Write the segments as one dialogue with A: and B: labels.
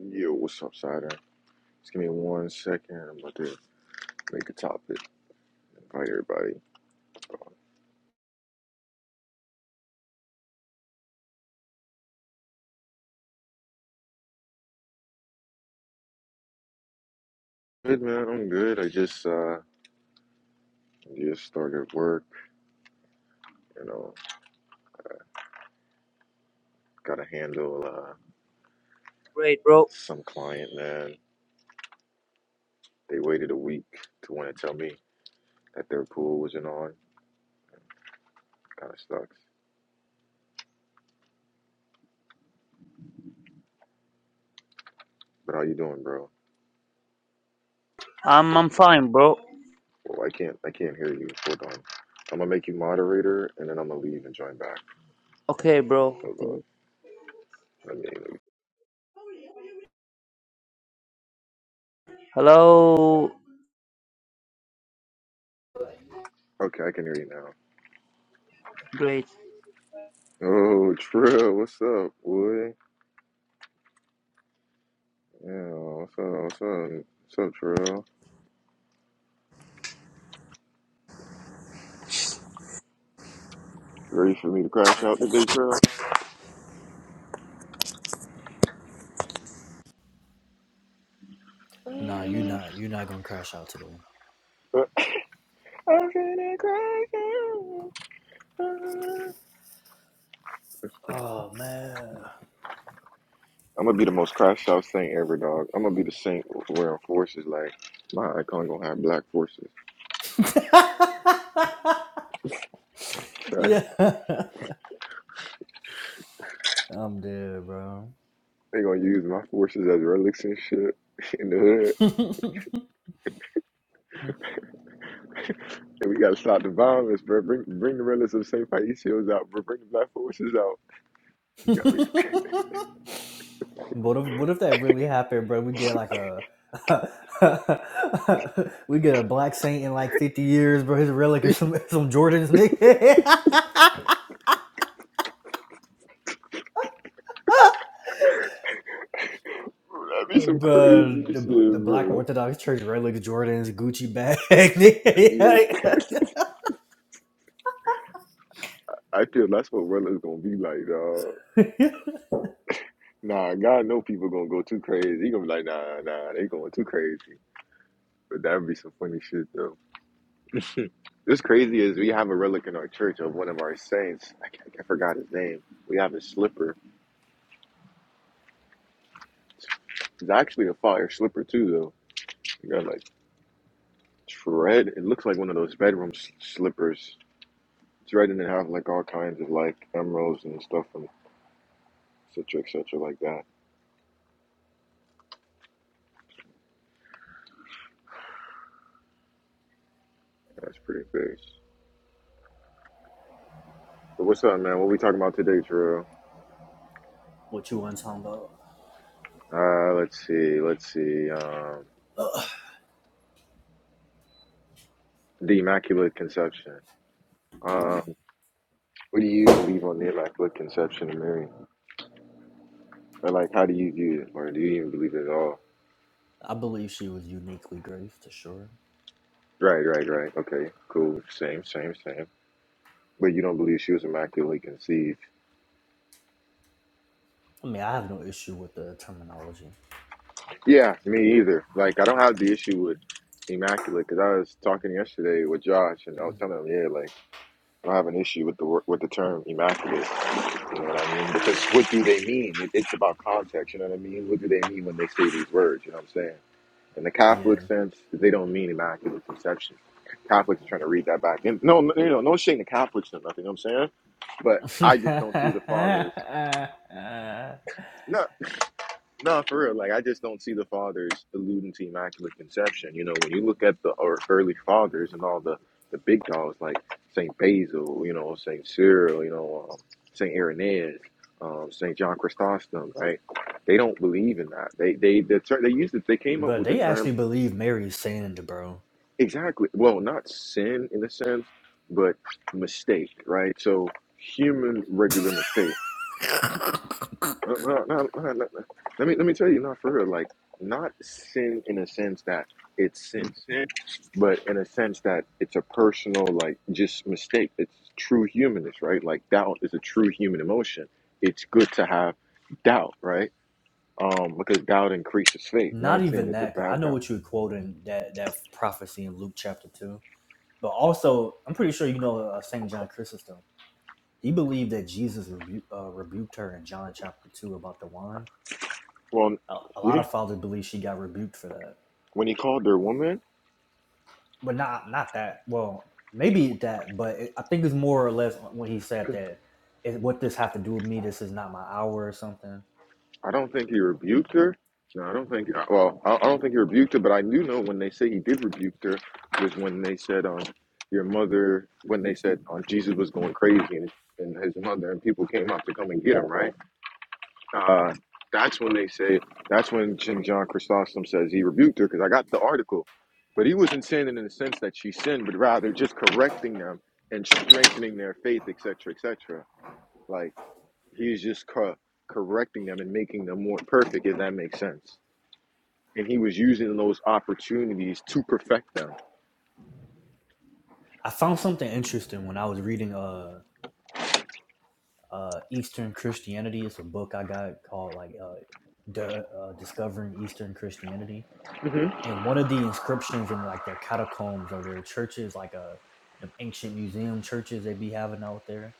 A: Yo, what's up, Sider? Just give me one second. I'm about to make a topic. Invite everybody. Good man, I'm good. I just uh just started work. You know, got to handle uh
B: Great, bro.
A: some client man. They waited a week to want to tell me that their pool wasn't on. Kind of sucks. But how you doing, bro?
B: I'm I'm fine, bro.
A: Well, I can't I can't hear you. Hold on. I'm gonna make you moderator, and then I'm gonna leave and join back.
B: Okay, bro.
A: Hold on.
B: Okay.
A: Let me.
B: Hello.
A: Okay, I can hear you now.
B: Great.
A: Oh, Trill, what's up, boy? Yeah, what's up? What's up? What's up, Trail? Ready for me to crash out today, Trail?
C: Nah, you
A: I'm
C: not you not gonna crash out today.
A: gonna crash out.
C: Oh man.
A: I'm gonna be the most crashed out saint ever, dog. I'm gonna be the saint wearing forces. Like my icon gonna have black forces. they
C: yeah. I'm dead, bro.
A: gonna use my forces as relics and shit in the hood. And we gotta stop the violence, bro. Bring bring the relics of Saint Paisios out, bro. Bring the black forces out. You Gotta
C: what if what if that really happened, bro? We get like a we get a black saint in like fifty years, bro. His relic is
A: be-
C: some some Jordans, nigga.
A: That'd be some crazy
C: But the, the
A: shit,
C: Black
A: bro.
C: Orthodox Church relic Jordans Gucci bag.
A: Yeah. I feel that's what Reller's gonna be like, dog. Nah, God know people gonna go too crazy. He gonna be like, nah, nah, they going too crazy. But that'd be some funny shit though. What's crazy is we have a relic in our church of one of our saints. I, can't, I forgot his name. We have his slipper. It's actually a fire slipper too, though. You got like it's red. It looks like one of those bedroom s- slippers. It's red and it have like all kinds of like emeralds and stuff and et cetera, et cetera, like that. That's pretty fierce. So what's up, man? What we talking about today, Terrell?
C: What you want to talk about?
A: Uh, let's see, let's see. Um,
C: Uh,
A: the Immaculate Conception. Um, what do you believe on the Immaculate Conception of Mary? Or like, how do you view it? Or do you even believe it at all?
C: I believe she was uniquely grave to sure.
A: Right, right, right. Okay, cool. Same, same, same. But you don't believe she was immaculately conceived?
C: I mean, I have no issue with the terminology.
A: Yeah, me either. Like, I don't have the issue with immaculate because I was talking yesterday with Josh and I was telling him, yeah, like. I don't have an issue with the wor- with the term immaculate. You know what I mean? Because what do they mean? It, it's about context. You know what I mean? What do they mean when they say these words? You know what I'm saying? In the Catholic
C: Yeah.
A: sense, they don't mean immaculate conception. Catholics are trying to read that back. And no, no, you know, no shame to Catholics or nothing. You know what I'm saying? But I just don't see the fathers. No. No, for real. Like I just don't see the fathers alluding to immaculate conception. You know, when you look at the or early fathers and all the the big dogs like Saint Basil, you know, Saint Cyril, you know, um, Saint Irenaeus, um, Saint John Chrysostom, right? They don't believe in that. They they the ter- they used it. They came up
C: but
A: with the
C: they
A: term
C: actually believe Mary's sand, bro.
A: exactly. Well, not sin in a sense, but mistake, right? So human regular mistake. No, no, no, no, no. no. Let me let me tell you, not for real. Like, not sin in a sense that it's sin, sin, but in a sense that it's a personal, like, just mistake. It's true humanness, right? Like, doubt is a true human emotion. It's good to have doubt, right? Um, because doubt increases faith.
C: Not
A: Not saying
C: even
A: it's a
C: that. 'cause I
A: bad
C: know
A: doubt.
C: what you were quoting that that prophecy in Luke chapter two, but also I'm pretty sure you know uh, Saint John Chrysostom. He believed that Jesus rebu- uh, rebuked her in John chapter two about the wine.
A: Well,
C: A, a
A: you
C: lot
A: didn't,
C: of fathers believe she got rebuked for that.
A: when he called her woman.
C: but not not that. Well, maybe that, but it, I think it's more or less when he said that. It, what this have to do with me? This is not my hour or something.
A: I don't think he rebuked her. No, I don't think. uh, Well, I I don't think he rebuked her, but I do know when they say he did rebuke her was when they said, "Um, your mother." When they said, "Um, Jesus was going crazy," and his, and his mother and people came up to come and get him, right? Uh, that's when they say. That's when Jim John Chrysostom says he rebuked her because I got the article, but he wasn't sinning in the sense that she sinned, but rather just correcting them and strengthening their faith, etc., etc. Like. He's just cor- correcting them and making them more perfect, if that makes sense. And he was using those opportunities to perfect them.
C: I found something interesting when I was reading uh uh Eastern Christianity. It's a book I got called like uh, the uh Discovering Eastern Christianity.
A: hmm
C: And one of the inscriptions in like their catacombs or their churches, like uh the ancient museum churches they be having out there.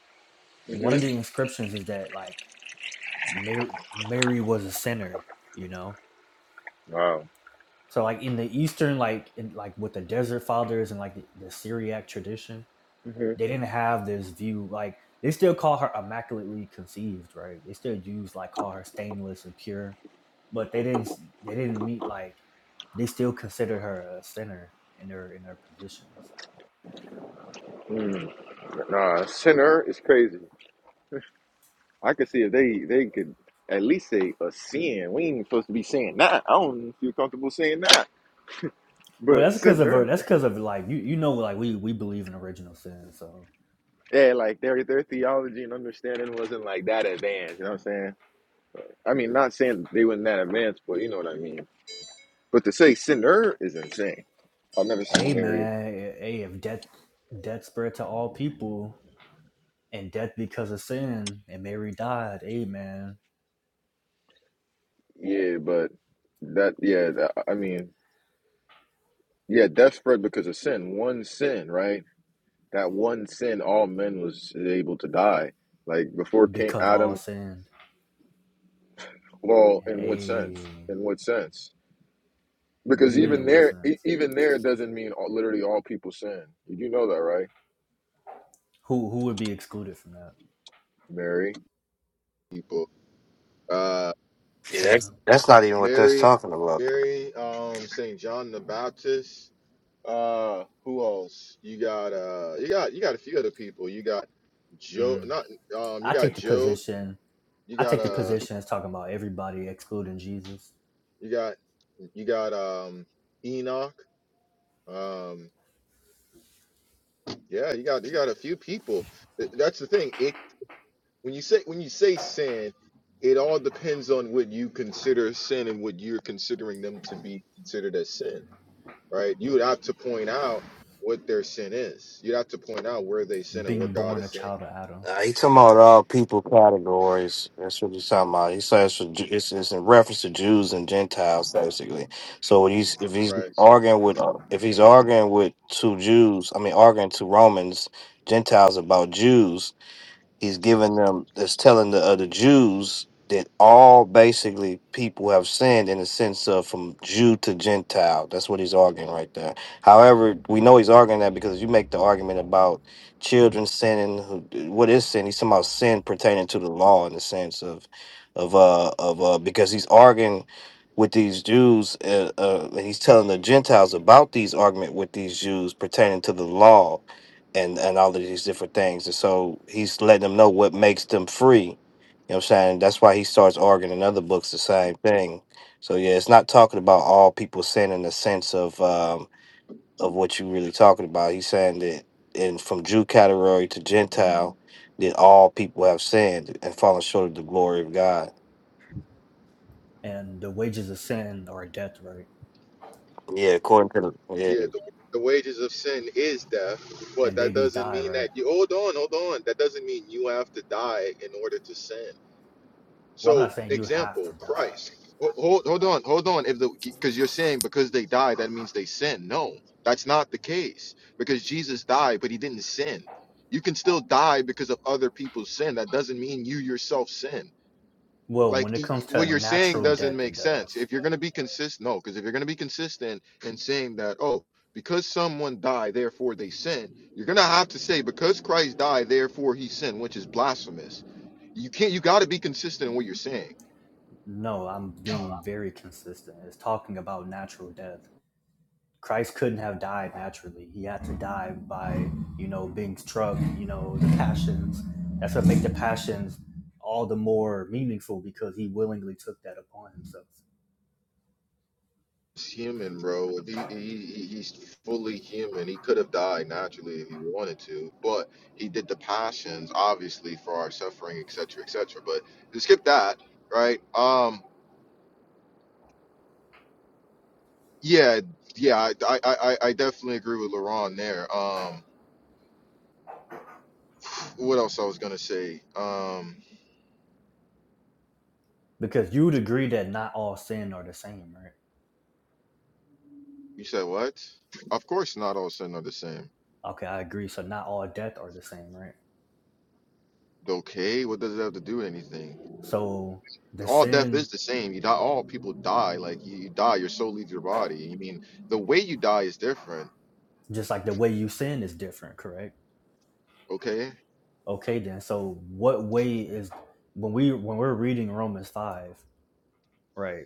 C: One
A: hmm
C: of the inscriptions is that like Mary Mary was a sinner, you know
A: Wow.
C: So like in the Eastern, like in, like with the Desert Fathers and like the, the Syriac tradition,
A: hmm
C: they didn't have this view. Like they still call her immaculately conceived, right? They still use like call her stainless and pure, but they didn't they didn't meet like they still considered her a sinner in their in their positions.
A: Mm. Nah, sinner is crazy. I could see if they they could at least say a sin. We ain't even supposed to be saying that. I don't feel comfortable saying that.
C: Well,
A: But
C: that's because of her.
A: sinner,
C: That's because of like you you know like we we believe in original sin. So
A: yeah, like their their theology and understanding wasn't like that advanced. You know what I'm saying? I mean, not saying they wasn't that advanced, but you know what I mean. But to say sinner is insane. I've never seen
C: hey
A: Mary.
C: man, hey if death death spread to all people, and death because of sin, and Mary died, amen,
A: Yeah, but that yeah, that, I mean, yeah, death spread because of sin. One sin, right? That one sin, all men was able to die. Like before King
C: because all
A: Adam.
C: sinned.
A: Well, in what
C: Hey,
A: sense? In what sense?
C: what do
A: Because
C: you mean
A: even
C: it
A: there,
C: wasn't?
A: e- even there doesn't mean all, literally all people sin. You do know that, right,
C: Who who would be excluded from that?
A: Mary? people. Uh,
D: Yeah,
C: Says
D: that's, that's not even what that's
A: Mary,
D: talking about.
A: Mary, um, Saint John the Baptist. Uh, who else? You got uh, you got you got a few other people. You got Joe,
C: Mm.
A: not um, you
C: I
A: got
C: take the
A: Job.
C: position.
A: You
C: I
A: got
C: take the
A: uh,
C: position as talking about everybody excluding Jesus,
A: you got you got um, Enoch. Um, yeah, you got you got a few people. Th- That's the thing. It when you say when you say sin, it all depends on what you consider sin and what you're considering them to be considered as sin, right? You would have to point out what their sin is. You'd have to point out where they sin and where
C: being
A: God
C: born
A: is
C: a
A: sin,
C: child of Adam,
D: Uh, he talking about all people categories. That's what he's talking about. He says for, Ju- it's, it's in reference to Jews and Gentiles, basically. So when he's, if he's
A: right?
D: arguing with if he's arguing with two Jews, I mean arguing to Romans Gentiles about Jews, he's giving them is telling the other Jews that all basically people have sinned in the sense of from Jew to Gentile. That's what he's arguing right there. However, we know he's arguing that because you make the argument about children sinning. who- What is sin? He's talking about sin pertaining to the law in the sense of of uh of uh because he's arguing with these Jews uh, uh and he's telling the Gentiles about these argument with these Jews pertaining to the law and and all of these different things. And so he's letting them know what makes them free. You know what I'm saying? That's why he starts arguing in other books the same thing. So yeah, it's not talking about all people sin in the sense of um of what you really talking about. He's saying that in from Jew category to Gentile, that all people have sinned and fallen short of the glory of God.
C: and the wages of sin are death, right?
D: Yeah, according to the yeah.
A: Yeah, the, the wages of sin is death, but
C: And
A: that
C: babies
A: doesn't
C: die,
A: mean
C: right?
A: that you hold on, hold on. That doesn't mean you have to die in order to sin.
C: Well, I'm
A: So,
C: not saying you have
A: example,
C: to die.
A: Christ. Ho- Hold, hold on, hold on. If the because you're saying because they die, that means they sin. No, that's not the case. Because Jesus died, but he didn't sin. You can still die because of other people's sin. That doesn't mean you yourself sin
C: Well,
A: like
C: when it
A: y-
C: comes to
A: what you're saying
C: natural
A: doesn't
C: death, it
A: make sense
C: does.
A: if you're going to be consistent no because if you're going to be consistent in saying that oh because someone died therefore they sin you're going to have to say because christ died therefore he sinned which is blasphemous you can't you got to be consistent in what you're saying
C: No, I'm being very consistent. It's talking about natural death. Christ couldn't have died naturally. He had to die by, you know, being struck, you know, the passions. That's what make the passions all the more meaningful because he willingly took that upon himself.
A: he's human bro he, he, he- he's fully human he could have died naturally if he wanted to but he did the passions obviously for our suffering etc etc but to skip that right? Um, Yeah, yeah, I, I, I, I definitely agree with Laurent there. Um, what else I was gonna say? Um,
C: Because you would agree that not all sin are the same, right?
A: you said what? Of course, not all sin are the same.
C: Okay, I agree. So not all death are the same, right?
A: Okay, what does it have to do with anything?
C: So the
A: All death is
C: sin,
A: the same. You die. All people die. Like you, you die, your soul leaves your body. I mean, the way you die is different.
C: just like the way you sin is different, correct?
A: Okay.
C: Okay then. So what way is when we when we're reading Romans five, right?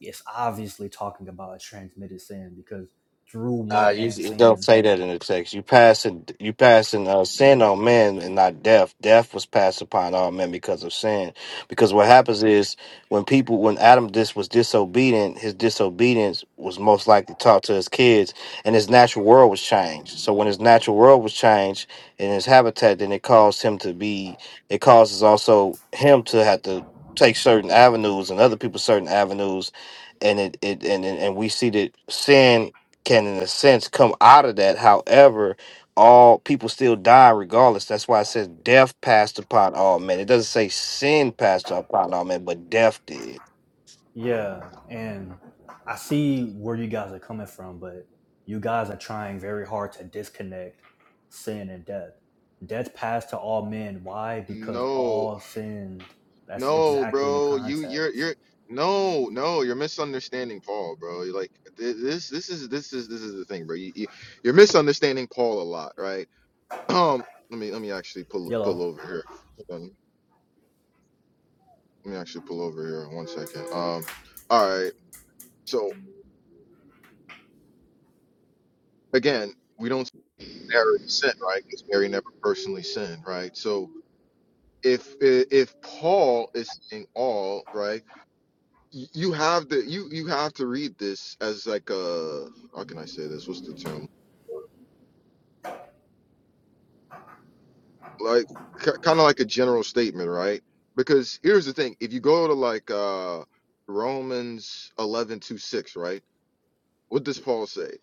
C: it's obviously talking about a transmitted sin because through
D: Nah,
C: one
D: you
C: man
D: it don't
C: sin.
D: say that in the text. You passing you passing uh, sin on men and not death. Death was passed upon all men because of sin. Because what happens is when people when Adam dis was disobedient, his disobedience was most likely taught to his kids, and his natural world was changed. So when his natural world was changed in his habitat, then it caused him to be. It causes also him to have to take certain avenues and other people certain avenues and it, it and and and we see that sin can in a sense come out of that however all people still die regardless that's why it says death passed upon all men it doesn't say sin passed upon all men but death did
C: Yeah, and I see where you guys are coming from, but you guys are trying very hard to disconnect sin and death. Death passed to all men. Why? Because
A: No.
C: all sinned. That's
A: No,
C: exactly the
A: bro, you you're
C: context.
A: you're no, no, you're misunderstanding Paul, bro. You're like th- this this is this is this is the thing, bro. You, you you're misunderstanding Paul a lot, right? Um, let me let me actually pull pull
C: Yellow.
A: over here. Hold on. Let me actually pull over here one second. Um, all right. So again, we don't see Mary sin, right? Because Mary never personally sinned, right? So if if Paul is saying all, right? y- you have to you you have to read this as like a how can I say this? What's the term? Like k kind of like a general statement, right? Because here's the thing: if you go to like uh Romans eleven two six, right? What does Paul say?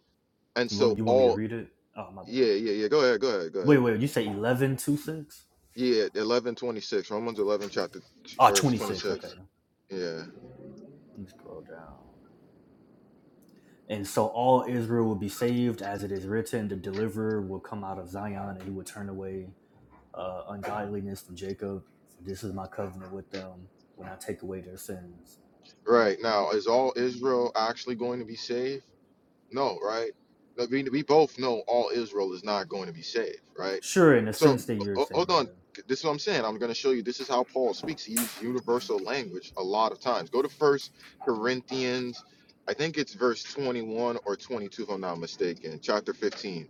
A: And
C: You want
A: so
C: you want me to
A: all
C: read it? Oh my bad.
A: yeah yeah yeah go ahead go ahead go
C: Wait,
A: ahead
C: wait. You say 11 6?
A: yeah eleven twenty six Romans eleven chapter
C: Oh,
A: verse twenty
C: 26. Okay.
A: six yeah
C: Let me scroll down. And so all Israel will be saved, as it is written, the deliverer will come out of Zion, and he will turn away uh, ungodliness from Jacob. For this is my covenant with them when I take away their sins.
A: right now is all Israel actually going to be saved? No, right? But We, we both know all Israel is not going to be saved, right?
C: Sure, in the
A: So
C: sense that
A: o-
C: you're saying,
A: hold on.
C: yeah.
A: This is what I'm saying. I'm going to show you. This is how Paul speaks. He uses universal language a lot of times. Go to First Corinthians. I think it's verse 21 or 22, if I'm not mistaken. Chapter 15.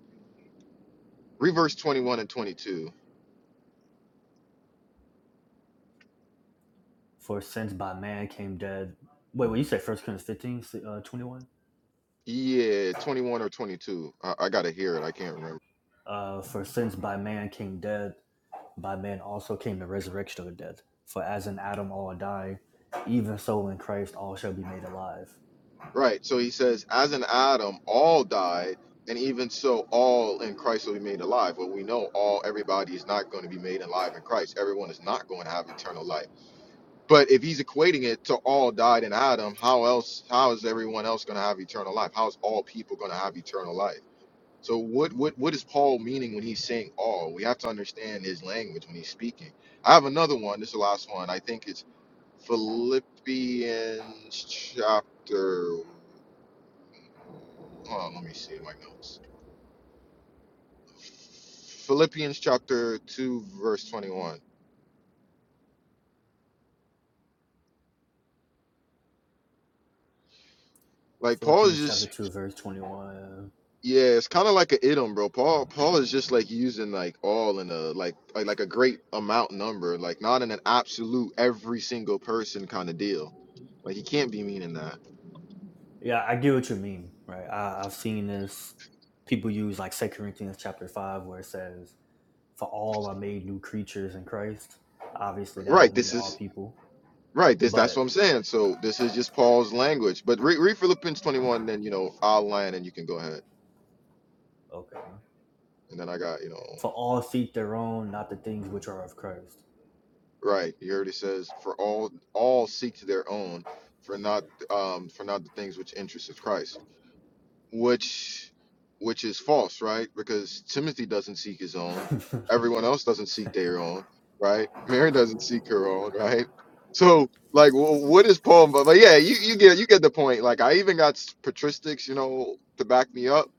A: Read verse 21 and 22.
C: For since by man came death. Wait, what you say? First Corinthians 15, si, uh, 21?
A: Yeah, 21 or 22. I, I got to hear it. I can't remember.
C: Uh, For since by man came death, by man also came the resurrection of death. For as in Adam all die, even so in Christ all shall be made alive.
A: Right. So he says, as in Adam, all died, and even so, all in Christ will be made alive. Well, we know all, everybody is not going to be made alive in Christ. Everyone is not going to have eternal life But if he's equating it to all died in Adam, how else? How is everyone else going to have eternal life? How is all people going to have eternal life? So what what what is Paul meaning when he's saying all? We have to understand his language when he's speaking. I have another one. This is the last one. I think it's Philippians chapter. Hold on, let me see my notes. Philippians chapter two, verse twenty-one. Like Paul is
C: Philippians
A: just
C: chapter 2, verse 21.
A: Yeah, it's kind of like an idiom, bro. Paul Paul is just like using like all in a like like like a great amount number, like not in an absolute every single person kind of deal. Like he can't be meaning that.
C: Yeah, I get what you mean, right? I, I've seen this. People use like Second Corinthians chapter five, where it says, "For all are made new creatures in Christ." Obviously, that
A: Right,
C: don't mean
A: this
C: all
A: is
C: people,
A: right, this that's what
C: but
A: I'm saying. So this is just Paul's language. But read, read Philippians 21 then, you know, I'll land and you can go ahead.
C: okay.
A: And then I got, you know,
C: For all seek their own, not the things which are of Christ.
A: right, he already says for all all seek to their own for not um for not the things which interest is Christ. which which is false, right? Because Timothy doesn't seek his
C: uh
A: own. Everyone else doesn't seek their own, right? Mary doesn't seek her own, right? So, like, wh- what is Paul? But, but yeah, you, you get you get the point. Like, I even got s- patristics, you know, to back me up.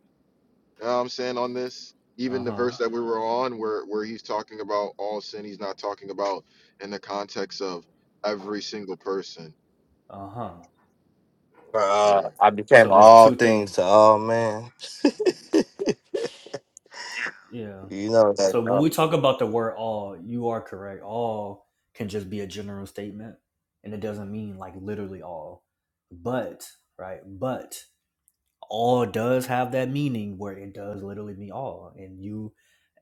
A: You know what I'm saying on this, even the
C: huh.
A: verse that we were on, where where he's talking about all sin, he's not talking about in the context of every single person.
C: Uh huh.
D: For, uh,
A: Sure.
D: i became
C: So there's
D: all
C: two
D: things
C: things.
D: to all men
C: Yeah.
D: you know that
C: So when
D: uh,
C: we talk about the word "all," you are correct. All can just be a general statement, and it doesn't mean like literally all. But right, but all does have that meaning where it does literally mean all and you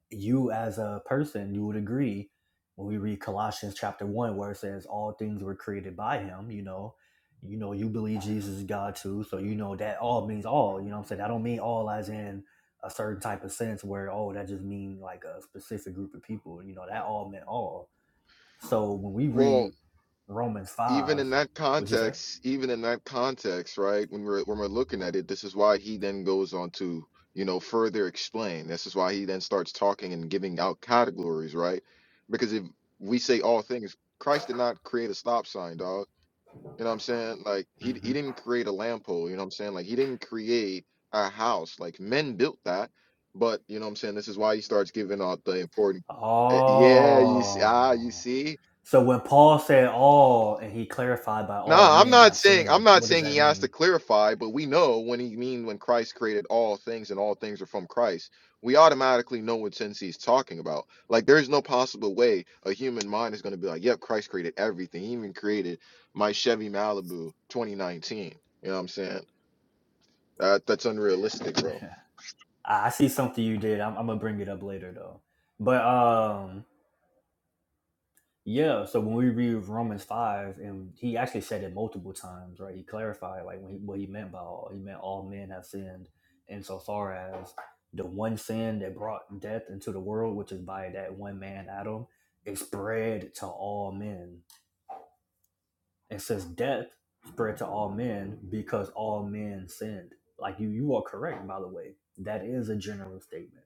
C: you as a person you would agree when we read colossians chapter 1 where it says all things were created by him you know you know you believe jesus is god too so you know that all means all you know what i'm saying i don't mean all as in a certain type of sense where oh that just means like a specific group of people you know that all meant all so when we
A: Well,
C: read romans
A: even
C: 5
A: in that
C: what you say
A: context, even in that context, right? When we're when we're looking at it, this is why he then goes on to, you know, further explain. This is why he then starts talking and giving out categories, right? Because if we say all things, Christ did not create a stop sign, dog. You know what I'm saying? Like he he
C: hmm
A: didn't create a lamp pole, you know what I'm saying? Like he didn't create a house. Like men built that. But you know what I'm saying? This is why he starts giving out the important. eh, Yeah, you see, ah, you
C: oh
A: see.
C: So when Paul said all and he clarified by
A: No,
C: all
A: I'm
C: men
A: not
C: have
A: saying I'm
C: sinned,
A: not
C: what does
A: saying he
C: that
A: has to
C: mean?
A: clarify, but we know when he mean when Christ created all things and all things are from Christ. We automatically know what sense he's talking about. Like there's no possible way a human mind is going to be like, "Yep, Christ created everything. He even created my Chevy Malibu 2019." You know what I'm saying? That that's unrealistic, bro.
C: I see something you did. I'm, I'm gonna bring it up later though. But um yeah, so when we read Romans five, and he actually said it multiple times, right? He clarified like what he, what he meant by all. He meant all men have sinned insofar as the one sin that brought death into the world, which is by that one man Adam, is spread to all men. and since death spread to all men because all men sinned like you you are correct by the way that is a general statement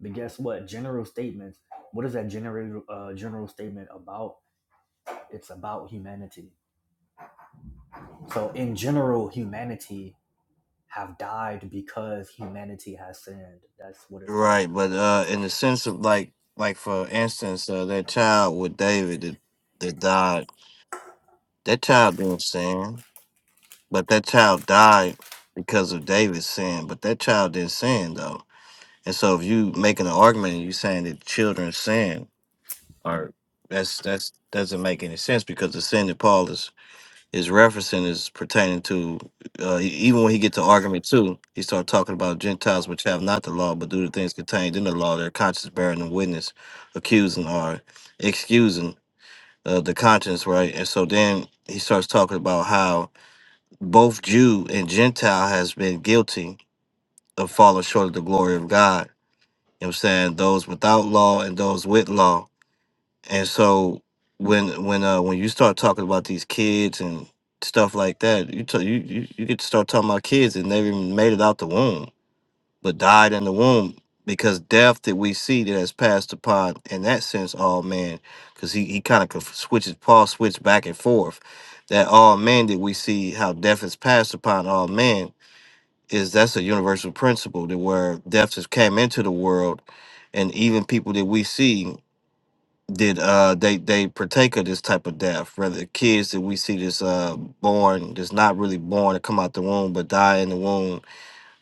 C: but guess what general statements what is that general uh, general statement about it's about humanity so in general humanity have died because humanity has sinned that's what it's talking
D: right
C: about
D: but uh in the sense of like like for instance uh, that child with david that, that died that child didn't sin but that child died because of david's sin but that child didn't sin though And so if you making an argument and you saying that children sin or that's that's doesn't make any sense because the sin that Paul is is referencing is pertaining to uh, e- even when he get to argument two, he start talking about Gentiles which have not the law but do the things contained in the law, their conscience bearing them witness, accusing or excusing uh, the conscience, right? And so then he starts talking about how both Jew and Gentile has been guilty of falling short of the glory of God you know what I'm saying? Those without law and those with law. And so when when uh when you start talking about these kids and stuff like that, you t- you, you you get to start talking about kids that never even made it out the womb, but died in the womb because death that we see that has passed upon in that sense all man because he, he kind of conf- switches paul switch back and forth that all man that we see how death has passed upon all man is that's a universal principle that where death has came into the world and even people that we see did uh they they partake of this type of death rather kids that we see that's uh born that's not really born to come out the womb but die in the womb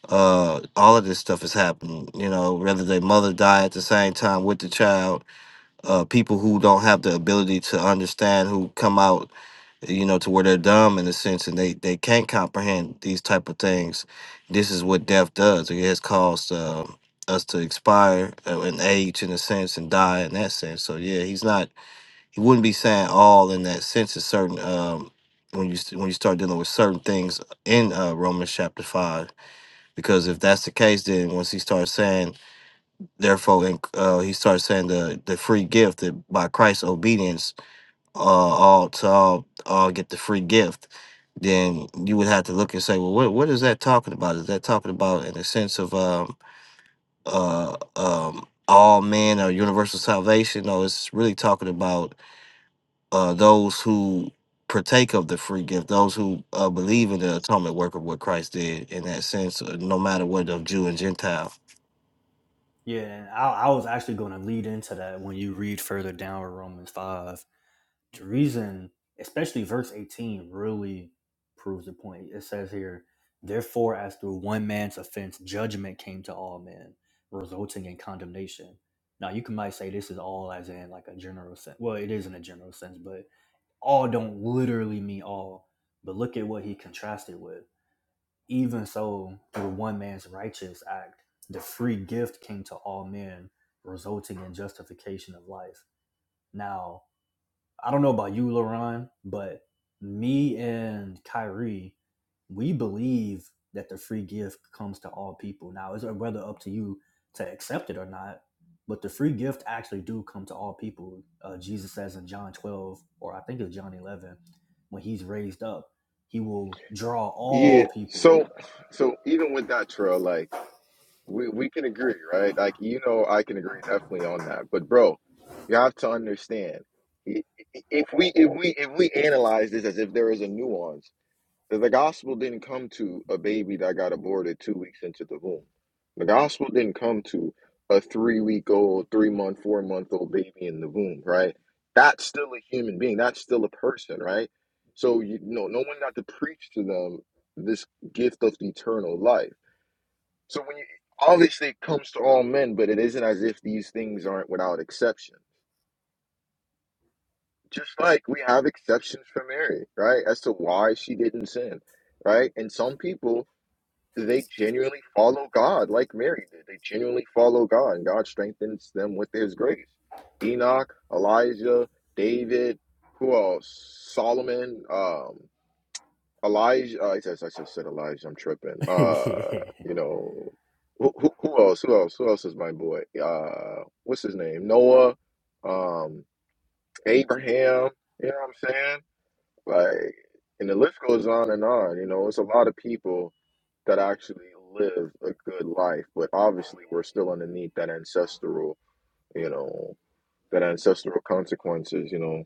D: uh all of this stuff is happening you know whether their mother die at the same time with the child uh people who don't have the ability to understand who come out you know, to where they're dumb in a sense and they, they can't comprehend these type of things. This is what death does. It has caused uh, us to expire uh, and age in a sense and die in that sense. So yeah, he's not. He wouldn't be saying all in that sense. Is certain um, when you s- when you start dealing with certain things in uh, Romans chapter five. Because if that's the case, then once he starts saying, therefore, in, uh, he starts saying the the free gift that by Christ's obedience, uh, all to all all get the free gift then you would have to look and say, well, what what is that talking about? Is that talking about in a sense of um uh um all men or universal salvation? No, it's really talking about uh those who partake of the free gift, those who uh, believe in the atonement work of what Christ did in that sense, uh, no matter what of Jew and Gentile
C: yeah and i, I was actually going to lead into that when you read further down in romans 5 The reason, especially verse 18, really proves the point. It says here, Therefore, as through one man's offense, judgment came to all men, resulting in condemnation. Now, you can might say this is all as in like a general sense. Well, it is in a general sense, but all don't literally mean all. But look at what he contrasted with. Even so, through one man's righteous act, the free gift came to all men, resulting in justification of life. Now, I don't know about you, LaRon, but me and Kyrie, we believe that the free gift comes to all people. Now, it's whether up to you to accept it or not, but the free gift actually do come to all people. Uh, Jesus says in John 12, or I think it's John 11, when he's raised up, he will draw
A: Yeah.
C: all people.
A: So so even with that trail, like. We we can agree, right? Like you know, I can agree definitely on that. But bro, you have to understand i- i- if we if we if we analyze this as if there is a nuance, that the gospel didn't come to a baby that got aborted two weeks into the womb. The gospel didn't come to a three week old, three month, four month old baby in the womb, right? That's still a human being. That's still a person, right? So you know, no one got to preach to them this gift of eternal life. So when you obviously it comes to all men, but it isn't as if these things aren't without exception. Just like we have exceptions for Mary, right? As to why she didn't sin, right? And some people they genuinely follow God like Mary did. They genuinely follow God and God strengthens them with his grace. Enoch, Elijah, David, who else? Solomon, um. Elijah. Uh, I, said, I said, said Elijah. I'm tripping. Uh, you
C: so,
A: know, who, who, who else? Who else? Who else is my boy? Uh, what's his name? Noah, um, Abraham. You know what I'm saying? Like, and the list goes on and on. You know, it's a lot of people that actually live a good life, but obviously we're still underneath that ancestral. You know, that ancestral consequences. You know,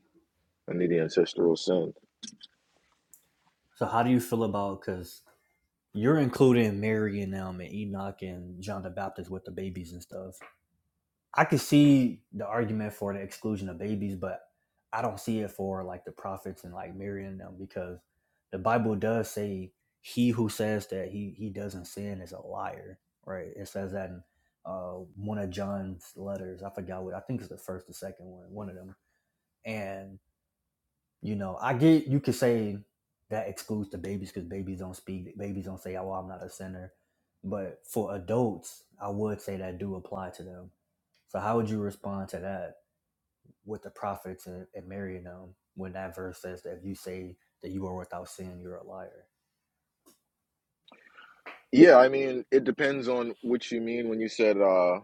A: under the ancestral sin.
C: how do you feel about, because you're including Mary and them and Enoch and John the Baptist with the babies and stuff. I could see the argument for the exclusion of babies, but I don't see it for like the prophets and like marrying them because the Bible does say he who says that he he doesn't sin is a liar, right? It says that in uh, one of John's letters. I forgot what I think it's the first or second one, one of them. And you know, I get you could say that excludes the babies because babies don't speak, babies don't say, "Oh, I'm not a sinner." But for adults, I would say that do apply to them so how would you respond to that with the prophets and, and marrying them when that verse says that if you say that you are without sin, you're a liar?
A: Yeah, I mean, it depends on what you mean when you said. uh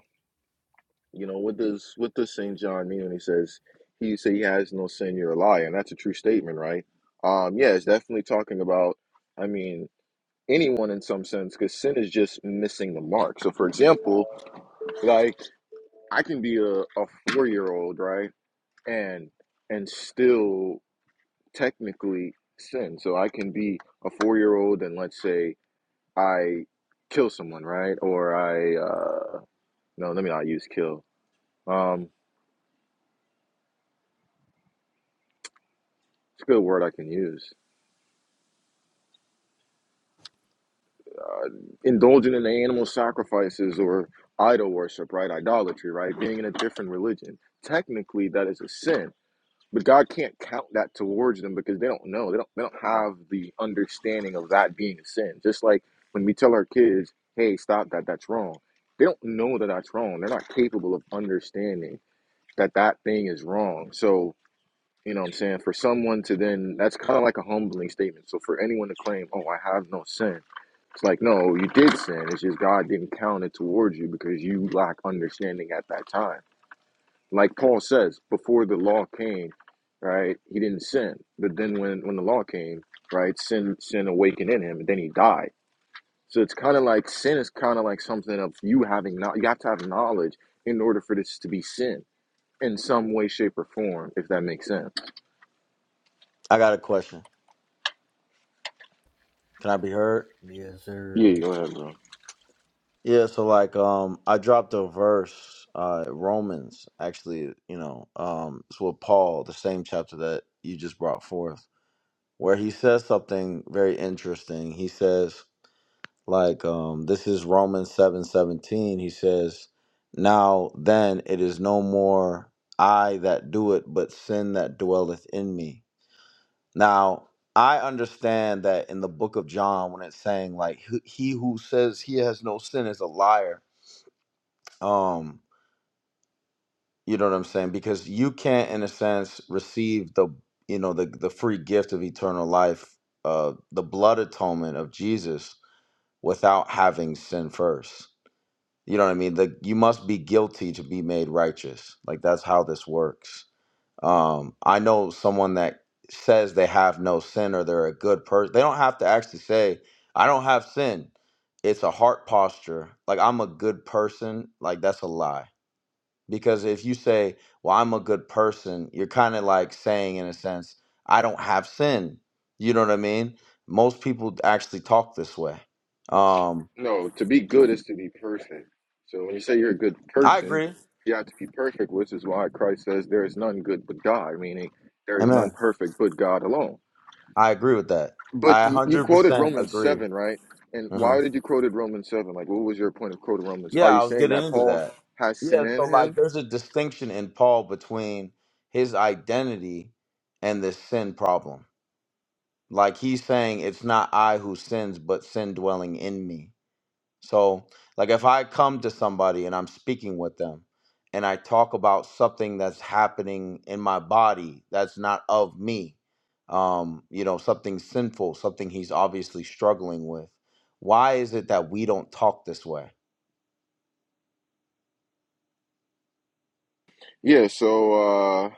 A: You know, what does what does Saint John mean when he says he who say he has no sin, you're a liar, and that's a true statement, right? Um, yeah, it's definitely talking about, I mean, anyone in some sense, because sin is just missing the mark. So for example, like I can be a, a four year old, right? And and still technically sin. So I can be a four year old and let's say I kill someone, right? Or I uh no, let me not use kill. Um it's a good word I can use uh, indulging in the animal sacrifices or idol worship, right? Idolatry, right? Being in a different religion. Technically, that is a sin, but God can't count that towards them because they don't know. They don't. They don't have the understanding of that being a sin. Just like when we tell our kids, "Hey, stop that. That's wrong." They don't know that that's wrong. They're not capable of understanding that that thing is wrong. So you know what I'm saying? For someone to then, that's kind of like a humbling statement. So for anyone to claim, oh, I have no sin, it's like, no, you did sin. It's just God didn't count it towards you because you lack understanding at that time. Like Paul says, before the law came, right, he didn't sin. But then when, when the law came, right, sin sin awakened in him and then he died. So it's kind of like sin is kind of like something of you having not you have to have knowledge in order for this to be sin in some way, shape, or form, if that makes sense.
E: I got a question. Can I be heard?
C: Yes,
A: Yeah,
C: sir.
A: go ahead, bro.
E: Yeah, so like um I dropped a verse, uh Romans actually, you know, um it's with Paul, the same chapter that you just brought forth, where he says something very interesting. He says, like, um, this is Romans seven seventeen, he says, Now then it is no more I that do it, but sin that dwelleth in me. Now, I understand that in the book of John, when it's saying like he he who says he has no sin is a liar. Um, you know what I'm saying? Because you can't, in a sense, receive the you know the the free gift of eternal life, uh, the blood atonement of Jesus without having sin first. You know what I mean? The, you must be guilty to be made righteous. Like that's how this works Um, I know someone that says they have no sin or they're a good person. They don't have to actually say, I don't have sin. It's a heart posture. Like, I'm a good person. Like, that's a lie. Because if you say, Well, I'm a good person, you're kind of like saying, in a sense, I don't have sin. You know what I mean? Most people actually talk this way. Um,
A: No, to be good is to be perfect. So when you say you're a good
E: I
A: person,
E: agree.
A: you have to be perfect, which is why Christ says there is none good but God, meaning there is none
E: Amen.
A: perfect but God alone.
E: I agree with that.
A: But
E: I
A: you, you quoted
E: 100%
A: Romans
E: agree.
A: 7, right? And
E: Mm-hmm.
A: why did you quote it Romans 7? Like, what was your point of quoting Romans? Are
E: Yeah,
A: you
E: I was
A: saying
E: getting
A: that
E: into
A: Paul
E: that.
A: has sin
E: Yeah, so
A: in him?
E: like there's a distinction in Paul between his identity and the sin problem. Like he's saying it's not I who sins, but sin dwelling in me. So, like if I come to somebody and I'm speaking with them and I talk about something that's happening in my body that's not of me, um, you know, something sinful, something he's obviously struggling with. Why is it that we don't talk this way?
A: Yeah, so uh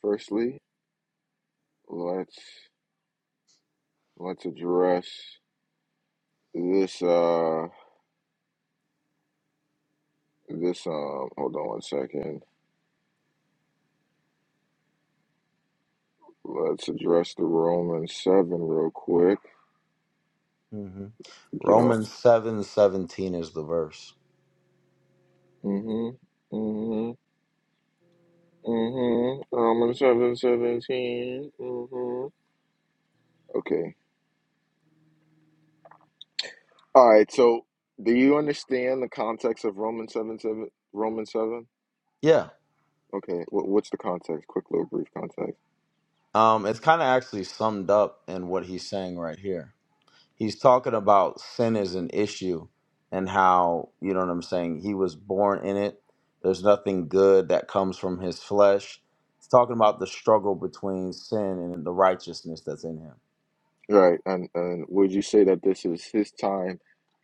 A: firstly, let's let's address this uh this um hold on one second. Let's address the Romans 7 real quick.
E: hmm
A: Get on.
E: Romans seven seventeen is the verse.
A: Mm hmm. Mm hmm. Mm hmm. Romans seven seventeen. 17. Mm hmm. Okay. All right. So, do you understand the context of Romans 7 7? Romans 7?
E: Yeah.
A: Okay. What, what's the context? Quick little brief context.
E: Um, it's kind of actually summed up in what he's saying right here. He's talking about sin as an issue and how, you know what I'm saying, he was born in it. There's nothing good that comes from his flesh. He's talking about the struggle between sin and the righteousness that's in him.
A: All right. And, and would you say that this is his time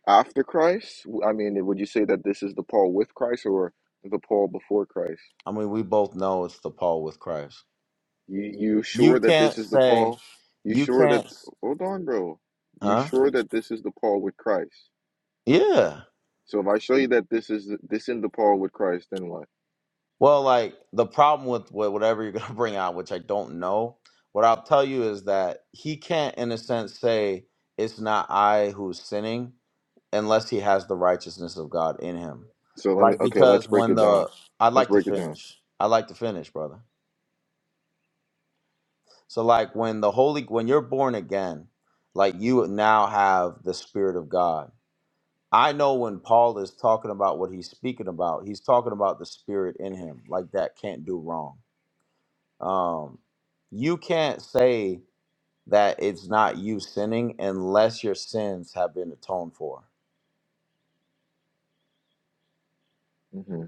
A: after Christ? I mean, would you say that this is the Paul with Christ or the Paul before Christ?
E: I mean, we both know it's the Paul with Christ.
A: You you
E: You
A: sure that this
E: can't
A: is the
E: say,
A: Paul? You
E: you
A: sure that
E: can't,
A: hold on, bro. You
E: huh?
A: sure that this is the Paul with Christ?
E: Yeah.
A: So if I show you that this is this in the Paul with Christ, then what?
E: Well, like the problem with wha- whatever you're going to bring out, which I don't know, what I'll tell you is that he can't, in a sense, say it's not I who's sinning unless he has the righteousness of God in him.
A: So let me
E: Like,
A: okay, let's
E: because
A: break
E: when
A: it down.
E: the, I'd
A: Let's
E: like to
A: break it down.
E: finish. I'd like to finish, brother. So, like, when the Holy, when you're born again, like, you now have the Spirit of God. I know when Paul is talking about what he's speaking about, he's talking about the Spirit in him. Like, that can't do wrong Um, you can't say that it's not you sinning unless your sins have been atoned for.
A: hmm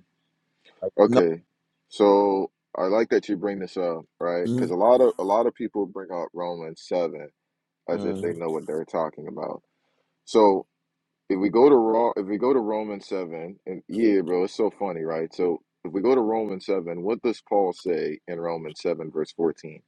E: Like no.
A: Okay, so I like that you bring this up, right? Because
E: mhm,
A: a lot of a lot of people bring up Romans seven as if they
E: mhm,
A: know what they're talking about. So If we go to Raw, if we go to Romans seven, and yeah, bro, it's so funny, right? So if we go to Romans seven, what does Paul say in Romans seven, verse fourteen?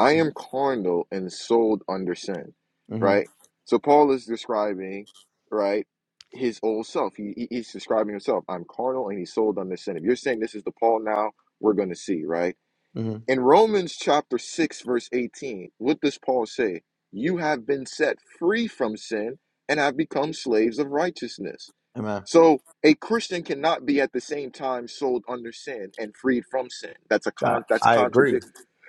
A: I am carnal and sold under sin,
E: mhm,
A: right? So Paul is describing, right, his old self. He, he- he's describing himself. I'm carnal and he's sold under sin. If you're saying this is the Paul now, we're going to see, right?
E: mhm.
A: In Romans chapter 6, verse 18, what does Paul say? You have been set free from sin and have become slaves of righteousness.
E: Amen.
A: So a Christian cannot be at the same time sold under sin and freed from sin. That's a
E: I,
A: con that's
E: I
A: contradictory.
E: agree.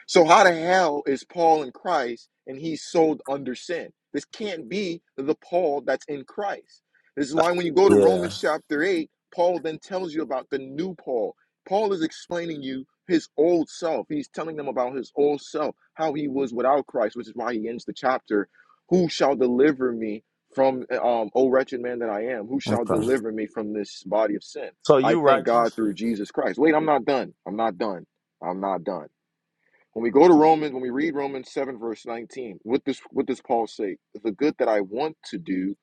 A: So how the hell is Paul in Christ and he's sold under sin? This can't be the Paul that's in Christ. This is why when you go to
E: Yeah.
A: Romans chapter 8, Paul then tells you about the new Paul. Paul is explaining you his old self. He's telling them about his old self, how he was without Christ, which is why he ends the chapter, who shall deliver me from um oh wretched man that I am, who shall
E: Okay.
A: deliver me from this body of sin?
E: So
A: I
E: you
A: thank God
E: righteous.
A: through Jesus Christ. Wait, I'm not done. I'm not done. I'm not done. When we go to Romans, when we read Romans 7, verse 19, what does what does Paul say? The good that I want to do,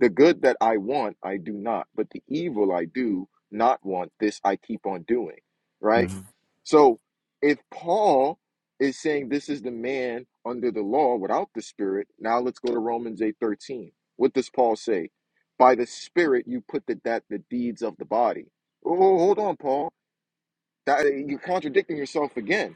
A: the good that I want, I do not, but the evil I do not want, this I keep on doing. Right?
E: Mhm.
A: So if Paul is saying this is the man under the law without the spirit, now let's go to Romans 8 13. What does Paul say? By the spirit you put the that the deeds of the body. Oh, hold on, Paul. That you're contradicting yourself again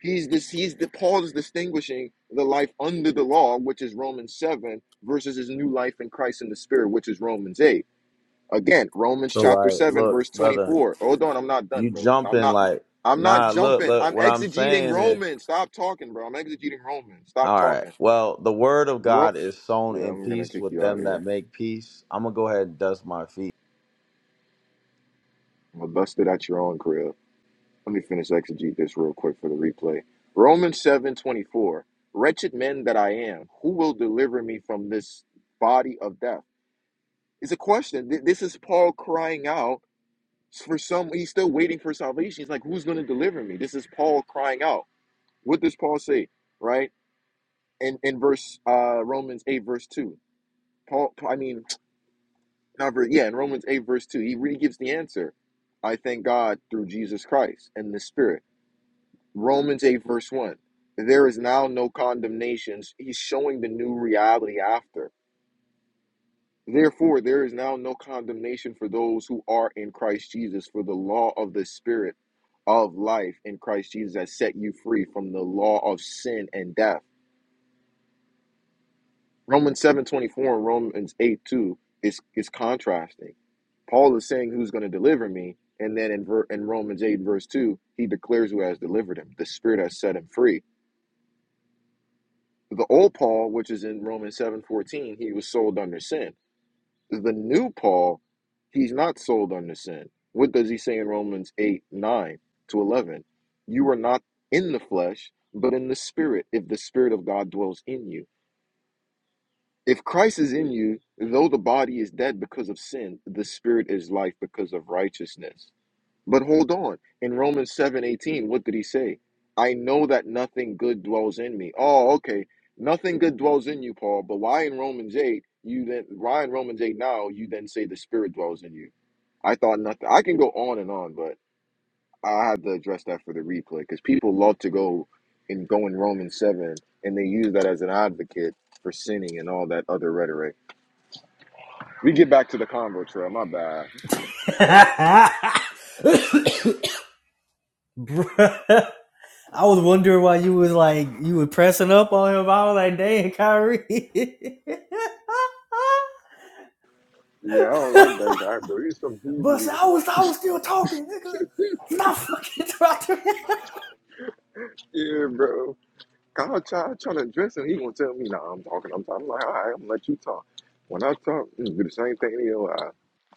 A: He's this he's the Paul is distinguishing the life under the law, which is Romans 7, versus his new life in Christ in the Spirit, which is Romans 8. Again, Romans
E: So
A: chapter
E: like,
A: 7, verse
E: look, brother,
A: 24. Hold on, I'm not done,
E: you
A: bro. I'm
E: jumping
A: not
E: like,
A: I'm not
E: nah. Look,
A: jumping.
E: look.
A: I'm
E: What I'm
A: exegeting
E: saying is,
A: Romans. Stop talking, bro. I'm exegeting Romans. Stop
E: all right.
A: talking.
E: Well, the word of
A: Ro-
E: God is sown
A: yeah,
E: in
A: I'm gonna
E: peace
A: kick
E: with
A: you out of
E: them that
A: here.
E: make peace. I'm gonna go ahead and dust my feet
A: I'm gonna bust it at your own crib. Let me finish exegete this real quick for the replay. Romans seven twenty four. Wretched man that I am, who will deliver me from this body of death? It's a question. Th- This is Paul crying out for some. He's still waiting for salvation. He's like, who's going to deliver me? This is Paul crying out. What does Paul say? Right? In, in verse uh, Romans 8, verse 2. Paul, I mean, not ver yeah, in Romans 8, verse 2, he really gives the answer. I thank God through Jesus Christ and the Spirit. Romans 8, verse 1. There is now no condemnations. He's showing the new reality after. Therefore, there is now no condemnation for those who are in Christ Jesus, for the law of the Spirit of life in Christ Jesus has set you free from the law of sin and death. Romans 7 24 and Romans 8 2 is, is contrasting. Paul is saying who's going to deliver me. And then in, ver- in Romans 8, verse 2, he declares who has delivered him. The Spirit has set him free. The old Paul, which is in Romans 7:14, he was sold under sin. The new Paul, he's not sold under sin. What does he say in Romans 8, 9 to 11? You are not in the flesh, but in the spirit, if the spirit of God dwells in you. If Christ is in you, though the body is dead because of sin, the spirit is life because of righteousness. But hold on. In Romans seven eighteen, what did he say? I know that nothing good dwells in me. Oh, okay. Nothing good dwells in you, Paul. But why in Romans 8, you then why in Romans 8 now you then say the spirit dwells in you? I thought nothing I can go on and on, but I have to address that for the replay because people love to go and go in Romans 7 and they use that as an advocate for sinning and all that other rhetoric. We get back to the convo trail, my bad.
C: Bruh. I was wondering why you was like you were pressing up on him. I was like, dang, Kyrie.
A: Yeah, I don't like that guy, bro. He's some
C: but
A: Hebrew.
C: I was I was still talking, nigga. Stop fucking talking.
A: Yeah, bro. God tried trying to address him. He gonna tell me, "Nah, I'm talking. I'm talking." I'm like, "All right, I'm gonna let you talk." When I talk, you do the same thing to your eye.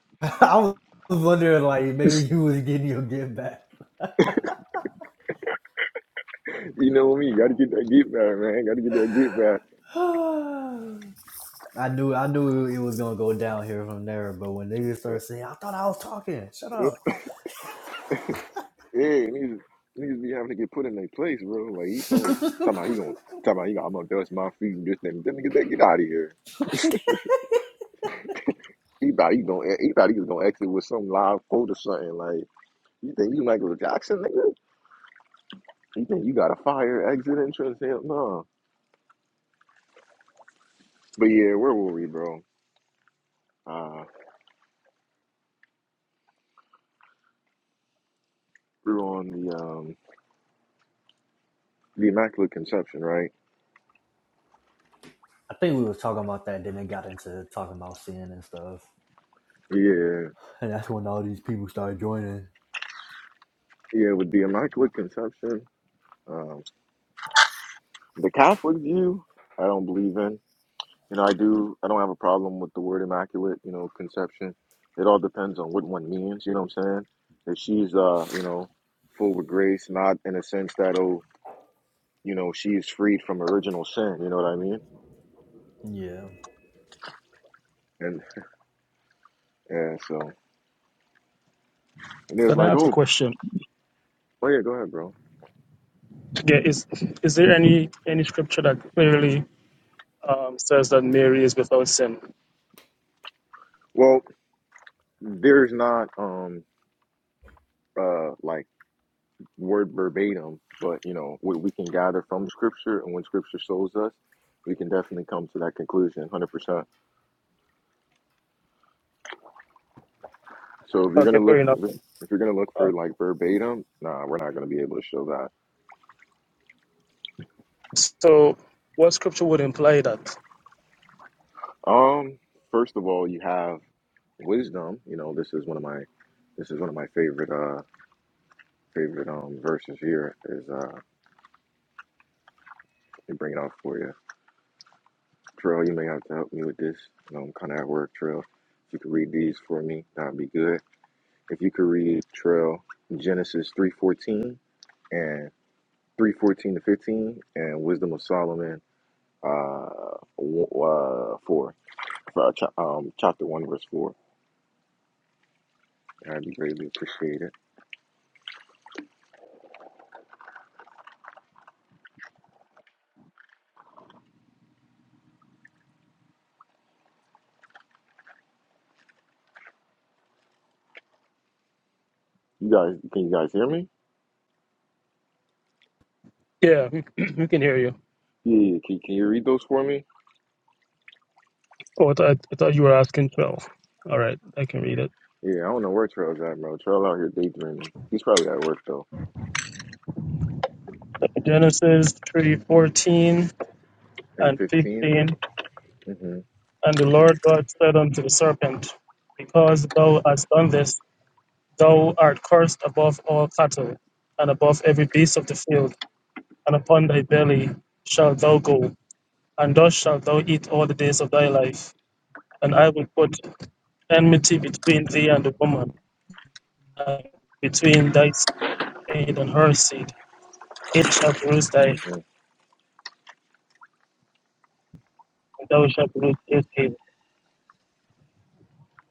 C: I was wondering like maybe you was getting your get back.
A: You know me. Got to get that get back, man. Got to get that get back.
C: I knew I knew it was gonna go down here from there, but when niggas started saying, I thought I was talking, shut up.
A: Yeah, niggas, niggas be having to get put in their place, bro. Like he's on talking about he gonna talking about he gonna, I'm gonna dust my feet and this and that. Nigga, that get out of here. He thought he gonna he thought he was gonna exit with some live quote or something. Like you think you Michael Jackson, nigga? You think you got a fire exit entrance? Hell no. But yeah, where were we, bro? Uh, we were on the um the Immaculate Conception, right?
C: I think we was talking about that, then they got into talking about sin and stuff.
A: Yeah,
C: And that's when all these people started joining.
A: yeah. With the Immaculate Conception, um, the Catholic view, I don't believe in. You know, I do. I don't have a problem with the word Immaculate. You know, Conception. It all depends on what one means. You know what I'm saying? If she's uh, you know, full with grace, not in a sense that oh, you know, she is freed from original sin. You know what I mean?
C: Yeah.
A: And yeah, so and there's
F: Can I
A: like
F: ask a
A: oh,
F: question?
A: oh yeah, go ahead, bro.
F: Okay, is is there any any scripture that clearly um, says that Mary is without sin?
A: Well, there's not um uh like word verbatim, but you know what we can gather from scripture, and when scripture shows us, we can definitely come to that conclusion, hundred percent. So if you're
F: Okay,
A: gonna
F: fair
A: look,
F: enough.
A: if you're gonna look
F: Uh,
A: for like verbatim, nah, we're not gonna be able to show that.
F: so, what scripture would imply that?
A: Um, first of all, you have wisdom. You know, this is one of my, this is one of my favorite, uh, favorite um verses here. Is uh, let me bring it out for you, Trail. You may have to help me with this. You know, I'm kind of at work, Trail. If you could read these for me, that'd be good. If you could read Trail Genesis three fourteen and three fourteen to fifteen and Wisdom of Solomon uh, w- uh four uh, cha- um chapter one verse four. I'd be greatly appreciated. You guys, can you guys hear me?
F: Yeah, we, we can hear you.
A: Yeah, yeah. Can, can you read those for me?
F: Oh, I thought, I thought you were asking twelve. All right, I can read it.
A: Yeah, I don't know where Trail's at, bro. Trail out here daydreaming. He's probably at work though.
F: Genesis three fourteen
A: And
F: and
A: fifteen.
F: fifteen.
A: Mm-hmm.
F: And the Lord God said unto the serpent, Because thou hast done this, thou art cursed above all cattle and above every beast of the field and upon thy belly shalt thou go, and thus shalt thou eat all the days of thy life. And I will put enmity between thee and the woman, and between thy seed and her seed. It shall bruise thy,
A: hmm
F: and thou shalt bruise his heel.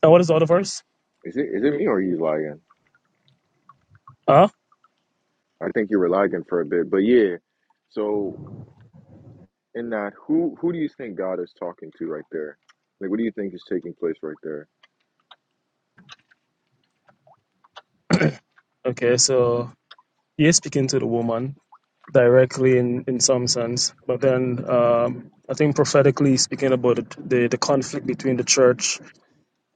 F: And what is the other verse?
A: Is it is it me or are you lying?
F: Ah,
A: I think you were lagging for a bit, but yeah. So in that who who do you think god is talking to right there like what do you think is taking place right there
F: okay, so he is speaking to the woman directly in, in some sense, but then um, I think prophetically speaking about the, the, the conflict between the church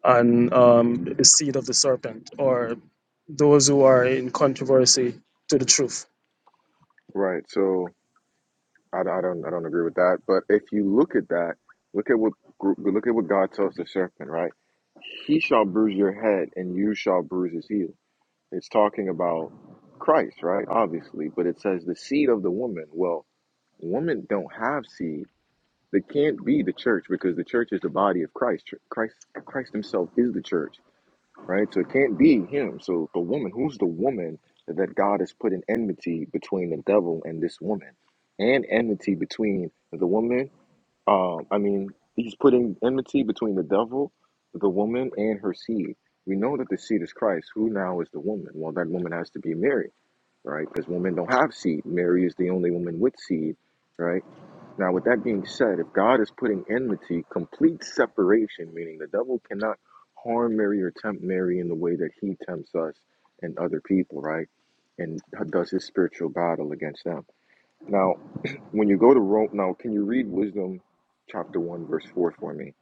F: and um, the seed of the serpent, or those who are in controversy to the truth.
A: right so i, I don't i don't agree with that but if you look at that look at what look at what god tells the serpent right he shall bruise your head and you shall bruise his heel it's talking about christ right obviously but it says the seed of the woman well women don't have seed they can't be the church because the church is the body of christ christ christ himself is the church right? So it can't be him. So the woman, who's the woman that God has put an enmity between the devil and this woman, and enmity between the woman? Um, I mean, he's putting enmity between the devil, the woman, and her seed. We know that the seed is Christ. Who now is the woman? Well, that woman has to be Mary, right? Because women don't have seed. Mary is the only woman with seed, right? Now, with that being said, if God is putting enmity, complete separation, meaning the devil cannot harm Mary or tempt Mary in the way that he tempts us and other people, right? And does his spiritual battle against them. Now, when you go to Rome, now can you read Wisdom chapter 1, verse 4 for me?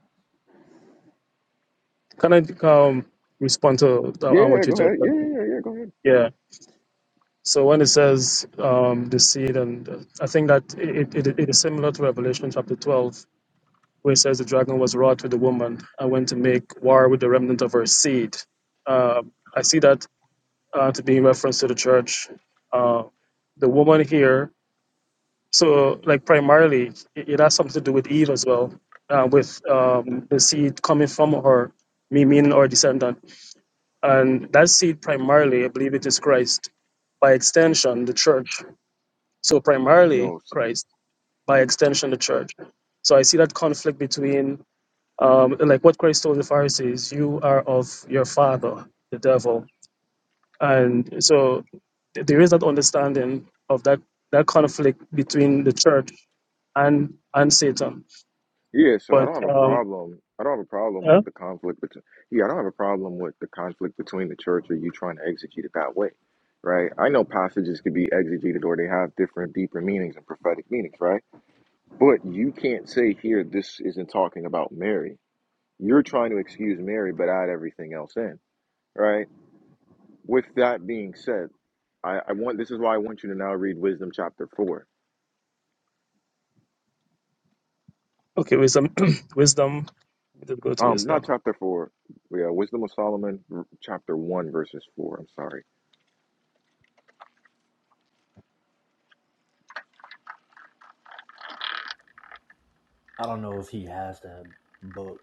F: Can I um, respond to the- on what
A: Yeah,
F: you
A: go
F: just
A: ahead.
F: said?
A: Yeah, yeah, yeah, go ahead.
F: Yeah. So when it says um, the seed, and I think that it, it, it is similar to Revelation chapter 12, where it says the dragon was wrought with the woman and went to make war with the remnant of her seed. Uh, I see that uh, to be in reference to the church. Uh, the woman here So, like primarily, it, it has something to do with Eve as well, uh, with um, the seed coming from her, me meaning her descendant, and that seed primarily, I believe, it is Christ. By extension, the church. So primarily,
A: No,
F: Christ. By extension, the church. So I see that conflict between, um, like what Christ told the Pharisees, "You are of your father, the devil," and so th- there is that understanding of that that conflict between the church and and Satan
A: Yeah, so I
F: But
A: don't have a
F: um,
A: problem. I don't have a problem
F: huh?
A: with the conflict between. Yeah, I don't have a problem with the conflict between the church or you trying to exegete it that way, right? I know passages could be exegeted or they have different, deeper meanings and prophetic meanings, right? But you can't say here this isn't talking about Mary. You're trying to excuse Mary, but add everything else in, right? With that being said, I, I want this is why I want you to now read Wisdom chapter four.
F: okay, wisdom, wisdom. We did go to
A: Um, not
F: wisdom.
A: chapter four. Yeah, Wisdom of Solomon, r- chapter one, verses four. I'm sorry.
C: I don't know if he has that book.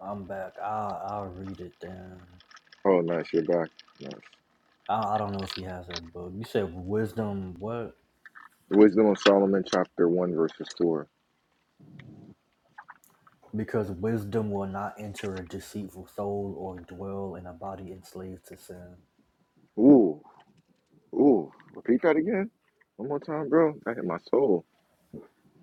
C: I'm back. I'll I'll read it then.
A: Oh, nice. You're back. Nice.
C: I I don't know if he has that book. You said wisdom what?
A: The Wisdom of Solomon, chapter 1, verses 4.
C: Because wisdom will not enter a deceitful soul or dwell in a body enslaved to sin.
A: Ooh, ooh. Repeat that again. One more time, bro. That hit my soul.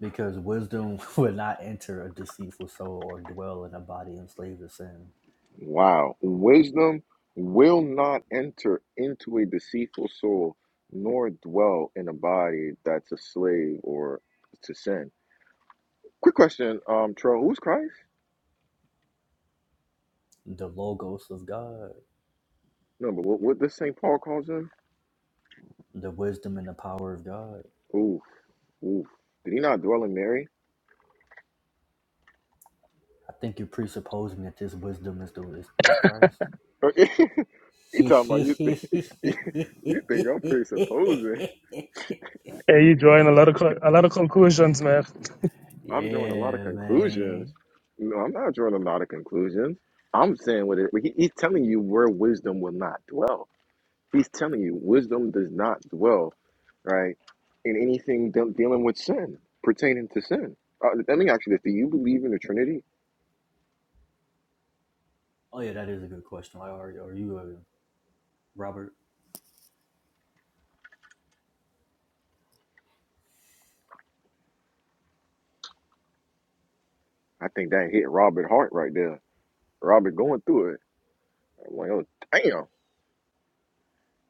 C: because wisdom would not enter a deceitful soul or dwell in a body enslaved to sin.
A: Wow. Wisdom will not enter into a deceitful soul, nor dwell in a body that's a slave or to sin. Quick question, um, Tro, who's Christ?
C: The logos of God,
A: No, but what, what does St. Paul calls him?
C: the wisdom and the power of God.
A: Ooh, ooh. Did he not dwell in Mary?
C: I think you're presupposing that this wisdom is the is, is Christ.
A: Okay. you
C: yeah,
A: talking about you think you think I'm presupposing.
F: Yeah, you drawing a lot of co- a lot of conclusions, man.
A: I'm drawing a lot of conclusions.
C: man.
A: No, I'm not drawing a lot of conclusions. I'm saying what it, he, he's telling you where wisdom will not dwell. He's telling you wisdom does not dwell, right? In anything de- dealing with sin, pertaining to sin. Uh, let me ask you this: Do you believe in the Trinity?
C: Oh yeah, that is a good question. Like, are are you a Robert?
A: I think that hit Robert Hart right there. Robert going through it. I'm like, oh damn,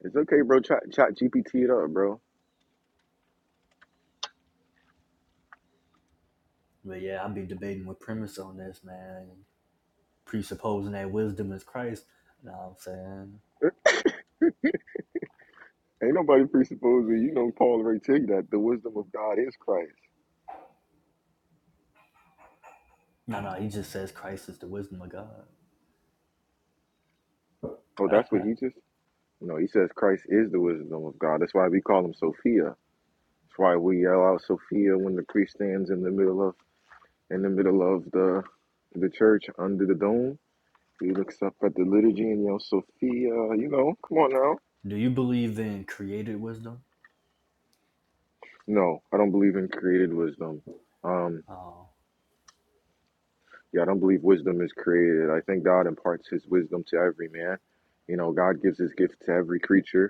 A: it's okay, bro. Chat, chat GPT it up, bro.
C: But yeah, I'll be debating with premise on this, man. Presupposing that wisdom is Christ. You know what I'm saying?
A: Ain't nobody presupposing, you know, Paul already tell you that the wisdom of God is Christ.
C: No, no, he just says Christ is the wisdom of God.
A: Oh, that's what he just, no, he says Christ is the wisdom of God. That's why we call him Sophia. That's why we yell out Sophia when the priest stands in the middle of, in the middle of the, the church under the dome. He looks up at the liturgy and yells Sophia, you know, come on now.
C: Do you believe in created wisdom?
A: No, I don't believe in created wisdom. Um,
C: Oh,
A: yeah, I don't believe wisdom is created. I think God imparts his wisdom to every man. You know, God gives his gift to every creature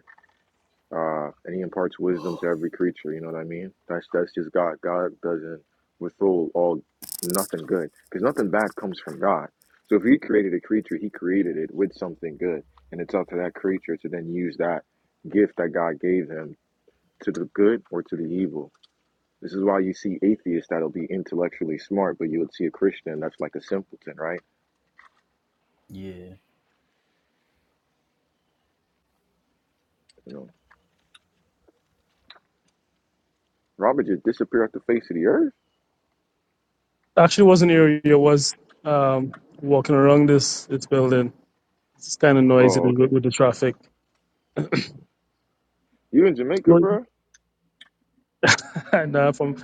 A: uh, and he imparts wisdom to every creature. You know what I mean? That's that's just God. God doesn't withhold all nothing good because nothing bad comes from God. So if He created a creature, He created it with something good, and it's up to that creature to then use that gift that God gave him to the good or to the evil. This is why you see atheists that'll be intellectually smart, but you would see a Christian that's like a simpleton, right?
C: yeah.
A: You know, Robert just disappeared off the face of the earth.
F: Actually, wasn't here. You was um walking around this this building. It's kind of noisy
A: Oh,
F: with,
A: okay.
F: with the traffic.
A: You in Jamaica,
F: Well-
A: bro?
F: and uh, from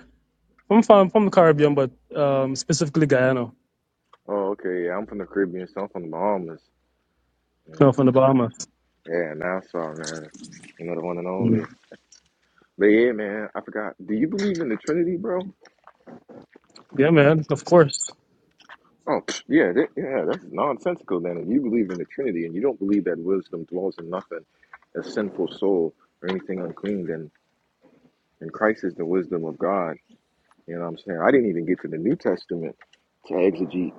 F: from from from the Caribbean, but um specifically Guyana,
A: Oh, okay. Yeah, I'm from the Caribbean, so I'm from the Bahamas. You
F: no,
A: know.
F: from the Bahamas.
A: Yeah, Nassau, man. You know the one and only.
F: Mm.
A: But yeah, man, I forgot. Do you believe in the Trinity, bro?
F: Yeah, man. Of course.
A: Oh, pfft, yeah, that, yeah. That's nonsensical. Then, if you believe in the Trinity and you don't believe that wisdom dwells in nothing, a sinful soul or anything unclean, then and Christ is the wisdom of God. You know what I'm saying? I didn't even get to the New Testament to exegete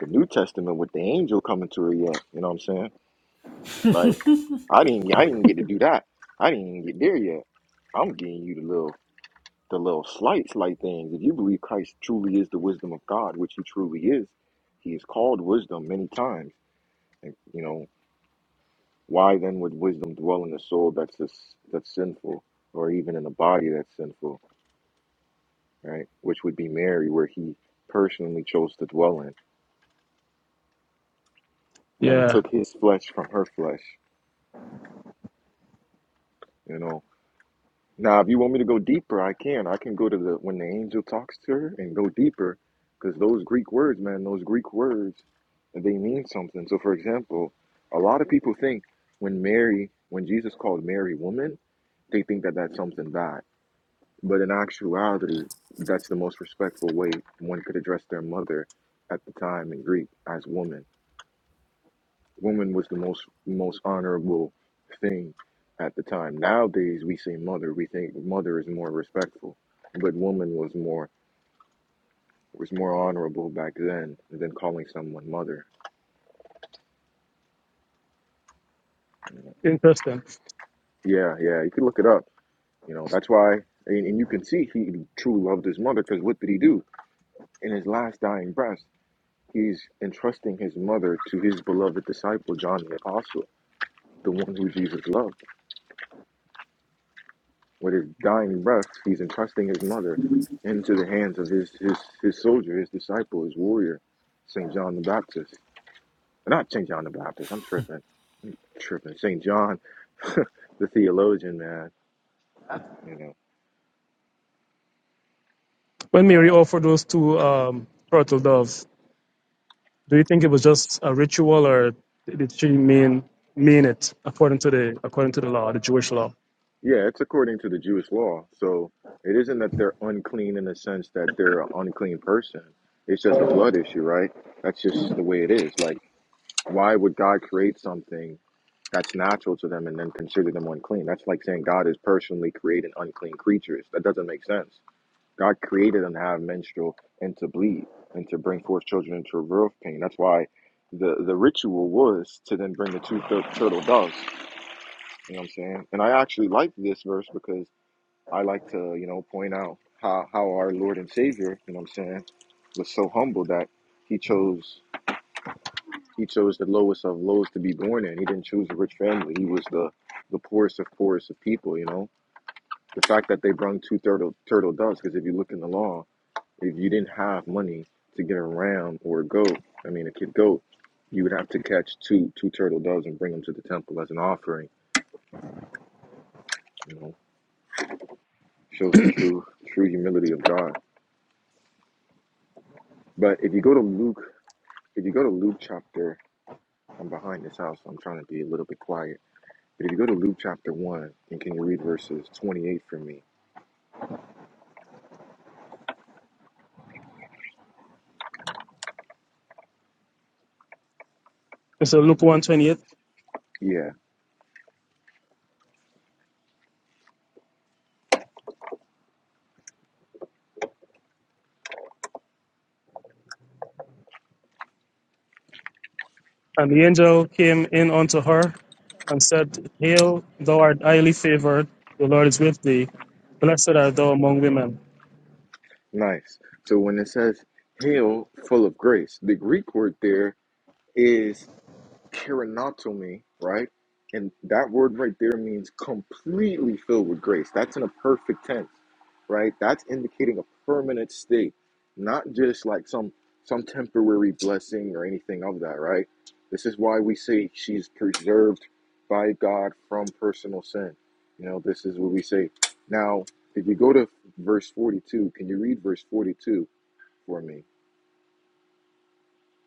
A: the New Testament with the angel coming to her yet. You know what I'm saying? Like I didn't I didn't get to do that. I didn't even get there yet. I'm getting you the little the little slight slight things. If you believe Christ truly is the wisdom of God, which he truly is, he is called wisdom many times. And, you know, why then would wisdom dwell in a soul that's a, that's sinful or even in a body that's sinful, right? Which would be Mary where he personally chose to dwell in and
F: Yeah,
A: took his flesh from her flesh, you know. Now, if you want me to go deeper, I can. I can go to the when the angel talks to her and go deeper, because those Greek words, man, those Greek words, they mean something. So, for example, a lot of people think when Mary, when Jesus called Mary woman, they think that that's something bad. But in actuality, that's the most respectful way one could address their mother at the time in Greek as woman. Woman was the most most honorable thing at the time. Nowadays we say mother, we think mother is more respectful, but woman was more was more honorable back then than calling someone mother. You know?
F: interesting.
A: Yeah, yeah, you can look it up. You know, that's why, and, and you can see he truly loved his mother because what did he do? In his last dying breath, he's entrusting his mother to his beloved disciple, John the Apostle, the one who Jesus loved. With his dying breath, he's entrusting his mother into the hands of his, his, his soldier, his disciple, his warrior, St. John the Baptist. Uh, Not St. John the Baptist, I'm tripping, tripping. St. John, the theologian, man, you know.
F: When Mary offered those two um turtle doves. Do you think it was just a ritual, or did she mean mean it according to the according to the law, the Jewish law?
A: Yeah, it's according to the Jewish law. So it isn't that they're unclean in the sense that they're an unclean person. It's just a blood issue, right? That's just the way it is. Like, why would God create something? that's natural to them and then consider them unclean. That's like saying God is personally creating unclean creatures. That doesn't make sense. God created them to have menstrual and to bleed and to bring forth children into a birth pain. That's why the, the ritual was to then bring the two tur- turtle doves. You know what I'm saying? And I actually like this verse because I like to, you know, point out how, how our Lord and Savior, you know what I'm saying, was so humble that he chose he chose the lowest of lows to be born in. He didn't choose a rich family. He was the the poorest of poorest of people. You know, the fact that they brung two turtle turtle doves because if you look in the law, if you didn't have money to get a ram or a goat, I mean a kid goat, you would have to catch two two turtle doves and bring them to the temple as an offering. You know, shows the true true humility of God. But if you go to Luke, if you go to Luke chapter, I'm behind this house. so I'm trying to be a little bit quiet. But if you go to Luke chapter one, and can you read verses 28 for me?
F: And so Luke one twenty eight,
A: Yeah,
F: and the angel came in unto her and said, "Hail, thou art highly favored; the Lord is with thee. Blessed art thou among women."
A: nice. So when it says hail full of grace, the Greek word there is kerenotomy, right? And that word right there means completely filled with grace. That's in a perfect tense, right? That's indicating a permanent state, not just like some some temporary blessing or anything of that, right? This is why we say she's preserved by God from personal sin. You know, this is what we say. Now, if you go to verse 42, can you read verse 42 for me?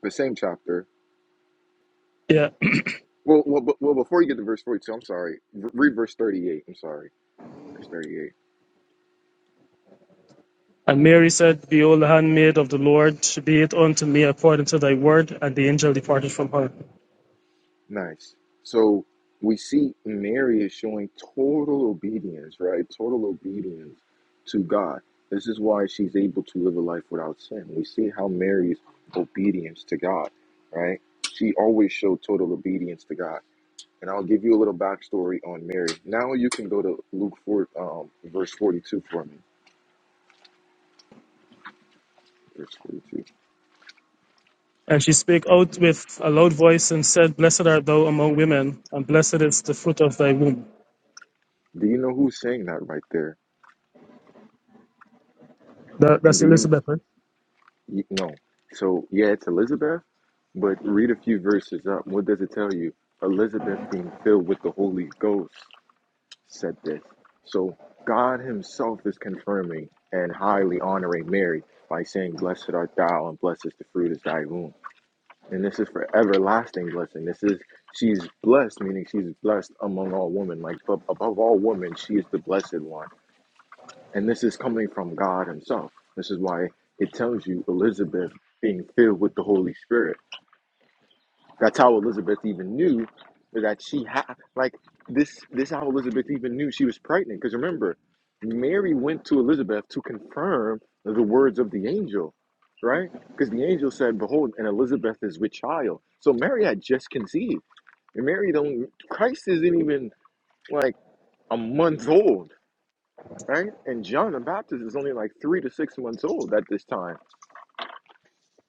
A: The same chapter,
F: Yeah.
A: Well, well, but- well, before you get to verse 42, I'm sorry. Re- Read verse 38. I'm sorry. Verse 38.
F: And Mary said, Behold, the handmaid of the Lord, be it unto me according to thy word. And the angel departed from her.
A: Nice. So we see Mary is showing total obedience, right? Total obedience to God. This is why she's able to live a life without sin. We see how Mary's obedience to God, right? She always showed total obedience to God. And I'll give you a little backstory on Mary. Now you can go to Luke 4, um, verse 42 for me. Verse 42.
F: And she spake out with a loud voice and said, Blessed art thou among women, and blessed is the fruit of thy womb.
A: Do you know who's saying that right there?
F: That,
A: And
F: that's
A: do you
F: Elizabeth,
A: Y- No. So, yeah, it's Elizabeth, but read a few verses up. What does it tell you? Elizabeth, being filled with the Holy Ghost, said this. So, God Himself is confirming and highly honoring Mary by saying, Blessed art thou, and blessed is the fruit of thy womb. And this is for everlasting blessing. This is, she's blessed, meaning she's blessed among all women. Like, but above all women, she is the blessed one. And this is coming from God Himself. This is why it tells you Elizabeth being filled with the Holy Spirit. That's how Elizabeth even knew that she had, like, this, this is how Elizabeth even knew she was pregnant. Because remember, Mary went to Elizabeth to confirm the words of the angel, right? Because the angel said, Behold, and Elizabeth is with child. So Mary had just conceived. And Mary don't, Christ isn't even like a month old right? And John the Baptist is only like three to six months old at this time.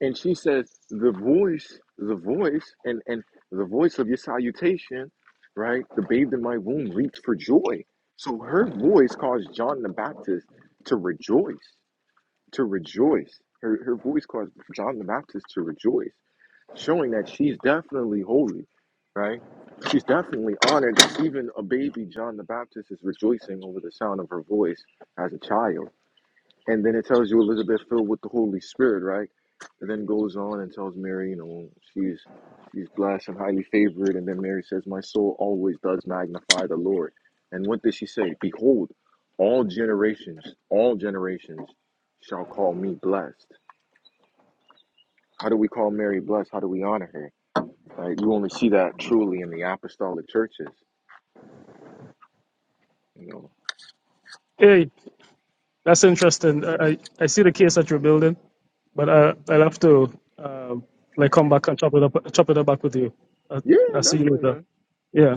A: And she says, the voice, the voice, and, and the voice of your salutation, right? The babe in my womb leaped for joy. So her voice caused John the Baptist to rejoice, to rejoice. Her, her voice caused John the Baptist to rejoice, showing that she's definitely holy, right? She's definitely honored that even a baby John the Baptist is rejoicing over the sound of her voice as a child and then it tells you Elizabeth filled with the Holy Spirit, right? And then goes on and tells Mary, you know, she's she's blessed and highly favored. And then Mary says, My soul always does magnify the Lord. And what did she say? Behold, all generations, all generations shall call me blessed. How do we call Mary blessed? How do we honor her? Right? You only see that truly in the apostolic churches, you know.
F: Hey, that's interesting. I, I I see the case that you're building, but I, I'll have to um, like come back and chop it up, chop it up back with you. I,
A: Yeah,
F: I'll see you
A: definitely,
F: later.
A: man.
F: Yeah.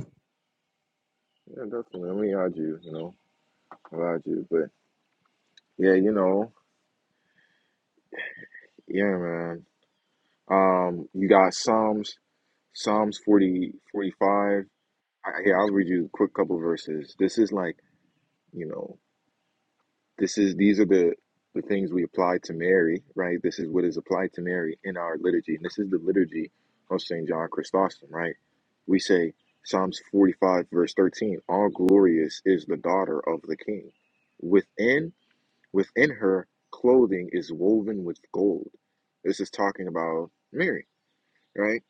A: Yeah, definitely. Let me add you, you know. I add you. But yeah, you know, yeah, man. Um, you got Psalms, Psalms forty forty-five. I, here, I'll read you a quick couple verses. This is like, you know, this is these are the the things we apply to Mary, right? This is what is applied to Mary in our liturgy, and this is the liturgy of Saint John Chrysostom, right? We say Psalms forty five verse thirteen: All glorious is the daughter of the King. Within within her clothing is woven with gold. This is talking about Mary, right?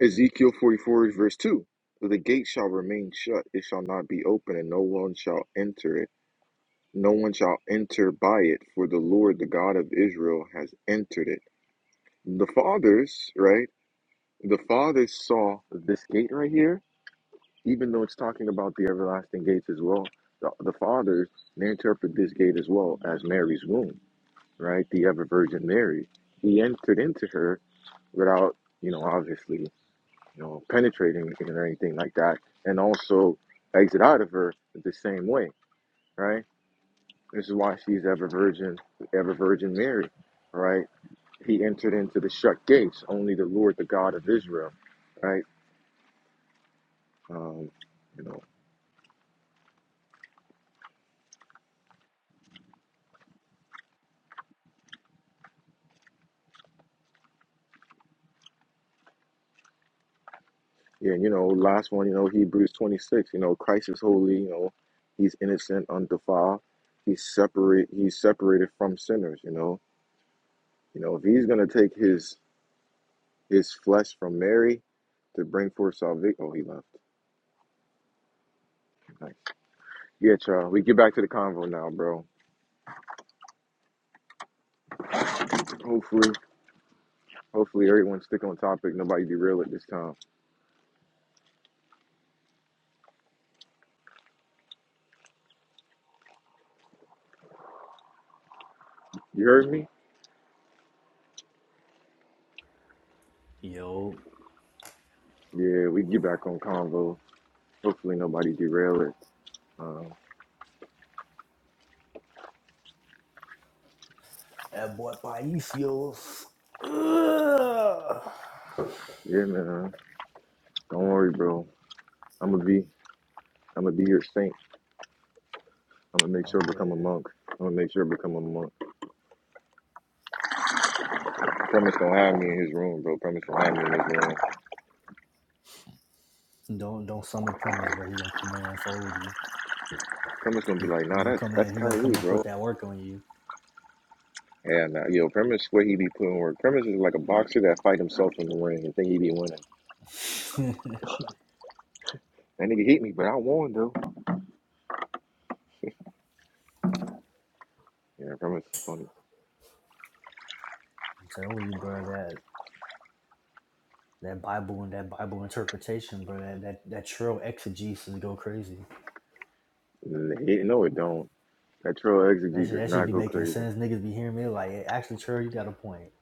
A: Ezekiel 44 verse 2. The gate shall remain shut, it shall not be open, and no one shall enter it. No one shall enter by it, for the Lord, the God of Israel, has entered it. The fathers, right? The fathers saw this gate right here, even though it's talking about the everlasting gates as well. The, the fathers, they interpret this gate as well as Mary's womb, right? The ever Virgin Mary. He entered into her without, you know, obviously you know, penetrating it or anything like that, and also exit out of her the same way, right? This is why she's ever virgin, ever virgin Mary, right? He entered into the shut gates, only the Lord, the God of Israel, right? Um, you know, yeah, and you know, last one, you know, Hebrews 26, you know, Christ is holy, you know, he's innocent, undefiled, he's separate, he's separated from sinners, you know, you know, if he's gonna take his his flesh from Mary to bring forth salvation, oh, he left Like, Yeah, child. We get back to the convo now, bro. Hopefully, hopefully everyone stick on topic. Nobody derail it this time. You heard me?
C: Yo,
A: Yeah, we get back on convo. Hopefully nobody derail it. Um,
C: that boy Paisios.
A: yeah, man. Don't worry, bro. I'ma be, I'ma be your saint. I'ma make sure I
C: I'm
A: become a
C: dead.
A: monk. I'ma make sure I become a monk. Premise gonna have me in his room, bro. Premise gonna have me in his room.
C: Don't don't summon premise, bro. He gonna come in and fold you.
A: Premise gonna be
C: He,
A: like,
C: he
A: nah,
C: gonna
A: that's
C: come
A: that's
C: in. He gonna come
A: Kyrie,
C: and put
A: bro.
C: that work on you.
A: Yeah, nah, yo, premise where he be putting work. Premise is like a boxer that fight himself in the ring and think he be winning.
C: I'm
A: That nigga hit me, but I warned though. Yeah, I promise it's funny.
C: telling you, bro. That that Bible and that Bible interpretation, bro. That that, that trail exegesis go crazy.
A: N- He, no, it don't. That troll
C: That
A: exegete
C: shit,
A: does
C: that should
A: not
C: be
A: go
C: making
A: crazy.
C: sense. Niggas be hearing me like, hey, actually, Trey, you got a point.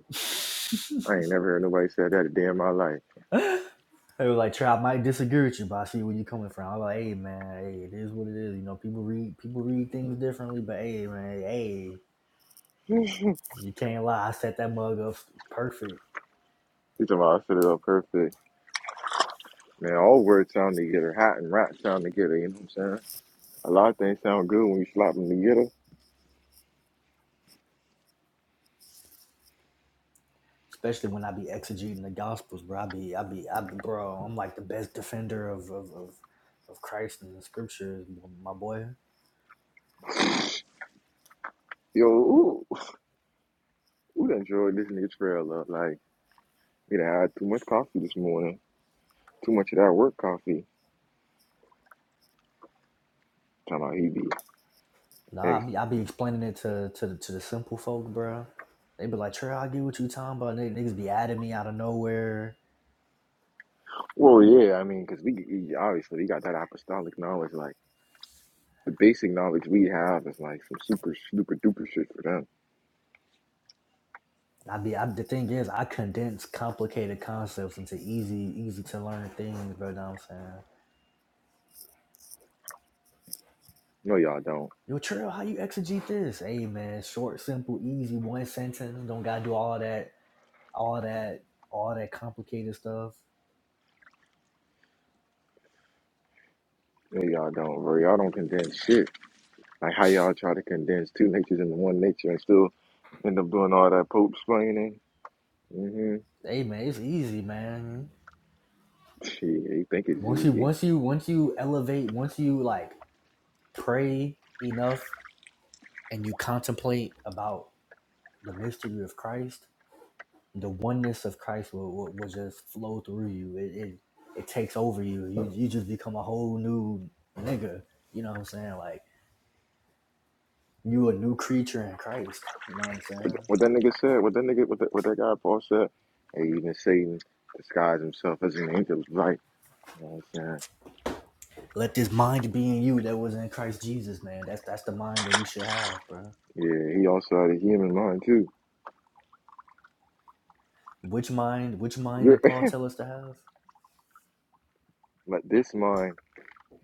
A: I ain't never heard nobody say that a day in my life.
C: they were like, Trey, I might disagree with you, but I see where you coming from. I'm like, hey man, hey, it is what it is. You know, people read people read things differently, but hey man, hey,
A: He's talking
C: you can't lie. I set that mug up perfect.
A: about I set it up perfect. Man, all words sound together. Hot and rot sound together, you know what I'm saying? A lot of things sound good when you slap them together.
C: Especially when I be exegeting the gospels, bro. I be, I be, I be, bro. I'm like the best defender of of of, of Christ and the scriptures, my boy.
A: Yo, ooh, who done enjoyed this nigga trail up? Like, we done had too much coffee this morning. Too much of that work coffee. Talking about he be
C: Nah, I
A: ex.
C: be I be explaining it to to the, to the simple folk, bro. They be like, "Trey, I get what you talking about." N- Niggas be adding me out of nowhere.
A: Well, yeah, I mean, 'cause we, he, obviously, he got that apostolic knowledge. Like, The basic knowledge we have is like some super super duper shit for them.
C: I be I, the thing is, I condense complicated concepts into easy easy to learn things, bro. Know what I'm saying,
A: No, y'all don't.
C: yo, Trey, how you exegete this? Hey, man, short, simple, easy, one sentence. Don't gotta do all that, all that, all that complicated stuff.
A: No, y'all don't, bro. Y'all don't condense shit. Like how y'all try to condense two natures into one nature and still end up doing all that pope explaining. Mm-hmm.
C: Hey, man, it's easy, man.
A: Shit, you think it's
C: Once you
A: easy.
C: once you once you elevate, once you like pray enough and you contemplate about the mystery of Christ, the oneness of Christ will, will, will just flow through you. It, it it takes over you. You you just become a whole new nigga. You know what I'm saying? Like you a new creature in Christ. You know what I'm
A: What,
C: saying?
A: what that nigga said, what that nigga, what, that what that guy Paul said, hey, even Satan disguised himself as an angel, right? You know what I'm saying?
C: Let this mind be in you that was in Christ Jesus, man. That's that's the mind that we should have, bro.
A: Yeah, he also had a human mind too.
C: Which mind? Which mind did Paul tell us to have?
A: but this mind,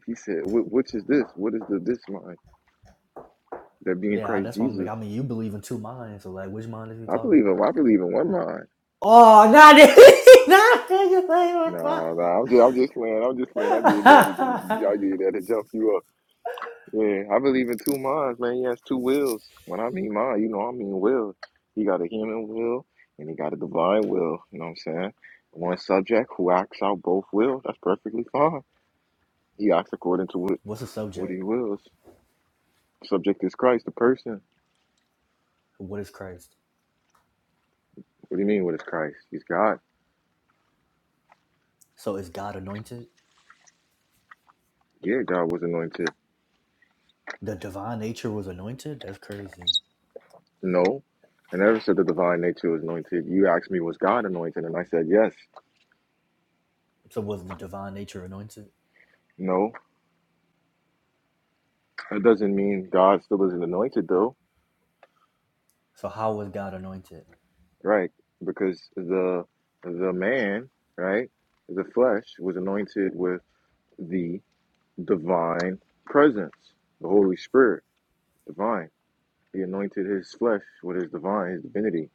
A: he said, wh- which is this? What is the this mind? that be in
C: Yeah,
A: Christ
C: that's why I'm like.
A: Jesus.
C: I mean, you believe in two minds, so like, which mind is he
A: I
C: talking
A: believe him.
C: about?
A: I believe in one mind.
C: Oh, not this, not this.
A: Nah, nah. I'm just, I'm just playing. I'm just playing. I did that. To, I did that to jump you up. Yeah, I believe in two minds, man. He has two wills. When I mean mind, you know, I mean will. He got a human will and he got a divine will. You know what I'm saying? One subject who acts out both wills. That's perfectly fine. He acts according to what
C: What's the
A: what
C: subject?
A: he wills. Subject is Christ, the person.
C: What is Christ?
A: What do you mean? What is Christ? He's God.
C: So is God anointed?
A: Yeah, God was anointed.
C: The divine nature was anointed? That's crazy.
A: No. I never said the divine nature was anointed. You asked me, was God anointed? And I said, yes.
C: So was the divine nature anointed?
A: No. That doesn't mean God still isn't anointed, though,
C: So how was God anointed?
A: right? Because the the man, right, the flesh was anointed with the divine presence, the Holy Spirit, divine. He anointed his flesh with his divine, his divinity.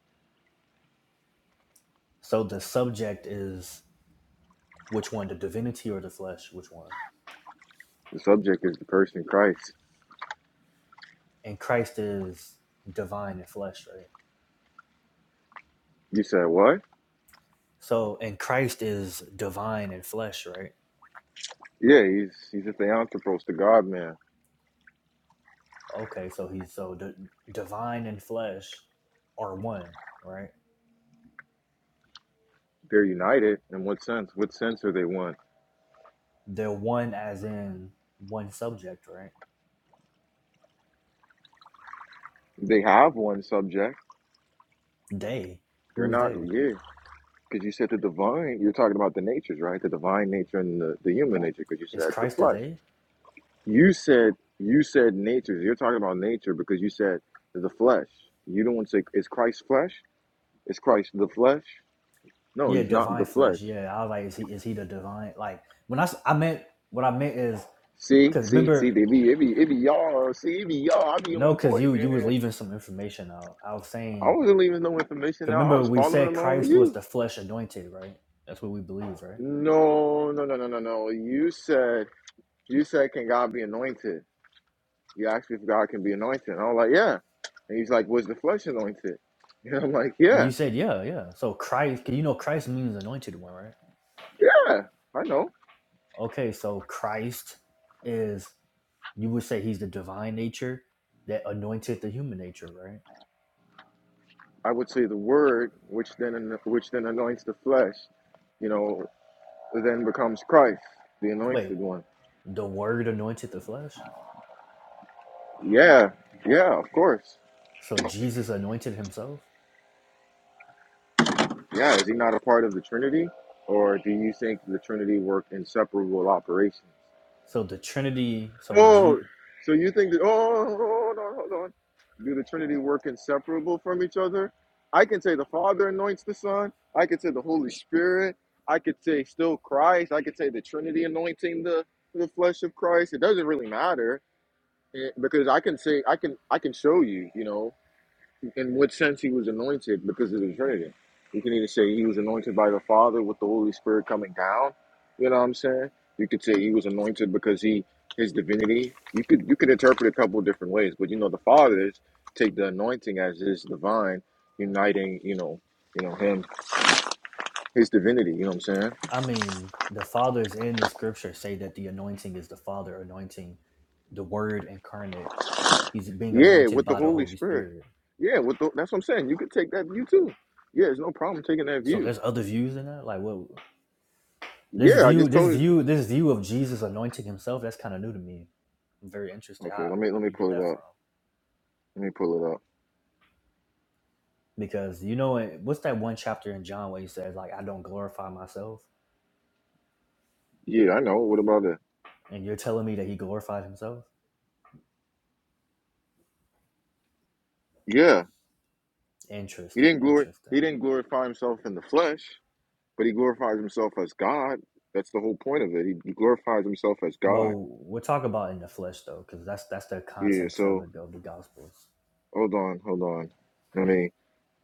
C: So the subject is which one, the divinity or the flesh? Which one?
A: The subject is the person Christ.
C: And Christ is divine and flesh, right?
A: You said what?
C: So and Christ is divine and flesh, right?
A: Yeah, he's he's a theanthropos, the God man.
C: Okay, so he's so the divine and flesh are one, right?
A: They're united. In what sense? What sense are they one?
C: They're one as in one subject, right?
A: They have one subject.
C: They?
A: They're
C: Who's
A: not,
C: they?
A: yeah. Because you said the divine, you're talking about the natures, right? The divine nature and the, the human nature, because you
C: Is
A: said the
C: Christ a
A: flesh.
C: they?
A: You said, you said natures. You're talking about nature because you said the flesh. You don't want to say, is Christ flesh? Is Christ the flesh? No,
C: Yeah,
A: he's not
C: divine
A: the flesh.
C: flesh. Yeah, I was like, is he is he the divine? Like when I, I meant what I meant is
A: See,
C: because
A: see, see,
C: remember
A: they be, it be, it be y'all. See, it be y'all. I be
C: no,
A: on
C: because
A: point,
C: you you was
A: man.
C: leaving some information out. I was
A: I
C: saying
A: wasn't leaving no information
C: because
A: out. I
C: remember
A: was
C: we
A: following
C: said
A: along with
C: Christ was
A: you.
C: the flesh anointed, right? That's what we believe, right?
A: No, no, no, no, no, no. You said, You said, Can God be anointed? You asked me if God can be anointed. And I was like, Yeah. And he's like, Was the flesh anointed? And I'm like,
C: And
A: Yeah,
C: you said yeah, yeah. So Christ, 'cause you know Christ means anointed one, right?
A: yeah, I know.
C: Okay, so Christ is you would say he's the divine nature that anointed the human nature, right?
A: I would say the word, which then which then anoints the flesh, you know, then becomes Christ, the anointed
C: Wait,
A: one.
C: the word anointed the flesh?
A: Yeah, yeah, of course.
C: So Jesus anointed himself.
A: Yeah, is he not a part of the Trinity? Or do you think the Trinity work inseparable operations?
C: So the Trinity. So
A: Oh,
C: G.
A: so you think that? Oh, hold on, hold on. Do the Trinity work inseparable from each other? I can say the Father anoints the Son. I could say the Holy Spirit. I could say still Christ. I could say the Trinity anointing the the flesh of Christ. It doesn't really matter eh, because I can say I can I can show you. You know, in what sense he was anointed because of the Trinity. You can either say he was anointed by the Father with the Holy Spirit coming down. You know what I'm saying? You could say he was anointed because he his divinity. You could you could interpret a couple of different ways, but you know the fathers take the anointing as his divine, uniting, you know, you know, him, his divinity, you know what I'm saying?
C: I mean, the fathers in the scripture say that the anointing is the Father anointing the Word incarnate. He's being
A: Yeah,
C: anointed
A: with the
C: by the
A: Holy
C: Holy
A: Spirit.
C: Spirit.
A: Yeah, with the, that's what I'm saying. You could take that view too. Yeah, there's no problem taking that
C: So
A: view.
C: there's other views in that. Like what this
A: Yeah, I
C: view,
A: just
C: this
A: told you.
C: view, this view of Jesus anointing himself. That's kind of new to me. I'm very interested.
A: Okay,
C: How,
A: let me
C: where
A: let me
C: do you
A: pull
C: get that
A: it up.
C: from?
A: Let me pull it up.
C: Because you know it- what's that one chapter in John where he says like I don't glorify myself,
A: Yeah, I know. What about it?
C: and you're telling me that he glorified himself.
A: Yeah, he
C: Interesting,
A: didn't glory.
C: interesting.
A: He didn't glorify himself in the flesh, but he glorifies himself as God. That's the whole point of it. He, he glorifies himself as God.
C: Well, we'll talk about in the flesh though, because that's that's the
A: Yeah.
C: context of
A: So
C: the of the gospels.
A: hold on, hold on. Let me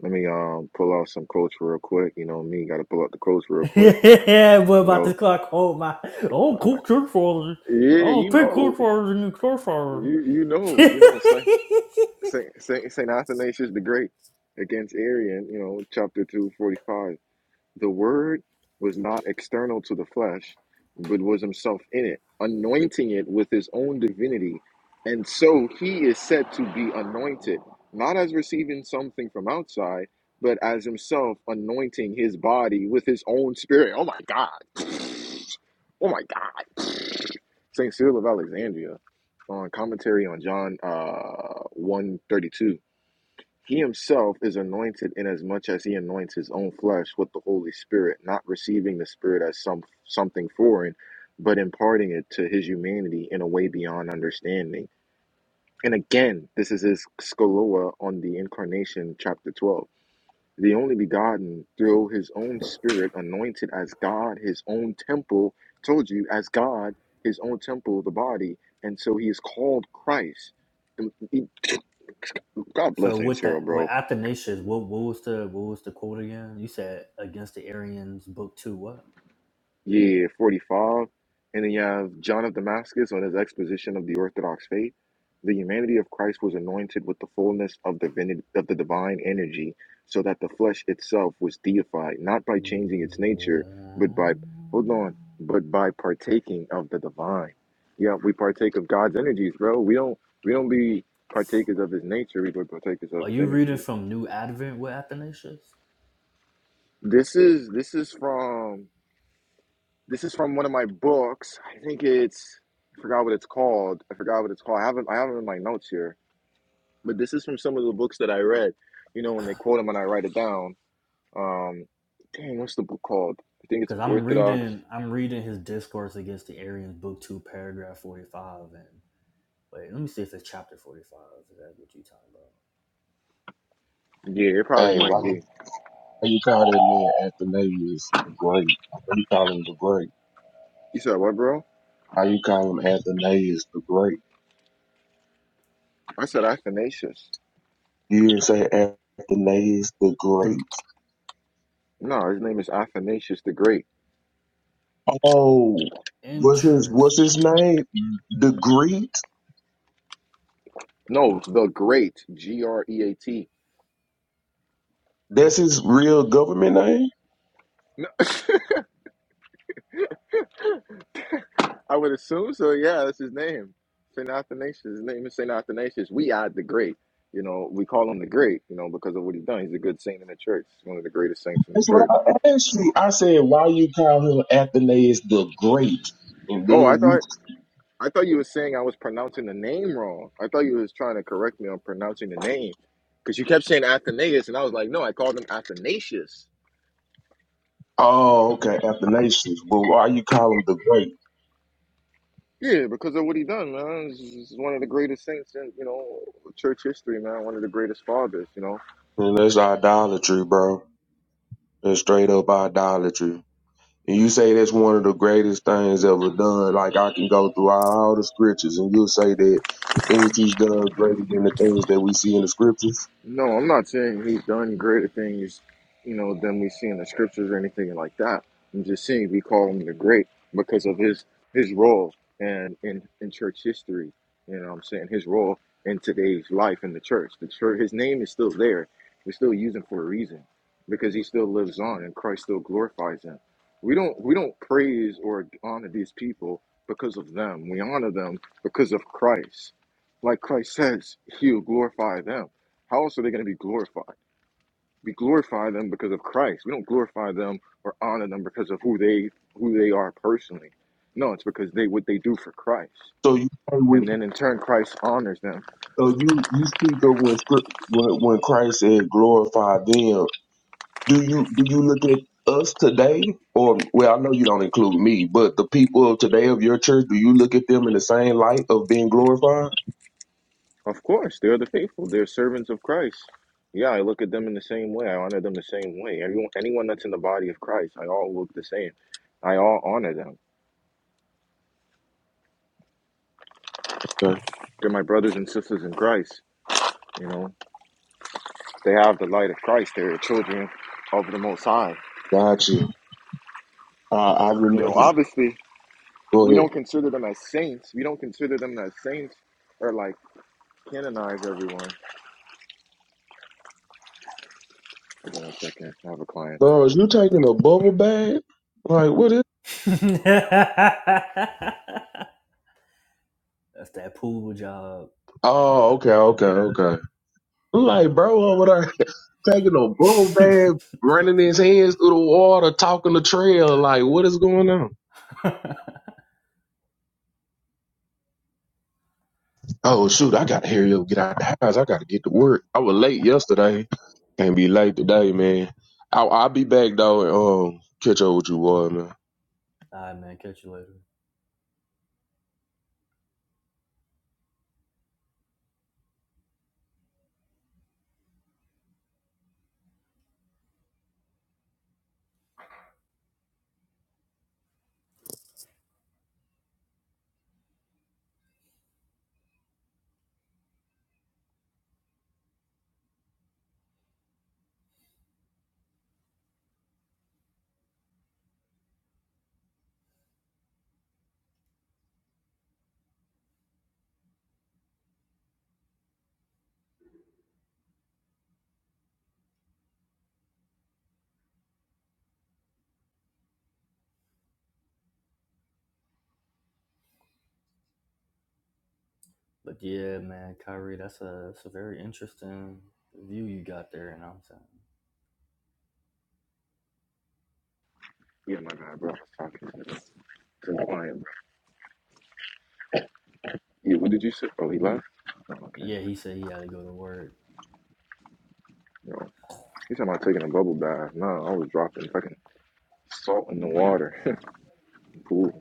A: let me um pull out some quotes real quick. You know me, got to pull out the quotes real quick.
C: yeah, what
A: You
C: about the
A: know.
C: clock? Oh my! Oh, cook church fathers.
A: Yeah,
C: Oh,
A: you
C: pick church
A: know,
C: fathers and church fathers.
A: you you know, you know. Saint Saint Saint, Saint Athanasius the Great against Arian. You know, chapter two forty five. The Word was not external to the flesh, but was himself in it, anointing it with his own divinity. And so he is said to be anointed, not as receiving something from outside, but as himself anointing his body with his own spirit. Oh my God. Oh my God. St. Cyril of Alexandria on commentary on John uh, 132 he himself is anointed inasmuch as he anoints his own flesh with the Holy Spirit, not receiving the Spirit as some something foreign, but imparting it to his humanity in a way beyond understanding. And again, this is his skoloa on the incarnation, chapter 12. The only begotten, through his own spirit, anointed as God, his own temple, told you, as God, his own temple, the body. And so he is called Christ. God bless
C: so
A: Aunt
C: with
A: Sarah,
C: that,
A: bro
C: with Athanasius, what what was the what was the quote again? You said against the Arians, book two. What?
A: Yeah, 45. And then you have John of Damascus on his exposition of the Orthodox faith. The humanity of Christ was anointed with the fullness of divinity of the divine energy, so that the flesh itself was deified, not by changing its nature, but by hold on, but by partaking of the divine. Yeah, we partake of God's energies, bro. We don't we don't be partakers of his nature, we but partakers of
C: Are
A: his
C: you reading
A: energies.
C: from New Advent with Athanasius?
A: This is this is from This is from one of my books. I think it's I forgot what it's called. I forgot what it's called. I haven't I haven't in my notes here, but this is from some of the books that I read. You know, when they quote them and I write it down. Um, dang, what's the book called? I think it's
C: Because I'm
A: Orthodox.
C: reading, I'm reading his discourse against the Arians, book two, paragraph forty-five, and wait, let me see if it's chapter forty-five. Is that what you're talking
A: Yeah, it probably
G: Hey, why,
A: might be.
G: why you call that man Athanasius the Great? Why you call him the Great?
A: You said what, bro?
G: How you call him Athanasius the Great?
A: I said Athanasius.
G: You didn't say Athanasius the Great.
A: No, his name is Athanasius the Great.
G: Oh, what's his what's his name? The Great?
A: No, the Great. G R E A T.
G: That's his real government name.
A: I would assume so. Yeah, that's his name. Saint Athanasius. His name is Saint Athanasius. We are the great. You know, we call him the great. You know, because of what he's done. He's a good saint in the church. He's one of the greatest saints in the
G: That's what
A: church.
G: I asked you. I said, why you call him Athanasius the Great? And then
A: Oh, I
G: you,
A: thought I thought you were saying I was pronouncing the name wrong. I thought you was trying to correct me on pronouncing the name because you kept saying Athanasius, and I was like, no, I called him Athanasius.
G: oh, okay, Athanasius. But why you call him the Great?
A: Yeah, because of what he done, man. He's he's one of the greatest saints in you know church history, man. One of the greatest fathers, you know.
G: Man, that's idolatry, bro. That's straight up idolatry. And you say that's one of the greatest things ever done. Like I can go through all the scriptures and you'll say that the things he's done is greater than the things that we see in the scriptures.
A: No, I'm not saying he's done greater things, you know, than we see in the scriptures or anything like that. I'm just saying we call him the great because of his his role and in in church history. You know, what I'm saying his role in today's life in the church. The church, his name is still there. We still use him for a reason because he still lives on and Christ still glorifies him. We don't we don't praise or honor these people because of them. We honor them because of Christ. Like Christ says, he'll glorify them. How else are they going to be glorified? We glorify them because of Christ. We don't glorify them or honor them because of who they who they are personally. No, it's because they what they do for Christ.
G: So you say
A: And
G: we,
A: then in turn Christ honors them.
G: so you you speak of when script when, when Christ said glorify them. Do you do you look at us today, or well, I know you don't include me, but the people of today of your church, do you look at them in the same light of being glorified?
A: Of course, they're the faithful. They're servants of Christ. Yeah, I look at them in the same way. I honor them the same way. Everyone anyone that's in the body of Christ, I all look the same. I all honor them.
G: Okay,
A: They're my brothers and sisters in Christ. You know, they have the light of Christ. They're children of the Most High.
G: got you. Uh, I
A: You
G: remember.
A: know, obviously,
G: Go
A: We
G: ahead,
A: don't consider them as saints. We don't consider them as saints or like canonize everyone. Hold on one second. I have a client.
G: bro. Is you taking a bubble bag? Like what is?
C: about? Interesting. That's that pool job.
G: Oh, okay, okay, okay. I'm like, bro, over there taking a bull bag, running his hands through the water, talking the trail. Like, what is going on? Oh shoot, I gotta hurry up, get out the house. I gotta get to work. I was late yesterday. Can't be late today, man. I'll, I'll be back though and um, catch up with you, boy, man.
C: All right, man. Catch you later. But yeah, man, Kyrie, that's a that's a very interesting view you got there, and you know I'm saying,
A: Yeah, my bad, bro. I was talking to the to the client, bro. Yeah, what did you say? Oh, he left? Oh, okay.
C: yeah, he said he had to go to work,
A: Yo, he's talking about taking a bubble bath. No, I was dropping fucking salt in the water. cool.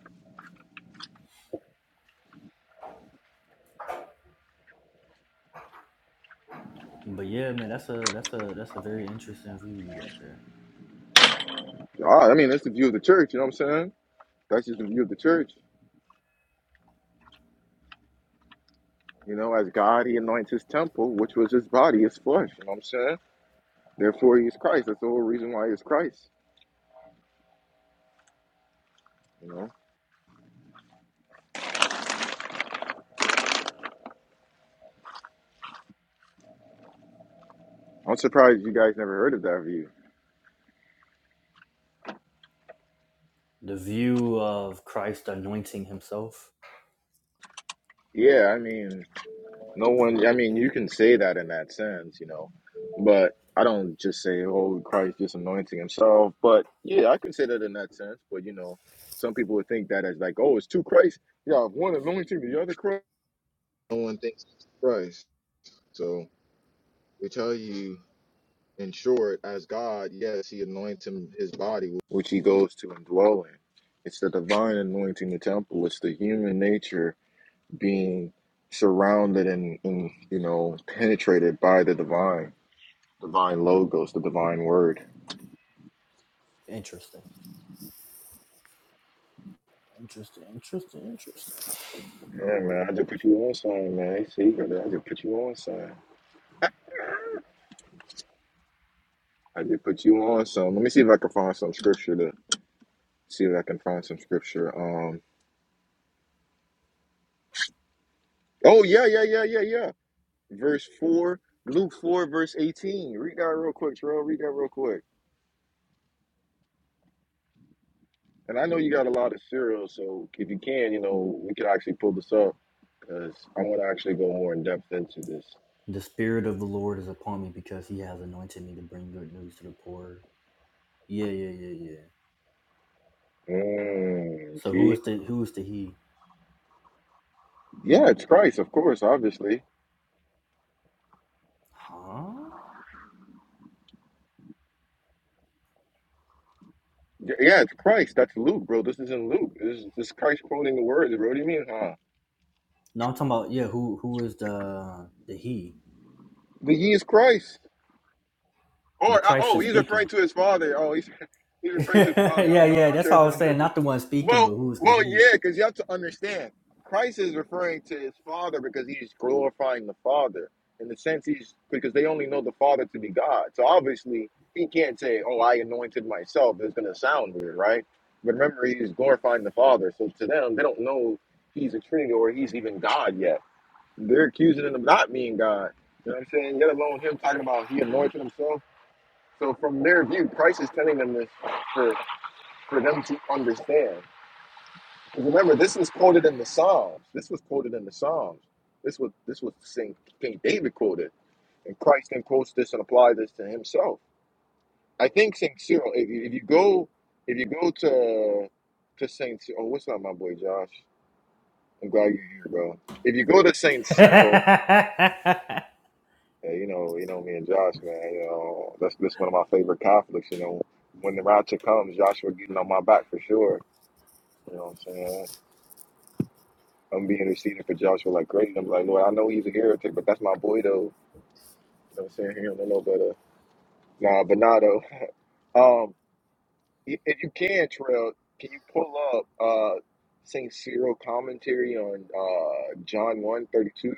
C: but yeah, man, that's a that's a that's a very interesting view you got there.
A: Ah, I mean, that's the view of the church, you know what I'm saying? That's just the view of the church. You know, as God, he anoints his temple, which was his body, his flesh, you know what I'm saying? Therefore, he is Christ. That's the whole reason why he is Christ, you know? I'm surprised you guys never heard of that view.
C: the view of Christ anointing himself.
A: Yeah, I mean, no one, I mean, you can say that in that sense, you know, but I don't just say, Holy Christ just anointing himself. But yeah, I can say that in that sense. But, you know, some people would think that as like, oh, it's two Christ. Yeah, one anointing, the other Christ. No one thinks it's Christ. So we tell you, in short, as God, yes, he anoints him his body, which he goes to and dwell in. It's the divine anointing the temple, it's the human nature being surrounded and, and you know penetrated by the divine divine logos the divine word
C: Interesting. Interesting. Interesting. Interesting.
A: yeah man i just put you on something man they see brother. i just put you on something i just put you on something let me see if i can find some scripture to see if i can find some scripture um oh yeah yeah yeah yeah yeah verse 4 luke 4 verse 18 read that real quick Terrell. read that real quick and i know you got a lot of cereals so if you can you know we could actually pull this up because I want to actually go more in depth into this.
C: The spirit of the Lord is upon me because he has anointed me to bring good news to the poor. Yeah, yeah, yeah, yeah.
A: Mm,
C: So who
A: see?
C: is the who is the he?
A: Yeah, it's Christ, of course, obviously.
C: Huh?
A: Y- Yeah, it's Christ. That's Luke, bro. This is in Luke. This is, this is Christ quoting the words, bro. What do you mean, huh?
C: No, I'm talking about yeah, who who is the the he?
A: The ye is Christ.
C: But
A: Or uh,
C: Christ
A: oh,
C: is
A: he's referring
C: speaking.
A: to his father. Oh, he's he's referring to his
C: yeah,
A: father. I'm I'm,
C: yeah,
A: I'm
C: that's all I
A: tripping.
C: was
A: I'm
C: saying.
A: tripping.
C: Not the one speaking,
A: Well,
C: but who's the
A: well,
C: he?
A: yeah, because you have to understand, Christ is referring to his father because he's glorifying the father in the sense he's because they only know the father to be God. So obviously he can't say, "Oh, I anointed myself." It's gonna sound weird, right? But remember, he's glorifying the father. So to them, they don't know he's a Trinity or he's even God yet. They're accusing him of not being God. You know what I'm saying? Let alone him talking about he anointed himself. So from their view, Christ is telling them this for, for them to understand. Because remember, this is quoted in the Psalms. This was quoted in the Psalms. This was this was Saint King David quoted, and Christ then quotes this and applies this to himself. I think Saint Cyril. If you, if you go, if you go to to Saint, Cy- oh, what's up, my boy Josh? I'm glad you're here, bro. If you go to Saint Cyril, yeah, you know, you know me and Josh, man. You know, that's that's one of my favorite conflicts. You know, when the rapture comes, Joshua getting on my back for sure You know what I'm saying? I'm being received for Joshua like crazy. I'm like, Lord, I know he's a heretic, but that's my boy though. You know what I'm saying? He don't know no better. Nah, but nah though. Um, i- if you can, Trail, can you pull up uh Saint Cyril commentary on uh John one thirty two?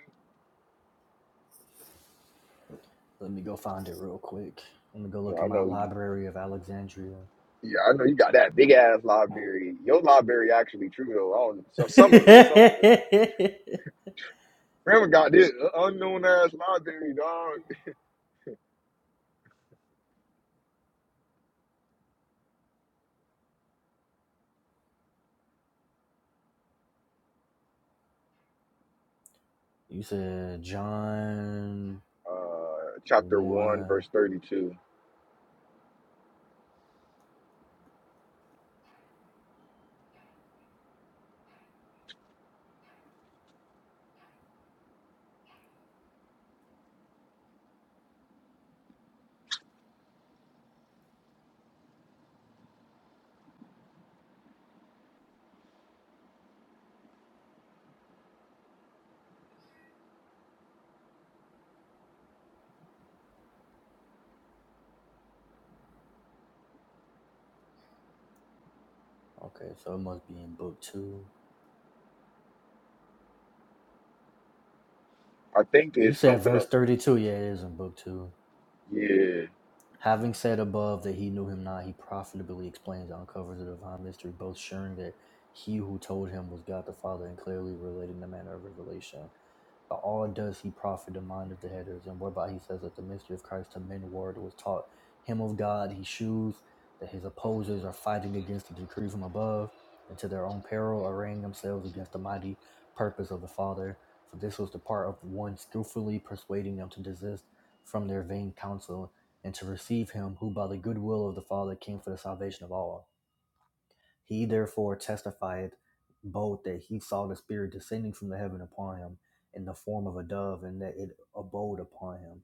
C: Let me go find it real quick. Let me go look
A: I
C: in my
A: know.
C: library of Alexandria.
A: Yeah, I know you got that big ass library. Your library actually true though. I don't, so
C: you
A: some of it, some of it. Remember, got this unknown ass library, dog.
C: said John
A: Uh, chapter one,
C: 1.
A: verse thirty two.
C: Okay, so it must be in book 2.
A: I think
C: You
A: it's
C: said
A: something.
C: verse 32. Yeah, it is in book 2.
A: Yeah.
C: Having said above that he knew him not, he profitably explains and uncovers the divine mystery, both showing that he who told him was God the Father and clearly relating the manner of revelation. By all does he profit the mind of the headers, and whereby he says that the mystery of Christ to men word was taught him of God, he shews that his opposers are fighting against the decree from above, and to their own peril arraying themselves against the mighty purpose of the Father. For this was the part of one skillfully persuading them to desist from their vain counsel, and to receive him who by the good will of the Father came for the salvation of all. He therefore testified both that he saw the Spirit descending from the heaven upon him in the form of a dove, and that it abode upon him.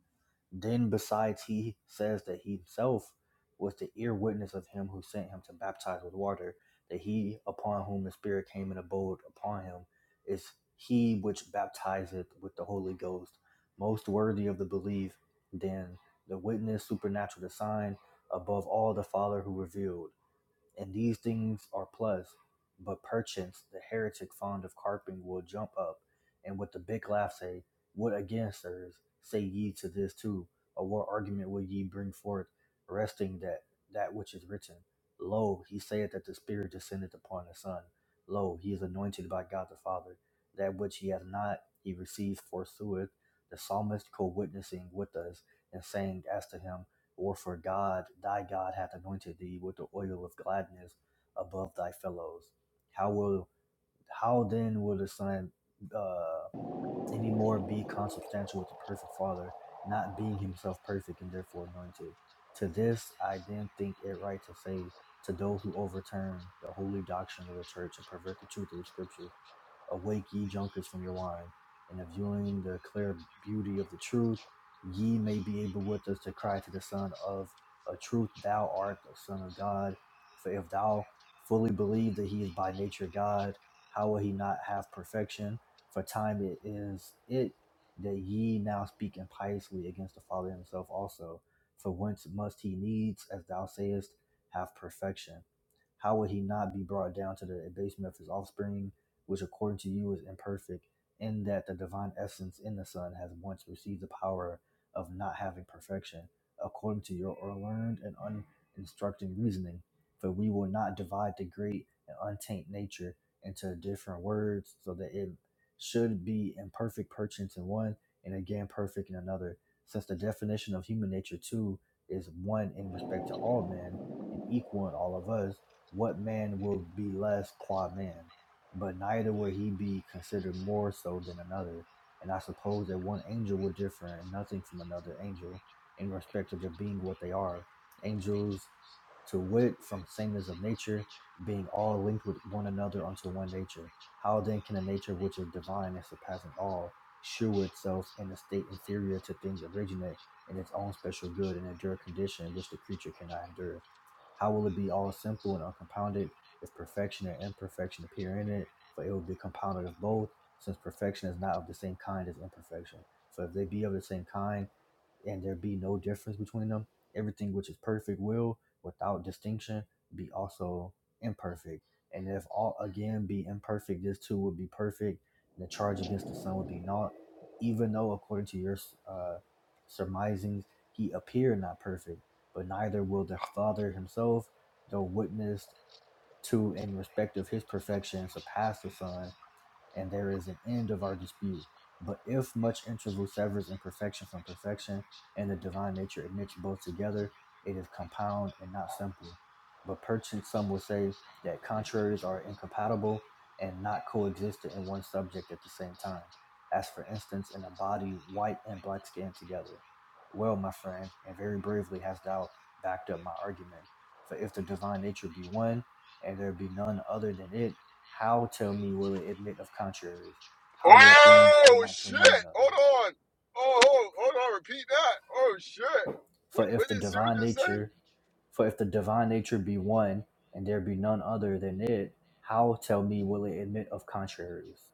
C: Then, besides, he says that he himself was the ear witness of him who sent him to baptize with water, that he upon whom the Spirit came and abode upon him is he which baptizeth with the Holy Ghost, most worthy of the belief, Then the witness supernatural, the sign above all the Father who revealed and these things are plus. But perchance the heretic fond of carping will jump up, and with the big laugh say, What again, sirs? Say ye to this too, or what argument will ye bring forth, resting that that which is written? Lo, he saith that the Spirit descended upon the Son. Lo, he is anointed by God the Father. That which he hath not, he receives forsooth. The psalmist co witnessing with us, and saying as to him or for God, thy God hath anointed thee with the oil of gladness above thy fellows. How will how then will the son uh, any more be consubstantial with the perfect Father, not being himself perfect and therefore anointed? To this I then think it right to say to those who overturn the holy doctrine of the church and pervert the truth of the scriptures Awake, ye junkers, from your wine, and if viewing the clear beauty of the truth, ye may be able with us to cry to the Son of a truth, Thou art the Son of God. For if thou fully believe that he is by nature God, how will he not have perfection? For time it is it that ye now speak impiously against the Father himself also. For whence must he needs, as thou sayest, have perfection? How would he not be brought down to the abasement of his offspring? which according to you is imperfect, in that the divine essence in the Son has once received the power of not having perfection, according to your learned and uninstructed reasoning. For we will not divide the great and untaint nature into different words, so that it should be imperfect perchance in one, and again perfect in another, since the definition of human nature too is one in respect to all men and equal in all of us, what man will be less qua man? but neither would he be considered more so than another. And I suppose that one angel would differ in nothing from another angel in respect of their being what they are. Angels, to wit, from sameness of nature, being all linked with one another unto one nature. How then can a nature which is divine and surpassing all shew itself in a state inferior to things originate in its own special good and endure condition which the creature cannot endure? How will it be all simple and uncompounded if perfection and imperfection appear in it, for it will be compounded of both, since perfection is not of the same kind as imperfection. For if they be of the same kind, and there be no difference between them, everything which is perfect will, without distinction, be also imperfect. And if all again be imperfect, this too would be perfect, and the charge against the Son would be naught, even though, according to your uh, surmisings, he appeared not perfect, but neither will the Father himself, though witnessed to in respect of his perfection surpass the Son and there is an end of our dispute. But if much interval severs imperfection from perfection, and the divine nature admits both together, it is compound and not simple. But perchance some will say that contraries are incompatible and not coexistent in one subject at the same time, as for instance in a body white and black skinned together. Well, my friend, and very bravely hast thou backed up my argument. For if the divine nature be one, and there be none other than it, how tell me will it admit of contraries? How will things
A: Oh
C: unlike to
A: shit!
C: one
A: Hold
C: another?
A: on. Oh, hold, hold on. Repeat that. Oh shit! What,
C: For
A: what
C: if the
A: did Sue
C: divine
A: just say?
C: nature, for if the divine nature be one, and there be none other than it, how tell me will it admit of contraries?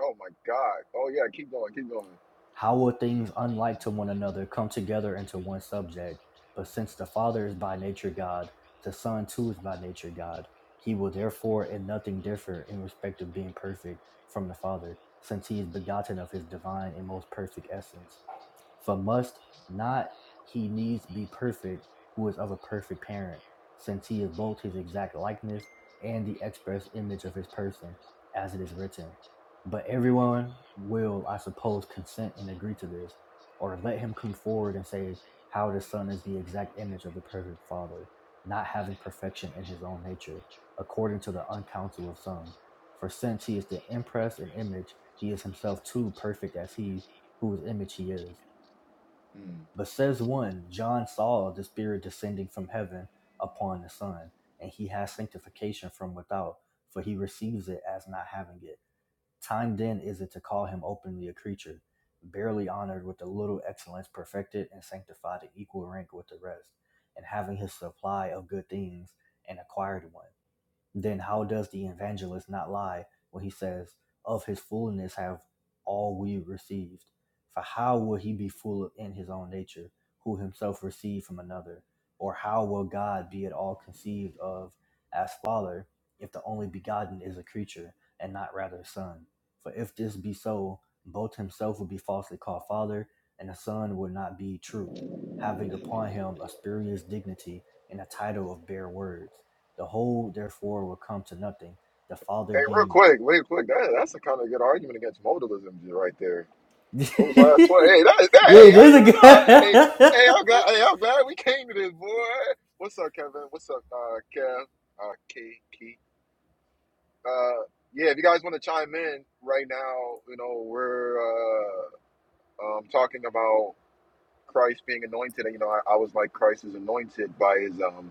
A: Oh my god. Oh yeah. Keep going. Keep going.
C: How will things unlike to one another come together into one subject? But since the Father is by nature God, the Son too is by nature God, he will therefore in nothing differ in respect of being perfect from the Father, since he is begotten of his divine and most perfect essence For must not he needs be perfect, who is of a perfect parent, since he is both his exact likeness and the express image of his person, as it is written. But everyone will, I suppose, consent and agree to this, or let him come forward and say how the son is the exact image of the perfect father, not having perfection in his own nature, according to the uncounsel of some. For since he is the impress and image, he is himself too perfect as he whose image he is. But says one, John saw the Spirit descending from heaven upon the Son, and he has sanctification from without, for he receives it as not having it. Time then is it to call him openly a creature, barely honored with a little excellence, perfected and sanctified in equal rank with the rest, and having his supply of good things, an acquired one then how does the evangelist not lie when he says, Of his foolishness have all we received? For how will he be full in his own nature, who himself received from another? Or how will God be at all conceived of as Father, if the only begotten is a creature, and not rather a son? For if this be so, both himself will be falsely called Father, and the Son will not be truth, having upon him a spurious dignity and a title of bare words the whole therefore will come to nothing. The Father
A: Hey, real
C: being
A: quick, real quick. That, that's a kind of good argument against modalism just right there.
C: Yeah,
A: Those last twenty. Hey, that, that, hey,
C: it
A: I ain't
C: is a
A: gonna lie. Hey, hey, I'm
C: good
A: glad. Hey, I'm glad we came to this, boy. What's up, Kevin? What's up, uh, Kev? Uh, K, K. Uh, yeah. If you guys want to chime in right now, you know we're. uh, um, talking about Christ being anointed, you know, I, I was like Christ is anointed by his um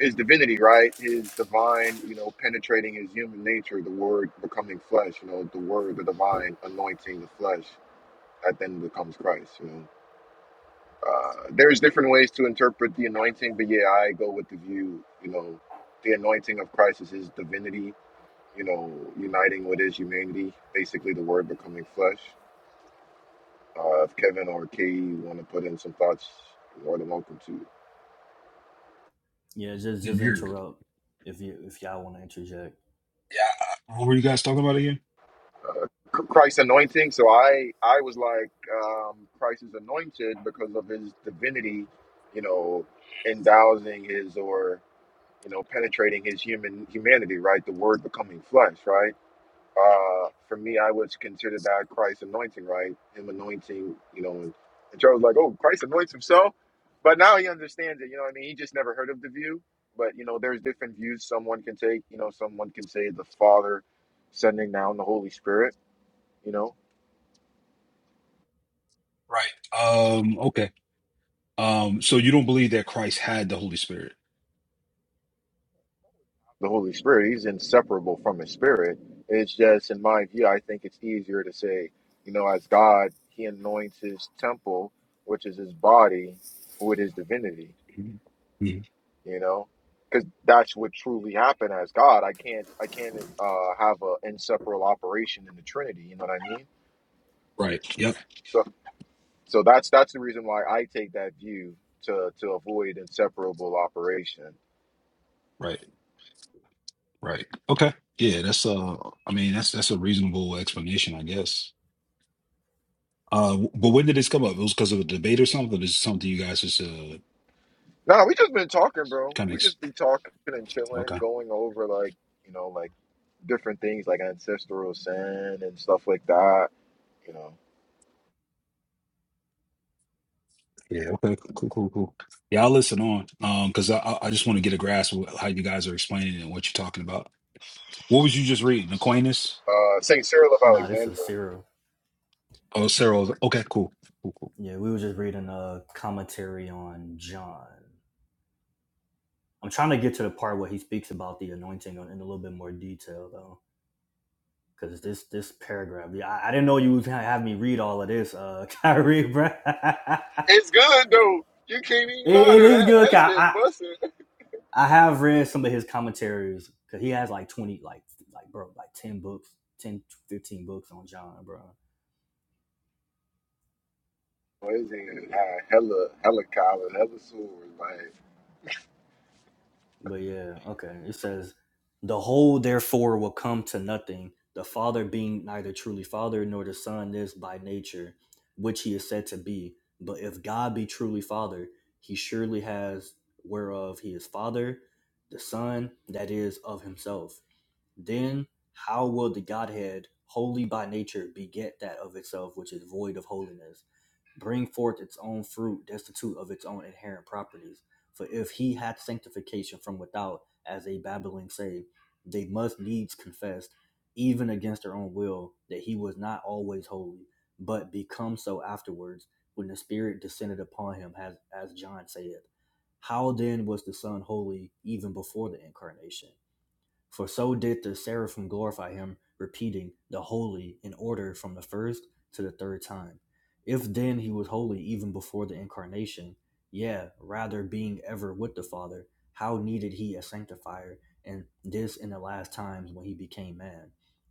A: his divinity, right? His divine, you know, penetrating his human nature, the word becoming flesh, you know, the word, the divine anointing the flesh that then becomes Christ, you know. Uh, there's different ways to interpret the anointing, but yeah, I go with the view, you know, the anointing of Christ is his divinity, you know, uniting with his humanity, basically the word becoming flesh. Uh, if Kevin or Kay want to put in some thoughts, you're more than welcome to.
C: Yeah, just
H: Didn't
C: just
H: hear you.
C: interrupt if you if y'all wanna interject.
H: Yeah. I- What were you guys talking about again?
A: Uh, C- Christ's anointing. So I, I was like, um, Christ is anointed because of his divinity, you know, endowsing his or you know penetrating his human humanity, right? The Word becoming flesh, right? Uh, for me, I would consider that Christ anointing, right? Him anointing, you know, and, and Charles was like, oh, Christ anoints himself. But now he understands it, you know what I mean? He just never heard of the view. But, you know, there's different views someone can take. You know, someone can say the Father sending down the Holy Spirit, you know,
H: Right. Um. Okay. Um. So you don't believe that Christ had the Holy Spirit?
A: the Holy Spirit, he's inseparable from his spirit. It's just, in my view, I think it's easier to say, you know, as God, he anoints his temple, which is his body, with his divinity
H: Mhm.
A: you know because that's what truly happened as god i can't i can't uh have a inseparable operation in the trinity you know what i mean
H: Right. Yep.
A: so so that's that's the reason why i take that view to to avoid inseparable operation
H: Right. Right. Okay. Yeah. That's uh. I mean, that's that's a reasonable explanation, I guess. Uh. w- But when did this come up? It was because of a debate or something. is something you guys just uh
A: nah, we just been talking bro
H: kind of.
A: we
H: Ex-
A: just be talking and chilling
H: okay.
A: going over like you know like different things like ancestral sin and stuff like that you know
H: Yeah. Okay. Cool. Cool. Cool. Yeah. I'll listen on. Um. Because I I I just want to get a grasp of how you guys are explaining it and what you're talking about. What was you just reading? Aquinas.
A: uh saint cyril of
C: Nah, this is
A: alexandria
C: Cyril.
H: Oh, Sarah. Okay, cool. Cool, cool.
C: Yeah, we were just reading a commentary on John. I'm trying to get to the part where he speaks about the anointing in a little bit more detail though. Cause this this paragraph, yeah, I, I didn't know you was gonna have me read all of this, uh, Kyrie, bro. it,
A: It's good though. You can't even lie
C: it
A: to
C: is
A: that.
C: good.
A: That
C: 'cause
A: shit's
C: I,
A: busting.
C: I have read some of his commentaries because he has like twenty, like like bro, like ten books, 10, 15 books on John, bro.
A: his hand had hella hella collars, hella swords. Like,
C: But yeah, okay. It says the whole therefore will come to nothing. The Father being neither truly Father nor the Son is by nature, which he is said to be. But if God be truly Father, he surely has whereof he is Father, the Son that is of himself. Then how will the Godhead, holy by nature, beget that of itself which is void of holiness, bring forth its own fruit, destitute of its own inherent properties? For if he hath sanctification from without, as they babbling say, they must needs confess, even against their own will, that he was not always holy, but become so afterwards, when the Spirit descended upon him, as, as John saith. How then was the Son holy even before the incarnation? For so did the seraphim glorify him, repeating the holy in order from the first to the third time. If then he was holy even before the incarnation, yeah, rather being ever with the Father, how needed he a sanctifier, and this in the last times when he became man?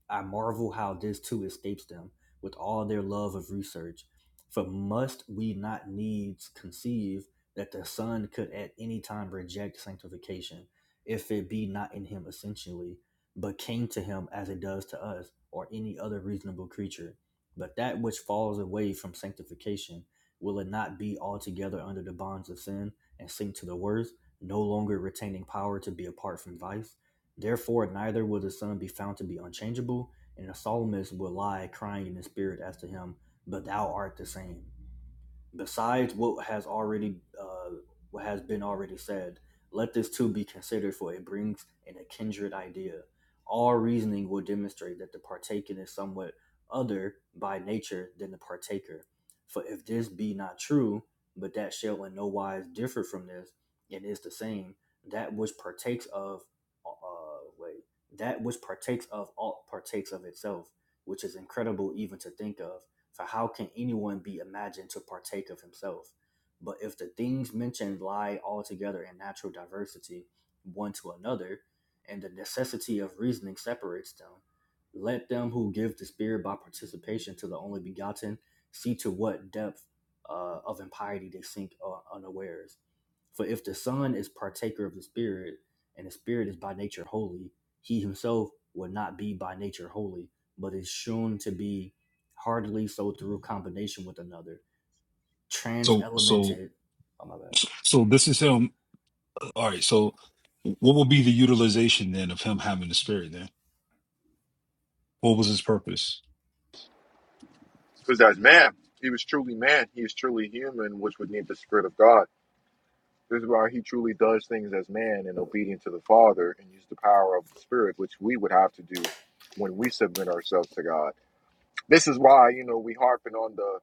C: I marvel how this too escapes them, with all their love of research. For must we not needs conceive that the Son could at any time reject sanctification? if it be not in him essentially, but came to him as it does to us or any other reasonable creature. But that which falls away from sanctification, will it not be altogether under the bonds of sin and sink to the worst, no longer retaining power to be apart from vice? Therefore, neither will the Son be found to be unchangeable, and the psalmist will lie crying in the spirit as to him, But thou art the same. Besides what has already uh, what has been already said, let this too be considered, for it brings in a kindred idea. All reasoning will demonstrate that the partaken is somewhat other by nature than the partaker. For if this be not true, but that shall in no wise differ from this, and is the same, that which partakes of uh uh, wait, that which partakes of all partakes of itself, which is incredible even to think of, for how can anyone be imagined to partake of himself? But if the things mentioned lie altogether in natural diversity one to another, and the necessity of reasoning separates them, let them who give the Spirit by participation to the only begotten see to what depth uh, of impiety they sink uh, unawares. For if the Son is partaker of the Spirit, and the Spirit is by nature holy, he himself would not be by nature holy, but is shown to be hardly so through combination with another,
H: So, so,
C: trans-elemented. Oh my bad.
H: so this is him. All right. So, what will be the utilization then of him having the spirit then? What was his purpose?
A: because that's man. He was truly man. He is truly human, which would need the spirit of God. This is why he truly does things as man and obedient to the Father, and use the power of the Spirit, which we would have to do when we submit ourselves to God. This is why you know we harping on the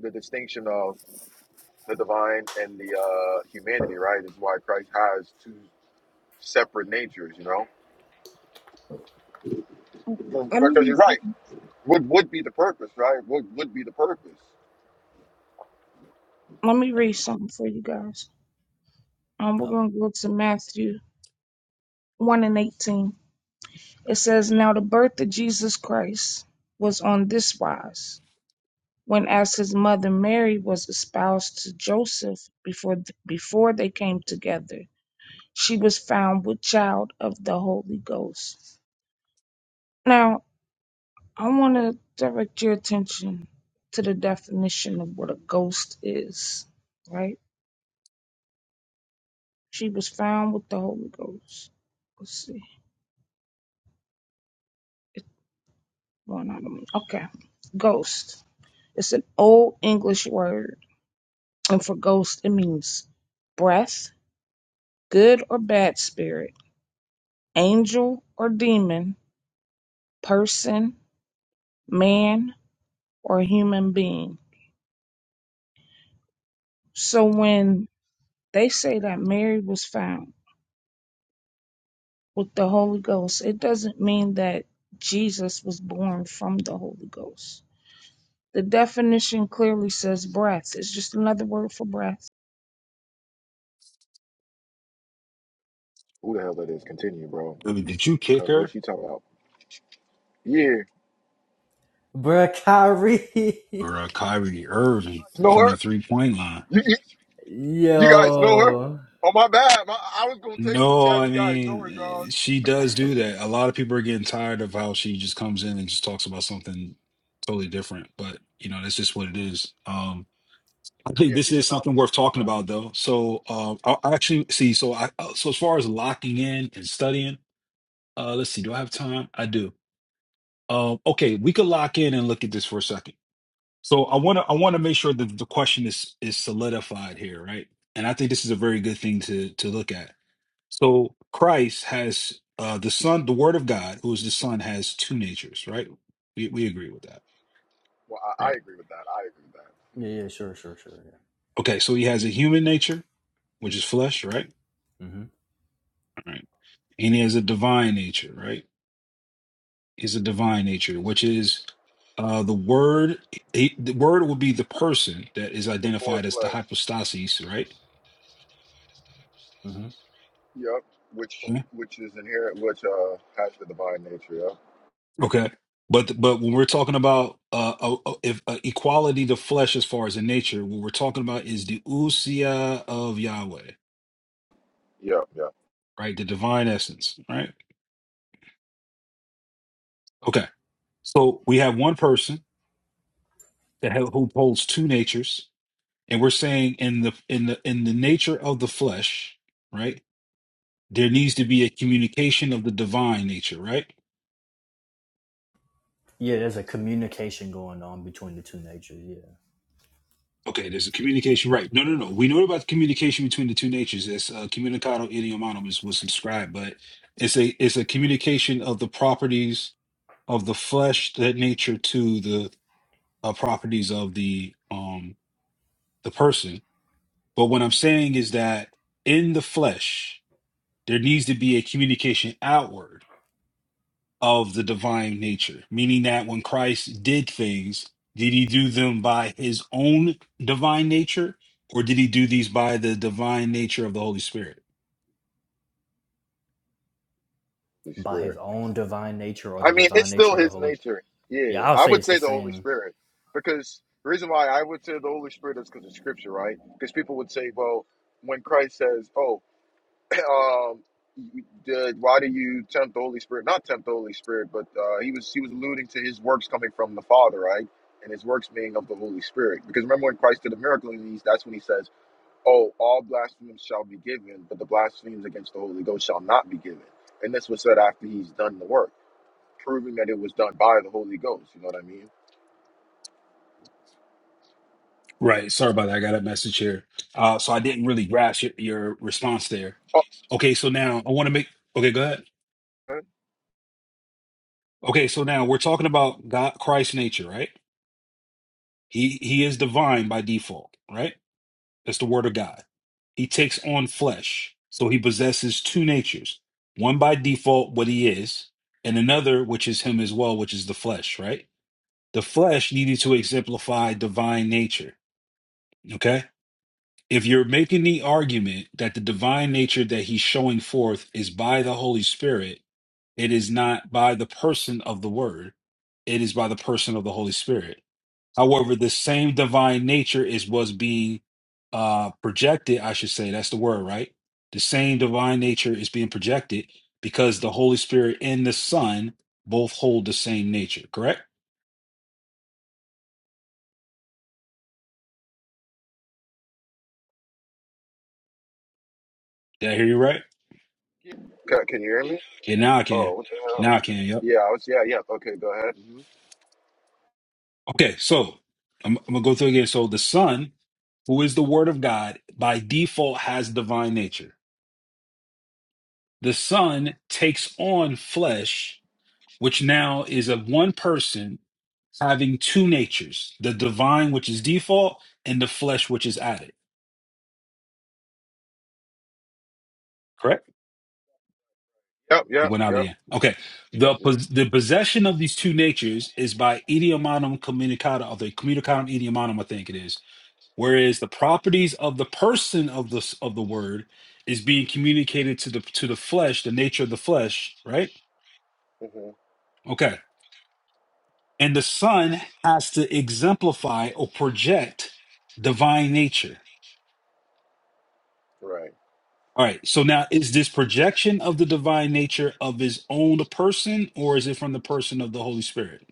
A: the distinction of the divine and the uh, humanity, right? This is why Christ has two separate natures, you know.
I: Let me
A: Because
I: read
A: you're right.
I: some-
A: What would be the purpose, right? What would be the purpose?
I: let me read something for you guys. Um, we're
C: Oh,
I: gonna go to Matthew one and eighteen. It says, "Now the birth of Jesus Christ was on this wise: when as his mother Mary was espoused to Joseph before before they came together, she was found with child of the Holy Ghost." Now I want to direct your attention to the definition of what a ghost is, right? She was found with the Holy Ghost. Let's see. It's going out of me. Okay. Ghost. It's an old English word. And for ghost, it means breath, good or bad spirit, angel or demon, person, man, or human being. So when they say that Mary was found with the Holy Ghost, it doesn't mean that Jesus was born from the Holy Ghost The definition clearly says breath. It's just another word for breath.
A: Who the hell that is? Continue, bro.
H: I mean, did you
A: I
H: kick
A: don't know What
H: her
A: she talking about? Yeah,
C: Bruh, Kyrie.
H: or uh, Kyrie Irving
A: know
H: from
A: her.
H: the three point line?
A: You, you you guys know her?
C: Yo.
A: Oh my bad. My, I was gonna text in the
H: No,
A: chat. If
H: I
A: you guys know her,
H: mean,
A: dog.
H: eh, she does do that. A lot of people are getting tired of how she just comes in and just talks about something totally different, but you know, that's just what it is. Um, I think
A: Yeah,
H: this
A: she should
H: is
A: not
H: something
A: be on
H: worth
A: this
H: talking
A: time.
H: about, though. So, uh, I I actually see. So, I uh, so as far as locking in and studying, uh, let's see. Do I have time? I do. Um, okay, we could lock in and look at this for a second. So, I want to I want to make sure that the question is is solidified here, right? And I think this is a very good thing to to look at. So, Christ has uh, the Son, the Word of God, who is the Son, has two natures, right? We we agree with that,
A: Well, I,
H: right?
A: I agree with that. I agree with that.
C: yeah, yeah,
A: Mhm.
C: sure, sure, sure. Yeah.
H: Okay, so he has a human nature, which is flesh, right?
C: hmm
H: Right. and he has a divine nature, right? He's a divine nature, which is uh, the word. He, the word would be the person that is
A: Before
H: identified as the
A: flesh.
H: hypostasis, right?
C: hmm
A: Yep. Which
H: Mhm.
A: which is inherent. Which uh has the divine nature. Yep.
H: Okay, but but when we're talking about uh, uh, uh, if uh, equality to flesh as far as in nature, what we're talking about is the usia of Yahweh,
A: Yep. Yep.
H: right? The divine essence, right? Okay, so we have one person that ha- who holds two natures, and we're saying in the in the in the nature of the flesh, right? there needs to be a communication of the divine nature, right?
C: Yeah, there's a communication going on between the two natures. Yeah,
H: Okay, there's a communication, right? No, no, no. We know about the communication between the two natures. That's uh, communicado idiomatum is what's described, but it's a it's a communication of the properties of the flesh, that nature, to the uh, properties of the um the person. But what I'm saying is that in the flesh, there needs to be a communication outward of the divine nature, meaning that when Christ did things, did he do them by his own divine nature or did he do these by the divine nature of the Holy Spirit?
A: Holy
C: by
A: Spirit.
C: his own divine nature or
A: I
C: the
A: mean, it's
C: divine nature
A: still
C: of the
A: his
C: holy.
A: nature.
C: Yeah,
A: Yeah,
C: I'll
A: I
C: say
A: would
C: it's the
A: say the Holy
C: same.
A: Spirit because the reason why I would say the Holy Spirit is because of Scripture, right? Because people would say, well, when Christ says, "Oh, um, you- the, why do you tempt the Holy Spirit?" Not tempt the Holy Spirit, but uh, he was he was alluding to his works coming from the Father, right? And his works being of the Holy Spirit. Because remember when Christ did a miracle in these, that's when he says, "Oh, all blasphemies shall be given, but the blasphemies against the Holy Ghost shall not be given." And this was said after he's done the work proving that it was done by the Holy Ghost. You know what I mean?
H: Right. Sorry about that. I got a message here. Uh, so I didn't really grasp your, your response there.
A: Oh,
H: Okay. So now I want to make, okay, go ahead.
A: huh?
H: Okay. So now we're talking about God, Christ's nature, right? He, he is divine by default, right? That's the word of God. He takes on flesh. So he possesses two natures one by default, what he is, and another, which is him as well, which is the flesh, right? The flesh needed to exemplify divine nature. Okay. If you're making the argument that the divine nature that he's showing forth is by the Holy Spirit, it is not by the person of the word, it is by the person of the Holy Spirit. However, the same divine nature is what's being uh, projected, I should say. That's the word, right? The same divine nature is being projected because the Holy Spirit and the Son both hold the same nature, correct? Did I hear you right?
A: can, can you hear me?
H: And now I can.
A: Oh, what the hell?
H: Now I can, yep.
A: Yeah, I was, yeah, yeah. Okay, go ahead. Mhm.
H: Okay, so I'm, I'm going to go through again. So the Son, who is the Word of God, by default has divine nature. The Son takes on flesh which now is of one person having two natures the divine, which is default, and the flesh, which is added. Correct?
A: Yep,
H: He
A: yep,
H: went out
A: yep,
H: again. Okay.
A: yep,
H: The,
A: yep.
H: pos- the possession of these two natures is by idiomatum communicata, or the communicatum idiomatum, I think it is. Whereas the properties of the person of the s- of the word is being communicated to the to the flesh, the nature of the flesh, right?
A: hmm
H: Okay. And the son has to exemplify or project divine nature
A: Right.
H: All right. So now, is this projection of the divine nature of his own person, or is it from the person of the Holy Spirit?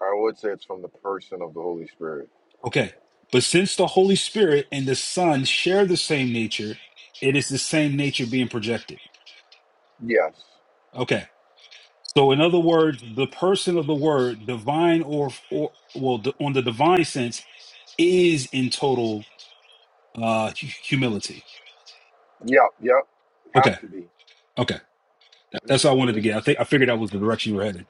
A: I would say it's from the person of the Holy Spirit.
H: Okay. But since the Holy Spirit and the Son share the same nature, it is the same nature being projected.
A: Yes.
H: Okay. So, in other words, the person of the Word, divine or, or well, d- on the divine sense, is in total uh, hu- humility.
A: Yep, yep.
H: Okay.
A: Have to be.
H: Okay. That- That's all I wanted
A: hmm
H: to get. I think I figured that was the direction you were headed.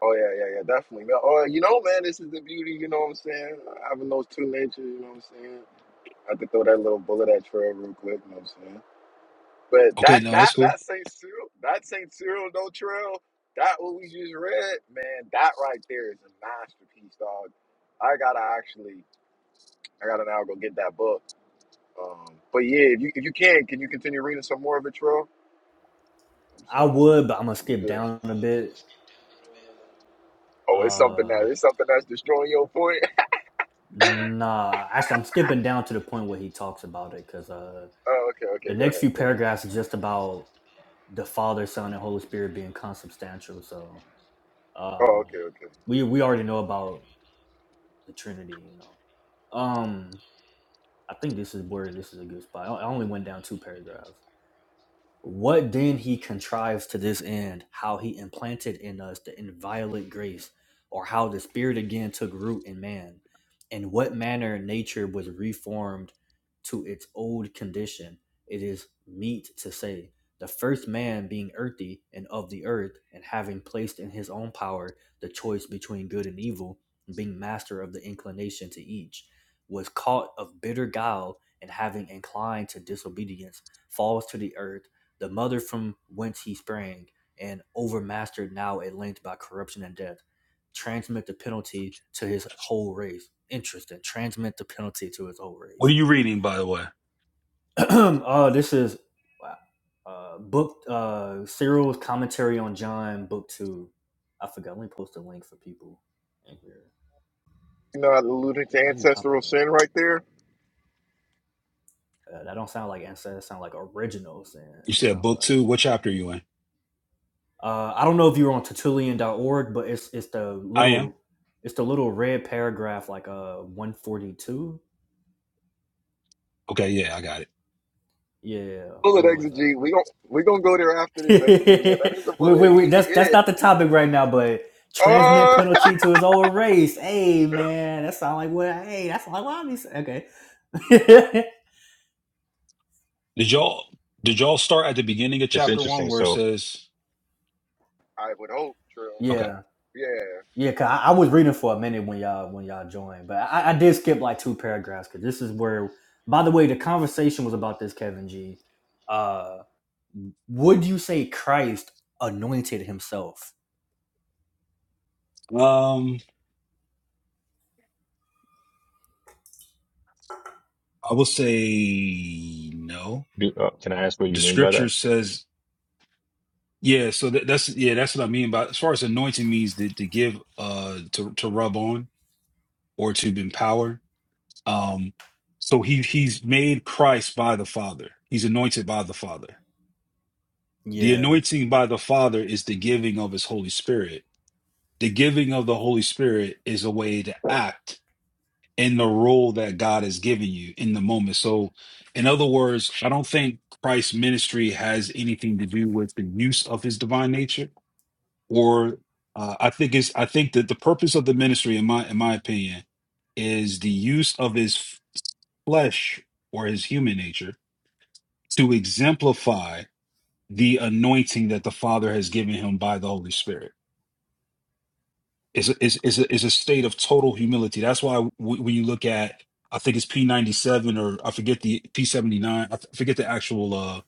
A: Oh yeah, yeah, yeah, definitely. Man, Oh, you know, man, this is the beauty. You know what I'm saying? Having those two natures. You know what I'm saying? I could throw that little bullet at Trey real quick. You know what I'm saying? But
H: Okay,
A: that
H: no,
A: that
H: that's cool.
A: that Saint Cyril, that Saint Cyril no trail, that what we just read, man, that right there is a masterpiece, dog. I gotta actually, I gotta now go get that book. Um, but yeah, if you if you can, can you continue reading some more of it, Trill? I'm
C: I
A: saying
C: would, but I'm gonna
A: that'd
C: skip
A: be good.
C: down a bit.
A: Oh, it's something
C: Uh,
A: that it's something that's destroying your point.
C: nah, actually, I'm skipping down to the point where he talks about it because uh,
A: Oh, okay,
C: the
A: okay, go
C: next few
A: ahead, go ahead.
C: paragraphs is just about the Father, Son, and Holy Spirit being consubstantial. So,
A: Oh, okay,
C: um,
A: okay.
C: we we already know about the Trinity, you know. Um, I think this is where this is a good spot. I I only went down two paragraphs. what then he contrives to this end, how he implanted in us the inviolate grace, or how the Spirit again took root in man, and what manner nature was reformed to its old condition, it is meet to say. The first man being earthy and of the earth, and having placed in his own power the choice between good and evil, and being master of the inclination to each, was caught of bitter guile, and having inclined to disobedience, falls to the earth the mother from whence he sprang, and overmastered now at length by corruption and death, transmit the penalty to his whole race. Interesting. Transmit the penalty to his whole
H: What are
C: race.
H: you reading, by the way?
C: oh, this is wow. uh, book uh, Cyril's commentary on John, book two. I forgot. Let me post a link for people in here.
A: You know, alluding to
C: How do you copy
A: ancestral
C: the link?
A: sin right there.
C: Uh, that don't sound like ancestors. Sound like originals. And
H: You
C: you
H: said
C: sound
H: book
C: bad.
H: two. What chapter are you in?
C: Uh, I don't know if you were on Tertullian.org, but it's it's the
H: I am.
C: little it's the little red paragraph like uh 142.
H: Okay, yeah, I got it.
C: Yeah,
A: Bullet
C: where was I?
A: exegete. We gon' we gonna go there after this exegete. Yeah,
C: wait,
A: that is a
C: wait,
A: bullet.
C: wait.
A: You, you,
C: That's that's
A: yeah.
C: not the topic right now, but
A: Oh.
C: transmit penalty to his old race. Hey man, that sound like what? I- Hey, that's like what I be saying. Okay.
H: Did y'all did y'all start at the beginning of
J: It's
H: chapter one
J: interesting.
H: where it
J: So,
H: says
A: I would hope. True.
H: okay.
C: yeah,
A: Yeah.
C: yeah. Cause I, I was reading for a minute when y'all when y'all joined, but I, I did skip like two paragraphs because this is where. By the way, the conversation was about this Kevin G. Uh. Would you say Christ anointed himself?
H: Um I will say no.
J: do- uh, can I ask what you
H: The
J: mean by
H: scripture
J: that?
H: says yeah, so that, that's yeah, that's what I mean by as far as anointing means to, to give uh to to rub on or to empower. Um, so he he's made Christ by the Father. He's anointed by the Father. The
C: Yeah.
H: anointing by the Father is the giving of his Holy Spirit. The giving of the Holy Spirit is a way to act in the role that God has given you in the moment. So, in other words, I don't think Christ's ministry has anything to do with the use of his divine nature. Or uh, I think it's I think that the purpose of the ministry, in my in my opinion, is the use of his. flesh or his human nature to exemplify the anointing that the Father has given him by the Holy Spirit. Is is is a, is a state of total humility. That's why w- when you look at, I think it's P ninety seven or I forget the P seventy nine. I th- forget the actual uh,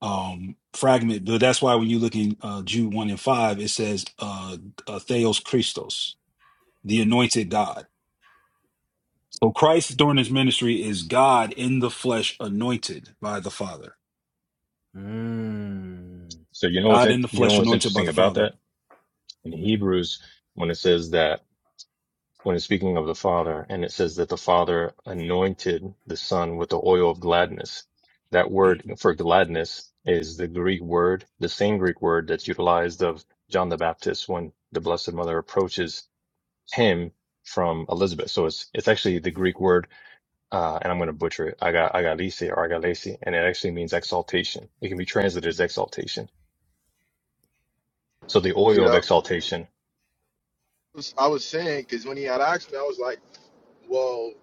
H: um, fragment, but that's why when you look in uh, Jude one and five, it says uh, uh, Theos Christos, the anointed God. So Christ during his ministry is God in the flesh, anointed by the Father
C: Mm,
J: So, you know what's
H: God
J: in,
H: in the
J: you know
H: flesh,
J: what's
H: anointed by
J: interesting
H: the
J: about
H: Father.
J: that in Hebrews when it says that when it's speaking of the Father and it says that the Father anointed the Son with the oil of gladness. That word for gladness is the Greek word, the same Greek word that's utilized of John the Baptist when the Blessed Mother approaches him from Elizabeth. So it's it's actually the Greek word uh, and I'm going to butcher it. I got Agalice or Agalese, and it actually means exaltation. It can be translated as exaltation. So the
A: You
J: oil of
A: know,
J: exaltation
A: I was saying because when he had asked me, I was like, "Well,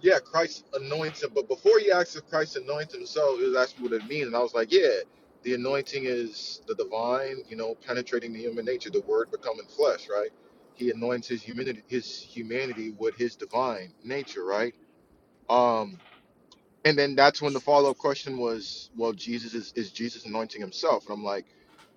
A: yeah, Christ anoints him," but before he asked if Christ anoints himself, he was asking what it means, and I was like, "Yeah, the anointing is the divine, you know, penetrating the human nature, the Word becoming flesh, right? He anoints his humanity, his humanity with his divine nature, right? Um. And then that's when the follow up question was, well, Jesus is, is Jesus anointing himself? And I'm like,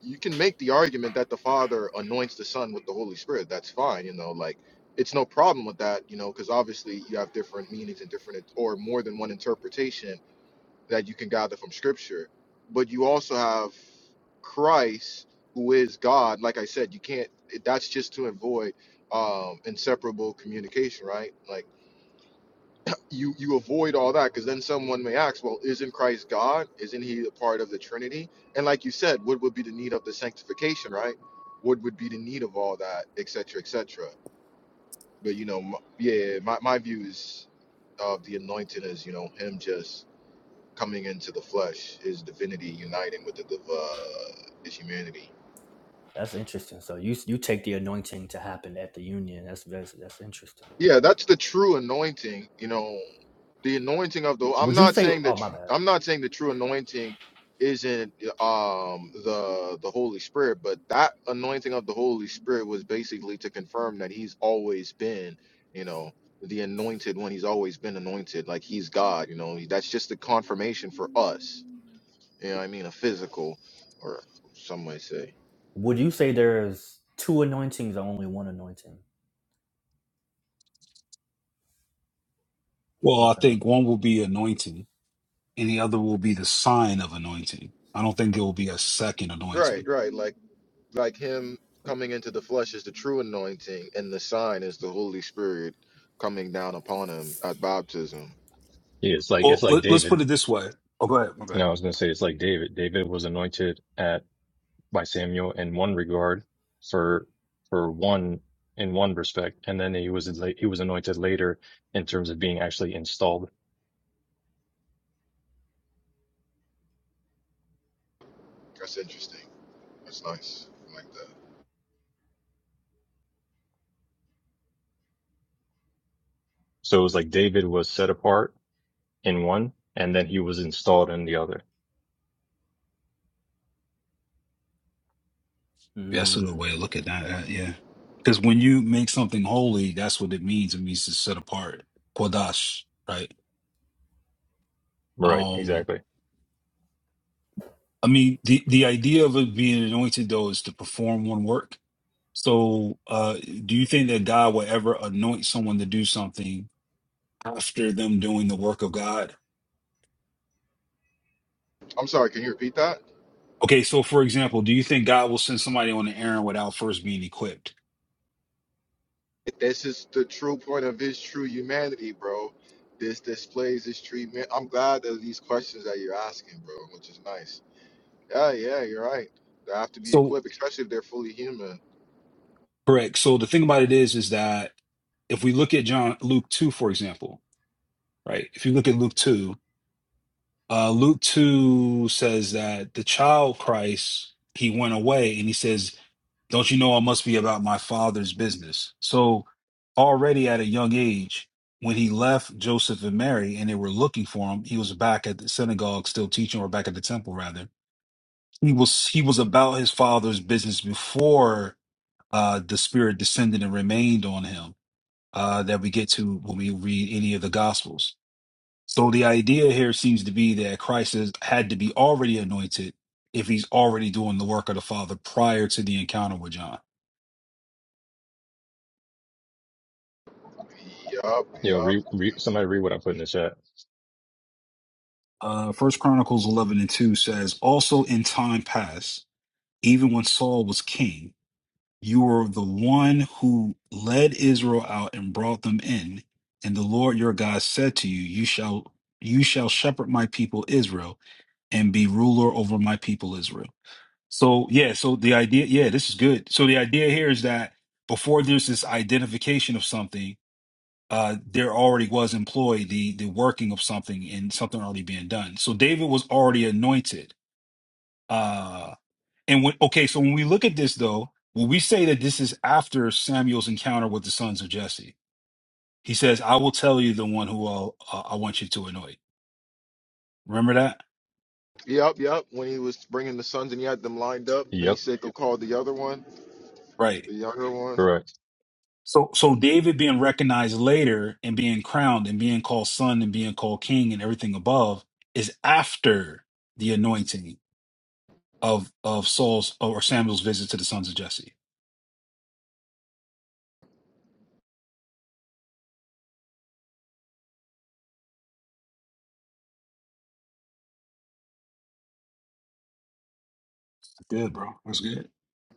A: you can make the argument that the Father anoints the Son with the Holy Spirit. That's fine, you know, like it's no problem with that, you know, because obviously you have different meanings and different or more than one interpretation that you can gather from Scripture. But you also have Christ, who is God. Like I said, you can't. That's just to avoid um, inseparable communication, right? Like you you avoid all that because then someone may ask, well, isn't Christ God? Isn't he a part of the Trinity? And like you said, what would be the need of the sanctification, right? What would be the need of all that, et cetera, et cetera? But you know, m yeah, my my view is of the anointing is you know him just coming into the flesh, his divinity uniting with the div- uh, his humanity.
C: that's interesting. So you you take the anointing to happen at the union. That's that's, that's interesting.
A: Yeah, that's the true anointing. You know, the anointing of the. I'm
C: Would you
A: not
C: say?
A: saying
C: Oh
A: that.
C: my bad.
A: I'm not saying the true anointing isn't um the the Holy Spirit, but that anointing of the Holy Spirit was basically to confirm that He's always been, you know, the anointed when He's always been anointed, like He's God. You know, that's just the confirmation for us. You know, what I mean, a physical, or some might say.
C: Would you say there's two anointings or only one anointing?
H: Well, I
C: Okay.
H: think
C: Okay.
H: one will be anointing, and the other will be the sign of anointing. I don't think there will be a second
A: Right,
H: anointing.
A: right. Like like him coming into the flesh is the true anointing, and the sign is the Holy Spirit coming down upon him at baptism.
J: is like
H: Well,
J: it's like
H: let, us
J: David.
H: put it this way. Oh, go ahead. My
J: You
H: bad.
J: know, I was going to say it's like David. David was anointed at by Samuel in one regard for for one in one respect, and then he was he was anointed later in terms of being actually installed.
A: That's interesting. That's nice. I like that.
J: So it was like David was set apart in one, and then he was installed in the other.
H: That's a good way
C: Mm.
H: to look at that. uh, yeah. Because when you make something holy, that's what it means. It means to set apart, kodash, right?
J: Right,
H: Um,
J: exactly.
H: I mean, the, the idea of it being anointed, though, is to perform one work. So, uh, do you think that God will ever anoint someone to do something after them doing the work of God.
A: I'm sorry, can you repeat that?
H: Okay, so for example, do you think God will send somebody on an errand without first being equipped?
A: This is the true point of his true humanity, bro. This displays his treatment. I'm glad that these questions that you're asking, bro, which is nice. Yeah, yeah, you're right. They have to be
H: So
A: equipped, especially if they're fully human.
H: correct. So the thing about it is, is that if we look at John Luke two, for example, right? If you look at Luke two, uh, Luke two says that the child Christ he went away, and he says Don't you know I must be about my father's business? So, already at a young age, when he left Joseph and Mary and they were looking for him, he was back at the synagogue still teaching, or back at the temple rather. He was he was about his father's business before uh, the Spirit descended and remained on him. Uh, that we get to when we read any of the Gospels. So the idea here seems to be that Christ is, had to be already anointed if he's already doing the work of the Father prior to the encounter with John.
A: Yup,
J: You know,
A: yup.
J: re, re, somebody read what I put in the chat.
H: Uh, First Chronicles 11 and 2 says, Also in time past, even when Saul was king, you were the one who led Israel out and brought them in. And the Lord your God said to you, You shall you shall shepherd my people Israel and be ruler over my people Israel. So yeah, so the idea, yeah, this is good. So the idea here is that before there's this identification of something, uh, there already was employed the the working of something and something already being done. So David was already anointed. Uh, and when okay, so when we look at this though, when we say that this is after Samuel's encounter with the sons of Jesse, he says, "I will tell you the one who I'll, uh, I want you to anoint." Remember that,
A: Yup, yup. When he was bringing the sons and he had them lined up, and he
J: Yep.
A: said, "Go call the other one."
H: right?
A: The younger one.
J: Correct.
H: So so David being recognized later and being crowned and being called son and being called king and everything above is after the anointing of of Saul's or Samuel's visit to the sons of Jesse. Good, bro. That's good.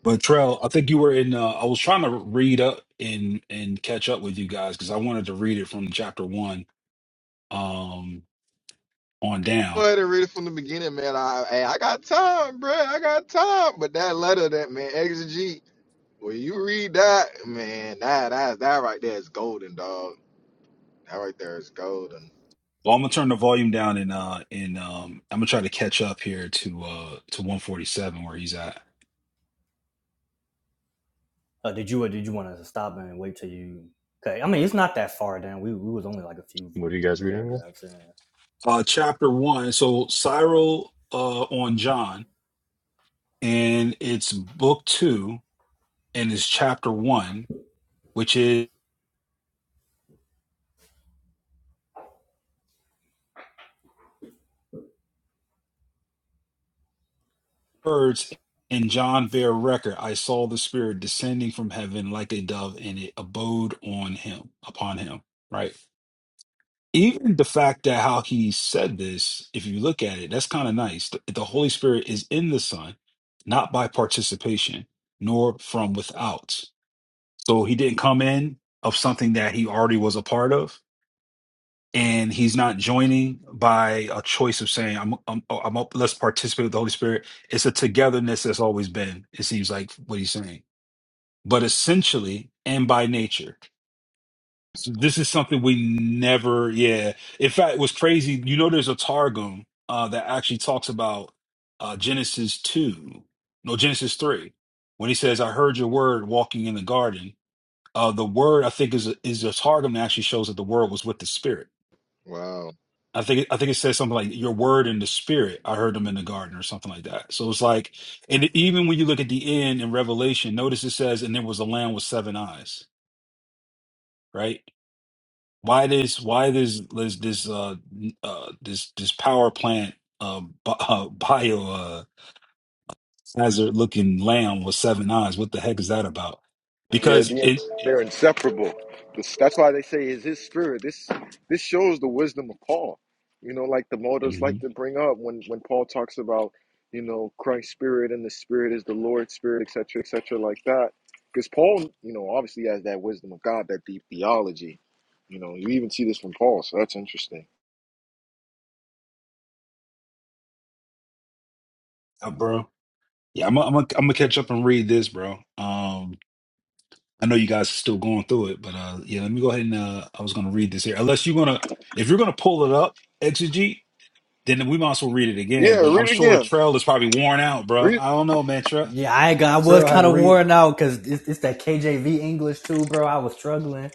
H: But Trell, I think you were in. Uh, I was trying to read up and and catch up with you guys because I wanted to read it from chapter one um, on
A: Go
H: down.
A: ahead and read it from the beginning, man. I hey, I got time, bruh. I got time. But that letter, that man, exegete. When you read that, man, that that that right there is golden, dog. That right there is golden.
H: Well, I'm gonna turn the volume down and uh and um I'm gonna try to catch up here to uh to 147 where he's at.
C: Uh, did you or did you want us to stop and wait till you? Okay. I mean, it's not that far down. We we was only like a few
J: What are you guys reading?
C: paragraphs in.
H: Uh, chapter one. So Cyril uh on John and it's book two and it's chapter one, which is. words and John bare record, I saw the Spirit descending from heaven like a dove, and it abode on him, upon him. Right. Even the fact that how he said this, if you look at it, that's kind of nice. The, the Holy Spirit is in the Son, not by participation, nor from without. So he didn't come in of something that he already was a part of and he's not joining by a choice of saying I'm I'm, oh, I'm up, let's participate with the Holy Spirit. It's a togetherness that's always been. It seems like what he's saying, but essentially and by nature, so this is something we never. Yeah, in fact, it was crazy. You know, there's a targum uh, that actually talks about uh, Genesis two, no Genesis three, when he says, "I heard your word walking in the garden." Uh, the word I think is a, is a targum that actually shows that the word was with the Spirit
A: Wow.
H: I think I think it says something like your word and the spirit. I heard them in the garden or something like that. So it's like, and even when you look at the end in Revelation, notice it says, and there was a lamb with seven eyes, right? Why this? Why this? This this uh, uh this this power plant uh, bi- uh bio uh hazard looking lamb with seven eyes? What the heck is that about?
A: Yeah,
H: Because it,
A: the- they're inseparable. This- That's why they say is his spirit. This this shows the wisdom of Paul. You know, like the motives like
H: Mhm.
A: to bring up when when Paul talks about you know Christ's spirit and the spirit is the Lord's spirit, etc., etc., like that. Because Paul, you know, obviously has that wisdom of God, that deep theology. You know, you even see this from Paul, so that's interesting.
H: Uh, bro. Yeah, I'm i I'm i am I'm gonna catch up and read this, bro. Um, I know you guys are still going through it, but uh, yeah, let me go ahead and uh, I was going to read this here. Unless you're gonna, if you're gonna pull it up, exegete, then we might as well read it again.
A: Yeah,
H: But I'm
A: read it
H: sure
A: again.
H: Trail is probably worn out, bro.
A: Read.
H: I don't know, man. Trail,
C: Yeah, I ain't got, I was
H: Trail had
C: kind
H: to
C: of
H: read it.
C: worn out because it's, it's that KJV English too, bro. I was struggling.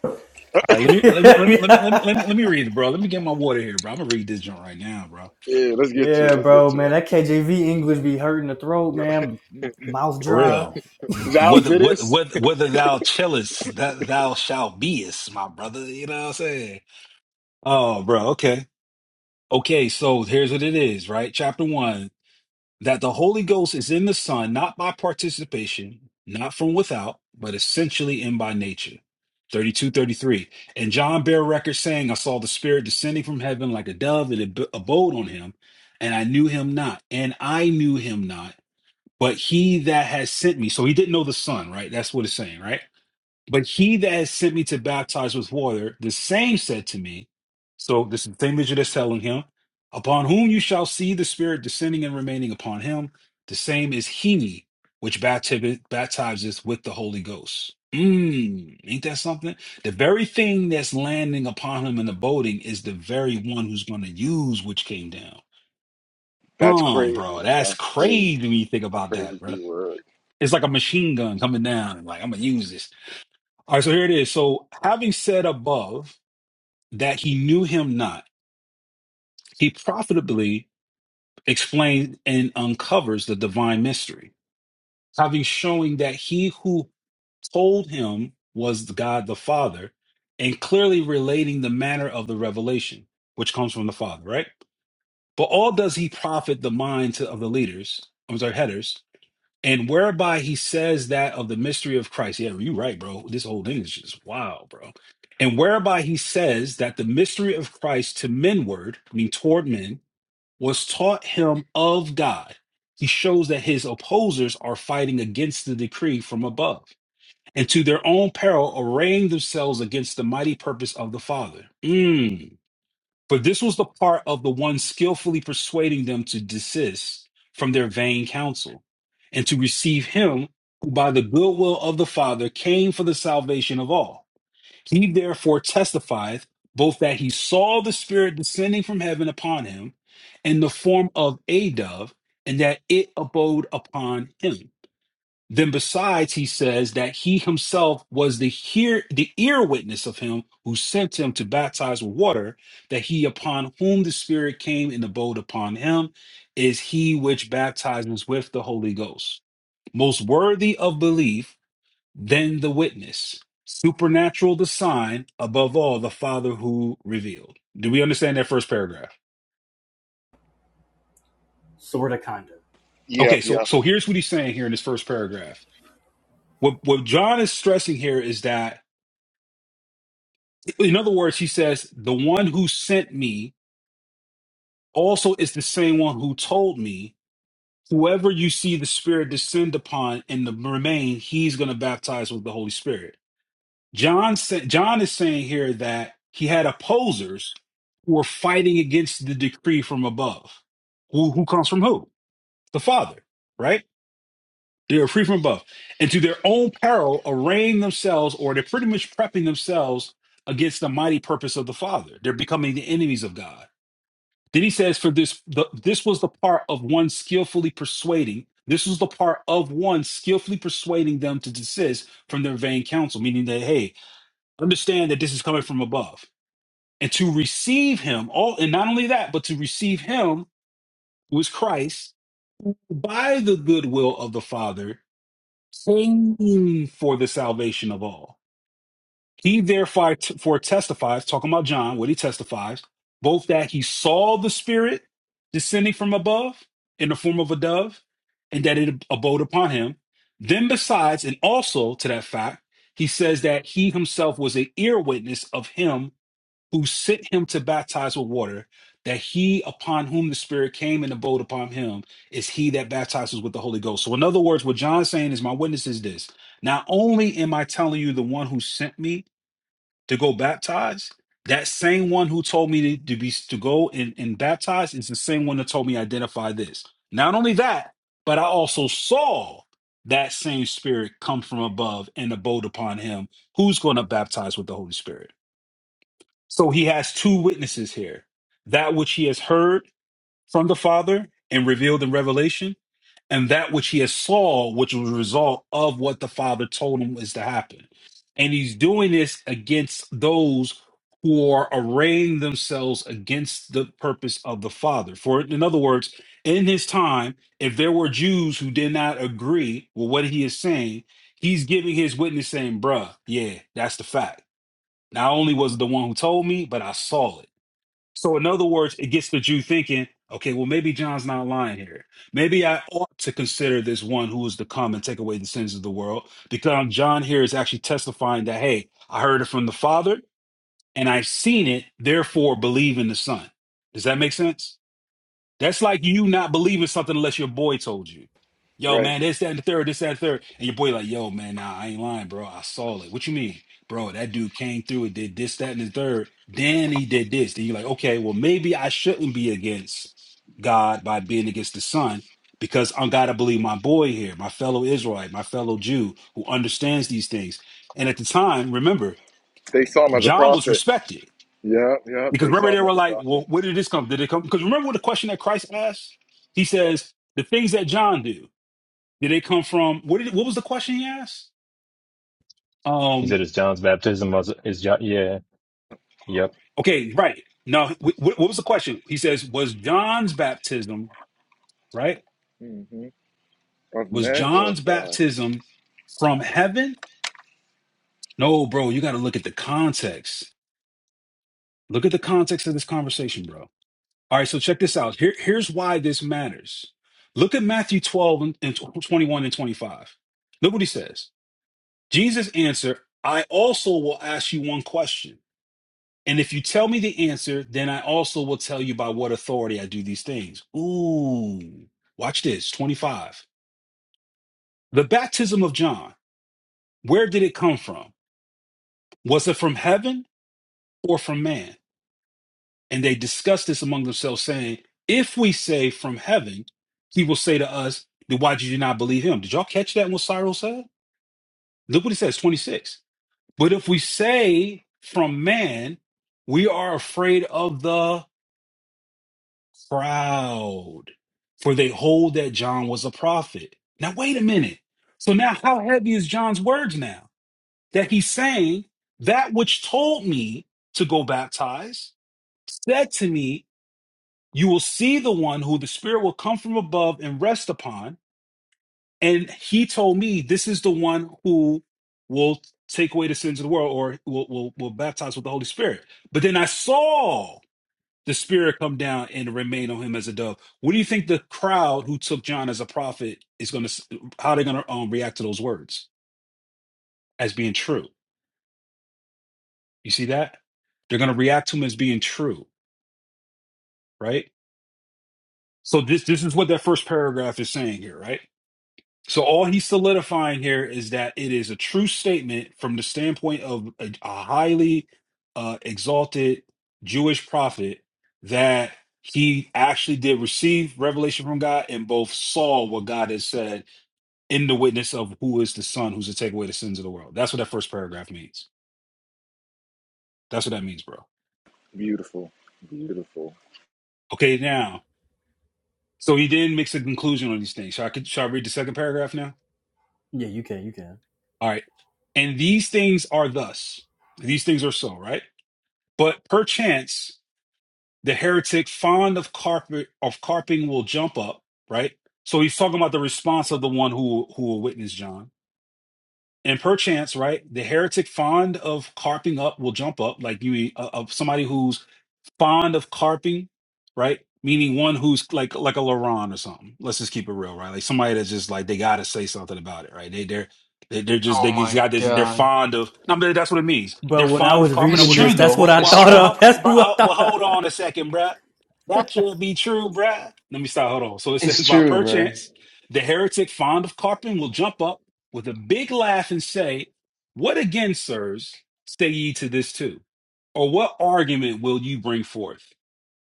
H: All right, let me let me let me let me let me
C: yeah.
H: let me let me read it, bro. Let me get my water here, bro. I'm gonna read this joint right now, bro.
A: Yeah, let's get to
C: yeah,
A: it. Let's get
C: bro,
A: to
C: man, that KJV English be hurting the throat,
A: it.
C: man. Mouth
H: For
C: dry.
H: real.
A: Thou
H: Whether whether
A: didst.
H: whether whether thou chillest, that thou shalt beest, my brother. You know what I'm saying? Oh, bro. Okay. Okay. So here's what it is, right? Chapter one. that the Holy Ghost is in the Son, not by participation, not from without, but essentially and by nature. 32, 33, And John bare record saying, I saw the Spirit descending from heaven like a dove, and it ab- abode on him, and I knew him not, and I knew him not, but he that has sent me. So he didn't know the Son, right? That's what it's saying, right? But he that has sent me to baptize with water, the same said to me, so this is the same that that's telling him, upon whom you shall see the Spirit descending and remaining upon him, the same is he which bapti- baptizes with the Holy Ghost. Mm, ain't that something? The very thing that's landing upon him and abiding is the very one who's going to use which came down.
A: That's
H: Um, bro,
A: crazy.
H: that's
A: That's crazy.
H: crazy when you think about that, bro.
A: Crazy word.
H: It's like a machine gun coming down, and like I'm gonna use this. All right, so here it is. So, having said above that he knew him not, he profitably explains and uncovers the divine mystery, having showing that he who told him was the God the Father, and clearly relating the manner of the revelation, which comes from the Father, right? But all does he profit the minds of the leaders, I'm sorry, headers, and whereby he says that of the mystery of Christ. Yeah, you're right, bro. This whole thing is just wow, bro. And whereby he says that the mystery of Christ to menward, I mean toward men, was taught him of God. He shows that his opposers are fighting against the decree from above, and to their own peril arraying themselves against the mighty purpose of the Father. Mm. For this was the part of the one skillfully persuading them to desist from their vain counsel, and to receive him who by the goodwill of the Father came for the salvation of all. He therefore testifieth both that he saw the Spirit descending from heaven upon him in the form of a dove, and that it abode upon him. Then besides, he says that he himself was the hear the ear witness of him who sent him to baptize with water, that he upon whom the Spirit came and abode upon him is he which baptizes with the Holy Ghost. Most worthy of belief then the witness, supernatural the sign, above all the Father who revealed. Do we understand that first paragraph?
C: Sorta, kinda.
H: Okay,
A: Yep. Yep.
H: so so here's what he's saying here in this first paragraph. What what John is stressing here is that In other words, he says, The one who sent me also is the same one who told me, Whoever you see the Spirit descend upon and the remain, he's going to baptize with the Holy Spirit. John, sa- John is saying here that he had opposers who were fighting against the decree from above. Who, who comes from who? The Father, right? They are free from above. And to their own peril, arraying themselves, or they're pretty much prepping themselves against the mighty purpose of the Father. They're becoming the enemies of God Then he says, "For this, the, this was the part of one skillfully persuading. This was the part of one skillfully persuading them to desist from their vain counsel, meaning that hey, understand that this is coming from above, and to receive him. All and not only that, but to receive him who is Christ by the goodwill of the Father, praying for the salvation of all." He therefore t- for testifies, talking about John, what he testifies, both that he saw the Spirit descending from above in the form of a dove, and that it abode upon him. Then, besides, and also to that fact, he says that he himself was an ear witness of him who sent him to baptize with water, that he upon whom the Spirit came and abode upon him is he that baptizes with the Holy Ghost. So, in other words, what John's saying is, My witness is this. Not only am I telling you the one who sent me, to go baptize, that same one who told me to, to be to go and, and baptize is the same one that told me identify this. Not only that, but I also saw that same spirit come from above and abode upon him who's going to baptize with the Holy Spirit. So he has two witnesses here. That which he has heard from the Father and revealed in revelation, and that which he has saw, which was a result of what the Father told him is to happen. And he's doing this against those who are arraying themselves against the purpose of the Father. For in other words, in his time, if there were Jews who did not agree with what he is saying, he's giving his witness saying, bruh, yeah, that's the fact. Not only was it the one who told me, but I saw it. So, in other words, it gets the Jew thinking, okay, well, maybe John's not lying here. Maybe I ought to consider this one who is to come and take away the sins of the world, because John here is actually testifying that, hey, I heard it from the Father and I've seen it, therefore believe in the Son. Does that make sense? That's like you not believing something unless your boy told you. Yo,
A: Right.
H: man, this, that, and the third, this, that, and the third. And your boy like, yo, man, nah, I ain't lying, bro. I saw it. What you mean? Bro, that dude came through and did this, that, and the third. Then he did this. Then you're like, okay, well, maybe I shouldn't be against God by being against the son because I gotta believe my boy here, my fellow Israelite, my fellow Jew who understands these things. And at the time, remember,
A: They saw him as a
H: John was
A: prophet.
H: respected.
A: Yep, yep.
H: Because
A: They
H: remember,
A: saw
H: they
A: him
H: were
A: as a
H: like,
A: prophet.
H: well, where did this come? Did it come? Because remember what the question that Christ asked? He says, the things that John do, did they come from, what did, what was the question he asked?
J: He
H: Um,
J: said it's John's baptism. Was is John? Yeah. Yep.
H: okay, right. No. wh- wh- what was the question? He says, was John's baptism, right?
A: hmm Of
H: Was
A: men or of
H: John's
A: God.
H: baptism from heaven? No, bro, you got to look at the context. Look at the context of this conversation, bro. All right, so check this out. Here, here's why this matters. Look at Matthew 12 and and 21 and 25. Look what he says. Jesus answered, I also will ask you one question. And if you tell me the answer, then I also will tell you by what authority I do these things. Ooh, watch this 25. The baptism of John, where did it come from? Was it from heaven or from man? And they discussed this among themselves, saying, If we say from heaven, he will say to us, Then why did you not believe him? Did y'all catch that what Cyril said? Look what he says 26. But if we say from man, we are afraid of the crowd, for they hold that John was a prophet. Now, wait a minute. So, now how heavy is John's words now? That he's saying, That which told me to go baptize said to me, You will see the one who the Spirit will come from above and rest upon And he told me this is the one who will take away the sins of the world or will, will, will baptize with the Holy Spirit. But then I saw the Spirit come down and remain on him as a dove. What do you think the crowd who took John as a prophet is going to, how they're going to um, react to those words as being true? You see that? They're going to react to him as being true, right? So this, this is what that first paragraph is saying here, right? So all he's solidifying here is that it is a true statement from the standpoint of a, a highly uh, exalted Jewish prophet that he actually did receive revelation from God and both saw what God has said in the witness of who is the Son, who's to take away the sins of the world. That's what that first paragraph means. That's what that means, bro.
A: Beautiful. Beautiful.
H: Okay, now, so he then makes a conclusion on these things. Shall I, shall I read the second paragraph now?
C: Yeah, you can, you can.
H: All right. And these things are thus. These things are so, right? But perchance the heretic fond of carpet of carping will jump up, right? So he's talking about the response of the one who who will witness John. And perchance, right, the heretic fond of carping up will jump up, like you uh, of somebody who's fond of carping, right? Meaning one who's like like a LaRon or something. Let's just keep it real, right? Like somebody that's just like they gotta say something about it, right? They they're they, they're just
K: Oh
H: they just
K: my
H: got this. They're
K: god.
H: fond of. No, but that's what it means.
C: But
H: They're
C: when I
H: fond of
C: was
H: carping.
K: It's
H: Well,
C: reading
H: John,
K: true
C: this, that's what
K: though.
H: well,
C: I
K: It's
H: well,
C: thought
H: well,
K: true.
H: hold
C: of. That's
H: on, bro.
C: who I
H: Ho- well,
C: thought
H: hold
C: of.
H: on a second, bruh. That can't be true, bruh. Let me stop. Hold on. So it says
K: It's
H: by
K: true, bro.
H: perchance, the heretic fond of carping will jump up with a big laugh and say, "What again, sirs? Say ye to this too?" or what argument will you bring forth?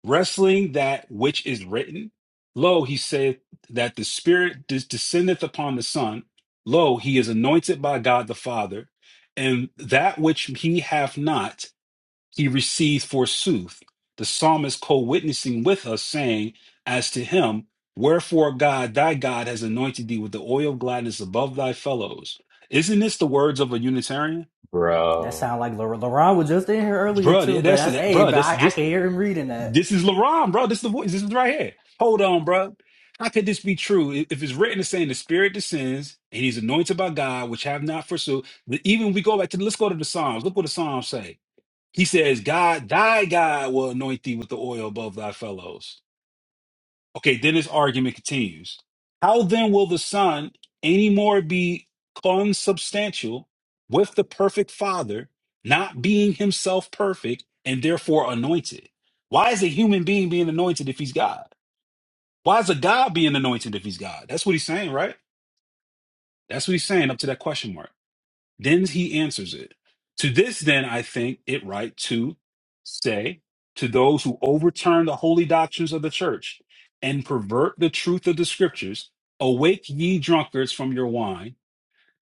H: Wrestling that which is written? Lo, he saith that the Spirit des- descendeth upon the Son. Lo, he is anointed by God the Father. And that which he hath not, he received forsooth. The psalmist co witnessing with us, saying, As to him, wherefore God, thy God, has anointed thee with the oil of gladness above thy fellows. Isn't this the words of a Unitarian?
C: That sound
J: Bro.
C: like Lor- Laron was just in here earlier
H: Bruh, yeah,
C: too, bro.
H: that's
C: That's
H: it.
C: hey,
H: Bruh,
C: but
H: that's
C: I, I
H: this.
C: can hear him reading that.
H: This is LaRon, bro. This is the voice. This is right here. Hold on, bro. How could this be true? If if it's written as saying the spirit descends and he's anointed by God, which have not forsook. But Even we go back to let's go to the Psalms. Look what the Psalms say. He says, God, thy God will anoint thee with the oil above thy fellows. Okay, then his argument continues. How then will the Son any more be consubstantial with the perfect Father, not being himself perfect and therefore anointed? Why is a human being being anointed if he's God? Why is a God being anointed if he's God? That's what he's saying, right? That's what he's saying up to that question mark. Then he answers it. To this, then, I think it right to say to those who overturn the holy doctrines of the church and pervert the truth of the scriptures, awake ye drunkards from your wine,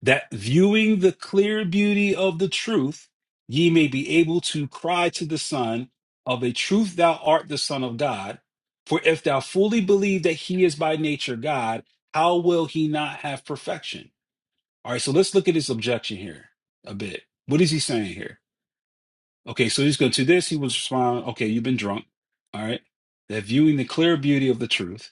H: that viewing the clear beauty of the truth, ye may be able to cry to the Son, Of a truth, thou art the Son of God. For if thou fully believe that he is by nature God, how will he not have perfection? All right, so let's look at his objection here a bit. What is he saying here? Okay, so he's going to this, he was responding. okay, you've been drunk. All right. That viewing the clear beauty of the truth,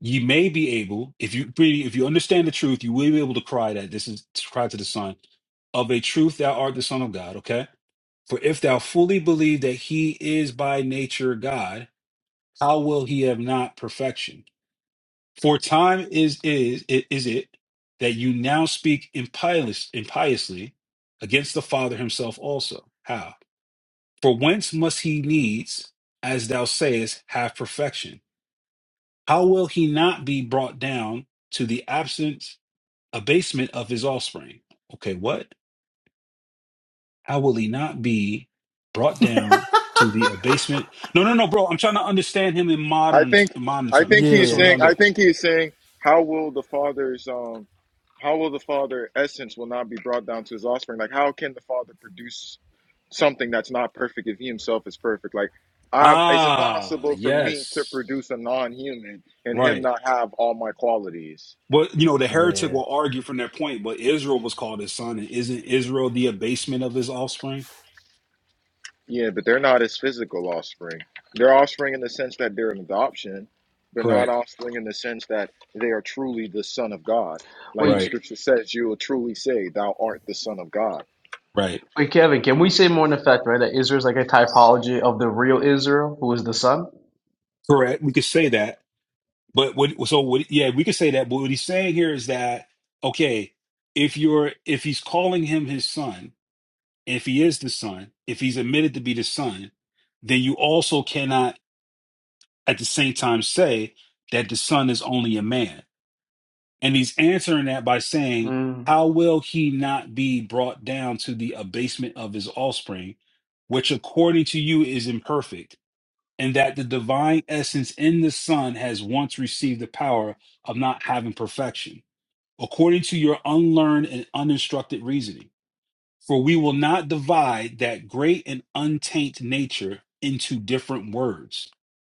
H: ye may be able, if you really- if you understand the truth, you will be able to cry that this is to cry to the Son, of a truth thou art the Son of God, okay? For if thou fully believe that he is by nature God, how will he have not perfection? For time is is it is it that you now speak impious, impiously against the Father himself also. How? For whence must he needs, as thou sayest, have perfection? How will he not be brought down to the absent abasement of his offspring? Okay, what? How will he not be brought down to the abasement? No, no, no, bro. I'm trying to understand him in
A: I
H: modern
A: think
H: modern
A: I think
H: terms. That's
A: he's
H: what I'm
C: Yeah,
A: saying
H: trying to
A: I
H: do.
A: think he's saying how will the father's um how will the father essence will not be brought down to his offspring? Like how can the father produce something that's not perfect if he himself is perfect? Like I'm it's
H: Ah,
A: impossible for me to
H: yes.
A: produce a non human and him
H: Right.
A: not have all my qualities.
H: Well, you know, the heretic
C: yeah.
H: will argue from their point, but Israel was called his son, and isn't Israel the abasement of his offspring?
A: Yeah, but they're not his physical offspring. They're offspring in the sense that they're an adoption, but not
H: Correct.
A: offspring in the sense that they are truly the Son of God. Like
K: Wait,
A: the
H: Right.
A: scripture says, you will truly say, Thou art the Son of God.
H: Right.
K: wait, Kevin, can we say more in effect, right? That Israel's like a typology of the real Israel, who is the son?
H: Correct. We could say that, but what? So what? Yeah, we could say that. But what he's saying here is that okay, if you're if he's calling him his son, if he is the son, if he's admitted to be the son, then you also cannot at the same time say that the son is only a man And he's answering that by saying,
K: Mm.
H: How will he not be brought down to the abasement of his offspring, which according to you is imperfect, and that the divine essence in the Son has once received the power of not having perfection, according to your unlearned and uninstructed reasoning? For we will not divide that great and untainted nature into different words,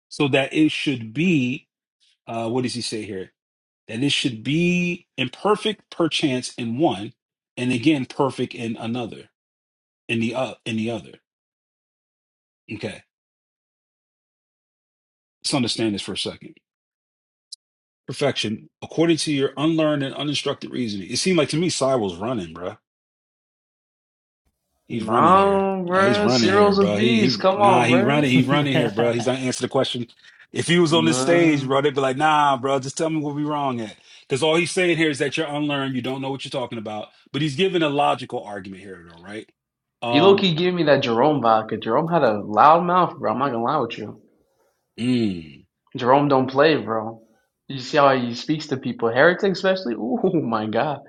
H: so that it should be, uh, what does he say here? that it should be imperfect perchance in one, and again perfect in another, in the uh, in the other. Okay, let's understand this for a second. Perfection, according to your unlearned and uninstructed reasoning, it seemed like to me Cyril's running, bruh. He's running here.
K: No,
H: Nah, He's
K: bro.
H: running here,
K: Cyril's a
H: bro. He
K: beast.
H: he
K: Come
H: nah.
K: on,
H: He running. He
K: bro.
H: running here, bro. He's not answering the question. If he was on this stage, bro,
K: No.
H: they'd be like, nah, bro, just tell me what we wrong at. Because all he's saying here is that you're unlearned, you don't know what you're talking about. But he's giving a logical argument here, though, right?
K: He low
H: Um,
K: key gave me that Jerome vodka. Jerome had a loud mouth, bro. I'm not gonna lie with you.
H: Mm,
K: Jerome don't play, bro. You see how he speaks to people, heretics especially. Ooh, my God,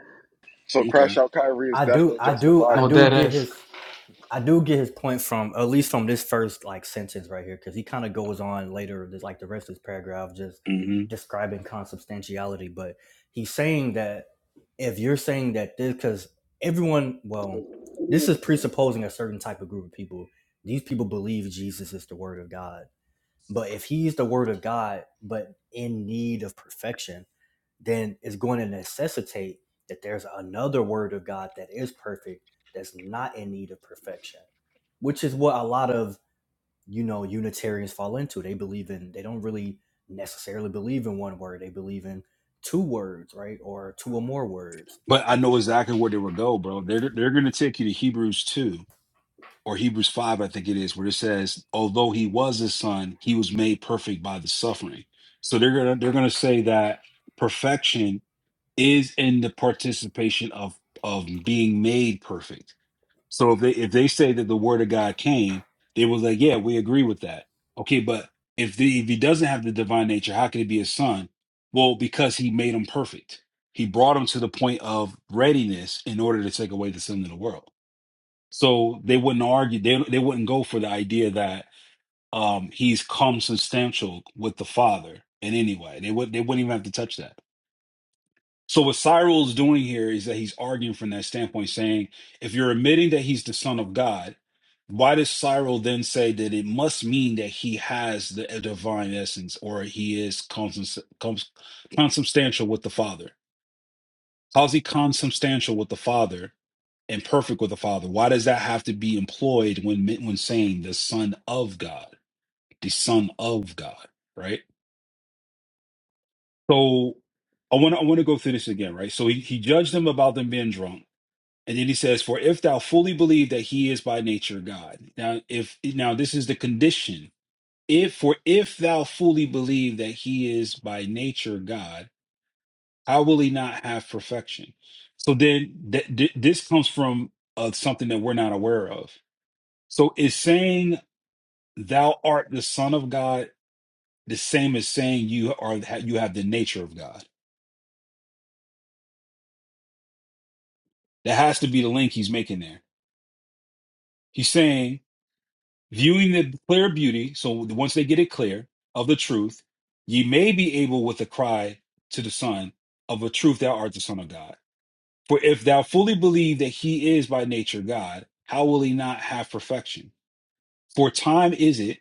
A: So crash
H: okay.
A: out Kyrie is
C: I do,
A: definitely
C: I do, I
K: no
C: do
A: justifiable.
K: dead
C: get
K: ass.
C: his. I do get his point from at least from this first like sentence right here because he kind of goes on later, There's like the rest of this paragraph, just
H: hmm
C: describing consubstantiality. But he's saying that if you're saying that this, because everyone, well, this is presupposing a certain type of group of people. These people believe Jesus is the Word of God. But if he's the word of God, but in need of perfection, then it's going to necessitate that there's another word of God that is perfect, that's not in need of perfection, which is what a lot of, you know, Unitarians fall into. They believe in, they don't really necessarily believe in one word, they believe in two words, right? Or two or more words.
H: But I
C: It,
H: know exactly where they would go, bro. They're they're going to take you to Hebrews two or Hebrews five, I think it is, where it says, "Although he was his son, he was made perfect by the suffering." So they're gonna they're gonna say that perfection is in the participation of of being made perfect. So if they if they say that the word of God came, they was like, yeah, we agree with that. Okay, but if the if he doesn't have the divine nature, how can he be his son? Well, because he made him perfect. He brought him to the point of readiness in order to take away the sin of the world. So they wouldn't argue. They they wouldn't go for the idea that um, he's come substantial with the Father in any way. They would they wouldn't even have to touch that. So what Cyril is doing here is that he's arguing from that standpoint, saying if you're admitting that he's the son of God, why does Cyril then say that it must mean that he has the a divine essence or he is consubs- cons- consubstantial with the Father? How's he consubstantial with the Father and perfect with the Father? Why does that have to be employed when men- when saying the Son of God, the Son of God, right? So I want to I want to go through this again, right? So he, he judged them about them being drunk. And then he says, "For if thou fully believe that he is by nature God." Now, if now this is the condition. If for if thou fully believe that he is by nature God, how will he not have perfection? So then, th- th- this comes from uh, something that we're not aware of. So is saying thou art the Son of God the same as saying you are you have the nature of God? That has to be the link he's making there. He's saying viewing the clear beauty, so once they get it clear of the truth, ye may be able with a cry to the Son of a truth thou art the Son of God. For if thou fully believe that he is by nature God, how will he not have perfection? For time is it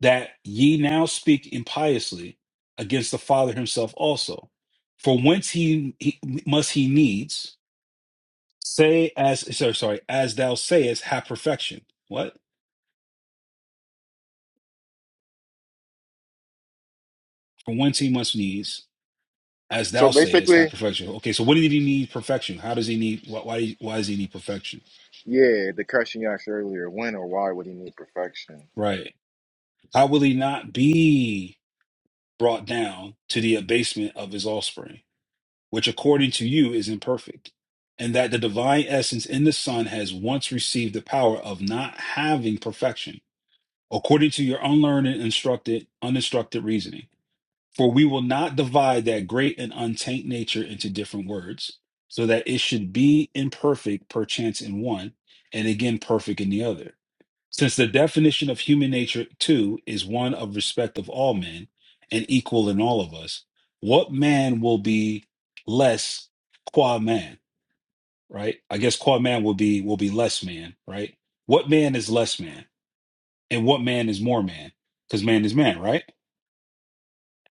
H: that ye now speak impiously against the Father himself also. For whence he, he must he needs say as sorry, sorry, as thou sayest, have perfection. What? From whence he must needs as
A: So
H: thou sayest, have
A: basically,
H: perfection. Okay, so what did he need perfection? How does he need? Why? Why, why does he need perfection?
A: yeah, the question you asked earlier, when or why would he need perfection?
H: Right. How will he not be brought down to the abasement of his offspring, which according to you is imperfect, and that the divine essence in the Son has once received the power of not having perfection, according to your unlearned and instructed, uninstructed reasoning? For we will not divide that great and untaint nature into different words, so that it should be imperfect perchance in one, and again perfect in the other. Since the definition of human nature, too, is one of respect of all men and equal in all of us, what man will be less qua man, right? I guess qua man will be will be less man, right? What man is less man, and what man is more man? Because man is man, right?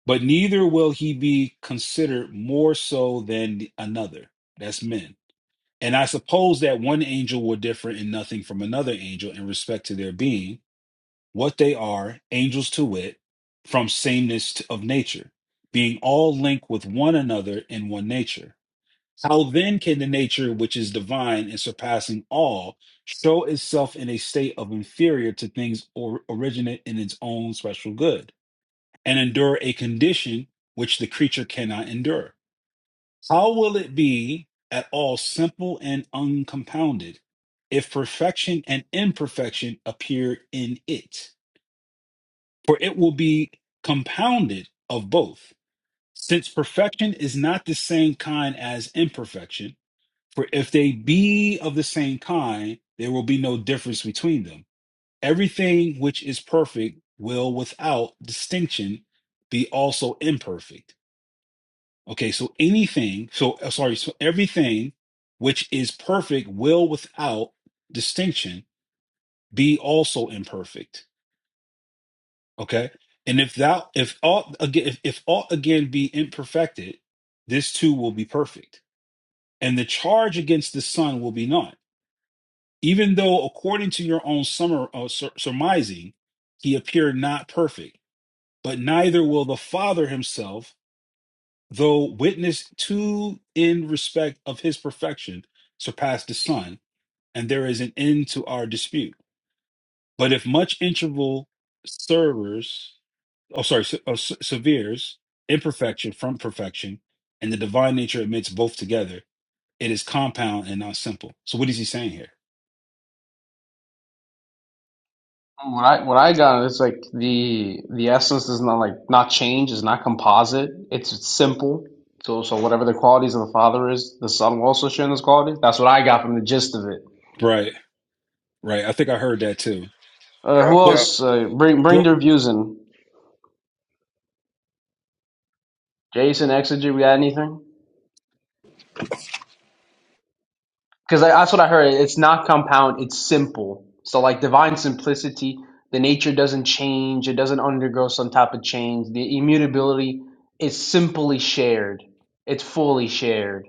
H: But neither will he be considered more so than another. That's men. And I suppose that one angel will differ in nothing from another angel in respect to their being, what they are, angels to wit, from sameness of nature, being all linked with one another in one nature. How then can the nature which is divine and surpassing all show itself in a state of inferior to things or originate in its own special good? and endure a condition which the creature cannot endure? How will it be at all simple and uncompounded if perfection and imperfection appear in it? For it will be compounded of both. Since perfection is not the same kind as imperfection, for if they be of the same kind, there will be no difference between them. Everything which is perfect will without distinction be also imperfect. Okay, so anything, so uh, sorry, so everything which is perfect will without distinction be also imperfect. Okay. And if thou if all again if, if all again be imperfected, this too will be perfect. And the charge against the Son will be none, even though according to your own summer uh, sur- surmising, he appeared not perfect, but neither will the Father himself though witness to in respect of his perfection surpass the sun, and there is an end to our dispute. But if much interval servers, oh sorry, se- oh, se- severes imperfection from perfection, and the divine nature admits both together, it is compound and not simple. So what is he saying here?
K: What I what I got is like the the essence is not like not change, it's not composite. It's it's simple. So so whatever the qualities of the Father is, the Son will also share in those qualities. That's what I got from the gist of it.
H: Right, right. I think I heard that too.
K: Uh, who
A: Yep,
H: But
A: yep.
K: else? Uh, bring bring
H: but
K: their views in. Jason, Exegy, we got anything? because that's what I heard. It's not compound; it's simple. So like divine simplicity, the nature doesn't change; it doesn't undergo some type of change. The immutability is simply shared; it's fully shared.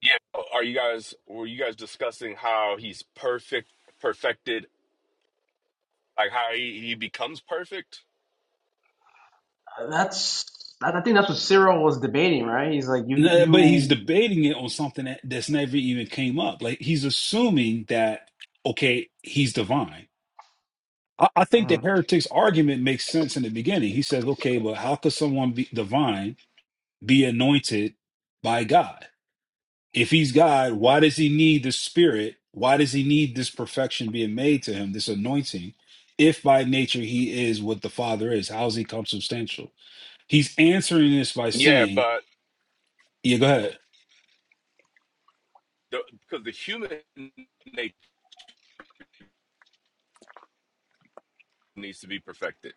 L: Yeah. Are you guys were you guys discussing how he's perfect perfected like how he, he becomes perfect?
K: That's I I think that's what Cyril was debating, right? He's like, you
H: no, but he's
K: you.
H: debating it on something that, that's never even came up. Like he's assuming that okay, he's divine I, I think the heretic's argument makes sense in the beginning. He says, okay, but how could someone be divine be anointed by God? If he's God, why does he need the spirit? Why does he need this perfection being made to him, this anointing? If by nature he is what the Father is, how is he consubstantial? He's answering this by
L: Yeah,
H: saying,
L: but
H: yeah, go ahead.
L: the, because the human nature needs to be perfected.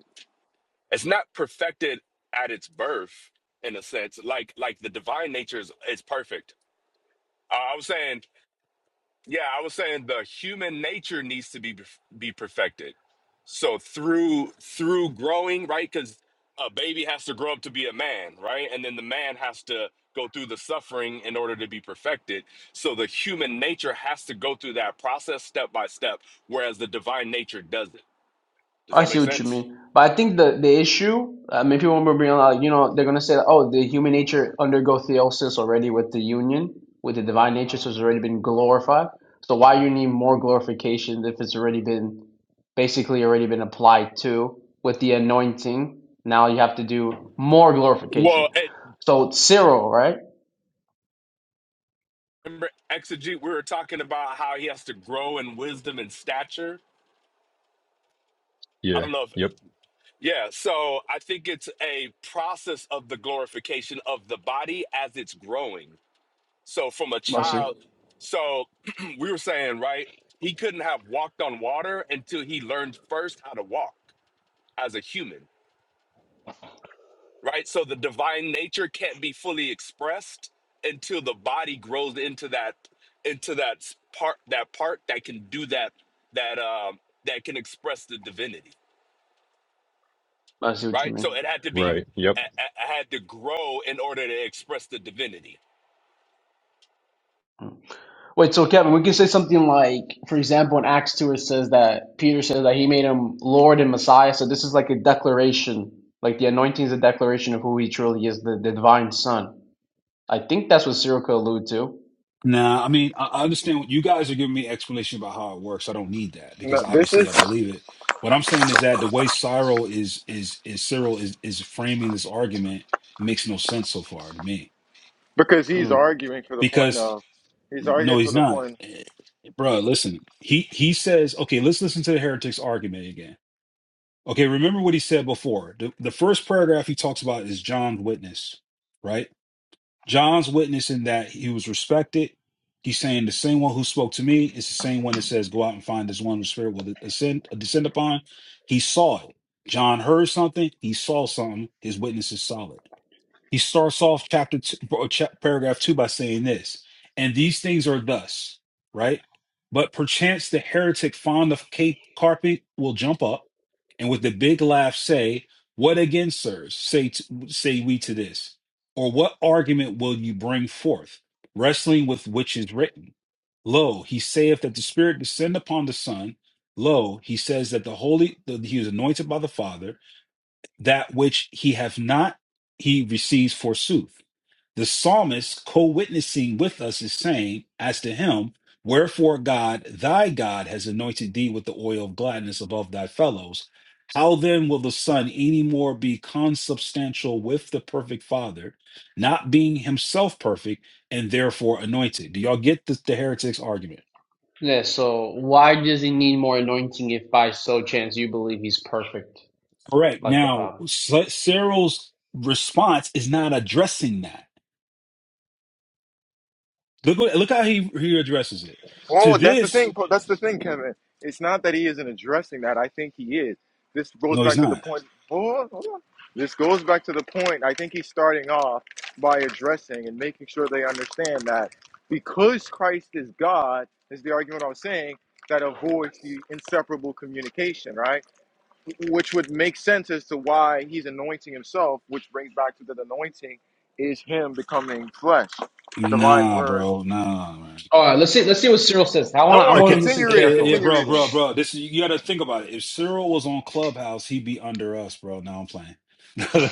L: It's not perfected at its birth in a sense like like the divine nature is, is perfect. Uh, I was saying Yeah, I was saying the human nature needs to be be perfected. So through through growing, right? Because a baby has to grow up to be a man, right? And then the man has to go through the suffering in order to be perfected. So the human nature has to go through that process step by step, whereas the divine nature doesn't. Does
K: I
L: that
K: see
L: make
K: what you
L: sense?
K: mean, but I think the the issue, I mean, people will bring out, you know they're gonna say, oh, the human nature undergo theosis already with the union with the divine nature, so it's already been glorified. So why you need more glorification if it's already been basically already been applied to with the anointing? Now you have to do more
L: Well,
K: glorification.
L: it,
K: So it's Cyril, right?
L: remember exegete, we were talking about how he has to grow in wisdom and stature. I
J: Yeah.
L: don't know if
J: Yep.
L: Yeah, so I think it's a process of the glorification of the body as it's growing. So from a
K: I see.
L: child, so we were saying, right? He couldn't have walked on water until he learned first how to walk as a human, right? So the divine nature can't be fully expressed until the body grows into that into that s- part that part that can do that that um that can express the divinity.
K: I see what you
L: right?
K: mean.
L: So it had to be,
J: Right. Yep.
L: I, I I had to grow in order to express the divinity.
K: Wait, so Kevin, we can say something like, for example, in Acts 2, it says that Peter says that he made him Lord and Messiah. So this is like a declaration. Like the anointing is a declaration of who he truly is, the, the divine son. I think that's what Cyril could allude to.
H: Nah, I mean, I I understand what you guys are giving me explanation about how it works. I don't need that
A: No,
H: because
A: this
H: obviously
A: is
H: I believe it. What I'm saying is that the way Cyril is is is Cyril is is framing this argument makes no sense so far to me.
A: because he's
K: Mm.
A: arguing for the point
H: Because
A: of he's
H: no,
A: arguing for
H: he's
A: the point.
H: not. Eh, Bruh, listen. He he says, okay, let's listen to the heretic's argument again. Okay, remember what he said before. The the first paragraph he talks about is John's witness, right? John's witnessing that he was respected. He's saying the same one who spoke to me is the same one that says, Go out and find this one whose spirit will ascend, uh, descend upon. He saw it. John heard something. He saw something. His witness is solid. He starts off chapter two, or cha- paragraph two by saying this, and these things are thus, right? But perchance the heretic fond of cape carpet will jump up and with a big laugh say, What again, sirs, say, t- say we to this? Or what argument will you bring forth, wrestling with which is written? Lo, he saith that the Spirit descend upon the Son. Lo, he says that the Holy, that he is anointed by the Father that which he hath not, he receives forsooth. The psalmist, co witnessing with us, is saying, As to him, wherefore God, thy God, has anointed thee with the oil of gladness above thy fellows. How then will the Son any more be consubstantial with the perfect Father, not being himself perfect and therefore anointed? Do y'all get the, the heretic's argument?
K: Yeah, so why does he need more anointing if by so chance you believe he's perfect
H: Correct.
K: like the
H: Now,
K: Father?
H: Cyril's response is not addressing that Look what, look how he he addresses it. To
A: Oh, that's the
H: this,
A: thing. That's the thing, Kevin. It's not that he isn't addressing that. I think he is. This goes
H: no, he's
A: back to the
H: not.
A: point. Hold on, hold on. This goes back to the point. I think he's starting off by addressing and making sure they understand that because Christ is God, is the argument I was saying, that avoids the inseparable communication, right? Which would make sense as to why he's anointing himself, which brings back to that anointing is him becoming flesh, divine
H: Nah,
A: word.
H: bro, nah. Man.
K: All right, let's see. Let's see what Cyril says. I want.
A: Don't
K: I
A: worry,
K: want to
H: Okay,
K: listen
A: continue
H: eh,
A: reading,
H: eh, yeah,
K: carefully.
A: continue
H: bro,
A: reading.
H: bro, bro. This is, you got to think about it. If Cyril was on Clubhouse, he'd be under us, bro. Now I'm playing.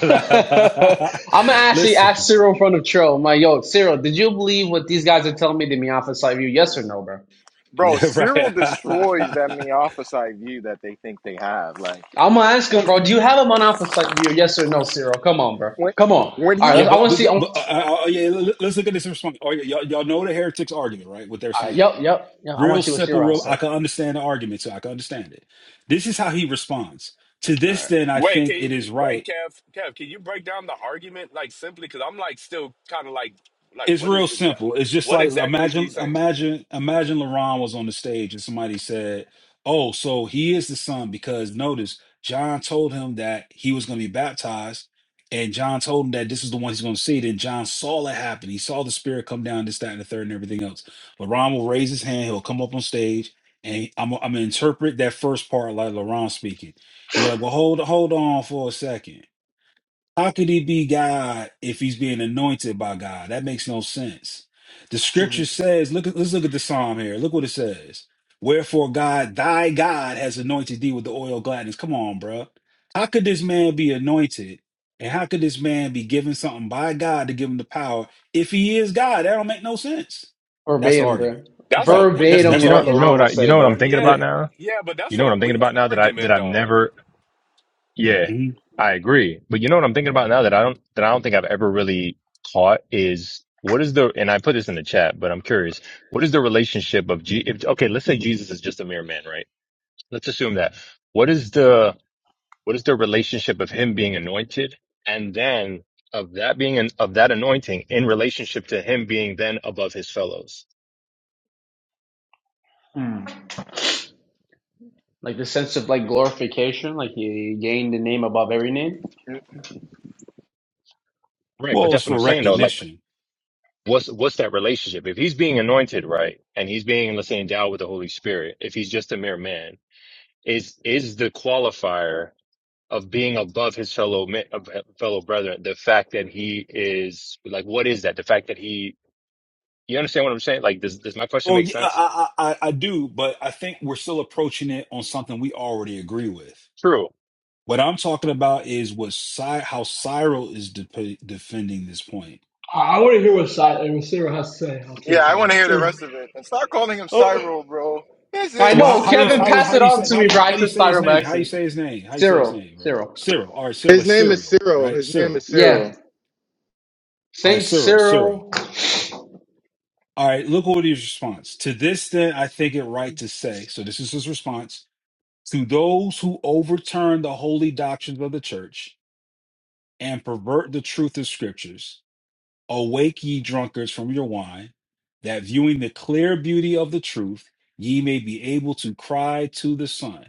K: I'm gonna actually
H: Listen,
K: ask Cyril in front of Trill. I'm like, yo, Cyril, did you believe what these guys are telling me to me off of Sight View? Yes or no, bro?
A: Bro,
H: yeah, right.
A: Cyril destroys that Meophysite view that they think they have. Like
K: I'm gonna ask him, bro. Do you have him on off of Sight View? Yes or no, Cyril? Come on, bro.
A: when
K: Come on.
A: when
K: All
A: he
K: right,
H: yeah,
K: let's, I
H: but,
K: want to
H: but,
K: see. I wanna,
H: but uh,
K: all
H: uh, uh, yeah, l- l- let's look at this response. Oh, yeah, y'all, y'all know the heretics argument, right? What they're
K: right, yep,
H: saying.
K: yep, yep. I want
H: Real
K: to see what
H: simple,
K: Cyril
H: real.
K: said.
H: I can understand the argument, so I can understand it. This is how he responds. To
K: All
H: this,
K: right,
H: then, I
L: Wait,
H: think
L: can
H: it
L: you,
H: is
L: wait,
H: right
L: Kev, Kev, can you break down the argument like simply? Because I'm like still kind of like, like
H: It's
L: what is
H: real
L: the,
H: simple. It's just
L: what
H: like
L: exactly is he
H: imagine,
L: saying?
H: imagine, imagine LaRon was on the stage and somebody said, "Oh, so he is the son," because notice John told him that he was going to be baptized, and John told him that this is the one he's going to see. Then John saw it happen. He saw the Spirit come down, this, that, and the third, and everything else. LaRon will raise his hand. He'll come up on stage, and I'm, I'm gonna interpret that first part like LaRon speaking. He was like, "Well, hold, hold on for a second. How could he be God if he's being anointed by God? That makes no sense. The scripture says, look at let's look at the psalm here. Look what it says. Wherefore God, thy God has anointed thee with the oil of gladness. Come on, bruh. How could this man be anointed? And how could this man be given something by God to give him the power if he is God? That don't make no sense. That's the
K: verbatim, bro.
H: argument.
L: That's a
H: Right. That-
L: weak,
H: That's
K: Verbatim,
J: But
H: that's
J: you
H: the
J: know,
K: what
L: yeah,
H: argument.
J: you know
K: Laurent
J: what I,
K: would
J: you
K: say,
J: know what
K: bro.
J: I'm thinking
L: yeah,
H: Yeah.
J: about now.
L: yeah, but
J: You
L: that's
J: know
L: a
J: what I'm thinking
L: weak
J: about now that I that
L: argument
J: I've
L: though.
J: never. Yeah,
H: Mhm.
J: I agree. But you know what I'm thinking about now that I don't that I don't think I've ever really caught is what is the and I put this in the chat, but I'm curious. What is the relationship of G? If, okay, let's say Jesus is just a mere man, right? Let's assume that. What is the What is the relationship of him being anointed and then of that being an, of that anointing in relationship to him being then above his fellows?
K: Hmm. Like the sense of like glorification, like he gained the name above every name.
J: Right. But
H: Well, it's
J: that's what I'm
H: for
J: saying though. Like
H: recognition.
J: what's, what's that relationship? If he's being anointed, right. And he's being, let's say endowed with the Holy Spirit, if he's just a mere man is, is the qualifier of being above his fellow, men- of fellow brethren, the fact that he is like, what is that? The fact that he, you understand what I'm saying? Like, does, does my question
H: Oh
J: make
H: yeah,
J: sense?
H: I, I I I do, but I think we're still approaching it on something we already agree with.
J: True.
H: What I'm talking about is what Cy, how Cyril is de- defending this point.
K: I, I want to hear what, si- what Cyril has to say. I'll say
A: Yeah, I
K: sorry.
A: want to hear the
K: Cyril.
A: rest of it. And stop calling him
K: Oh.
A: Cyril, bro. His
K: I
A: name
H: So
A: is
H: how,
K: know.
H: how do you
K: Kevin
A: Cyril.
H: how do you,
K: passed
H: how
K: it
H: do you
K: on
H: say
K: to
H: how
K: me,
H: do you,
K: bro. I
H: how do you
K: just
H: say his
K: started by
H: name? How do you
K: accident.
H: say his name? How do you say his
K: Cyril.
H: name, bro?
K: Cyril.
H: Cyril. All right, Cyril,
A: His
H: like
A: name is
H: Cyril,
A: Cyril.
H: right?
A: His name is
H: Cyril.
A: Cyril.
K: Yeah.
H: All right,
K: Saint
H: Cyril, Cyril.
K: Cyril.
H: All right, look what his response. To this then I think it right to say, so this is his response, to those who overturn the holy doctrines of the church and pervert the truth of scriptures Awake, ye drunkards, from your wine, that viewing the clear beauty of the truth, ye may be able to cry to the Son.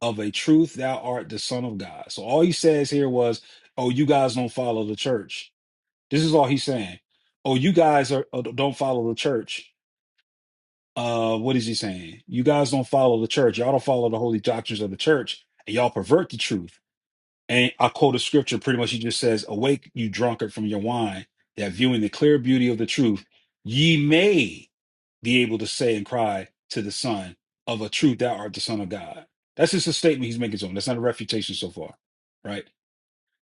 H: Of a truth, thou art the Son of God. So all he says here was, Oh, you guys don't follow the church. This is all he's saying. Oh, you guys are uh, don't follow the church. Uh, what is he saying? You guys don't follow the church. Y'all don't follow the holy doctrines of the church, and y'all pervert the truth. And I quote a scripture pretty much. He just says, Awake, you drunkard, from your wine, that viewing the clear beauty of the truth, ye may be able to say and cry to the Son, Of a truth, thou art the Son of God. That's just a statement he's making to him. That's not a refutation so far, right?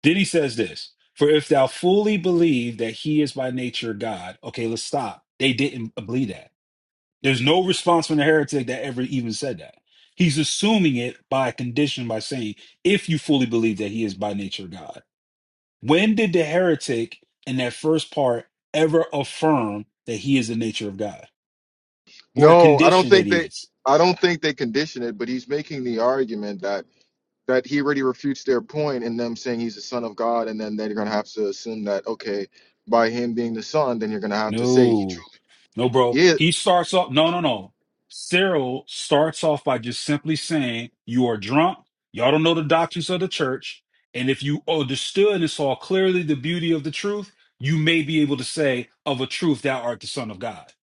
H: Then he says this For if thou fully believe that he is by nature God, okay, let's stop. They didn't believe that. There's no response from the heretic that ever even said that. He's assuming it by condition by saying, if you fully believe that he is by nature God. When did the heretic in that first part ever affirm that he is the nature of God or
A: No, I don't
H: condition that
A: think
H: he
A: they.
H: is?
A: I don't think they condition it, but he's making the argument that that he already refutes their point in them saying he's the son of God, and then they're gonna have to assume that okay, by him being the son, then you're gonna have to say he
H: No,
A: truly
H: no, bro.
A: is.
H: He starts off. No, no, no. Cyril starts off by just simply saying, "You are drunk. Y'all don't know the doctrines of the church. And if you understood and saw clearly the beauty of the truth, you may be able to say, of a truth, thou art the Son of God."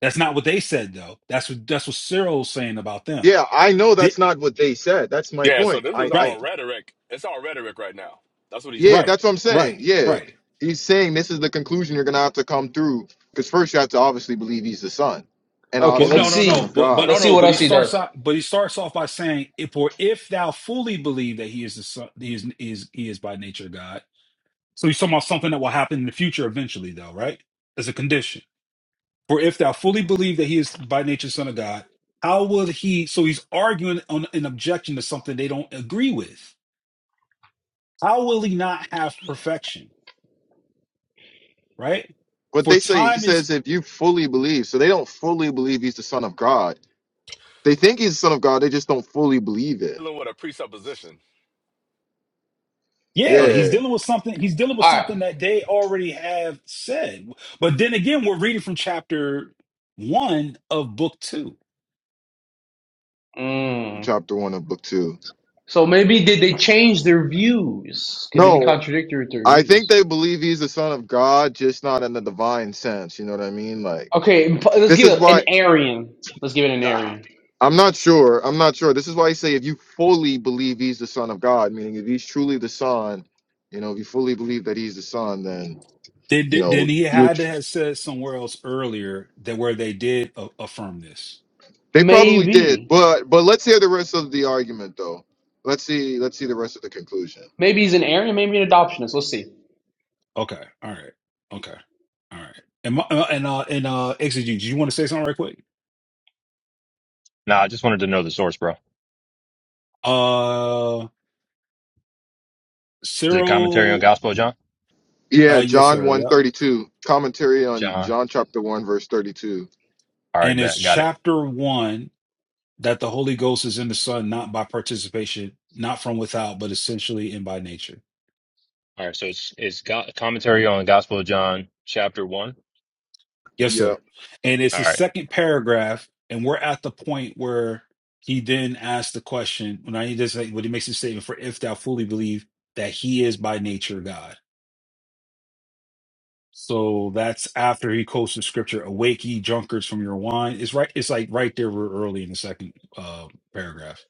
H: That's not what they said, though. That's what that's what Cyril's saying about them.
A: Yeah, I know that's
H: Did,
A: not what they said. That's my
L: Yeah, so
A: point.
L: this is
A: I, I,
L: all
H: right,
L: rhetoric. It's all rhetoric right now. That's what he's
A: yeah,
L: doing.
H: right,
A: that's what I'm saying.
H: right,
A: Yeah,
H: right.
A: he's saying this is the conclusion you're gonna have to come through because first you have to obviously believe he's the son, and
K: Okay,
H: But
A: obviously
K: let's
H: no,
A: he's the
H: no,
K: see.
A: son
H: no.
A: of
H: But but
A: God.
H: no,
K: Let's see
H: no.
K: what
H: But he
K: else he
H: starts
K: does.
H: out. But he starts off by saying, "If for if thou fully believe that he is the son, he is he is he is by nature God." So he's talking about something that will happen in the future eventually, though, right? As a condition. For if thou fully believe that he is by nature son of God, how will he? So he's arguing on an objection to something they don't agree with. How will he not have perfection, right?
A: But
H: For
A: they say he
H: time is
A: says if you fully believe, so they don't fully believe he's the son of God. They think he's the son of God, they just don't fully believe it.
L: Dealing with a presupposition.
H: Yeah, he's
K: Okay.
A: Yeah,
H: dealing with something. He's dealing with
K: Alright.
H: something that they already have said. But then again, we're reading from chapter one of book two.
K: Mm.
A: chapter one of book two.
K: So maybe did they change their views? Could they be
A: No,
K: contradictory to their
A: I think
K: views?
A: they believe he's the son of God, just not in the divine sense. You know what I mean? Like
K: Okay, imp- let's
A: this
K: give
A: is
K: it an
A: why.
K: Arian. Let's give it an
A: Ah,
K: Arian.
A: I'm not sure. I'm not sure. This is why I say if you fully believe he's the son of God, meaning if he's truly the son, you know, if you fully believe that he's the son, then
H: Then,
A: you
H: then
A: know
H: then he
A: you
H: had to
A: tr-
H: have said somewhere else earlier that where they did a- affirm this.
A: they probably did.
K: Maybe.
A: But but let's hear the rest of the argument though. Let's see let's see the rest of the conclusion.
K: Maybe he's an Arian, maybe an adoptionist. Let's see.
H: Okay, all right, okay, all right. And my, uh, and uh, and uh, exegete, did you want to say something right quick?
J: Nah, I just wanted to know the source, bro.
H: Uh,
J: Is it commentary on
H: Cyril.
J: Gospel of John?
A: Yeah,
H: Uh, yes,
A: John
H: sir.
A: one
H: Yep.
A: 32 commentary on
J: John.
A: John chapter 1, verse 32.
J: All right,
H: And it's
J: bet. Got it.
H: chapter one that the Holy Ghost is in the Son, not by participation, not from without, but essentially and by nature.
J: All right, so it's it's got commentary on Gospel of John, chapter one.
H: Yes,
A: Yeah.
H: sir. And it's
J: All
H: the
J: right.
H: second paragraph, and we're at the point where he then asks the question when I does like when he makes the statement for if thou fully believe that he is by nature God. So that's after he quotes the scripture, awake ye drunkards from your wine. It's right, it's like right there real early in the second uh paragraph.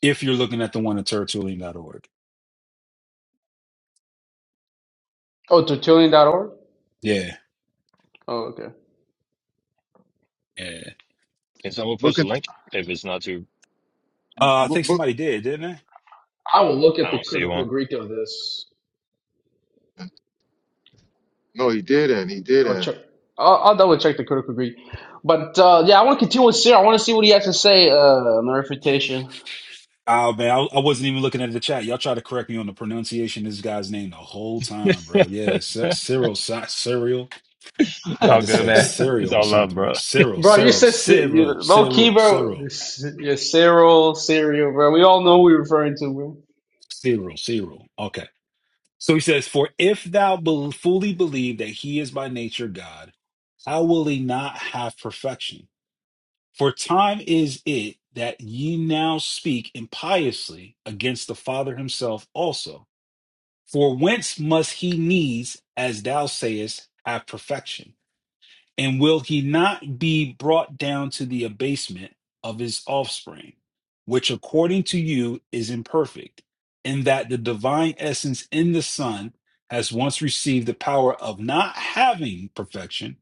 H: If you're looking at the one at tertullian.org.
K: Oh, Tertullian.org?
H: Yeah.
K: Oh, okay.
H: Yeah.
J: Can someone
A: But,
J: post a
A: con-
J: link if it's not too?
H: Uh, I
A: but,
H: think
A: but
H: somebody did, didn't they?
K: I will look
J: I
K: at the
J: don't see one.
K: critical Greek of this.
A: no, he didn't. He
K: I'll
A: didn't.
K: check. I'll, I'll double check the critical grade. But uh, yeah, I want to continue with Cyril. I want to see what he has to say uh, on the refutation.
H: Oh man, I, I wasn't even looking at the chat. Y'all try to correct me on the pronunciation of this guy's name the whole time,
J: it's
H: bro. Yeah, C- Cyril, C- Cyril. I'm about
J: all
H: to
J: good,
H: say
J: man. It's
H: Cyril or
J: all love,
H: something, bro.
J: bro.
H: Cyril,
K: Bro, you
H: Cyril,
K: said Cy- you,
H: Cyril,
K: low key,
H: Cyril,
K: bro.
H: Cyril,
K: C- Yeah, Cyril, Cyril, bro. We all know who you're referring to, bro.
H: Cyril, Cyril. Okay. So he says, "For if thou bel fully believe that he is by nature God, how will he not have perfection? For time is it that ye now speak impiously against the Father himself also." For whence must he needs, as thou sayest, have perfection? And will he not be brought down to the abasement of his offspring, which according to you is imperfect, in that the divine essence in the Son has once received the power of not having perfection,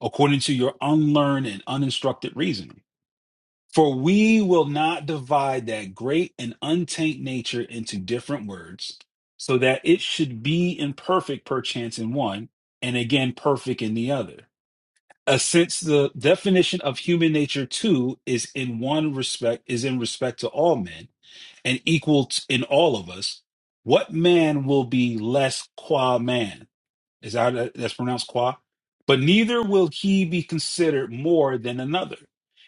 H: according to your unlearned and uninstructed reasoning? For we will not divide that great and untaint nature into different words, so that it should be imperfect perchance in one, and again perfect in the other. Uh, since the definition of human nature too is in one respect is in respect to all men and equal t- in all of us, what man will be less qua man? Is that uh, that's pronounced qua? But neither will he be considered more than another.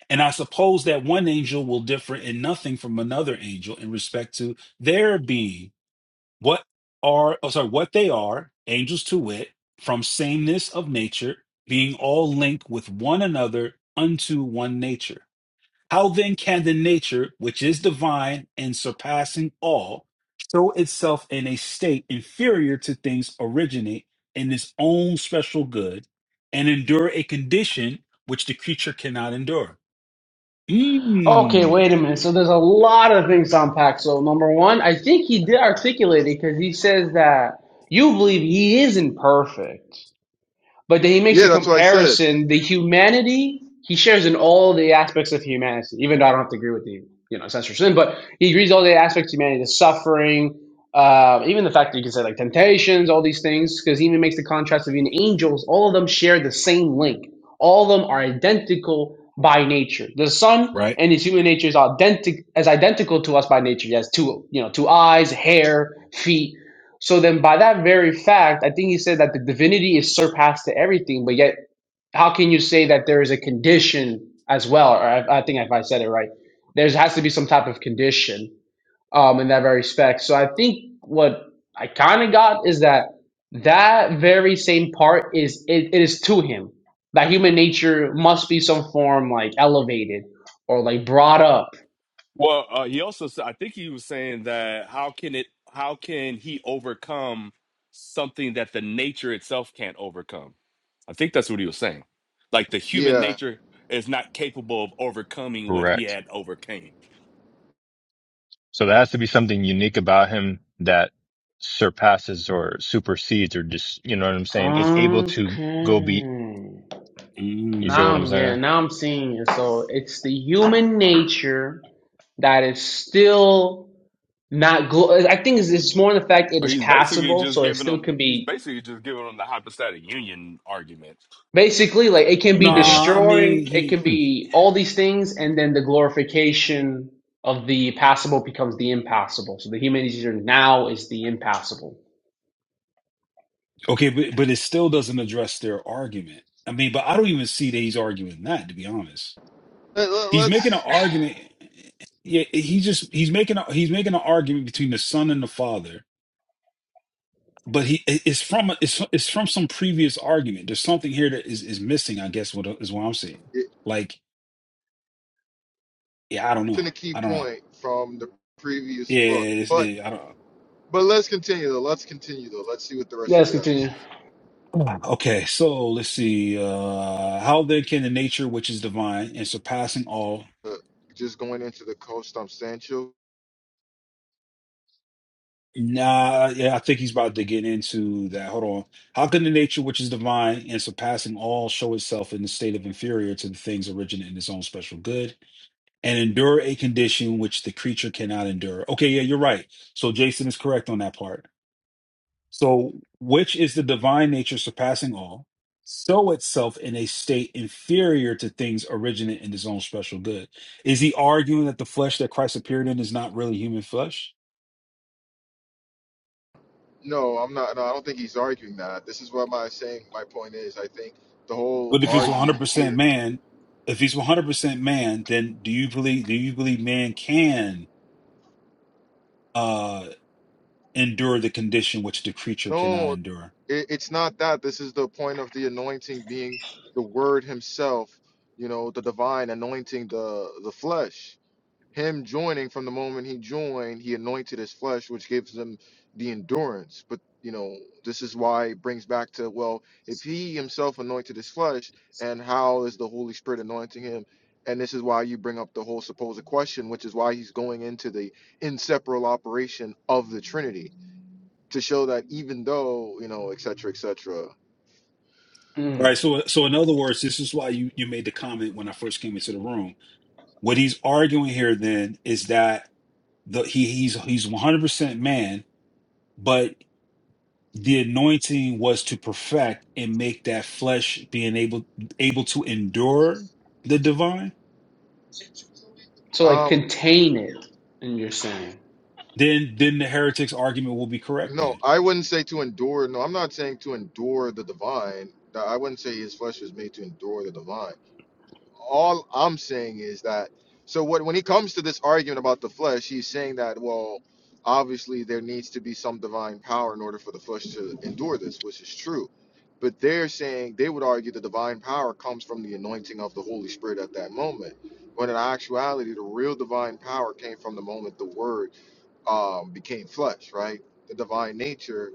H: And I suppose that one angel will differ in nothing from another angel in respect to their being. What are oh sorry, what they are, angels to wit, from sameness of nature, being all linked with one another unto one nature. How then can the nature, which is divine and surpassing all, show itself in a state inferior to things originate in its own special good and endure a condition which the creature cannot endure?
K: Okay, wait a
H: Mmm.
K: minute. So there's a lot of things to unpack. So number one, I think he did articulate it because he says that you believe he isn't perfect. But then he makes
A: Yeah,
K: a
A: that's what I said.
K: comparison. The humanity he shares in all the aspects of humanity, even though I don't have to agree with the you know censor sin, but he agrees all the aspects of humanity, the suffering, uh, even the fact that you can say like temptations, all these things, because he even makes the contrast of even angels. All of them share the same link. All of them are identical by nature. The son
H: Right?
K: and his human nature is identical as identical to us by nature. He has two you know two eyes, hair, feet so then, by that very fact, I think he said that the divinity is surpassed to everything, but yet, how can you say that there is a condition as well? Or I, I think if I said it right, there has to be some type of condition um, in that very respect. So I think what I kind of got is that that very same part is it, it is to him that human nature must be some form like elevated or like brought up.
L: Well, uh, he also said, I think he was saying that how can it, how can he overcome something that the nature itself can't overcome? I think that's what he was saying. Like the human
A: Yeah.
L: nature is not capable of overcoming what he
J: Correct.
L: had overcame.
J: So there has to be something unique about him that surpasses or supersedes or just you know what I'm saying. It's able to go be.
K: Okay.
J: You feel
K: Now
J: what I'm
K: I'm
H: Mm.
K: yeah,
J: saying?
K: now I'm seeing it. So it's the human nature that is still not glo- I think it's, it's more in the fact it
L: So,
K: is
L: He's basically
K: passable,
L: just
K: so it
L: giving
K: still
L: him,
K: can
L: he's
K: be
L: basically just giving him the hypostatic union argument.
K: basically like it can be
J: Yeah.
H: Nah, I mean,
K: destroyed, it can
J: Hmm.
H: he.
K: be all these things, and then the glorification of the passable becomes the impassable. So the human nature now is the impassable.
H: Okay, but, but it still doesn't address their argument. I mean, but I don't even see that he's arguing that, to be honest.
A: Let,
H: He's making an
A: us
H: argument. Yeah, he just he's making a, he's making an argument between the son and the father, but he it- it's from a, it's it's from some previous argument. There's something here that is, is missing. I guess what is what I'm saying. Like, yeah, I don't know.
A: been a key
H: I don't know.
A: point from the previous
H: Yeah,
A: book.
H: it's,
A: But
H: it, I
A: but let's continue though. Let's continue though. Let's see what the
K: Yeah,
A: rest of
K: let's
A: it has to
K: continue.
A: say.
H: don't. Okay, so let's see. Uh, how then can the nature which is divine and surpassing all?
A: But just going into the co-substantial.
H: Nah, yeah, I think he's about to get into that. Hold on. How can the nature which is divine and surpassing all show itself in the state of inferior to the things originate in its own special good and endure a condition which the creature cannot endure? Okay, yeah, you're right. So Jason is correct on that part. So, which is the divine nature surpassing all, show itself in a state inferior to things originate in its own special good? Is he arguing that the flesh that Christ appeared in is not really human flesh?
A: No, I'm not. No, I don't think he's arguing that. This is what my saying. My point is, I think the whole
H: But if he's
A: argument
H: 100%
A: here.
H: man, if he's 100% man, then do you believe do you believe man can uh endure the condition which the creature cannot
A: No,
H: endure?
A: it, it's not that. This is the point of the anointing being the Word Himself. You know, the divine anointing the the flesh. him joining from the moment he joined he anointed his flesh which gives him the endurance but you know this is why it brings back to well if he himself anointed his flesh and how is the holy spirit anointing him and this is why you bring up the whole supposed question which is why he's going into the inseparable operation of the trinity to show that even though you know et etc etc
H: Right.
K: Mm.
H: so so in other words, this is why you you made the comment when I first came into the room. What he's arguing here then is that the he he's he's 100% man, but the anointing was to perfect and make that flesh being able able to endure the divine.
K: So like
A: um
K: contain it, and you're saying.
H: Then then the heretic's argument will be correct
A: no
H: then.
A: i wouldn't say to endure no i'm not saying to endure the divine i wouldn't say his flesh was made to endure the divine all I'm saying is that so what when he comes to this argument about the flesh, he's saying that well, obviously there needs to be some divine power in order for the flesh to endure this, which is true. But they're saying they would argue the divine power comes from the anointing of the Holy Spirit at that moment. When in actuality, the real divine power came from the moment the Word um, became flesh, right? The divine nature.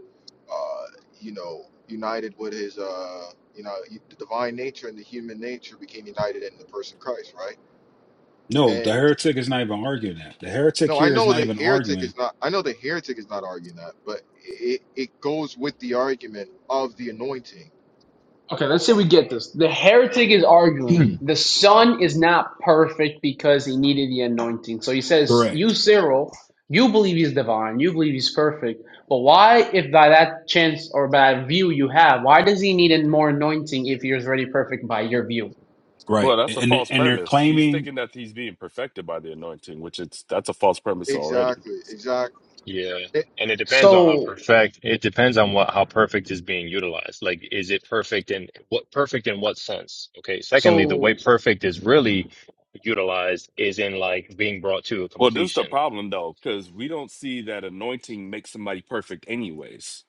A: uh, you know, united with his, uh, you know, the divine nature and the human nature became united in the person Christ, right?
H: No, the
A: And
H: heretic is not even arguing that. The heretic
A: no, I
H: here is
A: know
H: not
A: the
H: even
A: heretic
H: arguing.
A: is not. I know the heretic is not arguing that, but it it goes with the argument of the anointing.
K: Okay, let's say we get this. The heretic is arguing the son is not perfect because he needed the anointing. So he says, You,
H: Correct.
K: Cyril, you believe he's divine, you believe he's perfect, but why, if by that chance or by that view you have, why does he need more anointing if he is already perfect by your view?
L: Well,
H: Right.
L: that's a
H: And
L: false
H: and they're
L: premise. He's
H: claiming
L: thinking that he's being perfected by the anointing, which it's, that's a false premise already.
A: Exactly, exactly.
J: Yeah.
A: It,
J: And it depends on how
K: So,
J: perfect, it depends on what, how perfect is being utilized. Like, is it perfect in what, perfect in what sense? Okay. Secondly, the way
K: so,
J: perfect is really utilized is in like being brought to a
L: Well, this is the
J: completion.
L: problem though, because we don't see that anointing makes somebody perfect, anyways,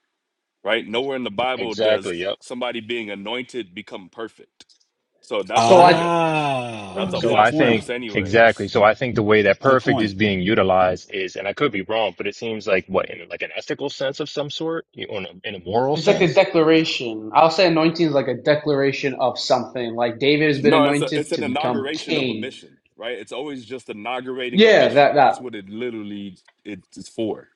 L: right? Nowhere in the Bible does
J: Exactly. Yep.
L: somebody being anointed become perfect. So that's
K: so
L: already
K: I.
L: a f-
H: ah,
L: that's a
J: So
H: good
J: I
L: false
J: think,
L: premise,
H: point.
J: exactly.
L: anyways.
J: So I think the way that
H: Good
J: perfect is
H: point.
J: being utilized is, and I could be wrong, but it seems like what, in like an ethical sense of some sort, You- or in a, in a moral
K: It's like a
J: sense?
K: declaration. I'll say anointing is like a declaration of something. Like David has been
L: No, it's a it's
K: anointed
L: an
K: to become
L: inauguration of a
K: king.
L: mission, right? It's always just inaugurating a
K: Yeah, that
L: mission.
K: that.
L: That's what it literally it is for.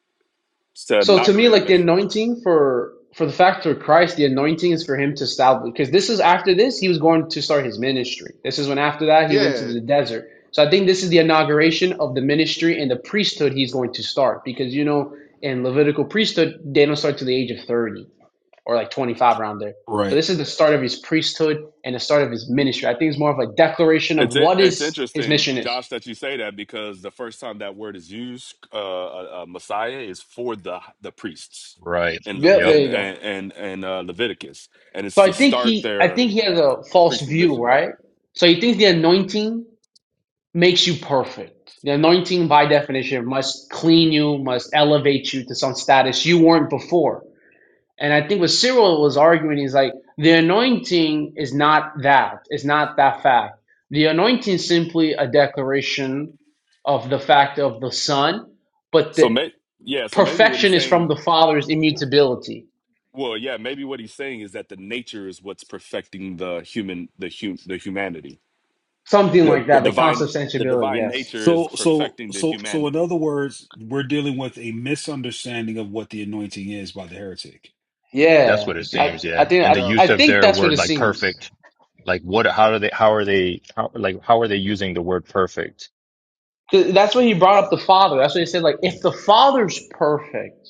L: It's to
K: So to me,
L: inaugurate a
K: like the
L: mission.
K: anointing for for the fact of Christ, the anointing is for him to establish because this is after this he was going to start his ministry. This is when after that he went to
A: yeah,
K: the desert. So I think this is the inauguration of the ministry and the priesthood he's going to start because you know in Levitical priesthood they don't start to the age of thirty or like twenty five around there. So
H: Right.
K: this is the start of his priesthood and the start of his ministry. I think it's more of a declaration of
L: It's in-
K: what
L: it's
K: is his
L: interesting,
K: mission is.
L: Josh, that you say that because the first time that word is used, uh, uh, uh, Messiah is for the the priests
J: Right.
L: in Le-
K: Yep,
J: Yep.
K: there
L: in
K: you go.
L: and and, and uh, Leviticus, and it's
K: So
L: to
K: I think
L: start
K: he I
L: their
K: think he has a
L: their
K: false
L: priestly
K: view,
L: mission. Yep.
K: right? So he thinks the anointing makes you perfect. The anointing by definition must clean you, must elevate you to some status you weren't before. And I think what Cyril was arguing is like the anointing is not that. It's not that fact. The anointing is simply a declaration of the fact of the Son, but
L: So
K: the
L: may yeah, so maybe what he's
K: perfection is from
L: saying,
K: the Father's immutability.
L: well, yeah, maybe what he's saying is that the nature is what's perfecting the human the hum the humanity.
K: Something
L: The
K: like
L: the
K: that, the
L: divine
K: consubstantiality,
L: the divine
K: yes.
L: nature is
H: So so
L: perfecting the
H: so so in
L: humanity
H: other words, we're dealing with a misunderstanding of what the anointing is by the heretic.
J: That's
K: Yeah,
J: what it
K: I
J: seems.
K: I
J: Yeah.
K: think
J: And the
K: I,
A: uh,
K: I
J: use of
K: think
J: their
K: that's what
J: word
K: it
J: like perfect.
K: seems.
J: Like what, how do they, how are they, how, like, how are they using the word perfect?
K: 'Cause That's what he brought up the Father. That's what he said. Like, if the Father's perfect,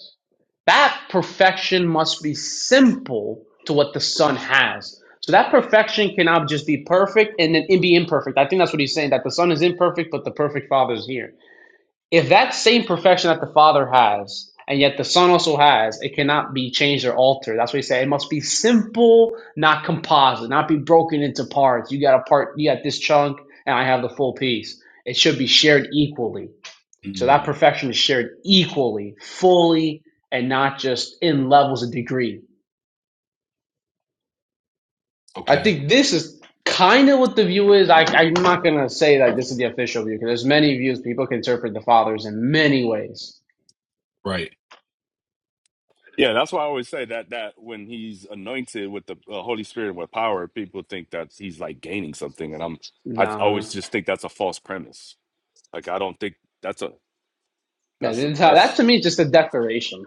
K: that perfection must be simple to what the Son has. So that perfection cannot just be perfect and then be imperfect. I think that's what he's saying. That the Son is imperfect, but the perfect Father is here. If that same perfection that the Father has, and yet the Son also has, it cannot be changed or altered. That's what he said. It must be simple, not composite, not be broken into parts. You got a part, you got this chunk, and I have the full piece. It should be shared equally. So that perfection is shared equally, fully, and not just in levels of degree. I
H: Okay.
K: think this is kind of what the view is. I, I'm not going to say that this is the official view because there's many views people can interpret the fathers in many ways.
H: Right.
L: Yeah, that's why I always say that that when he's anointed with the uh, Holy Spirit and with power, people think that he's like gaining something, and I'm I
K: No.
L: always just think that's a false premise. Like I don't think that's a
K: Yeah,
L: that's
K: the
L: a,
K: entire, that
L: that's
K: to me is just a declaration.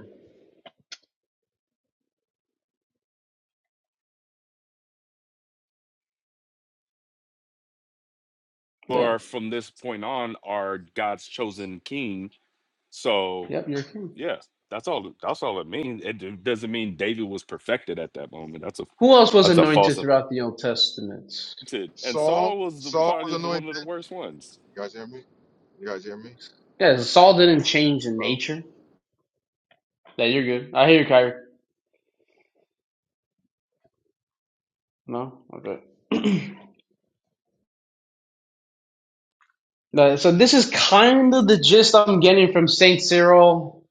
K: Yeah.
L: or from this point on are God's chosen king. So
K: Yep, you're king.
L: yeah, that's all that's all it means. It d- doesn't mean David was perfected at that moment. That's a
K: Who else was
L: that's a false.
K: anointed throughout the Old Testament?
L: anointed. And
A: Saul,
L: Saul was the,
A: Saul was
L: probably the one
A: anointed.
L: of the worst ones.
A: You guys hear me? You guys hear me?
K: Yeah, Saul didn't change in
A: Hello?
K: nature. Yeah, you're good. I hear you, Kyrie. No? Okay. No, so this is kind of the gist I'm getting from St. Cyril.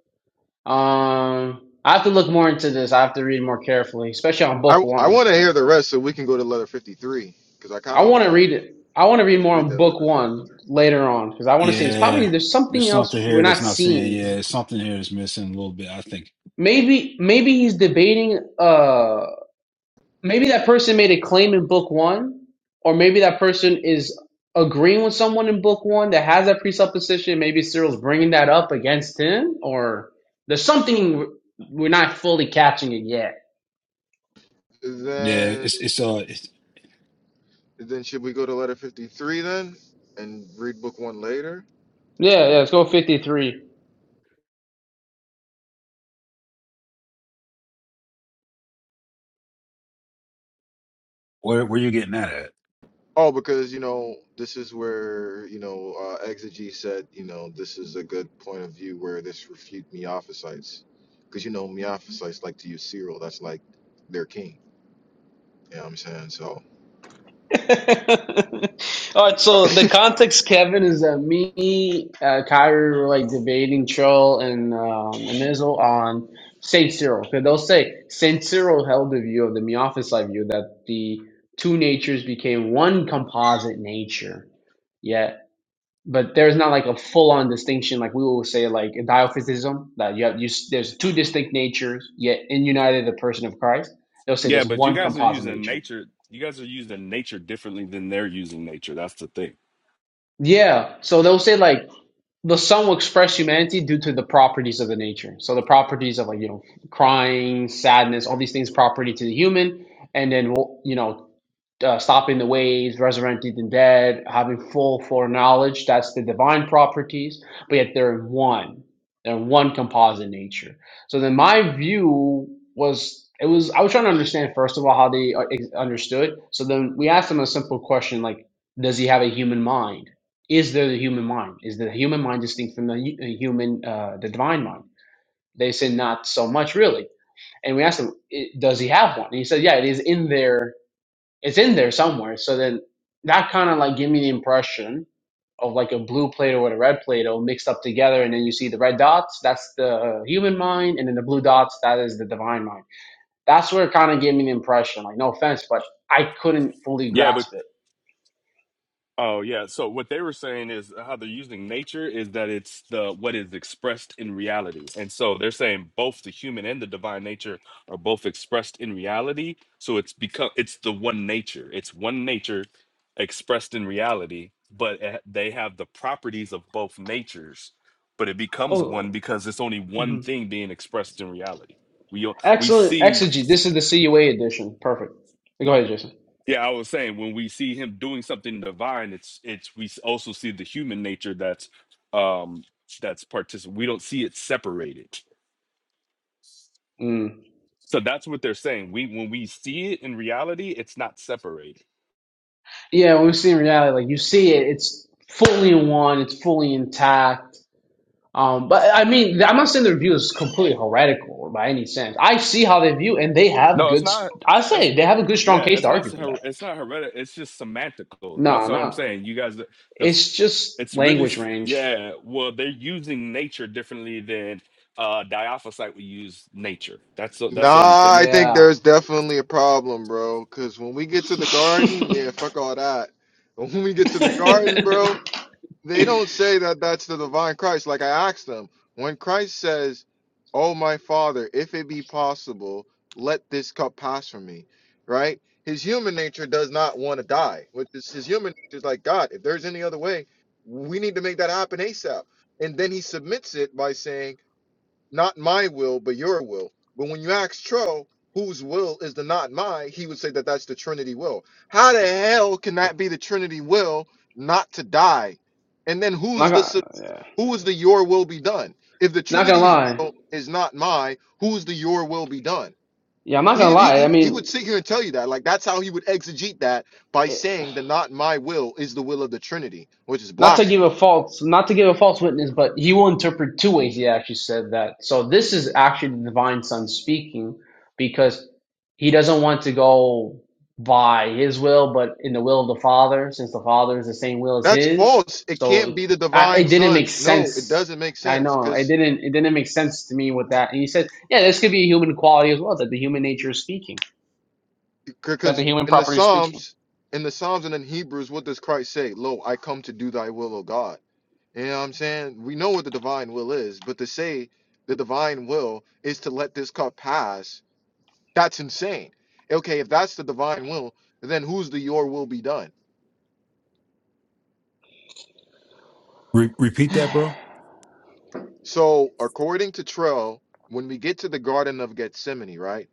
K: Um, I have to look more into this. I have to read more carefully, especially on book
A: I I
K: one.
A: want to hear the rest, so we can go to letter fifty three, because I
K: I
A: kind of
K: want
A: want
K: to
A: to.
K: read it. I want to read
A: Can we
K: more
A: read
K: on
A: that
K: book
A: letter fifty?
K: one later on because I want to see. It's probably
H: Yeah.
K: there's
H: There's
K: something
H: something
K: else we're
H: here that's
K: not
H: not saying.
K: seeing. because.
H: Yeah. There's something here that's missing a little bit. I think.
K: maybe maybe he's debating uh maybe that person made a claim in book one or maybe that person is agreeing with someone in book one that has that presupposition maybe cyril's bringing that up against him or there's something we're not fully catching it yet
H: Yeah.
A: Then
H: It's it's uh. It's,
A: Then should we go to letter 53 then and read book one later?
K: yeah yeah let's go 53
H: where where you getting that at?
A: Oh, because, you know, this is where, you know, uh, Exegy said, you know, this is a good point of view where this refute Miaphysites. Because, you know, Miaphysites like to use Cyril. That's like their king. You know what I'm saying? So,
K: All right, so the context, Kevin, is that me, uh, Kyrie were like debating Troll and um, and on Saint Cyril. Because they'll say Saint Cyril held the view of the Miaphysite view that the two natures became one composite nature. Yeah, but there's not like a full on distinction like we will say like in Diophysism that you have you s- there's two distinct natures yet in united the person of Christ. They'll say
L: Yeah,
K: there's
L: but you
K: one
L: guys are
K: composite
L: using
K: nature.
L: nature. You guys are using nature differently than they're using nature. That's the thing.
K: Yeah, so they'll say like. the song will express humanity due to the properties of the nature. So the properties of like you know crying, sadness, all these things property to the human, and then we'll, you know uh, stopping the waves, resurrecting the dead, having full foreknowledge. That's the divine properties, but yet they're in one. They're in one composite nature. So then my view was it was I was trying to understand first of all how they uh, ex- understood. So then we asked them a simple question like, does he have a human mind? Is there the human mind? Is the human mind distinct from the hu- uh, human, uh, the divine mind? They said not so much really. And we asked him, "I- does he have one? And he said, yeah, it is in there it's in there somewhere. So then that kind of like give me the impression of like a blue Play-Doh with a red Play-Doh mixed up together, and then you see the red dots. That's the human mind, and then the blue dots. That is the divine mind. That's where it kind of gave me the impression. Like no offense, but I couldn't fully
L: Yeah,
K: grasp it.
L: Oh yeah. So what they were saying is how they're using nature is that it's the what is expressed in reality. And so they're saying both the human and the divine nature are both expressed in reality. So it's become it's the one nature. It's one nature expressed in reality, but it- they have the properties of both natures. But it becomes one
K: Oh,
L: because it's only
K: hmm
L: one thing being expressed in reality. We o- we
K: excellent
L: see
K: exegy. This is the CUA edition. Perfect. Go ahead, Jason.
L: Yeah, I was saying when we see him doing something divine, it's it's we s- also see the human nature that's um that's partic we don't see it separated.
K: Mm.
L: So that's what they're saying. We when we see it in reality, it's not separated.
K: Yeah, when we see in reality, like you see it, it's fully in one. It's fully intact Um, but I mean, I'm not saying their view is completely heretical by any sense. I see how they view, and they have
L: No, it's
K: good.
L: not
K: I
L: that's
K: say they have a good, strong
L: yeah,
K: case
L: it's
K: to
L: not
K: argue for
L: her-
K: that.
L: it's not hereditary, it's just semantical.
K: No,
L: That's all I'm
K: no,
L: saying. You guys the s-
K: It's just
L: it's really
K: language
L: s-
K: range.
L: yeah, well they're using nature differently than uh Diophysite would use nature. That's the- that's the only thing.
A: nah, I think
K: Yeah.
A: there's definitely a problem, bro. Because when we get to the garden, yeah,
K: not
A: fuck all that. When we get to the garden, bro, they don't say that that's the divine Christ. Like I asked them, when Christ says, "Oh my Father, if it be possible, let this cup pass from me," right? His human nature does not want to die, which is his human nature is like God. If there's any other way, we need to make that happen ASAP. And then he submits it by saying not my will, but your will. But when you ask Tro, whose will is the not my, he would say that that's the Trinity will. How the hell can that be the Trinity will not to die? And then who's the su-
K: gonna,
A: who is the your will be done? If the
K: not gonna
A: Trinity's
K: lie.
A: will is not my, who's the your will be done?
K: Yeah, I'm not
A: He,
K: gonna
A: he
K: lie.
A: he
K: I
A: he would
K: mean,
A: sit here and tell you that like that's how he would exegete that by saying the not my will is the will of the Trinity, which is
K: not to give
A: blasphemy.
K: a false not to give a false witness, but he will interpret two ways. He actually said that. So this is actually the divine son speaking because he doesn't want to go by his will, but in the will of the father, since the father is the same will as
A: That's
K: his.
A: false. It
K: So
A: can't
K: it,
A: be the
K: I, it
A: divine
K: didn't make
A: son. No, it
K: sense.
A: doesn't make
K: I
A: sense
K: know it
A: because
K: didn't. It didn't make sense to me with that. And he said, "Yeah, this could be a human quality as well. That the human nature is speaking. That the
A: Because
K: human
A: in the
K: property is speaking."
A: Psalms, in the Psalms and in Hebrews, what does Christ say? Lo, I come to do thy will, O God. You know what I'm saying? We know what the divine will is, but to say the divine will is to let this cup pass, that's insane. Okay, if that's the divine will, then who's the your will be done?
H: Re- repeat that, bro.
A: So according to Trell, when we get to the Garden of Gethsemane, right?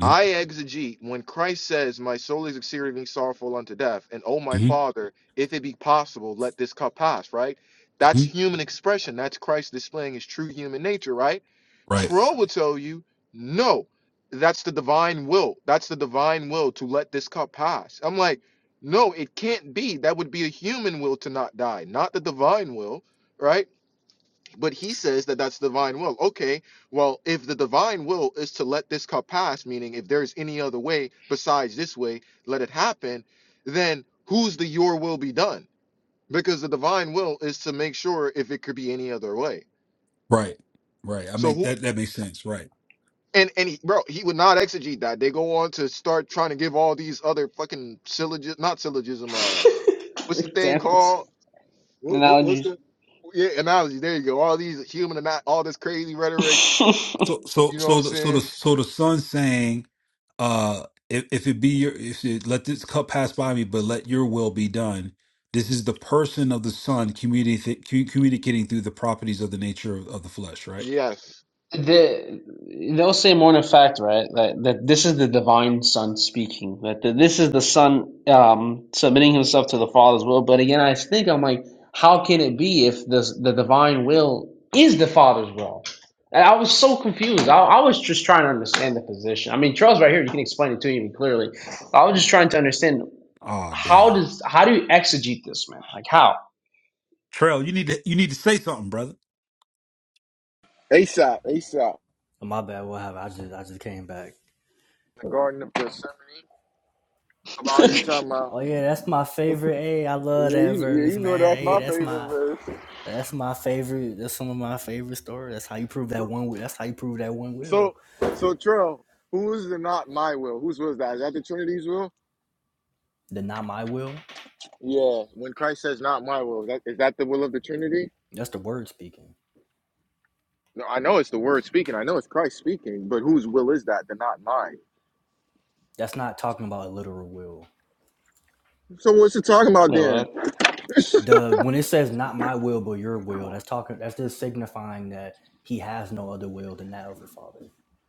H: hmm
A: I exegete when Christ says, My soul is exceedingly sorrowful unto death, and oh my
H: hmm
A: father, if it be possible, let this cup pass, right? That's
H: hmm
A: human expression. That's Christ displaying his true human nature, right?
H: Right,
A: Tro will tell you, no, that's the divine will. That's the divine will to let this cup pass. I'm like, no, it can't be. That would be a human will to not die, not the divine will, right? But he says that that's divine will. Okay, well, if the divine will is to let this cup pass, meaning if there's any other way besides this way, let it happen, then who's the your will be done? Because the divine will is to make sure if it could be any other way.
H: right, right. I
A: So
H: make
A: who
H: that that makes sense. Right.
A: and and he, bro, he would not exegete that. They go on to start trying to give all these other fucking syllogism, not syllogism. Uh, what's the thing
K: Examples,
A: called? What, what, what's
K: analogies.
A: the yeah analogy? There you go. All these human and all this crazy rhetoric.
H: So so
A: You know what I'm
H: so the, so
A: saying?
H: the so the son saying, uh, if if it be your if it, let this cup pass by me, but let your will be done. This is the person of the son communicating communicating through the properties of the nature of, of the flesh. Right.
A: Yes.
K: The, they'll say more in effect, right? That, that this is the divine Son speaking. That the, this is the Son um, submitting himself to the Father's will. But again, I think I'm like, how can it be if this, the divine will is the Father's will? And I was so confused. I, I was just trying to understand the position. I mean, Charles, right here, you can explain it to me clearly. I was just trying to understand
H: Ah,
K: how
H: damn.
K: does how do you exegete this, man? Like how?
H: Trail, you need to you need to say something, brother.
A: ASAP, ASAP.
C: oh, my bad, what happened? I just, I just came back.
A: The Garden of Gethsemane. About you
K: Wait,
A: talking about.
C: Oh yeah, that's my favorite. Hey, I
A: Yeah,
C: love that
A: you, yeah,
C: verse,
A: you know
C: man.
A: that's
C: Hey,
A: my
C: that's
A: favorite
C: my
A: verse.
C: That's my favorite. That's some of my favorite stories. That's how you prove that
A: So,
C: one. Will. That's how you prove that one
A: so,
C: will.
A: so, Trill, who is the not my will? Whose will is that? Is that the Trinity's will?
C: The not my will.
A: Yeah. When Christ says not my will, that, is that the will of the Trinity?
C: That's the word speaking.
A: No, I know it's the Word speaking. I know it's Christ speaking, but whose will is that? The not mine.
C: That's not talking about a literal will.
A: So what's it talking about then?
K: what?
C: The when it says not my will but your will, that's talking. That's just signifying that he has no other will than that of the Father.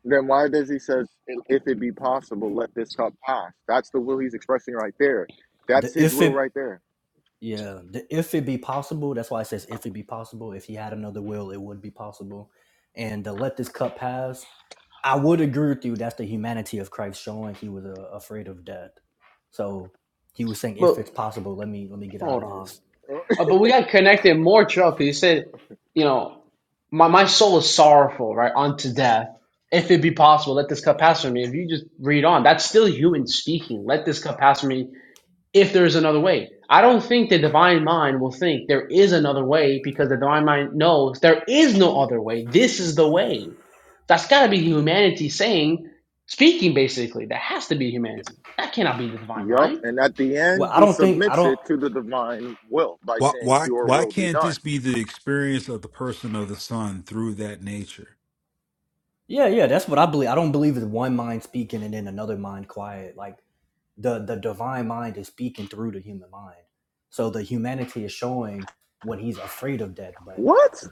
A: Then why does he says, if it be possible, let this cup pass? That's the will he's expressing right there. That's
C: The
A: his
C: if
A: will
C: it
A: right there.
C: yeah the if it be possible. That's why it says if it be possible. If he had another will, it would be possible. And the let this cup pass I would agree with you. That's the humanity of Christ showing he was uh, afraid of death. So he was saying,
K: But
C: if it's possible, let me let me get out
K: hold
C: of
K: on.
C: this.
K: Uh, but we got connected more, Chuck. You said, you know, my, my soul is sorrowful, right, unto death. If it be possible, let this cup pass from me. If you just read on, that's still human speaking. Let this cup pass from me if there is another way. I don't think the divine mind will think there is another way because the divine mind knows there is no other way. This is the way. That's got to be humanity saying, speaking basically. That has to be humanity. That cannot be the divine
A: Yup. And at the
C: Well,
A: end,
C: I
A: he
C: don't think I
A: submits
C: don't.
A: it to the divine will by
H: Why
A: saying,
H: why
A: Your
H: why
A: will be
H: can't
A: done.
H: this be the experience of the person of the son through that nature?
C: Yeah, yeah, that's what I believe. I don't believe it's one mind speaking and then another mind quiet. Like the the divine mind is speaking through the human mind. So the humanity is showing when he's afraid of death. But
A: What?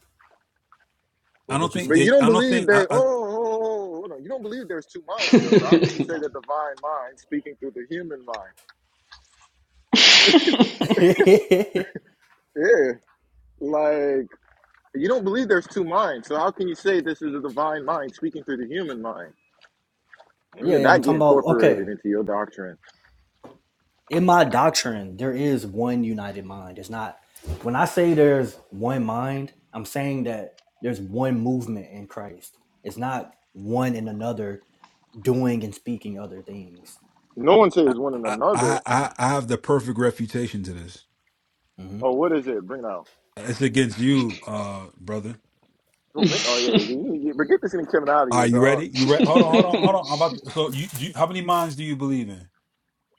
H: I
C: what
H: don't
C: what you
H: think
A: But
C: saying?
A: you
H: they,
A: don't
H: I don't
A: believe
H: think I
A: there, oh,
H: I
A: oh, oh, oh, oh, oh, hold on. You don't believe there's two minds, though. So how can you say the divine mind speaking through the human mind?
C: yeah,
A: Yeah. Like, you don't believe there's two minds. So how can you say this is a divine mind speaking through the human mind? When did
C: yeah, I'm
A: that get
C: talking about okay.
A: incorporated into your doctrine?
C: in my doctrine, there is one united mind. It's not when I say there's one mind, I'm saying that there's one movement in Christ. It's not one and another doing and speaking other things.
A: No one
H: I
A: says one and
H: I
A: another.
H: I I have the perfect refutation to this.
C: hmm
A: Oh, what is it? Bring it out.
H: It's against you, uh, brother.
A: Oh, me? oh
K: mind.
A: yeah. yeah, You, you, but get this thing Kevin, out of
H: Are
A: here,
H: you
A: dog.
H: ready? You ready? Hold on, hold on, hold on. I'm about to, so you, you how many minds do you believe in?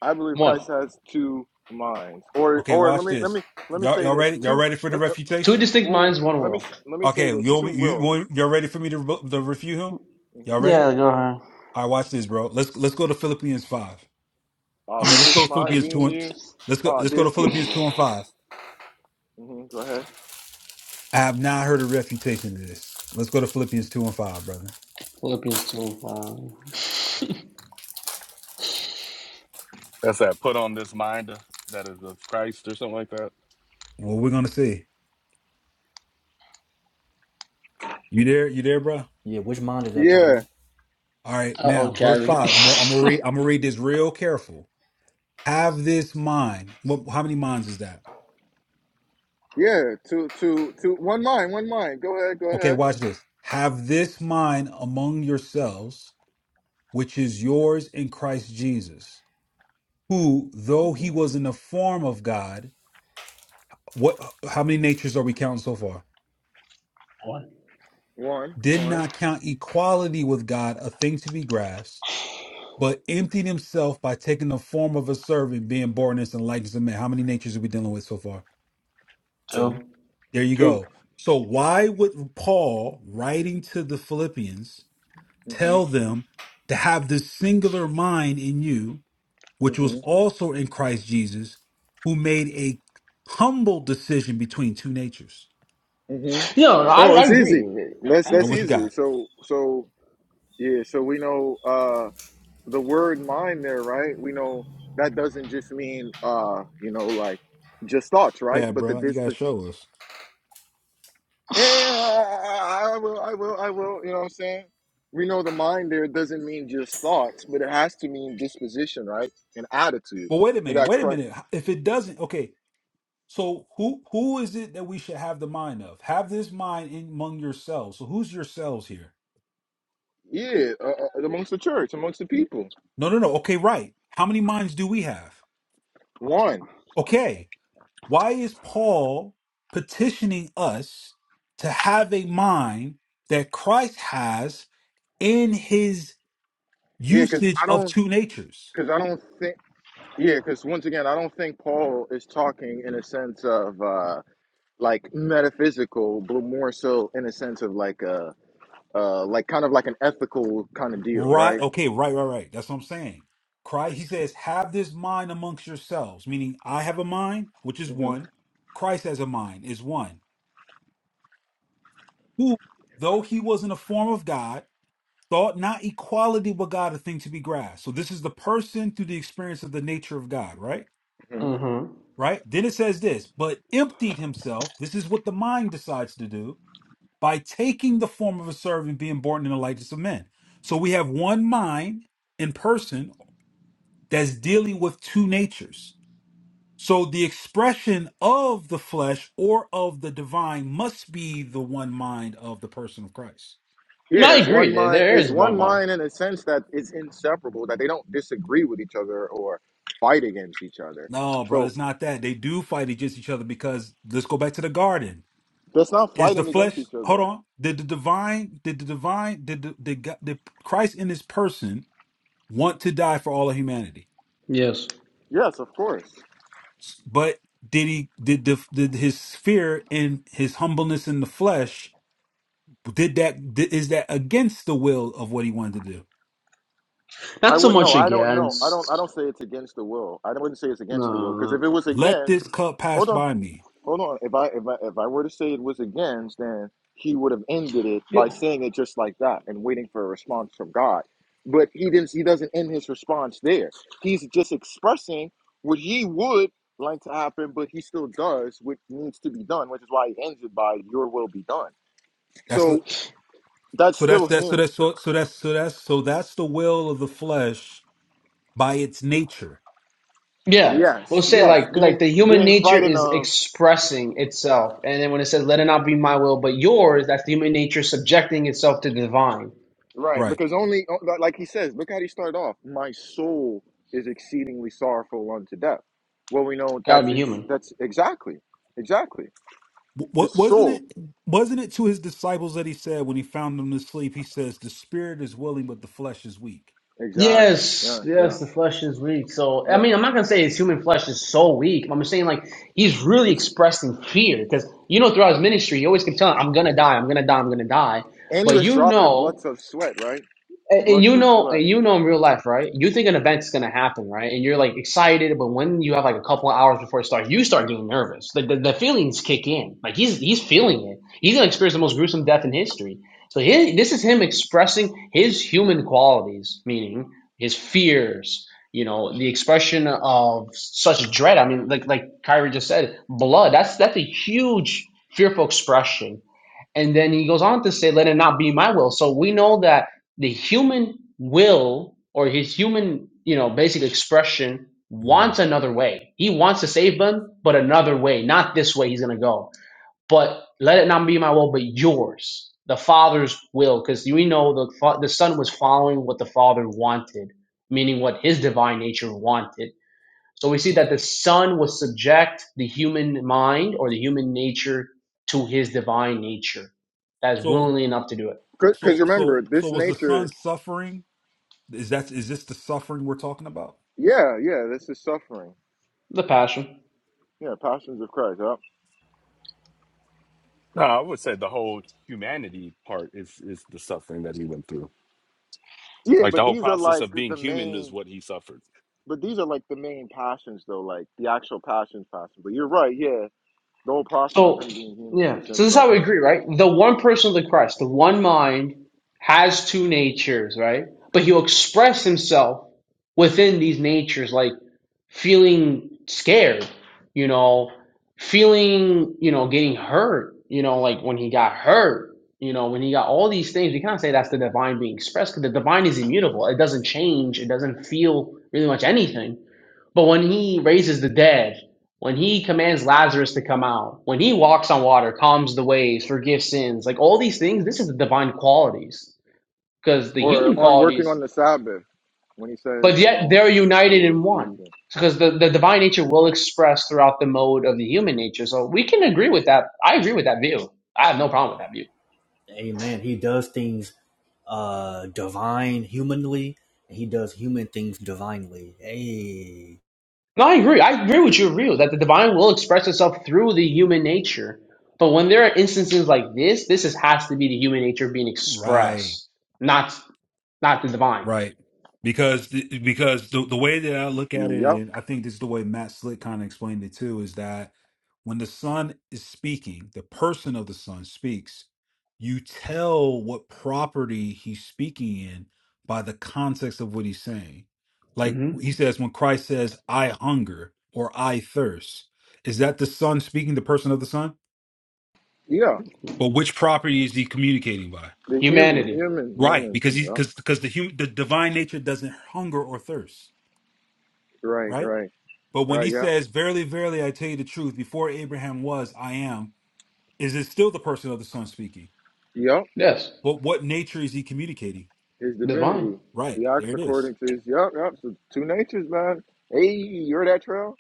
A: I believe
K: one.
A: Christ has two minds. Or
H: Okay,
A: or let
H: watch
A: me let
H: this.
A: me let me
H: Y'all
A: say
H: y'all
A: this
H: ready? Y'all
A: two.
H: ready for the
A: Let,
K: Two
H: refutation?
K: distinct
A: well,
K: minds, one
A: let me
K: will.
A: let me say
H: Okay,
A: this
H: you want
A: two
H: me- you
A: wills.
H: want y'all ready for me to re- to refute him?
A: hmm
H: Y'all ready?
K: Yeah, go ahead.
H: All right, watch this, bro. Let's let's go to Philippians five.
A: Uh,
H: I mean,
A: let
H: let's
A: this
H: go to
A: mind
H: Philippians
A: be in
H: two and
A: you.
H: let's go
A: Oh,
H: let's go
A: this
H: to Philippians
A: nigga.
H: two and five.
A: hmm Go ahead.
H: I have not heard a refutation of this. Let's go to Philippians two and five, brother.
K: Philippians 2.
L: That's that put on this mind that is of Christ or something like that.
H: What we're gonna see? You there? You there, bro?
C: Yeah, which mind is that,
A: Yeah,
C: Kyrie?
H: All right.
K: Uh oh,
H: Now, verse
K: Kevin.
H: five. I'm gonna I'm gonna read. I'm gonna read this real careful. Have this mind. What, how many minds is that?
A: yeah. Two, two, two. One mind, one mind. Go ahead, go
H: Okay,
A: ahead.
H: watch this. Have this mind among yourselves, which is yours in Christ Jesus, who, though he
A: hmm
H: was in the form of God, what? How many natures are we counting so far?
K: one,
A: One,
H: did
A: one,
H: not count equality with God a thing to be grasped, but emptied himself by taking the form of a servant, being born in us and likeness of man. How many natures are we dealing with so far?
C: Two.
K: two.
H: There you
A: two.
H: go. So why would Paul, writing to the Philippians,
A: Mm-hmm,
H: tell them to have this singular mind in you, which was
A: mm-hmm,
H: also in Christ Jesus, who made a humble decision between two natures?
A: mm-hmm.
K: No, I,
A: Oh,
K: I
A: it's easy.
K: agree.
A: That's
K: I
H: All
A: that's
H: right, what
K: agree.
H: you
A: easy.
H: got?
A: So so yeah. So we know. Uh, the word mind there, right? We know that doesn't just mean uh, you know, like just thoughts, right?
H: That,
A: But the
H: bro. You gotta
A: disposition
H: show us.
A: yeah, I will, I will, I will, you know what I'm saying? We know the mind there doesn't mean just thoughts, but it has to mean disposition, right? And attitude.
H: Well, wait a minute.
A: That
H: Wait a
A: Christ,
H: minute. If it doesn't, okay. So who who is it that we should have the mind of? Have this mind in among yourselves. So who's yourselves here?
A: yeah, uh, uh, amongst the church, amongst the people.
H: No, no, no. Okay, right. How many minds do we have?
A: One.
H: Okay. Why is Paul petitioning us to have a mind that Christ has in his
A: Yeah, because
H: usage
A: I
H: of
A: don't,
H: two natures?
A: because I don't think, yeah, because once again, I don't think Paul is talking in a sense of, uh like metaphysical, but more so in a sense of like a uh, like kind of like an ethical kind of deal,
H: Right.
A: right?
H: Okay, right, right, right. That's what I'm saying. Christ, he says, have this mind amongst yourselves, meaning I have a mind, which is
A: hmm
H: one. Christ has a mind, is one. who, though he was in the form of God, thought not equality with God a thing to be grasped. So this is the person through the experience of the nature of God, right?
A: hmm
K: Mm-hmm.
H: Right? Then it says this, but emptied himself. This is what the mind decides to do by taking the form of a servant, being born in the likeness of men. So we have one mind in person that's dealing with two natures. So the expression of the flesh or of the divine must be the one mind of the person of Christ.
K: No,
A: Yeah,
K: I
A: it's
K: agree.
A: one
K: There,
A: mind.
K: there
A: It's
K: is one
A: one
K: mind.
A: mind in a sense that it's inseparable, that they don't disagree with each other or fight against each other.
H: No, bro,
A: So
H: it's not that. They do fight against each other because let's go back to the garden.
A: that's not
H: Is the
A: fighting against
H: flesh?
A: each
H: Hold
A: other.
H: on. Did the divine? Did the divine? Did the did, God, did Christ in His person want to die for all of humanity?
K: Yes.
A: Yes, of course.
H: But did he? Did the did his fear and his humbleness in the flesh? Did that? Did, is that against the will of what he wanted to do?
A: I
K: Not so
A: wouldn't know.
K: much
A: I don't know. I don't. I
K: against.
A: don't say it's against the will. I wouldn't say it's
K: No,
A: against the will because if it
K: no.
A: was
H: Let
A: against,
H: this cup pass
A: hold on,
H: by me.
A: Hold on. If I if I if I were to say it was against, then he would have ended it by
K: Yeah.
A: saying it just like that and waiting for a response from God. But he didn't. He doesn't end his response there. He's just expressing what he would like to happen, but he still does what needs to be done, which is why he ends it by "Your will be done."
H: That's
A: So
H: the-
A: that's
H: so. That's
A: still
H: that's so
A: him.
H: that's so, so that's so that's so that's the will of the flesh by its nature.
K: yeah.
A: Yes,
K: We'll say
A: yes.
K: like like
A: Being
K: the human
A: being
K: nature
A: frightened
K: is
A: of
K: expressing itself, and then when it says "Let it not be my will, but yours," that's the human nature subjecting itself to the divine.
A: Right,
H: Right.
A: because only like he says, look how he started off. My soul is exceedingly sorrowful unto death. Well, we know
K: Gotta
A: that's
K: be
A: his.
K: human.
A: That's exactly, exactly his
H: What wasn't
A: soul.
H: it? Wasn't it to his disciples that he said when he found them asleep? He says, "The spirit is willing, but the flesh is weak."
A: Exactly.
K: Yes,
A: Yeah, yeah,
K: yes, the flesh is weak. So, I
A: yeah.
K: mean, I'm not gonna say his human flesh is so weak. I'm just saying like he's really
A: It's,
K: expressing fear because you know throughout his ministry he always kept telling, "I'm gonna die, I'm gonna die, I'm gonna die,"
A: and he
K: but
A: was
K: you
A: dropping
K: know.
A: blots of sweat, right?
K: And, and
A: Blots
K: you
A: of
K: know, and
A: sweat.
K: you know in real life, right? You think an event's gonna happen, right? And you're like excited, but when you have like a couple of hours before it starts, you start getting nervous. The, the, the feelings kick in. Like he's he's feeling it. He's gonna experience the most gruesome death in history. So his, this is him expressing his human qualities, meaning his fears. You know, the expression of such dread. I mean, like like Kyrie just said, blood. That's that's a huge fearful expression and then he goes on to say, let it not be my will. So we know that the human will or his human, you know, basic expression
H: hmm
K: wants another way. He wants to save them, but another way, not this way he's going to go. But let it not be my will, but yours, the Father's will. Because we know the, fa- the Son was following what the Father wanted, meaning what his divine nature wanted so we see that the Son will subject the human mind or the human nature to his divine nature. That is
H: So,
K: willingly enough to do it.
A: Because
H: so, so,
A: remember,
H: so
A: this
H: was the son
A: nature.
H: suffering? Is that is this the suffering we're talking about?
A: Yeah, yeah. This is suffering.
K: The passion.
A: Yeah, passions of Christ. Yeah.
L: No, I would say the whole humanity part is is the suffering that he went through.
A: Yeah,
L: Like the
A: but
L: whole
A: these are
L: process
A: like
L: of being
A: the
L: human is
A: main.
L: what he suffered.
A: But these are like the main passions, though. Like the actual passions, passions. But you're right. Yeah The whole process of
K: So,
A: him being human
K: yeah.
A: is
K: So
A: him
K: this is how we
A: suffering.
K: agree, right? The one person of the Christ, the one mind, has two natures, right? But he'll express himself within these natures. Like feeling scared, you know, feeling, you know, getting hurt, you know, like when he got hurt, you know, when he got all these things, we can't say that's the divine being expressed because the divine is immutable. It doesn't change, it doesn't feel really much anything. But when he raises the dead, when he commands Lazarus to come out, when he walks on water, calms the waves, forgives sins, like all these things, this is the divine qualities. Because the
A: Or
K: human
A: on working
K: qualities
A: on the Sabbath when he says,
K: but
A: you
K: yet
A: know,
K: they're
A: I
K: united
A: will
K: in
A: teach
K: one
A: you.
K: because the, the divine nature will express throughout the mode of the human nature so we can agree with that i agree with that view i have no problem with that view
C: Amen. He does things uh divine humanly, and he does human things divinely. Hey.
K: no i agree i agree with your view that the divine will express itself through the human nature but when there are instances like this this is, has to be the human nature being
H: Right.
K: expressed not not the divine
H: Right. Because th- because the, the way that I look at it,
A: Yep.
H: and I think this is the way Matt Slick kind of explained it too, is that when the son is speaking, the person of the son speaks, you tell what property he's speaking in by the context of what he's saying. Like
K: hmm
H: he says, when Christ says, I hunger or I thirst, is that the son speaking, the person of the son?
A: Yeah.
H: But which property is he communicating by?
A: The human,
K: humanity
A: human,
H: Right,
A: humans.
H: because he's
A: Yep.
H: because because the human the divine nature doesn't hunger or thirst
A: Right,
H: right?
A: right.
H: But when he
A: Right, yep.
H: says, Verily, verily, I tell you the truth, before Abraham was, I am, is it still the person of the Son speaking?
A: Yep.
K: yes
H: What what nature is he communicating?
A: His
K: divine
A: divinity.
H: Right.
A: He
H: There
A: acts
H: it is.
A: according to his yep, yep. So two natures, man. Hey, you heard that trail?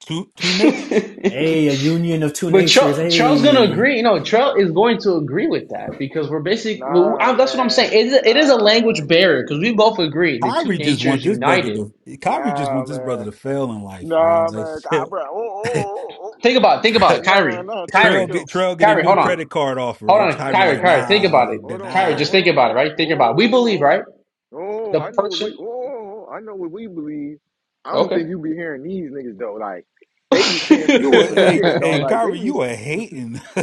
H: Two two natures.
C: Hey, a union of two
K: But
C: natures.
K: Char- Charles gonna
C: Hey.
K: agree. You know, Charles is going to agree with that because we're basically. Well,
A: Nah,
K: I, that's what I'm saying.
A: man.
K: It is, it is a
A: Nah,
K: language barrier because
A: man.
K: we both agree the two
H: Kyrie just want
K: natures
H: this brother
K: united.
H: to Kyrie just
A: Nah,
H: wants this brother
A: man.
H: to fail in life, bro.
A: Nah,
H: It's
A: man. Ah, bruh.
H: like
A: Oh, oh, oh, oh. oh.
K: Think about it. Think about it,
H: Tra-
A: Nah,
K: Kyrie.
A: nah. Chill, chill,
H: Trail
K: Kyrie.
A: chill.
H: get Trail
A: Oh, oh,
H: get a
A: oh,
K: Kyrie.
H: new
K: Hold
A: oh.
H: credit
K: on.
H: card offer.
K: Hold
A: Oh,
H: And
A: oh,
K: on,
H: Kyrie
A: oh,
K: Kyrie.
H: like,
A: oh,
K: Kyrie.
A: oh,
K: Think
A: oh,
H: nah,
A: oh,
K: about it,
A: hold on, hold
K: Kyrie.
A: on,
H: nah.
K: Just
A: hold
K: think
A: on.
K: about it, right? Think about it. We believe, right?
A: Oh, oh, oh, oh,
K: The
A: I know what we.
K: person.
A: Oh, oh, I know what we believe. I don't think
K: Okay.
A: you be hearing these niggas though. Like they be saying some
H: You a
A: different
H: hey,
A: shit,
H: hey
A: dog. Like they
H: Kyrie,
A: be
H: you a hating.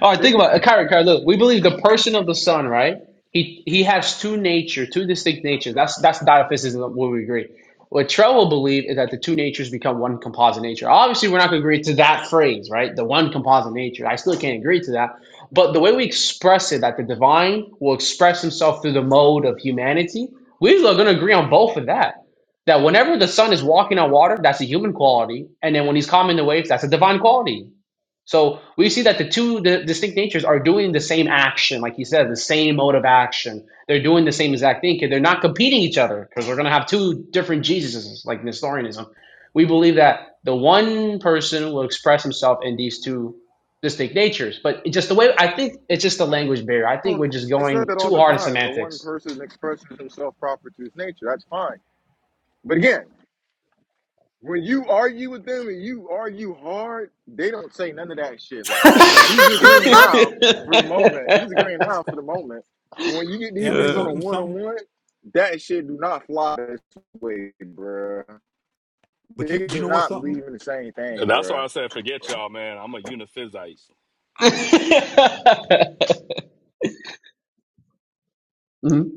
K: All right,
A: they
K: think about it. Kyrie, Kyrie, look, we believe the person of the Son, right? He he has two nature, two distinct natures. That's that's diophysitism where we agree. What Trell will believe is that the two natures become one composite nature. Obviously, we're not going to agree to that phrase, right? The one composite nature. I still can't agree to that. But the way we express it, that the divine will express himself through the mode of humanity, we're going to agree on both of that. That whenever the Son is walking on water, that's a human quality. And then when he's calming the waves, that's a divine quality. So we see that the two di- distinct natures are doing the same action, like he said, the same mode of action. They're doing the same exact thing. 'cause They're not competing each other because we're going to have two different Jesuses, like Nestorianism. We believe that the one person will express himself in these two distinct natures, but it just the way I think it's just the language barrier. I think
A: don't.
K: we're just
A: They said
K: going
A: that all
K: too
A: the
K: hard in
A: time. The one
K: semantics.
A: person expresses himself proper to his nature. That's fine. But again, when you argue with them and you argue hard, they don't say none of that shit. Like he's agreeing now for the moment. He's agreeing now for the moment. When you get these
H: yeah, it's
A: niggas on
K: Uh,
A: a
H: something,
A: one on
H: something.
A: one, that shit do not fly this way, bruh.
H: But you
A: They
H: you
A: do
H: know what
A: not
H: something?
A: believe in the same
L: And
A: thing,
L: that's why
A: bruh.
L: I said, forget y'all, man. I'm a uniphysite.
K: Mhm.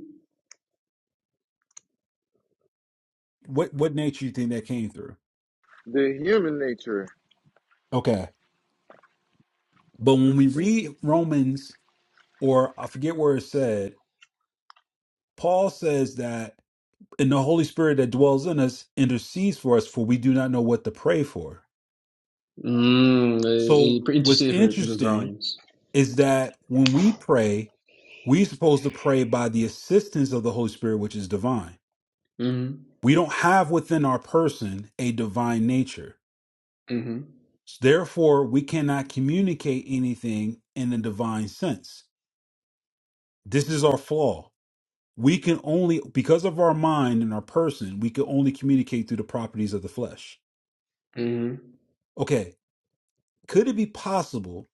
H: what what nature you think that came through?
A: The human nature.
H: Okay. But when we read Romans or I forget where it said, Paul says that in the Holy Spirit that dwells in us intercedes for us for we do not know what to pray for.
K: Mm, eh, eh,
H: So
K: pretty
H: what's
K: interested for
H: interesting
K: Gregorians.
H: is that when we pray, we're supposed to pray by the assistance of the Holy Spirit, which is divine.
K: hmm
H: We don't have within our person a divine nature.
K: hmm
H: Therefore, we cannot communicate anything in a divine sense This is our flaw. We can only, because of our mind and our person, we can only communicate through the properties of the flesh.
K: hmm
H: Okay, could it be possible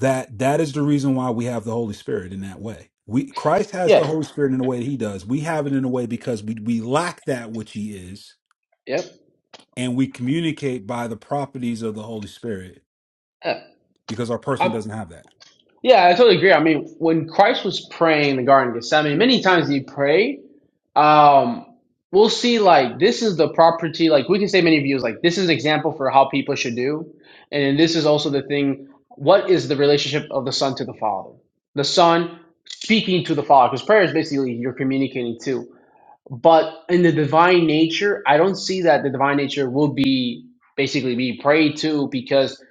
H: that that is the reason why we have the Holy Spirit in that way? We Christ has the
K: Yeah.
H: Holy Spirit in the way that He does. We have it in a way because we we lack that which He is,
K: Yep.
H: and we communicate by the properties of the Holy Spirit
K: Yeah.
H: because our person
K: I,
H: doesn't have that.
K: yeah, I totally agree. I mean, when Christ was praying in the Garden of Gethsemane, many times he prayed. Um, we'll see. Like this is the property. Like we can say many views. Like this is an example for how people should do, and then this is also the thing. What is the relationship of the Son to the Father? The Son speaking to the Father, because prayer is basically you're communicating to. But in the divine nature, I don't see that the divine nature will be basically be prayed to because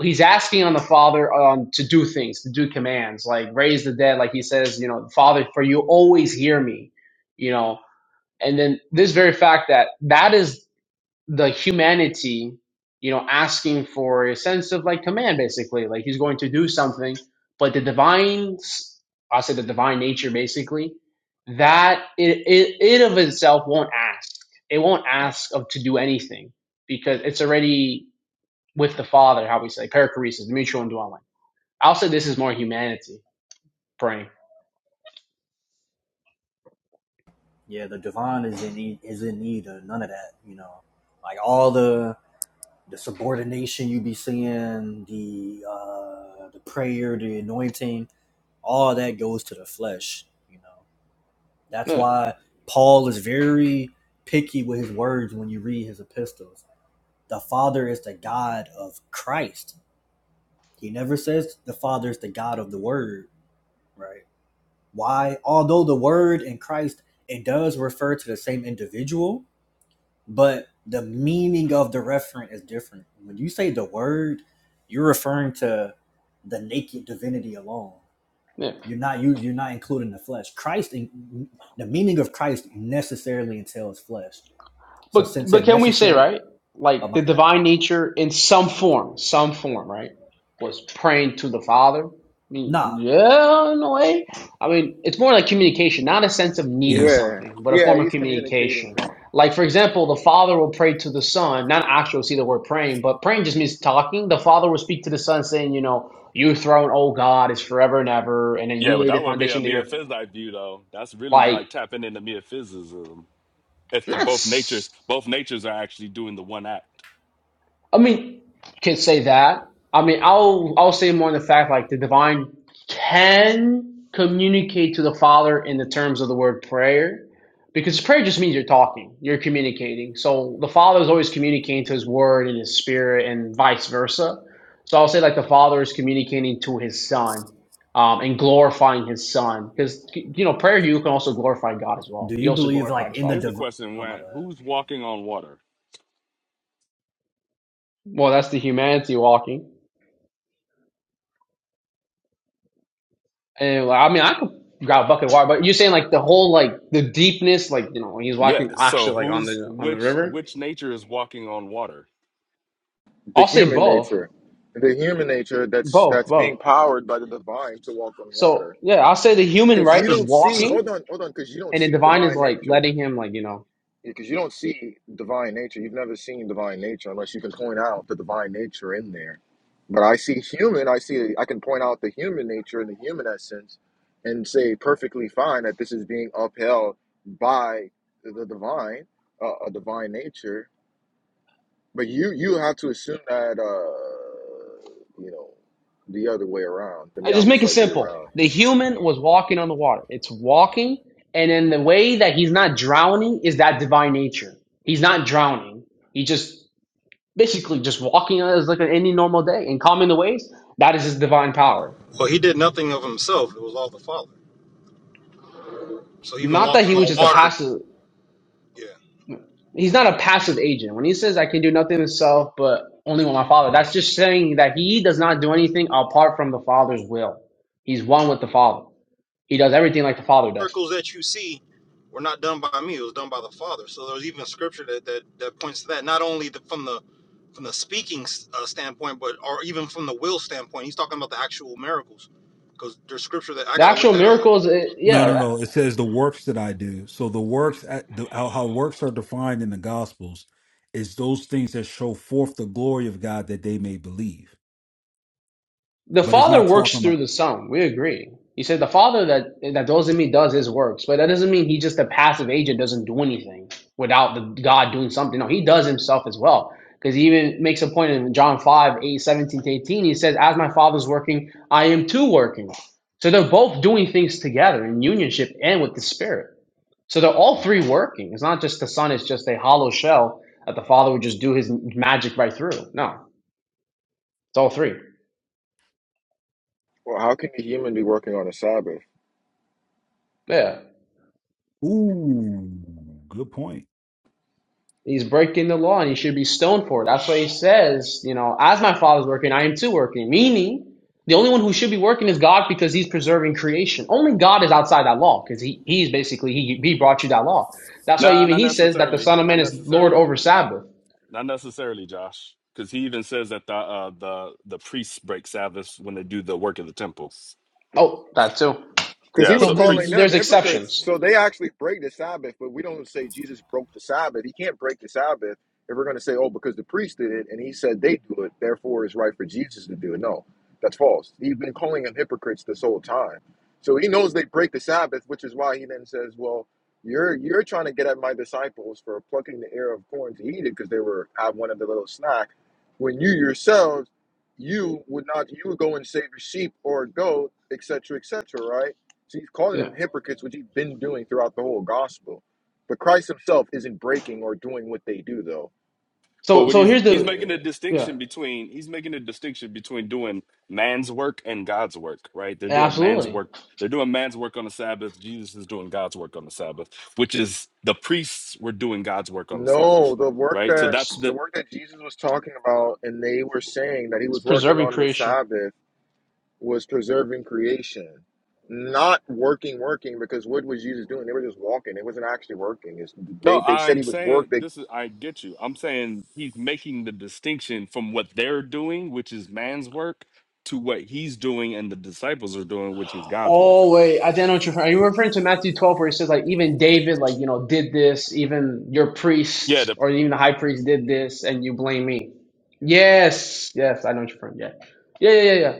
K: he's asking on the Father um, to do things, to do commands, like raise the dead, like he says, you know, Father, for you always hear me, you know. And then this very fact that that is the humanity, you know, asking for a sense of like command, basically, like he's going to do something, but the divine, s- I'll say the divine nature, basically, that it, it, it of itself won't ask. It won't ask of to do anything because it's already with the Father, how we say, perichoresis, the mutual indwelling. I'll say this is more humanity praying.
C: Yeah, the divine is in need, is in need of none of that. You know, like all the the subordination you be seeing, the uh, the prayer, the anointing, all that goes to the flesh. You know, that's
K: Yeah,
C: why Paul is very picky with his words when you read his epistles. The Father is the God of Christ. He never says the Father is the God of the Word, right? Why? Although the Word and Christ it does refer to the same individual, but the meaning of the referent is different. When you say the word, you're referring to the naked divinity alone.
K: yeah.
C: You're not you, you're not including the flesh. Christ, in, the meaning of Christ necessarily entails flesh. So
K: But
C: since
K: but
C: it
K: can we say
C: necessarily,
K: right,
C: oh
K: like
C: my
K: the
C: bad.
K: divine nature in some form, some form, right, was praying to the Father? I mean,
C: Nah,
K: yeah, in a way. I mean, it's more like communication, not a sense of needing
A: Yeah,
K: something, but a
A: yeah.
K: form of
A: He's communicating
K: communication.
A: to
K: Like for example, the Father will pray to the Son. Not actually see the word praying, but praying just means talking. The Father will speak to the Son, saying, you know, your throne, oh God, is forever and ever, and then
L: Yeah,
K: you
L: but
K: lay the
L: that would be a
K: foundation there.
L: meophysite view though. That's really
K: Like
L: like tapping into meophysicism. If the both
K: that's.
L: natures both natures are actually doing the one act.
K: I mean, can say that. I mean, I'll I'll say more in the fact like the divine can communicate to the Father in the terms of the word prayer, because prayer just means you're talking, you're communicating. So the Father is always communicating to His Word and His Spirit, and vice versa. So I'll say like the Father is communicating to His Son. Um, and glorifying his son because you know prayer you can also glorify god as well
C: do
K: he
C: you
K: also
C: believe
K: glorified
C: like
K: his
C: in the
L: Here's
K: father
L: a
C: divine?
L: question
C: Oh my
L: when, who's walking on water?
K: well that's the humanity walking And well, I mean, I could grab a bucket of water, but you're saying like the whole like the deepness, like you know, when he's
L: Yeah,
K: walking
L: so
K: actually like on
L: who's
K: the on the
L: which
K: river.
L: which nature is walking on water?
A: the
K: I'll say
A: human
K: both,
A: nature, the human nature that's
K: both,
A: that's
K: both.
A: being powered by the divine to walk on water
K: So yeah, I'll say the human
A: Because
K: right
A: you
K: is
A: don't see, hold
K: walking,
A: on, hold on, because you don't
K: and the
A: see
K: divine is
A: divine
K: like
A: nature.
K: letting him like you know.
A: Because you don't see divine nature. You've never seen divine nature unless you can point out the divine nature in there. But I see human, I see, I can point out the human nature and the human essence and say perfectly fine that this is being upheld by the divine, uh, a divine nature. But you, you have to assume that, uh, you know, the other way around, the
K: I just make it
A: Miaphysite view
K: simple.
A: around.
K: The human was walking on the water. It's walking, and then the way that he's not drowning is that divine nature. He's not drowning. He just basically just walking as like an any normal day and calming the waves. That is his divine power
M: Well, he did nothing of himself. It was all the Father. So even
K: Not that he
M: walking
K: was
M: on
K: just a
M: water,
K: passive.
M: yeah.
K: He's not a passive agent. When he says I can do nothing himself, but only with my father, that's just saying that he does not do anything apart from the father's will. He's one with the father. He does everything like the father does.
M: Miracles that you see were not done by me. It was done by the Father. So there's even scripture that that, that points to that. Not only the, from the from the speaking uh, standpoint, but or even from the will standpoint. He's talking about the actual miracles, because there's scripture that I
K: The
M: gotta look
K: actual
M: that up.
K: miracles, eh,
H: No, no,
K: yeah.
H: no. It says the works that I do. So the works, at the, how, how works are defined in the Gospels, is those things that show forth the glory of God that they may believe.
K: The
H: But it's
K: Father
H: not
K: works
H: talking
K: through
H: about.
K: the Son. We agree. He said the Father that that doesn't mean does his works, but that doesn't mean he's just a passive agent, doesn't do anything without the God doing something. No, he does himself as well. Because he even makes a point in John 5, 8, seventeen to 18. He says, As my father's working, I am too working. So they're both doing things together in unionship and with the Spirit. So they're all three working. It's not just the Son, it's just a hollow shell that the Father would just do his magic right through. No, it's all three.
A: Well, how can the human be working on a Sabbath?
K: Yeah.
H: Ooh, good point.
K: He's breaking the law and he should be stoned for it. That's why he says, you know, as my father's working, I am too working. Meaning, the only one who should be working is God because he's preserving creation. Only God is outside that law because he, he's basically, he, he brought you that law. That's why
L: Nah,
K: even
L: not
K: he says that the
L: necessarily.
K: Son of Man
L: Not
K: is
L: necessarily.
K: Lord over Sabbath.
L: Not necessarily, Josh. Because he even says that the uh, the the priests break Sabbaths when they do the work of the temple.
K: Oh, that too.
A: Because he
L: Yeah,
A: was
K: So
L: so the
K: th-
A: calling
L: priests.
A: them
K: there's
A: hypocrites.
K: exceptions.
A: So they actually break the Sabbath, but we don't say Jesus broke the Sabbath. He can't break the Sabbath if we're going to say, oh, because the priest did it and he said they do it, therefore it's right for Jesus to do it. No, that's false. He's been calling them hypocrites this whole time. So he knows they break the Sabbath, which is why he then says, well, you're you're trying to get at my disciples for plucking the ear of corn to eat it because they were have one of the little snack. When you yourselves, you would not, you would go and save your sheep or a goat, etc., etc., so he's calling
K: Yeah.
A: them hypocrites, which he's been doing throughout the whole gospel. But Christ himself isn't breaking or doing what they do though.
L: Well,
K: So,
L: what
K: so
L: he's
K: here's
L: he's
K: the,
L: making a
K: yeah,
L: distinction between he's making a distinction between doing man's work and God's work, right? They're doing man's
K: absolutely.
L: work. They're doing man's work on the Sabbath. Jesus is doing God's work on the Sabbath, which is the priests were doing God's work on the Sabbath,
A: No, the work
L: right? So
A: that
L: that's
A: the
L: the
A: work that Jesus was talking about and they were saying that he
K: It's
A: was working
K: preserving
A: on the
K: creation.
A: Sabbath was preserving creation. Not working, working, because what was Jesus doing? They were just walking. It wasn't actually working. It's,
L: No,
A: they they said
L: I'm
A: he was
L: saying
A: working.
L: this is I get you. I'm saying he's making the distinction from what they're doing, which is man's work, to what he's doing and the disciples are doing, which is God's work.
K: Oh wait, I don't know what you're. Are you referring to Matthew 12 where he says like even David like you know did this, even your
L: Yeah,
K: priest
L: the,
K: or even the high priest did this, and you blame me? Yes, yes, I know what you're referring. Yeah, yeah, yeah, yeah, yeah.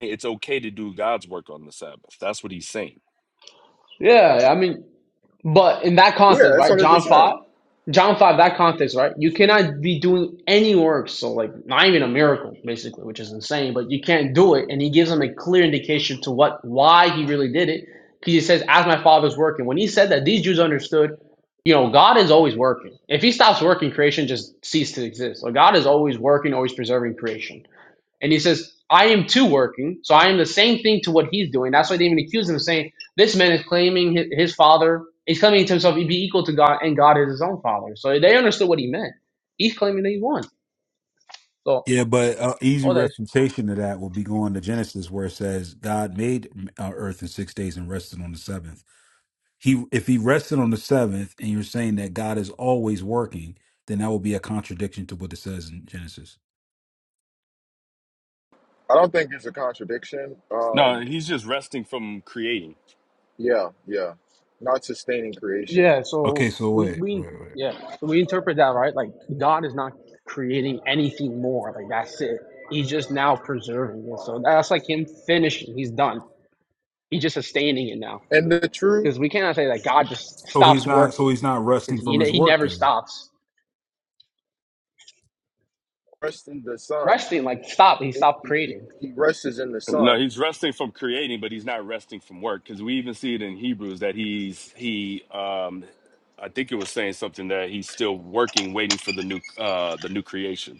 L: it's okay to do God's work on the Sabbath. That's what he's saying.
K: Yeah, I mean, But in that
A: Yeah,
K: context,
A: that's
K: right,
A: hundred
K: John five,
A: percent.
K: John five, that context, right, you cannot be doing any works, so like not even a miracle, basically, which is insane. But you can't do it, and he gives them a clear indication to what why he really did it, because he says, "As my father's working." When he said that, these Jews understood, you know, God is always working. If he stops working, creation just ceased to exist. So God is always working, always preserving creation. And he says, I am too working. So I am the same thing to what he's doing. That's why they even accuse him of saying, This man is claiming his, his father. He's claiming to himself he'd be equal to God, and God is his own father. So they understood what he meant. He's claiming that he won. So
H: Yeah, but uh, easy
K: all that is.
H: refutation to that will be going to Genesis, where it says God made uh, earth in six days and rested on the seventh. He, if he rested on the seventh, and you're saying that God is always working, then that will be a contradiction to what it says in Genesis.
A: I don't think it's a contradiction.
L: No,
A: Um,
L: he's just resting from creating.
A: yeah, yeah, not sustaining
K: Yeah,
A: creation.
K: so
H: Okay, so
K: we,
H: wait,
K: we
H: wait, wait.
K: yeah, so we interpret that right. Like God is not creating anything more. Like that's it. He's just now preserving it. So that's like him finishing. He's done. He's just sustaining it now.
A: And the true
K: because we cannot say that God just
H: So he's
K: stops
H: not. So
K: working
H: he's not
K: because
H: resting
K: he,
H: from his
K: he
H: work.
K: never
H: Then.
K: stops
A: rest in the sun.
K: resting like stop he
A: He,
K: stopped
A: he,
K: creating
A: he rests in the
L: No,
A: sun.
L: he's resting from creating, but he's not resting from work because we even see it in Hebrews that he's he um I think it was saying something that he's still working, waiting for the new uh the new creation.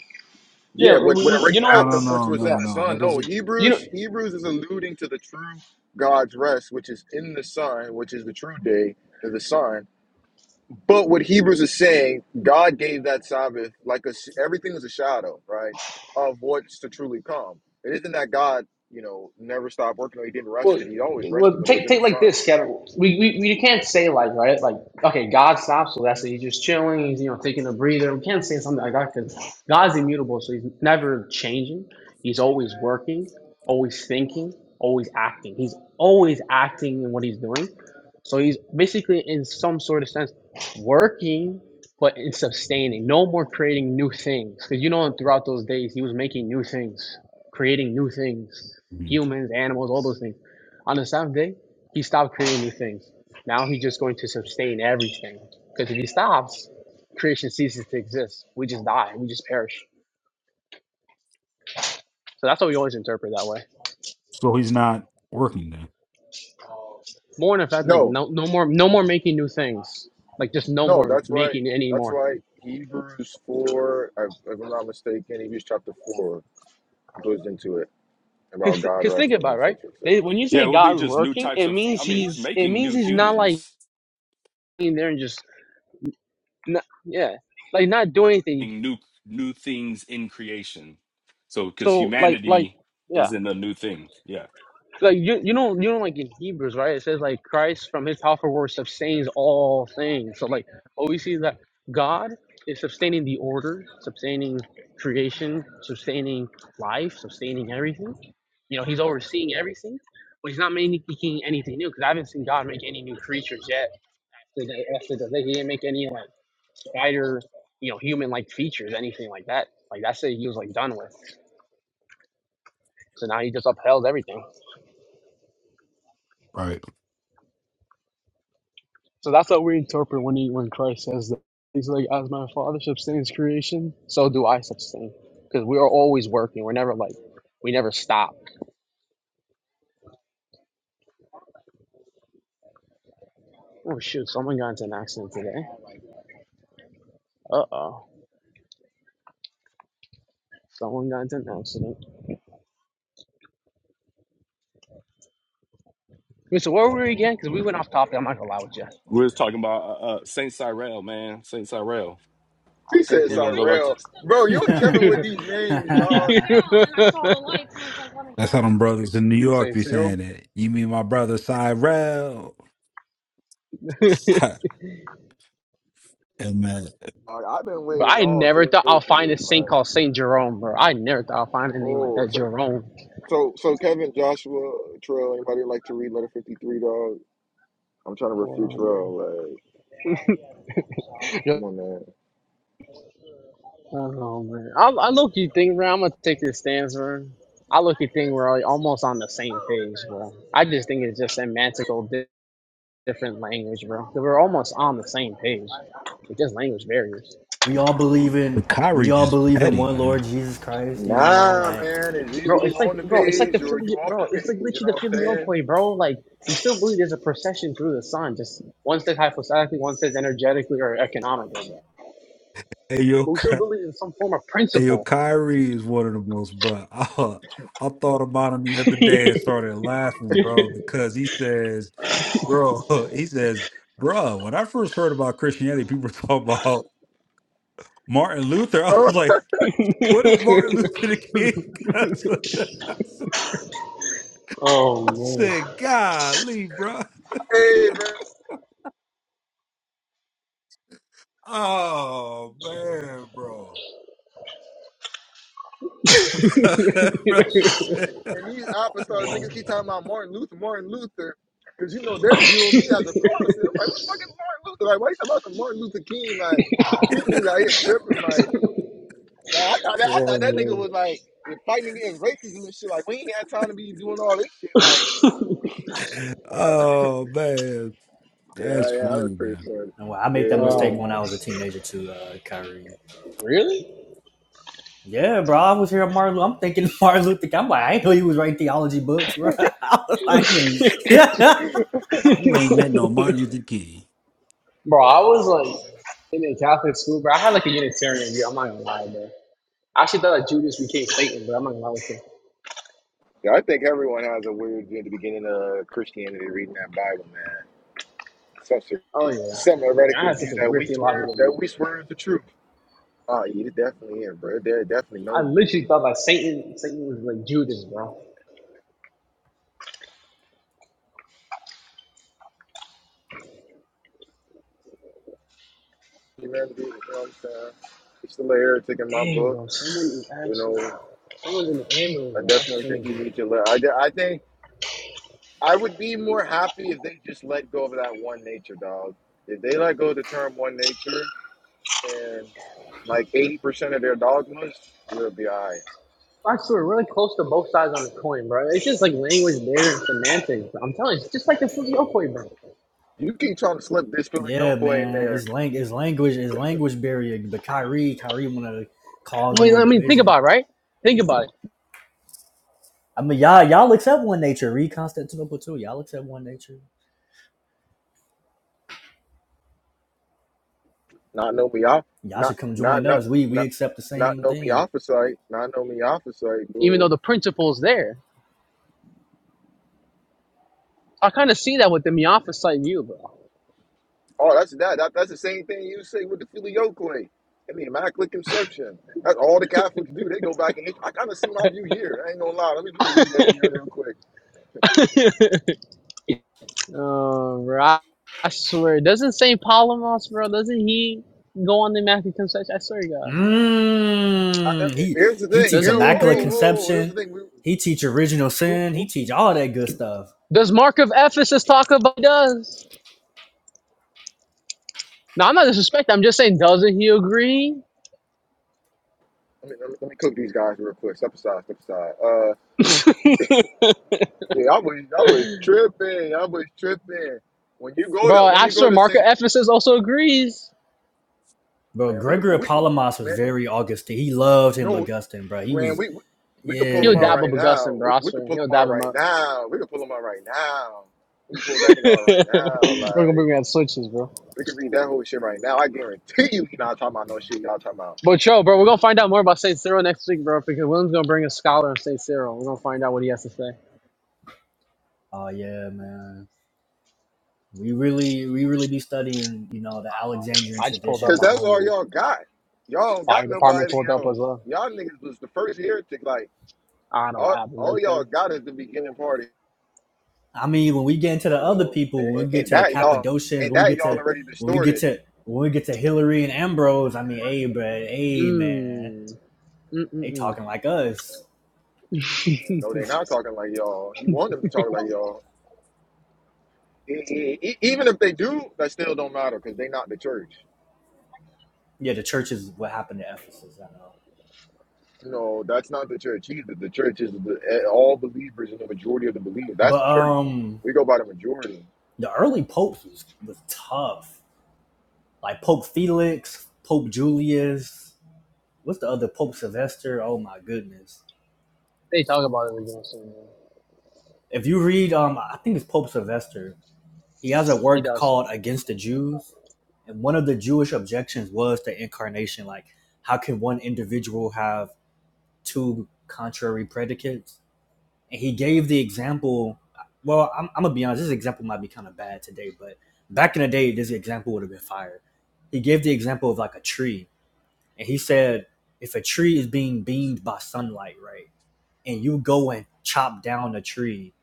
K: yeah
A: Yeah,
K: we,
A: what, what
K: we, you
A: already
H: No,
K: know
H: no,
A: happened once it
H: no,
A: was
K: yeah
A: in
H: no,
A: the
H: no. That
A: sun. No,
H: doesn't.
K: you know
A: Hebrews Hebrews is alluding to the true God's rest, which is in the sun, which is the true day of the sun. But what Hebrews is saying, God gave that Sabbath like a s everything is a shadow, right, of what's to truly come. It isn't that God, you know, never stopped working or he didn't
K: Well,
A: rest it. He always rested,
K: well,
A: but it was
K: take
A: in the
K: take like
A: sun.
K: this, Kevin. We, we we can't say like right, like okay, God stops, so that's it. He's just chilling. He's you know taking a breather. We can't say something like that because God's immutable, so he's never changing. He's always working, always thinking, always acting. He's always acting in what he's doing. So he's basically in some sort of sense working, but in sustaining. No more creating new things because you know throughout those days he was making new things, creating new things,
H: Mhm.
K: humans, animals, all those things on the seventh day, he stopped creating new things. Now he's just going to sustain everything. Because if he stops, creation ceases to exist. We just die. We just perish. So that's what we always interpret that way.
H: So he's not working then.
K: More in effect, like
A: No,
K: no, no more, no more making new things. Like just no
A: No,
K: more
A: that's why.
K: making any
A: That's
K: more.
A: why Hebrews four, if if I'm not mistaken, Hebrews chapter four goes into it about God
K: Because think
A: resting,
K: about it, right?
A: etc.,
K: They,
A: etc.
K: when you
L: Yeah,
K: say
L: it will be
K: God's
L: just new
K: working,
L: types
K: it
L: of.
K: means
L: I mean, he's
K: he's, it
L: making
K: means
L: new
K: he's not like
L: humans
K: in there and just, not, yeah, like not doing anything.
L: and new new things in creation. So, because
K: So like, like,
L: humanity
K: yeah.
L: is in a new thing. Yeah,
K: Like you, you know, you know, like in Hebrews, right? It says like Christ from His afterwards sustains all things. So like, what we see is that God is sustaining the order, sustaining creation, sustaining life, sustaining everything. You know, He's overseeing everything, but He's not making anything new. Because I haven't seen God make any new creatures yet. Today, after the He didn't make any like spider, you know, human like features, anything like that. Like that's it. He was like done with. So now He just upheld everything.
H: Right.
K: So that's what we interpret when he, when Christ says that. He's like, as my Father sustains creation, so do I sustain. Because we are always working. We're never like, we never stop. Oh shoot! Someone got into an accident today. Uh oh. Someone got into an accident. Wait, so where were we again? Because we went off topic. I'm not gonna lie with you.
L: we are talking about uh, uh, Saint Cyril, man. Saint Cyril.
K: Off
A: He
K: thing
A: said,
L: We're
K: zero.
L: gonna go back to.
A: "Cyrell, bro, you and
C: bad.
A: Kevin with these names, dog.
H: That's how them brothers in New York
K: Saint
H: be
K: Cyril.
H: saying it. You mean my brother Cyrell? and man,
A: Dog, I've been
K: But
A: waiting
K: I
A: all
K: never thought
A: day
K: I'll
A: for
K: find a
A: this,
K: saint
A: man.
K: called Saint Jerome, bro. I never thought I'll find a name like
A: Oh,
K: that,
A: check.
K: Jerome.
A: So, so Kevin, Joshua, Trail, anybody like to read letter fifty three, dog? I'm trying to refute
K: Well, man.
A: Trail. Like,
K: Yeah,
A: come on, man.
K: I don't know, man. I, I look you think, bro. I'm gonna take your stance, bro. I look you think we're all- almost on the same page, bro. I just think it's just semantical di- different language, bro. 'Cause We're almost on the same page. It's just language barriers,
C: we all believe in we
H: Kyrie
C: all
H: just
C: believe in
H: petty,
C: one Lord
H: man.
C: Jesus Christ. You know,
A: Nah,
C: like
A: man. It's either
K: bro.
A: you
K: It's like,
A: on the
K: bro. It's like the
A: page or you
K: Philly,
A: off
K: bro.
A: the page.
K: It's like
A: You know
K: literally the
A: what I'm saying?
K: filioque, bro. Like you still believe there's a procession through the sun. Just one says hypostatically, one says energetically or economically. Bro.
H: Hey yo,
K: But we still
H: Ky-
K: believe in some form of
H: hey yo,
K: principle.
H: Kyrie is one of the most, bro. I, I thought about him the other day and started laughing, bro, because he says, bro, he says, bro. When I first heard about Christianity, people were talking about Martin Luther. I was
A: Oh,
H: like, What does Martin Luther King got to that? I
K: oh
H: said, golly, bro.
A: hey, man.
H: Oh, man, bro.
K: man.
H: Brother said-
A: And these apostles niggas keep talking about Martin Luther, Martin Luther, because you know they're viewing me as a Protestant. I'm like, what the fuck is Martin Luther? Like, why you talking about some Martin Luther King? Like, these niggas out here tripping. Like, like I thought that I thought that nigga
K: Oh,
A: was like fighting against racism and shit. Like, we ain't had time to be doing all this shit. Like,
K: yeah.
A: bruh.
H: oh, man.
A: yeah,
H: That's
A: yeah, that was
H: funny,
A: pretty
H: man.
A: funny.
C: and well, I made
A: Yeah,
C: that
A: it
K: oh
C: mistake
A: was.
C: when I was a
K: my.
C: teenager too, uh, Kyrie.
K: Really?
C: Yeah, bro. I was hearing Martin Luther. I'm thinking Martin Luther King. I'm like, I didn't know he was writing theology books, bro. I was
H: You
C: like,
H: ain't
C: yeah,
H: you ain't met no Martin Luther King.
K: Bro, I was like in a Catholic school, bro. I had like a Unitarian view. I'm not gonna lie, bro. I actually thought that Judas became Satan, but I'm not gonna lie with you.
A: Yeah, I think everyone has a weird view at the beginning of Christianity reading that Bible, man. Some sort of-
K: Oh yeah.
A: some
K: I mean, I
A: heretical
K: had
A: view
K: such a
A: that
K: weird
A: we swear
K: theological
A: that
K: view.
A: we swear is the truth. Oh, yeah, it definitely is, bro. There definitely
K: I
A: modalism.
K: literally thought that Satan, Satan was like Judas, bro.
A: Humanity, you know what I'm saying? It's still an heretic in my
K: Damn,
A: book.
K: bro. Someone is
A: You
K: actually,
A: know,
K: someone's in the ambulance,
A: I
K: bro. That's
A: definitely think
K: crazy.
A: you need to let. I, de- I think I would be more happy if they just let go of that one nature, dog. If they let go of the term one nature and like 80% of their dogmas, we'll be all right.
K: Actually, we're really close to both sides on the coin, bro. It's just like language there and semantics. Bro. I'm telling you, it's just like the Fugio coin, bro.
A: You keep trying to slip this
C: yeah,
A: filioque in
C: man.
A: there,
C: It's lang, it's language, it's language barrier. But Kyrie, Kyrie want to cause
K: I mean,
C: more
K: I mean, think
C: division.
K: about it, right? Think about it.
C: I mean, y'all, y'all accept one nature. Read Constantinople too. Y'all accept one nature.
A: not know me off,
C: Y'all
A: not,
C: should come
A: not,
C: join
A: not,
C: us. We we
A: not,
C: accept the
A: not
C: same
A: know me
C: thing.
A: off of sight, not know me off of
K: even
A: sight,
K: though the principle's there. I kind of see that with the Miaphysite view, bro.
A: Oh, that's that, that. That's the same thing you say with the Philly Oakley and the Immaculate Conception. That's all the Catholics do. They go back and I kind of see my view here. I ain't gonna lie. Let me, let me read that in there real quick.
K: Uh, bro, I, swear, doesn't Saint Polymos, bro, doesn't he go on the Matthew 10 section? I swear to God,
A: I, I-
C: Mm, he
A: here's the
C: he
A: thing.
C: teach
K: doesn't
A: Here,
K: he
C: immaculate
A: whoa,
K: agree?
A: whoa. Here's
C: conception.
A: the thing. We,
C: He teach original
A: we,
C: sin.
A: we,
C: He teach all that good stuff.
K: Does Mark of Ephesus talk about does? No, I'm not disrespecting. I'm just saying, doesn't he agree,
A: let, me, let me let me cook these guys real quick. Step aside. Step aside. Uh, yeah, I was, I was tripping. I was tripping. When you go
K: bro?
A: to, when
K: I
A: you go
K: swear,
A: to
K: Mark of
A: Saint,
K: Ephesus also agrees.
C: Bro,
A: man, we could,
C: Gregory of
A: we,
C: Palamas was
A: man,
C: very Augustine. He loved him
A: No,
C: Augustine, bro. He
A: man,
C: was
A: we, we we could pull
K: He'll
A: him out
C: yeah.
K: dab up
A: right now.
K: Augustine,
A: We,
K: bro. I
A: we could
K: swear,
A: pull
K: he'll
A: him out
K: dab him
A: right
K: up.
A: now. We could pull him out right now. We can pull that nigga out
K: We're
A: right now.
K: gonna
A: Like
K: bring me out switches, bro.
A: we could read that whole shit right now. I guarantee you, he not talking about no shit. Y'all talking about
K: But yo, bro, we're gonna find out more about Saint Cyril next week, bro, because William's gonna bring a scholar on Saint Cyril. We're gonna find out what he has to say.
C: Oh yeah, man. We really we really be studying, you know, the Alexandrian
K: I just pulled
C: tradition
K: up
A: because
C: as a
K: on
A: that's
K: him.
A: all
C: whole.
A: y'all got. Y'all don't
K: Fire
A: got
K: department
A: nobody
K: pulled up
A: else.
K: as well.
A: Y'all niggas was the first heretic. Like
K: I don't know what
A: all,
K: happened, red
A: all y'all
K: tag.
A: got is the beginning party.
C: I mean, when we get into the
A: You
C: other
A: know, and,
C: people, when
A: and,
C: we get
A: and
C: to the
A: that y'all
C: Cappadocians,
A: and
C: when we
A: that
C: get
A: y'all
C: to
A: already
C: when we get
A: distorted.
C: to when we get to Hilary and Ambrose, I mean, hey, bro, hey, man,
K: Mmm. Mm
C: they
K: mm
C: talking like us.
K: mm.
A: No, they not talking like y'all. You want them to talk like y'all. E- e- e, even if they do, that still don't matter because they not the church.
C: Yeah, the church is what happened to Ephesus. I know,
A: You know, that's not the church either. The church is the, eh, all believers and the majority of the believers. That's the
C: but
A: church.
C: um,
A: We go by the majority.
C: the early popes was, was tough. like Pope Felix, Pope Julius. What's the other Pope Sylvester? Oh my goodness!
K: they talk about it again soon, man.
C: If you read, um, I think it's Pope Sylvester. He has a
K: He
C: work
K: does.
C: called "Against the Jews," and one of the Jewish objections was the incarnation. Like, how can one individual have two contrary predicates? And he gave the example. Well, I'm, I'm gonna be honest. This example might be kind of bad today, but back in the day, this example would have been fire. He gave the example of like a tree and he said if a tree is being beamed by sunlight right and you go and chop down a tree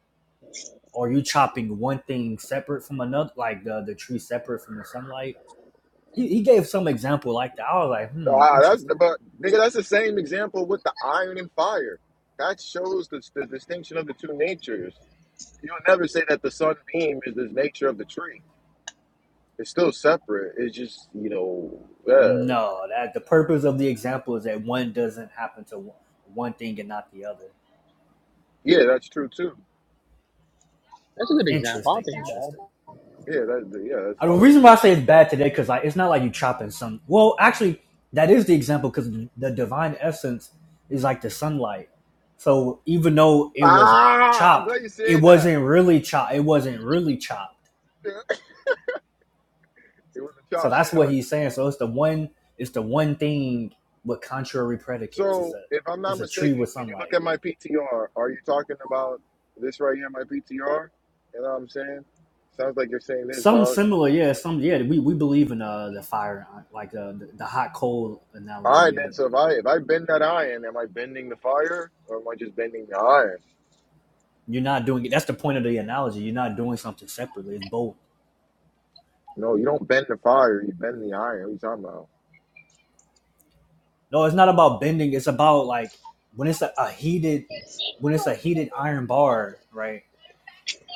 C: or you chopping one thing separate from another like the, the tree separate from the sunlight he, he gave some example like that i was like hmm
A: Ah, that's the
C: interesting
A: but nigga. That's the same example with the iron and fire. That shows the, the distinction of the two natures. You'll never say that the sun beam is the nature of the tree. It's still separate. It's just you know, uh,
C: no that the purpose of the example is that one doesn't happen to one, one thing and not the other
A: yeah, that's true too.
K: That's a good example. I don't
C: interesting
K: think
C: interesting
A: Yeah, that's yeah, that's
C: I, mean, the
A: also
C: reason why I
A: true
C: say
A: too.
C: it's bad today because like it's not like you chopping some. Well, actually, that is the example because the divine essence is like the sunlight. So even though it was like
A: Ah, I'm
C: chopped,
A: glad you
C: it
A: said
C: wasn't
A: that.
C: really chopped. It wasn't really chopped.
A: It was a
C: So
A: chop shit
C: that's what
A: hunt.
C: he's saying. So it's the one. It's the one thing with contrary predicates. It's
A: So,
C: a
A: if I'm not
C: it's a tree
A: mistaken,
C: with
A: can you look
C: sunlight.
A: at my PTR? Are you talking about this right here, my PTR? You know what I'm saying? Sounds like you're saying this,
C: Some
A: dog.
C: similar, yeah. Some yeah. We, we believe in uh, the fire, uh, like uh, the the hot coal
A: All right,
C: analogy. Yeah.
A: then. So if I if I bend that iron, am I bending the fire or am I just bending the iron?
C: You're not doing it. That's the point of the analogy. You're not doing something separately. It's both.
A: No, you don't bend the fire. You bend the iron. What are you talking about?
C: No, it's not about bending. It's about like when it's a, a heated, when it's a heated iron bar, right?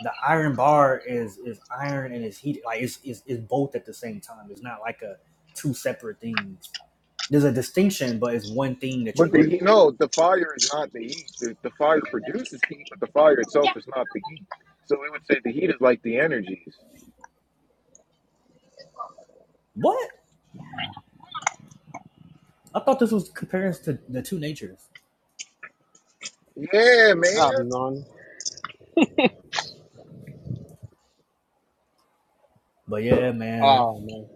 C: The iron bar is is iron and it's heated. Like it's it's, it's both at the same time. It's not like a two separate things. There's a distinction, but it's one thing that
A: But
C: you're
A: the
C: looking
A: heat,
C: at.
A: no, the fire is not the heat. The, the fire produces heat, but the fire itself is not the heat. So we would say the heat is like the energies.
C: What? I thought this was comparing to the two natures.
A: Yeah,
K: he's bad.
A: man.
K: I've known.
C: But yeah, man,
K: Oh man.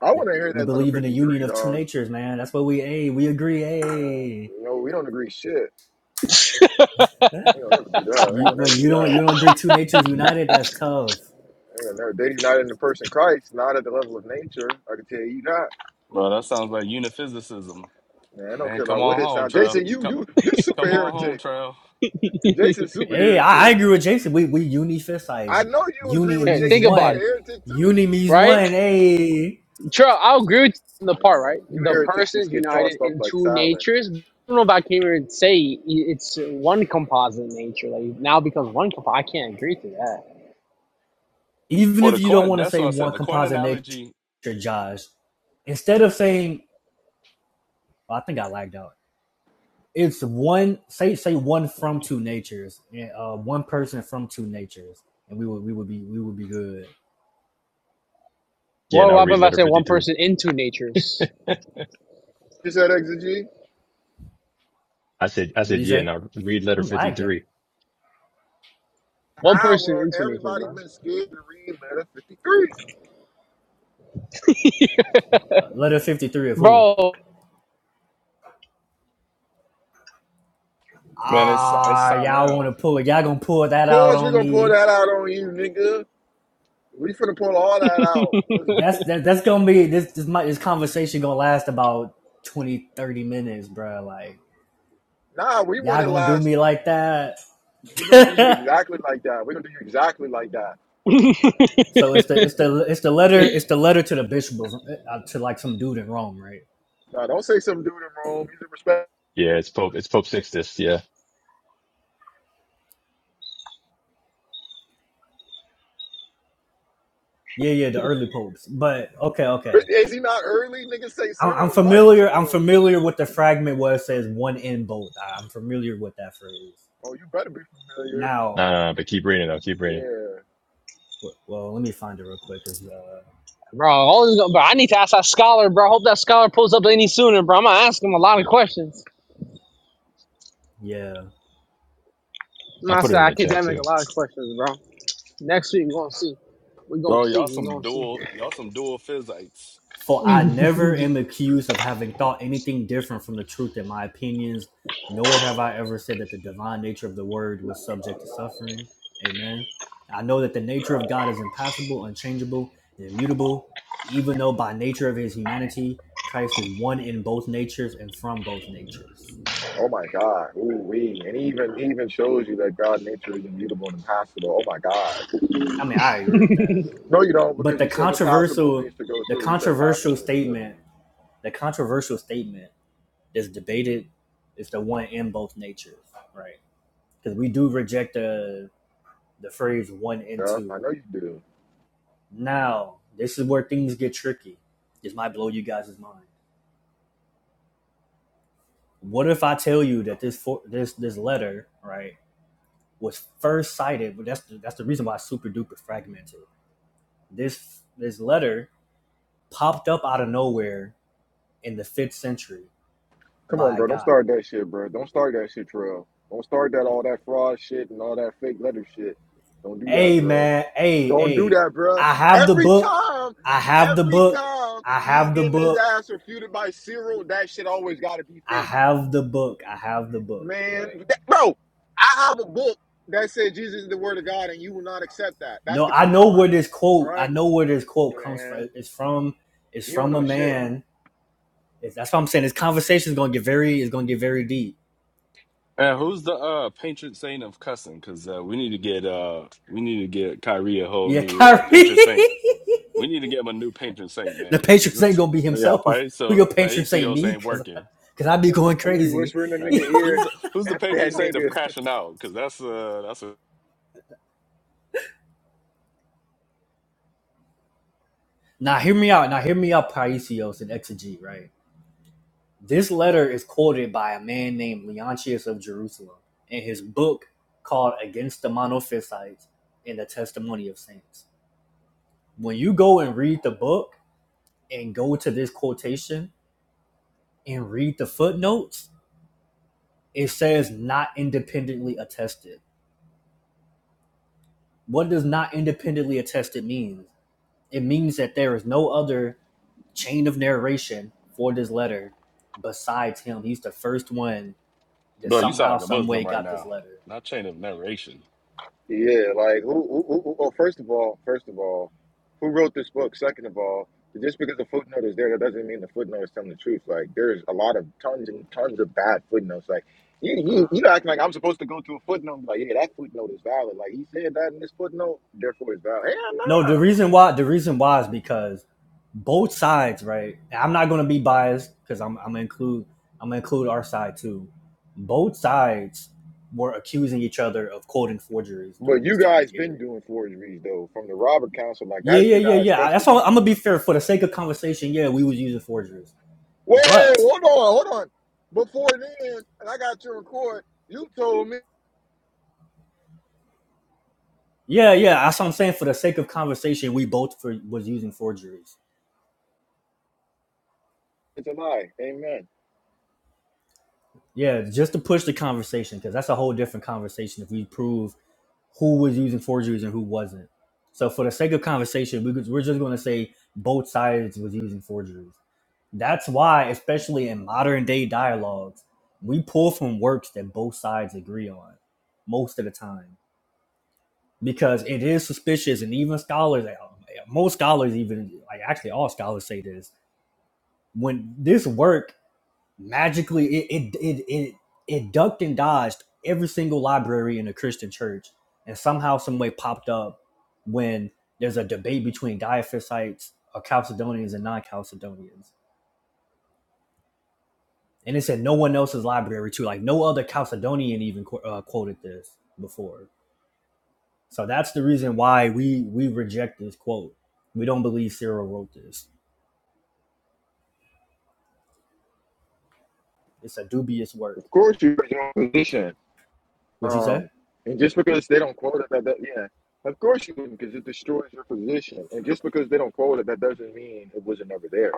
A: I want to hear
C: we
A: that little
C: believe in the
A: 53,
C: union of two
A: dog.
C: natures, man. That's what we hey, we agree.
A: Man,
C: Hey.
A: you know, we don't agree shit. They gonna never do that. They
C: You,
A: gonna
C: wait,
A: never do
C: you don't
A: that.
C: you don't agree two natures united? That's tough.
A: They gonna never. They do not in the person Christ, not at the level of nature. I can tell you that.
L: Well, that sounds like uniphysicism,
A: Man, I don't
L: man.
A: care
L: Come
A: about
L: on
A: what it
L: home,
A: sounds.
L: trail.
A: Jason, you
L: Come,
A: you you super
L: come on home,
A: heretic.
L: trail.
A: Jason's super
C: Hey, I, I
A: heretic.
C: agree with Jason. We we uni fist
A: I know you agree
C: Uni
A: with
K: Hey,
C: means
K: think
A: Jason. You're
K: about
A: a
K: it,
C: one.
A: heretic too.
C: Uni means
K: right?
C: one. Hey,
K: True, I'll agree with you on the part,
A: Man,
K: right?
A: you
K: The
A: heretics just
K: person's
A: get
K: united
A: tossed up
K: in
A: like
K: two
A: salad.
K: natures. I don't know if I can even say i- it's one composite nature. Like now becomes one composite. I can't agree to that.
C: even
L: Or the
C: if you don't
L: coin.
C: want to
L: That's
C: say
L: what I said.
C: one
L: The coin
C: composite nature,
L: analogy,
C: Josh, instead of saying oh, I think I lagged out. It's one say say one from two natures, and uh, one person from two natures, and we would we would be we would be good.
J: Yeah.
K: Well,
J: Now
K: what
J: read
K: if I
J: letter
K: say one
J: 53.
K: person in two natures?
A: You said exegy?
J: I said, I
C: What do
J: said,
C: you
J: yeah.
C: say?
J: Now read letter
C: I'm lagging.
J: 53.
K: One person
A: Hour,
K: in two natures,
A: everybody
K: bro.
A: been scared to read letter 53.
C: Uh, letter fifty three of who?
K: Bro,
L: man. It's it's
C: ah, y'all want to
L: Cyril,
C: pull it? y'all gonna pull
A: Of
C: that out
A: course, we
C: on
A: gonna pull
C: me.
A: that out on you, nigga. We finna pull all that out. Let's
C: That's that, that's gonna be this this my, this conversation gonna last about 20 30 minutes, bro. Like
A: Nah, we want
C: y'all
A: it
C: gonna do
A: last.
C: me like that.
A: We're gonna do you exactly like that. We're gonna do you exactly like that.
C: so it's the it's the it's the letter it's the letter to the bishop of, uh, to like some dude in Rome, right?
A: Now don't say some dude in Rome. He's a respect.
J: Yeah. It's Pope, it's Pope Sixtus. Yeah.
C: Yeah, yeah, the early popes. But okay, okay.
A: Is he not early? Niggas say
C: I'm,
A: Cyril
C: I'm
A: is writing to
C: familiar. I'm
A: him.
C: familiar with the fragment where it says one in both. I'm familiar with that phrase.
A: Oh, you better be familiar.
C: Now,
J: No, no, no, but keep reading though. Keep reading.
A: Yeah.
C: well, let me find it real quick. Cause uh,
K: bro, all this- bro, I need to ask that scholar, bro. I hope that scholar pulls up any sooner, bro. I'm gonna ask him a lot of questions.
C: yeah,
K: I'm
J: I
K: gonna ask
J: put it
K: that
J: in the chat
K: academic
J: too.
K: a lot of questions, bro. Next week we're gonna see. We're gonna
L: bro. Y'all
K: see. We're
L: some
K: gonna see.
L: dual. Y'all some dual physites.
C: For I never am accused of having thought anything different from the truth in my opinions, nor have I ever said that the divine nature of the word was subject to suffering. Amen. I know that the nature of God is impassible, unchangeable, and immutable, even though by nature of his humanity, Christ is one in both natures and from both natures.
A: Oh my God. Ooh wee. And he even he even shows you that God nature is immutable and impassable. Oh my God.
C: I mean, I agree with that.
A: No, you don't,
C: But
A: because
C: the
A: you said impassable
C: controversial
A: means to go
C: the
A: through. You said passable
C: controversial
A: means to go
C: statement,
A: through.
C: the controversial statement that's debated is the one in both natures, right? because we do reject the the phrase one and
A: Yeah,
C: two.
A: I know you do.
C: Now, this is where things get tricky. This might blow you guys' mind. What if I tell you that this for, this this letter right was first cited? But that's the, that's the reason why it's super duper fragmented. This this letter popped up out of nowhere in the fifth century
A: Come on,
C: by a
A: bro. Don't
C: guy.
A: start that shit, bro. Don't start that shit, Trail. Don't start that all that fraud shit and all that fake letter shit. Don't do that,
C: Hey
A: bro.
C: man, hey
A: Don't do
C: hey,
A: that, bruh.
C: I have the
A: Every
C: book.
A: time,
C: I have the
A: every
C: book.
A: time
C: I
A: he's
C: have the
A: getting his
C: book.
A: ass refuted by Cyril, that shit always got to be
C: I
A: fake,
C: have the book. I have the book. Right
A: man. That- bro, I have a book that said Jesus is the Word of God, and you will not accept that. That's
C: No,
A: the
C: I know
A: Quran,
C: where this quote. I
A: right?
C: know where this quote comes
A: Man,
C: from. It's from. It's
A: you don't
C: from a
A: know shit.
C: man. It's, that's what I'm saying. This conversation is going to get very. It's going to get very deep.
L: And who's the uh patron saint of cussing? Because uh, we need to get uh we need to get Kyrie a whole
C: Yeah,
L: new uh,
C: Kyrie.
L: patron saint. We need to get him a new patron saint,
C: the
L: man. Because
C: patron ain't
L: this,
C: going to be
L: yeah,
C: himself. Who your
L: Paiso
C: patrons ain't
L: Paisios
C: me?
L: ain't
C: Cause,
L: working.
C: cause I be going
A: I'm gonna be
C: crazy.
A: whispering in
L: Yeah.
A: the nigga
L: Who's
A: ear.
L: the, who's the
A: F
L: patron
A: that
L: saint of
A: nigga.
L: crashing out? Because that's uh that's a
C: now hear me out. Now hear me out. Paisios and Exegy. Right. This letter is quoted by a man named Leontius of Jerusalem in his book called "Against the Monophysites and the Testimony of Saints." When you go and read the book and go to this quotation and read the footnotes, it says not independently attested. What does not independently attested mean? It means that there is no other chain of narration for this letter besides him. He's the first one that
L: bro. You sound
C: somehow,
L: like a
C: some way
L: Muslim right
C: got this
L: now.
C: letter.
L: Not chain of narration.
A: Yeah, like who, who, who, who- oh, first of all, first of all, who wrote this book? Second of all, just because the footnote is there, that doesn't mean the footnote is telling the truth. Like there's a lot of tons and tons of bad footnotes. Like you, you, you acting like I'm supposed to go to a footnote and be like, yeah, that footnote is valid. Like he said that in this footnote, therefore it's valid. Hell
C: No,
A: nah.
C: the reason why the reason why is because both sides, right? and I'm not gonna be biased because I'm I'm gonna include I'm gonna include our side too. Both sides were accusing each other of quoting forgeries
A: But
C: during this
A: you
C: time
A: guys been
C: period.
A: doing forgeries though from the Robert Council. Like
C: Yeah,
A: that's
C: yeah,
A: you
C: yeah,
A: guys'
C: yeah. That's all.
A: specialty.
C: I'm gonna be fair for the sake of conversation. Yeah, we was using forgeries,
A: Whoa,
C: but
A: hold on, hold on. Before then, and I got your record. You told me
C: yeah, yeah. That's what I'm saying. For the sake of conversation, we both for, was using forgeries.
A: it's a lie. Amen.
C: Yeah, just to push the conversation because that's a whole different conversation. If we prove who was using forgeries and who wasn't. So for the sake of conversation, we could, we're just going to say both sides was using forgeries. That's why, especially in modern day dialogues, we pull from works that both sides agree on most of the time because it is suspicious, and even scholars, most scholars, even like actually all scholars say this when this work magically it it it it, it ducked and dodged every single library in a Christian church and somehow some way popped up when there's a debate between Diophysites or Chalcedonians and non-Chalcedonians. And it's in no one else's library too. Like no other Chalcedonian even uh, quoted this before. So that's the reason why we we reject this quote. We don't believe Cyril wrote this. It's a dubious work.
A: Of course, you're in your own position.
C: What you say?
A: Um, and just because they don't quote it, that, that yeah, of course you wouldn't, because it destroys your position. And just because they don't quote it, that doesn't mean it wasn't ever there.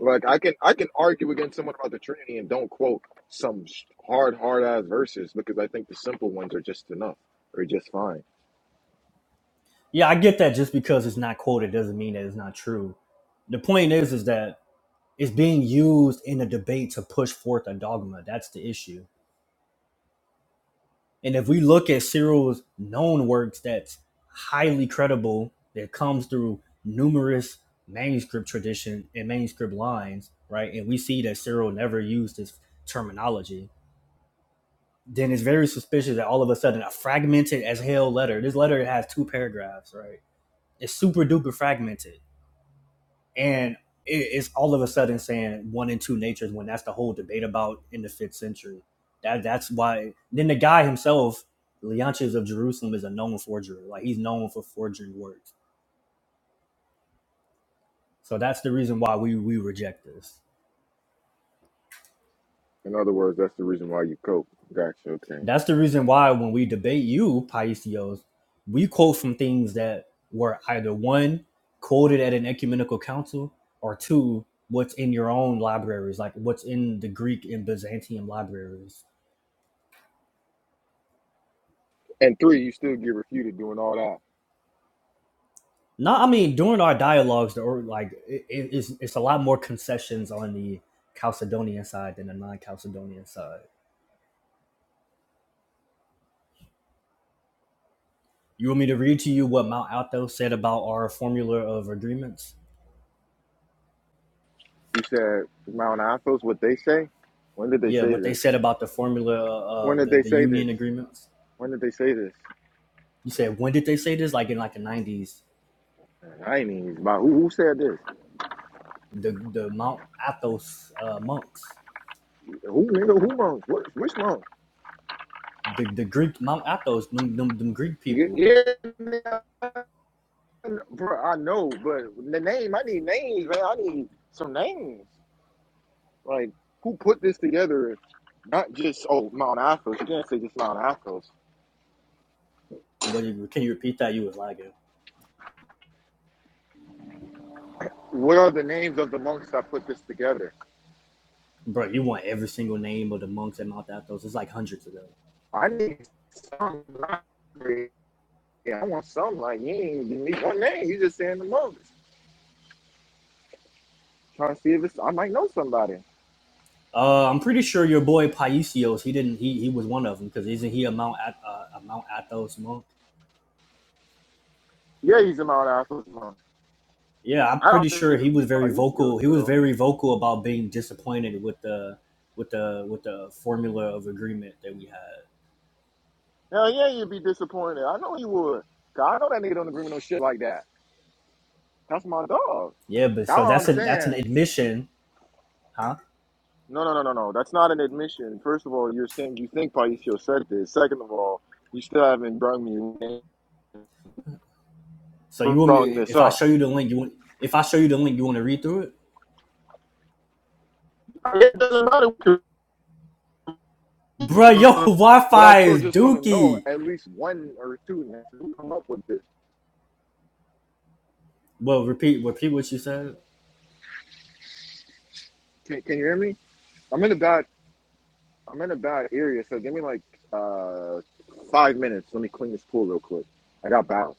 A: Like I can I can argue against someone about the Trinity and don't quote some hard hard ass verses because I think the simple ones are just enough or just fine.
C: Yeah, I get that just because it's not quoted doesn't mean that it's not true. The point is is that it's being used in a debate to push forth a dogma. That's the issue. And if we look at Cyril's known works that's highly credible, that comes through numerous manuscript tradition and manuscript lines, right? And we see that Cyril never used this terminology, then it's very suspicious that all of a sudden a fragmented as hell letter, this letter has two paragraphs, right? It's super duper fragmented and it, it's all of a sudden saying one and two natures when that's the whole debate about in the fifth century. That that's why. Then the guy himself, Leontius of Jerusalem, is a known forger. Like he's known for forging words. So that's the reason why we we reject this.
A: In other words, that's the reason why you cope. Gotcha. Okay.
C: That's the reason why when we debate you, Paisios, we quote from things that were either one quoted at an ecumenical council or two what's in your own libraries, like what's in the Greek and Byzantium libraries
A: And three, you still get refuted doing all that.
C: No, I mean during our dialogues, the or like it, it's it's a lot more concessions on the Chalcedonian side than the non-Chalcedonian side. You want me to read to you what Mount Alto said about our formula of agreements?
A: You said Mount Athos, what they say. When did they
C: Yeah,
A: say
C: what they
A: this?
C: said about the formula
A: When
C: of
A: did
C: the,
A: they
C: the
A: say
C: union
A: this?
C: agreements.
A: When did they say this?
C: You said when did they say this? Like in like the nineties,
A: I ain't even about who, who said this.
C: the the Mount Athos uh, monks,
A: Who nigga? Who Monk? What? Which Monk?
C: the the Greek Mount Athos, them, them, them Greek
A: Yeah,
C: people.
A: yeah, nigga, bro. I know, but the name. I need names, man. I need some names. Like who put this together? Not just oh Mount Athos. You can't say just Mount Athos.
C: What can you repeat that? You was lying.
A: What are the names of the monks that put this together?
C: Bro, you want every single name of the monks at Mount Athos. It's like hundreds of them.
A: I need some. like, Yeah, I want some. Like you ain't give me one name. You just saying the monks. Trying to see if it's. I might know somebody.
C: Uh, I'm pretty sure your boy Paisios. He didn't. He he was one of them because isn't he a Mount uh, a Mount Athos monk?
A: Yeah, he's a Mount Athos. monk.
C: Yeah, I'm
A: I
C: pretty
A: don't think
C: sure he
A: it'll be
C: was very
A: Paisios
C: vocal. He was
A: though.
C: very vocal about being disappointed with the with the with the formula of agreement that we had.
A: Hell yeah, you'd be disappointed. I know you would. Cause I know that nigga don't agree with no shit like that. That's my dog.
C: Yeah, but
A: That's
C: so
A: what I'm
C: that's a that's
A: saying.
C: an admission, huh?
A: No, no, no, no, no. That's not an admission. First of all, you're saying you think Paisios said this. Second of all, you still haven't brung me
C: So you want me
A: brung this
C: if I
A: up.
C: show you the link? You want if I show you the link? You want to read through it,
A: It doesn't matter.
C: bro? Yo,
A: But I
C: Wi-Fi
A: still
C: is
A: just want to know
C: dookie.
A: at least one or two. Man, who come up with this?
C: Well, repeat repeat what you said.
A: Can, can you hear me? I'm in a bad. I'm in a bad area. So give me like uh five minutes. Let me clean this pool real quick. I got bounced.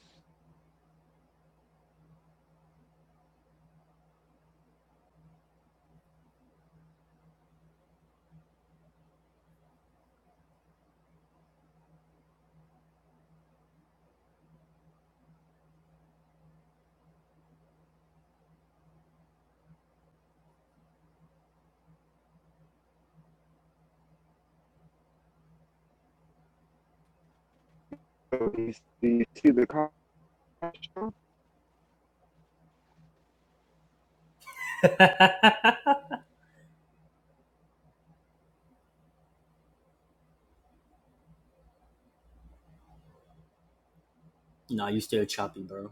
A: you see the comments.
C: nah, you still choppy, bro.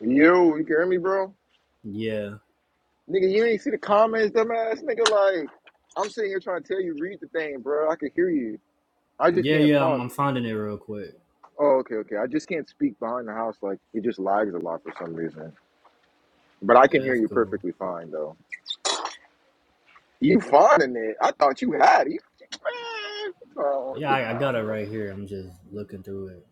A: Yo, you can hear me, bro?
C: Yeah.
A: Nigga, you ain't see the comments, dumbass nigga. Like, I'm sitting here trying to tell you, read the thing, bro. I can hear you. I just
C: Yeah,
A: can't
C: yeah, I'm,
A: talk.
C: I'm finding it real quick.
A: Oh, okay, okay. I just can't speak behind the house. Like, it just lags a lot for some reason. But I can
C: Yeah,
A: hear
C: that's
A: you
C: cool.
A: perfectly fine, though. You finding it? I thought you had it. Man, oh,
C: Yeah,
A: look
C: I, I
A: now,
C: got it
A: bro.
C: right here. I'm just looking through it.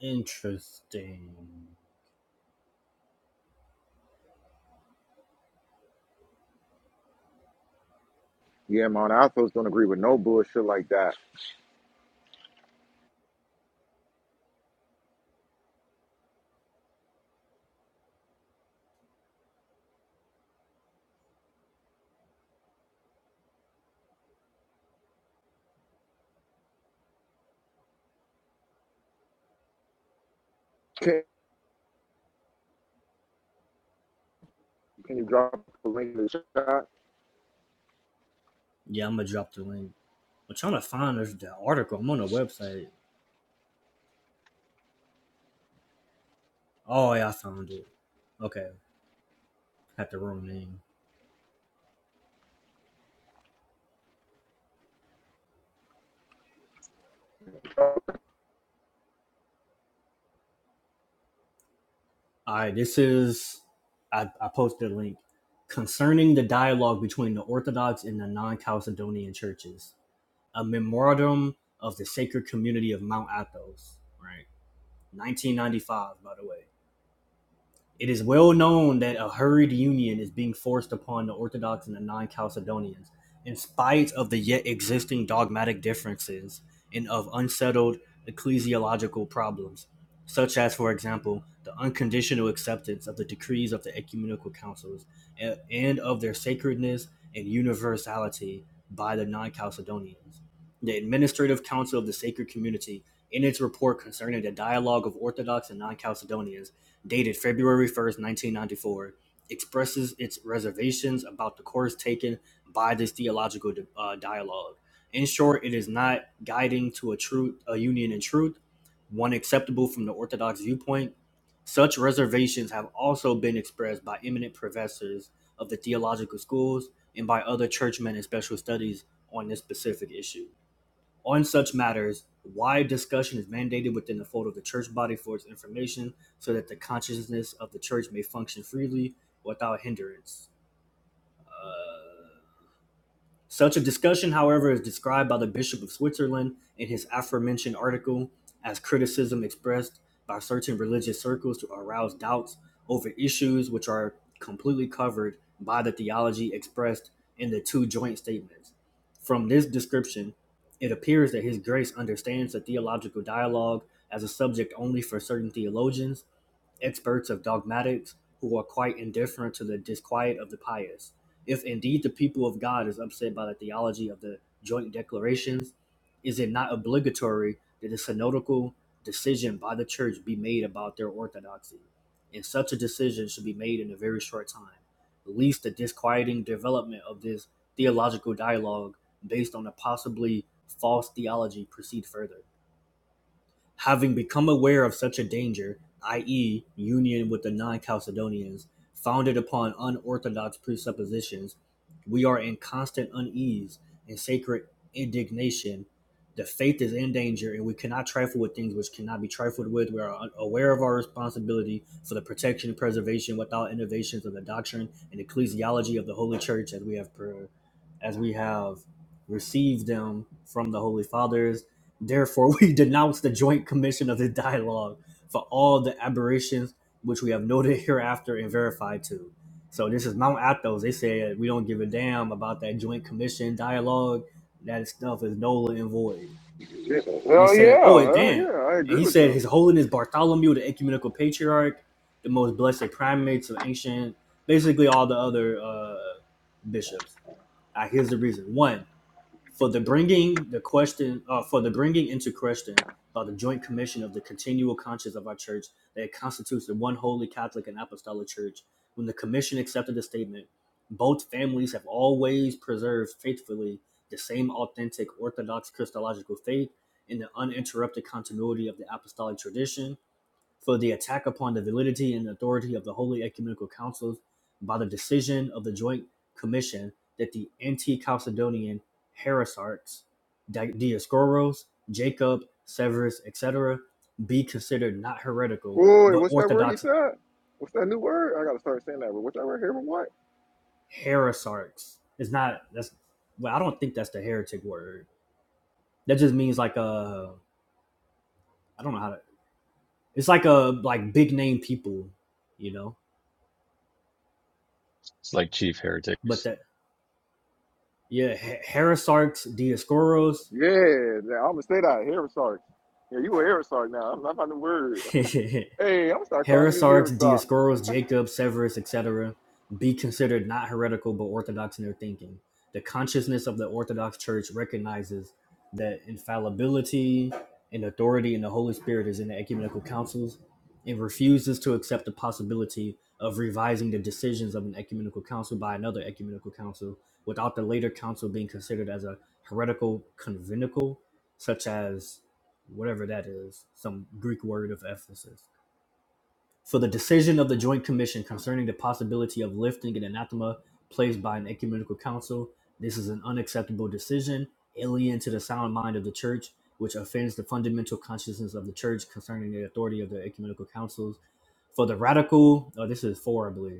C: Interesting.
A: Yeah, man. Alphas don't agree with no bullshit like that. Can, can you drop a link in the chat?
C: Yeah, I'm gonna drop the link. I'm trying to find this, the article. I'm on the website. Oh, yeah, I found it. Okay, had the wrong name.
A: Hell
C: All right, this is, I, I posted a link concerning the dialogue between the Orthodox and the non Chalcedonian churches. a memorandum of the sacred community of Mount Athos, right? 1995, by the way. It is well known that a hurried union is being forced upon the Orthodox and the non Chalcedonians, in spite of the yet existing dogmatic differences and of unsettled ecclesiological problems, such as, for example, the unconditional acceptance of the decrees of the ecumenical councils and of their sacredness and universality by the non Chalcedonians. The Administrative Council of the Sacred Community, in its report concerning the dialogue of Orthodox and non Chalcedonians, dated February 1st, 1994, expresses its reservations about the course taken by this theological uh, dialogue. In short, it is not guiding to a truth, a union in truth, one acceptable from the Orthodox viewpoint. Such reservations have also been expressed by eminent professors of the theological schools and by other churchmen in special studies on this specific issue. On such matters, wide discussion is mandated within the fold of the church body for its information so that the consciousness of the church may function freely without hindrance. Such a discussion, however, is described by the Bishop of Switzerland in his aforementioned article as criticism expressed by certain religious circles to arouse doubts over issues which are completely covered by the theology expressed in the two joint statements. From this description, it appears that His Grace understands the theological dialogue as a subject only for certain theologians experts of dogmatics who are quite indifferent to the disquiet of the pious. If indeed the people of God is upset by the theology of the joint declarations, is it not obligatory that a synodical decision by the church be made about their orthodoxy? And such a decision should be made in a very short time, least the disquieting development of this theological dialogue based on a possibly false theology proceed further having become aware of such a danger, i.e., union with the non Chalcedonians, founded upon unorthodox presuppositions, we are in constant unease and sacred indignation. The faith is in danger, and we cannot trifle with things which cannot be trifled with. We are aware of our responsibility for the protection and preservation without innovations of the doctrine and ecclesiology of the Holy Church, as we have per- as we have received them from the Holy Fathers Therefore, we denounce the Joint Commission of the Dialogue for all the aberrations which we have noted hereafter and verified to. So this is Mount Athos. They said we don't give a damn about that Joint Commission dialogue. That stuff is null and void. And they
A: yeah,
C: said, oh, it
A: hell
C: dang.
A: yeah. I
C: And
A: agree
C: he
A: with
C: said,
A: them.
C: His Holiness Bartholomew, the ecumenical patriarch, the most blessed primates of ancient, basically all the other uh, bishops. Uh, here's the reason. One, for the bringing the question uh, for the bringing into question by the joint commission of the continual conscience of our church that it constitutes the one holy catholic and apostolic church when the commission accepted the statement both families have always preserved faithfully the same authentic orthodox christological faith in the uninterrupted continuity of the apostolic tradition for the attack upon the validity and authority of the Holy Ecumenical Councils by the decision of the Joint Commission that the anti-Chalcedonian heresiarchs Dioscoros, Jacob, Severus, etc., be considered not heretical
A: Wait,
C: but
A: what's that word he
C: orthodox
A: said? What's that new word? I gotta start saying that. But what's that word? Hearing what?
C: heresiarchs. It's not that's well, I don't think that's the heretic word. That just means like a I don't know how to. It's like a like big name people, you know.
J: It's like chief
C: But
J: heretics.
C: that yeah, He- Heresiarchs, Dioscoros,
A: Yeah, I'm gonna say that. Hereosarch. Yeah, you a hereosarch now. I'm not the word. Hey, I'm gonna start calling niggas
C: Heresiarchs,
A: hereosarch.
C: Dioscoros, Jacob, Severus, etc., be considered not heretical but orthodox in their thinking. The consciousness of the Orthodox Church recognizes that infallibility and authority in the Holy Spirit is in the ecumenical councils and refuses to accept the possibility of revising the decisions of an ecumenical council by another ecumenical council without the later council being considered as a heretical conventicle, such as whatever that is, some Greek word of Ephesus for the decision of the Joint Commission concerning the possibility of lifting an anathema placed by an ecumenical council. This is an unacceptable decision, alien to the sound mind of the church, which offends the fundamental consciousness of the church concerning the authority of the ecumenical councils. For the radical, oh, this is four, I believe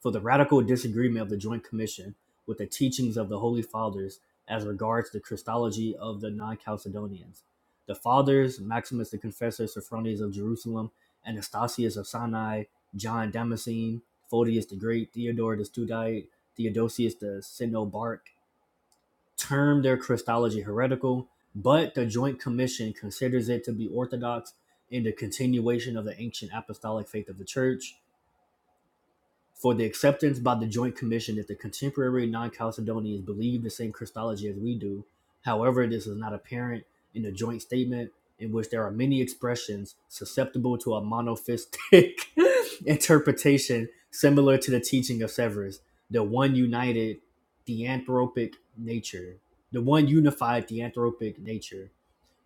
C: for the radical disagreement of the Joint Commission with the teachings of the Holy Fathers as regards the Christology of the non Chalcedonians. The Fathers, Maximus the Confessor, Sophronius of Jerusalem, Anastasius of Sinai, John Damascene, Photius the Great, Theodore the Studite, Theodosius the Synobark, termed their Christology heretical, but the Joint Commission considers it to be orthodox in the continuation of the ancient apostolic faith of the Church for the acceptance by the Joint Commission that the contemporary non Chalcedonians believe the same Christology as we do. However, this is not apparent in the joint statement, in which there are many expressions susceptible to a monophysitic interpretation similar to the teaching of Severus, the one united theanthropic nature, the one unified theanthropic nature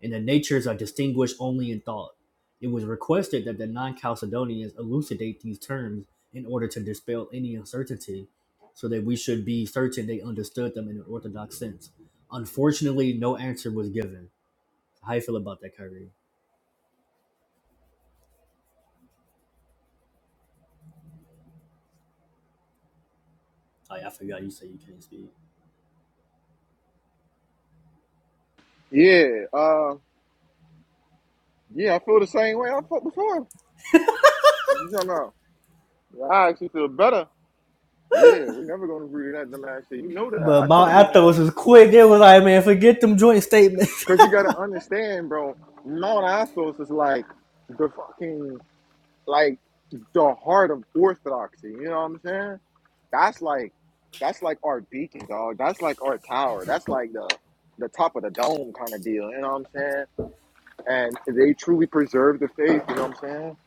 C: and the natures are distinguished only in thought. It was requested that the non Chalcedonians elucidate these terms in order to dispel any uncertainty, so that we should be certain they understood them in an orthodox sense. Unfortunately, no answer was given. How you feel about that, Kyrie? Like, I forgot you said you can't speak.
A: Yeah, uh, yeah, I feel the same way I felt before. You know, now. Yeah, I actually feel better. Yeah, we never gonna agree to that dumbass shit. You know that.
C: But
A: I told
C: my
A: you, man.
C: Athos was quick. It was like, man, forget them joint statements.
A: Cause you gotta understand, bro. Now what I feel is like the fucking like the heart of orthodoxy. You know what I'm saying? That's like that's like our beacon, dog. That's like our tower. That's like the the top of the dome kind of deal. You know what I'm saying? and they truly preserve the faith. You know what I'm saying?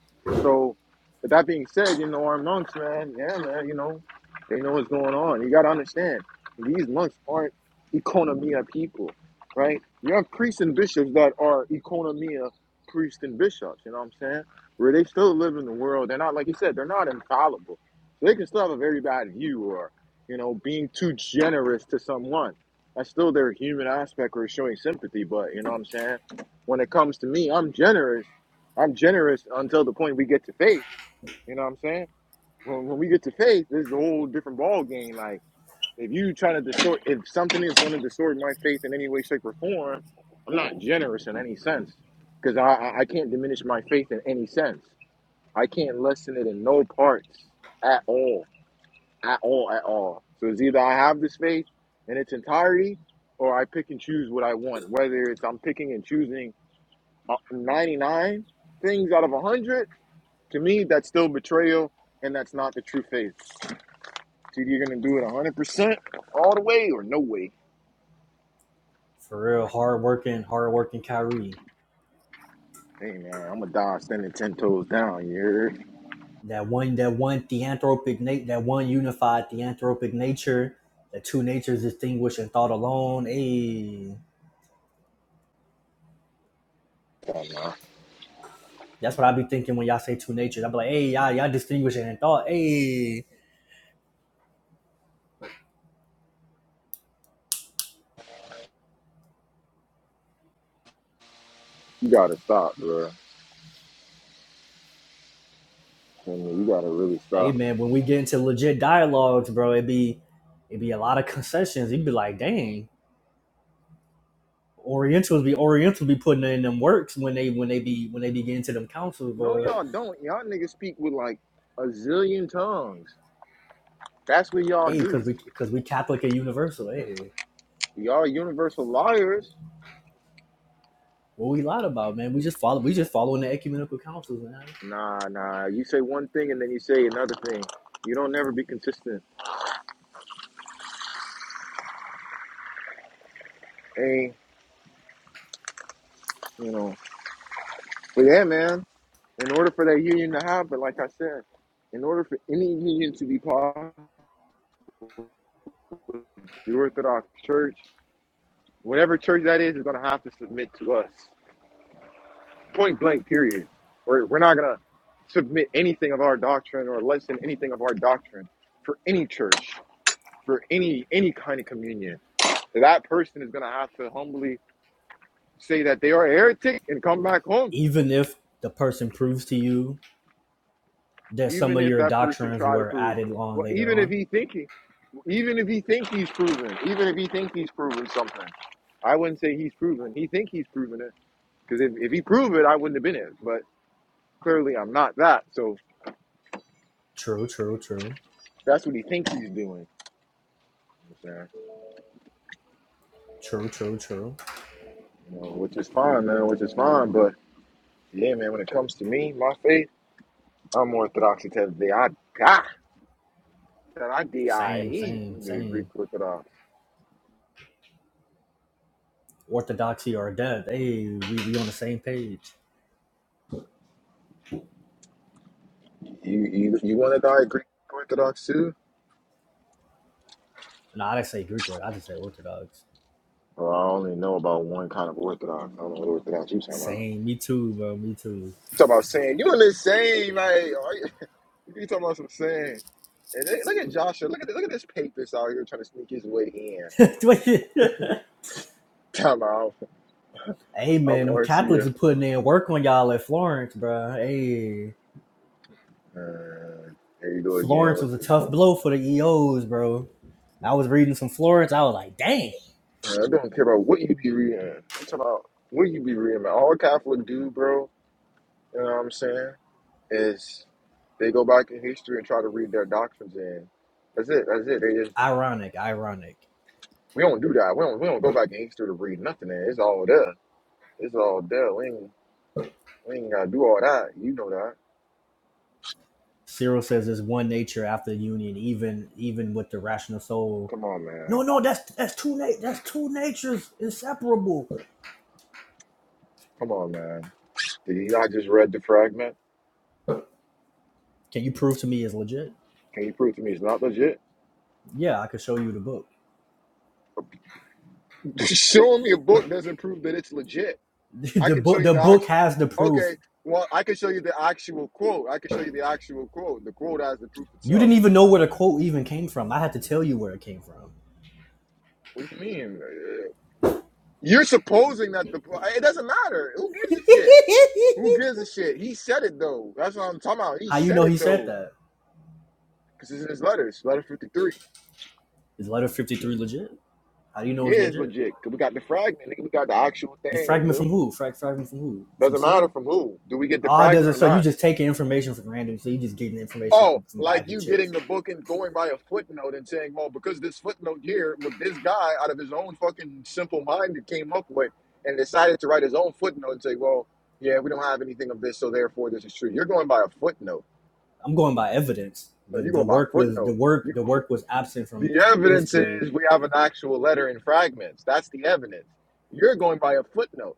A: So, with that being said, you know our monks, man. Yeah, man. You know, they know what's going on. You gotta understand, these monks aren't economia people, right? You have priests and bishops that are economia priests and bishops. You know what I'm saying? Where they still live in the world. They're not like you said. They're not infallible. So they can still have a very bad view, or you know, being too generous to someone. That's still their human aspect or showing sympathy. But you know what I'm saying? When it comes to me, I'm generous. I'm generous until the point we get to faith. You know what I'm saying? When, when we get to faith, this is a whole different ball game. Like if you trying to distort, if something is going to distort my faith in any way, shape, or form, I'm not generous in any sense because I I I can't diminish my faith in any sense. I can't lessen it in no parts at all, at all, at all. So it's either I have this faith in its entirety, or I pick and choose what I want. Whether it's I'm picking and choosing uh, 99 things out of 100, to me, that's still betrayal and that's not the true faith. It's either you're going to do it 100% all the way or no way.
C: For real, hard working, hard working Kyrie.
A: Hey, man, I'm going to die standing 10 toes down. You hear?
C: that one that one theanthropic nat- that one unified theanthropic nature that two natures distinguished in thought alone hey that's what i be thinking when y'all say two natures i be like hey y'all, y'all distinguishing in thought hey
A: You got to stop, bro. I mean, you got to really
C: hey
A: stop.
C: man when we get into legit dialogues bro it be it be a lot of concessions you'd be like dang orientals be orientals be putting in them works when they when they be when they be getting to them councils
A: No,
C: but
A: y'all don't. Y'all niggas speak with like a zillion tongues. That's what y'all
C: hey
A: do.
C: because we because we catholic and universal hey
A: Y'all universal liars.
C: what we lied about man we just follow we just following the ecumenical councils man
A: Nah, nah. You say one thing and then you say another thing. You don't never be consistent. Hey, you know. But yeah, man. In order for that union to happen, like I said, in order for any union to be possible, the Orthodox Church, whatever church that is, is going to have to submit to us. Point blank, period. We're, we're not going to submit anything of our doctrine or lessen anything of our doctrine for any church, for any any kind of communion. That person is going to have to humbly say that they are a heretic and come back home,
C: even if the person proves to you that some
A: even
C: of
A: if
C: your
A: that person
C: doctrines
A: try to
C: were
A: prove.
C: added on
A: Well,
C: later
A: even if
C: on.
A: he thinking. Even if he think he's proven, even if he think he's proven something, I wouldn't say he's proven. He think he's proven it because if, if he proved it, I wouldn't have been it. But clearly, I'm not that. So
C: True, true, true,
A: that's what he thinks he's doing. You know, what I'm saying?
C: true, true, true.
A: You know, which is fine, man. Which is fine. But yeah, man. When it comes to me, my faith, I'm Orthodox to the day I die. That I D I
C: Same,
A: E. I'm
C: same,
A: gonna be a Greek
C: same.
A: Orthodox.
C: Orthodoxy or death. Hey, we, we on the same page.
A: You you you want to die Greek Orthodox too?
C: No, I didn't say Greek word. I just say Orthodox.
A: Well, I only know about one kind of Orthodox. I don't know what Orthodox you talking about.
C: Same. Me too, bro. Me too.
A: Talk about saying you in the same like are you, you talking about some saying. And they, look at Joshua. Look at this, look at this papist out here trying to sneak his way in. Time out.
C: hey,
A: I'm
C: man, them
A: Arcia.
C: Catholics are putting in work on y'all at Florence, bro. Hey,
A: Uh, there you go again
C: Florence
A: with
C: was a
A: this.
C: tough blow for the EOs, bro. I was reading some Florence. I was like, dang.
A: Uh, I don't care about what you be reading. I'm talking about what you be reading. Man. All Catholic do, bro. You know what I'm saying? Is they go back in history and try to read their doctrines in. That's it. That's it. They just
C: ironic, ironic.
A: we don't do that. We don't we don't go back in history to read nothing. In. It's all there. It's all there. We ain't We ain't gotta do all that. You know that.
C: Cyril says there's one nature after union, even even with the rational soul.
A: Come on,
C: No,
A: man.
C: no, that's that's two na- that's two natures inseparable.
A: Come on, man. Did you not just read the fragment?
C: Can you prove to me it's legit?
A: Can you prove to me it's not legit?
C: Yeah, I could show you the book.
A: Showing me a book doesn't prove that it's legit. I
C: the
A: can show
C: book
A: you
C: the
A: the
C: book
A: actual.
C: has the proof.
A: Okay, well, I can show you the actual quote. I can show you the actual quote. The quote has the proof
C: You
A: itself.
C: didn't even know where the quote even came from. I had to tell you where it came from.
A: What do you mean? Uh, You're supposing that the. It doesn't matter. Who gives a shit? Who gives a shit? He said it though. That's what I'm talking about. He
C: How you
A: said
C: know
A: it
C: he said
A: though,
C: that?
A: because it's in his letters, letter 53.
C: Is letter fifty three legit? How do you know it's
A: Yeah, it's
C: legit?
A: legit. 'Cause we got the fragment, nigga. We got the actual
C: The
A: thing,
C: fragment
A: nigga.
C: from who? Frag fragment from who? From
A: Doesn't
C: Cyril?
A: matter from who. Do we get the
C: Ah, does
A: fragment
C: it?
A: or
C: So you
A: not?
C: just taking information from random. So you just getting information
A: Oh,
C: from, from
A: like
C: bags of
A: you
C: chips.
A: getting the book and going by a footnote and saying, well, because this footnote here with this guy out of his own fucking simple mind that came up with and decided to write his own footnote and say, well, yeah, we don't have anything of this, so therefore this is true. You're going by a footnote.
C: I'm going by evidence.
A: No,
C: The
A: you're
C: the
A: going by a
C: work was the
A: footnote. You,
C: work the work was absent from
A: the
C: from
A: evidence
C: history.
A: is we have an actual letter in fragments. That's the evidence. You're going by a footnote.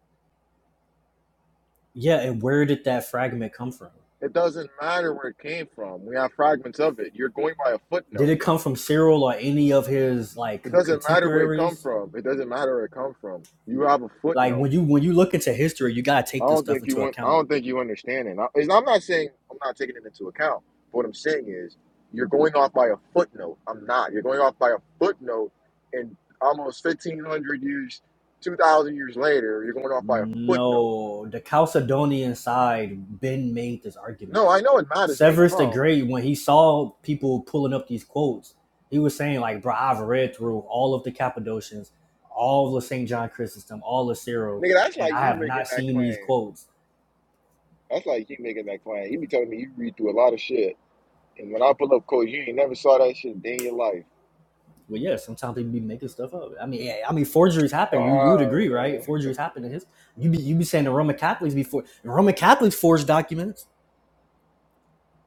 C: Yeah, and where did that fragment come from?
A: It doesn't matter where it came from. We have fragments of it. You're going by a
C: Did
A: footnote.
C: it come from Cyril or any of his like
A: It
C: co-
A: doesn't matter where it come
C: contemporaries?
A: from. It doesn't matter where it come from. You have a
C: Like
A: footnote.
C: when you when you look into history, you gotta
A: I
C: take this
A: don't
C: stuff
A: think you
C: into
A: want. I
C: account.
A: don't think you understand it. I, I'm not saying I'm not taking it into account. But what I'm saying is you're going off by a footnote. I'm not. You're going off by a footnote, and almost 1,500 years, 2,000 years later, you're going off by a footnote.
C: No, the Chalcedonian side Ben made this argument
A: No, I know it matters where it's
C: Severus the
A: from,
C: Great, when he saw people pulling up these quotes, he was saying, like, bro, I've read through all of the Cappadocians, all of St. John Chrysostom, all of Cyril,
A: nigga. That's
C: and
A: like
C: I
A: you
C: have
A: making
C: not
A: that
C: seen these
A: claim.
C: quotes.
A: That's like you making that claim. You be telling me you read through a lot of shit, and when I pull up quotes, you ain't never saw that shit a day in your life.
C: But yeah, sometimes people be making stuff up. I mean, yeah, I mean, forgeries happen. You you would agree,
A: Oh,
C: right?
A: man.
C: Forgeries happen in his. You be you be saying the Roman Catholics before Roman Catholics forged documents.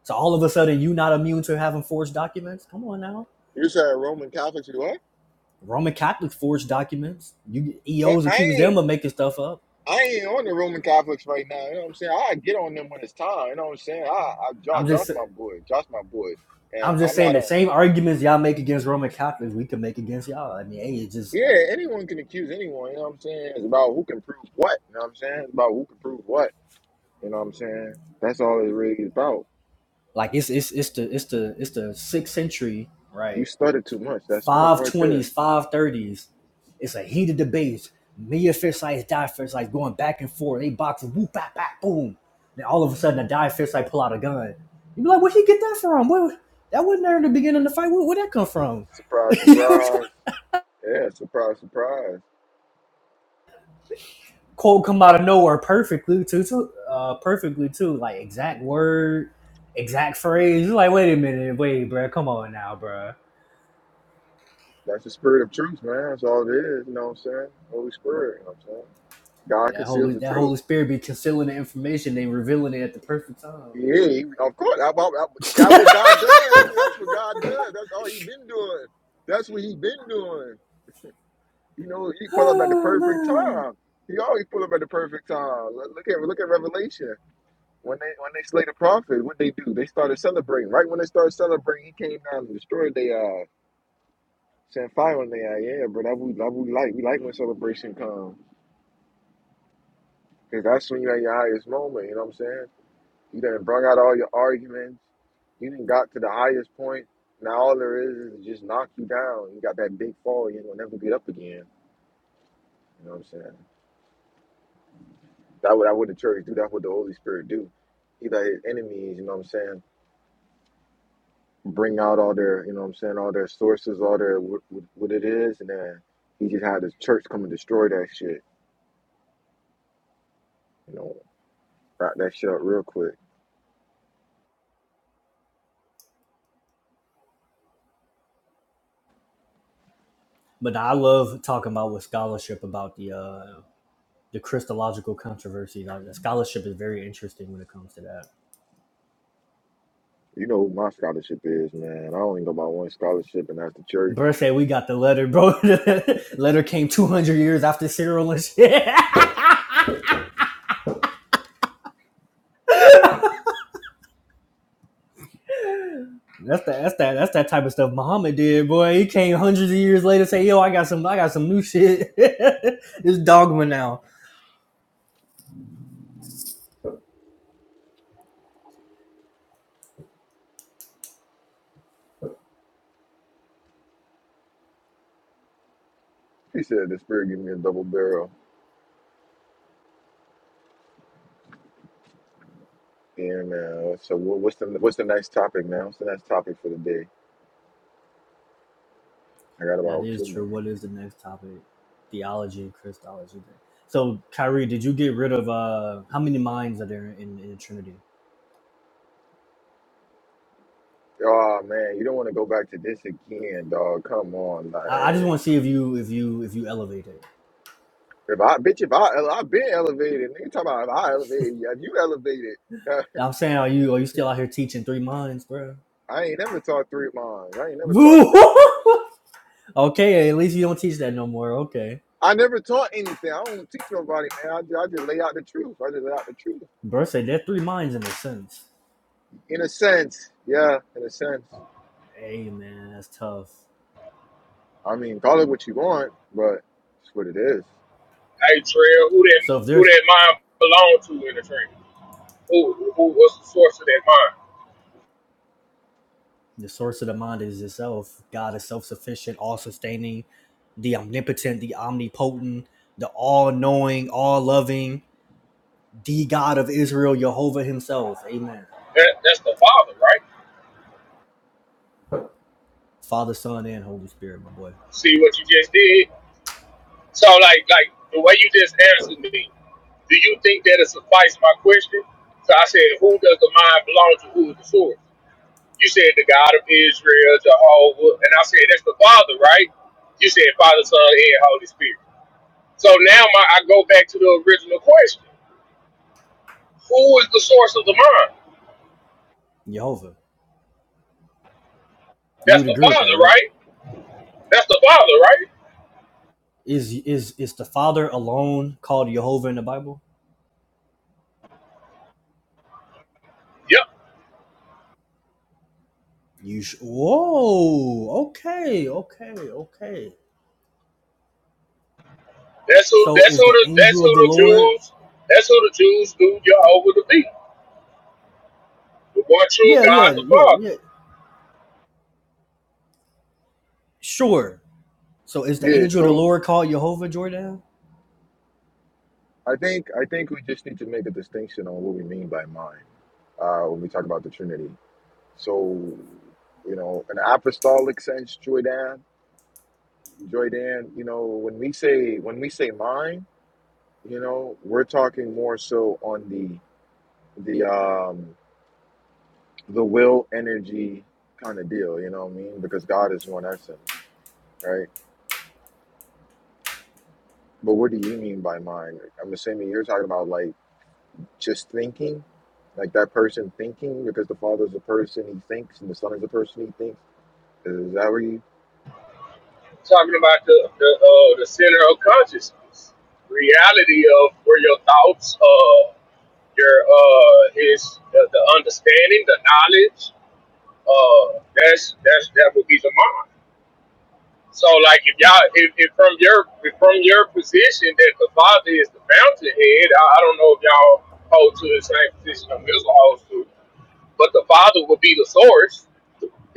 C: So all of a sudden, you not immune to having forged documents. Come on now,
A: you said Roman Catholics do what?
C: Roman Catholics forged documents. You
A: But
C: EOs
A: I
C: accuse them
A: ain't,
C: of making stuff up.
A: I ain't on the Roman Catholics right now. You know what I'm saying? I get on them when it's time. You know what I'm saying? I, I Josh,
C: I'm
A: Josh,
C: just
A: my boy, Josh, my boy, and
C: I'm just
A: I'm
C: saying
A: not
C: the
A: on.
C: same arguments y'all make against Roman Catholics, we can make against y'all. I mean, hey, it's just
A: Yeah, anyone can accuse anyone. You know what I'm saying? It's about who can prove what. You know what I'm saying? It's about who can prove what. You know what I'm saying? That's all it really is about.
C: like it's it's it's the it's the it's the sixth century,
A: You
C: right?
A: stutter too much. That's false
C: Five
A: right there.
C: twenties, five thirties. It's a heated debate. Mia Fistlights, Die Fistlights going back and forth. They boxing, whoop, bap, bap, boom. Then all of a sudden, a Die Fistlight pull out a gun. You be like, where'd he get that from? Where, that wasn't there in the beginning of the fight. Where, where'd that come from?
A: Surprise,
C: You know what
A: surprise. Yeah, surprise, surprise.
C: quote come out of nowhere perfectly too, too uh, perfectly too, like exact word, exact phrase. You're like, wait a minute, wait, bro, come on now, bro.
A: That's the spirit of truth, man. That's all it is. You know what I'm saying? Holy Spirit. You know what I'm saying? God
C: Yeah, that
A: conceals
C: holy
A: the
C: that
A: truth.
C: Holy Spirit be concealing the information, they revealing it at the perfect time.
A: Yeah, he- of course. I, I, I, that's what God does. man. That's what God does. That's all He's been doing. That's what He's been doing. You know, He pull up at the
C: Oh,
A: perfect
C: man.
A: time. He always pull up at the perfect time. Look look at look at Revelation. When they when they slay the prophet, what they do? They started celebrating. Right when they started celebrating, He came down and destroyed their eyes. Set fire on their eye, yeah, but That we that we like. We like when celebration comes. Cause that's when you're at your highest moment, you know what I'm saying? You done brung out all your arguments. You done got to the highest point. Now all there is is just knock you down. You got that big fall, you ain't gonna never get up again. You know what I'm saying? That what that what the church do, that's what the Holy Spirit do. He let his enemies, you know what I'm saying, bring out all their, you know what I'm saying, all their sources, all their what, what what it is, and then he just had his church come and destroy that shit, you know, wrap that shit up real quick.
C: But I love talking about with scholarship about the uh, the Christological controversy. Like, the scholarship is very interesting when it comes to that.
A: You know who my scholarship is, man. I only know about one scholarship, and that's the church.
C: Bro said we got the letter, bro. the letter came two hundred years after Cyril and shit. That's that. That's that. That's that type of stuff Muhammad did, boy. He came hundreds of years later, say, "Yo, I got some. I got some new shit. it's dogma now."
A: He said the spirit gave me a double barrel. And uh, so, what- what's the what's the next topic now? What's the next topic for the day? I got
C: That
A: about
C: is
A: two more.
C: true. What is the next topic? Theology and Christology. So, Kyrie, did you get rid of uh how many minds are there in, in the Trinity?
A: Oh man, you don't want to go back to this again, dog. Come on,
C: I, I just
A: like
C: want to see if you if you if you elevate it.
A: if I bitch, if I I've been elevated. Nigga, talk about if I elevated you. If you elevated,
C: I'm saying, are you are you still out here teaching three minds, bro?
A: I ain't never taught three miles. I ain't never taught three miles.
C: okay, at least you don't teach that no more. Okay,
A: I never taught anything. I don't teach nobody, man. I just, I just lay out the truth. I just lay out the truth.
C: bro said there are three minds in a sense.
A: In a sense, yeah, in a sense.
C: Hey man, that's tough.
A: I mean, call it what you want, but it's what it is.
G: Hey, Trail, who that
C: So if
G: who
C: there's
G: that mind belong to in the dream? Who who was the source of that mind?
C: the source of the mind is itself, God is self-sufficient, all-sustaining, the omnipotent, the omnipotent, the all-knowing, all-loving, the God of Israel, Jehovah Himself. Amen.
G: That that's the father, right?
C: Father, Son, and Holy Spirit, my boy.
G: See what you just did. So like like the way you just answered me. Do you think that it suffice my question? So I said, Who does the mind belong to? Who is the source? You said the God of Israel, Jehovah, and I said that's the Father, right? You said Father, Son, and Holy Spirit. So now my I go back to the original question. Who is the source of the mind?
C: Jehovah. You
G: That's
C: would
G: the
C: agree with that,
G: Father,
C: right?
G: right? That's the Father, right?
C: Is is is the Father alone called Jehovah in the Bible?
G: Yep.
C: You sh- whoa, okay, okay, okay.
G: That's who
C: So
G: that's
C: is
G: who
C: the
G: the that's
C: angel
G: who
C: of the
G: the
C: Lord?
G: Jews that's who the Jews knew Jehovah to be. The one true
C: Yeah,
G: God
C: yeah,
G: the
C: yeah,
G: Father.
C: yeah. Sure. So is the
A: Yeah,
C: angel of the
A: so
C: Lord called Jehovah Jordan?
A: I think I think we just need to make a distinction on what we mean by mind uh, when we talk about the Trinity. So, you know, in an apostolic sense, Joydan, Joydan, you know, when we say when we say mind, you know, we're talking more so on the the um the will energy kind of deal, you know what I mean? Because God is one essence, right? But what do you mean by mind? I'm assuming you're talking about like just thinking, like that person thinking because the father is a person he thinks and the son is a person he thinks. Is that where you?
G: talking about the the, uh, the center of consciousness, reality of where your thoughts, uh, your uh, is the, the understanding, the knowledge. Uh, that's that's that would be the mind. So, like, if
C: Hmm.
G: y'all, if, if from your if from your position that the father is the fountainhead, I, I don't know if y'all hold to the same position I'm holds to, but the father would be the source.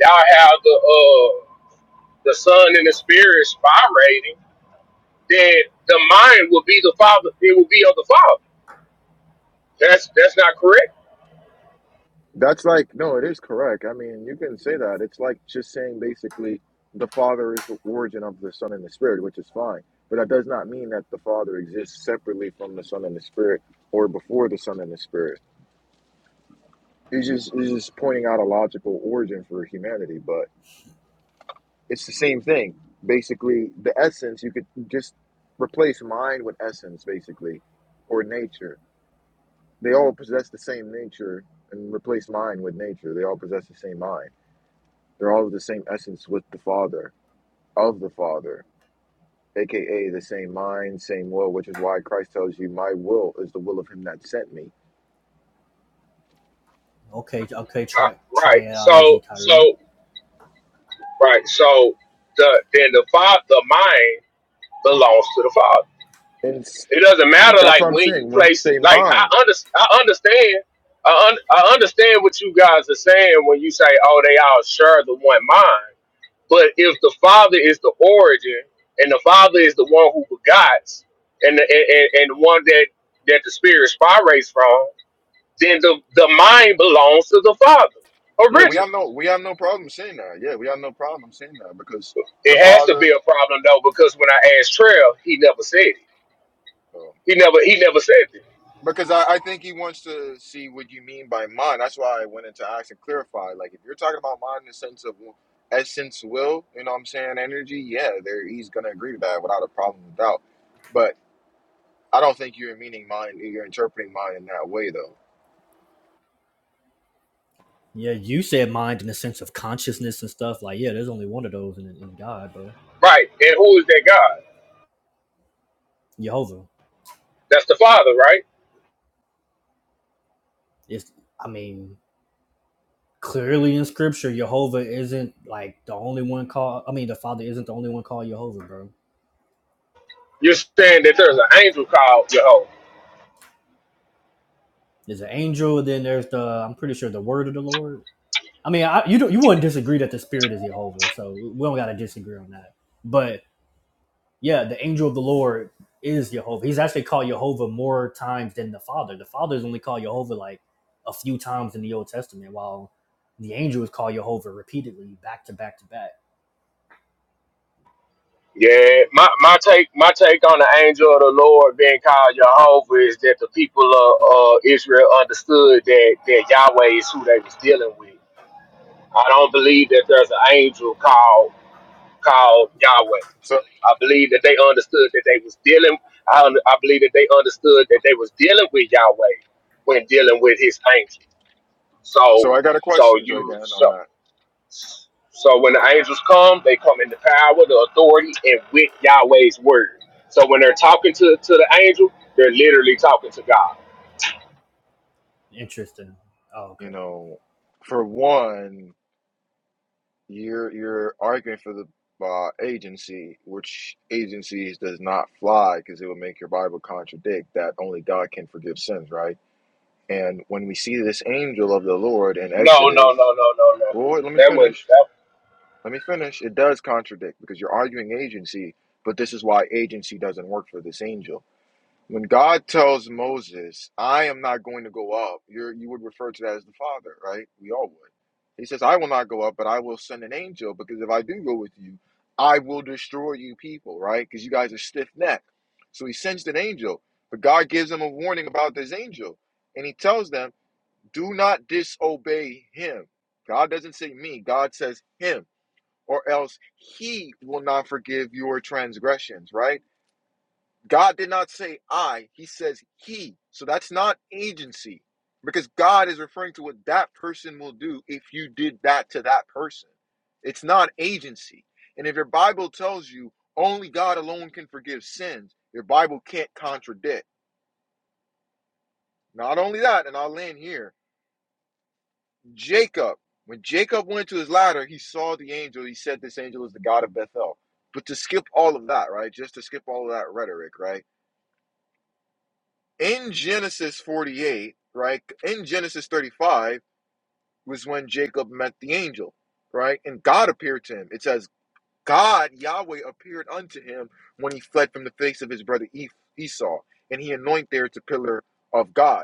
G: Y'all have the uh the son and the spirit spirating then the mind will be the father. It will be of the father. That's that's not correct,
A: That's like no, it is correct. I mean, you can say that. It's like just saying basically the father is the origin of the son and the spirit, which is fine. But that does not mean that the father exists separately from the son and the spirit or before the son and the spirit. It's just it's just pointing out a logical origin for humanity, but. It's the same thing. Basically, the essence, you could just replace mind with essence, basically, or nature. They all possess the same nature and replace mind with nature. They all possess the same mind. They're all of the same essence with the Father, of the Father, aka the same mind, same will, which is why Christ tells you, My will is the will of him that sent me.
C: Okay, okay,
G: uh,
C: tri-
G: right? So
C: triology, Kyrie.
G: so right. So the then the father, the mind belongs to the father.
A: And s-
G: It doesn't matter
A: that's
G: like
A: what I'm
G: when you
A: saying. When you
G: place.
A: say
G: Like
A: mind,
G: I under, I understand. I, un, I understand what you guys are saying when you say, "Oh, they all share the one mind." But if the father is the origin, and the father is the one who begots, and the, and, and and the one that that the spirit spirates from, then the, the mind belongs to the father
A: yeah, we
G: originally.
A: have no we have no problem saying that. Yeah, we have no problem saying that because
G: It
A: the
G: has to
A: Father.
G: be a problem though, because when I asked Trail, he never said it.
A: uh,
G: He never he never said it.
A: Because I, I think he wants to see what you mean by mind. That's why I went into ask and clarify. Like, if you're talking about mind in the sense of essence, will, you know what I'm saying, energy, yeah, there he's going to agree to that without a problem, without. But I don't think you're meaning mind, you're interpreting mind in that way, though.
C: Yeah, you said mind in the sense of consciousness and stuff. Like, yeah, there's only one of those in, in God, bro.
G: Right. And who is that God?
C: Jehovah.
G: That's the Father, right?
C: It's, I mean, clearly in scripture, Jehovah isn't like the only one called. I mean, the Father isn't the only one called Jehovah, bro.
G: You're saying that there's an angel called Jehovah.
C: There's an angel, then there's the, I'm pretty sure, the word of the Lord. I mean, I, you don't, you wouldn't disagree that the spirit is Jehovah, so we don't got to disagree on that. But yeah, the angel of the Lord is Jehovah. He's actually called Jehovah more times than the Father. The Father is only called Jehovah like a few times in the Old Testament, while the angel is called Jehovah repeatedly, back to back to back.
G: Yeah, my, my take my take on the angel of the Lord being called Jehovah is that the people of uh, Israel understood that, that Yahweh is who they was dealing with. I don't believe that there's an angel called called Yahweh.
A: So,
G: I believe that they understood that they was dealing. I, un- I believe that they understood that they was dealing with Yahweh when dealing with His angel. So,
A: so I got a
G: so
A: question, Joy
G: you
A: Dan,
G: so
A: on that.
G: so when the angels come, they come in the power, the authority, and with Yahweh's word. So when they're talking to to the angel, they're literally talking to God.
C: Interesting. Oh,
A: You
C: okay.
A: know, for one, You're you're arguing for the uh, agency, which agencies does not fly because it would make your Bible contradict that only God can forgive sins, right? And when we see this angel of the Lord in
G: No, no,
A: Exodus,
G: no, no, no, no.
A: Lord, let me
G: That wouldn't.
A: finish.
G: That,
A: Let me finish. It does contradict because you're arguing agency, but this is why agency doesn't work for this angel. When God tells Moses, I am not going to go up, you're, you would refer to that as the Father, right? We all would. He says, I will not go up, but I will send an angel because if I do go with you, I will destroy you people, right? Because you guys are stiff necked. So he sends an angel, but God gives them a warning about this angel. And he tells them, do not disobey him. God doesn't say me, God says him, or else he will not forgive your transgressions, right? God did not say I, he says he. So that's not agency because God is referring to what that person will do if you did that to that person. It's not agency. And if your Bible tells you only God alone can forgive sins, your Bible can't contradict. Not only that, and I'll land here Jacob, when Jacob went to his ladder, he saw the angel. He said, This angel is the God of Bethel. But to skip all of that, right? Just to skip all of that rhetoric, right? in Genesis 48, right? In Genesis 35 was when Jacob met the angel, right? And God appeared to him. It says, God, Yahweh, appeared unto him when he fled from the face of his brother E- Esau, and he anointed there to pillar of God.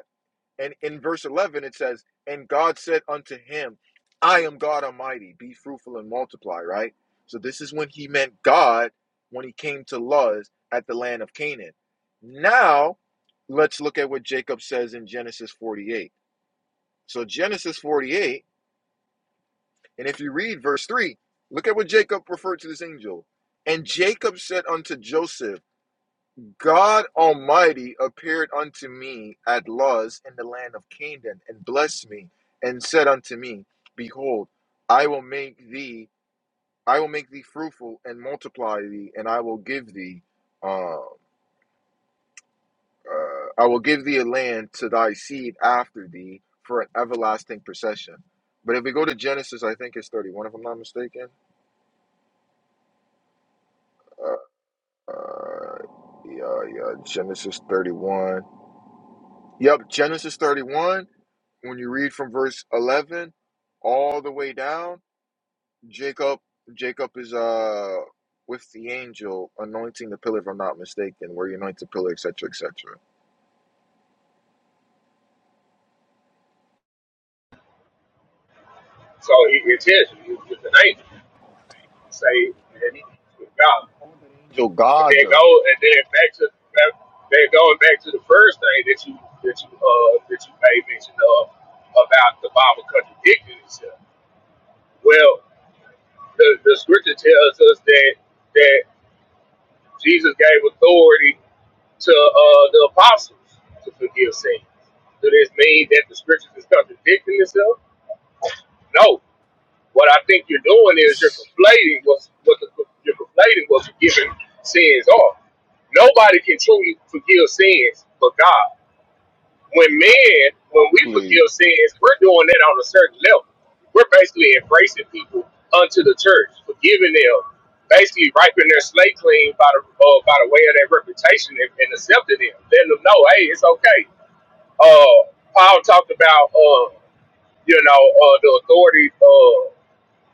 A: And in verse 11, it says, And God said unto him, I am God Almighty, be fruitful and multiply, right? So this is when he meant God when he came to Luz at the land of Canaan. Now, let's look at what Jacob says in Genesis 48. So, Genesis 48, and if you read verse 3, look at what Jacob referred to this angel. And Jacob said unto Joseph, God Almighty appeared unto me at Luz in the land of Canaan, and blessed me, and said unto me, Behold, I will make thee, I will make thee fruitful and multiply thee, and I will give thee, uh, uh, I will give thee a land to thy seed after thee for an everlasting possession. But if we go to Genesis, I think it's thirty-one, if I'm not mistaken. Uh, uh, yeah, yeah, Genesis thirty-one. Yep, Genesis 31, when you read from verse 11 all the way down, Jacob Jacob is uh with the angel anointing the pillar if I'm not mistaken, where you anoint the pillar, etc., etc.
G: so he, it tells you it was just an angel. Say
A: Yeah,
G: it,
A: he called that angel
G: And
A: God
G: then go
A: though.
G: and then back to then going back to the first thing that you that you uh that you made mention of about the Bible contradicting itself. Well, the, the scripture tells us that that Jesus gave authority to uh the apostles to forgive sins. Does this mean that the scripture is contradicting itself? No, What I think you're doing is you're
A: That's
G: conflating what's what the, you're conflating what forgiving sins are. Nobody can truly forgive sins but God. When
A: my
G: men,
A: point
G: when we forgive
A: Exactly.
G: sins, we're doing that on a certain level. We're basically embracing people unto the church, forgiving them, basically wiping their slate clean by the uh, by the way of their reputation and, and accepting them, letting them know, hey, it's okay. Uh, Paul talked about, uh, you know, uh, the authority. uh,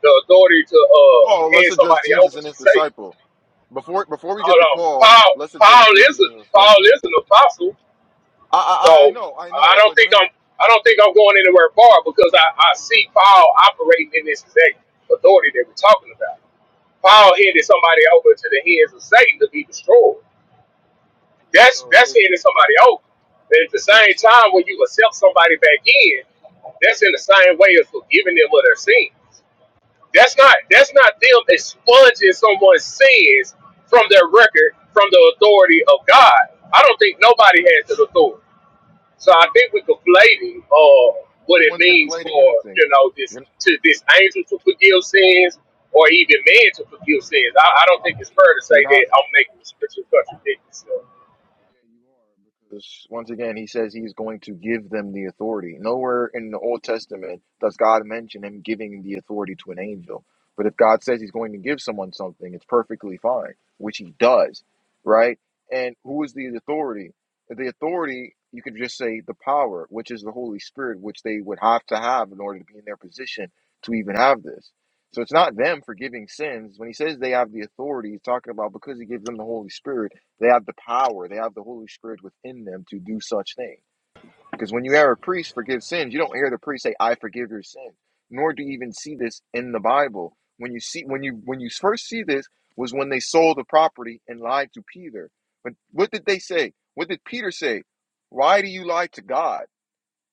G: the authority to uh
A: Paul, let's
G: hand
A: address
G: somebody
A: Jesus
G: over
A: and
G: to
A: his
G: Satan.
A: disciple. Before before we get
G: Hold
A: to
G: on,
A: Paul,
G: Paul.
A: let's address
G: Paul is
A: Jesus
G: a,
A: and his
G: Paul
A: disciple.
G: is an apostle,
A: I
G: so
A: I, I I know, I
G: I
A: know,
G: don't
A: but
G: think
A: when
G: I'm
A: I,
G: I don't think I'm going anywhere far because I, I see Paul operating in this exact authority that we're talking about. Paul
A: I
G: handed somebody over to the hands of Satan to be destroyed.
A: agree,
G: That's
A: so
G: that's
A: if
G: handing somebody over. But at the
A: if
G: same time, when you accept somebody back in, that's in the same way as forgiving them of their sin. That's not that's not them expunging someone's sins from their record from the authority of God. I don't think nobody has that authority. So I think we're conflating uh, what
A: no
G: it
A: one's
G: means
A: conflating
G: for
A: anything.
G: you know this to this angel to forgive sins or even man to forgive sins. I, I don't think it's fair to
A: You're
G: say
A: not.
G: that I'm making the scripture contradict itself.
A: Yeah, you are. Because once again, he says he's going to give them the authority. Nowhere in the Old Testament does God mention him giving the authority to an angel. But if God says he's going to give someone something, it's perfectly fine, which he does, right? And who is the authority? The authority, you could just say the power, which is the Holy Spirit, which they would have to have in order to be in their position to even have this. So it's not them forgiving sins. When he says they have the authority, he's talking about because he gives them the Holy Spirit they have the power, they have the Holy Spirit within them to do such things. Because when you hear a priest forgive sins, you don't hear the priest say, I forgive your sins, nor do you even see this in the Bible. When you see when you when you first see this was when they sold the property and lied to Peter. But what did they say? What did Peter say? Why do you lie to God?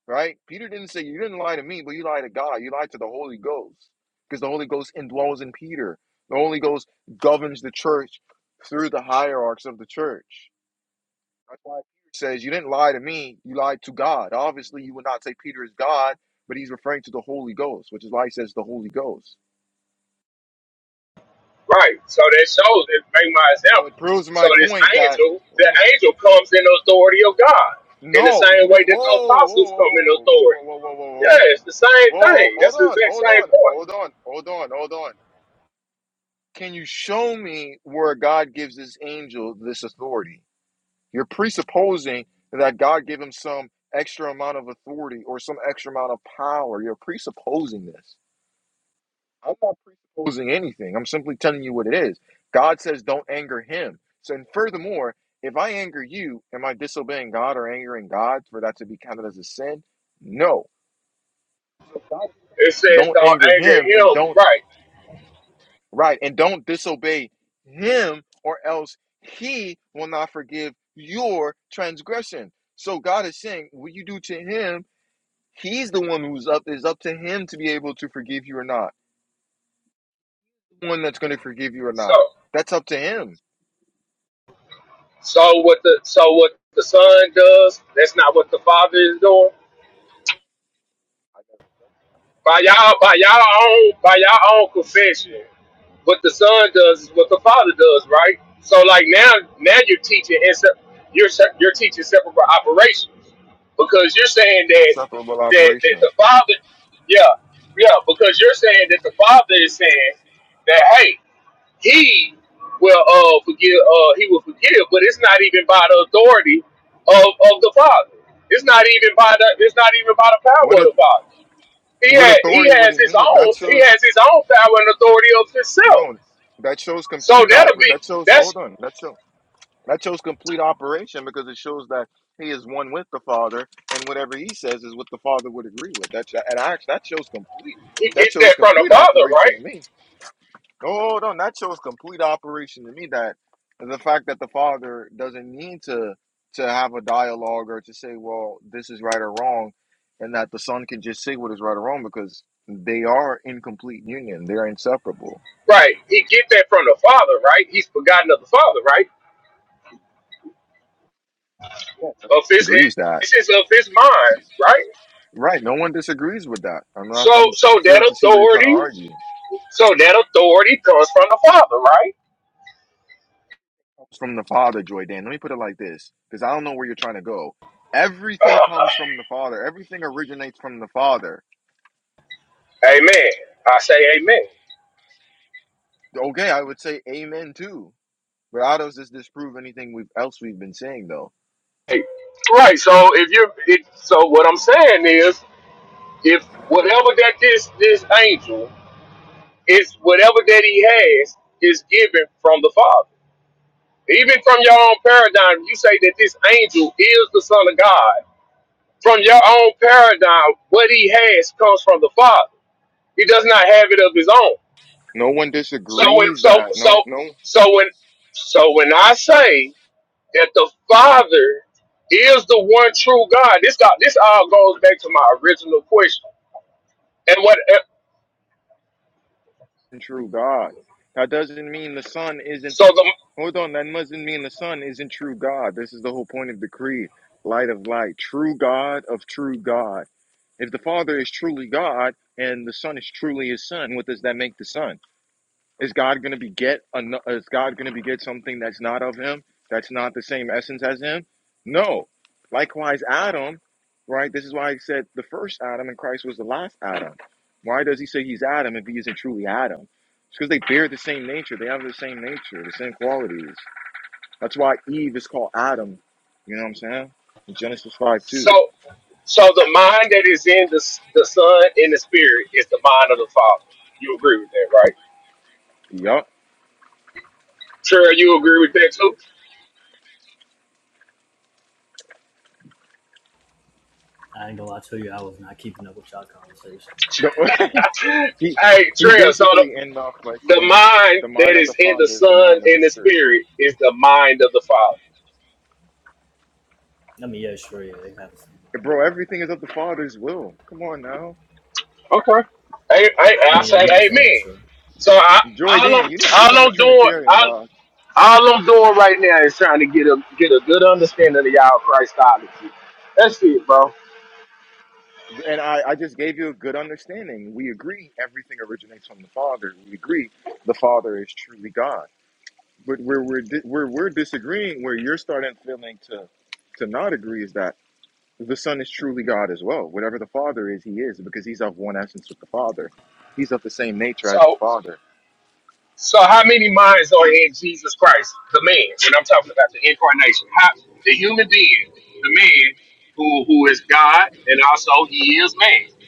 A: Right? Peter didn't say you didn't lie to me, but you lied to God. You lied to the Holy Ghost. Because the Holy Ghost indwells in Peter. The Holy Ghost governs the church through the hierarchs of the church. That's why Peter says, You didn't lie to me, you lied to God. Obviously, you would not say Peter is God, but he's referring to the Holy Ghost, which is why he says the Holy Ghost.
G: Right. So that shows that make my
A: So it
G: example.
A: proves
G: So
A: my
G: this
A: point that
G: angel, the
A: oh,
G: angel comes in the authority of God in the
A: no, you
G: same way
A: didn't.
G: that the
A: Whoa, whoa,
G: apostles
A: whoa,
G: come in
A: whoa, whoa, whoa, whoa,
G: authority.
A: whoa, whoa, whoa, whoa,
G: Yeah, it's the same
A: whoa,
G: thing.
A: hold
G: That's the
A: on,
G: exact
A: hold
G: same
A: on,
G: point.
A: hold on, hold on, hold on. Can you show me where God gives this angel this authority? You're presupposing that God gave him some extra amount of authority or some extra amount of power. You're presupposing this. I'm not presupposing anything. I'm simply telling you what it is. God says, don't anger him. So, and furthermore, if I anger you, am I disobeying God or angering God for that to be counted as a sin? No. So, God,
G: It
A: says,
G: says
A: don't
G: don't
A: anger him and
G: anger him,
A: don't,
G: right?
A: right, and don't disobey him or else he will not forgive your transgression. So, God is saying, what you do to him, he's the one who's up, It's up to him to be able to forgive you or not. The one that's going to forgive you or
G: So,
A: not. That's up to him.
G: so what the so what the son does, that's not what the father is doing. By y'all, by y'all own, by y'all own confession, what the son does is what the father does, right? So, like now, now you're teaching and se- you're se- you're teaching separate operations because you're saying that
A: inseparable
G: that that
A: operation.
G: the father, yeah, yeah, because you're saying that the father is saying that hey. he will uh, forgive. Uh, he will forgive, but it's not even by the authority of, of the Father. It's not even by the. It's not even by the power
A: What
G: of
A: a,
G: the Father. He
A: what
G: had. He
A: authority would
G: has
A: it
G: his
A: mean? That
G: own. He
A: shows
G: has his own power and authority of himself.
A: no. That shows
G: So
A: complete
G: that'll
A: oper.
G: be.
A: That shows
G: That's
A: hold on. That shows that shows complete operation because it shows that he is one with the Father, and whatever he says is what the Father would agree with. That and I, that shows complete.
G: he
A: That
G: get that
A: shows
G: from the
A: complete
G: Father,
A: operation
G: right?
A: to me. Oh no, that shows complete operation to me that the fact that the father doesn't need to to have a dialogue or to say, well, this is right or wrong, and that the son can just say what is right or wrong because they are in complete union. They're inseparable.
G: Right. He get that from the Father, right? He's forgotten of the Father, right?
A: Yeah, no one
G: Of his.
A: disagrees that.
G: This is of his mind, right?
A: Right, no one disagrees with that. I'm not.
G: So,
A: I'm
G: so
A: failed
G: that
A: to see where you're trying to
G: authority.
A: argue.
G: So that authority comes from the Father, right?
A: It's from the father, Joy Dan. Let me put it like this, because I don't know where you're trying to go. Everything comes from the father. Everything originates from the father
G: Amen. I say amen.
A: Okay, I would say amen too. But how does this disprove anything we've else we've been saying though?
G: Hey, Right. So if you're, it, so what I'm saying is, if whatever that this this angel is, whatever that he has is given from the Father. Even from your own paradigm, you say that this angel is the Son of God. From your own paradigm, what he has comes from the Father. He does not have it of his own.
A: No one
G: So when,
A: disagrees
G: so
A: that. No,
G: so
A: no
G: so when, so when I say that the Father is the one true God. This got this all goes back to my original question. And what uh,
A: true God. That doesn't mean the Son isn't.
G: so the
A: Hold on, that doesn't mean the Son isn't true God. This is the whole point of the creed. Light of light, true God of true God. If the Father is truly God and the Son is truly His Son, what does that make the Son? Is God going to beget? ano- Is God going to beget something that's not of Him? That's not the same essence as Him? No. Likewise, Adam, right? This is why he said the first Adam and Christ was the last Adam. Why does he say he's Adam if he isn't truly Adam? It's because they bear the same nature. They have the same nature, the same qualities. That's why Eve is called Adam. You know what I'm saying? In Genesis 5 2.
G: so so the mind that is in the the Son and the Spirit is the mind of the Father. You agree with that, right?
A: Yup.
G: Trey, you agree with that too?
C: I ain't gonna lie to you, I was not keeping up with y'all conversation.
A: The- he,
G: hey,
A: he
G: Trey, so
A: basically
G: the,
A: ends off by
G: the
A: saying,
G: mind
A: The
G: that
A: mind of the
G: is in the
A: Father is the
G: Son
A: mind of the
G: and the
A: Spirit.
G: Spirit is the mind of the Father.
C: I mean, yeah, sure, yeah, they have the same line, yeah.
A: Bro, everything is of the Father's will. Come on now.
G: Okay. I, I,
C: I
G: I
C: mean, yeah,
G: say
C: you could say that,
G: amen.
C: sure.
G: So I,
A: Joy
G: all I'm,
A: Dan, you need to
G: all
A: become a
G: I'm doing,
A: Trinitarian,
G: all
A: dog.
G: All I'm doing right now is trying to get a get a good understanding of y'all Christology. That's it, bro.
A: And I, I just gave you a good understanding. We agree everything originates from the Father. We agree the Father is truly God. But where we're, di- where we're disagreeing, where you're starting feeling to, to not agree, is that the Son is truly God as well. Whatever the Father is, He is, because He's of one essence with the Father. He's of the same nature as the
G: So,
A: Father.
G: so how many minds are in Jesus Christ, the man? When I'm talking about the incarnation, how the human being, the man who who is God, and also he is man.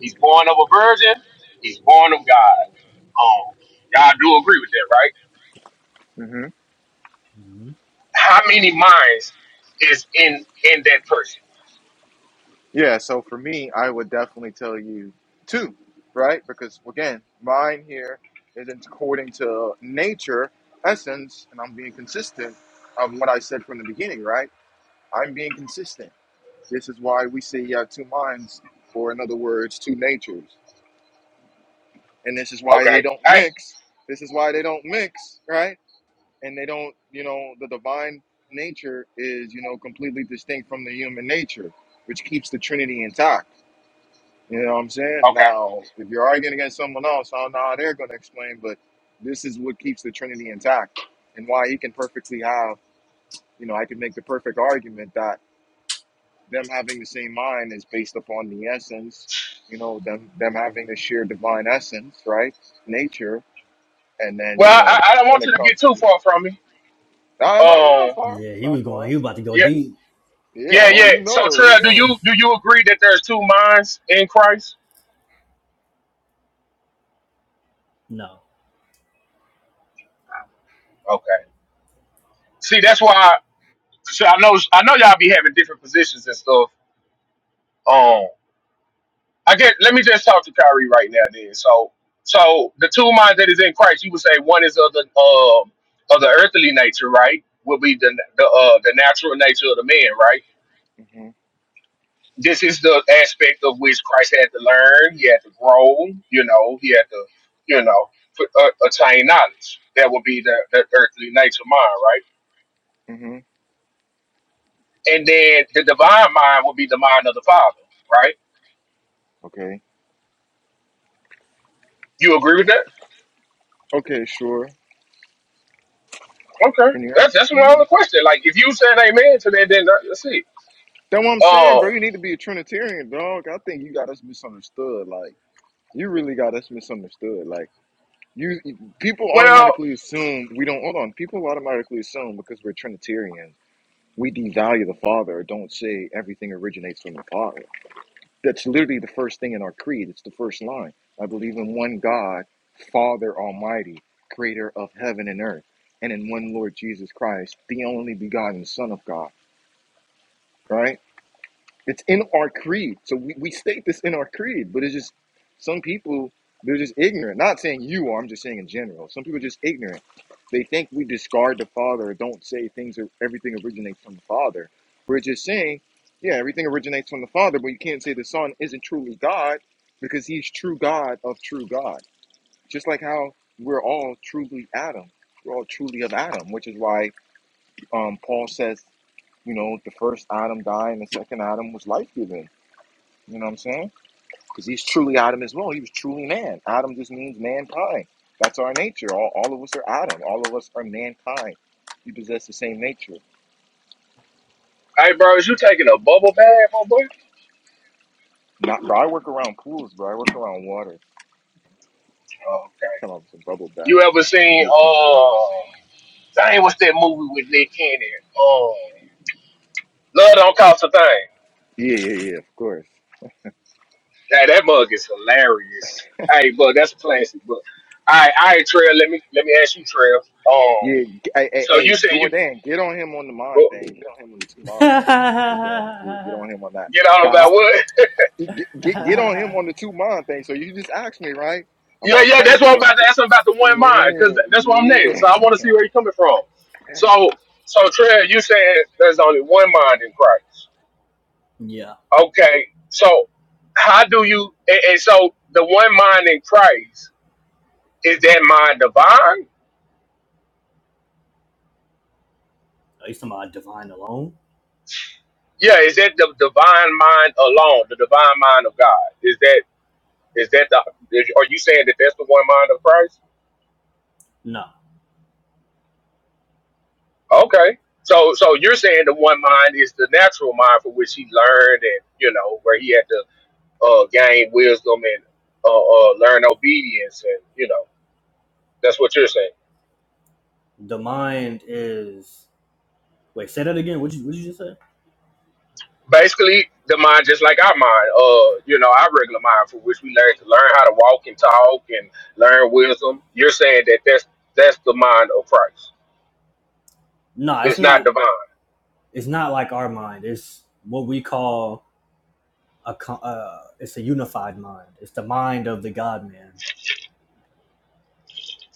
G: He's born of a virgin. He's born of God. Um, y'all do agree with that, right?
A: Mm-hmm.
C: hmm
G: How many minds is in in that person?
A: Yeah, so for me, I would definitely tell you two, right? Because again, mine here isn't according to nature, essence, and I'm being consistent of what I said from the beginning, right? I'm being consistent. This is why we say you have two minds, or in other words, two natures. And this is why they
G: Okay,
A: don't
G: hey,
A: mix. This is why they don't mix, right? And they don't, you know, the divine nature is, you know, completely distinct from the human nature, which keeps the Trinity intact You know what I'm saying?
G: okay.
A: Now, if you're arguing against someone else, I don't know how they're going to explain, but this is what keeps the Trinity intact and why he can perfectly have, you know, I can make the perfect argument that them having the same mind is based upon the essence, you know, them, them having the sheer divine essence, right? Nature. And then, you
G: Well, I,
A: know,
G: I don't
A: when
G: want you
A: it
G: to get
A: comes
G: too
A: to,
G: far from me.
A: no, no, it's not
G: Um,
A: far. It's
C: Yeah, he
A: not
C: was
A: far.
C: going, he was about to go
G: yeah,
C: deep.
A: Yeah.
G: yeah,
A: Oh,
G: yeah.
A: you
G: So,
A: know, you
G: Trey, do
A: know.
G: you do you agree that there's two minds in Christ?
C: No.
G: Okay. See, that's why. I, so I know I know y'all be having different positions and stuff. Um, I get. Let me just talk to Kyrie right now. Then, so so the two minds that is in Christ, you would say one is of the um of the earthly nature, right? Will be the the uh the natural nature of the man, right?
A: hmm
G: this is the aspect of which Christ had to learn. He had to grow. You know, he had to, you know, put- uh, attain knowledge. That would be the, the earthly nature mind, right?
A: hmm
G: And then the divine mind would be the mind of the Father, right?
A: Okay.
G: You agree with that?
A: Okay. Sure.
G: Okay,
A: Can you hear?
G: that's that's my
A: Yeah,
G: only question. Like, if you saying amen to that, then that- that's it.
A: That's what I'm saying, bro.
G: Oh,
A: You need to be a Trinitarian, dog. I think you got us misunderstood. Like, you really got us misunderstood. Like, you people
G: well,
A: automatically assume we don't. Hold on, people automatically assume because we're Trinitarians, we devalue the Father or don't say everything originates from the Father. That's literally the first thing in our creed. It's the first line. I believe in one God, Father Almighty, Creator of heaven and earth, and in one Lord Jesus Christ, the only begotten Son of God. Right It's in our creed. So we, we state this in our creed, but it's just some people, they're just ignorant. Not saying you are, I'm just saying in general. Some people are just ignorant. They think we discard the Father or don't say things or everything originates from the Father. We're just saying, yeah, everything originates from the Father, but you can't say the Son isn't truly God because he's true God of true God. Just like how we're all truly Adam. We're all truly of Adam, which is why um, Paul says, you know, the first Adam died and the second Adam was life given you know what I'm saying? Because he's truly Adam as well. He was truly man. Adam just means mankind. That's our nature. All, all of us are Adam. All of us are mankind. We possess the same nature.
G: hey, bro, is you taking a bubble bath, my boy?
A: Not, bro, I work around pools, bro. I work around water.
G: Okay.
A: Come on, some bubble bath.
G: You ever seen?
A: You're funny, yeah.
G: Oh, dang, what's that movie with Nick Cannon? Oh. Love don't cost a thing.
A: Yeah, yeah, yeah, of course.
G: Hey, that mug is hilarious. Hey, but that's classic. But all right, all right, Trail. Let me let me ask you, Trail. Oh,
A: Yeah, hey, hey,
G: so
A: hey,
G: you say you
A: Jordan, get on him on the
G: well,
A: mind thing. Get on him on the two mind
C: yeah.
A: thing. He's doing that. Yeah, get on
C: Are
A: him on that.
G: get out about
A: Kyle,
G: what?
A: Get, get, get on him on the two mind thing. So you just asked me, right?
G: Yeah,
A: About
G: yeah. That's
A: Christ's
G: what I'm about
A: mind.
G: to ask him about the one mind, cause
A: Yeah,
G: that's what I'm next.
A: yeah.
G: So I want to see where you're coming from. So, so Trail, you said there's only one mind in Christ.
C: you
G: Okay. So, how do you? And, and so the one mind in Christ is that mind divine?
C: talking about divine alone?
G: Yeah, is that the divine mind alone, the divine mind of God? Is that? Is that the? Is, are you saying that that's the one mind of Christ?
C: No.
G: Okay. So so you're saying the one mind is the natural mind for which he learned and you know where he had to uh, gain wisdom and uh, uh, learn obedience and you know that's what you're saying.
C: The mind is wait, say that again. What you what you just say?
G: Basically, the mind just like our mind. Uh, you know, our regular mind for which we learn to learn how to walk and talk and learn wisdom. You're saying that that's that's the mind of Christ.
C: No, it's
G: It's not
C: not
G: divine.
C: it's not like our mind. It's what we call a co- uh, it's a unified mind. It's the mind of the God man.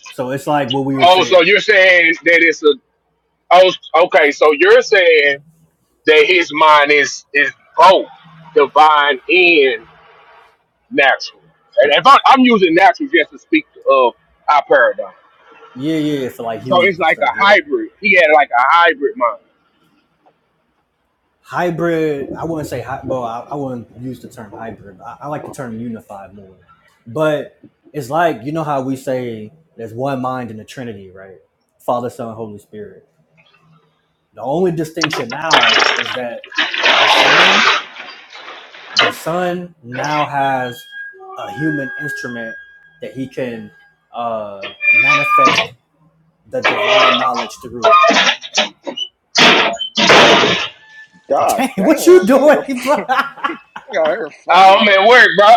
C: So it's like what we would
G: Oh, so
C: say
G: you're saying that it's a Oh, okay. So you're saying that his mind is is both divine and natural. And if I, I'm using natural just to speak of our paradigm,
C: yeah, yeah, for like
G: so it's
C: humans and
G: like a
C: stuff, yeah.
G: hybrid. He had like a hybrid mind.
C: hybrid i wouldn't say hy- well I, I wouldn't use the term hybrid I, I like the term unified more but it's like you know how we say there's one mind in the trinity right father son holy spirit the only distinction now is that the son the son now has a human instrument that he can uh manifest the divine knowledge through
A: God
C: dang what you
A: damn, that nigga,
C: doing bro?
A: that nigga out here
G: Oh, I'm
A: fighting.
G: at work, bro.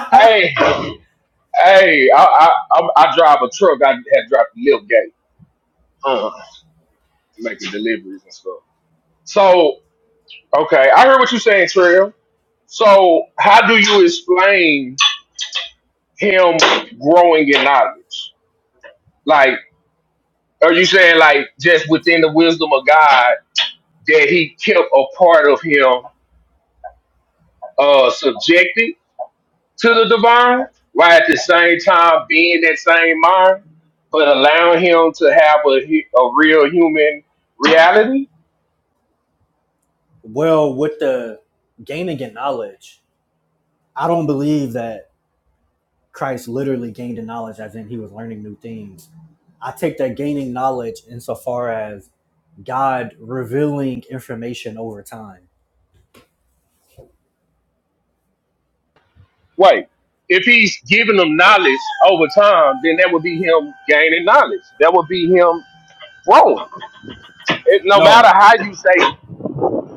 G: hey, hey, I, I I I drive a truck. I had dropped the lift gate, uh, making deliveries and stuff. So okay, I heard what you're saying, Trail. So how do you explain him growing in knowledge? Like. Are you saying like just within the wisdom of God that He kept a part of him uh subjected to the divine, while at the same time being that same mind, but allowing him to have a hu- a real human reality?
C: Well, with the gaining in knowledge, I don't believe that Christ literally gained in knowledge as in he was learning new things. I take that gaining knowledge insofar as God revealing information over time.
G: Wait, if He's giving them knowledge over time, then that would be Him gaining knowledge. That would be Him growing. It, no matter
C: No,
G: how you say,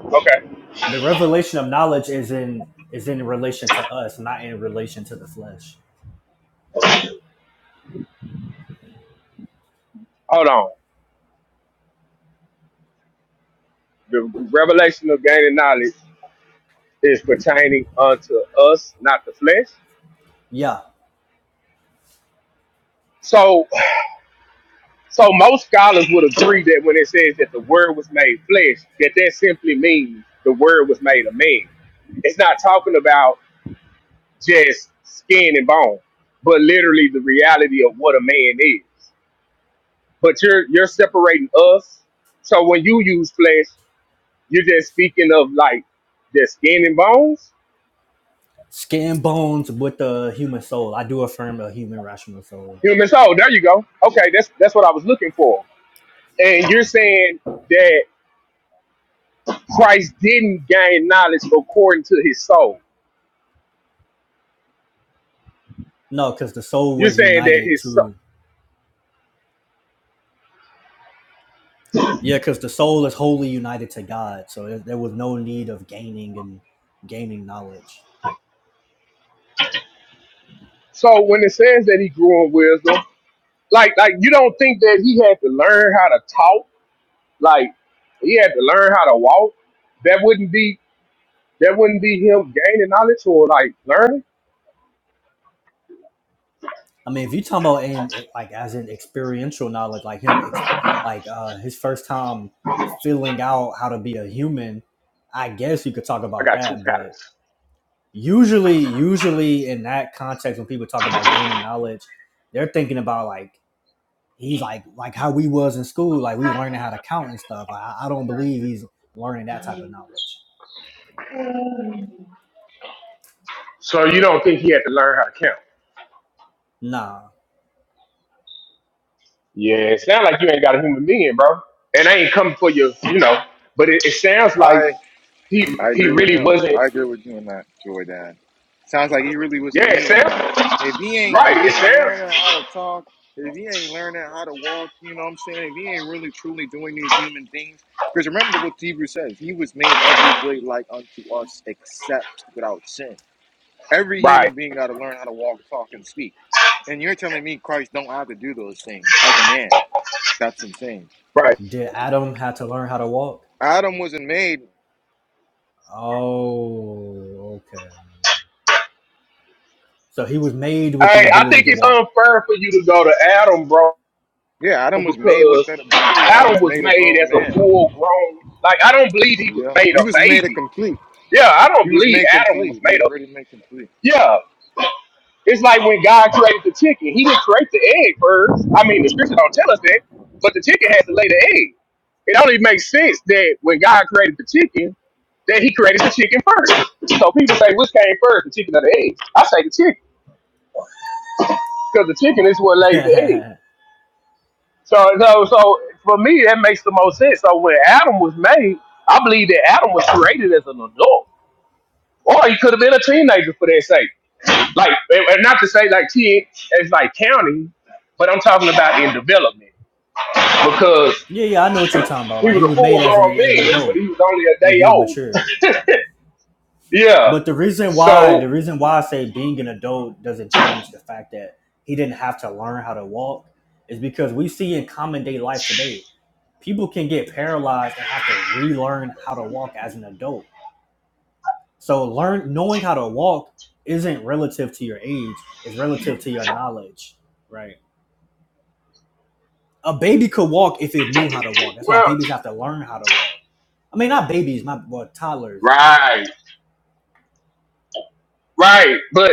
G: okay,
C: the revelation of knowledge is in is in relation to us, not in relation to the flesh.
G: hold on. The revelation of gaining knowledge. is pertaining unto us, not the flesh.
C: Yeah.
G: So, so most scholars would agree that when it says that the word was made flesh, that that simply means the word was made a man. It's not talking about just skin and bone, but literally the reality of what a man is. But you're you're separating us. So when you use flesh, you're just speaking of like the skin and bones,
C: Skin and bones with the human soul. I do affirm a human rational soul.
G: human soul. There you go. Okay, that's that's what I was looking for. And you're saying that. Christ didn't gain knowledge according to his soul.
C: No, because the soul
G: You're
C: was
G: saying that
C: united
G: his so,
C: to Yeah, because the soul is wholly united to God, so there there was no need of gaining and gaining knowledge.
G: so when it says that he grew in wisdom, like like you don't think that he had to learn how to talk, like he had to learn how to walk. That wouldn't be that wouldn't be him gaining knowledge or like learning.
C: I mean, if you talking about in it- like as in experiential knowledge, like him, exp- like uh, his first time filling out how to be a human, I guess you could talk
G: I
C: about
G: got two
C: that. But
G: pallets.
C: usually, usually in that context, when people talk about gaining knowledge, they're thinking about like he's like like how we was in school, like we learning how to count and stuff. I, I don't believe he's learning that type of knowledge.
G: So you don't think he had to learn how to count?
C: No,
G: Yeah, it sounds like you ain't got a human being, bro. And I ain't coming for you, you know. But it, it sounds like
A: I
G: he
A: I
G: he
A: agree with
G: really
A: him.
G: wasn't.
A: I agree with you on that, Joy Dad. Sounds like he really was a
G: Yeah, it says
A: human. Like if he ain't
G: right.
A: if
G: It
A: he ain't learning
G: says
A: how to talk, if he ain't learning how to walk, you know what I'm saying? If he ain't really truly doing these human things, because remember what Hebrew says, he was made every way like unto us except without sin. Every
G: right,
A: human being gotta learn how to walk, talk, and speak. And you're telling me Christ don't have to do those things as a man. That's insane.
G: right.
C: Did Adam have to learn how to walk?
A: Adam wasn't made.
C: Oh, okay. So he was made with the
G: Hey, I
C: ability
G: think
C: to
G: it's
C: walk.
G: unfair for you to go to Adam, bro,
A: Yeah, Adam was made with
G: because
A: that ability. Adam
G: Adam
A: was
G: was
A: made a
G: made
A: grown
G: as a
A: man.
G: full grown. Like I don't believe he was
A: Yeah,
G: made
A: he
G: a
A: was made a
G: baby.
A: complete.
G: Yeah, I don't
A: He was
G: believe
A: made
G: Adam was
A: complete. He
G: made
A: was
G: a.
A: ready to make complete.
G: Yeah, it's like when God created the chicken. He didn't create the egg first. I mean, the scripture don't tell us that, but the chicken has to lay the egg. It only makes sense that when God created the chicken, that he created the chicken first. So people say, which came first, the chicken or the egg? I say the chicken, because the chicken is what lays the egg.
C: yeah,
G: So, so, so for me, that makes the most sense. So when Adam was made, I believe that Adam was created as an adult, or he could have been a teenager for that sake. Like, and and not to say like teen as like counting, but I'm talking about in development because
C: yeah, I know what you're talking about.
G: he
C: Like
G: was
C: he
G: a
C: was
G: full
C: made as an,
G: grown
C: an
G: man, but
C: adult.
G: he was only a
C: Yeah,
G: day
C: he was
G: old.
C: mature.
G: Yeah.
C: But the reason why, the
G: So,
C: reason why I say being an adult doesn't change the fact that he didn't have to learn how to walk is because we see in common day life today, people can get paralyzed and have to relearn how to walk as an adult So learn knowing how to walk isn't relative to your age, it's relative to your knowledge, right? A baby could walk if it knew how to walk. That's why
G: well,
C: babies have to learn how to walk. I mean, not babies, my well, toddlers, my bad.
G: right. Right, but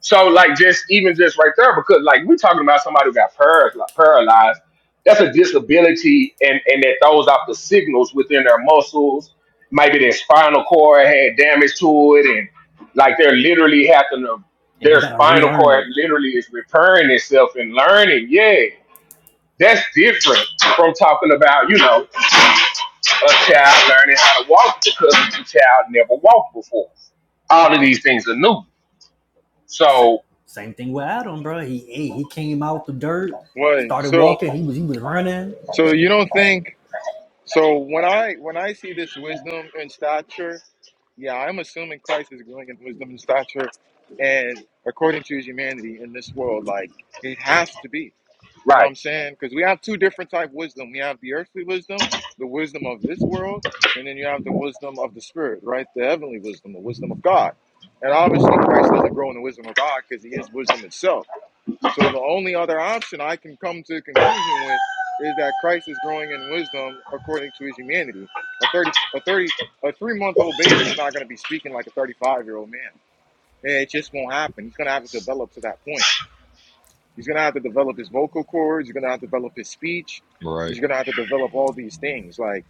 G: so like just even just right there, because like we talking about somebody who got par- like, paralyzed, that's a disability, and and that throws off the signals within their muscles. Maybe their spinal cord had damage to it, and like they're literally having to,
C: And they
G: their
C: gotta
G: spinal
C: relearn
G: cord
C: it.
G: literally is repairing itself and learning. Yeah, that's different from talking about you know a child learning how to walk because the child never walked before. All of these things are new.
C: Same
G: So
C: Same thing with Adam, bro. He ate, he came out the dirt,
A: Right.
C: started
A: So,
C: walking. He was he was running.
A: so you don't think? So when I when I see this wisdom and stature. Yeah, I'm assuming Christ is growing in wisdom and stature and according to his humanity in this world. Like, it has to be. You know what
G: right.
A: I'm saying? Because we have two different type of wisdom. We have the earthly wisdom, the wisdom of this world, and then you have the wisdom of the spirit, right? The heavenly wisdom, the wisdom of God. And obviously, Christ doesn't grow in the wisdom of God because he is wisdom itself. So the only other option I can come to a conclusion with is that Christ is growing in wisdom according to his humanity. A thirty, a thirty, a three-month-old baby is not going to be speaking like a thirty-five-year-old man. It just won't happen. He's going to have to develop to that point. He's going to have to develop his vocal cords. He's going to have to develop his speech.
J: Right.
A: He's going to have to develop all these things. Like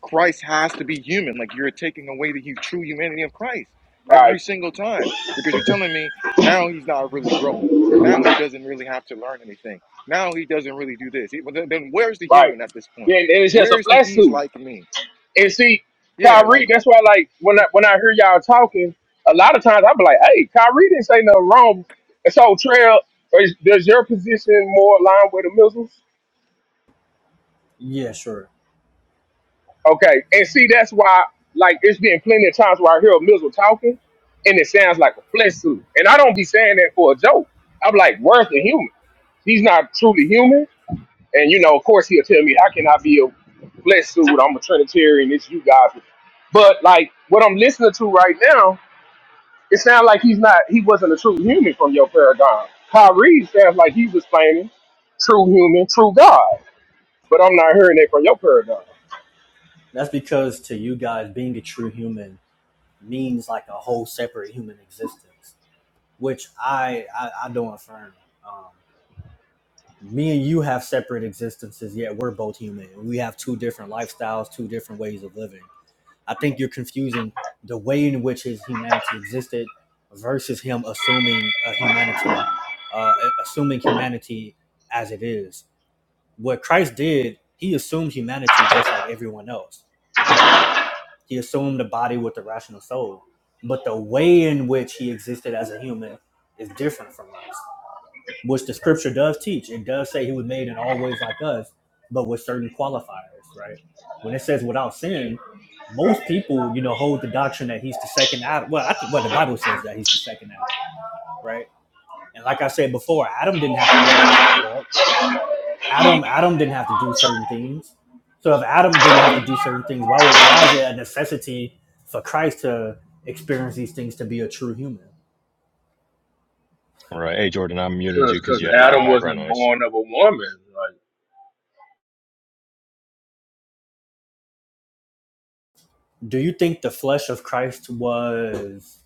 A: Christ has to be human. Like you're taking away the hu- true humanity of Christ
G: Right,
A: every single time because you're telling me now he's not really growing. Now he doesn't really have to learn anything. Now he doesn't really do this. He, well, then, then where's the
G: right.
A: human at this point?
G: Then and it's just a
A: Where's the
G: flesh
A: he's
G: suit.
A: like me?
G: And see,
A: Yeah,
G: Kyrie,
A: like
G: that's why like when I when I hear y'all talking, a lot of times I'm like, hey, Kyrie didn't say nothing wrong. And so Trail, is, does your position more align with the Mizzles?
C: Yeah, sure.
G: Okay. And see, that's why like it's been plenty of times where I hear a Mizzle talking and it sounds like a flesh suit. And I don't be saying that for a joke. I'm like, where's the human? He's not truly human. And you know, of course, he'll tell me, "How can I cannot be a flesh suit? I'm a Trinitarian. It's you guys." But like what I'm listening to right now, it sounds like he's not. He wasn't a true human from your paradigm. Kyrie sounds like he's explaining true human, true God. But I'm not hearing that from your paradigm.
C: That's because to you guys, being a true human means like a whole separate human existence, which I I, I don't affirm. Um, me and you have separate existences, yet we're both human. We have two different lifestyles, two different ways of living. I think you're confusing the way in which his humanity existed versus him assuming a humanity, uh, assuming humanity as it is. What Christ did, he assumed humanity just like everyone else, right? He assumed the body with the rational soul, but the way in which he existed as a human is different from us which the scripture does teach. It does say he was made in all ways like us, but with certain qualifiers, right? When it says without sin, most people, you know, hold the doctrine that he's the second Adam. Well, I think well, the Bible says that he's the second Adam, right? And like I said before, Adam didn't have to learn how to walk. Adam, Adam didn't have to do certain things. So if Adam didn't have to do certain things, why would why is it a necessity for Christ to experience these things to be a true human?
J: right. Hey, Jordan, I muted you
G: Cause,
J: because you
G: cause
J: had a lot of
G: Adam
J: background
G: wasn't
J: noise.
G: born of a woman. Like
C: Do you think the flesh of Christ was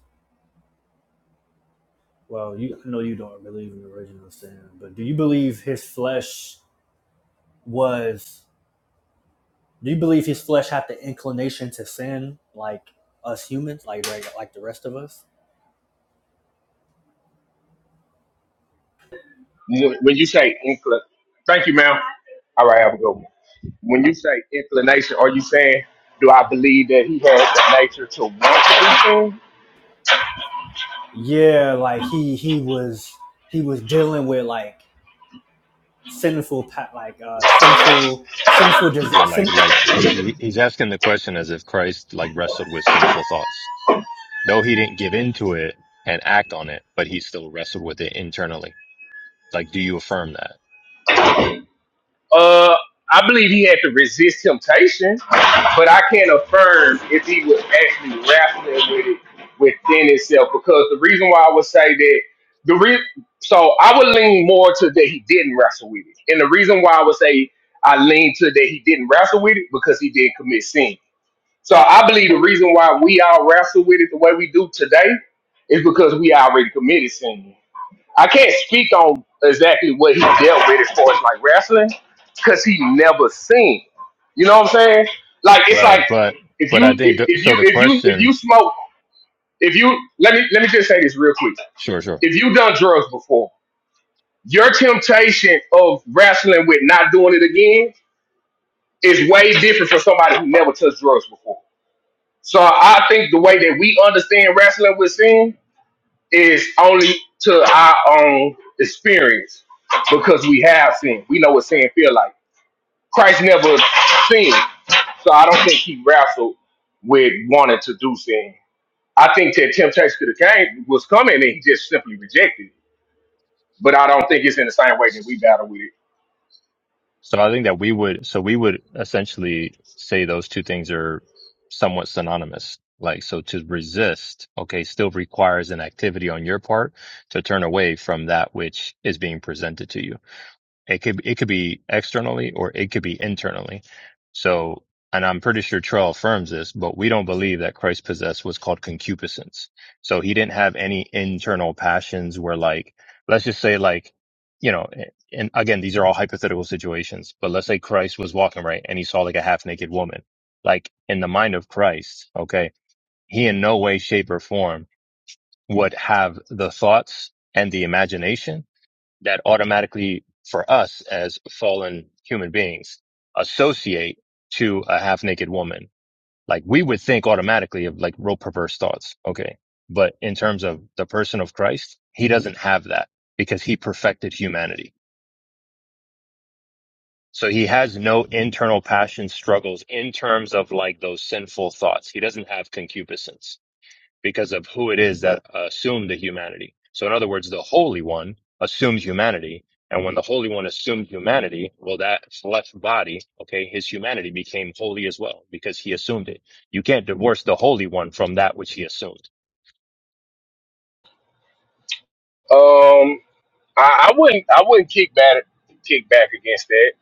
C: Well, you I know you don't really believe in the original sin, but do you believe his flesh was? Do you believe his flesh had the inclination to sin, like us humans, like right, like the rest of us?
G: when when you say incl, thank you, ma'am. All right, have a good one. When you say inclination, are you saying do I believe that he had the nature to want to do things?
C: Yeah, like he he was he was dealing with like sinful pa- like uh sinful sinful des-
J: Yeah. Like,
C: sin.
J: like he's, he, he's asking the question as if Christ like wrestled with sinful thoughts, though he didn't give into it and act on it, but he still wrestled with it internally. Like, do you affirm that?
G: Uh, I believe he had to resist temptation, but I can't affirm if he was actually wrestling with it within himself. Because the reason why I would say that the re- so I would lean more to that he didn't wrestle with it, and the reason why I would say I lean to that he didn't wrestle with it because he didn't commit sin. So I believe the reason why we all wrestle with it the way we do today is because we already committed sin. I can't speak on exactly what he dealt with as far as like wrestling, because he never seen. You know what I'm saying? Like it's
J: Right,
G: like
J: but
G: if
J: but I
G: you
J: think
G: if,
J: the,
G: if
J: so.
G: you
J: The
G: if you if
J: question,
G: you smoke if you let me let me just say this real quick.
J: sure, sure.
G: If you done drugs before, your temptation of wrestling with not doing it again is way different from somebody who never touched drugs before. So I think the way that we understand wrestling with sin is only to our own experience because we have sin. We know what sin feel like. Christ never sinned, so I don't think he wrestled with wanting to do sin. I think that temptation to the game was coming and he just simply rejected it. But I don't think it's in the same way that we battle with it.
J: So I think that we would, so we would essentially say those two things are somewhat synonymous. Like, so to resist, okay, still requires an activity on your part to turn away from that which is being presented to you. It could it could be externally or it could be internally. So, and I'm pretty sure Trell affirms this, but we don't believe that Christ possessed what's called concupiscence. So he didn't have any internal passions where like, let's just say like, you know, and again, these are all hypothetical situations, but let's say Christ was walking right and he saw like a half naked woman. Like in the mind of Christ, okay, he in no way, shape or form would have the thoughts and the imagination that automatically for us as fallen human beings associate to a half naked woman. Like we would think automatically of like real perverse thoughts. Okay. But in terms of the person of Christ, he doesn't have that because he perfected humanity. So he has no internal passion struggles in terms of like those sinful thoughts. He doesn't have concupiscence because of who it is that assumed the humanity. So, in other words, the Holy One assumes humanity. And when the Holy One assumed humanity, well, that flesh body, okay, his humanity became holy as well because he assumed it. You can't divorce the Holy One from that which he assumed.
G: Um, I, I wouldn't, I wouldn't kick back, kick back against that.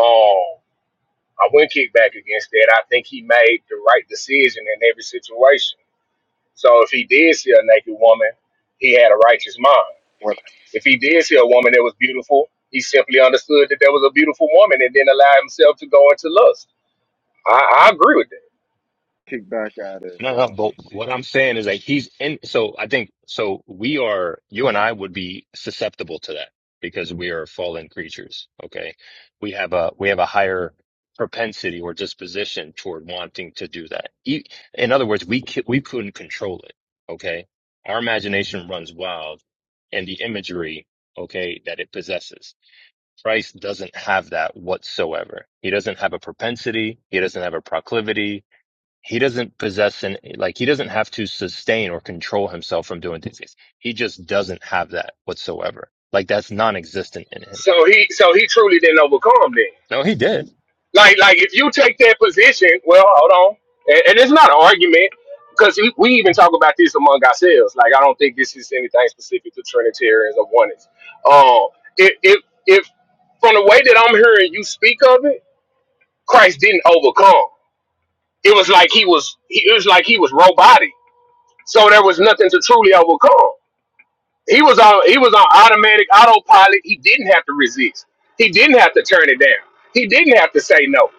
G: Um, I wouldn't kick back against that. I think he made the right decision in every situation So if he did see a naked woman, he had a righteous mind.
A: what I
G: If he did see a woman that was beautiful, he simply understood that there was a beautiful woman and didn't allow himself to go into lust. I, I agree with that.
A: kick back at is
J: No, no,
A: um,
J: but what I'm saying is like he's in. So I think so. We are you and I would be susceptible to that because we are fallen creatures. Okay, we have a we have a higher propensity or disposition toward wanting to do that. E- In other words, we c- we couldn't control it. Okay, our imagination runs wild, and the imagery okay that it possesses. Christ doesn't have that whatsoever. He doesn't have a propensity. He doesn't have a proclivity he doesn't possess an like he doesn't have to sustain or control himself from doing these things. He just doesn't have that whatsoever. Like that's non-existent in him.
G: So he so he truly didn't overcome then.
J: No, he did.
G: Like like if you take that position, well, hold on, and, and it's not an argument because we, we even talk about this among ourselves. Like I don't think this is anything specific to Trinitarians or oneness. Um, if if if from the way that I'm hearing you speak of it, Christ didn't overcome. It was like he was he, it was like he was robotic. So there was nothing to truly overcome. He was on he was on automatic autopilot. He didn't have to resist. He didn't have to turn it down. He didn't have to say no.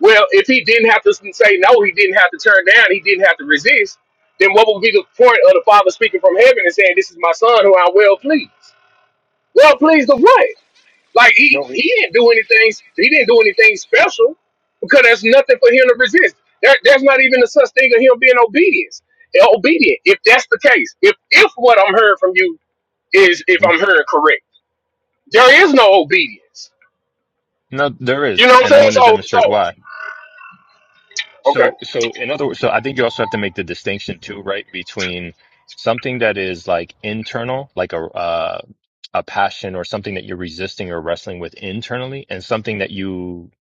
G: Well, if he didn't have to say no, he didn't have to turn down, he didn't have to resist, then what would be the point of the Father speaking from heaven and saying, This is my son who I'm well pleased? Well pleased of what? Like he
A: no.
G: he didn't do anything. He didn't do anything special because there's nothing for him to resist. There, there's not even a such thing of him being obedience. Obedient. If that's the case, if if what I'm hearing from you is if
J: hmm
G: I'm hearing correct, there is no obedience.
J: No, there
G: You
J: is,
G: know what
J: and
G: I'm
J: I'm
G: saying?
J: going to
G: So so
J: demonstrate why.
G: okay.
J: So, so in other words, so I think you also have to make the distinction too, right, between something that is like internal, like a uh, a passion or something that you're resisting or wrestling with internally, and something that you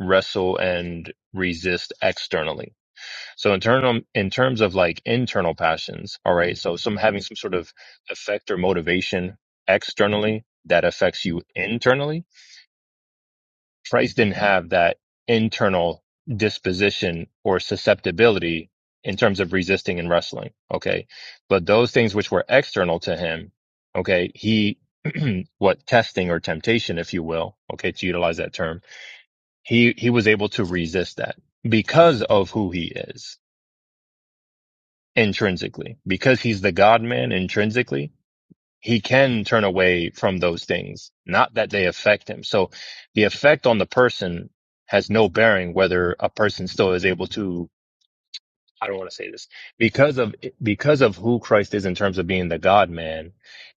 J: wrestle and resist externally So in term in terms of like internal passions, all right. So some having some sort of effect or motivation externally that affects you internally. Christ didn't have that internal disposition or susceptibility in terms of resisting and wrestling. Okay. But those things which were external to him, okay, he what testing or temptation, if you will, okay, to utilize that term, he he was able to resist that because of who he is intrinsically. Because he's the God man intrinsically, he can turn away from those things, not that they affect him. So the effect on the person has no bearing whether a person still is able to, I don't want to say this, because of, because of who Christ is in terms of being the God man,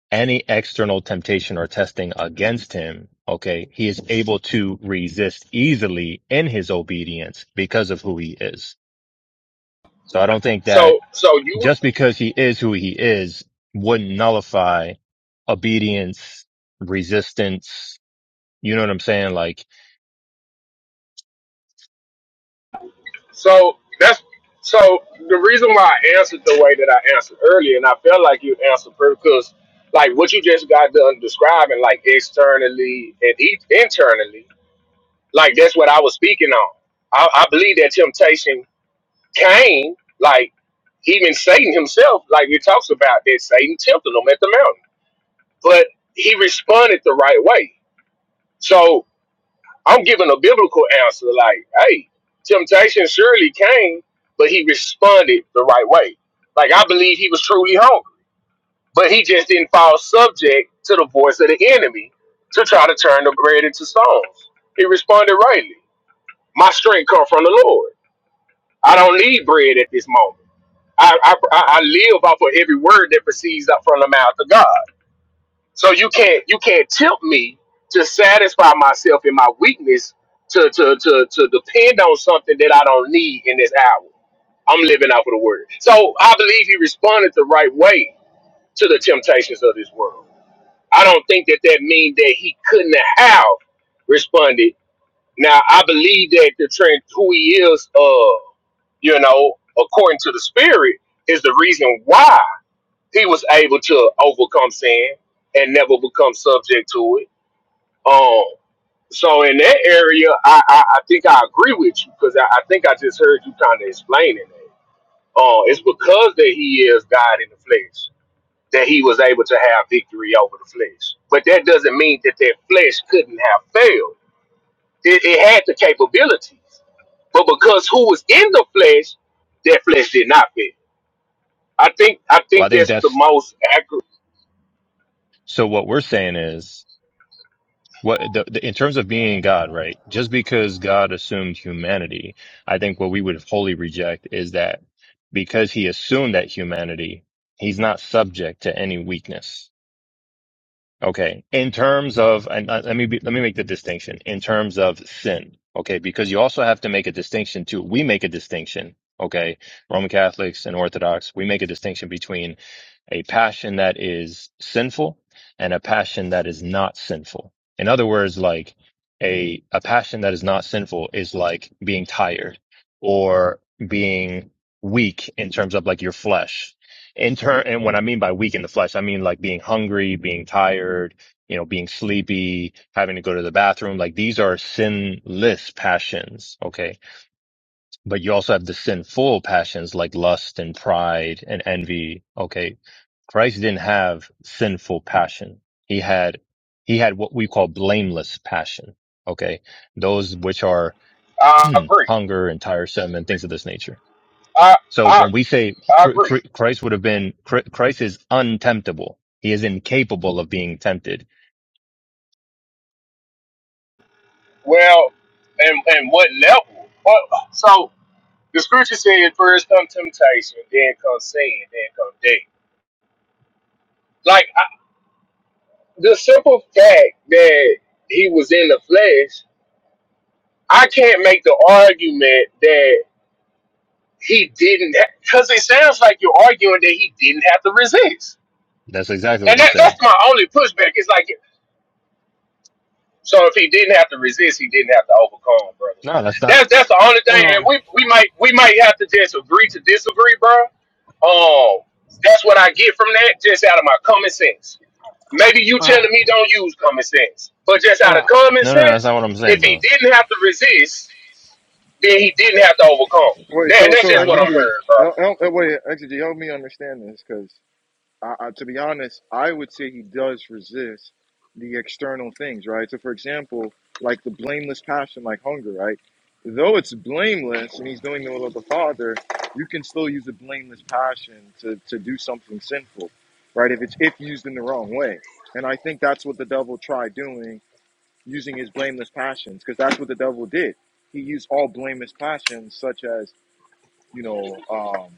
J: any external temptation or testing against him, okay, he is able to resist easily in his obedience because of who he is. So I don't think that
G: So so you
J: just because he is who he is wouldn't nullify obedience, resistance. You know what I'm saying? Like,
G: so that's so the reason why I answered the way that I answered earlier, and I felt like you answered first, because like what you just got done describing, like externally and e- internally Like that's what I was speaking on. I, I believe that temptation came, like even Satan himself, like it talks about that Satan tempted him at the mountain. But he responded the right way. So I'm giving a biblical answer like, hey, temptation surely came, but he responded the right way. Like I believe he was truly hungry. But he just didn't fall subject to the voice of the enemy to try to turn the bread into stones. He responded rightly. My strength come from the Lord. I don't need bread at this moment. I, I, I live off of every word that proceeds up from the mouth of God. So you can't you can't tempt me to satisfy myself in my weakness to to to to depend on something that I don't need in this hour. I'm living off of the word. So I believe he responded the right way to the temptations of this world. I don't think that that means that he couldn't have responded now I believe that the trend who he is, uh, you know, according to the spirit, is the reason why he was able to overcome sin and never become subject to it. Um, so in that area, I I, I think I agree with you because I, I think I just heard you kind of explaining it. Uh, it's because that he is God in the flesh that he was able to have victory over the flesh. But that doesn't mean that that flesh couldn't have failed. It, it had the capabilities. But because who was in the flesh, that flesh did not fit. I think I
J: well, I
G: think
J: think
G: that's the
J: that's
G: most accurate.
J: so what we're saying is what the, the, in terms of being God, right? Just because God assumed humanity, I think what we would wholly reject is that because he assumed that humanity, he's not subject to any weakness Okay. In terms of, and uh, let me be, let me make the distinction in terms of sin. Okay. Because you also have to make a distinction too. We make a distinction. Okay. Roman Catholics and Orthodox, we make a distinction between a passion that is sinful and a passion that is not sinful. In other words, like a, a passion that is not sinful is like being tired or being weak in terms of like your flesh. In turn, and when I mean by weak in the flesh, I mean like being hungry, being tired, you know, being sleepy, having to go to the bathroom. Like these are sinless passions. Okay but you also have the sinful passions like lust and pride and envy. Okay. Christ didn't have sinful passion. He had, he had what we call blameless passion. Okay. Those which are
G: I agree.
J: hunger and tiresome and things of this nature.
G: I
J: So
G: I,
J: when we say
G: I
J: cr-
G: agree.
J: cr- Christ would have been, cr- Christ is untemptable. He is incapable of being tempted.
G: Well, and and what level? Well, so the scripture said, first come temptation, then come sin, then come death. Like I, the simple fact that he was in the flesh, I can't make the argument that he didn't, because it sounds like you're arguing that he didn't have to resist
J: That's exactly what
G: And
J: I'm
G: that,
J: saying.
G: that's my only pushback. It's like, so if he didn't have to resist, he didn't have to overcome, brother.
J: No, that's not,
G: That's that's the only thing.
K: Hold
G: And
K: on.
G: we we might we might have to just agree to disagree, bro. Um, that's what I get from that, just out of my common sense. Maybe you
K: All right.
G: telling me don't use common sense, but just
K: Hold
G: out of
K: on.
G: common
J: no, no, no, that's
G: sense,
J: not what I'm
G: if
J: saying,
G: he
J: bro.
G: didn't have to resist, then he didn't have to overcome.
A: Wait,
G: That,
A: so
G: that's
A: so
K: All
G: just
K: right, my
G: what I'm
K: left.
A: exegete,
G: hearing,
A: help, help, wait, exegete, help me understand this because. I, I, to be honest, I would say he does resist the external things, right? So, for example, like the blameless passion, like hunger, right? Though it's blameless and he's doing the will of the Father, you can still use a blameless passion to, to do something sinful, right? If it's if used in the wrong way. And I think that's what the devil tried doing, using his blameless passions, because that's what the devil did. He used all blameless passions, such as, you know, um,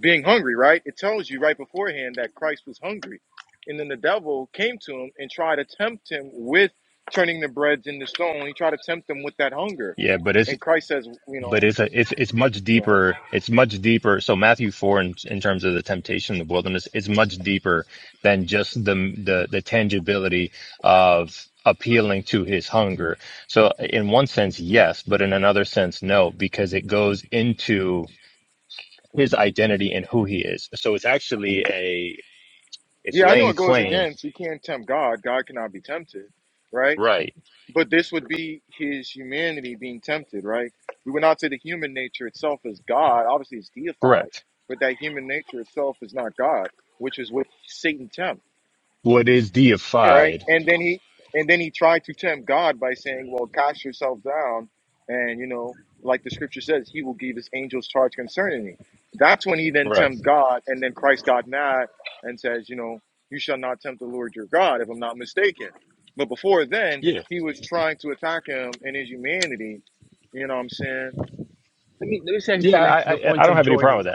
A: being hungry, right? It tells you right beforehand that Christ was hungry. And then the devil came to him and tried to tempt him with turning the breads into stone. He tried to tempt him with that hunger.
J: Yeah, but it's,
A: And Christ says, you
J: but
A: know,
J: it's a, it's it's much
A: go ahead.
J: deeper. It's much deeper. So Matthew four, in, in terms of the temptation in the wilderness, is much deeper than just the the the tangibility of appealing to his hunger. So in one sense, yes, but in another sense, no, because it goes into his identity and who he is. So it's actually a it's
A: yeah, I know
J: laying
A: it goes
J: claim.
A: against, you can't tempt God. God cannot be tempted, right?
J: Right.
A: But this would be his humanity being tempted, right? We would not say the human nature itself is God. Obviously, it's deified,
J: Correct.
A: but that human nature itself is not God, which is what Satan tempts.
J: What is
K: Yeah.
A: right?
J: deified.
A: And then he and then he tried to tempt God by saying, "Well, cast yourself down," and you know, like the scripture says, He will give His angels charge concerning thee. That's when he then
J: Right.
A: tempt God, and then Christ got mad and says, "You know, you shall not tempt the Lord your God," if I'm not mistaken. But before then,
J: Yeah.
A: he was trying to attack him in his humanity. You know what I'm saying?
K: Let me let me see if I can
J: Yeah.
K: connect to
J: I
K: the
J: I, I
K: points
J: don't
K: of
J: have any problem with
K: Jordan.
J: that.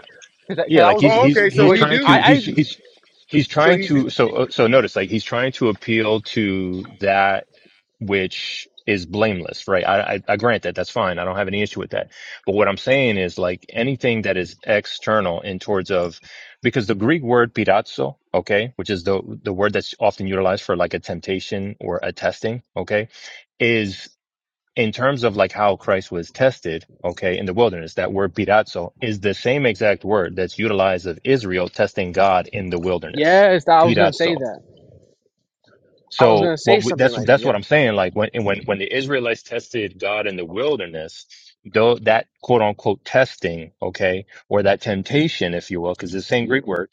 K: Cause I,
J: Yeah,
K: 'cause I
J: like
K: was
J: he's
A: Oh,
K: listening
J: he's
K: to
A: okay. So
J: he's
A: he
K: Jordan.
J: trying
A: do.
J: to
K: I, I
J: he's he's he's
A: So
J: trying
A: he
J: to
A: do.
J: so uh, so notice like he's trying to appeal to that which is blameless, right? I, I I grant that that's fine. I don't have any issue with that. But what I'm saying is like anything that is external in towards of because the Greek word pirazzo, okay, which is the the word that's often utilized for like a temptation or a testing, okay, is in terms of like how Christ was tested, okay, in the wilderness, that word pirazzo is the same exact word that's utilized of Israel testing God in the wilderness.
K: yes, that, I was gonna say
J: Pirazzo.
K: that. I was
J: So
K: gonna say
J: what we,
K: something
J: that's
K: like that.
J: that's what
K: Yeah,
J: I'm saying. Like when when when the Israelites tested God in the wilderness, though that quote unquote testing, okay, or that temptation, if you will, because it's the same Greek word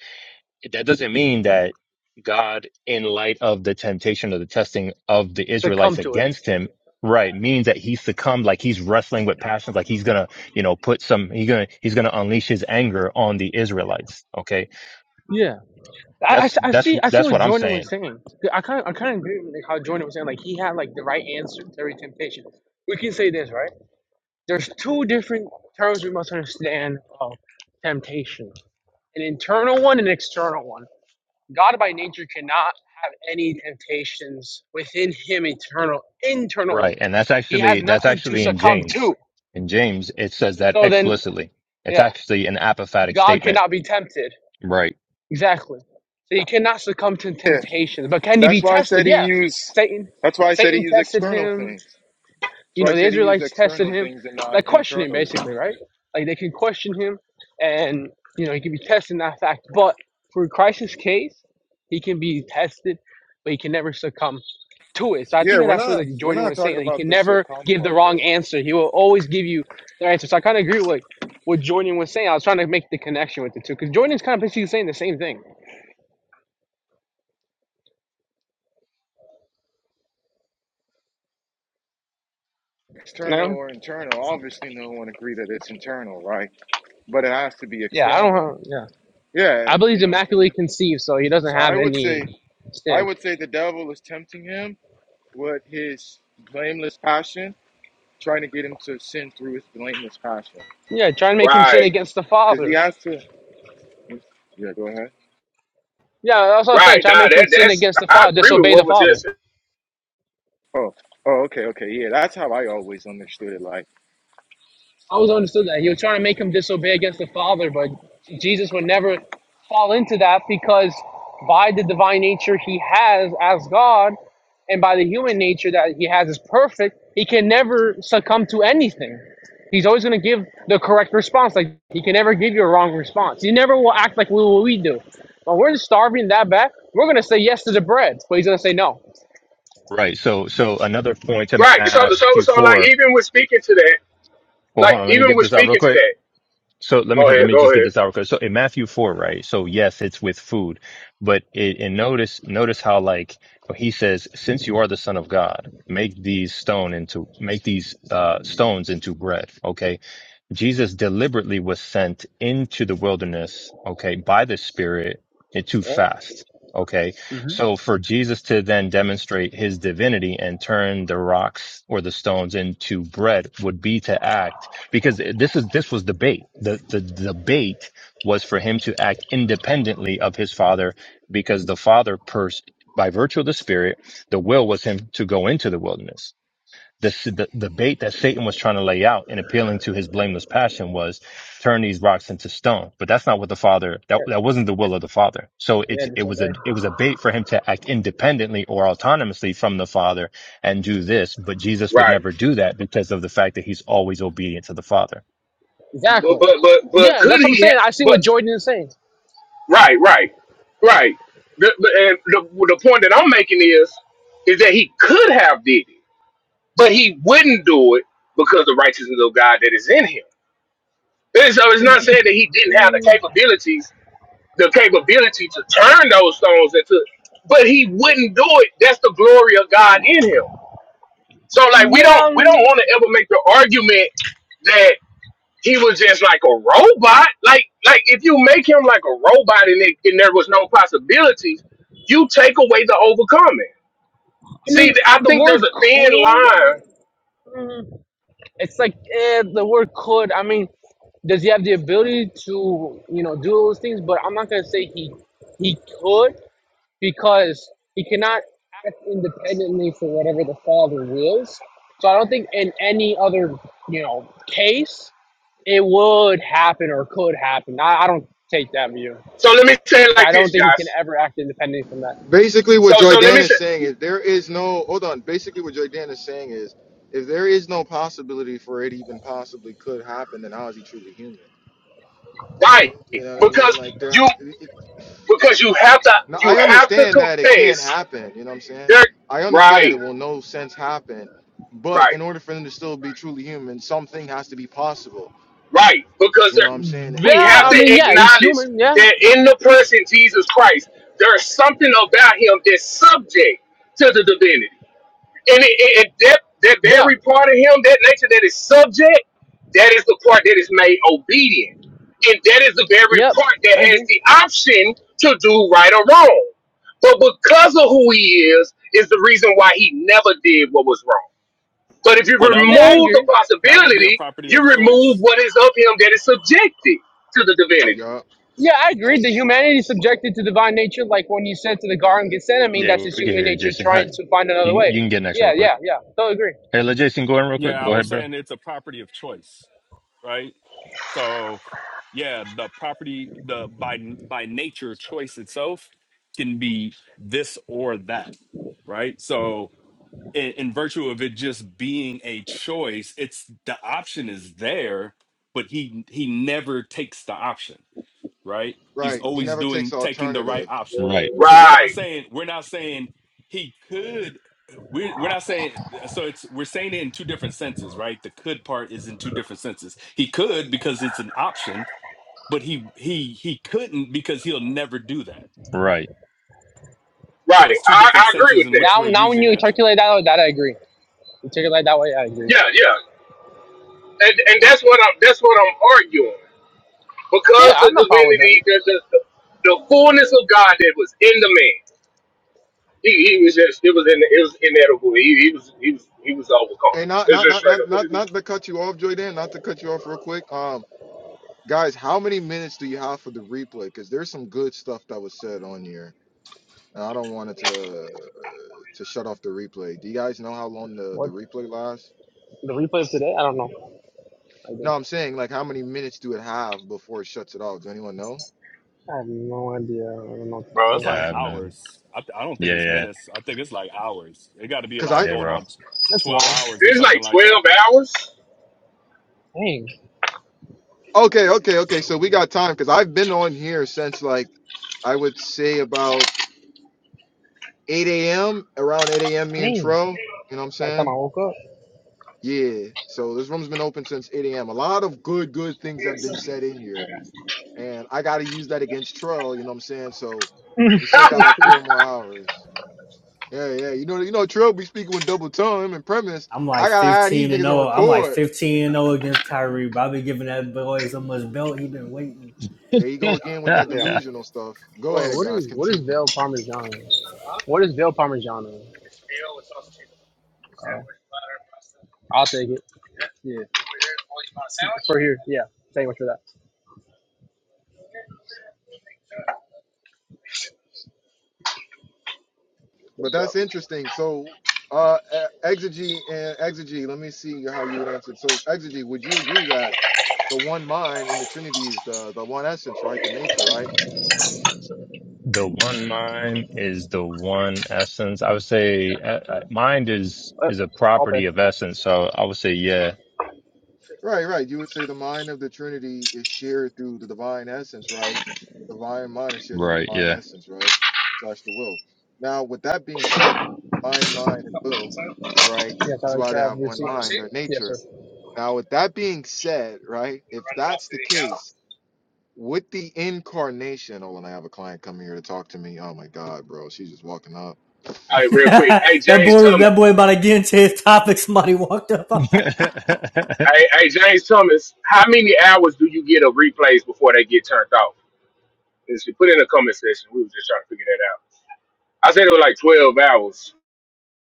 J: that doesn't mean that God, in light of the temptation or the testing of the
K: to come
J: Israelites
K: to it.
J: against him, right, means that he succumbed, like he's wrestling with passions, like he's gonna, you know, put some, he's gonna, he's gonna unleash his anger on the Israelites. Okay,
K: Yeah, I, I
J: that's
K: s- I
J: that's
K: see I see
J: that's
K: what
J: what I'm
K: Jordan was
J: saying,
K: saying. I kind of I kind of agree with like, how Jordan was saying. Like he had like the right answer to every temptation. We can say this right. There's two different terms we must understand of temptation: an internal one and an external one. God by nature cannot have any temptations within Him eternal internally
J: right? And that's
K: He has
J: actually that's
K: nothing to
J: actually in
K: succumb
J: James.
K: to.
J: In James, it says that
K: So then,
J: explicitly. It's
K: yeah,
J: actually an apophatic
K: God
J: statement,
K: cannot be tempted.
J: right?
K: Exactly. So he cannot succumb to temptations. But can he be
A: That's why I said
K: tested?
A: he
K: Yeah.
A: used.
K: Satan
A: That's why I said he
K: Satan
A: used
K: tested
A: external
K: him.
A: things.
K: You
A: So
K: know,
A: I
K: the
A: said he used
K: Israelites tested
A: external
K: him,
A: things and not
K: like questioning
A: internal.
K: basically, right? Like they can question him and, you know, he can be tested in that fact. But for Christ's case, he can be tested, but he can never succumb to it. So I
A: Yeah,
K: think
A: we're
K: that's what
A: not
K: like
A: we're
K: Jordan
A: not
K: was saying.
A: talking
K: Like, he
A: about
K: can
A: the
K: never
A: succumb
K: give the
A: part
K: wrong
A: though.
K: answer. He will always give you the answer. So I kind of agree with like, what Jordan was saying. I was trying to make the connection with the two because Jordan's kind of basically saying the same thing. You
A: External
K: know?
A: or internal, obviously no one agree that it's internal, right? But it has to be
K: Yeah, I
A: external.
K: don't. Yeah,
A: Yeah,
K: I believe
A: you
K: he's
A: know what I'm saying?
K: immaculately conceived, so he doesn't
A: So
K: have
A: I would
K: any
A: say I
K: sin.
A: would say the devil is tempting him with his blameless passion, trying to get him to sin through his blameless passion.
K: Yeah, try and
G: bro.
K: make
A: You
K: him
A: know what I'm
K: sin
G: Right,
A: saying?
K: against the
A: Because he
K: Father.
A: has to Yeah, go ahead.
K: Yeah, that's what I'm saying.
G: right.
K: Try and
G: Nah,
K: make him
G: that
K: sin
G: that's
K: against the
G: I
K: Father,
G: agree with
K: disobey
G: what
K: the
G: was
K: Father.
G: just
A: Oh, oh, okay, okay. Yeah, that's how I always understood it. Like
K: I always understood that. He was trying to make him disobey against the Father, but Jesus would never fall into that because by the divine nature he has as God and by the human nature that he has as perfect, he can never succumb to anything. He's always going to give the correct response. Like, he can never give you a wrong response. He never will act like we, what we do. When we're starving that bad, we're going to say yes to the bread, but he's going to say no.
J: Right. So so another point to
G: right. So so
J: Matthew
G: so like
J: four.
G: even with speaking to that.
J: Well, hold
G: Like
J: on. Let me
G: even
J: get
G: with
J: this out real
G: speaking to
J: quick.
G: that.
J: So let me
G: Go
J: let
G: ahead,
J: me
G: go
J: just get
G: ahead.
J: this out. 'cause So in Matthew four, right? So yes, it's with food, but it, and notice notice how like he says, since you are the son of God, make these stone into make these uh, stones into bread. Okay, Jesus deliberately was sent into the wilderness, okay, by the Spirit eh, to
K: Yep.
J: fast. Okay. So for Jesus to then demonstrate his divinity and turn the rocks or the stones into bread would be to act because this is, this was debate. The, the debate was for him to act independently of his father because the father pers- by virtue of the spirit, the will was him to go into the wilderness. The, the the bait that Satan was trying to lay out and appealing to his blameless passion was turn these rocks into stone. But that's not what the father that
K: Yeah,
J: that wasn't the will of the father. So it's
K: yeah,
J: it
K: that's what
J: was a
K: they.
J: it was a bait for him to act independently or autonomously from the father and do this. But Jesus would
G: Right.
J: never do that because of the fact that he's always obedient to the father.
G: But
K: Exactly.
G: but but, but
K: Yeah,
G: could
K: that's what I'm
G: he have?
K: saying. I see
G: But
K: what Jordan is saying.
G: right, right, right. The, the, and the the point that I'm making is is that he could have did it, but he wouldn't do it because the righteousness of God that is in him. And so it's not saying that he didn't have the capabilities, the capability to turn those stones into, but he wouldn't do it. That's the glory of God in him. So like we
K: Yeah,
G: don't we don't
K: um,
G: want to ever make the argument he was just like a robot. Like like if you make him like a robot and it, and there was no possibilities, you take away the overcoming.
K: I
G: See,
K: mean
G: I
K: the
G: think there's
K: word
G: a thin
K: could. I mean,
G: line.
K: mm, it's like eh, the word could. I mean, does he have the ability to you know do those things? But I'm not gonna say he he could because he cannot act independently for whatever the father wills. So I don't think in any other you know case it would happen or could happen. I, I don't take that view.
G: So let me say it like
K: I don't
G: this,
K: think he can
G: Josh.
K: ever act independently from that.
A: Basically,
G: So
A: what
G: so let
A: Joydan
G: me
A: is
G: say
A: saying is there is no hold on. Basically, what Joydan is saying is if there is no possibility for it even possibly could happen, then how is he truly human?
G: right
A: You know what I
G: because
A: mean? Like there.
G: you because you have to
A: Now
G: you
A: I
G: have to
A: understand that it can
G: confess.
A: happen. You know what I'm saying?
G: There,
A: I understand that
G: right,
A: it will no sense happen, but
G: right.
A: in order for them to still be truly human, something has to be possible.
G: Right, because
A: You know what I'm
G: there,
A: saying?
G: we
A: It
K: Yeah,
G: have
K: I
A: has
G: to
A: to
K: mean,
A: be.
K: yeah, he's
G: acknowledge
K: human. Yeah,
G: that in the person Jesus Christ, there's something about him that's subject to the divinity. And it, it, it- that, that
K: yeah,
G: very part of him, that nature that is subject, that is the part that is made obedient. And that is the very
K: yep.
G: part that
K: I
G: has
K: agree.
G: the option to do right or wrong. But because of who he is, is the reason why he never did what was wrong. But if you
L: Well, that would
K: Yeah, I
L: be a
G: remove the
K: agree.
L: that would be a
G: possibility,
L: property
G: you
L: of
G: remove
L: choice.
G: what is of him that is subjected to the divinity.
K: Yeah, I agree. The humanity is subjected to divine nature, like when he said to the Garden Gethsemane, I mean,
J: Yeah,
K: that's his
J: we can
K: human
J: hear you,
K: nature
J: Jason. Hi,
K: trying to find another
J: You
K: way.
J: you can get next real
K: Yeah,
J: quick.
K: yeah, yeah. Totally agree.
J: Hey, let Jason go in real
L: Yeah,
J: quick.
L: I
J: Go
L: was
J: ahead, bro.
L: saying it's a property of choice, right? So yeah, the property, the by by nature choice itself can be this or that, right? So in, in virtue of it just being a choice, it's the option is there, but he he never takes the option right? He's always doing taking the right option.
J: Right.
L: So we're not
G: Right,
L: saying we're not saying he could we're, we're not saying so it's we're saying it in two different senses, right? The could part is in two different senses. He could because it's an option, but he he he couldn't because he'll never do that.
J: Right.
G: right.
L: So it's two
G: I, I
L: different
G: agree
L: senses
G: with
L: in
G: that.
L: which
K: Now,
L: we're
K: now when
L: using
K: you
L: that term.
K: articulate that way, that I agree. You articulate that way, I agree.
G: Yeah, yeah. And and that's what I'm that's what I'm arguing. Because
K: Yeah,
G: the
K: I'm not problem with
G: divinity,
K: that.
G: the the, the, the fullness of God that was in the man, he, he was just it was in it was inedible. He, he was he was he was overcome. It's just straight up what it is.
A: You off real quick. Um, how many on here? And I don't want it to to shut off the replay. Do you guys know how long the
K: What
A: the replay lasts?
K: the replay of today? I don't know. I do.
A: No, I'm saying like how many minutes do it have before it shuts it off? Do anyone know?
K: I have no idea. I don't know.
L: Bro, it's
K: So
J: Yeah.
L: like
J: I'm, uh,
L: hours. I, th- I don't think
J: yeah.
L: it's
J: Yeah.
L: minutes. I think it's like hours. It got to be
A: Cause
L: like
A: I
J: Yeah,
L: going
J: bro.
L: on t-
K: that's long.
L: 12 hours or
G: It's
L: something
G: like
L: like that.
G: twelve hours.
K: Dang,
A: okay, okay, okay. So we got time because I've been on here since like I would say about 8 a.m. around 8 a.m. Me and
K: dang.
A: Tro, you know what I'm
K: By the time I
A: saying?
K: woke up.
A: Yeah. So this room's been open since 8 a.m. A lot of good, good things have been said in here, and I gotta use that against Tro. You know what I'm saying? So we still got like four more hours. Yeah, yeah. You know, you know, Tro be speaking with double tongue him and premise.
C: I'm
A: I
C: like
A: gotta have these
C: 15 and
A: niggas on
C: 0. I'm like
A: record.
C: 15 and 0 against Kyrie. But I've been giving that boy so much belt. He been waiting.
A: There you go again with that
K: Yeah.
A: delusional stuff. Go
K: Well,
A: ahead,
K: what
A: guys,
K: is what is
A: continue.
K: veal parmesan? What is veal parmesan? Uh, I'll take it. Yeah, for here. Yeah, thank you for that.
A: But
K: So,
A: that's interesting. So, uh, e- exegy and exegy. Let me see how you would answer. So, exegy, would you agree that the one mind in the Trinity is the the one essence, right? The nature, right?
J: the one mind is the one essence. I would say uh, uh, mind is
K: uh,
J: is a
K: I'll pay.
J: property of essence. So I would say, yeah.
A: Right, right. You would say the mind of the Trinity is shared through the divine essence, right? The divine mind is shared through the
J: Right.
A: divine
J: Yeah.
A: essence, right? Slash the will. Now, with that being said, divine mind and will, right,
K: Yes,
A: is
K: I'll
A: why they
K: grab
A: have
K: your
A: one
K: receipt.
A: mind, their
K: Yes,
A: nature.
K: sir.
A: Now, with that being said, right, if that's the case, with the incarnation, oh, and I have a client coming here to talk to me. Oh my God, bro, she's just walking up.
G: All
A: Hold
G: right,
A: on.
G: real quick. Hey
C: that
G: James
C: boy was
G: Thomas.
C: that boy about to get into his topic. Somebody walked up.
J: yeah.
G: Hey, hey, James Thomas, how many hours do you get of replays before they get turned off? And she put in the comment section. We was just trying to figure that out. I said it was like 12 hours.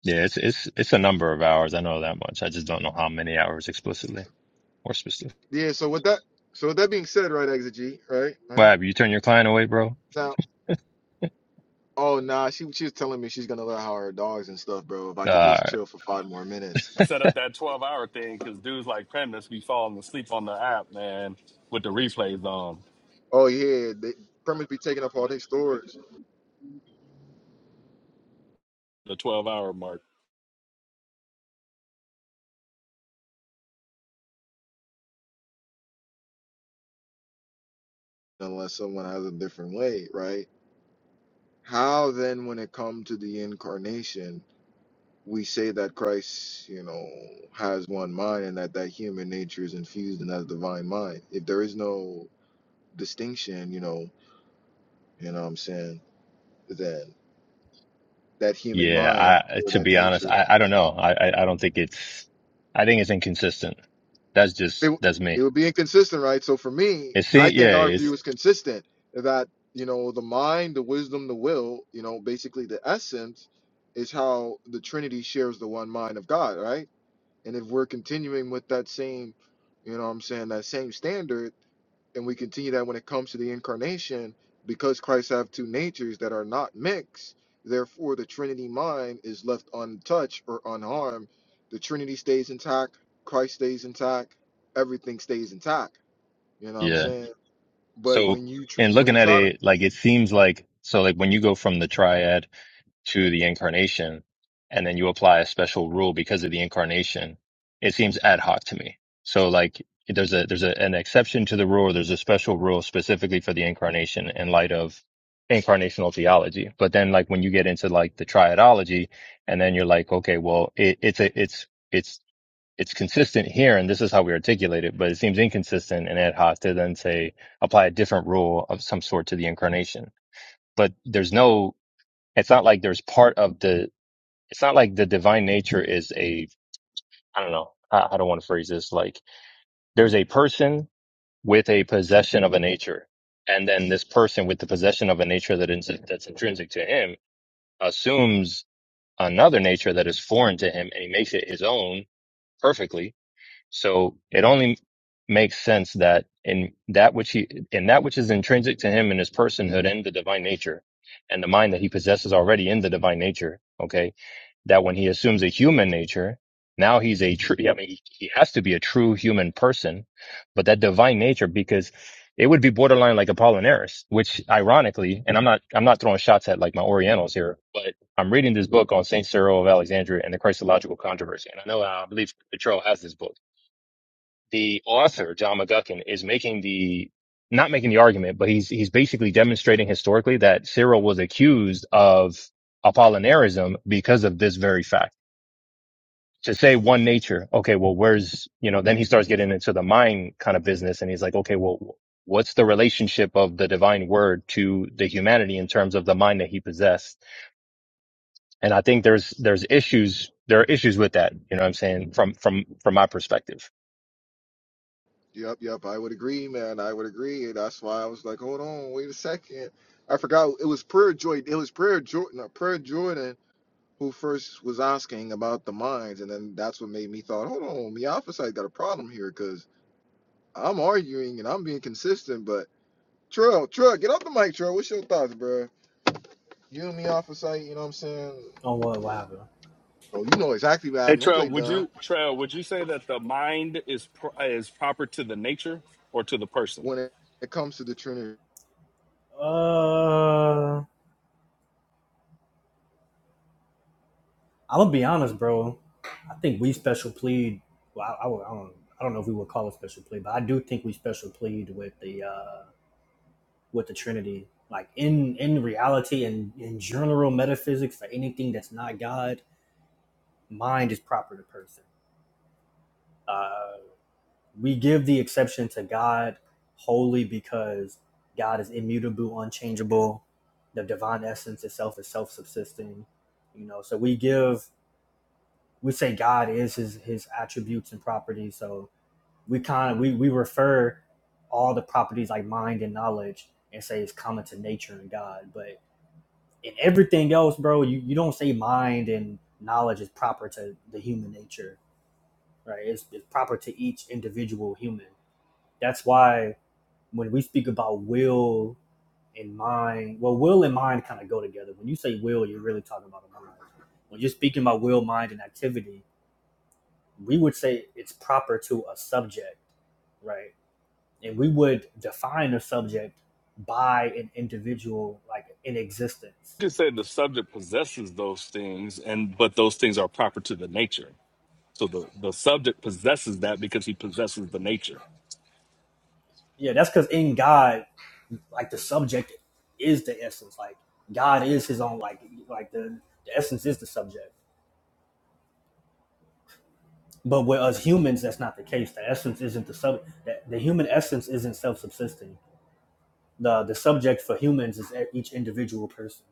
J: It's it's it's a number of hours. I know that much. I just don't know how many hours explicitly or specifically.
A: Yeah. So with that, so with that being said, right, Exit right,
J: What
A: right.
J: have you turned your client away, bro?
A: Now, oh nah, she she was telling me she's gonna let out her dogs and stuff, bro. If I could just
J: Uh,
A: chill for five more minutes.
L: set up that 12 hour thing because dudes like Premise be falling asleep on the app, man, with the replays on
A: Oh yeah, they permits be taking up all their storage
L: the 12 hour mark.
A: unless someone has a different way, right? How then, when it comes to the incarnation? we say that Christ, you know, has one mind and that that human nature is infused in that divine mind. If there is no distinction, you know, you know what I'm saying, then that human mind
J: yeah. I
A: or
J: to
A: that
J: be honest,
A: nature,
J: I I don't know. I I, I don't think it's. I think it's inconsistent. That's just
A: it,
J: that's me.
A: it would be inconsistent, right? So for me,
J: It
A: I
J: seems,
A: think
J: yeah,
A: our
J: it's,
A: view is consistent that, you know, the mind, the wisdom, the will, you know, basically the essence is how the Trinity shares the one mind of God, right? And if we're continuing with that same, you know what I'm saying, that same standard, and we continue that when it comes to the incarnation because christ have two natures that are not mixed therefore the trinity mind is left untouched or unharmed the trinity stays intact christ stays intact everything stays intact you know what i'm
J: yeah.
A: saying but
J: So,
A: when you tr-
J: and
A: when
J: looking
A: you
J: at
A: try to
J: it, like it seems like, so like when you go from the triad to the incarnation and then you apply a special rule because of the incarnation, it seems ad hoc to me. So like there's a, there's a, an exception to the rule. or There's a special rule specifically for the incarnation in light of incarnational theology. But then like when you get into like the triadology and then you're like, okay, well, it, it's a, it's it's, it's consistent here and this is how we articulate it, but it seems inconsistent and ad hoc to then say apply a different rule of some sort to the incarnation. But there's no, it's not like there's part of the, it's not like the divine nature is a, I don't know, I, I don't want to phrase this like there's a person with a possession of a nature. And then this person with the possession of a nature that is, that's intrinsic to him assumes another nature that is foreign to him and he makes it his own perfectly So it only makes sense that in that which he in that which is intrinsic to him in his personhood and the divine nature and the mind that he possesses already in the divine nature, okay, that when he assumes a human nature, now he's a true I mean he, he has to be a true human person, but that divine nature because it would be borderline like Apollinaris, which ironically, and I'm not I'm not throwing shots at like my Orientals here, but I'm reading this book on Saint Cyril of Alexandria and the Christological controversy. And I know uh, I believe Petro has this book the author John McGuckin is making the not making the argument, but he's he's basically demonstrating historically that Cyril was accused of Apollinarism because of this very fact. To say one nature, okay, well, where's you know? Then he starts getting into the mind kind of business, and he's like, okay, well, what's the relationship of the divine word to the humanity in terms of the mind that he possessed? And I think there's there's issues there are issues with that. You know what I'm saying from from from my perspective.
A: yep yep i would agree man i would agree And that's why i was like hold on wait a second i forgot it was prayer joy it was prayer jordan prayer jordan who first was asking about the mines, and then that's what made me thought, hold on, the alpha side got a problem here because I'm arguing and I'm being consistent, but Trill, Trill, get off the mic, Trill. What's your thoughts, bro? You and me alpha side, you know what I'm saying?
C: Oh, what? What happened?
A: Oh, you know exactly what
L: Hey,
A: happened. Don't
L: Trail,
A: play
L: would
A: dumb
L: you, Trail, would you say that the mind is pro- is proper to the nature or to the person?
A: when it, it comes to the Trinity.
C: Uh, I'm gonna be honest, bro. I think we special plead. Well, I, I, would- I don't. I don't know if we would call it special plead, but I do think we special plead with the uh, with the Trinity. Like in in reality and in general metaphysics, for anything that's not God, mind is proper to person. Uh, we give the exception to God wholly because God is immutable, unchangeable. The divine essence itself is self-subsisting. You know, so we give we say God is his his attributes and properties. So we kind of we we refer all the properties like mind and knowledge and say it's common to nature and God. But in everything else, bro, you, you don't say mind and knowledge is proper to the human nature, right? It's, it's proper to each individual human. That's why when we speak about will and mind, well, will and mind kind of go together. When you say will, you're really talking about a mind. When you're speaking about will, mind, and activity, we would say it's proper to a subject, right? And we would define a subject by an individual, like in existence.
L: You could say the subject possesses those things, and but those things are proper to the nature. So the, the subject possesses that because he possesses the nature.
C: Yeah, that's because in God, like the subject is the essence. Like God is His own. Like like the, the essence is the subject. But with us humans, that's not the case. The essence isn't the sub. The, the human essence isn't self-subsisting. The the subject for humans is e, each individual person.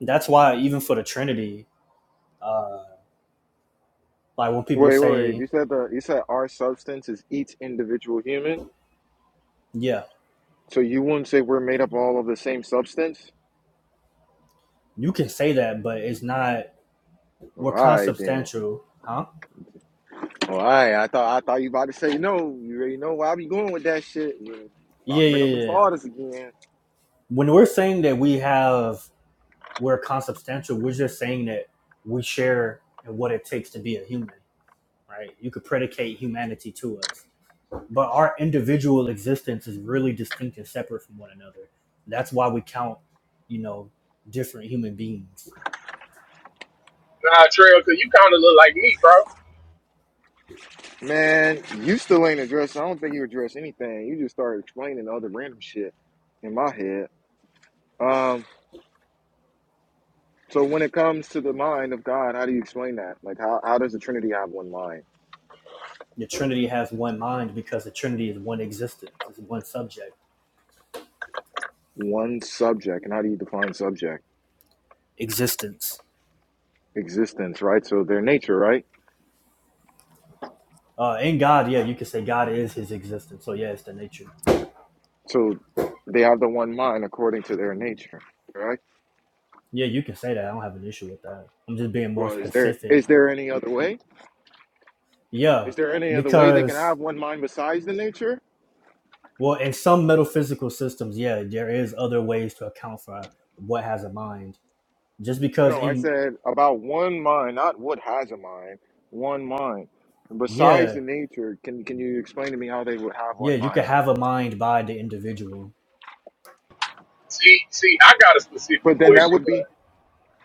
C: That's why even for the Trinity, uh, like when people
A: Wait, wait, wait.
C: say
A: You said the you said our substance is each individual human.
C: Yeah,
A: So you wouldn't say we're made up all of the same substance?
C: you can say that, but it's not. We're
A: alright then?
C: consubstantial, huh?
A: All right, I thought I thought you about to say no. You already know where I be going with that shit. You About
C: Yeah,
A: to bring up them
C: yeah, yeah.
A: fathers again,
C: When we're saying that we have, we're consubstantial, we're just saying that we share in what it takes to be a human, right? You could predicate humanity to us, but our individual existence is really distinct and separate from one another. That's why we count, you know, different human beings.
G: Nah, Trail, because you kind of look like me, bro.
A: man. You still ain't addressed. I don't think you addressed anything. You just started explaining other random shit in my head. Um, so when it comes to the mind of God, how do you explain that? Like, how how does the Trinity have one mind,
C: The Trinity has one mind because the Trinity is one existence, it's one subject,
A: one subject, and how do you define subject?
C: existence.
A: Existence, right? So their nature, right?
C: Uh, in God, yeah, you can say God is His existence. So yeah, it's the nature.
A: So they have the one mind according to their nature, right?
C: Yeah, you can say that. I don't have an issue with that. I'm just being more
A: Well, is there
C: specific.
A: is there any other way?
C: Yeah,
A: Is there any other way they can
C: because
A: have one mind besides the nature?
C: well, in some metaphysical systems, yeah, there is other ways to account for what has a mind. Just because
A: No, I
C: in
A: said about one mind, not what has a mind, one mind. And besides
C: yeah,
A: the nature, can can you explain to me how they would have
C: yeah,
A: one
C: you can
A: mind?
C: have a mind by the individual.
G: See, see, I got a specific
A: But then that
G: question,
A: would be
G: but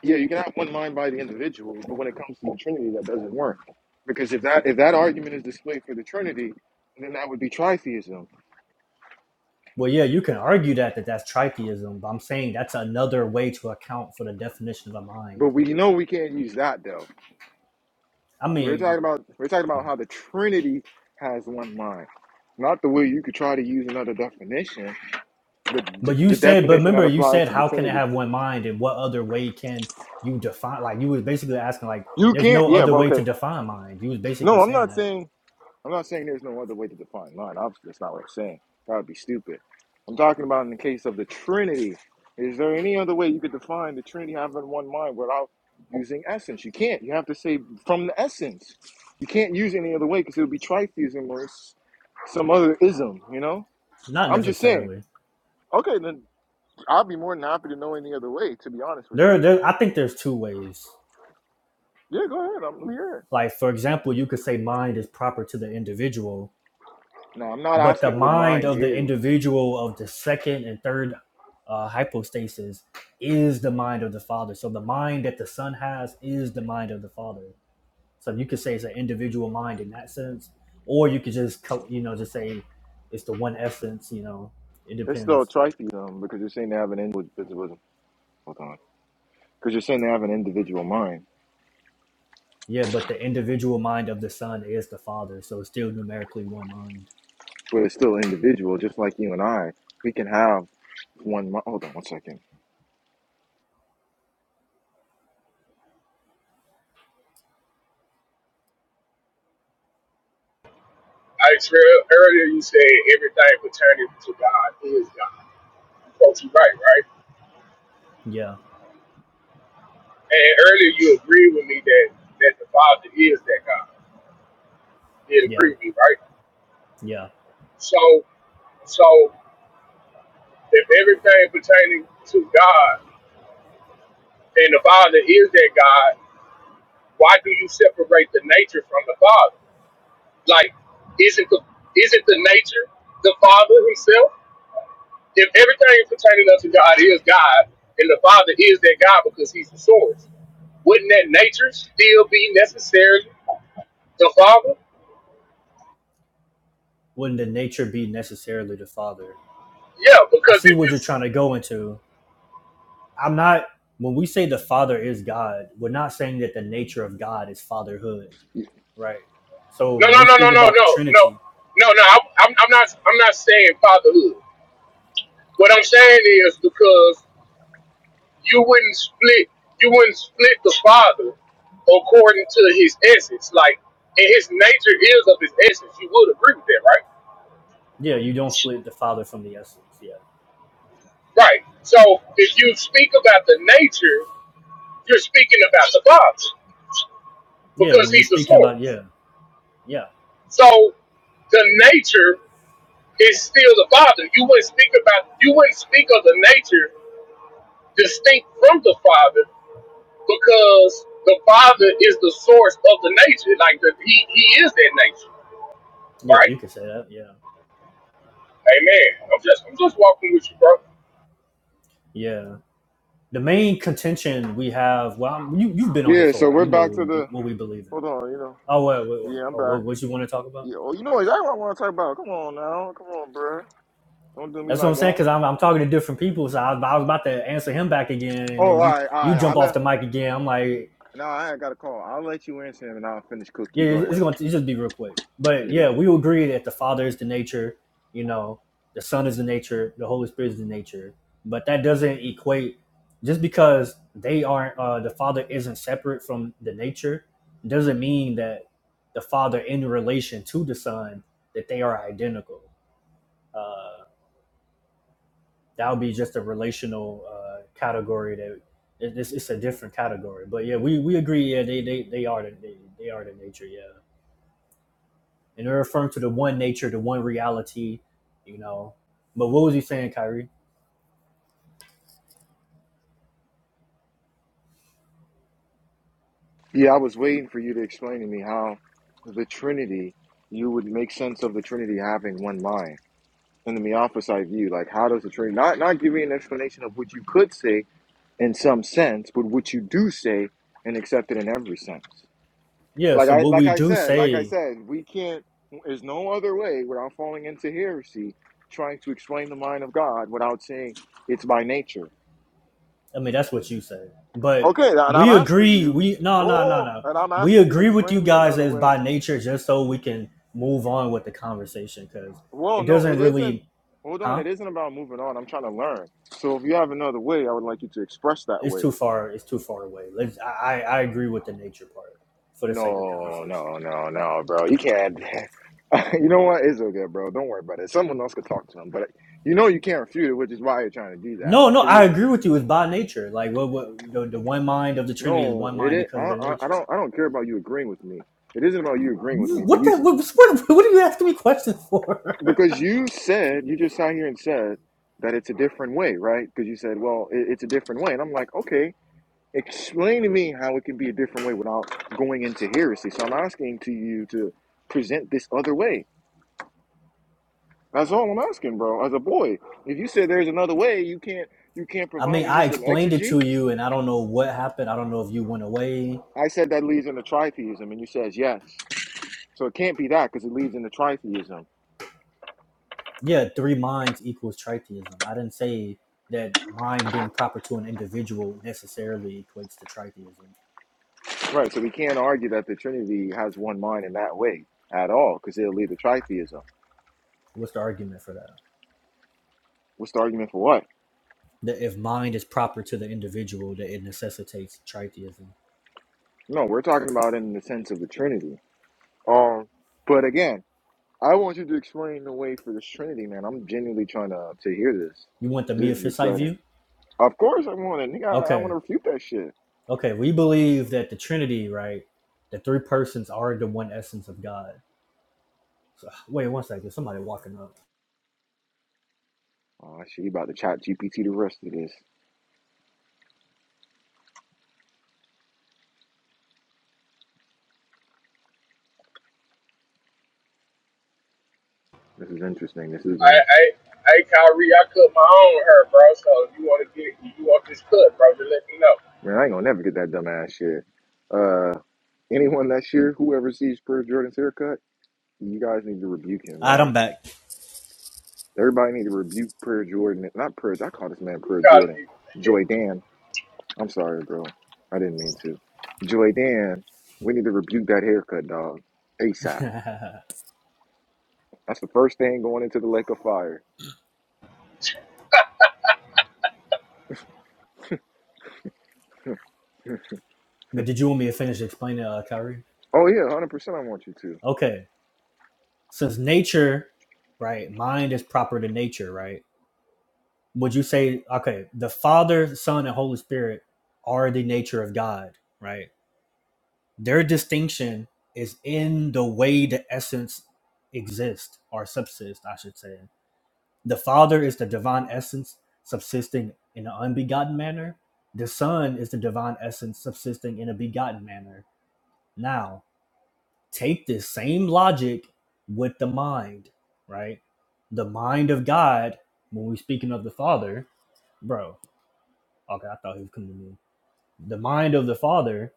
A: yeah, you can have one mind by the individual, but when it comes to the Trinity, that doesn't work. Because if that if that argument is displayed for the Trinity, then that would be tritheism.
C: Well, yeah, you can argue that that that's tritheism, but I'm saying that's another way to account for the definition of a
A: But
C: mind.
A: we know we can't use that though.
C: I
A: We're
C: mean,
A: talking about we're talking about how the Trinity has one mind. Not the way you could try to use another definition the
C: But you
A: the
C: said, but
A: definition that
C: remember, you
A: applies
C: said,
A: to the
C: how can it
A: Trinity.
C: have one mind, and what other way can you define? Like you was basically asking, like,
A: You
C: there's
A: can't.
C: no
A: Yeah.
C: other
A: but
C: way to
A: Okay.
C: define mind. You was basically
A: No, I'm
C: saying
A: not
C: that,
A: saying. I'm not saying there's no other way to define line. Obviously, that's not what I'm saying. That would be stupid. I'm talking about in the case of the Trinity. Is there any other way you could define the Trinity having one mind without using essence? You can't. You have to say from the essence. You can't use any other way because it would be tritheism or s- some other ism. You know.
C: not
A: I'm just saying.
C: necessarily.
A: Okay, then I'll be more than happy to know any other way. To be honest with
C: There,
A: you.
C: there. I think there's two ways.
A: Yeah. Go ahead. I'm here.
C: Like for example, you could say mind is proper to the individual,
A: No, I'm not
C: but the
A: asking what
C: mind
A: mind
C: of the
A: is.
C: individual of the second and third uh, hypostasis is the mind of the father. So the mind that the son has is the mind of the father. So you could say it's an individual mind in that sense, or you could just co- you know just say it's the one essence. You know, it
A: It's still
C: depends.
A: tritheism because you're saying they have an individual. Hold on, because you're saying they have an individual mind,
C: Yeah, but the individual mind of the son is the father, so it's still numerically one mind.
A: but it's still individual, just like you and I. We can have one. mi- Hold on, one second.
G: I Trail, earlier you said everything pertaining to God is God. Folks, you right, right?
C: Yeah,
G: And earlier you agreed with me that, that the Father is that God. You
C: yeah,
G: agree with me, right?
C: yeah.
G: So, so if everything pertaining to God and the Father is their God, why do you separate the nature from the Father? Like, isn't the isn't the nature the Father Himself? If everything pertaining unto God is God, and the Father is their God because He's the source, wouldn't that nature still be necessarily the Father?
C: Wouldn't the nature be necessarily the father?
G: Yeah,
C: I
G: because
C: see
G: if
C: what you're
G: it's
C: trying to go into. I'm not. When we say the father is God, we're not saying that the nature of God is fatherhood, right? So
G: no,
C: when
G: no,
C: we
G: no, no,
C: speak
G: no,
C: about the
G: no, no,
C: Trinity,
G: no, no. I'm, I'm I'm not, I'm not saying fatherhood. What I'm saying is because you wouldn't split you wouldn't split the father according to his essence. Like and his nature is of his essence. You would agree with that, right?
C: yeah, you don't split the father from the essence. Yeah.
G: Right. So if you speak about the nature, you're speaking about the father
C: Yeah,
G: because
C: when you're
G: he's the
C: speaking about
G: source.
C: yeah, yeah,
G: So the nature is still the father. You wouldn't speak about you wouldn't speak of the nature distinct from the father because the father is the source of the nature. Like the, he he is that nature,
C: yeah,
G: right?
C: you can say that. Yeah,
G: Amen. I'm just I'm just walking with you, bro.
C: yeah. The main contention we have. Well, you you've been on here
A: Yeah,
C: for a
A: so
C: while.
A: we're
C: You know what
A: back to
C: we,
A: the.
C: what we believe in.
A: Hold on, you know.
C: Oh, what what,
A: Yeah, I'm
C: oh,
A: back.
C: what, what you want to talk about?
A: Yeah, oh, you know exactly what I want to talk about. Come on now, come on, bruh. Don't do me
C: That's what I'm
A: like
C: saying.
A: that.
C: Because I'm I'm talking to different people. So I, I was about to answer him back again,
A: Oh,
C: and
A: all
C: then you
A: right, all
C: you
A: right. I
C: jump off
A: let.
C: the mic again. I'm like,
A: No, I ain't got a call. I'll let you answer him, and I'll finish cook you.
C: yeah,
A: Go
C: it's
A: ahead.
C: going to it's just be real quick. But
A: Yeah, go
C: yeah,
A: ahead.
C: we will agree that the Father is the nature, you know, the Son is the nature, the Holy Spirit is the nature. But that doesn't equate just because they aren't uh, the Father isn't separate from the nature doesn't mean that the Father in relation to the Son that they are identical. Uh, that would be just a relational uh, category that it- it's, it's a different category. But yeah, we, we agree. Yeah, they they, they are the they, they are the nature. Yeah. and they're referring to the one nature, the one reality, you know. But what was he saying, Kyrie?
A: Yeah, I was waiting for you to explain to me how the Trinity, you would make sense of the Trinity having one mind. In the Meophysite view, like how does the Trinity not not give me an explanation of what you could say in some sense, but what you do say and accept it in every sense.
C: Yeah,
A: Like
C: so
A: I
C: what
A: like
C: we
A: I
C: do
A: said, like I
C: say,
A: said, we can't there's no other way without falling into heresy trying to explain the mind of God without saying it's by nature.
C: I mean, that's what you say. But
A: Okay, and I'm
C: we
A: asking
C: agree,
A: you,
C: we, no, no, no,
A: oh,
C: no.
A: and I'm
C: We
A: asking you to
C: agree with you
A: explain me
C: guys
A: another
C: as
A: way.
C: by nature just so we can move on with the conversation because
A: Well,
C: it
A: no,
C: doesn't
A: it isn't.
C: really,
A: Hold on,
C: huh?
A: it isn't about moving on. I'm trying to learn. So if you have another way, I would like you to express that
C: It's
A: way.
C: too far, it's too far away. Let's, I, I agree with the nature part for the sake of
A: No,
C: conversation.
A: no, no, no, bro. You can't. you know what? It's okay, bro. Don't worry about it. Someone else could talk to him, but you know you can't refute it, which is why you're trying to do that.
C: No, no,
A: Because
C: I
A: if
C: agree with you. It's by nature. Like, what, what the, the one mind of the Trinity is one
A: no, it
C: mind
A: is. I,
C: because of their
A: I, I
C: nature.
A: don't. I don't care about you agreeing with me. It isn't about you agreeing with me, but
C: What
A: you
C: the?
A: s-
C: What, what, are you asking me questions for?
A: because you said you just sat here and said that it's a different way, right? Because you said, well, it, it's a different way, and I'm like, okay. explain to me how it can be a different way without going into heresy. So I'm asking to you to present this other way. That's all I'm asking, bro. As a boy, if you said there's another way, you can't you can't
C: I
A: provide
C: mean,
A: me
C: I
A: with some
C: explained it to
A: exegete.
C: you, and I don't know what happened. I don't know if you went away.
A: I said that leads into tritheism, and you says yes. So it can't be that because it leads into tritheism,
C: Yeah, three minds equals tritheism. I didn't say that mind being proper to an individual necessarily equates to tritheism.
A: right? So we can't argue that the Trinity has one mind in that way at all because it'll lead to tritheism.
C: What's the argument for that?
A: What's the argument for what?
C: That if mind is proper to the individual, that it necessitates tritheism.
A: No, we're talking about in the sense of the Trinity. Um, but again. I want you to explain the way for this Trinity, man. I'm genuinely trying to to hear this.
C: You want the
A: This is
C: Miaphysite
A: exciting.
C: view?
A: Of course, I want it. Nigga, I, I want
C: Okay,
A: to refute that shit.
C: okay. We believe that the Trinity, right? The three persons are the one essence of God So, wait one second. Somebody walking up.
A: Oh shit, you about to chat GPT the rest of this. No,
G: I
A: no,
G: I I Kyrie, I cut my own hair, bro. So if you want to get if you want this cut, bro, just let me know.
A: yeah. Uh, any cut? You
C: Alright, I'm
A: Like
C: back.
A: they're you not man
G: You
A: per
G: call
A: Jordan,
G: me.
A: Joy Dan. I'm sorry, I didn't mean to. Joy Dan, we need to rebuke that haircut, dog, ASAP. That's the first thing going into the lake of fire.
C: but did you want me to finish explaining, uh, Kyrie?
A: Oh yeah, one hundred percent. I want you to.
C: Okay. Since nature, right, mind is proper to nature, right? Would you say, okay, the Father, Son, and Holy Spirit are the nature of God, right? Their distinction is in the way the essence exists or subsists, I should say. The Father is the divine essence subsisting in an unbegotten manner. The Son is the divine essence subsisting in a begotten manner. Now, take this same logic with the mind, right? The mind of God, when we're speaking of the Father, bro, okay, I thought he was coming to me. The mind of the Father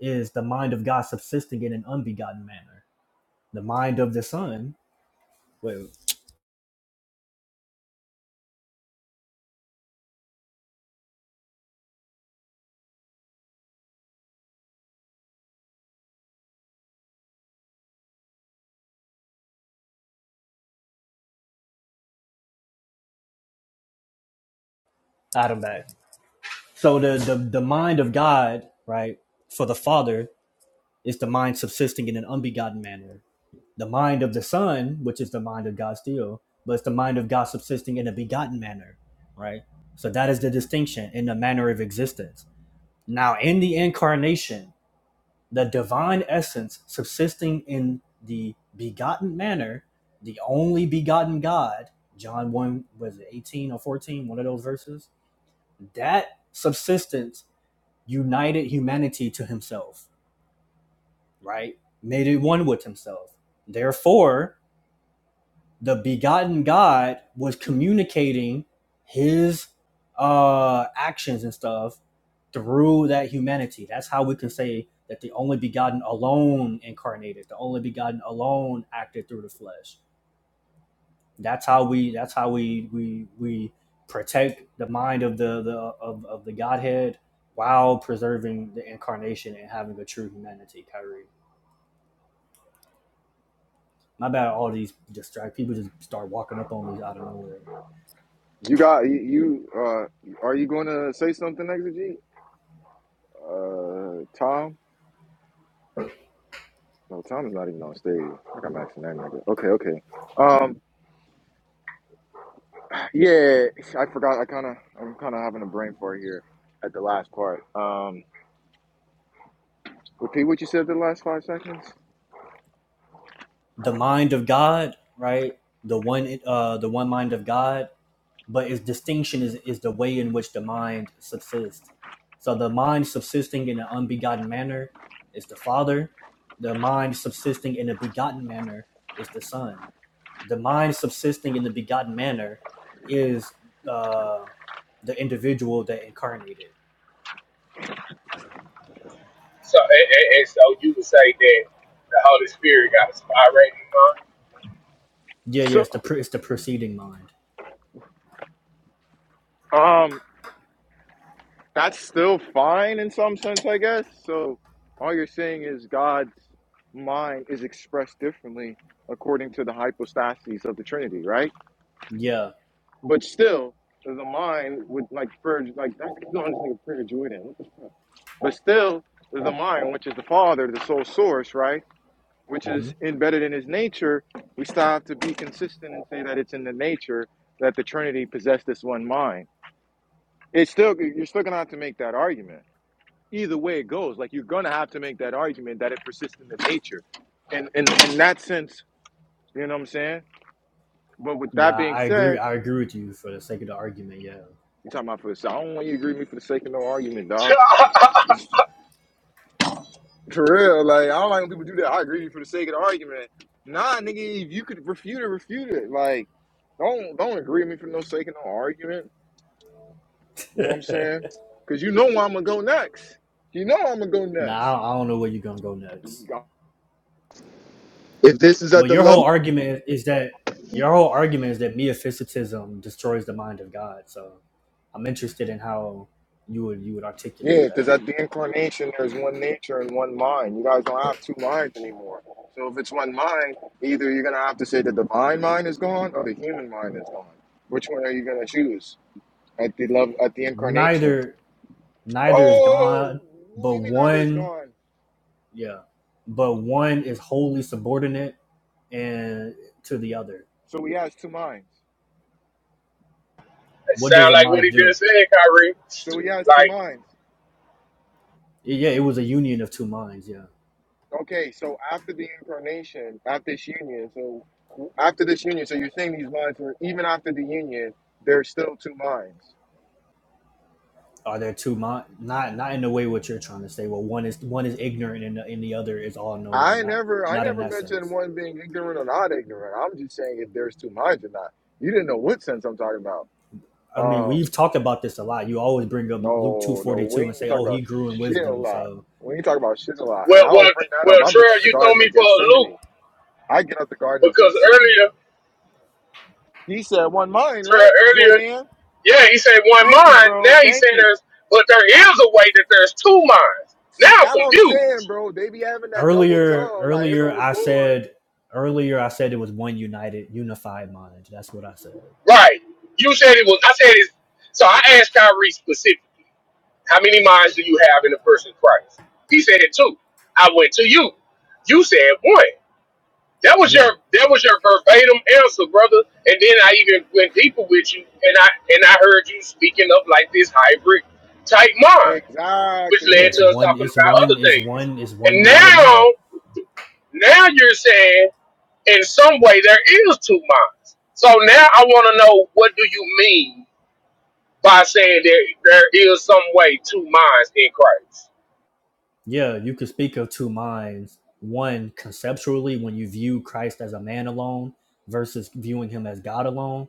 C: is the mind of God subsisting in an unbegotten manner. The mind of the Son, wait, out of back. So the, the the mind of God, right, for the Father is the mind subsisting in an unbegotten manner. The mind of the Son, which is the mind of God still, but it's the mind of God subsisting in a begotten manner, right? So that is the distinction in the manner of existence. Now, in the incarnation, the divine essence subsisting in the begotten manner, the only begotten God, John 1, was it 18 or fourteen, one of those verses? That subsistence united humanity to himself right? Made it one with himself. Therefore, the begotten God was communicating his uh actions and stuff through that humanity. That's how we can say that the only begotten alone incarnated, the only begotten alone acted through the flesh. That's how we that's how we we we protect the mind of the the of, of the Godhead while preserving the incarnation and having a true humanity, Kyrie. My bad. All these distract people just start walking up on me out of nowhere.
A: You got you. you, Uh, are you going to say something next to Uh, Tom? No, Tom is not even on stage. I got Max and that nigga. Okay, okay. Um, yeah, I forgot. I kind of, I'm kind of having a brain fart here at the last part. Um, repeat what you said the last five seconds.
C: The mind of God, right? The one, uh, the one mind of God. But its distinction is is the way in which the mind subsists. So the mind subsisting in an unbegotten manner is the Father. The mind subsisting in a begotten manner is the Son. The mind subsisting in the begotten manner is uh, the individual that incarnated.
G: So and, and, and so you would say that the Holy Spirit got a spot right in your mind.
C: Yeah, yeah.
A: So,
C: It's the it's the preceding mind.
A: um, that's still fine in some sense, I guess. So, all you're saying is God's mind is expressed differently according to the hypostases of the Trinity, right?
C: Yeah.
A: But still, the mind would like purge, like that's going to purge Jordan. But still, the mind, which is the Father, the sole source, right, which
C: Mhm.
A: is embedded in His nature, we still have to be consistent and say that it's in the nature that the Trinity possess this one mind. It's still you're still gonna have to make that argument. Either way it goes, like you're gonna have to make that argument that it persists in the nature. And in, in in that sense, you know what I'm saying. But with
C: Yeah,
A: that being
C: I agree.
A: said,
C: I agree with you for the sake of the argument. Yeah.
A: you're talking about for the sake. I don't want you to agree with me for the sake of no argument, dog. It's, For real, like I don't like when people do that. I agree with you for the sake of the argument. Nah, nigga, if you could refute it, refute it. Like, don't don't agree with me for no sake of no argument. You know what I'm saying? Cause you know where I'm gonna go next. You know I'm gonna go
C: Now I
A: next.
C: don't, know where you're gonna go next.
A: If this is at
C: But
A: the
C: your whole
A: level,
C: argument is that your whole argument is that metaphysitism destroys the mind of God. So I'm interested in how you would you would
A: Yeah,
C: articulate
A: because
C: that.
A: at the end, so if it's one, either you're gonna have to say the divine mind is gone or the human mind is gone. Which one are you gonna choose at the love at the incarnation?
C: Neither neither is
A: Oh,
C: God,
A: what
C: but
A: do you mean either is
C: one
A: gone?
C: yeah, but one is wholly subordinate and to the other.
A: So he has two minds.
G: It
C: What does
G: sound
C: a
G: like what
C: mind
G: he
C: do?
G: just said, Kyrie.
A: So he has two
G: Like
A: minds.
C: Yeah, it was a union of two minds. Yeah.
A: Okay, so after the incarnation, after this union, so after this union, so you're saying these minds were even after the union, there's still two minds.
C: are there two minds? Not not in the way what you're trying to say. Well, one is one is ignorant and the, and the other is all knowing.
A: I
C: Not
A: never, I
C: not in
A: never
C: that
A: mentioned
C: sense.
A: one being ignorant or not ignorant. I'm just saying if there's two minds or not. You didn't know what sense I'm talking.
C: I
A: Um,
C: mean, we've talked about this a lot. You always bring up
A: no,
C: Luke two forty two and say, "Oh, he grew in wisdom."
A: I,
C: So
A: we
G: well well
A: don't
G: well, Trey, you throw me for a loop
A: really. I get up at
G: because
A: Gethsemane.
G: earlier,
A: He said one mind,
G: Trey,
A: right,
G: earlier
A: Joydan?
G: yeah, he said one
A: Thank you,
G: mind.
A: bro.
G: Now he
A: Thank
G: said
A: you.
G: there's, but there is a way that there's two minds.
A: See,
G: Now I'm
A: that's what I'm
G: confused.
A: saying, bro. They be having that double
C: earlier
A: tongue, like it's
C: earlier
A: on
C: I
A: record.
C: said earlier I said it was one united unified mind. That's what I said.
G: Right. You said it was. I said it. So I asked Kyrie specifically, how many minds do you have in the person Christ? He said it too. I went to you. You said one. That was your
C: Yeah.
G: that was your verbatim answer, brother. And then I even went deeper with you, and I and I heard you speaking of like this hybrid type mind, which led
C: Yes,
G: to
A: Exactly.
C: yeah,
G: us
C: one
G: talking
C: is
G: about other
C: one is
G: things.
C: one is one
G: And
C: united mind.
G: now, now you're saying in some way there is two minds. So now I want to know what do you mean by saying there there is some way two minds in Christ.
C: Yeah, you could speak of two minds. One, conceptually, when you view Christ as a man alone versus viewing him as God alone.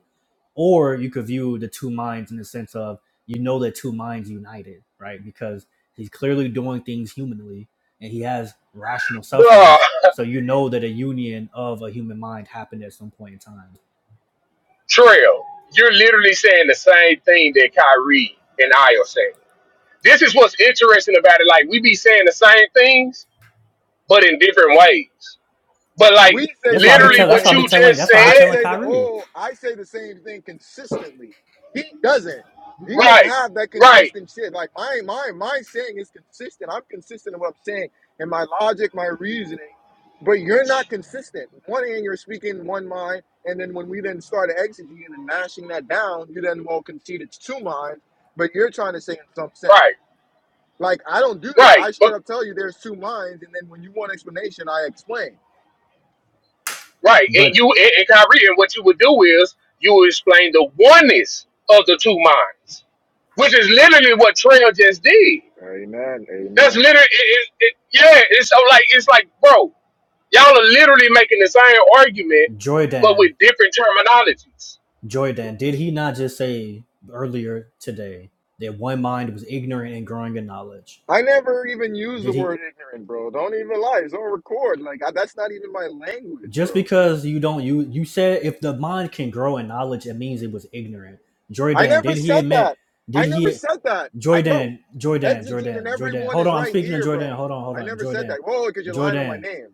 C: Or you could view the two minds in the sense of you know the two minds united, right? Because he's clearly doing things humanly and he has rational sufferings.
G: Bruh,
C: So you know that a union of a human mind happened at some point in time.
G: Trail, you're literally saying the same thing that Kyrie and I are saying. This is what's interesting about it. Like we be saying the same things, but in different ways. But like
A: we say
C: That's
A: the
C: why I be
G: literally
A: same
C: telling. That's
G: what
C: why I be
G: you
A: thing.
C: telling.
G: just
C: That's why I be
A: I
G: said,
C: telling
A: say that.
C: Kyrie.
A: Oh, I say the same thing consistently. He doesn't. He don't
G: right,
A: have that
G: right,
A: consistent shit. Like, but
G: right, right, but right, and
C: But
G: you and, and Kyrie, and what you would do is you would explain the oneness of the two minds, which is literally what Trail just did
A: amen,
G: That's
A: amen.
G: literally, it, it, it- yeah. It's so like it's like, bro, y'all are literally making the same argument, but
C: Jordan,
G: with different terminologies.
C: Jordan, did he not just say earlier today that one mind was ignorant and growing in knowledge?
A: I never even use the
C: Did he
A: word ignorant, bro. Don't even lie. It's on record. Like, I, that's not even my language,
C: just
A: bro.
C: because you don't you you said if the mind can grow in knowledge, it means it was ignorant.
A: I
C: Jordan,
A: never
C: did he
A: said
C: admit?
A: that. I
C: Did
A: never
C: he?
A: said that. I, bro,
C: Jordan, Jordan,
A: Exegene and
C: Jordan, Jordan.
A: everyone
C: Hold
A: is
C: on, I'm
A: right
C: speaking to
A: here,
C: Jordan.
A: bro.
C: Hold on, hold
A: I
C: on,
A: never said
C: Jordan,
A: that. Whoa, because you're lying on my
C: Jordan.
A: name.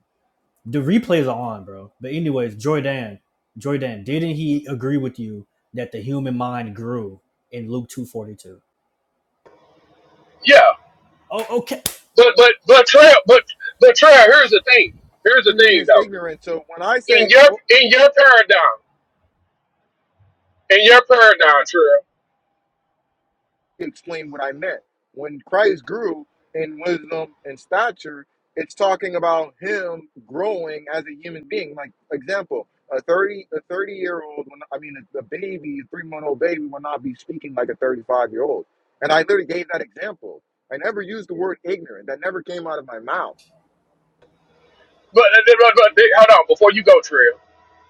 C: The replays are on, bro. But anyways, Jordan, Jordan, didn't he agree with you that the human mind grew in Luke two forty two?
G: Yeah,
C: Oh, okay.
G: but but but Trail, but but Trail. Here's the thing. Here's the
A: Didn't mean
G: thing,
A: it's
G: though.
A: ignorant, so
G: In your in your paradigm, in your paradigm, Trail.
A: you can't. When and um, it's on him human being. Like example, a old when it's like a third old, and I literally gave that example. I never worked out,
G: But, but, but, but hold on before you go, Trail.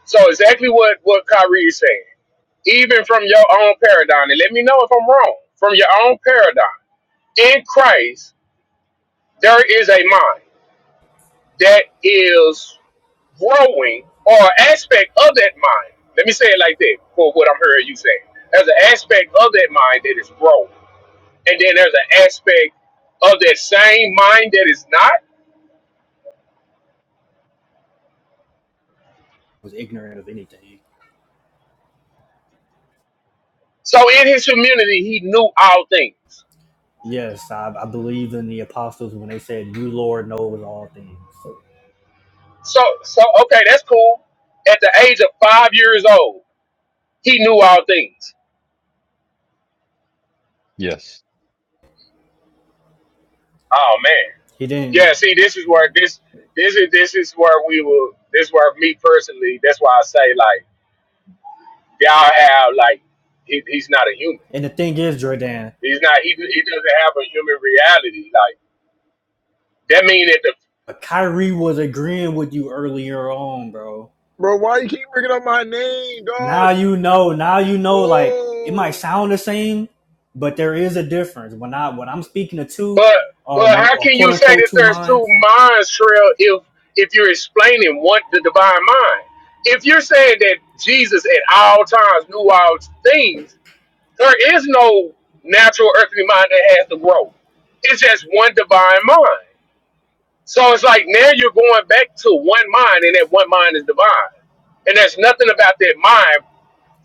G: So exactly what what Kyrie is saying, even from your own paradigm, and let me know if I'm wrong. From your own paradigm, in Christ, there is a mind that is growing or an aspect of that mind. Let me say it like that for what I'm hearing you say. There's an aspect of that mind that is growing, and then there's an aspect of that same mind that is not.
C: was ignorant of anything.
G: So in his community, he knew all things.
C: Yes, I, I believe in the apostles when they said, You, Lord, knows all things.
G: So, so okay, that's cool. At the age of five years old, he knew all things.
J: Yes.
G: Oh man,
C: He didn't.
G: yeah. See, this is where this this is this is where we will. This is where me personally. That's why I say like y'all have like he, he's not a human.
C: And the thing is, Jordan,
G: He's not. He, he doesn't have a human reality. Like that mean that the
C: uh, Kyrie was agreeing with you earlier on, bro.
A: Bro, why you keep bringing up my name, dog?
C: Now you know, now you know, like, it might
A: Oh,
C: sound the same, but there is a difference. When I when I'm speaking to two
G: but
C: or
G: but
C: when
G: how
C: or
G: can
C: quote
G: you say
C: unquote
G: that
C: two
G: there's two
C: minds,
G: minds, Trail? If if you're explaining what the divine mind, if you're saying that Jesus at all times knew all things, there is no natural earthly mind that has to grow. It's just one divine mind. So it's like now you're going back to one mind, and that one mind is divine, and there's nothing about that mind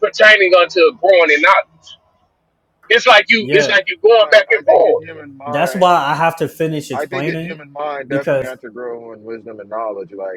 G: pertaining unto growing in knowledge. It's like you it's
C: yeah.
G: like you going back and forth.
C: That's
A: Fine.
C: why I have to finish
A: I
C: explaining
A: definitely
C: because
A: answer growth knowledge. like.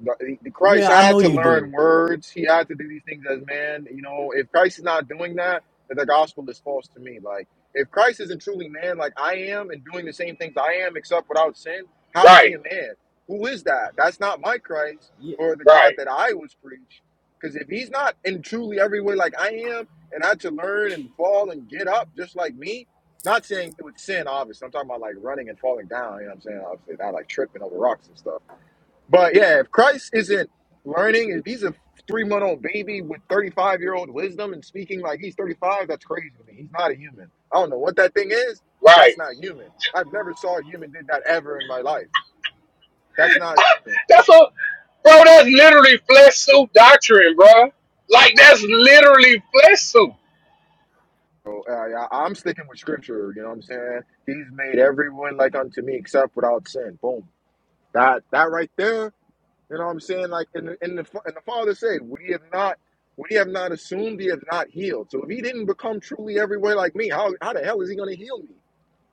A: But the- the Christ
C: yeah, I
A: had
C: know
A: to
C: you
A: learn
C: do.
A: words. He had to do these things as man. You know, if Christ is not doing that, then the gospel is false to me. Like, if Christ isn't truly man, like I am, and doing the same things I am, except without sin, how is he
G: Right,
A: a man? Who is that? That's not my Christ
C: Yeah,
A: or the
G: right,
A: God that I was preached. Because if he's not in truly every way like I am, and had to learn and fall and get up just like me, not saying it was sin, obviously. I'm talking about like running and falling down. You know what I'm saying? Obviously, not like tripping over rocks and stuff but yeah, if Christ isn't learning, if he's a three month old baby with 35 year old wisdom and speaking like he's 35, that's crazy to me. He's not a human. I don't know what that thing is, but
G: right.
A: that's not human. That's life,
G: That's a bro, that's literally flesh suit doctrine, bro. Like that's literally flesh suit.
A: man. He's made everything. I'm not. When is he going to heal me?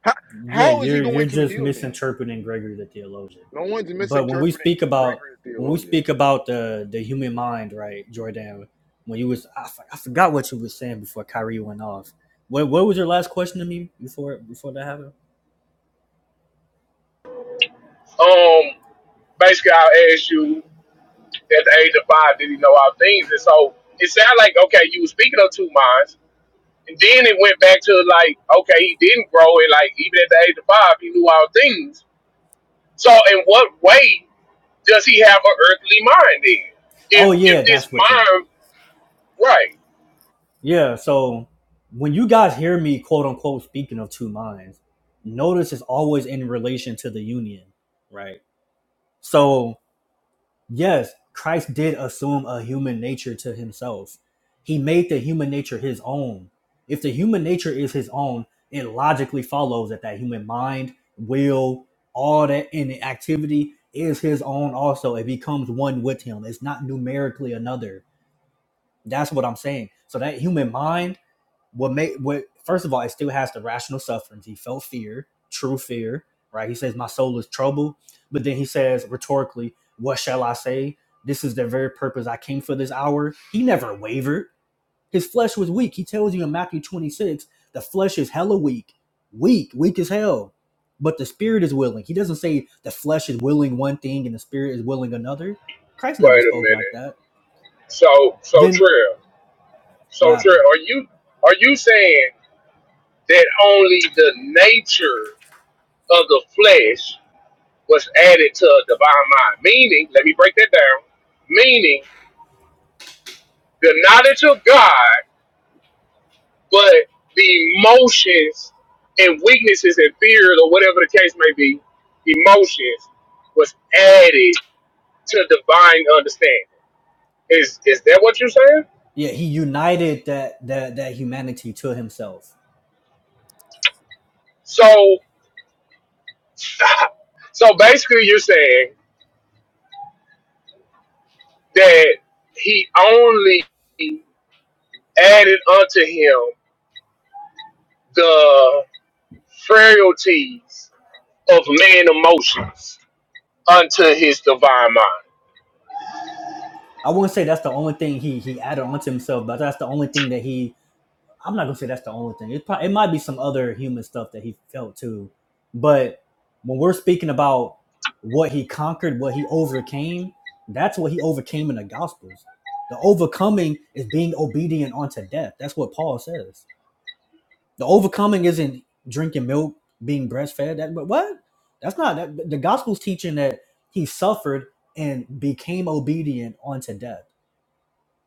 A: How,
C: Yeah,
A: how is he
C: you're you're
A: going to
C: just
A: heal me?
C: misinterpreting Gregory the theologian.
A: No one's
C: But when we
A: misinterpreting
C: speak about
A: Gregory the
C: when we
A: theologian.
C: speak about the the human mind, right, Jordan? When you was I, f- I forgot what you was saying before Kyrie went off. What what was your last question to me before before that happened?
G: Um basically i asked you at the age of five, did he know all things? And so it sounded like okay, you were speaking of two minds. And then it went back to like, okay, he didn't grow and like even at the age of five he knew all things. So in what way does he have an earthly mind then?
C: Oh
G: If if
C: yeah,
G: this
C: that's what you.
G: mind right.
C: Yeah, so when you guys hear me quote unquote speaking of two minds, notice it's always in relation to the union, right? So. Yes, Christ did assume a human nature to himself. He made the human nature his own. If the human nature is his own, it logically follows that that human mind, will, all that in the activity is his own also. It becomes one with him. It's not numerically another. That's what I'm saying. So that human mind what made what first of all, it still has the rational sufferings. He felt fear, true fear, right? He says, My soul is troubled. But then he says rhetorically, What shall I say? This is the very purpose I came for this hour. He never wavered. His flesh was weak. He tells you in Matthew 26, the flesh is hella weak. Weak, weak as hell. But the spirit is willing. He doesn't say the flesh is willing one thing and the spirit is willing another. Christ never
G: Wait a
C: spoke like
G: minute.
C: that.
G: So, so
C: Then
G: Trill,
C: what
G: so Trill,
C: happened?
G: are you are you saying that only the nature of the flesh was added to a divine mind? Meaning, let me break that down. Meaning, the knowledge of God, but the emotions and weaknesses and fears, or whatever the case may be, emotions was added to divine understanding. Is is that what you're saying?
C: Yeah, he united that that that humanity to himself.
G: So, so basically, you're saying that he only added unto him the frailties of man emotions unto his divine mind.
C: I wouldn't say that's the only thing he he added onto himself, but that's the only thing that he. I'm not gonna say that's the only thing. It probably it might be some other human stuff that he felt too, but when we're speaking about what he conquered, what he overcame, that's what he overcame in the Gospels. The overcoming is being obedient unto death. That's what Paul says. The overcoming isn't drinking milk, being breastfed. That but what? That's not that the gospel's teaching that he suffered and became obedient unto death.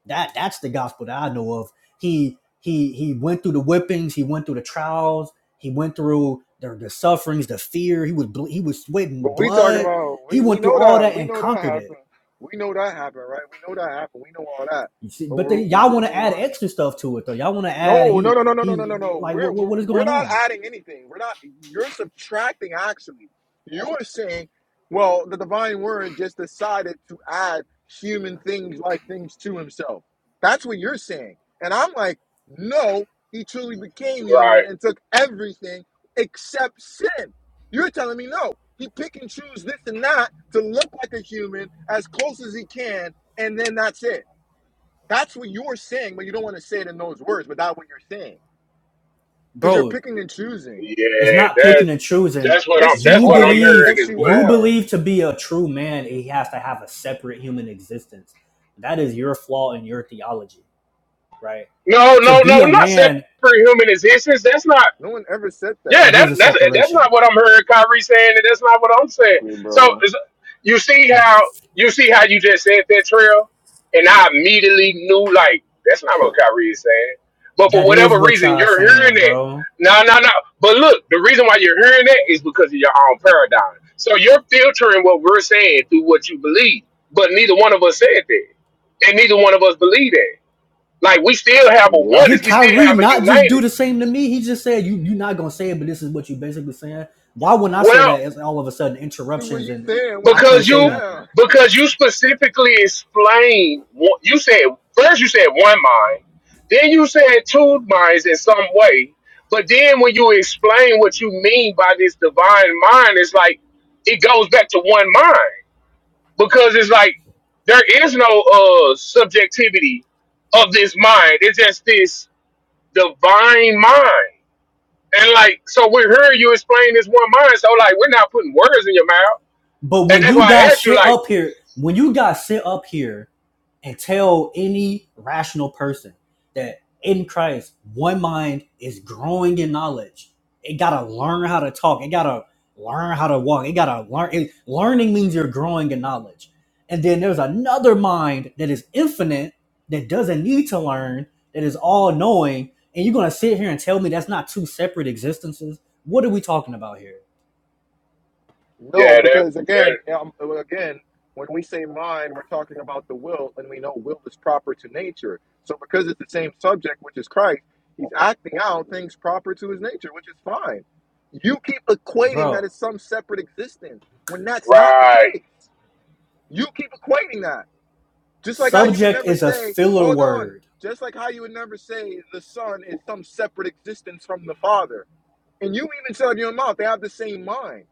C: That that's the gospel that I know of. He he he went through the whippings, he went through the trials, he went through the, the sufferings, the fear. He was ble- he was sweating
A: But we talking
C: blood.
A: about, we,
C: He
A: we
C: went through
A: know
C: all
A: that.
C: that
A: We
C: and
A: know that
C: conquered it.
A: happened. We know that happened, right? We know that happened. We know all that.
C: You see,
A: But
C: but then
A: we're, we're
C: y'all want
A: working
C: to add
A: on
C: extra stuff to it though. Y'all want to add
A: No, no,
C: he
A: no, no, no, no, no, no,
C: he
A: no.
C: like
A: We're
C: what, what
A: we're
C: what is
A: we're
C: going
A: not
C: on,
A: adding anything. We're not. You're subtracting. Actually, you are saying, well, the divine word just decided to add human things like things to himself. That's what you're saying, and I'm like, no, he truly became human
G: Right.
A: and took everything except sin. You're telling me no. He pick and choose this and that to look like a human as close as he can, and then that's it. That's what you're saying, but you don't want to say it in those words, but that's what you're saying. Because you're
C: bro?
A: picking and choosing.
C: It's
G: Yeah,
C: not picking
G: that's
C: and choosing.
G: that's what I'm
A: Yes, you
G: that's
C: You
G: what
A: are,
G: I'm
A: bro.
C: believe
A: Yes,
G: hearing as
A: you
G: well.
C: you
A: are.
C: believe to be a true man, he has to have a separate human existence. That is your flaw in your theology, right?
G: No,
C: To
G: no,
C: be
G: no,
C: a
G: not separate
C: man,
G: human existence. That's not
A: No one ever said
G: Yeah,
C: that
A: that.
G: that,
C: is a
G: that's that's
C: separation.
G: not what I'm hearing Kyrie saying, and that's not what I'm saying.
A: Exactly,
G: So
A: bro.
G: is- you see how you see how you just said that trail, and I immediately knew like that's not what Kyrie is saying. But for
C: That
G: whatever
C: is what
G: reason,
C: y'all
G: you're hearing
C: saying,
G: it.
C: bro.
G: No, no, no. But look, the reason why you're hearing that is because of your own paradigm. So you're filtering what we're saying through what you believe. But neither one of us said that, and neither one of us believe that. Like we still have a
A: Yep.
G: oneness,
C: Did
G: we still
C: Kyrie
G: have a
C: not just
G: united.
C: do the same to me? He just said you you are not gonna say it, but this is what you basically saying. Why wouldn't I say
G: Well.
C: that? It's all of a sudden
A: What
C: interruptions
A: you
C: and
A: saying when
C: I
A: you
C: can't
G: because
A: break it
C: say
G: you
C: nothing.
A: down?
G: because you specifically explained what you said first you said one mind then you said two minds in some way but then when you explain what you mean by this divine mind it's like it goes back to one mind because it's like there is no uh subjectivity of this mind it's just this divine mind and like so we heard you explain this one mind so like we're not putting words in your mouth
C: But
G: and
C: when
G: that's
C: you
G: why i
C: guys
G: asked you
C: sit
G: like
C: up here, when you guys sit up here and tell any rational person that in Christ, one mind is growing in knowledge. It gotta learn how to talk. It gotta learn how to walk. It gotta learn. It, learning means you're growing in knowledge. And then there's another mind that is infinite, that doesn't need to learn, that is all knowing. And you're gonna sit here and tell me that's not two separate existences? What are we talking about here,
A: No,
G: Yeah, that,
A: because again,
G: that
A: um, again, when we say mind, we're talking about the will, and we know will is proper to nature. So because it's the same subject, which is Christ, he's acting out things proper to his nature, which is fine. You keep equating that
C: bro?
A: as some separate existence when that's not the
G: right.
A: case. You keep equating that. Just like how you would
C: Subject
A: never
C: is a
A: say,
C: filler
A: hold on,
C: word.
A: just like how you would never say the Son is some separate existence from the Father. And you even said in your mouth, they have the same mind.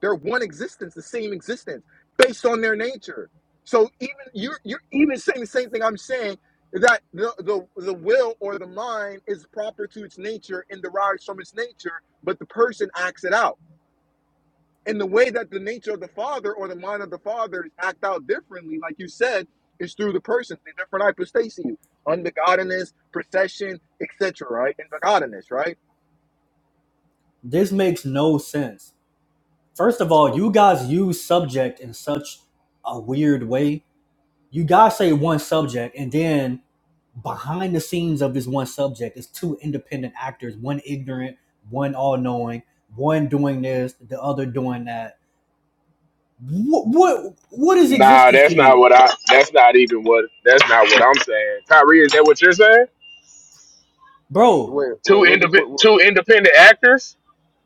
A: They're one existence, the same existence, based on their nature. So even you're you're even saying the same thing I'm saying that the, the the will or the mind is proper to its nature and derives from its nature, but the person acts it out and the way that the nature of the father or the mind of the father is act out differently, like you said, is through the persons, the different hypostases, unbegottenness, procession, etc. Right, and begottenness, right?
C: This makes no sense First of all,
A: Okay.
C: you guys use subject in such a weird way. You guys say one subject, and then behind the scenes of this one subject is two independent actors, one ignorant, one all knowing, one doing this, the other doing that. What, what what is
G: Nah,
C: existence to
G: that's not
C: you,
G: what I. That's not even what. That's not what I'm saying. Kyrie, is that what you're saying?
C: bro?
A: Wait,
G: Two
A: wait, what did
G: independent,
A: what, what
G: two independent actors.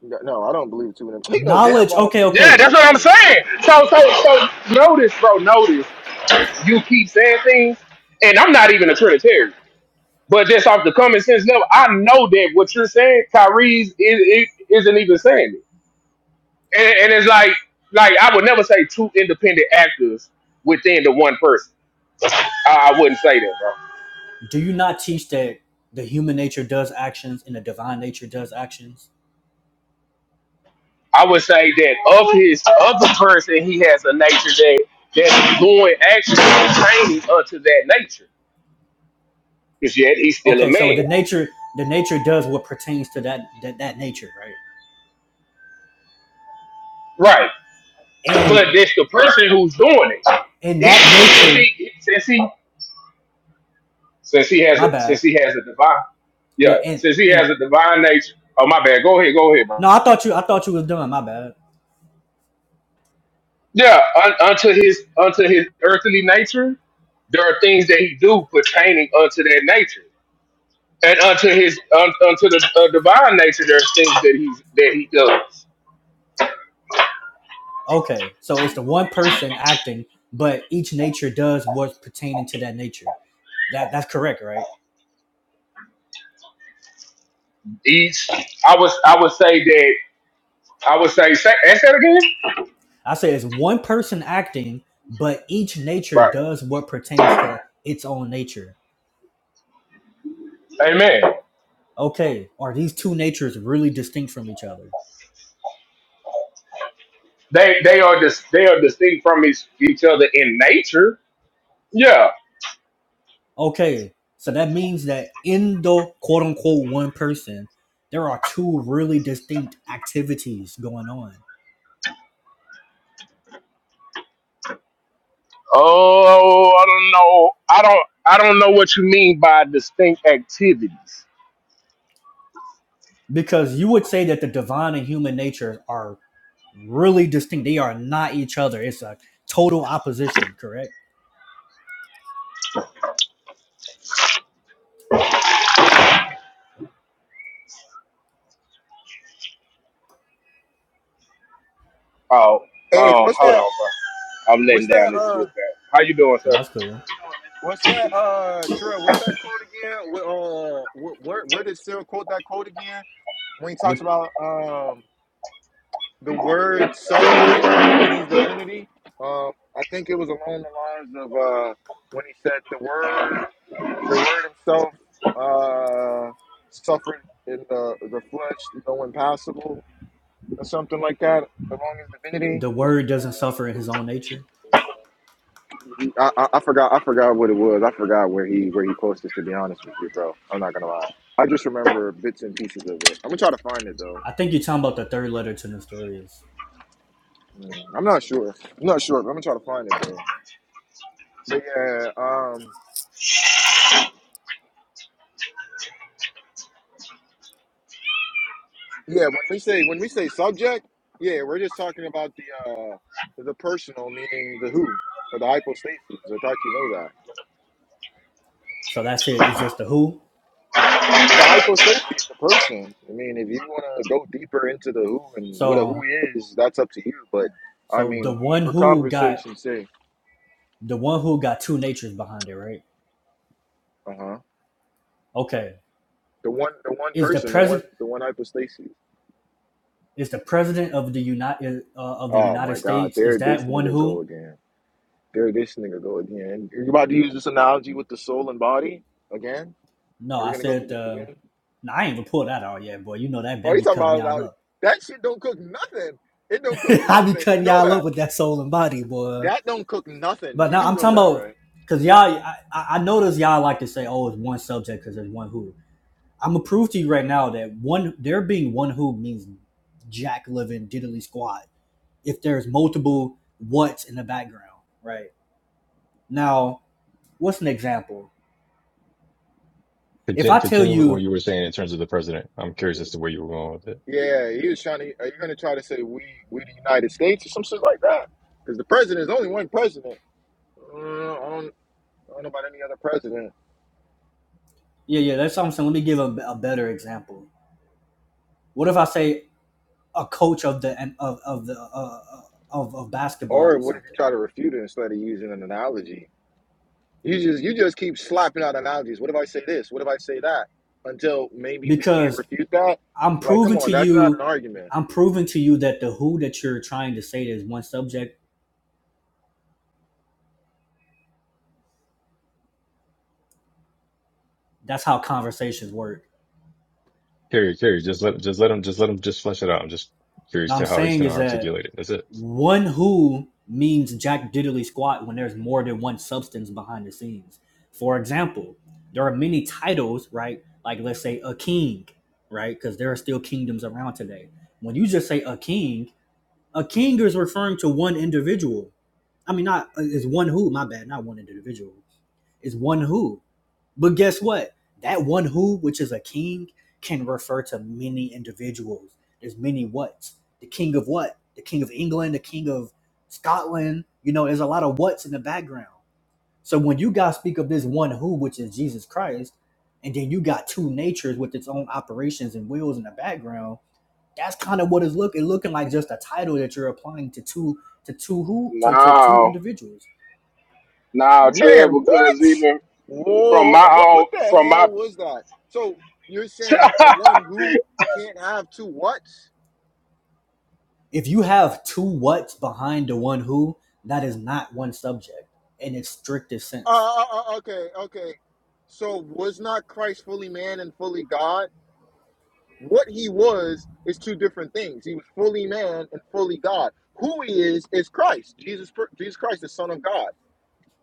A: no, no, I don't believe two of them. You know damn
C: Knowledge.
A: well. I don't
C: Okay,
A: believe
G: Yeah,
A: I'm
C: okay.
G: that's
A: not
G: what I'm
A: sure.
G: saying. So, so, so, notice, bro. Notice you keep saying things, and I'm not even a Trinitarian. But just off the common sense level, I know that what you're saying, Kyrie's is, is, isn't even saying it. And, and it's like, like I would never say two independent actors within the one person. I, I wouldn't say that, bro.
C: Do you not teach that the human nature does actions and the divine nature does actions?
G: I would say that of his of the person, he has a nature that that's going actually pertaining unto that nature. Because yet he's still a
C: Okay, so
G: man,
C: the nature the nature does what pertains to that that, that nature, right?
G: right?
C: And
G: But that's the person who's doing it.
C: in
G: He,
C: that
G: since
C: nature,
G: he since he since he has a,
C: my bad.
G: since he has a divine, yeah,
C: Yeah, and
G: since he
C: and
G: has a divine nature. Oh my bad. Go ahead. Go ahead, bro.
C: no, I thought you I thought you was doing my bad.
G: Yeah, un, unto his unto his earthly nature, there are things that he do pertaining unto that nature. and unto his un, unto the uh, divine nature, there's things that he's that he does.
C: Okay. So it's the one person acting, but each nature does what's pertaining to that nature. That that's correct, right?
G: Each, I was I would say that I would say say ask that again.
C: I say it's one person acting, but each nature
G: Right.
C: does what pertains to its own nature.
G: Amen.
C: Okay. Are these two natures really distinct from each other?
G: They they are dis, they are distinct from each, each other in nature. Yeah.
C: Okay, so that means that in the quote unquote one person, there are two really distinct activities going on.
G: Oh, I don't know. I don't I don't know what you mean by distinct activities.
C: Because you would say that the divine and human natures are really distinct. They are not each other. It's a total opposition, correct?
G: Oh
A: Hey,
G: oh,
A: what's
G: hold on,
A: that?
G: bro. I'm letting
A: What's that?
G: down this
A: Uh,
G: lift. How you doing, sir?
C: No, that's cool.
A: what's that? Uh, Terrell, what's that quote again? Wh- Uh, wh- where where did Cyril quote that quote again? When he talks
C: What
A: about um. the word suffering in his divinity. Um, I think it was along the lines of uh, when he said the word, the word himself uh, suffered in the the flesh, though impassible, or something like that. Along his divinity,
C: the word doesn't suffer in his own nature.
A: I, I, I forgot. I forgot what it was. I forgot where he where he quotes this. To be honest with you, bro, I'm not gonna lie. I just heard bits and pieces of it. I'm gonna try to find it though.
C: I think you're talking about the third letter to Nestorius.
A: I'm not sure. I'm not sure, but I'm gonna try to find it though. But yeah, um, Yeah, when we say when we say subject, yeah, we're just talking about the uh the personal, meaning the who or the hypostases. I thought you know that.
C: So that's it. It's just the who.
A: The hypostases, the person. I mean, if you want to go deeper into the who and what a who
C: So
A: is, that's up to you. But I
C: so the
A: mean,
C: one
A: for
C: who got
A: conversation's sake,
C: the one who got two natures behind it, right?
A: uh huh.
C: Okay
A: The one, the one
C: Is the
A: person, the one,
C: president
A: the one hypostasis.
C: is the president of the United uh, of the
A: Oh my
C: United
A: God,
C: States? Is
A: there this
C: that one
A: nigga go
C: who?
A: again. There this nigga go again. You're about to use this analogy with the soul and body again.
C: No,
A: Are we
C: I
A: gonna go through
C: said.
A: this
C: Uh,
A: again?
C: no, I ain't even pulled that out yet, boy. You know that
A: Oh,
C: that
A: you
C: be
A: talking
C: cutting
A: about
C: y'all
A: like,
C: up.
A: that shit don't cook nothing. It don't cook
C: I be
A: nothing. You
C: cutting
A: know
C: y'all up
A: that.
C: with that soul and body, boy.
A: That don't cook nothing.
C: But
A: You
C: now
A: do
C: I'm
A: know that,
C: talking about
A: right?
C: because y'all. I, I notice y'all like to say, "Oh, it's one subject because there's one who." I'm gonna prove to you right now that one there being one who means jack living diddly squat. If there's multiple what's in the background, right now, what's an example? If
J: Continue,
C: I tell
J: continue with what
C: you,
J: you were saying in terms of the president. I'm curious as to where you were going with it.
A: Yeah, he was trying to. Are you gonna try to say we we the United States or some shit like that? Because the president is only one president. Uh, I, don't, I don't know about any other president.
C: yeah, yeah, that's what I'm saying. Let me give a, a better example. What if I say a coach of the of of the uh, uh, of of basketball
A: Or
C: or
A: what if you
C: something?
A: try to refute it instead of using an analogy? You just you just keep slapping out analogies. What if I say this? What if I say that? Until maybe we can't
C: Because
A: refute that.
C: I'm
A: Like, come
C: proving
A: on,
C: to
A: that's not
C: you,
A: an argument,
C: I'm proving to you that the who that you're trying to say is one subject. That's how conversations work.
J: Carry, carry. Just let, just let him, just let him, just flesh it out. I'm just curious
C: Now I'm
J: to how he's
C: saying
J: going to
C: is that
J: articulate it. That's it.
C: one who means jack diddly squat when there's more than one substance behind the scenes. For example, there are many titles, right? Like let's say a king, right? Because there are still kingdoms around today. When you just say a king, a king is referring to one individual. I mean, not uh, is one who. My bad, not one individual. It's one who. But guess what? That one who, which is a king, can refer to many individuals. There's many whats. The king of what? The king of England, the king of Scotland. You know, there's a lot of whats in the background. So when you guys speak of this one who, which is Jesus Christ, and then you got two natures with its own operations and wills in the background, that's kind of what it's looking looking like just a title that you're applying to two to two who to, to two
G: No,
C: individuals.
G: no,
A: man. What?
G: cause even. from my own from my
A: Why? So
C: If you have two whats behind the one who, that is not one subject in its strictest sense.
A: Is it's Christ, Jesus, Jesus Christ, the Son of God.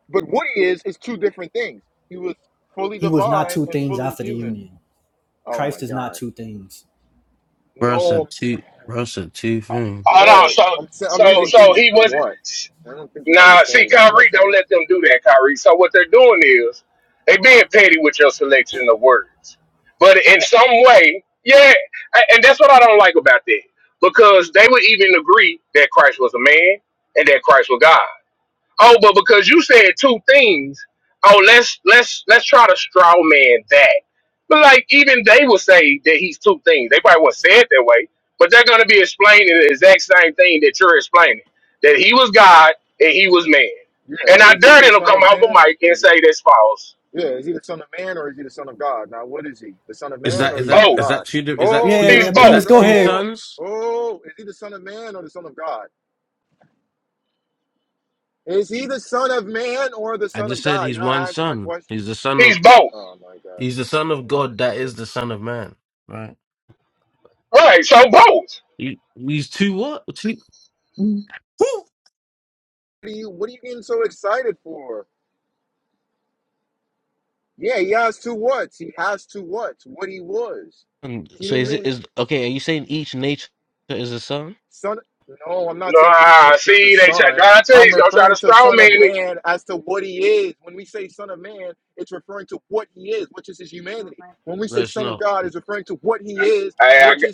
A: But what he is is two different things. He was fully
C: He was not
A: divine
C: two
A: and
C: things
A: fully
C: after the
A: human.
C: union.
A: Oh my
C: Christ is not
A: God!
C: two things.
N: Bro
A: No,
N: said two. Bro said two things.
G: oh no
A: no,
G: so
A: I'm sa- I'm
G: so
A: using
G: so
A: things as
G: he
A: in
G: was
A: one. I don't think you're
G: now see
A: understanding. I'm
G: Kyrie
A: not
G: don't
A: saying
G: let them do that Kyrie so what they're doing is they being petty with your selection of words but in some way yeah a- and that's what I don't like about that because they would even agree that Christ was a man and that Christ was God Oh, but because you said two things, oh let's let's let's try to straw man that. But like even they will say that he's two things. They probably won't say it that way, but they're gonna be explaining the exact same thing that you're explaining. That he was God and he was man. And I dare them to come off a mic and say that's false.
N: Is
C: He's
N: that is that
C: busy.
G: Both.
N: is
A: God.
N: that two di- is that
A: Oh,
C: Yeah, yeah,
N: two
G: He's
C: yeah,
A: child,
N: is
A: child,
G: both.
C: premise,
N: that
A: child.
C: go
N: two
C: ahead,
A: Oh,
N: sons?
A: oh, is he the Son of Man or the Son of God? Is he the Son of Man or the
N: I
A: Son of
N: just said
A: God? You're
N: he's one
A: not answering my
N: son.
A: question.
N: He's the son
G: He's
N: of.
G: both.
A: Oh, God.
N: He's the son of God. That is the son of man. Right.
G: Right, so both.
N: He, he's two what? Two. Woo!
A: What are you What are you getting so excited for? Yeah, he has two.
N: And so is it is okay? Are you saying each nature is a son?
G: Nah, see, they try, God tell you he's gonna try to straw man it.
N: No, it's not.
G: Hey, I, g-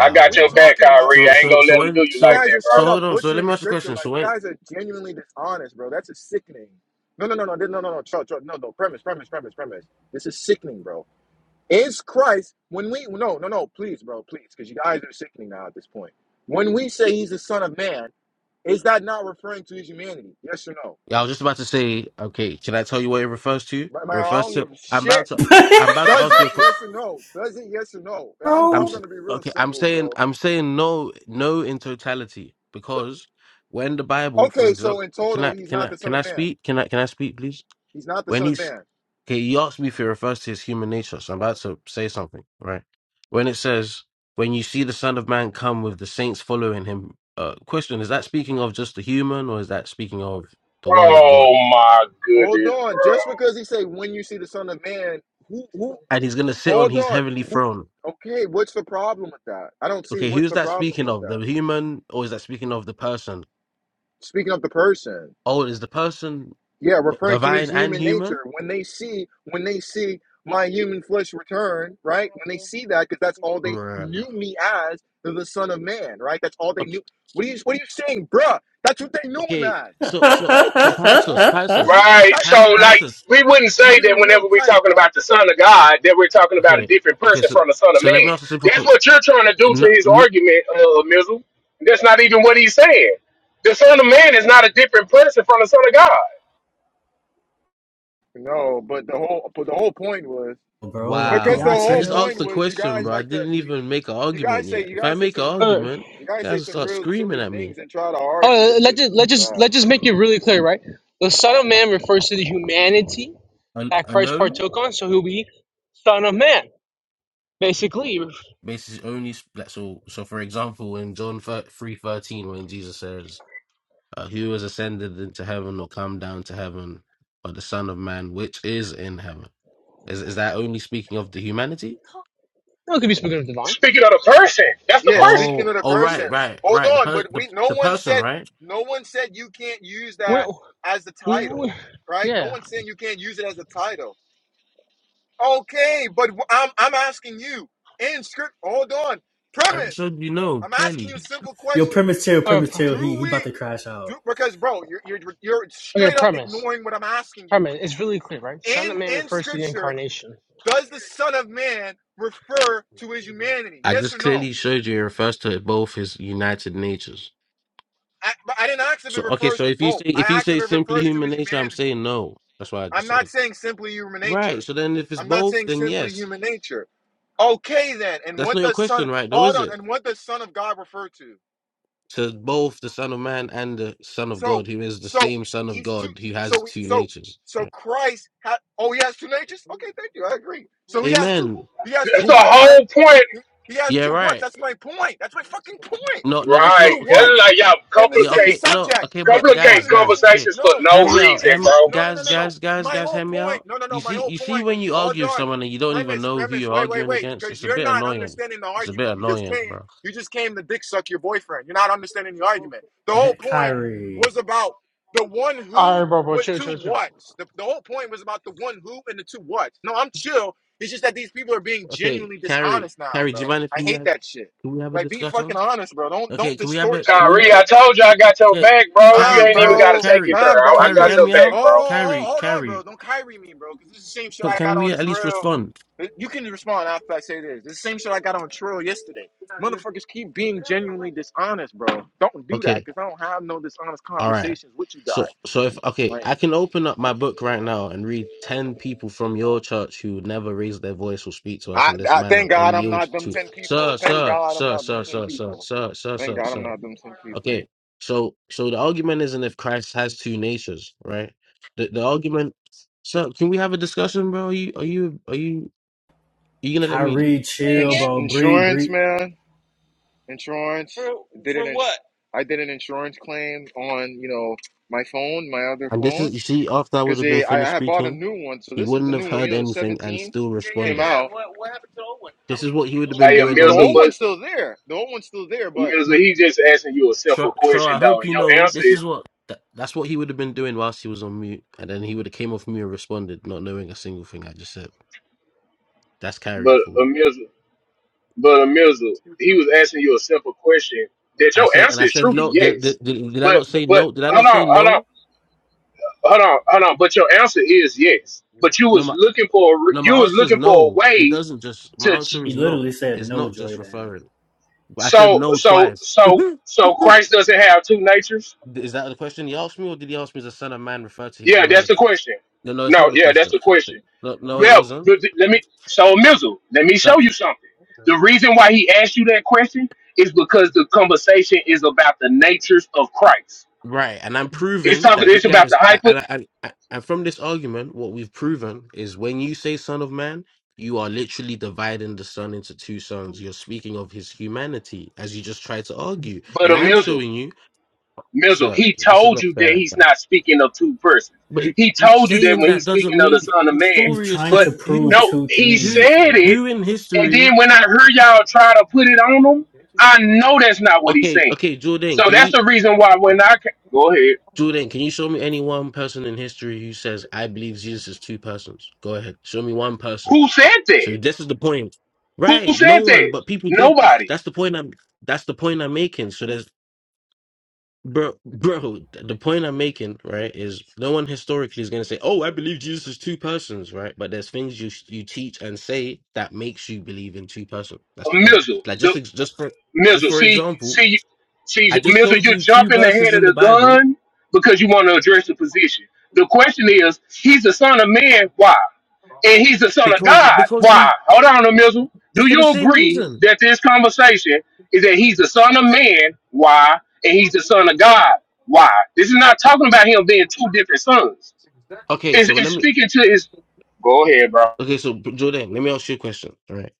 G: I got your back, Kyrie.
N: So
G: I ain't
N: so
G: gonna
N: so
G: let him do
N: when
G: you like
N: so
G: that, bro.
N: so hold on. So let me ask you a question. So when?
A: No, no, no, no, no, no, no, Chuck, Chuck, no, no, premise, premise, premise, premise. This is sickening, bro. Is Christ, when we, no, no, no, please, bro, please, because you guys are sickening now at this point. When we say he's the son of man, is that not referring to his humanity? Yes or no?
N: Yeah, I was just about to say, okay, can I tell you what it refers to? It
A: I
N: refers
A: don't give
N: to
A: a
N: I'm
A: shit.
N: about to I'm about to
A: Does,
N: ask you a question.
A: no, does it? Yes or no?
N: I'm
C: bro.
N: s- okay, I'm
A: Simple,
N: saying
A: bro.
N: I'm saying no no in totality because when the Bible, for
A: Okay, so
N: example,
A: in
N: can
A: total,
N: I
A: he's
N: can
A: not
N: I
A: the son
N: can I
A: of man.
N: speak? Can I can I speak please?
A: He's not the
N: When
A: son of
N: he's
A: man.
N: okay, you asked me if it refers to his human nature, so I'm about to say something, right? When it says when you see the Son of Man come with the saints following him, uh question, is that speaking of just the human or is that speaking of the word of God?
G: Oh my
A: Hold
G: goodness, bro.
A: on. Just because he say when you see the son of man, who, who,
N: and he's going to sit on
A: hold
N: his
A: on.
N: heavenly
A: Who,
N: throne.
A: okay, what's the problem with that? I don't see
N: Okay,
A: what's
N: who's
A: the
N: that
A: problem
N: speaking
A: with
N: of?
A: that.
N: The human, or is that speaking of the person?
A: speaking of the person
N: Oh, is the person
A: yeah referring to his
N: divine and
A: human
N: human?
A: nature when they see when they see my human flesh return right when they see that because that's all they
N: Bruh.
A: knew me as the son of man right that's all they
N: Okay,
A: knew what are you what are you saying bruh that's what they knew him
N: okay,
A: as
N: so
A: that's
N: so
A: the whole
N: so
A: gospel
N: Pisces,
A: dog because you're
N: Pisces,
A: gonna be
G: Right.
A: tight
N: Pi-
A: right
G: So
A: now
G: like
N: Pisces.
G: we wouldn't
A: you're
G: say
A: gonna
G: that
A: be real
G: whenever we're
A: tight
G: talking
A: dog
G: about the Son of God, that we're talking about a
N: Okay,
G: different
N: okay.
G: person
N: So
G: from the Son of
N: so let
G: Man.
N: me ask a simple
G: That's
N: question.
G: what you're trying to do to
N: No,
G: his
N: no.
G: argument, uh, Mizzle. That's not even what he's saying. The Son of Man is not a different person from the Son of God.
A: no but the whole but the whole point was
C: Bro, like, can
A: because the
C: y'all
N: Wow, I
A: whole
N: just
C: chill?
N: asked
A: point
N: the
A: was you
N: question,
A: guys
N: bro. I
A: like to
N: didn't
A: you
N: even make an
A: you guys
N: argument
A: say
N: yet.
A: you
N: If I
A: guys say
N: make an
A: some
K: Uh,
N: argument,
A: you guys
N: you
A: say
N: guys will
A: some
N: start
A: real
N: screaming
A: silly
N: at me.
A: things and try to argue as
K: oh, let's
A: if
K: just
A: this
K: let's
A: is
K: just
A: bad.
K: let's just make it really clear, right? The Son of Man refers to the humanity
N: An-
K: that Christ
N: Unknown?
K: partook on, so he'll be Son of Man, basically. No,
N: bases only like so so for example in john 3 13, when jesus says uh, who has ascended into heaven or come down to heaven or the son of man which is in heaven is is that only speaking of the humanity
K: it could be speaking of divine.
G: Speaking of the person, that's the
A: Yeah,
G: person.
A: speaking
N: oh
A: of the
N: oh
A: person.
N: right right
A: Hold
N: right the
A: on,
N: per-
A: but
N: the,
A: we no
N: the
A: one
N: person
A: said
N: right
A: no one said you can't use
K: We're
A: that
K: not,
A: as the
K: we, we,
A: title, right? No
K: yeah.
A: one's saying you can't use it as a title. Okay, but wh- I'm I'm asking you in script. Hold on,
N: i just
A: premise.
N: showed you know
A: I'm asking you a
N: clearly
A: simple
C: Yo,
A: question.
C: premise chill,
K: Um,
C: premise chill. He
A: Do
C: he
A: we
C: about to crash out.
A: do because bro, you're you're you're
K: okay,
A: straight up
K: premise.
A: ignoring what I'm asking you.
K: Premise. It's really clear, right? Son of
A: In
K: Man
A: in
K: refers to the
A: scripture,
K: incarnation.
A: does the Son of Man refer to his humanity?
N: i
A: Yes or
N: just
A: no?
N: clearly showed you it refers to both his united natures
A: I, but I didn't ask if it
N: so okay
A: refers
N: so
A: to
N: if you
A: both.
N: say
A: I
N: if you
A: asked if
N: say
A: it
N: simply
A: refers to
N: human
A: his
N: nature i'm
A: unity.
N: saying no that's why i
A: I'm
N: just
A: not
N: said right
A: sure.
N: so then if it's
A: I'm not
N: both then yes
A: sure. Oh,
N: That's not your
A: son,
N: question, right? Though,
A: all
N: is it?
A: two.
N: To both the Son of Man and the Son of
A: So,
N: God, who is the
A: so
N: same Son of
A: he's two.
N: God, who
A: So
N: has
A: we,
N: two
A: so,
N: natures.
A: so Christ had. Oh, he has two natures. Okay, great. So he two.
N: Amen.
A: Yeah,
G: That's the
N: Yeah.
A: right.
G: whole point.
A: He. he
N: Yeah.
A: what's.
N: Right.
A: That's my point. That's my fucking point.
N: No. No. That's
A: It's
G: Right.
A: two
N: not okay.
G: It's
A: what's,
G: like y'all
A: and the
N: Yeah.
A: same
N: Okay.
G: complicate
N: No.
A: subject.
N: Okay.
A: It's
N: But
G: complicate
A: one
N: guys, guys.
A: who.
N: Okay.
G: conversations for
A: No,
G: no
N: Hear me
A: it's
N: out.
G: reason,
N: Hear
A: it's
N: me,
G: bro.
A: no no no
N: guys,
A: no no.
N: guys, guys,
A: My
N: guys.
A: whole
N: Hear me
A: point.
N: out.
A: No no no.
N: You
A: My
N: see,
A: whole
N: you see,
A: point.
N: when you
A: Hold
N: argue with
A: on.
N: someone and you don't even
A: Premise
N: know who
A: premise.
N: you're
A: Wait wait
N: arguing
A: wait.
N: against,
A: Because
N: it's a
A: you're
N: bit
A: not
N: annoying.
A: understanding the
N: It's a bit
A: argument. You just
N: annoying,
A: came.
N: bro.
A: You just came to dick suck your boyfriend. You're not understanding the argument. The whole point
C: Kyrie,
A: was about the one
K: All
A: who
K: right, bro, bro,
A: with
K: chill,
A: two
K: chill, chill.
A: whats. The, the whole point was about the one who and the two whats. No, I'm chill it's just that these people are being
N: Okay,
A: genuinely
N: Carrie,
A: dishonest now,
N: Carrie, do
A: bro.
N: you mind if
A: I
N: we
A: hate
N: have
A: that shit.
N: can we have a
A: Like, be
N: discussion?
A: fucking honest, bro. Don't don't
N: Okay, can we have
A: distort
N: a can
A: shit,
N: we
G: Kyrie, I
A: bro.
G: told you I got your
N: can,
G: back, bro. You
A: Nah,
N: Carrie,
G: ain't even
N: Carrie,
G: got to
A: bro.
G: take it
N: Carrie,
A: Nah,
G: there. I,
A: bro.
G: I
N: Carrie,
G: got
N: hear
A: Cause
G: your
N: me
A: oh,
G: back,
N: out?
G: bro.
A: oh, oh,
N: Carrie,
A: oh, hold on, bro.
N: Carrie,
A: Don't Kyrie me, bro. Cause this is the same shit
N: can,
A: I
N: can
A: got
N: we
A: on
N: at least
A: Trill.
N: respond?
A: You can respond after I say this. This is the same shit I got on Trill yesterday. Motherfuckers keep being genuinely dishonest, bro. Don't do that,
N: Okay,
A: cause I don't have no dishonest
N: all right.
A: conversations with you
N: So
A: guys.
N: so if okay,
A: Like,
N: I can open up my book right now and read ten people from your church who never raise their voice or speak to us
A: I,
N: in this
A: I
N: manner
A: thank
N: and
A: God I'm
N: yield
A: not them
N: to
A: ten people.
N: sir,
A: Thank
N: sir,
A: God I'm
N: sir,
A: not them
N: sir,
A: ten
N: sir, sir,
A: people.
N: sir, sir,
A: Thank
N: sir,
A: God I'm
N: sir.
A: not them ten people.
N: Okay, so so the argument isn't if Christ has two natures, right? The the argument. So can we have a discussion, bro? Are you are you are you are you gonna let me?
C: Kyrie, chill, bro. Breathe,
A: Insurance,
C: breathe.
A: man. Insurance. I did an insurance claim on, you know, my phone, my other
N: And this
A: phone,
N: is you see, after I would
A: because
N: have been
A: I,
N: finished
A: I had bought a
N: speaking,
A: new one. So
N: he
A: this is the
N: wouldn't have
A: new one, you
N: heard
A: know, the
N: anything and
A: 17.
N: still responded. This is what he would have been
G: Hey, uh,
N: doing
A: The
N: on
G: Mirza,
A: old
N: mute.
G: but
A: one's still there. The old one's still there, but
G: Mirza, he just asking you a
N: Sure,
G: simple
N: sure. I
G: question, though.
N: hope
G: And
N: you
G: your
N: know
G: answer
N: this is
G: is,
N: what that, that's what he would have been doing whilst he was on mute, and then he would have came off mute and responded, not knowing a single thing I just said. That's carry
G: but
N: for
G: uh, Mirza, but uh, Mirza, he was asking
N: me.
G: you a simple question that
N: I
G: your
N: said, and
G: answer
N: I
G: is
N: said
G: truly
N: no. Did,
G: yes.
N: did, did, did I
G: But,
N: not say
G: but,
N: no? Did I not
G: hold on,
N: say
G: hold on,
N: no?
G: hold on, hold on. But your answer is yes. But you
N: No,
G: was
N: my
G: looking for, a re-
N: no,
G: you
N: my
G: was
N: answer is
G: looking for a
N: no. It
G: way
N: doesn't just. My
G: to, ch-
N: answer
C: He
N: is no.
C: literally said
N: It's
C: no,
N: not just
C: Jordan.
N: referring. But I said
G: so,
N: no
G: so,
N: twice.
G: so, so Christ doesn't have two natures?
N: is that the question he asked me, or did he ask me as a son of man refer to his
G: Yeah, that's the
N: humanity?
G: question.
N: No, no, it's
G: No,
N: not the
G: yeah, that's
N: question.
G: the question.
N: No, no, it
G: Well,
N: wasn't.
G: th- th- let me so Mizzle, let me show
N: That.
G: you something. The reason why he asked you that question is because the conversation is about the natures of Christ.
N: Right, and I'm
G: It's
N: proving
G: talking.
N: that you
G: It's about the
N: guys, I-
G: hyper,
N: and I, and I- and from this argument, what we've proven is when you say "son of man," you are literally dividing the son into two sons. You're speaking of his humanity, as you just tried to argue,
G: but a
N: and I'm
G: Mizzle.
N: showing you,
G: Mizzle,
N: sir,
G: he
N: this is
G: told
N: not
G: you that
N: fair.
G: he's
N: man.
G: not speaking of two persons.
N: But it-
G: He told you that
N: saying
G: when
N: that
G: he's
N: doesn't
G: speaking of the
N: mean
G: Son of
N: the
G: Man.
C: He's
N: story is
C: trying
G: But
C: to
N: said who,
C: prove
N: the-
G: no,
C: two
G: he
N: who,
C: things,
G: said
C: bro.
G: it,
N: who in
G: and then
N: history?
G: when I heard y'all try to put it on him, I know that's not what he's
N: Okay,
G: saying.
N: okay, Jordan,
G: So
N: can
G: that's
N: you?
G: the reason why when I ca- go ahead,
N: Jordan, can you show me any one person in history who says, I believe Jesus is two persons? Go ahead. Show me one person.
G: who said that?
N: So this is the point.
G: Who
N: Right. No
G: said
N: one,
G: that?
N: but people did
G: Nobody.
N: that's the point I'm that's the point I'm making. So there's bro bro, the point I'm making, right, is no one historically is gonna say, Oh, I believe Jesus is two persons, right? But there's things you you teach and say that makes you believe in two persons. That's the point. Like just
G: Mizzle.
N: ex- just for just
G: Mizzle,
N: for
G: see,
N: example,
G: see,
N: I
G: see,
N: just
G: Mizzle,
N: showed
G: you're
N: you two
G: jumping
N: verses
G: ahead of
N: in the
G: the
N: Bible
G: gun because you want to address the position. The question is, he's the son of man, why? And he's the son of
N: because
G: God,
N: because
G: why?
N: he
G: Hold on, Mizzle. Do
N: It's for the
G: you
N: same
G: agree
N: reason.
G: that this conversation is that he's the son of man, why? And he's the son of God, why? This is not talking about him being two different sons.
N: Okay,
G: It's,
N: so
G: it's
N: let me.
G: speaking to his. Go ahead, bro.
N: Okay, so Jordan, let me ask you a question. Right?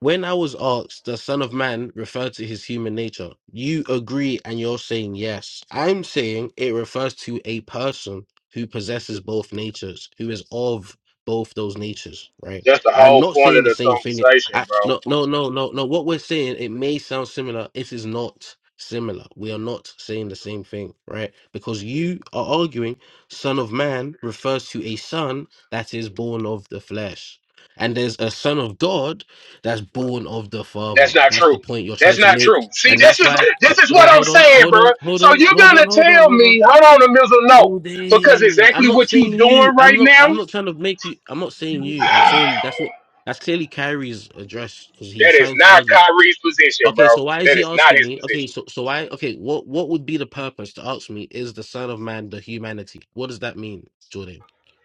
N: When I was asked, the Son of Man referred to his human nature. You agree and you're saying yes. I'm saying it refers to a person who possesses both natures, who is of both those natures, right?
G: That's the
N: I'm
G: whole
N: not
G: point
N: saying
G: of
N: the
G: the
N: same thing.
G: conversation,
N: I,
G: bro.
N: no, no, no, no, no. What we're saying, it may sound similar. It is not similar. We are not saying the same thing, right? Because you are arguing Son of Man refers to a son that is born of the flesh. And there's a son of God that's born of the Father.
G: That's not
N: That's the
G: true.
N: point you're
G: That's
N: trying to
G: not
N: make.
G: true. See,
N: And
G: this
N: that's
G: is
N: why,
G: this
N: well,
G: is
N: hold
G: what
N: on,
G: I'm
N: hold on,
G: saying,
N: hold
G: bro.
N: on, hold
G: So
N: on,
G: you're
N: hold
G: gonna
N: on, hold on,
G: tell
N: hold on.
G: me, hold on a missile, no, because
N: Jordan, I'm
G: exactly
N: not
G: what you
N: saying
G: doing
N: you.
G: right
N: I'm not,
G: now,
N: I'm not trying to make you. I'm not saying you. I'm saying that's what, that's clearly Kyrie's address because he's
G: that is
N: trying to
G: not
N: argue.
G: Kyrie's position,
N: Okay,
G: bro.
N: so why is
G: That
N: he
G: is not
N: asking
G: his
N: me? Okay,
G: position.
N: so so why? Okay, what what would be the purpose to ask me? Is the Son of Man the humanity? What does that mean, Jordan?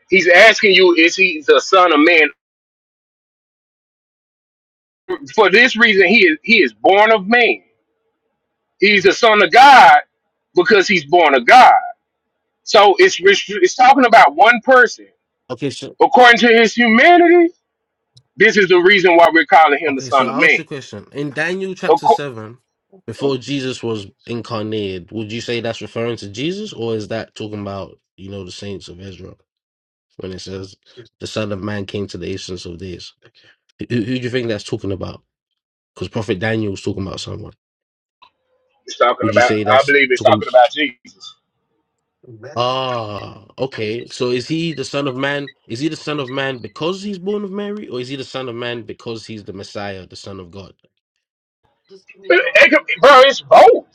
G: He's asking you, is he the son of man? For this reason, he is he is born of man. He's the son of God because he's born of God. So it's it's, it's talking about one person.
N: Okay, so
G: According to his humanity, this is the reason why we're calling him the
N: okay, so
G: son of
N: I'll ask you
G: man.
N: a question. In Daniel
G: Of
N: chapter
G: course.
N: seven, before Jesus was incarnated, would you say that's referring to Jesus, or is that talking about you know the saints of Israel when it says the Son of Man came to the essence of days? Who, who do you think that's talking about? Because Prophet Daniel was talking about someone.
G: It's talking
N: Would you
G: about.
N: say
G: I
N: that's
G: believe it's talking about Jesus.
N: Ah, okay. So is he the son of man? Is he the son of man because he's born of Mary, or is he the son of man because he's the Messiah, the son of God?
G: It, it could, bro, it's both.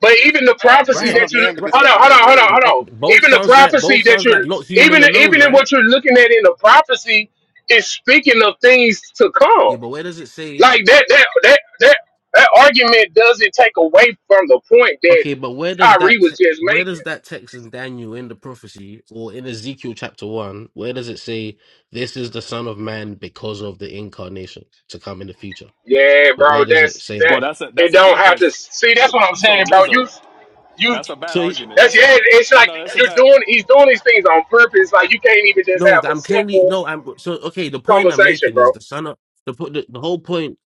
G: But even the
A: he's a
G: prophecy
A: son
N: Right,
A: of
G: that you
A: man because
N: right.
G: hold
A: he's
G: on,
A: born
G: hold
A: of
G: on, hold on,
A: marriage.
G: hold
N: Oh,
G: on.
N: both
G: Even the
N: sounds like
G: prophecy
N: both
G: that
N: sounds like
G: you're
N: not human
G: even
N: alone,
G: even in
N: right?
G: what you're looking at in the prophecy is speaking of things to come.
N: Yeah, but where does it say?
G: Like that that that that that argument doesn't take away from the point that
N: Okay, but where does
G: Tyree
N: that te-
G: was just
N: where
G: making.
N: does that text in Daniel in the prophecy or in Ezekiel chapter one? Where does it say this is the Son of Man because of the incarnation to come in the future?
G: Yeah,
N: But
G: bro.
N: where does it
G: That's
N: say that?
G: that.
L: Well, that's a
G: It
L: that's an
G: don't have to.
L: inference.
G: See, that's what
L: So,
G: I'm
L: so
G: saying, bro.
L: Mizzle,
G: You, you.
L: that's a bad
N: So.
L: argument.
G: That's
L: That's a
G: yeah. It's
L: no,
G: like
L: no. That's a
G: you're
L: bad.
G: doing. He's doing these things on purpose. Like you can't even just
N: No,
G: have a
N: I'm clearly
G: simple
N: no. I'm so okay. The point I'm
G: conversation,
N: making
G: bro.
N: is the son of the po- the, the whole point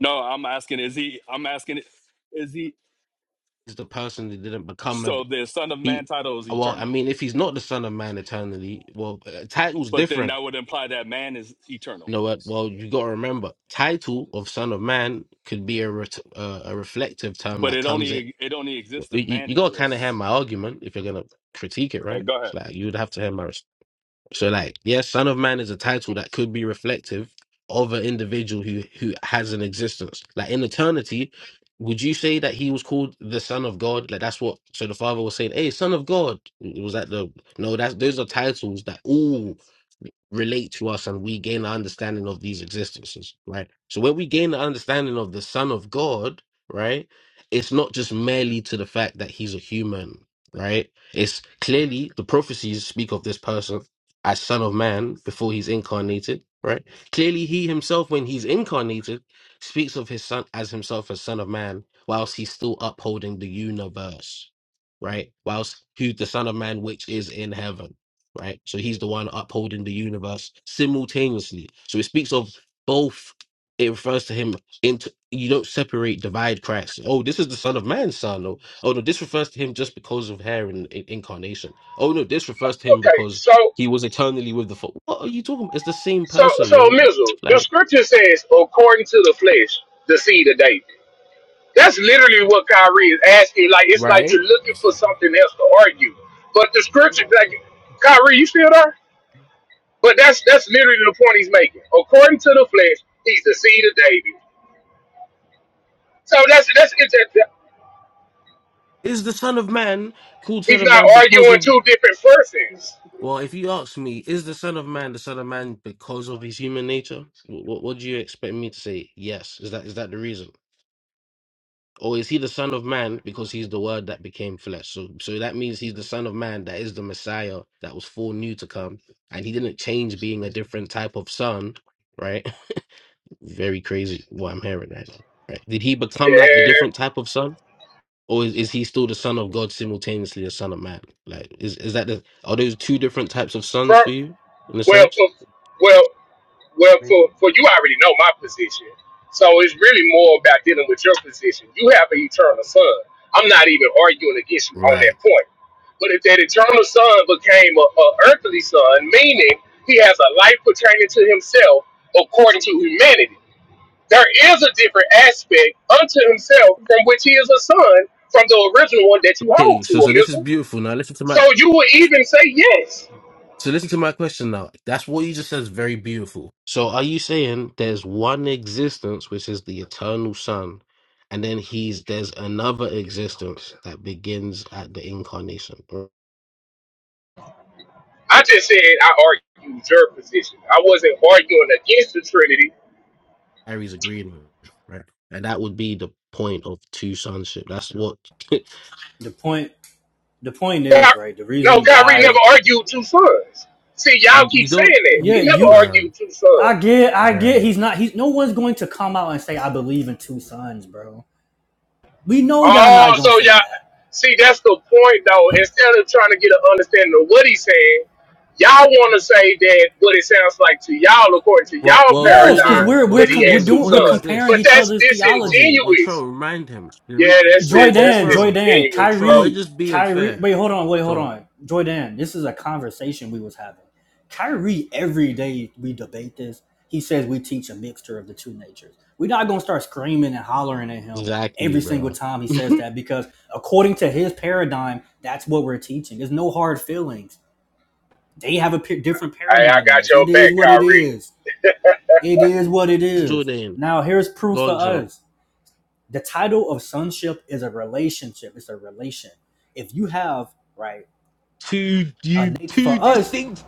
L: No, I'm asking, is he, I'm asking, is he,
N: is the person that didn't become a
L: so the Son of Man
N: he.
L: title is
N: Well, I
L: eternal,
N: mean, if he's not the son of man eternally, well, uh, title's
L: but then
N: different.
L: that would imply that man is
N: You
L: eternal,
N: know what? Well, you got to remember, title of son of man could be a ret- uh, a reflective term
L: but
N: that
L: it
N: comes in.
L: only, it only exists if
N: You,
L: man
N: you got to kind of hear
L: exists.
N: my argument if you're gonna critique it,
L: Yeah,
N: right?
L: go ahead.
N: It's like you would have to hear my So like, yes, Son of Man is a title that could be reflective of an individual who who has an existence. Like in eternity, would you say that he was called the Son of God? Like that's what so the Father was saying, Hey, Son of God. was that the no, that's those are titles that all relate to us and we gain an understanding of these existences, right? So when we gain the understanding of the Son of God, right, it's not just merely to the fact that he's a human, right? It's clearly the prophecies speak of this person as Son of Man before he's incarnated, right? Clearly, he himself, when he's incarnated, speaks of his Son as himself as Son of Man, whilst he's still upholding the universe, right? Whilst who's the Son of Man, which is in heaven, right? So he's the one upholding the universe simultaneously. So it speaks of both. It refers to him into you don't separate divide Christ. Oh, this is the Son of Man's son. Oh, oh no, this refers to him just because of hair and in, incarnation. Oh no, this refers to him
G: Okay,
N: because
G: so
N: he was eternally with the Father. What are you talking about? It's the same
G: so
N: person,
G: so
N: bro.
G: Mizzle, the
N: Like,
G: scripture says, according to the flesh, the seed of David. That's literally what Kyrie is asking. Like it's like
N: right?
G: you're looking
N: Yes.
G: for something else to argue. But the scripture, like Kyrie, you still there? But that's that's literally the point he's making. According to the flesh, he's the seed of David. So that's that's it's a-
N: is the Son of Man called Son
G: he's
N: of
G: not
N: Man because
G: arguing
N: of.
G: two different persons.
N: Well, if you ask me, is the Son of Man the Son of Man because of his human nature? What, what do you expect me to say? Yes. Is that is that the reason? Or is he the Son of Man because he's the Word that became flesh? So, so that means he's the Son of Man that is the Messiah that was foreknew to come, and he didn't change being a different type of Son, right? Very crazy what I'm hearing right now. Right? Did he become like a
G: Yeah.
N: different type of son, or is, is he still the son of God simultaneously the son of man? Like, is is that the are those two different types of sons
G: From
N: for you in a
G: well
N: sense?
G: for well well for for you I already know my position. So it's really more about dealing with your position. You have an eternal son. I'm not even arguing against you on that
N: Right.
G: point. But if that eternal son became a, a earthly son, meaning he has a life pertaining to himself according to humanity There is a different aspect unto himself from which he is a son from the original one that you
N: Okay,
G: hold to
N: so so
G: him,
N: this is
G: isn't it?
N: beautiful. Now listen to
G: So
N: my
G: you would even say yes.
N: so listen to my question now. That's what you just said is very beautiful. So are you saying there's one existence which is the eternal son, and then he's there's another existence that begins at the incarnation?
G: I just said I argued your position. I wasn't arguing against the Trinity.
N: Kyrie's agreeing with, right? And that would be the point of two sonship. That's what
C: the point the point is
G: Ky-
C: right the
G: No,
C: reason
G: Kyrie never
C: why
G: argued two sons. See, y'all keep
N: you don't,
G: saying that.
N: you,
C: yeah
G: He never
C: you
N: bruh,
G: argued two
C: i
G: sons.
C: get i get
N: bruh.
C: he's not he's no one's going to come out and say i believe in two sons bro we know y'all
G: Oh,
C: not gonna
G: so
C: say
G: y'all
C: that
G: see that's the point though. Instead of trying to get an understanding of what he's saying, y'all want to say that what it sounds like to y'all, according to
N: Well,
G: y'all
N: well,
C: yes because
G: paradigm,
N: Jordan,
C: we're
N: well,
G: that
C: we're
G: he
C: we're
N: Jordan.
G: has
N: The
G: two
C: doing we're
N: point
G: sons.
N: is
C: comparing
G: But
N: this.
C: each
G: that's
C: other's
N: Well, well,
C: theology
N: well
G: disingenuous.
N: Tro, remind him. The
G: Yeah,
N: re-
G: that's
N: Well,
C: Joy
G: it.
N: well,
G: That's
C: Dan, Joy
N: Tro,
C: Dan,
N: well,
G: disingenuous,
N: Tro,
G: bro.
N: we're
C: Kyrie,
N: just being
C: Kyrie.
N: fair.
C: Wait, hold on, wait,
N: Go
C: hold
N: on.
C: on. Joy Dan, this is a conversation we was having. Kyrie, every day we debate this. He says we teach a mixture of the two natures. We're not gonna start screaming and hollering at him
N: Exactly,
C: every single
N: bro.
C: time he says that because according to his paradigm, that's what we're teaching. There's no hard feelings. They have a p- different
G: Hey, I
C: paradigm than
G: got
C: us.
G: your
C: It is
G: back,
C: what it
G: Kyrie.
C: is. It is what it is.
N: Jordan,
C: Now here's proof
N: go
C: for
N: on, Tro.
C: us the title of sonship is a relationship. It's a relation. If you have right
N: Two,
C: a
N: you,
C: nature
N: two
C: for us,
N: distinct.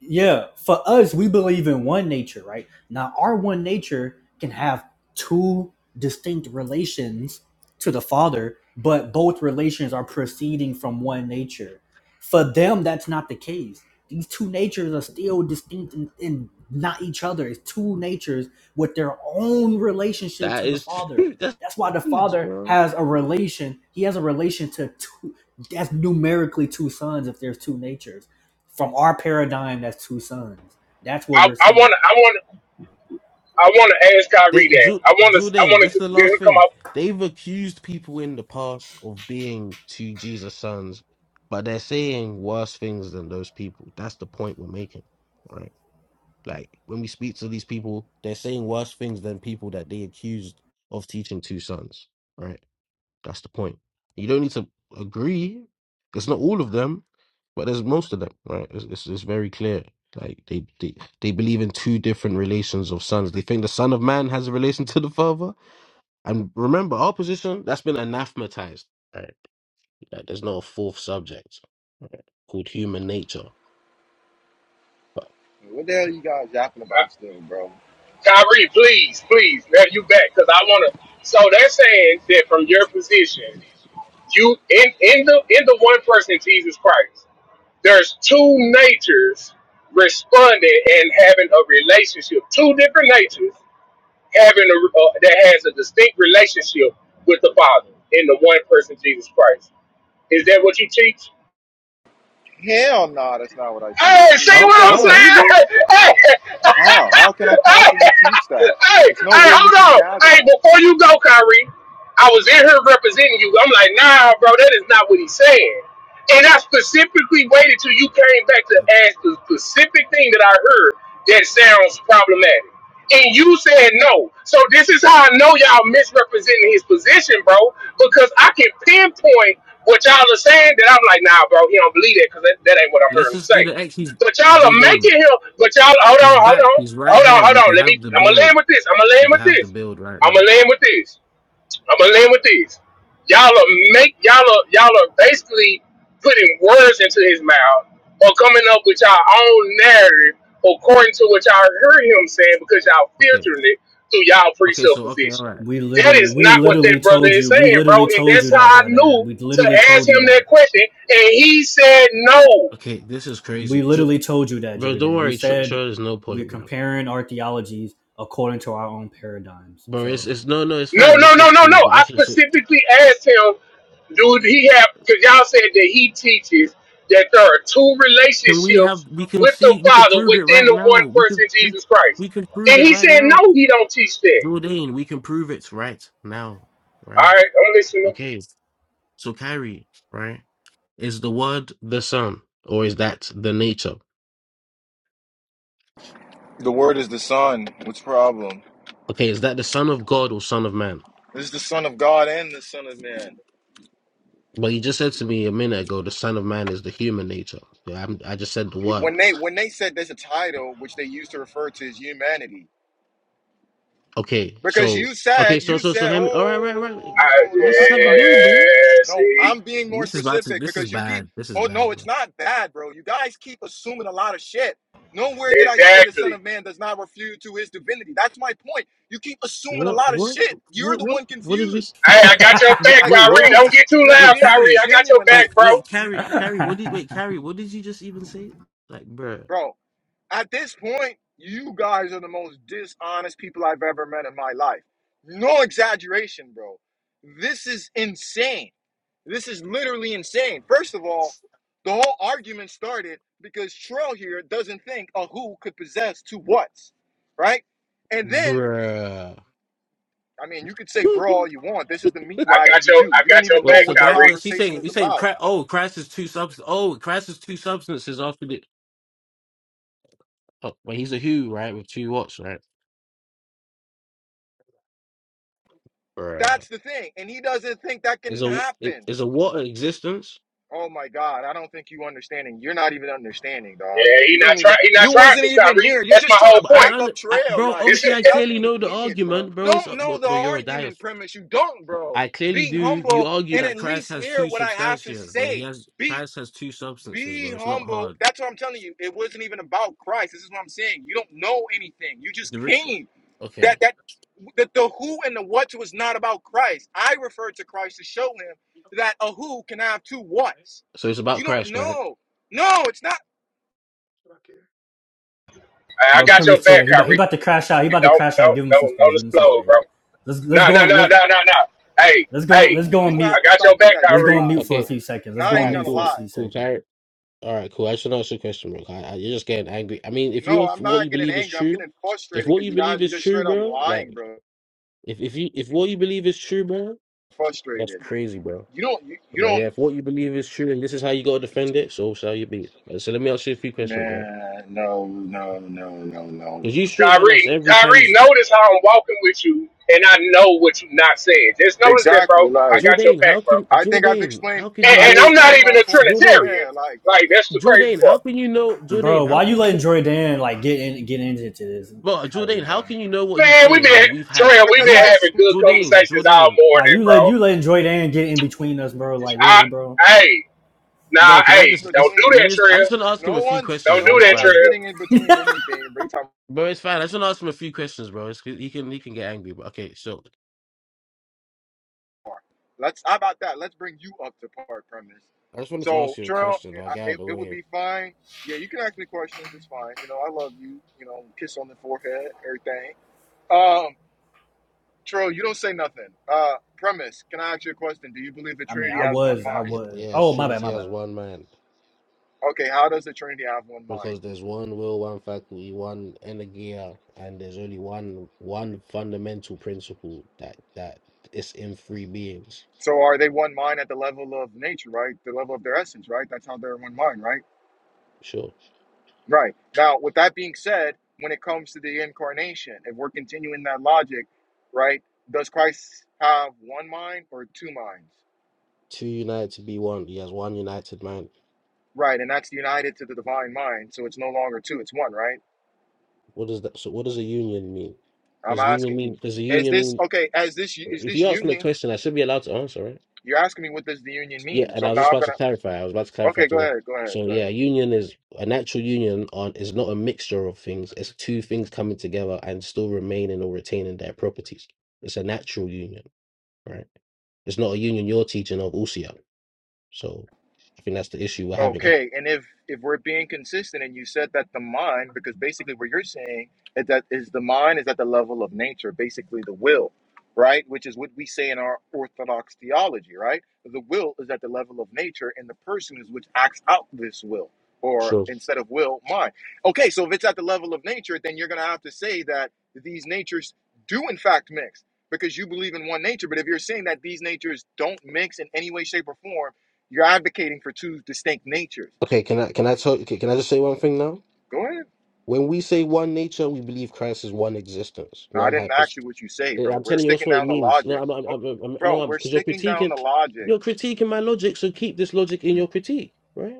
C: yeah, for us, we believe in one nature, right? Now, our one nature can have two distinct relations to the Father, but both relations are proceeding from one nature. For them, that's not the case. These two natures are still distinct and, and not each other. It's two natures with their own relationship
N: That
C: to the
N: is,
C: Father.
N: that's
C: That's why the
N: huge,
C: Father
N: bro.
C: has a relation. He has a relation to two. That's numerically two sons if there's two natures from our paradigm, that's two sons. That's what
G: I
C: we're
G: I want
C: saying.
G: to. I want. to I want to ask Kyrie
N: They
G: that.
N: Ju-
G: I want to. I
N: Jordan,
G: want
N: this is
G: to
N: the
G: get him
N: last
G: to come
N: thing.
G: up.
N: They've accused people in the past of being to Jesus' sons, but they're saying worse things than those people. That's the point we're making, right? Like when we speak to these people, they're saying worse things than people that they accused of teaching two sons, right? That's the point. You don't need to agree. It's not all of them, but there's most of them, right? It's, it's, it's very clear. Like they, they they believe in two different relations of sons. They think the son of man has a relation to the father. And remember, our position that's been anathematized. Right? Like there's not a fourth subject right? called human nature. But
A: What the hell you guys yapping about still, bro?
G: Kyrie, please, please, have you back? Because I want to. So they're saying that from your position. You in in the in the one person Jesus Christ. There's two natures responding and having a relationship. Two different natures having a uh, that has a distinct relationship with the Father in the one person Jesus Christ. Is that what you teach?
A: Hell no, that's not what I
G: Hey,
A: teach.
G: see
N: Oh,
A: What the
G: what I'm
N: oh,
A: hell?
G: saying?
N: really?
G: Hey, hey,
A: How? How can I
G: hey,
A: possibly teach that?
G: hey,
A: There's no
G: hey,
A: way you
G: hold
A: can
G: on.
A: gather
G: Hey,
A: that.
G: before you go, Kyrie, I was in here representing you. I'm like, nah, bro, that is not what he's saying. And I specifically waited till you came back to ask the specific thing that I heard that sounds problematic. And you said no. So this is how I know y'all misrepresenting his position, bro, because I can pinpoint what y'all are saying that I'm like, nah, bro, he don't believe that because that, that ain't what I'm
N: Let's
G: hearing him
N: just do
G: say.
N: the X. He's
G: But y'all are
N: Jordan.
G: making him. But y'all, hold on,
N: He's
G: hold
N: back.
G: on,
N: He's right
G: hold on,
N: here.
G: hold
N: We
G: on.
N: can
G: Let me.
N: have the
G: I'm gonna
N: build.
G: land with this. I'm gonna land
N: We can
G: with
N: have
G: this.
N: the build right
G: I'm gonna
N: now.
G: land with this. I'm gonna land with this. Y'all are make y'all are y'all are basically putting words into his mouth or coming up with y'all own narrative according to what y'all heard him saying because y'all
N: Okay.
G: filtering it through y'all
N: Okay. So okay. All
G: presupposition.
N: right.
C: We
G: That
C: literally,
G: is
C: we
G: not what that
C: literally
G: brother
C: told
G: is
C: you, we
G: saying, bro.
C: literally
G: And
C: told you
G: that's
C: that,
G: how I
C: Jordan.
G: knew
C: We
G: to
C: literally
G: ask
C: told you
G: him that
C: that.
G: question, and he said no.
N: Okay. This is
C: We
N: crazy, Ju-
C: literally told you that,
N: bro. Don't
C: Jordan. We
N: worry. Sure,
C: said
N: sure there's no
C: we're
N: point, bro.
C: comparing our theologies according to our own paradigms.
N: Bro, it's
C: So,
N: it's no no. It's
G: No,
N: fine.
G: no,
N: This
G: no,
N: is
G: no,
N: cool.
G: no.
N: But
G: I
N: okay. So
G: specifically asked him, dude, he have because y'all said that he teaches that there are two
N: can we have?
G: relationships
N: We can
G: with the
N: see. We can
G: Father
N: prove it
G: within
N: right
G: the one
N: now. We
G: person,
N: can we,
G: Jesus Christ.
N: we can prove
G: And
N: it
G: he
N: right
G: said,
N: now,
G: no, he don't teach that.
N: Jordan. We can prove it right now.
G: All
N: Right.
G: right, I'm listening.
N: Okay. So Kyrie. Right. Is the word the Son, or is that the nature?
A: The word is the son. What's the problem?
N: Okay, is that the Son of God or Son of Man?
A: This is the son of God and the son of man.
N: But you just said to me a minute ago, the Son of Man is the human nature. Yeah, I'm, I just said the
A: when
N: word.
A: they when they said there's a title which they used to refer to as humanity
N: Okay,
A: because
N: so
A: you said
N: okay, so
A: you
N: so so
A: said oh
N: Henry, all right, right,
A: oh, oh, oh,
N: right.
A: oh, oh,
G: I,
A: oh, hold on
N: Let's just
A: that's
N: have
A: what
N: the
A: i
N: build
A: said
N: then.
G: yeah,
A: no
G: see,
A: i'm being more
N: This is about to.
A: specific
N: This is
A: because you keep
N: bad. This is
A: oh
N: bad,
A: no it's
N: bro.
A: not bad bro you guys keep assuming a lot of shit nowhere did i say the son
G: exactly.
A: of man does not refute to his divinity that's my point you keep assuming a
N: What
A: lot of
N: what
A: shit you're
N: what
A: the
N: what
A: one
N: what did we?
A: confused
N: s-
G: Hey, I got your
N: wh-
G: back,
A: like
N: Wait, what
G: Kyrie.
N: did
G: Don't
A: bro
N: you?
G: get too
A: you're
G: loud,
N: Wait,
A: being
G: Kyrie.
N: Carrie.
G: I got your
A: disingenuous
G: back,
N: Wait,
A: like
N: wait,
G: bro.
A: you
N: Carrie, Carrie. What did wait, Carrie? What did you just even say? Like, bruh,
A: bro At this point, you guys are the most dishonest people I've ever met in my life. No exaggeration, bro. This is insane. This is literally insane. First of all, the whole argument started because Trell here doesn't think a who could possess two whats, right? And then,
N: bruh.
A: I mean, you could say bro all you want. This is the meat
G: I
A: riding
G: got
A: you
G: your,
A: do.
G: I
A: You
G: got
A: don't
G: your
A: even know
N: Well,
G: back,
N: so
A: what the
N: gra- well,
G: Kyrie.
N: she's
A: conversation
N: saying
A: is
N: he's saying
A: about.
N: cra- oh, Christ is two subs. Oh, Christ is two substances after the. Oh, well, he's a who, right? With two what's right? Bruh.
A: That's the thing. And he doesn't think that
N: Is
A: can
N: a i-
A: happen.
N: is a water existence?
A: Oh my God, I don't think you understanding. You're not even understanding, dog.
G: Yeah, he
A: You
G: not
A: don't
G: try,
A: even
G: he not
A: you
G: trying
A: wasn't
G: to,
A: even
G: Kyrie.
A: here. You're
G: That's
A: just
G: my
A: trying to
G: whole
N: But I,
A: back
G: point.
N: un-
A: up
N: I,
A: trail.
N: bro,
A: Like,
N: obviously I
A: stop
N: clearly
A: being an
N: know the
A: idiot, bro.
N: argument, bro. It's
A: Don't
N: uh,
A: know
N: but,
A: the
N: but you're a dio.
A: argument premise. You don't, bro.
N: I clearly
A: Be
N: do. You
A: humble
N: argue
A: and at
N: that Christ
A: least
N: has
A: hear
N: two
A: what I have to
N: substantia, bro. He
A: say.
N: has
A: Be
N: Christ has two substances,
A: be
N: bro. It's not
A: humble.
N: hard.
A: That's what I'm telling you. It wasn't even about Christ. This is what I'm saying. You don't know anything. You just
N: The rich.
A: came that
N: Okay,
A: that that the who and the what was not about Christ. I referred to Christ to show him that a who can have two whats.
N: so it's
A: You
N: about
A: don't
N: Christ, right?
A: know. No, it's not.
G: I I
C: but
G: got your
N: So
C: premise
G: back,
C: chair, he about, he
G: Kyrie.
C: about to crash out. He about to
G: Don't
C: crash out.
G: don't
C: Give him some
G: don't
C: space.
G: don't
C: Give him some
G: explode, bro.
C: space. Let's let's
G: No
C: go
G: no
C: on.
G: no
C: Let's
G: no no no. Hey
C: let's go on.
G: hey,
C: Let's go on
A: You
C: mute.
G: I
A: have to
G: got your
A: stop with
G: back,
A: that
C: Let's
A: J
C: go
G: Kyrie.
C: on mute
A: Rod,
C: for a
N: okay,
C: few
A: bro.
C: seconds. Let's
A: Now I
C: go
N: all
C: on
A: ain't
N: right,
C: mute
A: gonna
C: for a
N: cool,
A: lie.
C: few
N: cool.
C: seconds,
N: All right, cool. I should ask you a question, bro. I, I, you're just getting angry. I mean, if
A: No,
N: you if
A: I'm
N: what
A: not
N: you
A: getting
N: believe is
A: angry. I'm
N: true,
A: getting
N: if
A: frustrated
N: what
A: because
N: you
A: you guys
N: believe
A: are
N: is
A: just
N: true,
A: straight up
N: bro, like
A: lying, bro.
N: if if you if what you believe is true, bro, that's
A: Frustrated.
N: crazy, bro.
A: You don't. You, you
N: But yeah,
A: don't.
N: if what you believe is true and this is how you gotta defend it, so shall you be. Uh, So let me ask you a few questions, right?
A: Man, no, no, no, no, no.
N: Because you straw man us
G: Kyrie
N: every time.
G: Kyrie, notice how I'm walking with you, and I know what you not saying. Just notice that,
A: Exactly.
G: bro. I
A: Like
G: got your
N: Jordan, how
G: back, bro.
N: can
A: I think I've
N: Jordan?
A: explained.
N: How could
G: And,
N: you
A: I've
G: and
N: know
G: I'm not
A: explained
G: even
A: my
G: a
A: point.
N: Jordan?
G: Trinitarian.
A: Yeah. Like uh,
G: Like that's the crazy
N: Jordan, how
G: part.
N: can you know Jordan?
C: bro.
N: How
C: Why you
N: can you
C: letting
N: know?
C: Jordan like get in get into this,
N: Bro,
C: Kyrie,
N: Jordan, how
C: bro?
N: can you know what he's
G: Man, we have
N: saying
G: been
N: when we've had
G: Trey, we have
A: because
G: been
A: I
N: we've
G: having
A: explained
G: good
N: Jordan,
G: conversations all
N: Jordan?
C: Like
G: morning,
C: you let
G: bro.
C: you let Joy Dan get in between us, bro. Like
G: I
C: really, bro.
G: hey, nah,
N: Bro, can I
G: hey,
N: just
G: don't
N: it's,
A: between.
G: do
N: let
G: that,
N: me just I
G: Trey.
N: just want to ask him a
A: No
N: few
A: one's
N: questions,
G: Don't
N: bro.
A: no
G: do
N: It's
A: no
G: that,
A: one's
N: fine.
G: Trey.
A: getting in between anything. Every time,
N: Bro, it's fine. I just want to ask him a few questions, bro. It's, he can he can get angry, but okay, so
A: let's how about that? Let's bring you up to par premise.
N: I just wanted to ask
A: So
N: you a
A: Trail,
N: question.
A: it,
N: I got out of
A: it
N: the
A: it would
N: way.
A: be fine. Yeah, you can ask me questions. It's fine. You know, I love you. You know, kiss on the forehead, everything. Um, Trail, you don't say nothing. Uh, premise, can I ask you a question? Do you believe the
C: I mean,
A: Trinity
C: I
A: has one
C: was, I
A: mind?
N: Yeah,
C: was.
N: yes,
C: Oh, my bad,
N: Trinity
C: my
N: has
C: bad.
N: one man
A: Okay, how does the Trinity have one mind?
N: because there's one will, one faculty, one energia, and there's only one one fundamental principle that that is in three beings.
A: So are they one mind at the level of nature, right? The level of their essence, right? That's how they're one mind, right?
N: Sure.
A: Right. Now, with that being said, when it comes to the incarnation, if we're continuing that logic, right, does Christ have one mind or two minds?
N: Two united to be one. He has one united man.
A: Right. And that's united to the divine mind. So it's no longer two, it's one, right?
N: What does that so what does a union mean?
A: I'm
N: Does union
A: asking you,
N: mean does a
A: is
N: union
A: this
N: mean
A: okay? As this is
N: If
A: this
N: you ask me a
A: union,
N: question, I should be allowed to answer, right?
A: you're asking me what does the union
N: Yeah,
A: mean?
N: and
A: So
N: I was
A: now
N: just
A: I'm
N: about to
A: gonna
N: clarify. I was about to clarify
A: okay,
N: to
A: go
N: that.
A: ahead, go ahead,
N: So
A: go ahead.
N: yeah, union is a natural union on is not a mixture of things. It's two things coming together and still remaining or retaining their properties. It's a natural union, right? It's not a union you're teaching of Usia. So I think that's the issue we're having here.
A: Okay, and if if we're being consistent, and you said that the mind, because basically what you're saying is that is the mind is at the level of nature, basically the will, right? Which is what we say in our Orthodox theology, right? The will is at the level of nature, and the person is which acts out this will, or
N: Sure.
A: instead of will, mind. Okay, so if it's at the level of nature, then you're going to have to say that these natures do in fact mix, because you believe in one nature. But if you're saying that these natures don't mix in any way, shape, or form you're advocating for two distinct natures.
N: Okay, can I can I tell can I just say one thing now?
A: Go ahead.
N: When we say one nature, we believe Christ is one existence,
A: No, I
N: one
A: didn't
N: hypostasis.
A: ask you what you say,
N: Yeah,
A: bro.
N: I'm
A: We're
N: telling you, that's
A: sticking
N: what it
A: down the
N: means. No,
A: logic.
N: I'm, I'm,
A: Oh,
N: I'm, I'm
A: Bro,
N: no, I'm
A: we're
N: because you're
A: sticking down the
N: critiquing,
A: logic.
N: you're critiquing my logic. So keep this logic in your critique, right?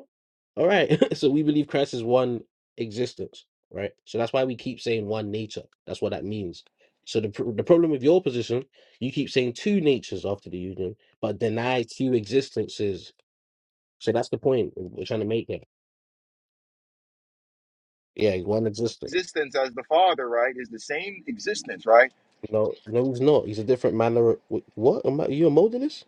N: All right. so we believe Christ is one existence, right? So that's why we keep saying one nature. That's what that means. So the pr- the problem with your position, you keep saying two natures after the union, but deny two existences. So that's the point we're trying to make here. Yeah, he's one existence.
A: Existence as the Father, right, is the same existence, right?
N: No, no, he's not. He's a different manner. Of, wh- what? Am I- you a modalist?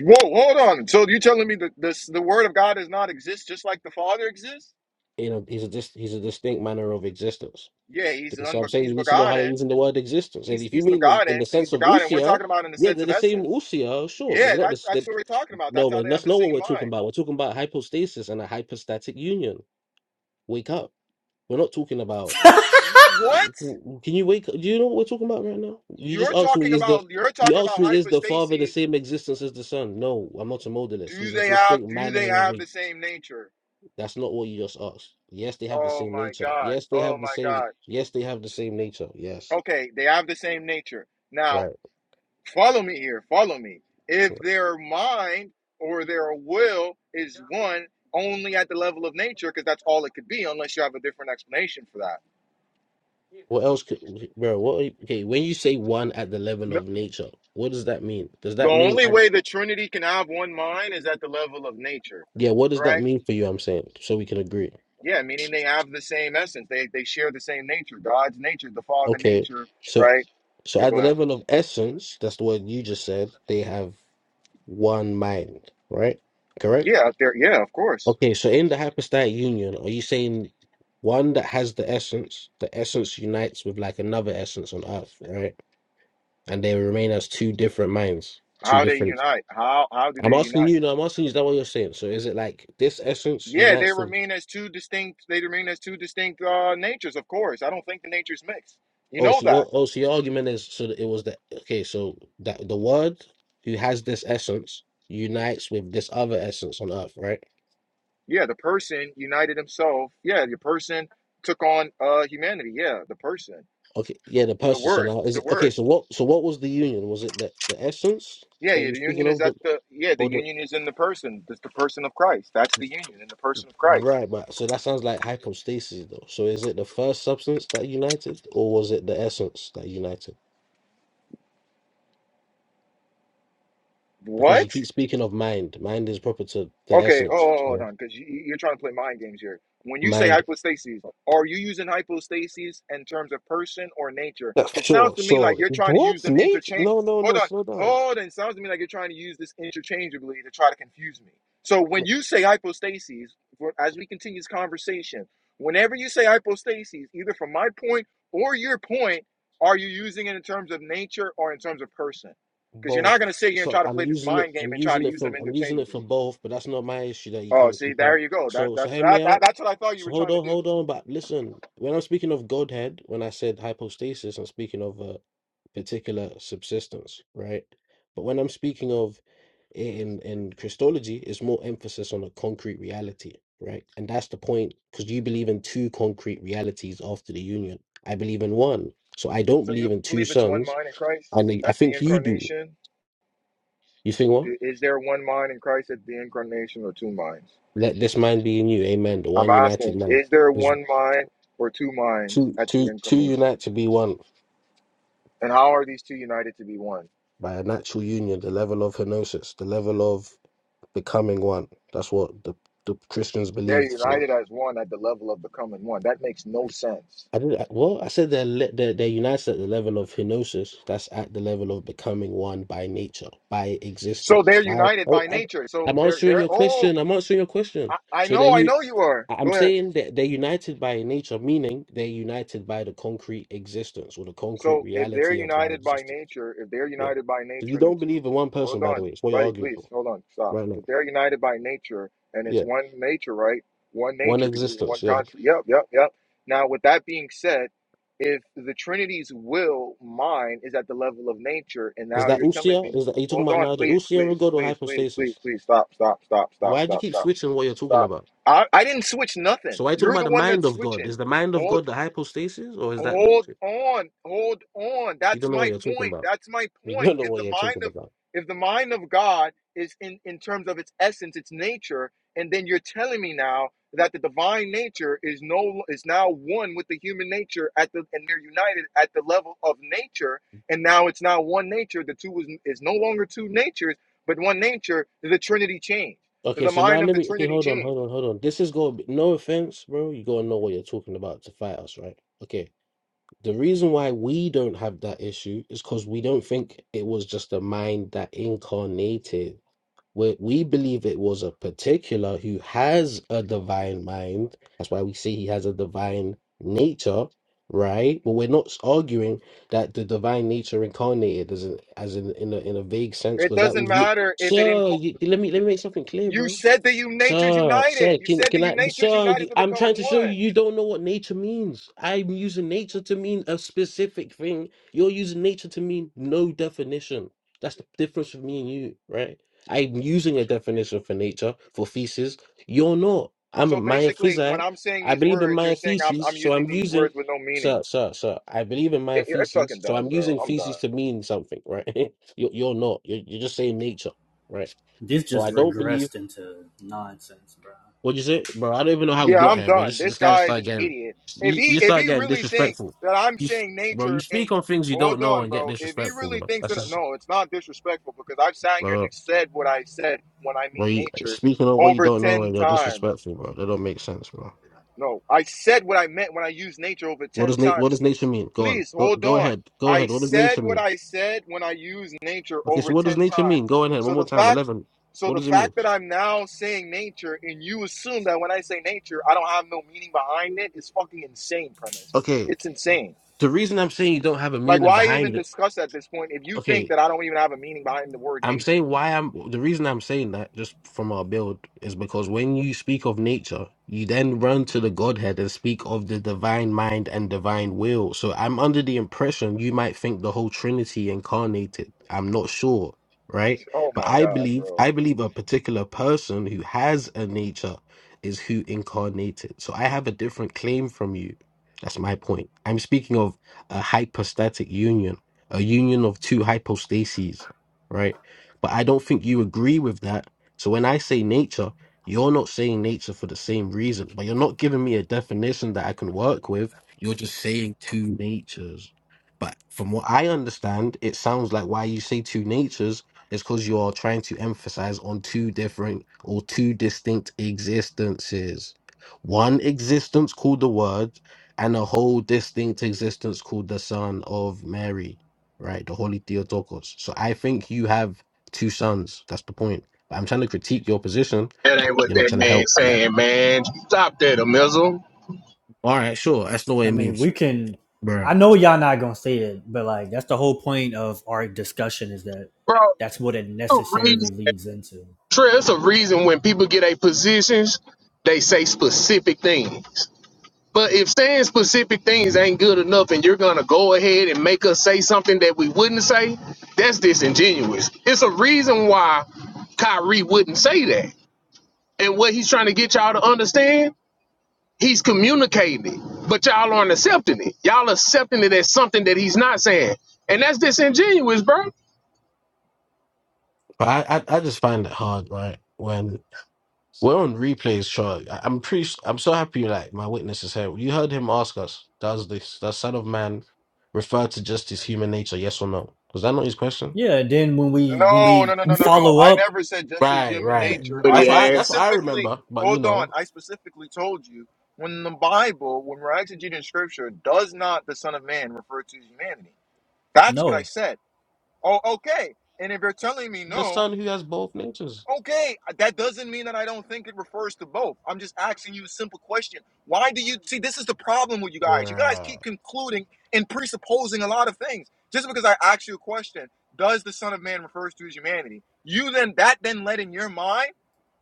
A: Whoa, hold on. So you telling me that this the Word of God does not exist just like the Father exists?
N: You know, he's a dis, he's a distinct manner of existence
A: Yeah, he's
N: So I'm
A: unbe-
N: saying
A: he's
N: you need to know how you're
A: begotten.
N: using the word existence. And
A: He's
N: if you
A: he's
N: mean in, in the
A: begotten. He's
N: sense of
A: begotten. We're
N: usia,
A: talking about in the
N: yeah,
A: sense
N: they're
A: of
N: the same
A: essence.
N: usia, sure, but
A: Yeah,
N: they're not
A: that's
N: this.
A: that's
N: they
A: what we're talking about.
N: no,
A: That's how
N: but
A: they have
N: that's
A: the
N: not what
A: same
N: we're talking
A: mind.
N: about. We're talking about hypostasis and a hypostatic union. Wake up. We're not talking about.
A: What?
N: Can you wake? up? Do you know what we're talking about right now? You just
A: You're
N: asked me
A: talking
N: is the.
A: about you're
N: You
A: talking
N: asked
A: about
N: me is the father the
A: hypostases
N: same existence as the son? No, I'm not a modalist.
A: Do
N: He's a
A: they have
N: distinct
A: do
N: manner
A: they
N: of
A: have
N: it.
A: the same nature?
N: That's not what you just asked. Yes, they have the
A: Oh
N: same
A: my
N: nature.
A: god.
N: Yes, they
A: Oh
N: have the
A: my
N: same.
A: god.
N: Yes, they have the same nature. Yes,
A: Okay, they have the same nature. Now,
N: right.
A: follow me here. Follow me. If their mind or their will is one only at the level of nature because that's all it could be unless you have a different explanation for that.
N: What else could, bro? What? are- Okay, when you say one at the level
A: No,
N: of nature, what does that mean? Does
A: the
N: that mean
A: only
N: at,
A: way the trinity can have one mind is at the level of nature,
N: yeah? What does that
A: right?
N: mean for you? I'm saying so we can agree.
A: Yeah, meaning they have the same essence. They they share the same nature. God's nature, the father
N: Okay,
A: nature,
N: so
A: right?
N: so
A: Yeah,
N: at
A: go
N: the
A: ahead.
N: level of essence, that's the word you just said. They have one mind, right?
A: Yeah,
N: Correct.
A: out there. Yeah, of course.
N: Okay, so in the hypostatic union, are you saying one that has the essence, the essence unites with like another essence on Earth, right? And they remain as two different minds, two
A: How they
N: different
A: unite? How how do
N: I'm
A: they
N: asking
A: unite?
N: you, no, I'm asking you, is that what you're saying? So is it like this essence
A: Yeah, they
N: unites with
A: remain as two distinct. They remain as two distinct uh, natures. Of course, I don't think the natures mix. You
N: oh
A: know
N: so
A: that.
N: your oh so your argument is so that it was the okay, so that the word who has this essence unites with this other essence on earth, right?
A: Yeah, the person united himself. Yeah, the person took on uh, humanity. Yeah, the person,
N: Okay, yeah, the
A: the
N: person. So
A: word,
N: now is
A: the
N: it okay,
A: word.
N: so what so what was the union? Was it the, the essence
A: Yeah,
N: that
A: yeah.
N: you're
A: The union
N: speaking
A: is
N: of
A: at
N: the
A: the. Yeah, the
N: or the
A: union is in the person. That's the person of Christ. That's the union in the person of Christ.
N: right, but so that sounds like hypostasis though. So is it the first substance that united or was it the essence that united? because
A: What?
N: you keep speaking of mind. Mind is proper to the
A: Okay, oh,
N: essence.
A: oh, hold
N: yeah?
A: on, because you, you- are trying to play mind games here. When you say
N: Mind.
A: hypostases, are you using hypostases in terms of person or nature?
N: Yeah,
A: Because sounds
N: Sure,
A: to me like
N: sure.
A: you're trying to
N: What?
A: use them
N: Nature?
A: interchange.
N: No, no,
A: Hold
N: no.
A: on,
N: Slow down.
A: hold on. It Sounds to me like you're trying to use this interchangeably to try to confuse me. So when
N: No,
A: you say hypostases, for- as we continue this conversation, whenever you say hypostases, either from my point or your point, are you using it in terms of nature or in terms of person? Because you're
N: both.
A: not going to sit here and
N: So
A: try to
N: I'm
A: play this
N: using it.
A: mind game
N: I'm
A: and try to
N: using it
A: use them
N: for. I'm using it for
A: interchangeably.
N: both. But that's not my issue that you
A: Oh,
N: can't
A: see,
N: keep
A: there
N: up.
A: you go. That
N: So so
A: that's
N: hear me
A: that, that
N: out.
A: that's what I thought you
N: So
A: were
N: hold
A: trying to
N: on,
A: do.
N: hold on. But listen, when I'm speaking of Godhead, when I said hypostasis, I'm speaking of a particular subsistence, right? But when I'm speaking of in in Christology, it's more emphasis on a concrete reality, right? And that's the point because you believe in two concrete realities after the union. I believe in one. So I don't
A: So
N: believe
A: you
N: in two
A: believe it's one
N: sons,
A: mind in Christ
N: and I
A: at the
N: think you do.
A: incarnation?
N: You think what?
A: Do- Is there one mind in Christ at the incarnation or two minds?
N: Let this mind be in you, amen. The
A: I'm
N: one united
A: asking,
N: man.
A: is there
N: is
A: one mind or two minds
N: two
A: at the
N: two two
A: incarnation?
N: unite to be one
A: And how are these two united to be one?
N: by a natural union, the level of henosis, the level of becoming one. That's what the, the Christians
A: They're
N: believed. So
A: united as one at the level of the common one. That makes no sense.
N: I did I- well, I said they're, le- they're they're united at the level of henosis. That's at the level of becoming one by nature, by
A: So
N: existence.
A: they're
N: I,
A: united
N: oh,
A: by
N: I,
A: nature. So
N: I'm
A: they're
N: answering
A: they're
N: your
A: oh,
N: question. I'm answering your question.
A: I, I
N: So that
A: know, I
N: you
A: know you are.
N: I- I'm
A: Go ahead.
N: saying that they're united by nature, meaning they're united by the concrete existence or the concrete
A: So if they're
N: reality of thy
A: united by
N: existence.
A: nature, if they're
N: Yeah.
A: united by
N: So
A: nature
N: you
A: and the
N: don't
A: two,
N: believe in one
A: hold
N: person, by the
A: on,
N: way. It's what you're
A: buddy,
N: arguing
A: please,
N: for
A: hold on, stop.
N: right now.
A: If they're united by nature and it's
N: Yeah.
A: one nature, right? One
N: One
A: nature, because it's one
N: existence. Yeah.
A: country. Yep, yep, yep. Now, with that being said, if the Trinity's will, mine, is at the level of nature, and
N: Is
A: now
N: that
A: you're telling
N: usia?
A: me,
N: Is that are you talking
A: hold
N: about
A: on,
N: now the
A: please,
N: usia
A: please,
N: of God or
A: please, please, please,
N: hypostasis?
A: please, stop, stop, stop, stop,
N: Why do you
A: stop,
N: keep
A: stop,
N: switching what you're talking
A: stop.
N: about?
A: I, I didn't switch
N: So
A: nothing.
N: why are you talking
A: You're
N: about
A: the
N: the
A: one
N: mind
A: that's
N: of God?
A: switching.
N: Is the mind of
A: Hold.
N: God the hypostasis or is that the,
A: Hold on, hold on.
N: you
A: That's
N: don't know what
A: my
N: you're talking
A: point.
N: about?
A: That's my
N: You
A: point.
N: don't know
A: If
N: what
A: the
N: you're
A: mind
N: talking
A: of
N: about.
A: if the mind of God is in in terms of its essence, its nature, and then you're telling me now that the divine nature is no is now one with the human nature at the and they're united at the level of nature, and now it's now one nature. The two is is no longer two natures, but one nature. The Trinity changed.
N: Okay,
A: The
N: so now
A: mind of
N: let
A: the
N: me. Okay,
A: Trinity
N: hold on, hold
A: changed.
N: on, hold on. This is going. No offense, bro. You gotta know what you're talking about to fight us, right? Okay. The reason why we don't have that issue is because we don't think it was just a mind that incarnated. We, we believe it was a particular who has a divine mind. That's why we say he has a divine nature, right? But we're not arguing that the divine nature incarnated as in, as in, in, a, in a vague sense,
A: It
N: because that
A: doesn't
N: was.
A: matter if it
N: Sir,
A: incorporates.
N: you, let me let me make something clear,
A: You
N: bro.
A: said that you natures
N: Sir, sir,
A: united. You
N: can
A: said that
N: can
A: you
N: I,
A: natures
N: sir?
A: united to
N: I'm
A: become
N: trying to show you.
A: one.
N: You don't know what nature means. I'm using nature to mean a specific thing. You're using nature to mean no definition. That's the difference with me and you, right? I'm using a definition for nature for thesis. You're not. I'm a
A: So
N: Maya
A: basically, when
N: physite.
A: I'm saying
N: I
A: these
N: believe in
A: words, you're
N: Maya
A: saying I'm
N: thesis,
A: I'm
N: so
A: using
N: I'm
A: these
N: using,
A: words with no
N: sir,
A: meanings.
N: sir, sir. I believe in Maya
A: It, you're
N: thesis,
A: fucking
N: so
A: done,
N: I'm
A: bro.
N: using
A: I'm done.
N: thesis to mean something, right? You're you're not. You're you're just saying nature, right?
C: This
N: So
C: just
N: I don't believe.
C: regressed into nonsense, bro.
N: What you say, bro? I don't even know how we
A: Yeah,
N: got
A: I'm
N: here, but you
A: done.
N: just you
A: This
N: just gotta
A: guy is
N: start
A: an
N: getting
A: idiot. If
N: you,
A: he
N: you
A: if
N: start
A: he
N: getting
A: really think
N: disrespectful.
A: that I'm
N: You s-
A: saying
N: bro, you
A: nature and
N: speak on things you
A: hold
N: don't know
A: on,
N: and get
A: bro. If he
N: disrespectful,
A: really
N: bro.
A: thinks
N: That's
A: that
N: just
A: no, it's not disrespectful because I've sat here and
N: bro,
A: said what I said when I
N: bro.
A: mean
N: You
A: nature
N: speaking on what you
A: over
N: don't know
A: ten
N: and you're
A: times.
N: disrespectful, bro. That don't make sense, bro.
A: No, I said what I meant when I used nature over
N: What
A: ten
N: does na- what
A: times.
N: does nature mean? Go on,
A: Please
N: go
A: hold
N: go
A: on.
N: ahead, go
A: I
N: ahead. What does
A: said
N: nature
A: what
N: mean?
A: I said when I used nature
N: Okay,
A: over
N: so what
A: 10
N: does nature mean?
A: times.
N: Go ahead, one
A: So
N: more
A: the
N: time.
A: fact
N: Eleven.
A: so
N: What
A: the
N: does it mean?
A: fact that I'm now saying nature and you assume that when I say nature, I don't have no meaning behind it is fucking insane premise.
N: Okay,
A: It's insane.
N: the reason I'm saying you don't have a
A: Like
N: meaning
A: why even
N: behind it.
A: discuss at this point if you think
N: Okay,
A: that I don't even have a meaning behind the word
N: I'm
A: nature?
N: saying why I'm the reason I'm saying that just from our build is because when you speak of nature, you then run to the Godhead and speak of the divine mind and divine will. So I'm under the impression you might think the whole Trinity incarnated. I'm not sure, right?
A: Oh
N: But
A: my
N: I
A: god,
N: believe
A: bro.
N: I believe a particular person who has a nature is who incarnated. So I have a different claim from you. That's my point. I'm speaking of a hypostatic union, a union of two hypostases right? But I don't think you agree with that. So when I say nature, you're not saying nature for the same reason, but you're not giving me a definition that I can work with. You're just saying two natures. But from what I understand, it sounds like why you say two natures is because you're trying to emphasize on two different or two distinct existences. One existence called the Word, and a whole distinct existence called the Son of Mary, right? The Holy Theotokos. So I think you have Two sons. That's the point. I'm trying to critique your position.
G: That ain't what
N: You're not
G: that
N: trying to
G: man
N: help. Yeah.
G: saying, man. Stop that, a missile.
N: All right, sure. That's not what
C: I
N: it
C: mean,
N: means,
C: we can.
N: bro.
C: I know y'all not gonna say it, but like that's the whole point of our discussion is that
G: Bro,
C: that's what it
G: a reason,
C: necessarily leads into.
G: Trey, it's a reason when people get a positions, they say specific things. But if saying specific things ain't good enough and you're gonna go ahead and make us say something that we wouldn't say, that's disingenuous. It's a reason why Kyrie wouldn't say that. And what he's trying to get y'all to understand, he's communicating it. But y'all aren't accepting it. Y'all accepting it as something that he's not saying. And that's disingenuous, bro.
N: But I, I, I just find it hard, right? When we're on replays, Charlie. I- I'm pretty. s- I'm so happy. Like my witness is here. You heard him ask us, "Does this the Son of Man refer to just his human nature? Yes or no?" Was that not his question?
C: Yeah. Then when we when
A: No, no,
C: we
A: no, no, no, no.
C: follow
A: I
C: up,
A: never said just as
N: Right,
A: human
N: right.
A: nature. I,
G: Pretty
N: That's what
A: I
N: I that's
G: ass.
N: what I
A: specifically,
N: remember. But you
A: hold on,
N: know,
A: I specifically told you when the Bible, when we're exegeting scripture, does not the Son of Man refer to humanity? That's what I
C: no.
A: said. Oh, okay. And if you're telling me
N: the
A: no,
N: son who has both natures.
A: Okay, uh, that doesn't mean that I don't think it refers to both. I'm just asking you a simple question. Why do you see this is the problem with you guys? You guys
N: Right.
A: keep concluding and presupposing a lot of things. Just because I ask you a question, does the Son of Man refers to his humanity? You then that then led in your mind,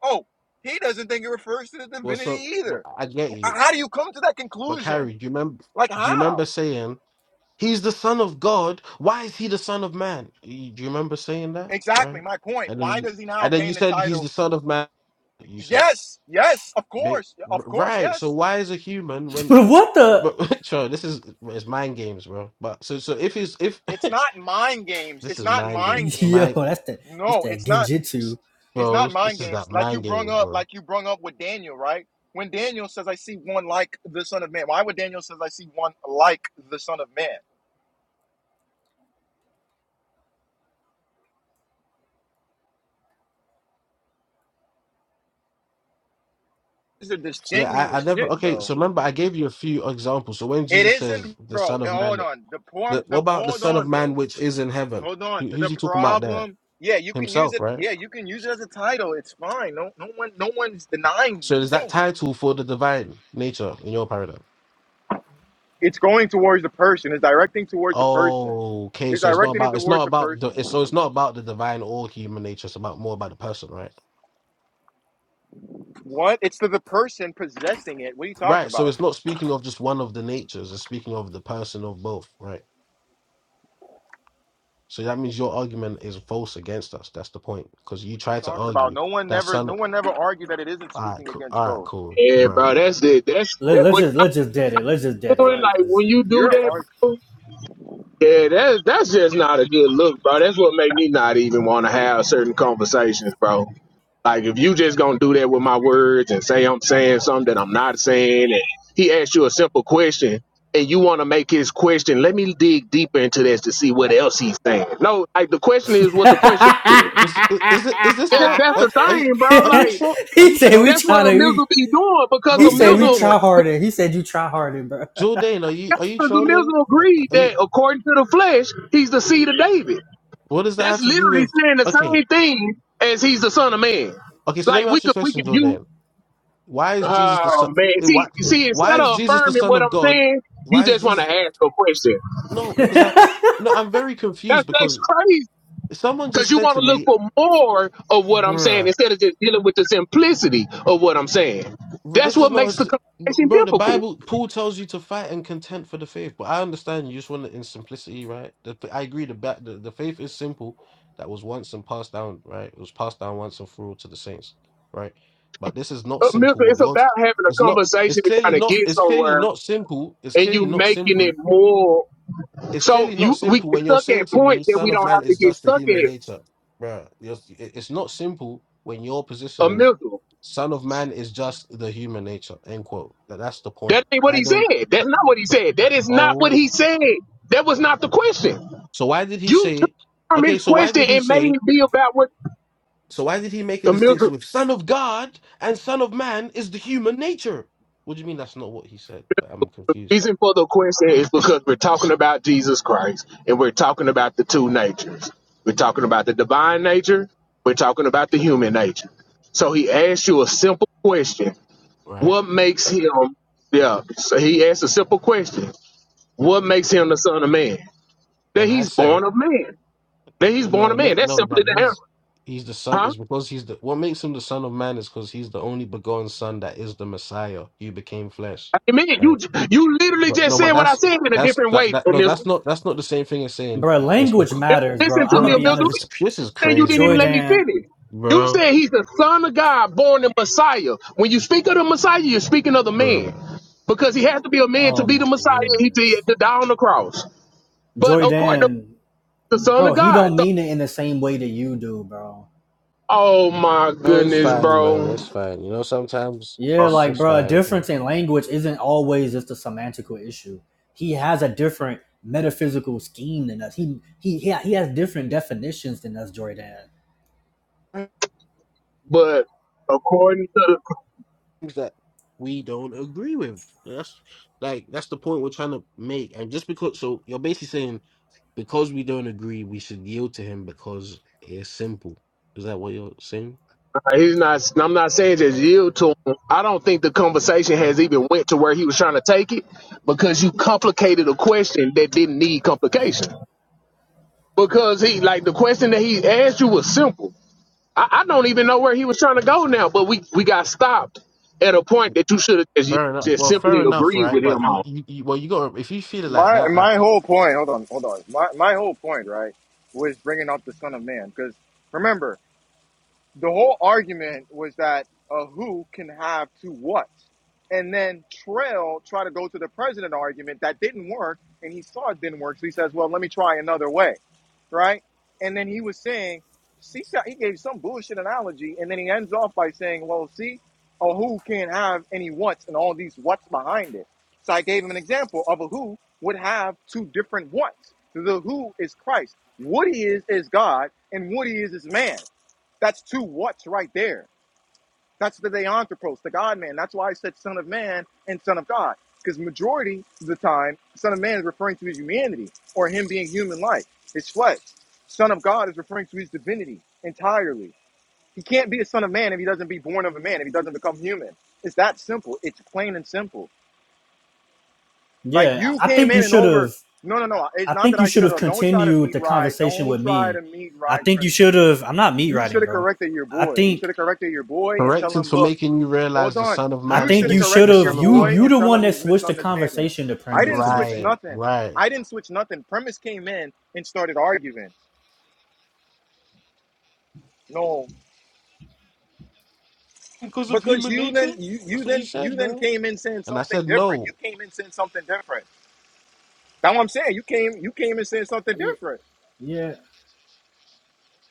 A: oh, he doesn't think it refers to the
N: Well,
A: divinity
N: so well,
A: either.
N: I get you.
A: How do you come to that
N: But
A: conclusion?
N: Kyrie, do you remember?
A: Like
N: Do you remember
A: how?
N: saying he's the son of God? Why is he the son of man? You- Do you remember saying that?
A: Exactly
N: Right?
A: my point.
N: And
A: Why
N: then,
A: does he now
N: and then you
A: gain the
N: said he's
A: title?
N: the son of man. You said
A: Yes, yes, of
N: big,
A: course, of course,
N: right?
A: yes.
N: So why is a human when?
C: what the?
N: But sure, this is it's mind games, bro. But so so if he's if
A: It's not mind games.
N: this
A: It's
N: is
A: not
N: mind game,
A: mind
N: it's
C: Yo,
N: mind,
A: games.
C: that's that. It's
A: No,
C: that
A: it's not.
C: genjitsu.
A: It's
N: bro.
A: not
N: This
A: mind
N: is
A: games.
N: that
A: Like you
N: mind
A: brung
N: game,
A: up,
N: bro.
A: like you brung up with Daniel, right? When Daniel says, "I see one like the Son of Man," why would Daniel says, "I see one like the Son of Man"? These are just
N: Yeah,
A: genuine
N: I,
A: as
N: I never.
A: shit,
N: Okay,
A: bro.
N: so remember, I gave you a few examples. So when
A: It
N: Jesus says
A: isn't,
N: the
A: bro.
N: Son
A: Eh,
N: of
A: Hold
N: Man
A: on. The poem.
N: The, what
A: The
N: about the
A: hold
N: Son of
A: on,
N: Man
A: bro.
N: which is in heaven?
A: Hold on.
N: Who, who's
A: The
N: he talking about there?
A: problem. Yeah, you can use
N: Himself,
A: it.
N: right?
A: Yeah, you can use it as a title. It's fine. No, no one, no one's denying
N: So
A: these
N: is that
A: things.
N: title for the divine nature in your paradigm?
A: it's going towards the person. It's directing towards the person.
N: Oh, okay.
A: It's
N: So it's not
A: directing it
N: about it's not
A: towards the
N: about the it's,
A: person.
N: so it's not about the divine or human nature. It's about more about the person, right?
A: What? It's to the person possessing it. What are you talking
N: Right. So
A: about?
N: it's not speaking of just one of the natures. It's speaking of the person of both, right? So that means your argument is false against us. That's the point because you
A: What are you
N: try to
A: talking about?
N: argue
A: No one
N: that
A: never,
N: son.
A: no one never argued that it isn't
N: All right,
A: speaking
N: cool.
A: against
N: All right,
A: both.
N: cool,
G: Yeah, bro.
N: bruh.
G: That's it. That's
C: Let,
G: that,
C: let's
G: what
C: just let's just dead it. Let's just
G: y'all
C: dead it,
G: doing.
C: bro.
A: Like
G: Like
C: Cause
G: when
C: yeah.
G: you do
A: your
G: that,
A: arg-
G: bro. Yeah, that's that's just not a good look, bro. That's what make me not even want to have certain conversations, bro. Like if you just gonna do that with my words and say I'm saying something that I'm not saying, and he asks you a simple question and you want to make his question, let me dig deeper into this to see what else he's saying. No, like the question is what the question is.
N: Is is it- is this
G: Yeah,
N: guy?
G: that's
N: Are,
G: the
N: are you
G: thing, bro.
N: are you
G: Like
N: troll? Are
C: he
N: you
C: said we
N: troll?
G: that's
C: trying
G: what a
C: to. We,
G: missile be doing because
C: he
G: a
N: Bro,
C: said we
G: missile
N: Jordan,
C: try
N: uh,
C: harder. He said you try harder, bro.
N: Jordan, are you are you
G: Because the
N: trolling?
G: Muslim
N: Uh,
G: agreed
N: Are you,
G: that according to the flesh, he's the seed of David.
N: what does that
G: That's
N: have to do
G: literally
N: with?
G: saying the
N: Okay,
G: same thing as he's the son of man.
N: okay. So let
G: Like
N: me
G: we
N: ask you a
G: could we could
N: question,
G: you
N: Jordan. Why is Jesus the son?
G: oh man.
N: eh,
G: See
N: Why eh,
G: see
N: why
G: instead
N: is
G: of
N: Jesus the
G: affirming
N: son
G: what
N: of
G: I'm
N: God?
G: saying, you
N: Why is
G: just want to
N: Jesus?
G: ask a question.
N: No, because I, I no, I'm very confused
G: That's that's
N: because
G: crazy.
N: someone
G: Because
N: just
G: you
N: said
G: want
N: to
G: to look
N: me,
G: for more of what I'm saying
N: "Bruh."
G: instead of just dealing with the simplicity of what I'm saying.
N: But
G: That's
N: this is
G: what
N: not a
G: makes
N: s-
G: the
N: b-
G: conversation
N: bro. The
G: difficult.
N: Bible, Paul tells you to fight and contend for the faith. But I understand you just want it in simplicity, right? The, I agree. The, ba- the the faith is simple. That was once and passed down, right? It was passed down once and for all to the saints, right? But this is not
G: Uh,
N: simple.
G: Milton,
N: What
G: it's
N: yours?
G: about having a
N: It's not. It's
G: conversation and trying
N: clearly
G: to
N: not.
G: get
N: It's clearly
G: somewhere
N: not simple. It's
G: and you
N: clearly not
G: making
N: simple
G: it more
N: it's
G: So
N: clearly not
G: you we
N: simple
G: get
N: when you're
G: stuck
N: saying
G: at
N: to me,
G: points that we
N: "Son of
G: don't
N: Man
G: have to
N: is
G: get
N: just the
G: stuck
N: human
G: at
N: nature," bro. It's not simple when your position
G: a
N: is,
G: missile.
N: "Son of Man is just the human nature." End quote. That, that's the point.
G: That ain't what
N: I
G: he
N: don't.
G: said. That's not what he
N: th-
G: said. That is not what
N: Oh,
G: he said. That was not the question.
N: so why did he
G: You took
N: say?
G: from
N: Okay,
G: his
N: so why
G: question
N: did he
G: and made
N: say?
G: it be about what
N: So why did he make a
G: the missile
N: distinction with Son of God and Son of Man is the human nature? What do you mean that's not what he said? I'm confused.
G: reason for the question is because we're talking about Jesus Christ and we're talking about the two natures. We're talking about the divine nature, we're talking about the human nature. So he asked you a simple question.
N: Right?
G: What makes him yeah, so he asked a simple question. What makes him the son of man? That
N: And I
G: he's
N: said.
G: born of man. That he's born
N: No,
G: of
N: it make,
G: man. That's
N: no,
G: simply
N: that
G: the
N: he's
G: answer.
N: he's the son
G: Huh?
N: is because he's the what makes him the son of man is because he's the only begotten son that is the Messiah. He became flesh,
G: I mean, you
N: right?
G: j- you literally
N: But
G: just
N: no,
G: said
N: but
G: what I
N: that's
G: said in a
N: that's
G: different
N: that,
G: way,
N: that no,
G: Amizu.
N: that's not that's not the same thing as saying
C: bro,
N: it's
C: language
N: because
C: matters, bro.
G: Listen
C: I'm
G: to me,
C: gonna be
N: bro,
G: Amizu.
C: honest.
N: this this is
G: And you
N: crazy,
G: didn't even let
N: bro,
G: me
C: Joydan.
G: finish. You
N: bro,
G: said he's the son of God, born the Messiah. When you speak of the Messiah, you're speaking of the man.
N: bro.
G: Because he has to be a man to
C: oh
G: be the
C: my
G: Messiah. He did
C: goodness,
G: to die on the cross. But according to
C: Joydan,
G: the Son of
C: bro, he
G: God.
C: don't
G: So,
C: mean it in the same way that you do, bro.
G: oh my
N: Oh, it's
G: goodness,
N: fine, man.
G: bro.
N: It's fine. You know, sometimes
C: Yeah,
N: it's
C: like,
N: just
C: bro, a
N: fine.
C: difference in language isn't always just a semantical issue. He has a different metaphysical scheme than us. He he he, he has different definitions than us, Joydan.
N: man.
G: But according to
N: Things that we don't agree with. That's like that's the point we're trying to make. And just because, so you're basically saying because we don't agree, we should yield to him because it's simple. Is that what you're saying?
G: Like, He's not. I'm not saying just yield to him. I don't think the conversation has even went to where he was trying to take it because you complicated a question that didn't need complication. Because he like the question that he asked you was simple. I, I don't even know where he was trying to go now, but we we got stopped at a point that you should have just,
N: Fair enough.
G: just
N: Well, fair
G: simply
N: enough,
G: agreed
N: right?
G: with
N: But
G: him
N: you,
G: on.
N: you, you well, you got if you feel it like
A: my
N: that, uh,
A: my whole point. Hold on, hold on. My my whole point, right, was bringing up the Son of Man because. remember. the whole argument was that a who can have two what. And then Trail tried to go to the president argument that didn't work, and he saw it didn't work. So he says, Well, let me try another way, right? And then he was saying, see, so- he gave some bullshit analogy, and then he ends off by saying, Well, see, a who can't have any what's and all these what's behind it. So I gave him an example of a who would have two different what's. The who is Christ, what he is is God, and what he is is man. That's two what's right there. That's the deanthropos, the God man. That's why I said son of man and son of God. Because majority of the time, son of man is referring to his humanity or him being human like, his flesh. Son of God is referring to his divinity entirely. He can't be a son of man if he doesn't be born of a man, if he doesn't become human. It's that simple. It's plain and simple. Like
C: Yeah,
A: you
C: I
A: came
C: think you
A: in and
C: should
A: over.
C: have.
A: No, no, no. It's
C: I
A: not
C: think
A: that
C: you
A: I
C: should
A: should
C: have
A: have. Don't try to
C: continued
A: meet
C: the
A: ride.
C: conversation
A: Don't
C: with
A: try to
C: me.
A: meet
C: I
A: ride
C: think you
A: premise.
C: should have. I'm not meat
A: You
C: writing,
A: should have
C: bro.
A: corrected your
C: I
A: boy. You
C: think.
A: should have corrected your boy and tell
N: corrected
A: him,
N: for
A: look,
N: making you
A: Hold
N: realize the
A: on.
N: Son of
C: I
A: You
N: Man
A: should
C: think
A: have
C: you
N: is
C: should
N: the
A: corrected your
C: have.
N: Son of
C: You
N: God.
A: boy
C: you
A: and
C: the
A: tell
C: one
A: him
C: that
A: he's
C: switched the
A: misunderstanding.
C: conversation to
A: I
C: premise.
A: didn't
C: To be
A: switch
N: Right,
C: fair.
A: nothing.
N: right.
A: I didn't switch nothing. Premise came in and started arguing. No,
N: Because of
A: because
N: human
A: you then
N: nature.
A: you you
N: That's what you
A: then you
N: said,
A: then
N: bro.
A: came in saying
N: And I
A: something
N: said
A: different. You
N: no.
A: came in saying something different. That's what I'm saying. You came you came in saying something
C: Yeah,
A: different.
C: yeah.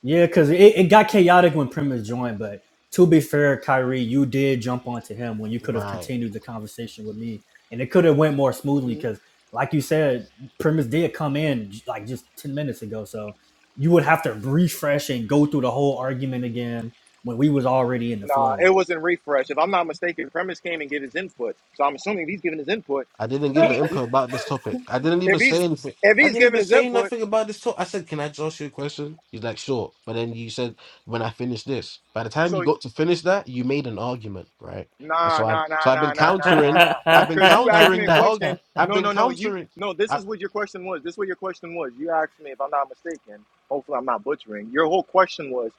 C: Yeah, because it, it got chaotic when Primus joined, but to be fair, Kyrie, you did jump onto him when you could have
N: Right.
C: continued the conversation with me, and it could have went more smoothly
A: N-
C: because, like you said, Primus did come in like just ten minutes ago, so you would have to refresh and go through the whole argument again when we was already in the
A: Nah, it
C: flow.
A: wasn't refresh. If I'm not mistaken, premise came and gave his input. So I'm assuming if he's giving his input,
N: I didn't give an
A: he, he
N: input about this topic. I didn't even
A: if he's
N: say anything.
A: if
N: I
A: he's
N: didn't
A: giving
N: even
A: his
N: say
A: input,
N: nothing about this topic. I said, "Can I just ask you a question?" He's like, "Sure." But then you said, "When I finish this." By the time
A: so
N: you got to finish that, you made an argument, right? And
A: Nah,
N: so I,
A: nah,
N: so
A: nah, nah,
N: I've been
A: nah, nah, nah,
N: countering.
A: nah.
N: I've been
A: Cause you asked me
N: countering
A: a
N: that. Arg-
A: question.
N: I've
A: No,
N: been
A: no, no. You
N: countering.
A: no. This
N: I,
A: is what your question was. This is what your question was. You asked me if I'm not mistaken. Hopefully, I'm not butchering. Your whole question was,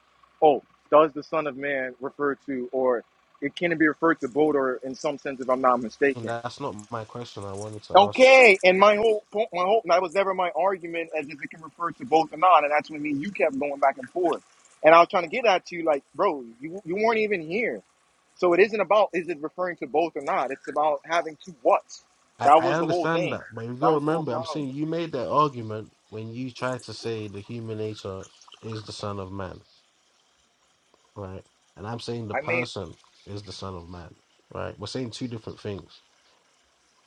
A: oh, does the Son of Man refer to, or it can be referred to both, or in some sense, if I'm not
N: and
A: mistaken.
N: that's not my question. I wanted to ask.
A: Okay. And my whole point, my whole that was never my argument as if it can refer to both or not. And that's what me and you kept going back and forth. And I was trying to get at you, like, bro, you you weren't even here so it isn't about is it referring to both or not. It's about having two whats.
N: I,
A: That
N: I
A: was the whole
N: understand
A: thing.
N: that, but you got
A: That
N: to
A: was the whole
N: remember, I'm
A: problem.
N: saying you made that argument when you tried to say the human nature is the son of man right? And I'm saying the
A: I mean,
N: person is the Son of Man, right? We're saying two different things.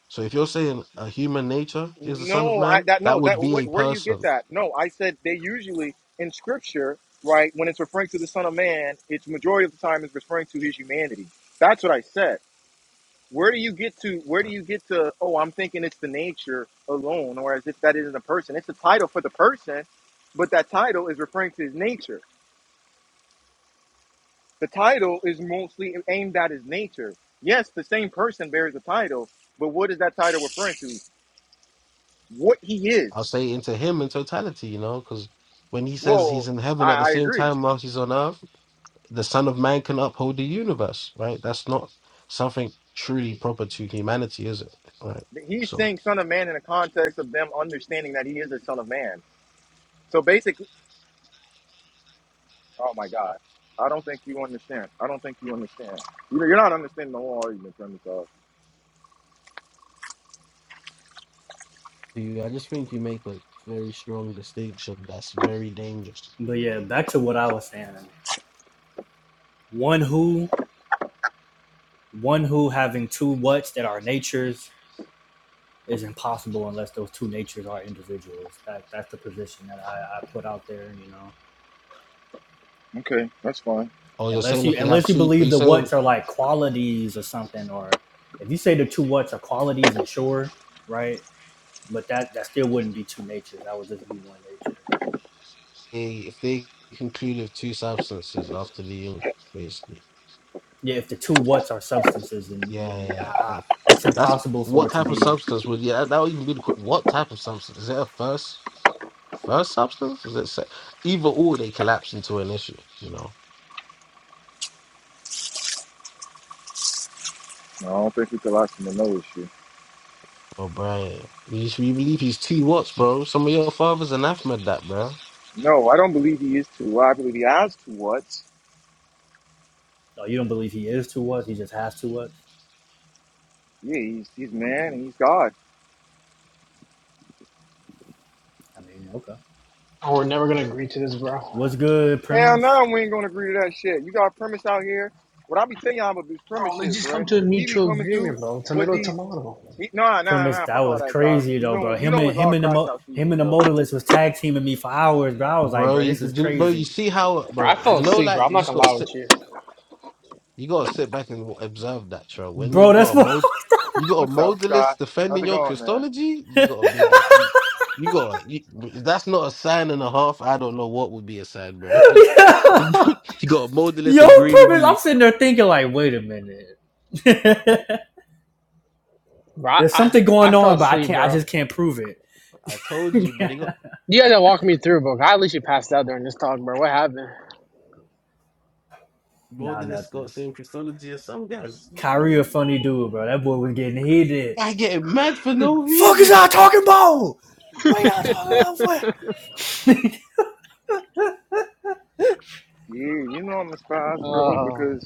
N: So if you're saying a human nature is the Son of
A: no, I
N: Man,
A: that no
N: that
A: that
N: would be
A: wh-
N: a
A: where do you get
N: person.
A: that? No, I said they usually in scripture, right? When it's referring to the Son of Man, it's majority of the time is referring to his humanity. That's what I said. Where do you get to? Where do you get to? Oh, I'm thinking it's the nature alone, or as if that isn't a person. It's a title for the person, but that title is referring to his nature. the title is mostly aimed at his nature. Yes, the same person bears the title, but what is that title referring to? What he
N: I'll
A: is.
N: say into him in totality, you know, because when he says
A: Well,
N: he's in heaven at the
A: I, I
N: same
A: agree.
N: time whilst he's on earth, the Son of Man can uphold the universe, right? That's not something truly proper to humanity, is it? Right.
A: He's
N: So
A: saying son of man in the context of them understanding that he is a son of man. So basically, oh my God, I don't think you understand. I don't think you understand. You know, you're not understanding the whole argument from this off.
N: do you I just think you make a very strong distinction that's very dangerous.
C: But yeah, back to what I was saying. One who, one who having two whats that are natures is impossible unless those two natures are individuals. That that's the position that I, I put out there, you know.
A: Okay, that's fine.
N: Oh, you're
C: Unless
N: saying
C: you
N: if they have
C: unless you
N: two are
C: believe
N: you
C: the
N: saying
C: what's are like qualities or something, or if you say the two what's are qualities and sure, right? But that that still wouldn't be two natures. That would just be one nature.
N: they, if they conclude with two substances after the union, basically?
C: Yeah, if the two what's are substances, then yeah,
N: Yeah,
C: yeah, I,
N: yeah.
C: I,
N: yeah.
C: it's
N: That's
C: impossible for
N: what
C: it to
N: type of
C: be.
N: substance would yeah, that would even be the que- what type of substance? Is it a first first substance? Is it se- either or they collapse into an issue, you know?
A: No, I don't think it's a last and no issue.
N: Oh, Brian, you should you believe he's two watts, bro. Some of your fathers anathema that, bro.
A: No, I don't believe he is two. I believe he has two whats.
C: Oh, you don't believe he is two what's? He just has two what's.
A: Yeah, he's, he's man and he's God.
C: I mean, okay.
K: Oh, we're never gonna agree to this, bro.
C: What's good
A: Hell
C: premise?
A: no, we ain't gonna agree to that shit. You got premise out here. What I be telling y'all about this
K: Bro,
A: premise
K: let's
A: shit,
K: just come
A: bruh.
K: to a
A: He be
K: mutual
A: coming through
K: agreement, bro.
A: with
K: Tomato,
A: these.
K: tomato.
A: He, nah, nah,
C: premise
A: nah.
C: that
A: Fuck all
C: was
A: that, Josh.
C: crazy
A: You
C: though,
A: know
C: bro.
A: what? You
C: Him
A: know
C: and
A: it's
C: him
A: all
C: and the
A: crash
C: mo-
A: out
C: him
A: season,
C: and the
A: bro.
C: motorless was tag teaming me for hours, bro. I was like,
N: Bro,
C: bro, this
N: you,
C: is
N: you- bro, you
C: crazy,
N: see how,
K: Bro,
N: bro,
K: I fell
N: you know,
K: asleep, bro.
N: like
K: I'm
N: you
K: not
N: just
K: gonna lie
N: got.
K: with you,
N: You gotta sit back and observe that, Tro. When
C: bro.
N: you got
C: That's
N: a
C: what.
N: mod, you got a
A: What's up,
N: modalist
A: Scott? How's
N: defending
A: it
N: your
A: going, man?
N: Christology. You got a big, you, you got a- you, if that's not a sign and a half. I don't know what would be a sign, bro. you
C: Yeah.
N: got a modalist
C: Yo,
N: agreeing with
C: premise.
N: you.
C: I'm sitting there thinking like, wait a minute.
K: bro. I,
C: There's
K: I,
C: something
K: I
C: going
K: fell
C: on, but I
K: asleep,
C: can't. I
K: bro.
C: just can't prove it.
N: I told you, bro. They got
K: You guys gotta walk me through, bro. I at least you passed out during this talk, bro. What happened?
C: nah,
N: modalists got
C: nothing.
N: same Christology as some guys.
C: Kyrie a funny dude, bro. That boy was getting heated.
N: I get mad for no
C: Fuck is
N: reason.
C: y'all talking about? What are y'all talking about for?
A: Yeah, you know I'm a spies, bro.
K: Oh,
A: Because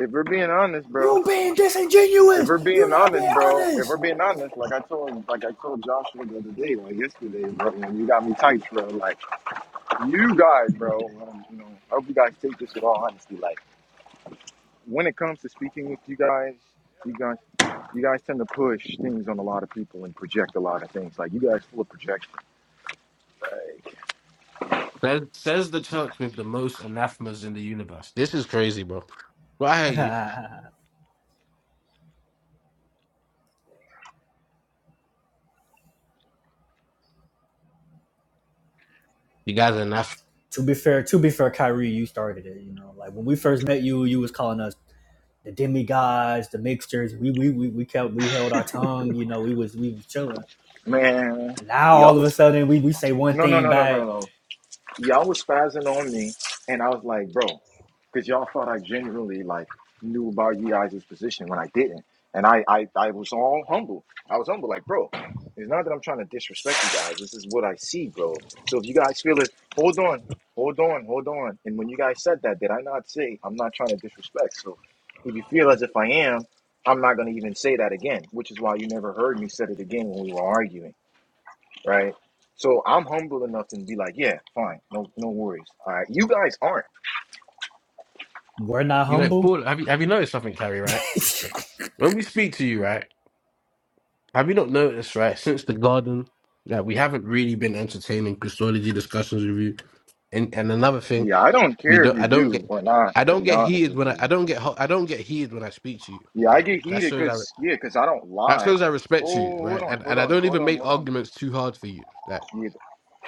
A: if we're being honest, bro.
C: You being
A: If
C: disingenuous.
A: we're
C: You
A: being
C: not being
A: honest, bro. If we're
C: honest.
A: being honest, like I told, like I told Joshua the other day, like yesterday, bro. When you got me tight, bro. Like you guys, bro. um, You know, I hope you guys take this with all honesty, like. when it comes to speaking with you guys, you guys, you guys tend to push things on a lot of people and project a lot of things. Like you guys full of projection,
N: Says, says the church with the most anathemas in the universe. This is crazy, bro. Why are you? You guys are anathemas.
C: To be fair, to be fair, Kyrie, you started it. You know, like when we first met you, you was calling us the demigods, the mixtures. We we we, we kept we held our tongue. You know, we was we was chilling.
A: man.
C: And now
A: Y'all
C: all of a
A: was
C: sudden, we we say one
A: no, no,
C: thing
A: no, no, no,
C: back.
A: no. y'all was spazzing on me, and I was like, bro, because y'all thought I genuinely like knew about you guys' position when I didn't, and I, I I was all humble. I was humble, like, bro, it's not that I'm trying to disrespect you guys. This is what I see, bro. So if you guys feel it, hold on, hold on, hold on. And when you guys said that, did I not say I'm not trying to disrespect? So if you feel as if I am. I'm not gonna even say that again, which is why you never heard me said it again when we were arguing right? So I'm humble enough to be like, yeah, fine, no, no worries. All right, you guys aren't.
C: We're not
N: You went,
C: humble.
N: Paul, have you, have you noticed something, Carrie, right? When we speak to you, right, have you not noticed, right, since the garden, that we haven't really been entertaining Christology discussions with you? And and another thing,
A: Yeah, I don't
N: we
A: care if
N: don't
A: you
N: I don't get
A: do or not.
N: I
A: To
N: don't
A: be
N: get
A: honest
N: heated
A: with
N: when I, I
A: you,
N: don't get hot I don't get heated when I speak to you.
A: yeah, I
N: Like
A: get
N: that
A: heated
N: shows I re-
A: because yeah, because I don't
N: that
A: lie.
N: shows I
A: Oh,
N: respect you,
A: hold
N: right?
A: on,
N: And
A: hold
N: and I
A: on,
N: don't
A: hold
N: even
A: on,
N: make
A: hold on.
N: arguments too hard for you. Like
A: Yeah,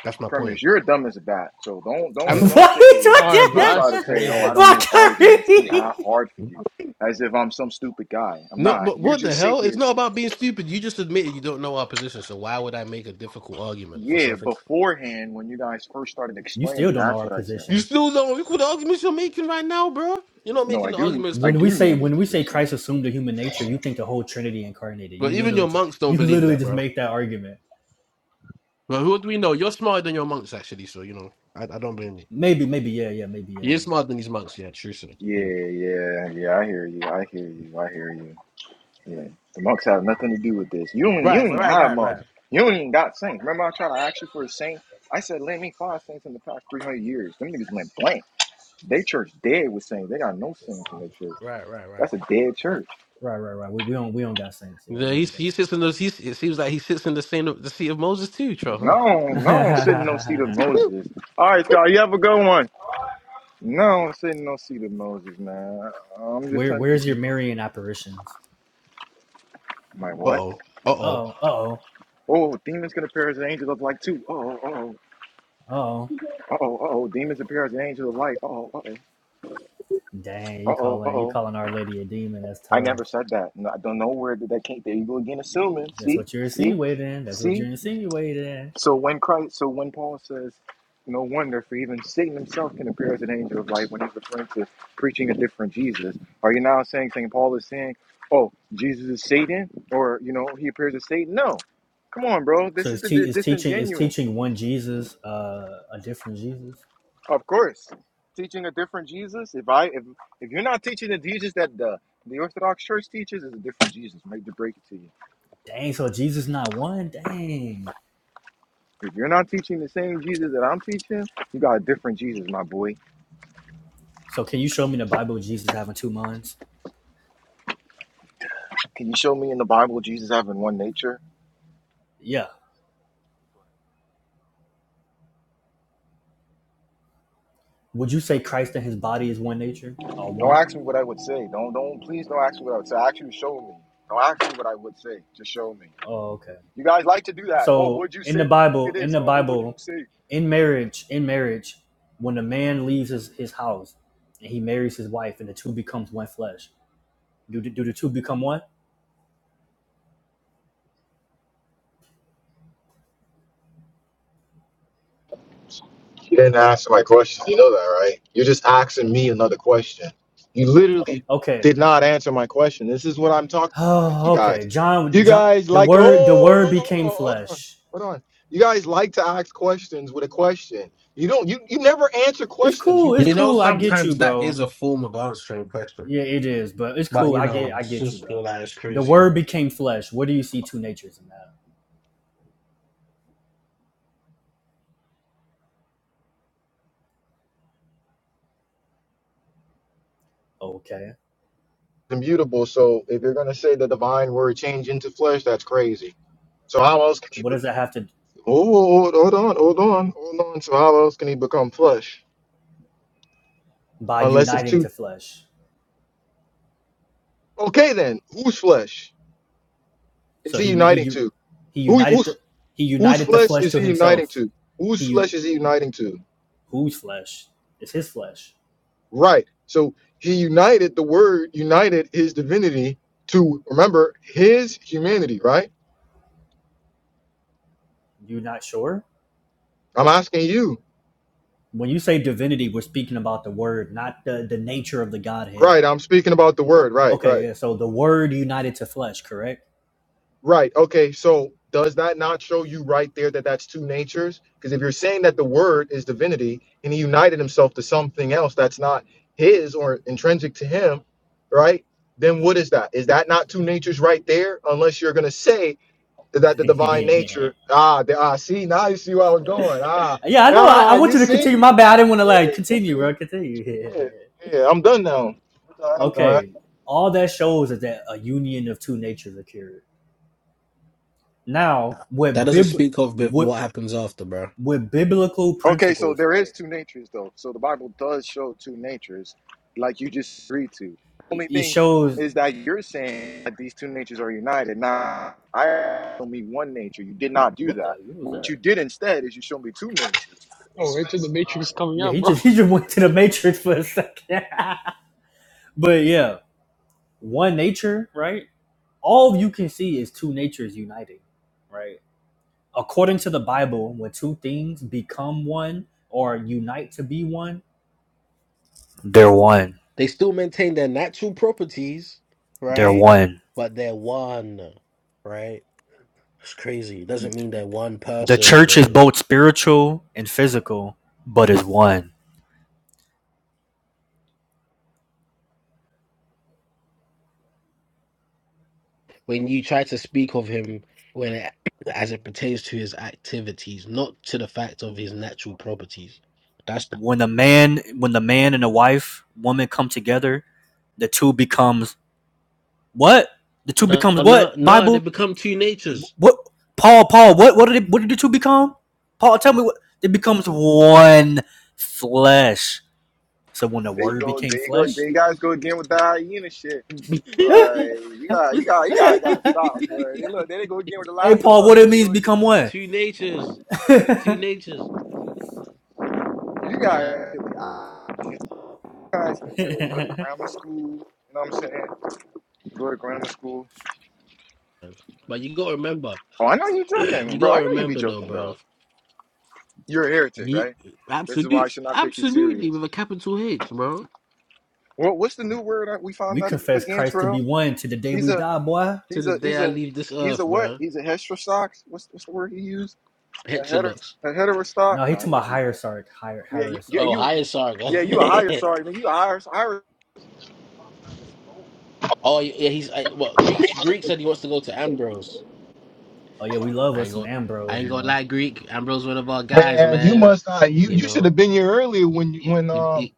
N: that's my
A: premise,
N: point.
A: you're dumb as a bat. So don't,
C: what?
N: I'm
A: don't, don't sit here
K: all right,
A: and
K: bro.
N: but
A: try
K: That's
A: to
C: What?
A: say, oh,
K: crazy,
A: I don't
C: What,
K: bro.
A: make arguments too ha-
C: Kyrie?
A: hard for you, as if I'm some stupid guy. I'm
N: no,
A: not.
N: but
A: You
N: what the
A: just sit
N: hell? It's
A: here.
N: not about being stupid. You just admitted you don't know our position, so why would I make a difficult argument for
A: Yeah,
N: something?
A: beforehand when you guys first started
C: You still
A: explaining,
C: don't know
A: that's
C: our
A: what I said.
N: You
C: position.
N: still don't. Look what the arguments you're making right now, bro. You're not
A: No, I
N: making the
A: do.
N: arguments
A: I
N: that.
C: When we
A: do
C: say
A: know your
C: when we say
A: position.
C: Christ assumed the human nature, you think the whole Trinity incarnated. You
N: But even
C: literally
N: your
C: just
N: monks don't
C: you
N: believe
C: literally
N: that,
C: just
N: bro.
C: make that argument.
N: But who do we know? You're smarter than your monks, actually. So you know, I, I don't blame you.
C: Maybe, maybe, yeah, yeah, maybe, yeah.
N: You're smarter than these monks. Yeah, true. So,
A: Yeah,
N: you know.
A: yeah, yeah. I hear you. I hear you. I hear you. Yeah, the monks have nothing to do with this. You don't. You
N: Right, but
A: ain't
N: right,
A: have
N: right, right,
A: monks. You don't even got saints. Remember, I tried to ask you for a saint. I said, "Lend me five saints in the past three hundred years." Them niggas went blank. They church dead with saints. They got no saints in their church.
N: right, right, right.
A: That's a dead church.
C: Right, right, right. We, we don't we don't got saints. Yeah,
N: Yeah,
C: we
N: he
C: don't got
N: he
C: saints.
N: sits in those. He it seems like he sits in the same the seat of Moses too, Tro,
A: No, no, I don't sit in no seat of
N: huh?
A: Moses. All right, Scott, you have a good one. No, I don't sit in no seat of Moses, man. I'm just
C: Where
A: telling you.
C: where's your Marian apparitions?
A: My
N: Uh
A: what?
N: oh. Uh
C: Uh
N: oh.
C: oh, uh oh,
A: Oh, demons can appear as an angel of light too. Oh, oh,
C: uh oh.
A: oh, oh, oh. Demons appear as an angel of light. Oh, oh,
C: Dang,
A: oh,
C: you
A: oh,
C: calling you
A: oh.
C: calling Our Lady a demon? That's
A: I
C: tough.
A: never said that. No, I don't know where did that came. There you go again, assuming.
C: That's
A: See,
C: what you're
A: see,
C: insinuating. That's what you're
A: see.
C: insinuating.
A: So when Christ, so when Paul says, no wonder for even Satan himself can appear as an angel of light when he's referring to preaching a different Jesus. Are you now saying Saint Paul is saying, oh, Jesus is Satan, or you know he appears as Satan? No, come on, bro.
C: So
A: This is
C: it's
A: the, the
C: te- is teaching is
A: disingenuous.
C: teaching one Jesus, uh, a different Jesus.
A: Of course, teaching a different Jesus. If I if if you're not teaching the Jesus that the the Orthodox Church teaches, is a different Jesus. I hate to break it to you.
C: Dang, so Jesus not one. Dang.
A: If you're not teaching the same Jesus that I'm teaching, you got a different Jesus, my boy.
C: So can you show me the Bible Jesus having two minds?
A: Can you show me in the Bible Jesus having one nature?
C: Yeah. Would you say Christ and his body is one nature or
A: Don't
C: one?
A: ask me what I would say. Don't don't please don't ask me what I would say. Actually, show me. Don't ask me what I would say. Just show me.
C: Oh, okay.
A: You guys like to do that. Oh,
C: So
A: would you
C: in
A: say
C: the Bible, in
A: this?
C: the
A: Or what would you
C: Bible,
A: say?
C: in marriage, in marriage, when a man leaves his, his house and he marries his wife and the two becomes one flesh, do the, do the two become one?
A: You didn't answer my question. You know that, right? You're just asking me another question. You literally
C: Okay.
A: did not answer my question. This is what I'm talking to you
C: Oh,
A: guys.
C: okay. John
A: You
C: John
A: guys
C: the
A: like to,
C: word the word
A: oh,
C: became
A: hold on,
C: flesh.
A: hold on. You guys like to ask questions with a question. You don't, you, you never answer
C: It's
A: questions. You
C: cool, it's
N: You know,
C: cool. I get you,
N: sometimes that
C: bro.
N: is a form of answering a question.
C: Yeah, it is, but it's
N: But
C: cool.
N: you
C: I
N: know,
C: get I
N: it's
C: get you,
N: just
C: bro.
N: like it's
C: The
N: crazy. Man.
C: word became flesh. What do you see two natures in that? Okay.
A: immutable. So if you're going to say the divine word change into flesh, that's crazy. So how else can he,
C: What
A: be-
C: does that have to
A: oh, hold hold on, hold on, hold on. So how else can he become flesh?
C: by
A: Unless it's
C: uniting
A: too,
C: to flesh?
A: okay then, who's flesh? is
C: So
A: he
C: he he
A: uniting to?
C: he
A: Who,
C: united
A: who's,
C: the he
A: whose
C: united the
A: flesh
C: flesh
A: is
C: to
A: he uniting
C: himself.
A: to?
C: He
A: Whose flesh is he uniting to?
C: whose flesh? It's his flesh.
A: Right. So he united the word, united his divinity to remember his humanity, right?
C: You're not sure?
A: I'm asking you.
C: When you say divinity, we're speaking about the word, not the the nature of the
A: Right.
C: Godhead.
A: I'm speaking about the word. Right.
C: Okay,
A: Right.
C: yeah. So the word united to flesh, correct?
A: Right. Okay. So does that not show you right there that that's two natures? Because if you're saying that the Word is divinity and he united himself to something else that's not his or intrinsic to him, right? Then what is that? Is that not two natures right there? Unless you're going to say that, that the
C: yeah,
A: divine nature, ah, the, ah, see, now you see where I was going. Ah,
C: I know. I, I
A: ah,
C: want
A: you
C: you to continue.
A: see?
C: My bad. I didn't want to
A: Yeah,
C: like
A: you
C: continue, bro.
A: see.
C: Continue.
A: Yeah, yeah I'm done now. I'm done. I'm done.
C: okay. All that shows is that a union of two natures occurred. Now,
N: That
C: with
N: doesn't
C: bib,
N: speak of bef-
C: with
N: what happens after, bro.
C: with biblical principles, right? it shows what the what was that?
K: Oh, wait till the Matrix coming
C: Yeah,
K: up,
C: he
K: bro.
C: just he just went to the matrix for a second. but yeah, one nature. Right? All you can see is two natures uniting, right? According to the Bible, when two things become one or unite to be one, they're one.
N: They still maintain their natural properties,
C: They're
N: right?
C: one.
N: But they're one, right? It's crazy. It doesn't mean they're one
C: The
N: person.
C: church is
N: Or
C: both spiritual and physical, but is one.
N: when you try to speak of him, when it, as it pertains to his activities, not to the fact of his natural properties. That's
C: When the man, when the man and the wife, woman come together, the two becomes what the two
N: no,
C: becomes
N: no,
C: what
N: no. They
C: Bible
N: become two natures.
C: what Paul Paul what what did it, what did the two become? Paul, tell me what it becomes one flesh. So when the
A: There you
C: word
A: go.
C: became
A: There you go. There
C: flesh,
A: you guys go again with the hyena shit. Like you got you
N: two
A: got you guys
C: hey
A: got gotta stop, bro. They look, there they go again with the last one.
C: Paul,
A: Look,
C: what
A: there
C: it
A: they
C: means
A: go
C: become
A: again.
C: one?
N: natures, two natures.
A: You
N: Yeah,
A: guys, you guys need to go to grammar school. You know what I'm saying? Go to grammar school.
N: but you gotta remember,
A: Oh, I know you
N: you
A: joking, bro. I
N: gotta
A: know you be
N: remember though,
A: joking,
N: bro.
A: dog. You're
N: You,
A: right.
N: absolute, absolutely, with a capital H, bro.
A: Well,
C: we confess Christ to
A: bro,
C: be one to the day
A: he's
C: we
A: a
C: die, boy.
N: To
A: he's
N: the day I
A: a
N: leave this
A: he's a
N: earth,
A: what?
N: bro.
A: He's a who's better.
N: Petrolux.
A: than hell.
C: No, he talking about hierarchy, higher
A: Yeah,
N: Oh,
C: hierarchy.
N: higher Sargon.
A: yeah.
N: oh, yeah, he's I, what Greeks. Greek said he wants to go to Ambrose.
C: Oh yeah, we love
N: I
C: us
N: ain't
C: some
N: gonna, I
C: Ambrose,
N: ain't gonna
C: boy.
N: lie, Greek. Ambrose one of our guys,
A: Man, you
N: man.
A: must not. You
N: You
C: We
A: you should
N: know,
A: have been here earlier when you when
N: he,
A: um
N: he,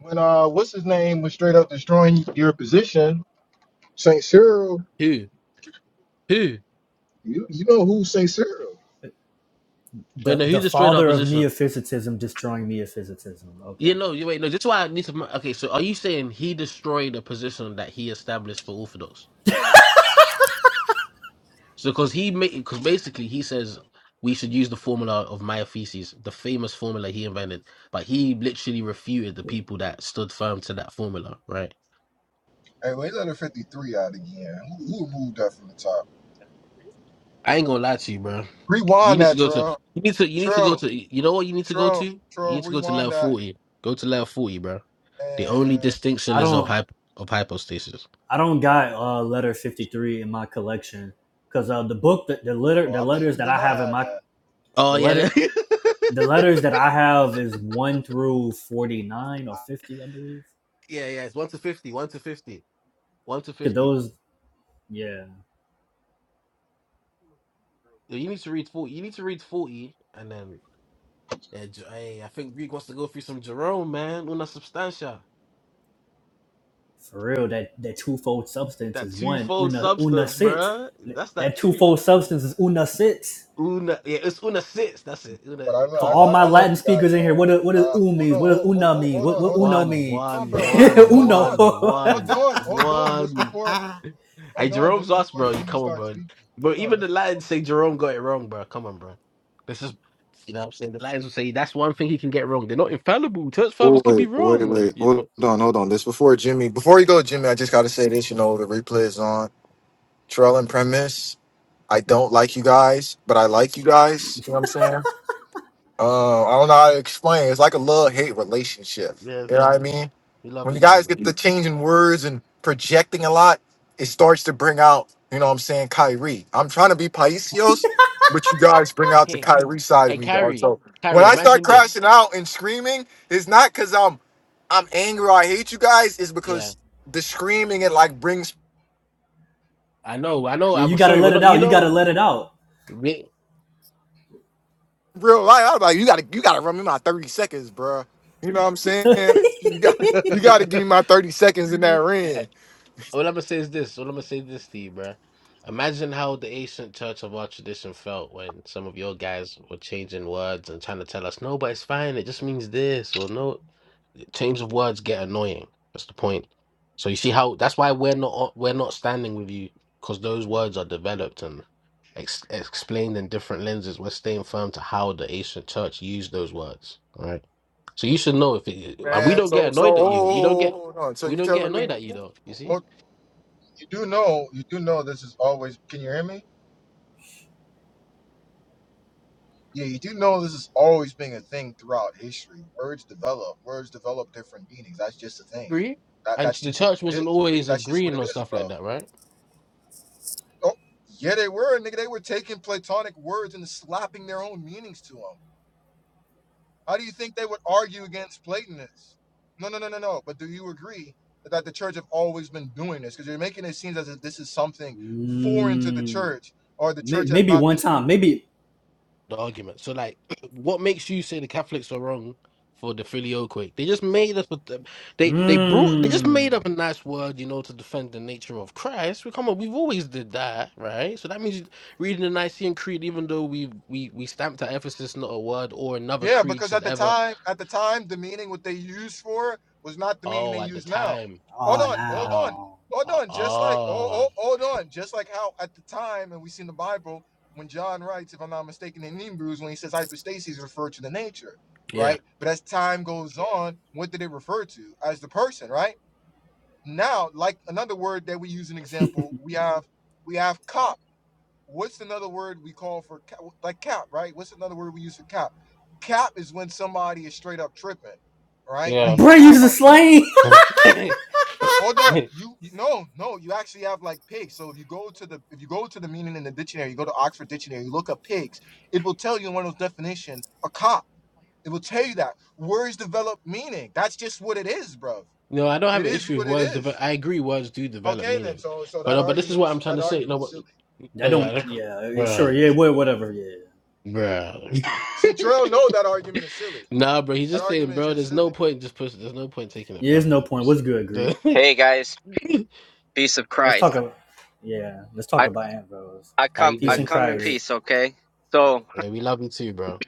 A: when uh what's his name was straight up destroying your position, Saint Cyril.
N: who, who?
A: You you know who Sincero?
N: Wait,
C: the
N: no, who
C: the
N: destroyed our
C: father of
N: position?
C: meophysitism destroying meophysitism. Okay,
N: You know, you wait, no. That's why I need to. Okay, so are you saying he destroyed a position that he established for Orthodox? So because he made, because basically he says we should use the formula of Miaphysis, the famous formula he invented, but he literally refuted the people that stood firm to that formula. Right?
A: Hey, well, let her 53 out again. Who, who removed that from the top?
N: I ain't gonna lie to you, bro. You
A: Rewind
N: need to
A: that,
N: go to
A: Trill.
N: you need to you need to go
A: Trill,
N: to you know what you need to go to.
A: Trill,
N: You
A: Trill,
N: need to go to
A: rewind
N: level
A: that.
N: forty. Go to level forty, bro. The only
A: And
C: I
N: distinction is of
C: don't.
N: hyp of hypostasis.
C: I don't got uh, letter fifty three in my collection because uh, the book that the letter
A: oh,
C: the
A: I bet
C: letters
A: you
C: that
A: would
C: I
A: not
C: have in
A: have
C: my
A: that.
N: Oh
C: the letter
N: yeah, yeah,
C: the letters that I have is one through forty nine or fifty, I believe.
N: yeah. It's one to fifty, one to fifty, one to
C: Cause
N: fifty.
C: those, yeah,
N: You need to read forty. You need to read forty, and then Yeah, Jer- hey, I think Greek wants to go through some Jerome, man. Una substantia.
C: for real, that that twofold substance
N: That
C: is one
N: twofold
C: una una
N: substance,
C: sit.
N: bruh. That's that
C: That
N: two.
C: twofold substance is una sit.
N: Una, yeah, it's una sits. That's it. Una,
A: But I, lo-
C: For
A: I,
N: come
C: all
N: on.
A: lo-
C: my
A: I love
C: Latin
A: you guys,
C: speakers in
A: man.
C: here, what do- what does
A: Uh,
C: u
A: hold
C: means?
A: on,
C: What does
A: hold, hold,
C: una
A: hold
C: mean?
A: hold
C: What
A: on,
C: what
A: hold on, hold
C: uno
A: on,
N: One,
C: mean?
A: hold on,
N: one,
A: bro. Hold on,
N: one,
A: hold
C: uno.
A: on,
N: one,
C: yeah,
A: hold
N: one,
A: on, hold on. This
N: one.
A: before,
N: Hey,
A: hold on, this
N: Jerome's us,
A: before
N: bro. You
A: Jimmy
N: come on,
A: starts
N: bro.
A: speaking. Hold
N: But
A: on,
N: even the
A: this.
N: Lions say Jerome got it wrong, bro. Come on, bro. This is, you know what I'm saying? The Lions will say that's one thing he can get wrong. They're not infallible. Church fathers can be
A: Wait, wait,
N: wrong.
A: wait.
N: You
A: Hold
N: know?
A: on, hold on. This before Jimmy. Before you go, Jimmy, I just gotta say this. You know, the replay is on. Trell and Premise. I don't like you guys, but I like you guys. You know what I'm saying? Uh, I don't know how to explain. It's like a love hate relationship.
N: Yeah,
A: You know what I mean?
N: we love
A: When
N: you
A: you
N: too,
A: guys
N: man.
A: get the changing words and projecting a lot, it starts to bring out, you know what I'm saying, Kyrie. I'm trying to be Paisios, but you guys bring out the
N: Okay.
A: Kyrie side of
N: Hey,
A: me, dog.
N: Kyrie,
A: So when
N: Kyrie,
A: I start
N: imagine this.
A: crashing out and screaming, it's not because I'm I'm angry or I hate you guys, it's
N: Yeah,
A: because the screaming it like brings
N: I know, I know.
C: you
N: I'm
C: gotta
N: sorry. We're
C: let it
N: not, you
C: out. You gotta
N: know,
C: let it out.
N: we,
A: real life. I was like, you gotta you gotta run me my 30 seconds, bro. You know what I'm saying? You got you gotta give me my 30 seconds in that
N: Eh,
A: ring,
N: all I'm gonna say is this. All I'm gonna say is this to you, bruh. Imagine how the ancient church of our tradition felt when some of your guys were changing words and trying to tell us, no, but it's fine. It just means this, or no. Teams of words get annoying. That's the point. So you see how that's why we're not we're not standing with you because those words are developed and ex- explained in different lenses. We're staying firm to how the ancient church used those words. All right. So you should know if it, and we
A: man.
N: don't get
A: So so
N: annoyed at you.
A: hold,
N: We don't
A: hold,
N: get
A: hold on. So
N: we
A: you
N: don't get
A: telling me
N: annoyed at you though. You see,
A: Well, you do know, you do know this is always. Can you hear me? Yeah, you do know this is always being a thing throughout history. Words develop. Words develop different meanings. That's just a thing.
N: agree.
A: That
N: And
A: that's
N: the
A: just
N: church
A: it.
N: wasn't always
A: That's just what
N: agreeing
A: it
N: on
A: is,
N: stuff like
A: bro.
N: that, right?
A: Oh, yeah, they were nigga. They were taking platonic words and slapping their own meanings to them. How do you think they would argue against Platonists? No, no, no, no, no. But do you agree that that the church have always been doing this? Because you're making it seem as if this is something foreign to the
C: Mm,
A: church, or the
C: may,
A: church has
C: maybe
A: not
C: one
A: been doing.
C: time. Maybe.
N: the argument. So, like, what makes you say the Catholics are wrong for the filioque? They just made up. a- They they brought. They just
C: Mm,
N: made up a nice word, you know, to defend the nature of Christ. We come on. We've always did that, right? So that means reading the Nicene Creed, even though we we we stamped at Ephesus not a word or another
A: Yeah,
N: creed
A: because at
N: should
A: the
N: ever.
A: time, at the time, the meaning what they used for was not the meaning they
N: Oh, at the
A: use now.
N: time.
A: Hold
C: oh,
A: on, hold
N: Uh,
A: on,
C: no.
A: hold
N: uh
A: on. Just like oh, oh,
N: oh.
A: hold on. Just like how at the time, and we see in the Bible when John writes, if I'm not mistaken, in Hebrews when he says hypostasis referred to the nature,
N: Yeah.
A: right? But as time goes on, what did it refer to as the person, right? Now, like another word that we use an example, we have we have cop what's another word we call for cap? like cap, right? What's another word we use for cap? Cap is when somebody is straight up tripping, right? Like
N: Yeah.
A: he's
C: Bray
A: lying
C: uses a
A: about something.
C: slang.
A: Hold on, you, you no no, you actually have like pigs. So if you go to the if you go to the meaning in the dictionary, you go to Oxford Dictionary, you look up pigs, it will tell you in one of those definition a cop. It will tell you that words develop meaning. That's just what it is, bruv.
N: No, I don't have
A: It
N: an
A: is
N: issue with
A: what it
N: words. Deve-
A: is.
N: I agree, words do develop
A: Okay then,
N: meaning,
A: so so
N: but
A: that
N: no, but this is
A: argument
N: what I'm trying
A: that
N: to say.
A: argument
N: No,
A: is silly.
C: I
N: No,
C: don't.
N: yeah,
C: Yeah,
N: bro,
C: sure. Yeah, wha- whatever. Yeah.
N: bro.
A: See, Trail, know that argument is silly.
N: nah, bro. He's
A: That
N: just saying,
A: argument is
N: bro.
A: just
N: There's
A: silly.
N: no point in just pushing. There's no point taking it
C: Yeah, there's no
N: further.
C: point. What's
N: So,
C: good, Greek?
O: Hey guys, peace of
C: Let's talk
O: Christ.
C: about. Yeah, let's talk
O: I
C: about Ambrose.
O: I
N: how
O: come
N: you
C: Peace
O: I
C: in
N: doing,
O: come in
N: Greg?
C: Christ.
O: peace, okay? So,
N: Hey, we love you too, bro.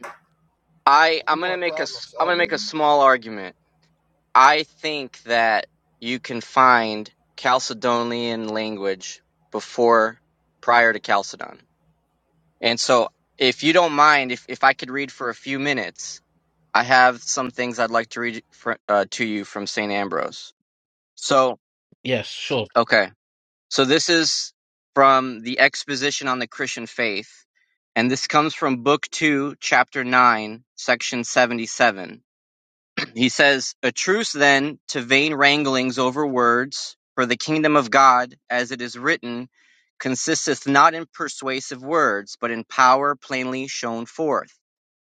O: I
A: We
O: I'm going to
A: want
O: make a s-
A: problems
O: I'm going to make
A: always.
O: a small argument. I think that you can find Chalcedonian language before prior to Chalcedon. And so, if you don't mind if if I could read for a few minutes, I have some things I'd like to read for, uh, to you from St. Ambrose. So,
N: Yes, sure.
O: okay. So this is from the Exposition on the Christian Faith, and this comes from Book 2, Chapter 9, Section 77. He says, A truce then to vain wranglings over words, for the kingdom of God, as it is written, consisteth not in persuasive words, but in power plainly shown forth.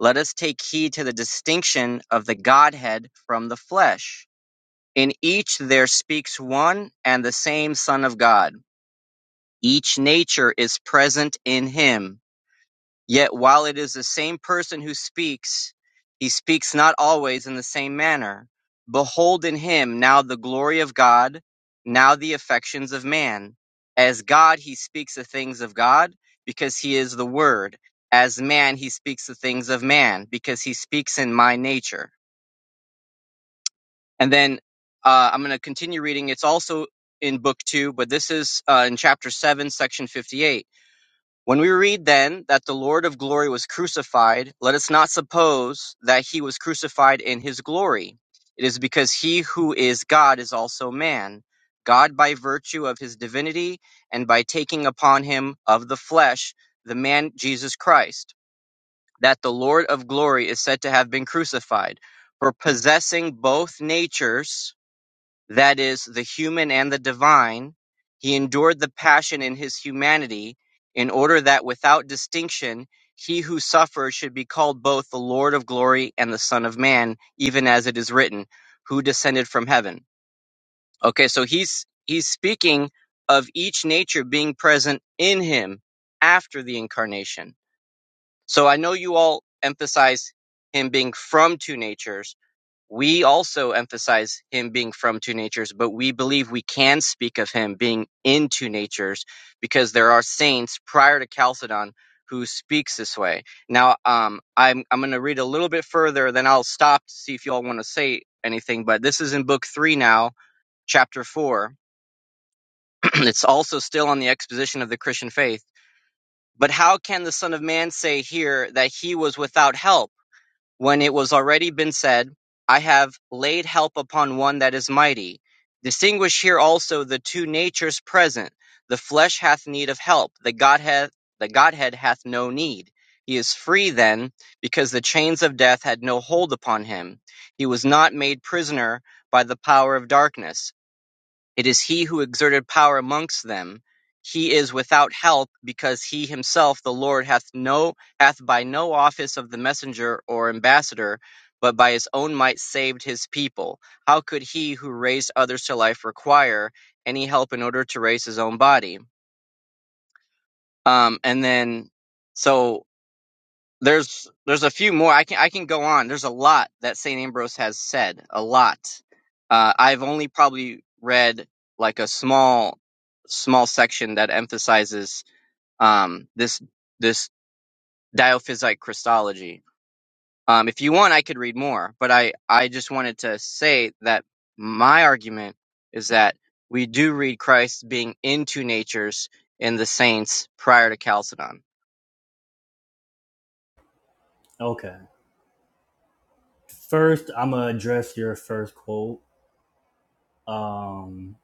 O: Let us take heed to the distinction of the Godhead from the flesh. In each there speaks one and the same Son of God each nature is present in him. Yet while it is the same person who speaks, he speaks not always in the same manner. Behold in him now the glory of God, now the affections of man. As God he speaks the things of God, because he is the Word. As man he speaks the things of man, because he speaks in my nature. And then uh, I'm going to continue reading. It's also in book two, but this is uh, in chapter seven, section 58 When we read then that the Lord of glory was crucified, let us not suppose that he was crucified in his glory. It is because he who is God is also man. God by virtue of his divinity and by taking upon him of the flesh the man Jesus Christ, that the Lord of glory is said to have been crucified. For possessing both natures, that is, the human and the divine, he endured the passion in his humanity, in order that without distinction he who suffered should be called both the Lord of glory and the Son of Man, even as it is written, who descended from heaven. Okay, so he's he's speaking of each nature being present in him after the incarnation. So I know you all emphasize him being from two natures we also emphasize him being from two natures, but we believe we can speak of him being in two natures because there are saints prior to Chalcedon who speaks this way. Now, um, I'm I'm going to read a little bit further, then I'll stop to see if you all want to say anything. But this is in Book Three now, Chapter Four. it's also still on the exposition of the Christian faith. But how can the Son of Man say here that he was without help? when it was already been said, I have laid help upon one that is mighty. Distinguish here also the two natures present. The flesh hath need of help, the Godhead, the Godhead hath no need. He is free then, because the chains of death had no hold upon him. He was not made prisoner by the power of darkness. It is he who exerted power amongst them. He is without help, because he himself, the Lord, hath no hath by no office of the messenger or ambassador, but by his own might saved his people. How could he who raised others to life require any help in order to raise his own body? Um, and then, so there's there's a few more. I can I can go on. There's a lot that St. Ambrose has said. A lot. Uh, I've only probably read like a small small section that emphasizes um, this this diophysite Christology. Um, if you want, I could read more, but I I just wanted to say that my argument is that we do read Christ being into natures in the saints prior to Chalcedon
C: Okay. First, I'm gonna address your first quote. Um,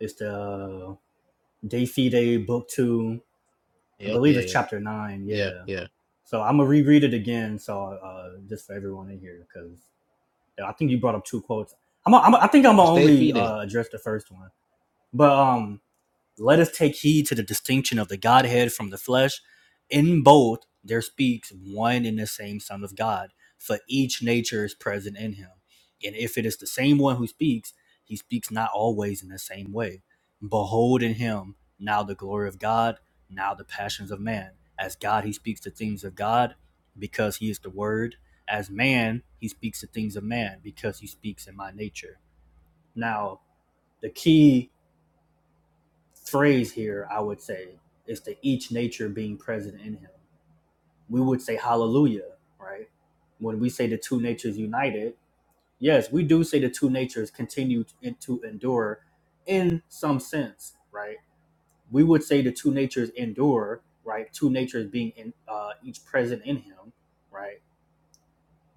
C: it's the De Fide Book Two. I
N: Yeah,
C: believe it's
N: okay,
C: chapter nine.
N: yeah, yeah,
C: Yeah.
N: yeah.
C: So I'm gonna reread it again, so uh, just for everyone in here, because I think you brought up two quotes. I'm, a, I'm a, I think I'm gonna
N: And Stay
C: only
N: feeding.
C: uh, address the first one, but um, let us take heed to the distinction of the Godhead from the flesh. In both there speaks one and the same Son of God, for each nature is present in him. And if it is the same one who speaks, he speaks not always in the same way. Behold in him now the glory of God, now the passions of man. As God, he speaks the things of God because he is the Word. As man, he speaks the things of man because he speaks in my nature. Now, the key phrase here, I would say, is to each nature being present in him. We would say hallelujah, right? When we say the two natures united, yes, we do say the two natures continue in- to endure in some sense, right? We would say the two natures endure, right? Two natures being in uh, each present in him, right?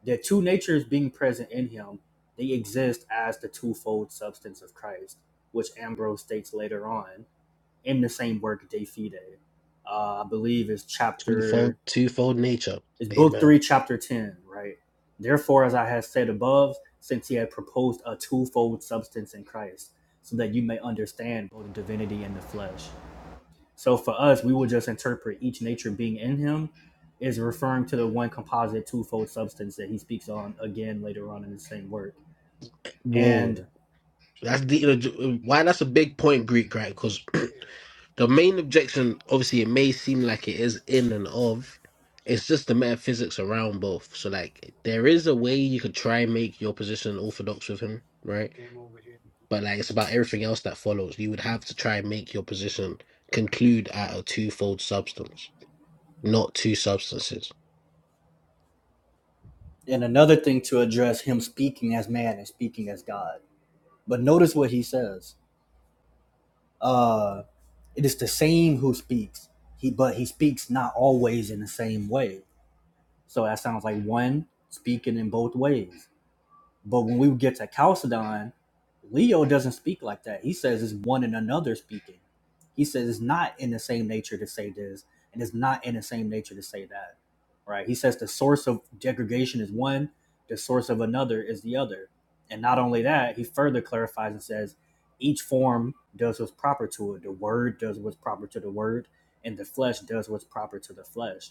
C: The two natures being present in him, they exist as the twofold substance of Christ, which Ambrose states later on in the same work De Fide. Uh, I believe is
N: Twofold,
C: chapter
N: twofold nature.
C: is book
N: Amen.
C: three, chapter ten, right? Therefore, as I have said above, since he had proposed a twofold substance in Christ, so that you may understand both the divinity and the flesh. So for us, we will just interpret each nature being in him is referring to the one composite twofold substance that he speaks on again later on in the same work. And
N: Whoa, that's the you know, why that's a big point, Greek, right? Because The main objection, obviously, it may seem like it is in and of. It's just the metaphysics around both. So, like, there is a way you could try and make your position orthodox with him, right? But like, it's about everything else that follows. You would have to try and make your position conclude at a twofold substance, not two substances.
C: and another thing to address him speaking as man and speaking as God. But notice what he says. Uh, it is the same who speaks. He but he speaks not always in the same way. So that sounds like one speaking in both ways. But when we get to Chalcedon, Leo doesn't speak like that. He says it's one and another speaking. He says it's not in the same nature to say this, and it's not in the same nature to say that. Right? He says the source of degradation is one, the source of another is the other. And not only that, he further clarifies and says each form does what's proper to it. The word does what's proper to the word, and the flesh does what's proper to the flesh.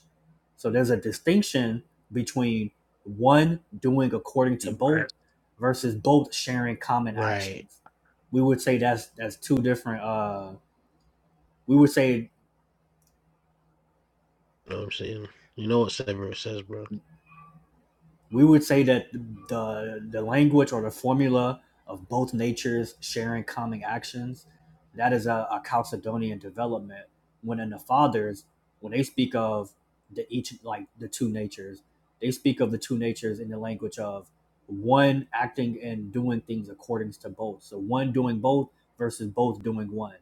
C: So there's a distinction between one doing according to both versus both sharing common
N: Right.
C: actions. We would say that's that's two different. Uh, we would say
N: You know what I'm saying? You know what Severus says, bro.
C: We would say that the the language or the formula of both natures sharing common actions, that is a, a Chalcedonian development. When in the fathers, when they speak of the each like the two natures, they speak of the two natures in the language of one acting and doing things according to both. So one doing both versus both doing one.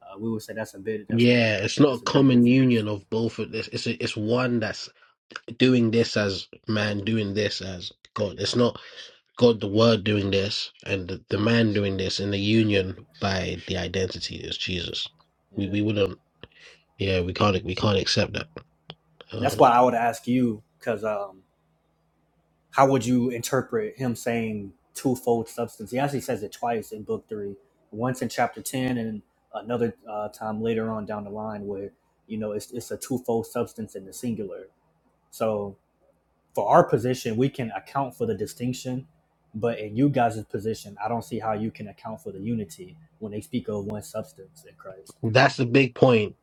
C: Uh, we would say that's a bit that's a
N: Yeah, it's not a
C: that's a big
N: common
C: difference.
N: union of both of this. It's a, it's one that's doing this as man, doing this as God. It's not God the Word doing this and the, the man doing this in the union by the identity is Jesus. We
C: Yeah,
N: we wouldn't yeah, we can't we can't accept that.
C: that's why
N: Um,
C: I would ask you because um, how would you interpret him saying twofold substance? He actually says it twice in book three, once in chapter ten, and another uh, time later on down the line where you know it's it's a twofold substance in the singular. So for our position, we can account for the distinction, but in you guys' position, I don't see how you can account for the unity when they speak of one substance in Christ.
N: that's the big point.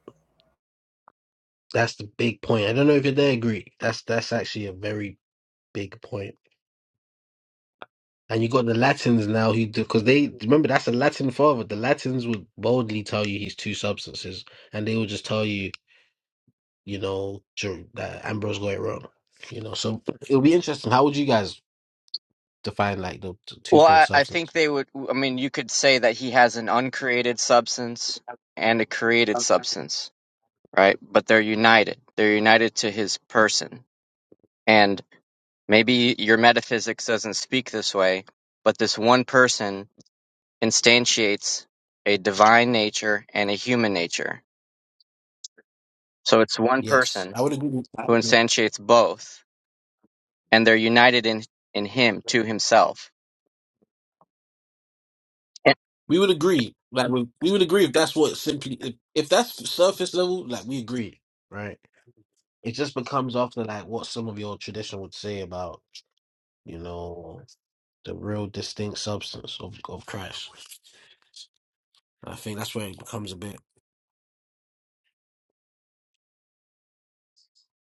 N: That's the big point. I don't know if you're there, Greek. That's that's actually a very big point. And you got the Latins now who do, because they remember that's a Latin father. The Latins would boldly tell you he's two substances, and they will just tell you you know, Jer- that Ambrose got it wrong. You know, so it'll be interesting. How would you guys define like the t-
O: Well,
N: twofold
O: I, I think
N: substance?
O: they would. I mean, you could say that he has an uncreated substance and a created substance, right? But they're united. They're united to his person. And maybe your metaphysics doesn't speak this way, but this one person instantiates a divine nature and a human nature. So it's one
N: Yes,
O: person
N: I would agree. with- I
O: who
N: agree.
O: instantiates both, and they're united in in him to himself. And,
N: We would agree. Like we, we would agree if that's what simply if, if that's surface level, like we agree, right? It just becomes after like what some of your tradition would say about you know the real distinct substance of of Christ. I think that's where it becomes a bit.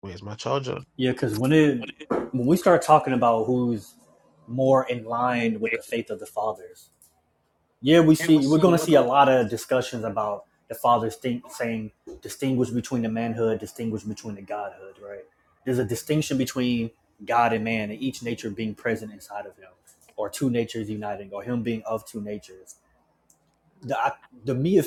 N: Where's my charger?
C: Yeah, because when it
N: What is
C: when we start talking about who's more in line with the faith of the fathers, yeah, we see we're going to
N: it?
C: see a lot of discussions about the fathers think, saying distinguish between the manhood, distinguish between the godhood, right? There's a distinction between God and man, and each nature being present inside of him, or two natures uniting, or him being of two natures the the Mia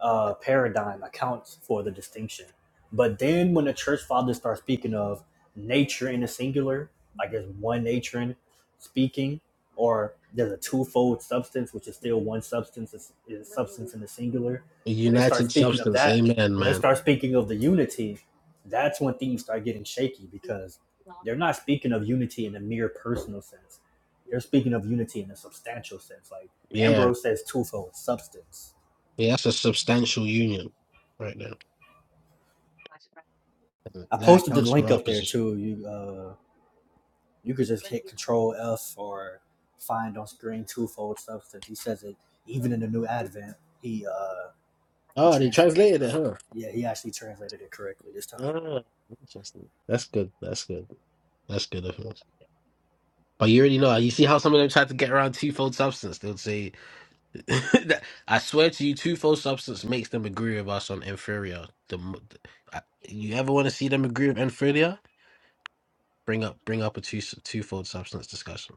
C: uh, paradigm accounts for the distinction. But then when the church fathers start speaking of nature in the singular, like there's one nature in speaking, or there's a twofold substance, which is still one substance is, is substance in the singular.
N: A
C: When they start
N: united
C: speaking of
N: substance,
C: that,
N: amen,
C: when they
N: man.
C: start speaking of the unity, that's when things start getting shaky because they're not speaking of unity in a mere personal sense. They're speaking of unity in a substantial sense, like
N: Yeah.
C: Ambrose says twofold substance.
N: Yeah, that's a substantial union right there. Uh,
C: I
N: That
C: posted the
N: accounts for
C: link
N: our
C: up there
N: position.
C: too. You uh, you could just hit Control F or find on screen twofold substance. He says it even in the New Advent. He uh, he
N: Oh, they
C: translated it
N: translated it,
C: properly.
N: huh?
C: Yeah, he actually translated it correctly this time.
N: Ah, interesting. That's good. That's good. That's good of him. But you already know. You see how some of them tried to get around twofold substance. They would say, that- "I swear to you, twofold substance makes them agree with us on inferior." The, mo- the I- you ever want to see them agree with inferior? Bring up, bring up a two twofold substance discussion.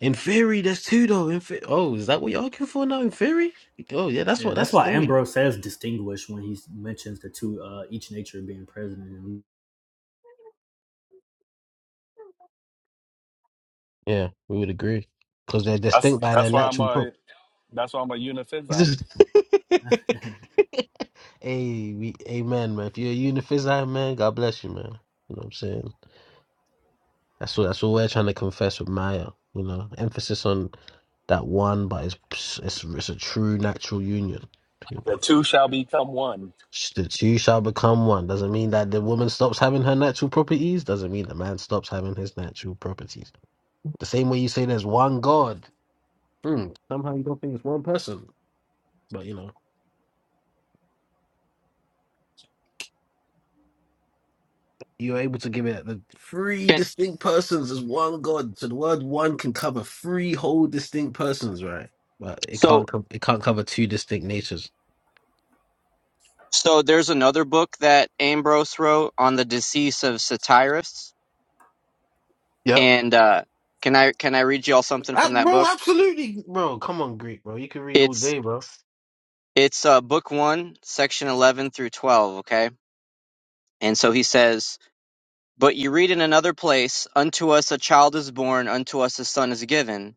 N: In theory, there's two though. In fe- oh, is that what you're arguing for now? In theory? Oh yeah, that's
C: Yeah,
N: what
C: that's
N: that's.
C: why
N: Hey.
C: Ambrose says distinguish when he mentions the two uh, each nature being present. in
N: Yeah, we would agree. Because they're
L: That's,
N: distinct by their
L: that's why I'm
N: natural pro.
L: a, that's why I'm a
N: He's
L: uniphysite.
N: just...
C: him.
N: hey, we, amen, man. If you're a uniphysite, man, God bless you, man. You know what I'm saying? That's what that's what we're trying to confess with Maya. You know, emphasis on that one, but it's it's it's a true natural union. You know,
L: The two shall become one.
N: Sh- the two shall become one. Doesn't mean that the woman stops having her natural properties. Doesn't mean the man stops having his natural properties. The same way you say there's one God. Hmm, Somehow you don't think it's one person. But you know, you're able to give it the three
O: and
N: distinct persons as one God. So the word one can cover three whole distinct persons, right? But it
O: so
N: can't co- it can't cover two distinct natures.
O: So there's another book that Ambrose wrote on the decease of Satyrus,
N: Yep.
O: and uh, can I can I read you all something from
N: Ah,
O: that
N: bro,
O: book?
N: absolutely, bro. Come on, Greek, bro. You can read all
O: It's
N: day, bro.
O: it's uh, book one, section eleven through twelve. Okay, and so he says, "But you read in another place, unto us a child is born, unto us a son is given."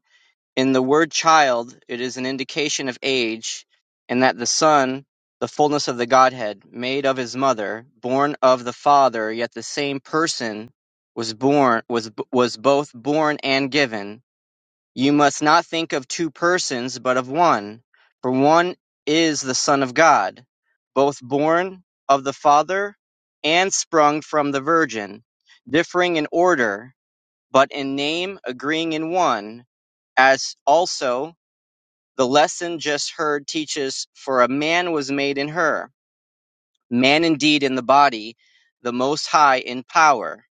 O: In the word "child" it is an indication of age, and that the Son, the fullness of the Godhead, made of his mother, born of the Father, yet the same person, was born was was both born and given. You must not think of two persons, but of one, for one is the Son of God, both born of the Father and sprung from the Virgin, differing in order, but in name agreeing in one, as also the lesson just heard teaches for a man was made in her, man indeed in the body, the most high in power.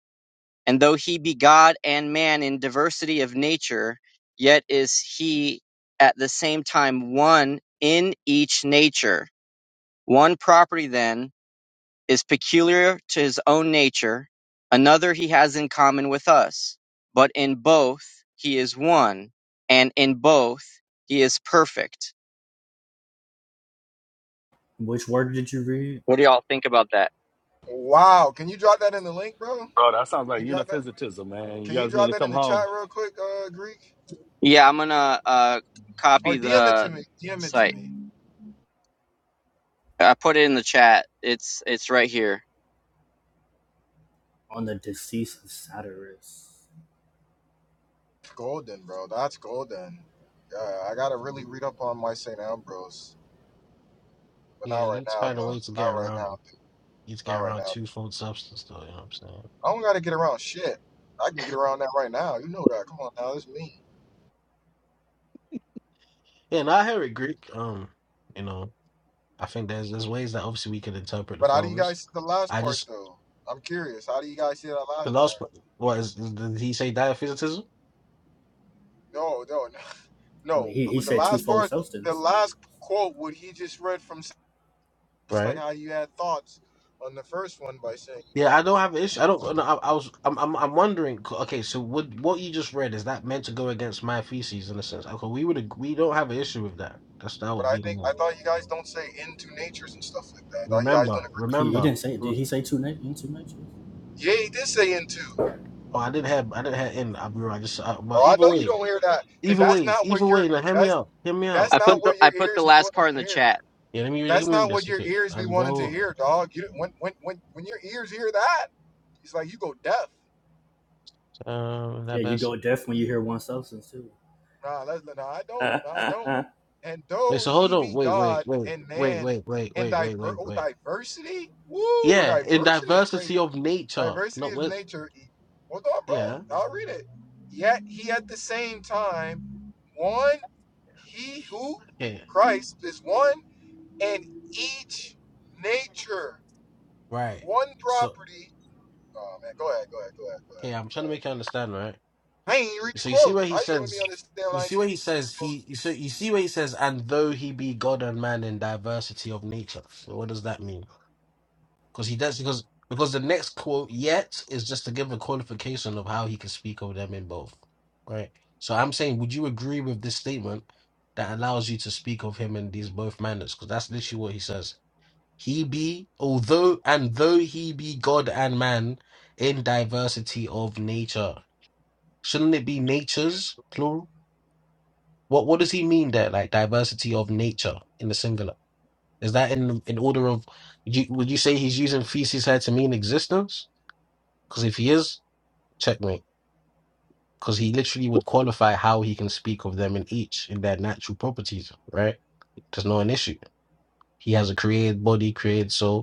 O: And though he be God and man in diversity of nature, yet is he at the same time one in each nature. One property then is peculiar to his own nature, another he has in common with us. But in both he is one, and in both he is perfect.
C: Which word did you read
O: What do y'all think about that?
A: Wow. Can you drop that in the link, bro?
L: Bro, that sounds like
A: You drop that?
L: uniphysitism, man. You
A: Can you
L: guys need
A: drop
L: to
A: that in
L: come
A: the chat
L: home.
A: real quick, uh, Greek?
O: Yeah, I'm gonna uh copy
A: Or DM it to
O: the
A: me. DM it to
O: site.
A: me.
O: I put it in the chat. It's it's right here.
C: on the decease of Satyrus?
A: Golden, bro. That's golden. Yeah, I gotta really read up on my St. Ambrose. But
N: Yeah,
A: not right
N: you
A: now
N: find a
A: though.
N: way to
A: Not
N: get
A: right
N: around
A: now.
N: it. You to
A: Not
N: get
A: right
N: around
A: now.
N: twofold substance, though. You know what I'm saying?
A: I don't gotta get around shit. I can get around that right now. You know that. Come on now, that's me.
N: Yeah, and I hear it, Greek. Um, you know, I think there's there's ways that obviously we can interpret the
A: But how do you
N: fathers.
A: guys see the last
N: I
A: part
N: just
A: though? I'm curious. How do you guys see that
N: the
A: last
N: last
A: part?
N: part- what is did he say diaphysitism?
A: No, no,
C: I mean,
A: No,
C: he, he
A: with the
C: said
A: last
C: twofold
A: part, the
C: substance.
A: last quote, what he just read from, just
N: Right
A: like how you had thoughts on the first one by saying,
N: Yeah, I don't have an issue. I don't. No, I, I was. I'm. I'm. I'm wondering. c- Okay, so what? What you just read is that meant to go against my theses in a sense? Okay, we would. ag- We don't have an issue with that. That's that
A: but
N: would
A: I
N: be
A: think I
N: more.
A: thought you guys don't say into natures and stuff like that. I thought you guys
N: Remember.
A: don't agree.
C: He he
N: Remember.
C: didn't say it.
N: re-
C: Did he say two na- in two natures?
A: Yeah, he did say into.
N: Oh, I didn't have. I didn't have. In. I'll be right. I just. Uh,
A: Oh,
N: but
A: I
N: either
A: know you
N: way.
A: don't hear that because
N: Either
A: that's
N: way.
A: not
N: Either
A: what
N: way.
A: your
N: Now, hear me
A: that's
N: out. Hear me out.
A: that's
O: I
A: not
O: put
N: You,
O: the
A: what
O: I
A: your
O: put the
A: ears be
O: last
A: wanting
O: part in
A: to
O: the
A: hear.
O: chat.
N: yeah. Let me read. Let
A: That's
N: me read
A: not what
N: this.
A: your
N: Okay.
A: ears
N: I
A: be wanting to
N: know.
A: hear, dog. You when when when when your ears hear that, it's like you go deaf.
N: Um.
C: Yeah,
N: That
C: you go
N: person.
C: deaf when you hear one substance too.
A: Nah, let's nah. I don't. Nah, I don't. And
N: Wait.
A: though
N: So hold
A: he
N: on.
A: be
N: Wait. Wait.
A: God
N: Wait.
A: and
N: Wait.
A: man
N: Wait. Wait.
A: and
N: Wait. Wait.
A: diver
N: Wait.
A: oh
N: Wait.
A: diversity? Woo,
N: Yeah. In
A: diversity is crazy.
N: diversity of nature.
A: Diversity
N: Not
A: of
N: with.
A: nature. E- Hold on,
N: Yeah.
A: bro. I'll read it. Yet he at the same time one he who
N: Okay.
A: Christ is one and each nature,
N: Right.
A: one
N: So
A: property. Oh man, go ahead, go ahead, go ahead, go ahead,
N: okay, I'm
A: go
N: trying to
A: ahead.
N: make you understand, right?
A: I ain't read the
N: So you see
A: quote.
N: where he
A: How you gonna let me
N: says
A: understand when
N: you
A: I ain't
N: see
A: even
N: where he
A: read the
N: says
A: quote?
N: he you so you see where he says and though he be God and man in diversity of nature. So what does that mean? Because he does because because the next quote yet is just to give a qualification of how he can speak of them in both. Right? So I'm saying, would you agree with this statement that allows you to speak of him in these both manners? Because that's literally what he says. He be, although and though he be God and man in diversity of nature. Shouldn't it be natures, plural? What what does he mean there? Like diversity of nature in the singular. Is that in in order of you, would you say he's using feces here to mean existence? Because if he is, checkmate. Because he literally would qualify how he can speak of them in each in their natural properties, right? There's not an issue. He has a created body, created soul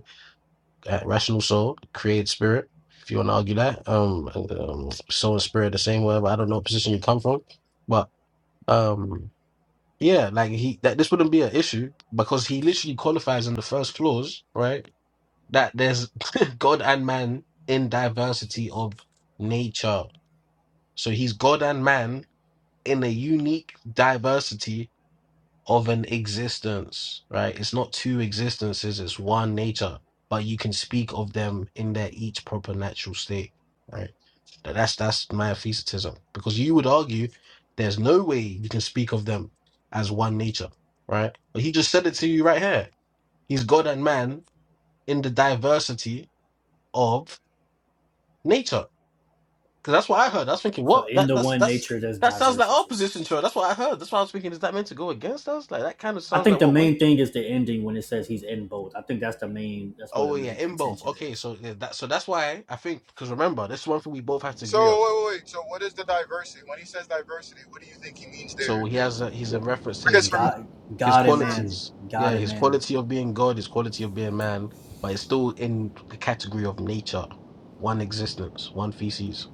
N: that rational soul, created spirit. If you want to argue that, um, um, soul and spirit the same way. But I don't know what position you come from, but um, yeah, like he that this wouldn't be an issue because he literally qualifies in the first clause, right? That there's God and man in diversity of nature. So he's God and man in a unique diversity of an existence, right? It's not two existences, it's one nature, but you can speak of them in their each proper natural state, right? That- That's that's Miaphysitism. Because you would argue there's no way you can speak of them as one nature, right? But he just said it to you right here. He's God and man in the diversity of nature. Because that's what I heard. I was thinking,
C: So
N: what?
C: in
N: That
C: the
N: that's
C: one
N: that's
C: nature, there's
N: that sounds like our
C: diversity.
N: position, sure. That's what I heard. That's why I was thinking, is that meant to go against us? Like that kind of
C: I
N: sounds
C: think
N: like
C: the
N: what we're
C: main thing is the ending when it says he's in both. I think that's the main. That's what the
N: Oh yeah,
C: main
N: in both.
C: contention
N: Okay,
C: is.
N: so yeah, that so that's why I think because remember this is one thing we both have to
A: So
N: agree on.
A: wait, wait, wait. So what is the diversity? When he says diversity, what do you think he means
N: So
A: there?
N: he has a, he's in reference to
A: Because
N: his
A: from
C: God,
N: his
C: God and
A: for
C: man,
N: qualities.
C: God
N: Yeah,
C: and
N: his
C: man.
N: quality of being God, his quality of being man, but it's still in the category of nature, one existence, one feces.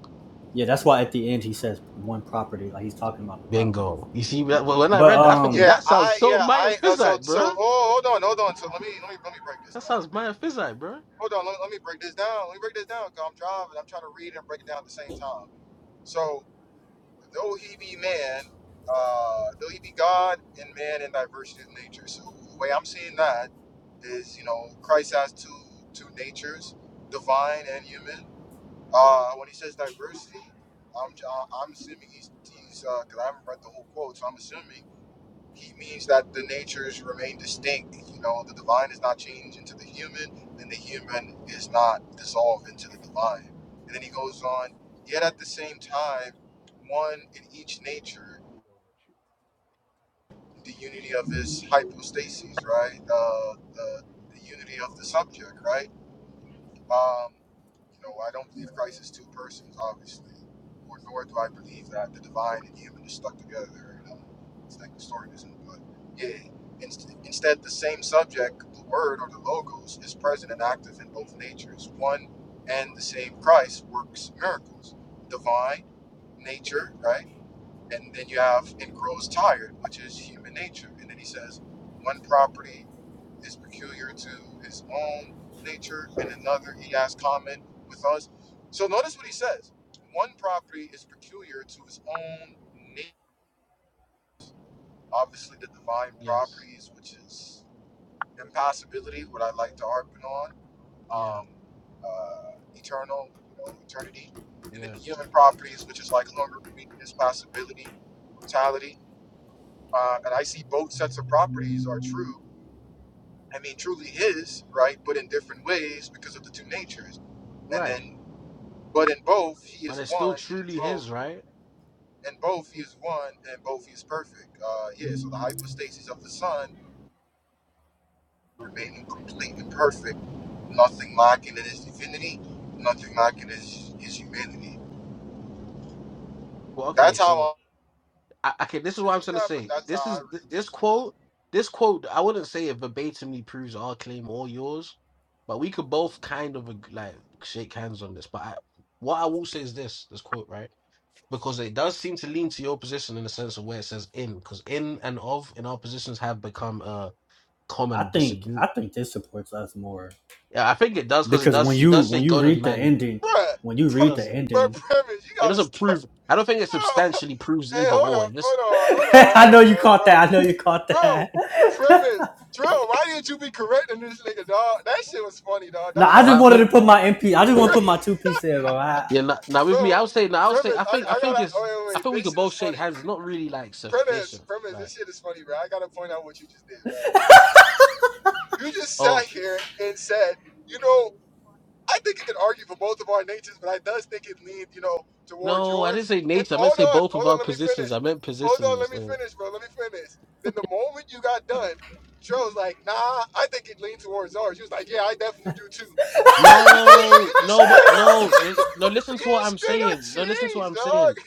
C: Yeah, that's why at the end he says one property, like he's talking about the properties.
N: Bingo. You see, that- well, when I
C: But
N: read that, I'm thinking
C: um,
A: yeah,
N: that sounds
A: I yeah,
N: so Maya
A: I uh, so
N: Physite,
A: so
N: bruh.
A: oh hold on, hold on. So let me let me let me break this
N: That
A: down. Let me
N: sounds
A: break
N: Maya
A: this.
N: Physite, bruh.
A: Hold on, let, let me break this down. Let me break this down. Cause I'm driving. I'm trying to read and break it down at the same time. So though he be man, uh, though he be God and man in diversity of nature. So the way I'm seeing that is, you know, Christ has two two natures, divine and human Uh, when he says diversity, I'm I'm assuming he's he's because I haven't read the whole quote, so I'm assuming he means that the natures remain distinct. You know, the divine is not changed into the human, and the human is not dissolved into the divine. And then he goes on, yet at the same time, one in each nature, the unity of his hypostasis, right? Uh, the the unity of the subject, right? Um, you know, I don't believe Christ is two persons, obviously, or nor do I believe that the divine and human is stuck together. You know, it's like Nestorianism, but yeah. Inst- instead, the same subject, the word or the logos, is present and active in both natures. One and the same Christ works miracles, divine nature, right? and then you have and grows tired, which is human nature. And then he says, one property is peculiar to his own nature, and another he has common with us. So notice what he says: one property is peculiar to his own nature. Obviously, the divine
N: Yes.
A: properties, which is impassibility, what I like to harp on,
N: Yeah.
A: um, uh, eternal, you know, eternity, and then
N: Yeah.
A: the human properties, which is like hunger, weakness, possibility, mortality um, and I see both sets of properties are true. I mean, truly his, right? But in different ways because of the two natures. And
N: Right.
A: then, but in both, he
N: But
A: is
N: it's still
A: one, and in
N: truly
A: both,
N: his, right?
A: in both, he is one, and in both, he is perfect. Uh, yeah, so the hypostasis of the Son remaining complete and perfect, nothing lacking in his divinity, nothing lacking in his, his humanity.
N: Well, okay,
A: That's how
N: so
A: I
N: I, okay, this is what I'm
A: read
N: trying to
A: that, but
N: say.
A: that's how
N: This
A: I
N: is th-
A: read
N: this quote. This quote, I wouldn't say it verbatimly proves our claim or yours, but we could both kind of ag- like shake hands on this. But I, what I will say is this: this quote, right? Because it does seem to lean to your position in the sense of where it says "in," because "in" and "of" in our positions have become a
C: I
N: common
C: think I
N: disagree.
C: think this supports us more
N: Yeah, I think it does because it
C: because when
N: does. He
C: you
N: does
C: when
N: say
C: you
N: God and
C: read the
N: man.
A: that.
C: ending, when you
A: Bruh,
N: It
A: bruh,
C: read the
N: doesn't.
C: ending.
A: bruh, premise, you
N: It
A: gotta
N: doesn't
A: stop.
N: prove. I don't think it
A: Oh,
N: substantially proves
A: Hey,
N: either
A: hold
N: or.
A: on,
N: It just
A: hold on, hold on,
C: I
A: hold
C: know you
A: on,
C: caught
A: bro,
C: that. I know you caught
A: bro, bro.
C: that.
A: Premise, Drill. Why didn't you be correcting this nigga, dog? That shit was funny, dog.
C: No,
A: That,
C: I
A: that is
C: just
N: well.
A: on
C: wanted to put
A: replay,
C: my MP. I just want to put my two piece in, bro. I,
N: Yeah, now, now
A: bro.
N: with me, I would say, now I would say,
A: Premise,
N: I
A: I,
N: think, I
A: I
N: think
A: gotta.
N: it's,
A: Oh, wait, wait.
N: I
A: wait.
N: think we
A: This
N: could
A: shit is
N: both shake
A: funny.
N: hands. It's not really like
A: Premise,
N: sufficient.
A: premise.
N: Like,
A: This shit is funny, bro. I gotta point out what you just did, right? You just sat
N: oh
A: here and said, you know. I think you can argue for both of our natures, but I does think it leaned, you know, towards
N: no, I didn't
A: yours.
N: say
A: And
N: nature. I meant
A: hold
N: say
A: on,
N: both of
A: hold
N: our
A: on, let me
N: positions. I
A: finish.
N: meant
A: Hold on,
N: positions.
A: let me
N: So.
A: finish, bro. Let me finish. Then the moment you got done, Joe like, nah, I think it leaned towards ours. He was like, yeah, I definitely do too. Like you just you
N: No,
A: just
N: no, but
A: straight up you
N: no, no.
A: just,
N: no, Listen
A: you
N: to what I'm
A: just straight up
N: saying. No, listen to what
A: changed,
N: I'm
A: dog.
N: saying.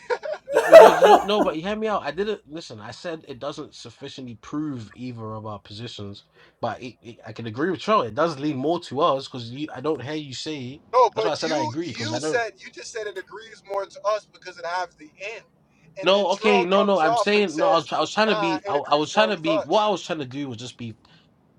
N: You know, you know, no, but you hear me out. I didn't listen. I said it doesn't sufficiently prove either of our positions, but it, it, I can agree with Charlie. It does lean more to us because I don't hear you say.
A: No,
N: That's why I
A: but
N: said I
A: you
N: agree because
A: you
N: I don't.
A: said you just said it agrees more to us because it has the end. And then
N: No, okay,
A: Terrell
N: no, no.
A: comes
N: I'm
A: off and
N: saying no. I
A: says,
N: was, I was trying to
A: nah,
N: be, I,
A: it
N: I
A: agrees
N: was trying
A: more
N: to
A: with
N: be. What
A: us.
N: I was trying to do was just be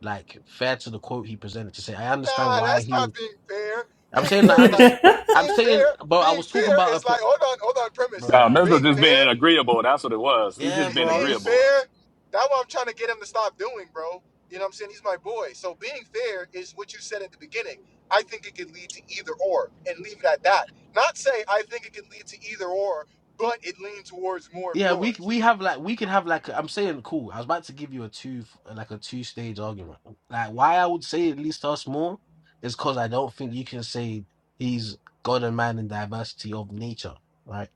N: like fair to the quote he presented to say I understand
A: nah,
N: why
A: that's
N: he.
A: not
N: was-
A: being fair.
N: I'm
A: Being
N: saying I
A: fair is like
N: understand.
C: yeah,
N: I'm
A: being
N: saying,
A: fair.
N: but I
A: Being
N: was talking
A: fair
N: about a,
A: is
N: p-
A: like hold on, hold on. Premise
L: Nah,
N: bruh.
L: Mesmer
A: being
L: just
A: fair,
L: being agreeable. That's what it was. He
N: Yeah,
L: just
A: be,
L: being
N: bro. I'm
A: being
N: just
L: agreeable.
A: fair. That's what I'm trying to get him to stop doing, bro. You know what I'm saying? He's my boy. So being fair is what you said at the beginning. I think it could lead to either or, and leave it at that. Not say I think it could lead to either or, but it leaned towards more of
N: yeah. We
A: yours.
N: we have like we can have like I'm saying cool. I was about to give you a two like a two stage argument. Like why I would say at least us more is because I don't think you can say he's God and man in diversity of nature, right?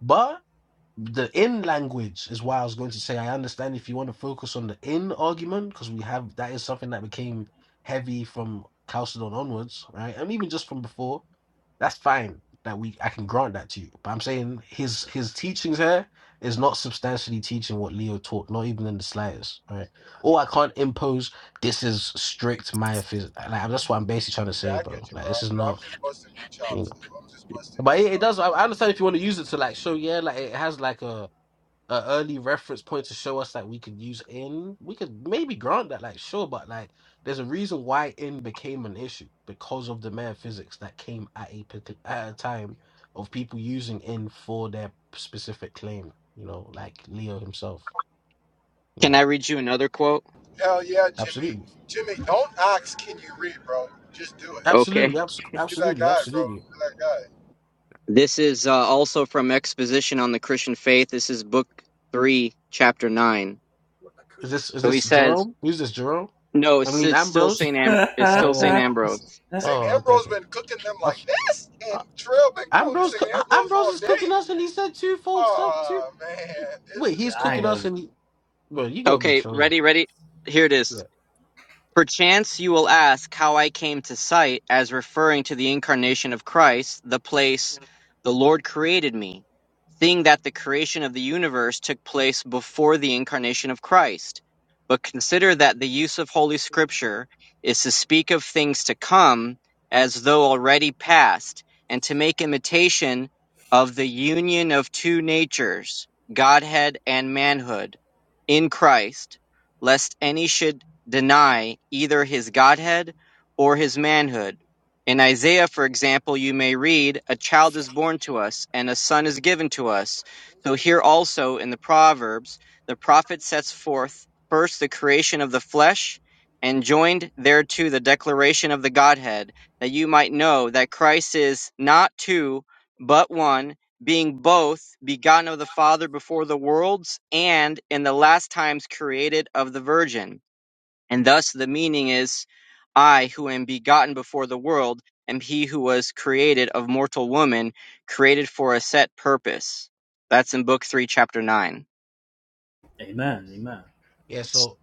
N: But. the in language is why I was going to say I understand if you want to focus on the in argument because we have that is something that became heavy from Chalcedon onwards, right? And even just from before, that's fine that we I can grant that to you. But I'm saying his his teachings here is not substantially teaching what Leo taught, not even in the slightest, right? Or I can't impose this is strict Miaphysite. Like that's what I'm basically trying to
A: Yeah,
N: say,
A: I
N: bro.
A: get you,
N: Like this
A: bro.
N: is
A: I'm
N: not
A: just busting your
N: you know.
A: chops. dude. I'm just busting your
N: But it,
A: chops.
N: it does. I I understand if you want to use it to like show, yeah, like it has like a an early reference point to show us that we could use in we could maybe grant that like sure but like there's a reason why in became an issue because of the man physics that came at a partic- at a time of people using in for their specific claim you know like leo himself you
O: Can I
N: know
O: read you another quote?
A: Hell yeah, Jimmy.
N: absolutely
A: Jimmy, don't ask, can you read, bro? Just do it.
O: Okay.
N: absolutely abs-
A: Be that
N: absolutely
A: guy, bro.
N: absolutely
A: Be that guy.
O: This is uh, also from Exposition on the Christian Faith. This is book 3, chapter 9.
N: is this is
O: So he
N: this
O: says,
N: jerome who's this jerome
O: no,
N: i
O: it's,
N: mean
O: it's still
N: ambrose
O: St. Am- it's still
N: oh yeah yeah.
O: St. Ambrose.
A: St.
N: oh okay
A: Ambrose
N: okay
A: been cooking them
N: I
A: like
N: f-
A: this, and
N: I-
A: Trill been quoting
N: ambrose
A: St.
N: co-
A: Ambrose
N: ambrose
A: all
N: is cooking
A: day.
N: us and he said twofold sub
A: Oh man, this
N: Wait,
A: is
N: he's
C: I ain't
N: cooking
A: gold.
N: us
C: go.
N: and he, bro, you gonna be
O: Okay,
N: trolling.
O: ready, ready. Here it is.
N: Yeah.
O: Perchance you will ask how I came to cite as referring to the incarnation of Christ the place "the Lord created me," seeing that the creation of the universe took place before the incarnation of Christ. But consider that the use of Holy Scripture is to speak of things to come as though already past, and to make imitation of the union of two natures, Godhead and manhood, in Christ, lest any should deny either his godhead or his manhood. In Isaiah, for example, you may read, A child is born to us, and a son is given to us. So here also in the Proverbs, the prophet sets forth first the creation of the flesh, and joined thereto the declaration of the Godhead, that you might know that Christ is not two, but one, being both begotten of the Father before the worlds, and in the last times created of the Virgin. And thus the meaning is, I who am begotten before the world am he who was created of mortal woman, created for a set purpose. That's in book three, chapter nine.
C: Amen. Amen.
N: Yeah, so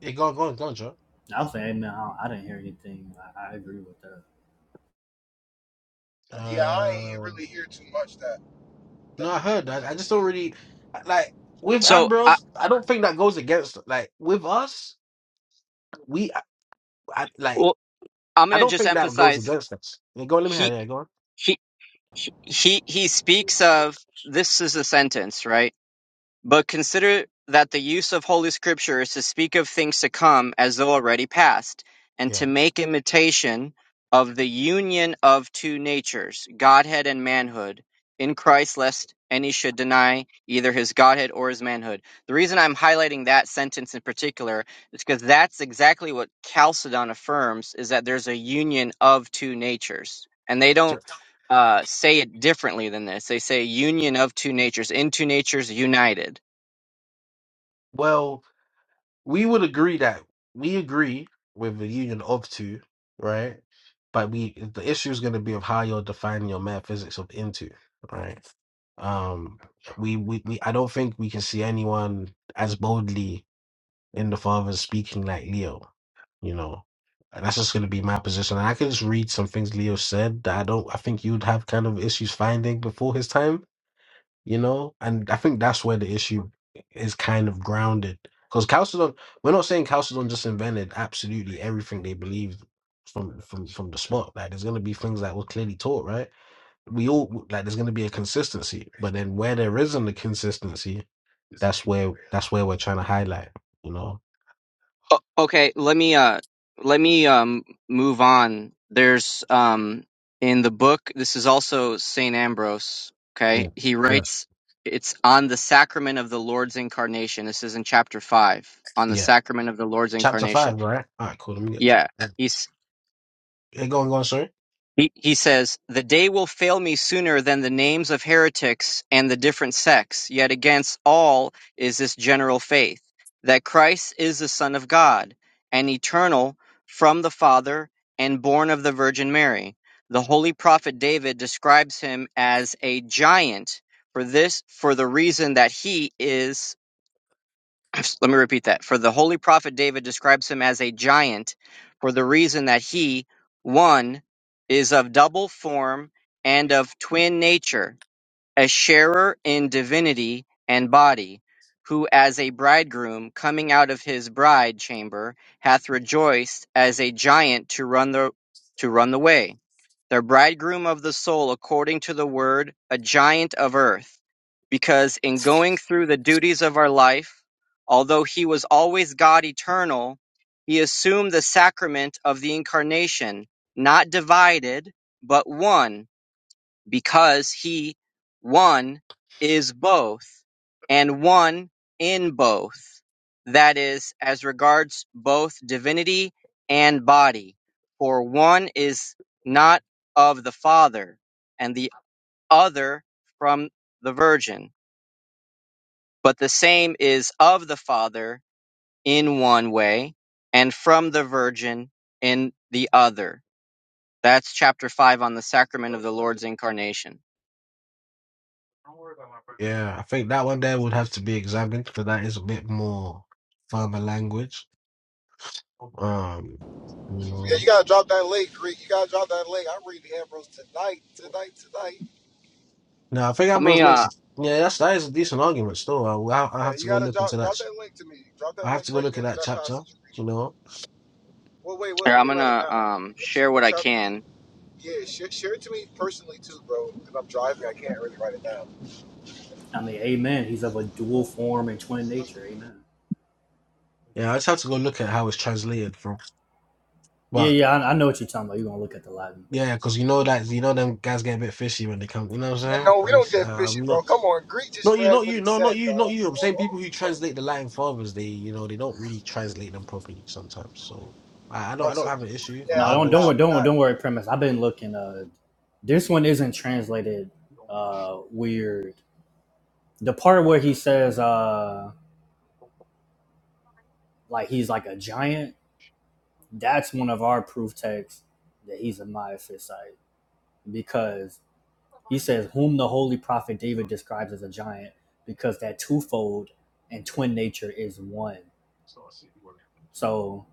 N: it go on, go on, go on, Joe.
C: I was saying amen. I, I didn't hear anything. I, I agree with that.
A: Yeah, I ain't
N: Uh
A: really hear too much that that
N: no, I heard
A: you
N: that.
A: know.
N: I just don't really like with
O: So I,
N: Ambrose, I don't think that goes against like with us, we I, I, like
O: well, I'm
N: I
O: going to
N: don't
O: just
N: think that goes
O: emphasize
N: against us. Yeah, go on, let me hear,
O: he,
N: yeah, go on.
O: he, he, he he speaks of, this is a sentence, right? But consider that the use of Holy Scripture is to speak of things to come as though already past, and to
N: Yeah.
O: make imitation of the union of two natures, Godhead and manhood, in Christ, lest any should deny either his Godhead or his manhood. The reason I'm highlighting that sentence in particular is because that's exactly what Chalcedon affirms is that there's a union of two natures. And they don't
N: Sure.
O: uh, say it differently than this. They say union of two natures, in two natures united
N: Well we would agree that we agree with the union of two, right? But we the issue is going to be of how you're defining your metaphysics of into, right? Um, we, we we I don't think we can see anyone as boldly in the father speaking like Leo, you know. And that's just going to be my position. And I can just read some things Leo said that I don't. I think you'd have kind of issues finding before his time you know? And I think that's where the issue is kind of grounded. Because Chalcedon, we're not saying Chalcedon just invented absolutely everything they believed from from from the spot. Like there's gonna be things that were clearly taught, right? We all like there's gonna be a consistency, but then where there isn't a consistency, that's where that's where we're trying to highlight, you know?
O: O- okay, let me uh let me um move on. There's um in the book this is also St. Ambrose, okay?
N: Yeah,
O: He
N: yeah,
O: writes it's on the sacrament of the Lord's incarnation. This is in chapter 5 on the
N: yeah.
O: sacrament of the Lord's
N: Chapter
O: incarnation.
N: five, right? All right, cool. Let me get it.
O: Yeah.
N: Yeah,
O: He's
N: Yeah, go on, go on. Sorry.
O: he, he says, The day will fail me sooner than the names of heretics and the different sects, yet against all is this general faith, that Christ is the Son of God, and eternal from the Father, and born of the Virgin Mary. The holy prophet David describes him as a giant for this for the reason that he is let me repeat that. For the holy prophet David describes him as a giant for the reason that he, one, is of double form and of twin nature, a sharer in divinity and body, who as a bridegroom coming out of his bride chamber hath rejoiced as a giant to run the to run the way the bridegroom of the soul according to the word, a giant of earth, because in going through the duties of our life, although he was always God eternal, he assumed the sacrament of the incarnation, not divided, but one because he one is both and one in both that is as regards both divinity and body for one is not of the father and the other from the virgin but the same is of the father in one way and from the virgin in the other that's chapter 5 on the sacrament of the lord's incarnation
N: Yeah, I think that one there would have to be examined, because that is a bit more firmer language Um, you
A: Yeah,
N: know,
A: you gotta drop that link, Greek. You gotta drop that link. I'm reading Ambrose tonight, tonight, tonight.
N: now I think
O: let me
N: Ambrose
O: uh,
N: makes yeah, that's that is a decent argument still. I, will- I
A: Yeah,
N: have
A: you
N: to go
A: gotta
N: look into
A: drop drop
N: that.
A: that link to me. Drop that
N: I have
A: link
N: to go
A: right
N: look
A: there
N: at
A: to
N: that
A: that
N: chapter.
A: passage. Greek.
N: You know,
A: Well, wait, well,
O: Here,
A: let
O: I'm
A: me write it
O: gonna
A: down.
O: um
A: What,
O: share
A: what
O: what I
A: chapter?
O: can.
A: Yeah, share, share it to me personally too, bro. Because I'm driving, I can't really write it down.
C: I mean, amen. He's of a dual form and twin nature. Amen.
N: yeah, I just have to go look at how it's translated from.
C: Yeah,
N: But
C: yeah. I, I know what you're talking about. You're gonna look at the Latin.
N: yeah, because you know that you know them guys get a bit fishy when they come. You know what
A: Yeah,
N: I'm saying?
A: no, we
N: And
A: don't
N: it's, uh,
A: get fishy,
N: I'm
A: bro.
N: not
A: Come on, Greek just
N: not you,
A: read
N: not
A: what
N: you,
A: he
N: no, not
A: said,
N: you, not
A: dog.
N: you. I'm
A: Oh,
N: saying
A: oh.
N: people who translate the Latin fathers, they you know they don't really translate them properly sometimes. So I, I don't
A: bro.
N: I don't
A: So,
N: have an issue. I'll,
A: yeah,
C: No,
A: I
N: I'll
C: don't
N: go.
C: don't
A: forgot,
C: worry.
A: I
C: Don't
A: forgot.
C: don't worry. Premise. I've been looking. Uh, this one isn't translated. Uh, weird. The part where he says, uh. like he's like a giant, that's one of our proof texts that he's a Miaphysite because he says, Whom the holy prophet David describes as a giant, because that twofold and twin nature is one. So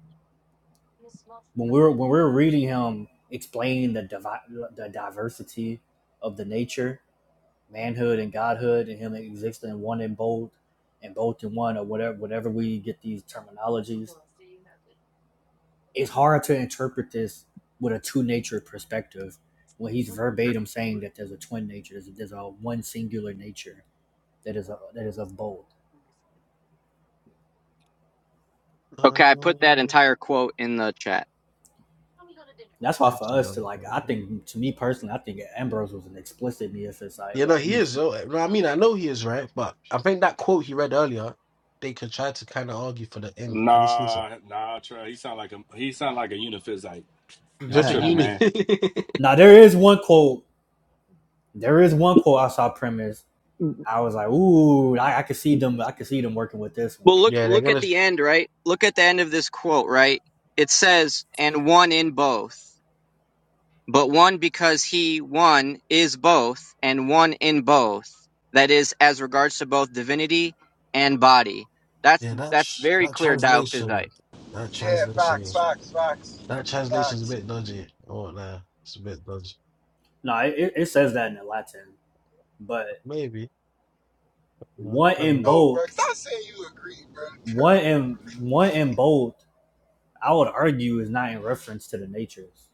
C: when we're when we're reading him explain the divi- the diversity of the nature, manhood and godhood, and him existing one in both and both in one or whatever whatever we get these terminologies it's hard to interpret this with a two nature perspective when he's verbatim saying that there's a twin nature, there's, there's a one singular nature that is a, that is of both.
O: Okay, I put that
N: To,
O: entire quote in the chat.
C: That's why for us to like, I
N: um,
C: think to me personally, I think Ambrose was an explicit Miaphysite. Like
N: You know,
C: like, he
N: he
C: was.
N: is. oh, No, I mean, I know he is right, but I think that quote he read earlier, they could try to kind of argue for the M, and this needs a
L: Nah, nah, Trey. He sound like a, he sound like a uniphysite. Y'all
N: just at
L: tripping,
N: uni.
L: man.
C: now there is one quote, there is one quote I saw premise. I was like, ooh, I, I could see them, I could see them working with this one.
O: Well, look
N: yeah, they're
O: look at
N: gonna.
O: the end, right? Look at the end of this quote, right? It says, "And one in both, but one because he one is both, and one in both. That is, as regards to both divinity and body. That's
N: Yeah, that
O: that's
N: tr-
O: very
N: that
O: clear Diophysite.
N: translation, that
A: Yeah,
N: translation
A: facts,
N: is
A: facts, facts,
N: that translation's a
A: facts.
N: bit dodgy. Oh, nah, it's a bit dodgy.
C: No, it, it says that in the Latin, but
N: Maybe. No,
C: one
N: fair
C: in
N: enough.
A: No, bro,
C: both,
A: stop saying you agree, bro.
C: one in one in both I would argue is not in reference to the natures.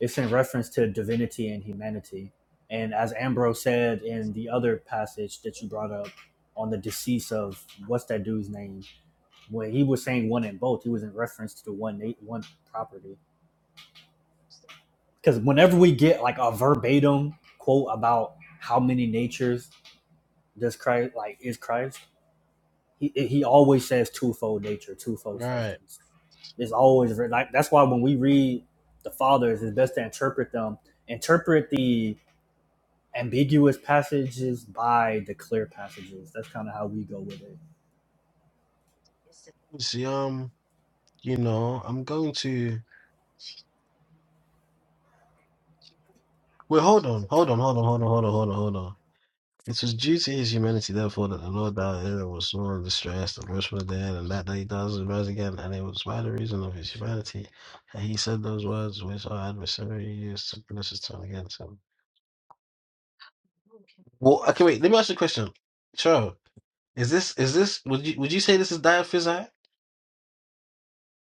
C: It's in reference to divinity and humanity. And as Ambrose said in the other passage that you brought up on the decease of what's that dude's name, when he was saying one and both, he was in reference to the one one property. Because whenever we get like a verbatim quote about how many natures does Christ like is Christ, he he always says twofold nature, twofold
N: All right.
C: substance. It's always like that's why when we read the fathers, it's best to interpret them. Interpret the ambiguous passages by the clear passages. That's kind of how we go with it.
N: See, um, you know, I'm going to. Wait, hold on, hold on, hold on, hold on, hold on, hold on, hold on. It was due to his humanity, therefore, that the Lord our hero was sore and distressed and wished for dead, and that, that he does rise again. And it was by the reason of his humanity that he said those words which our adversary used to bless his tongue against him. Well, okay, wait. Let me ask you a question, Cho. Is this is this would you would you say this is diaphysi?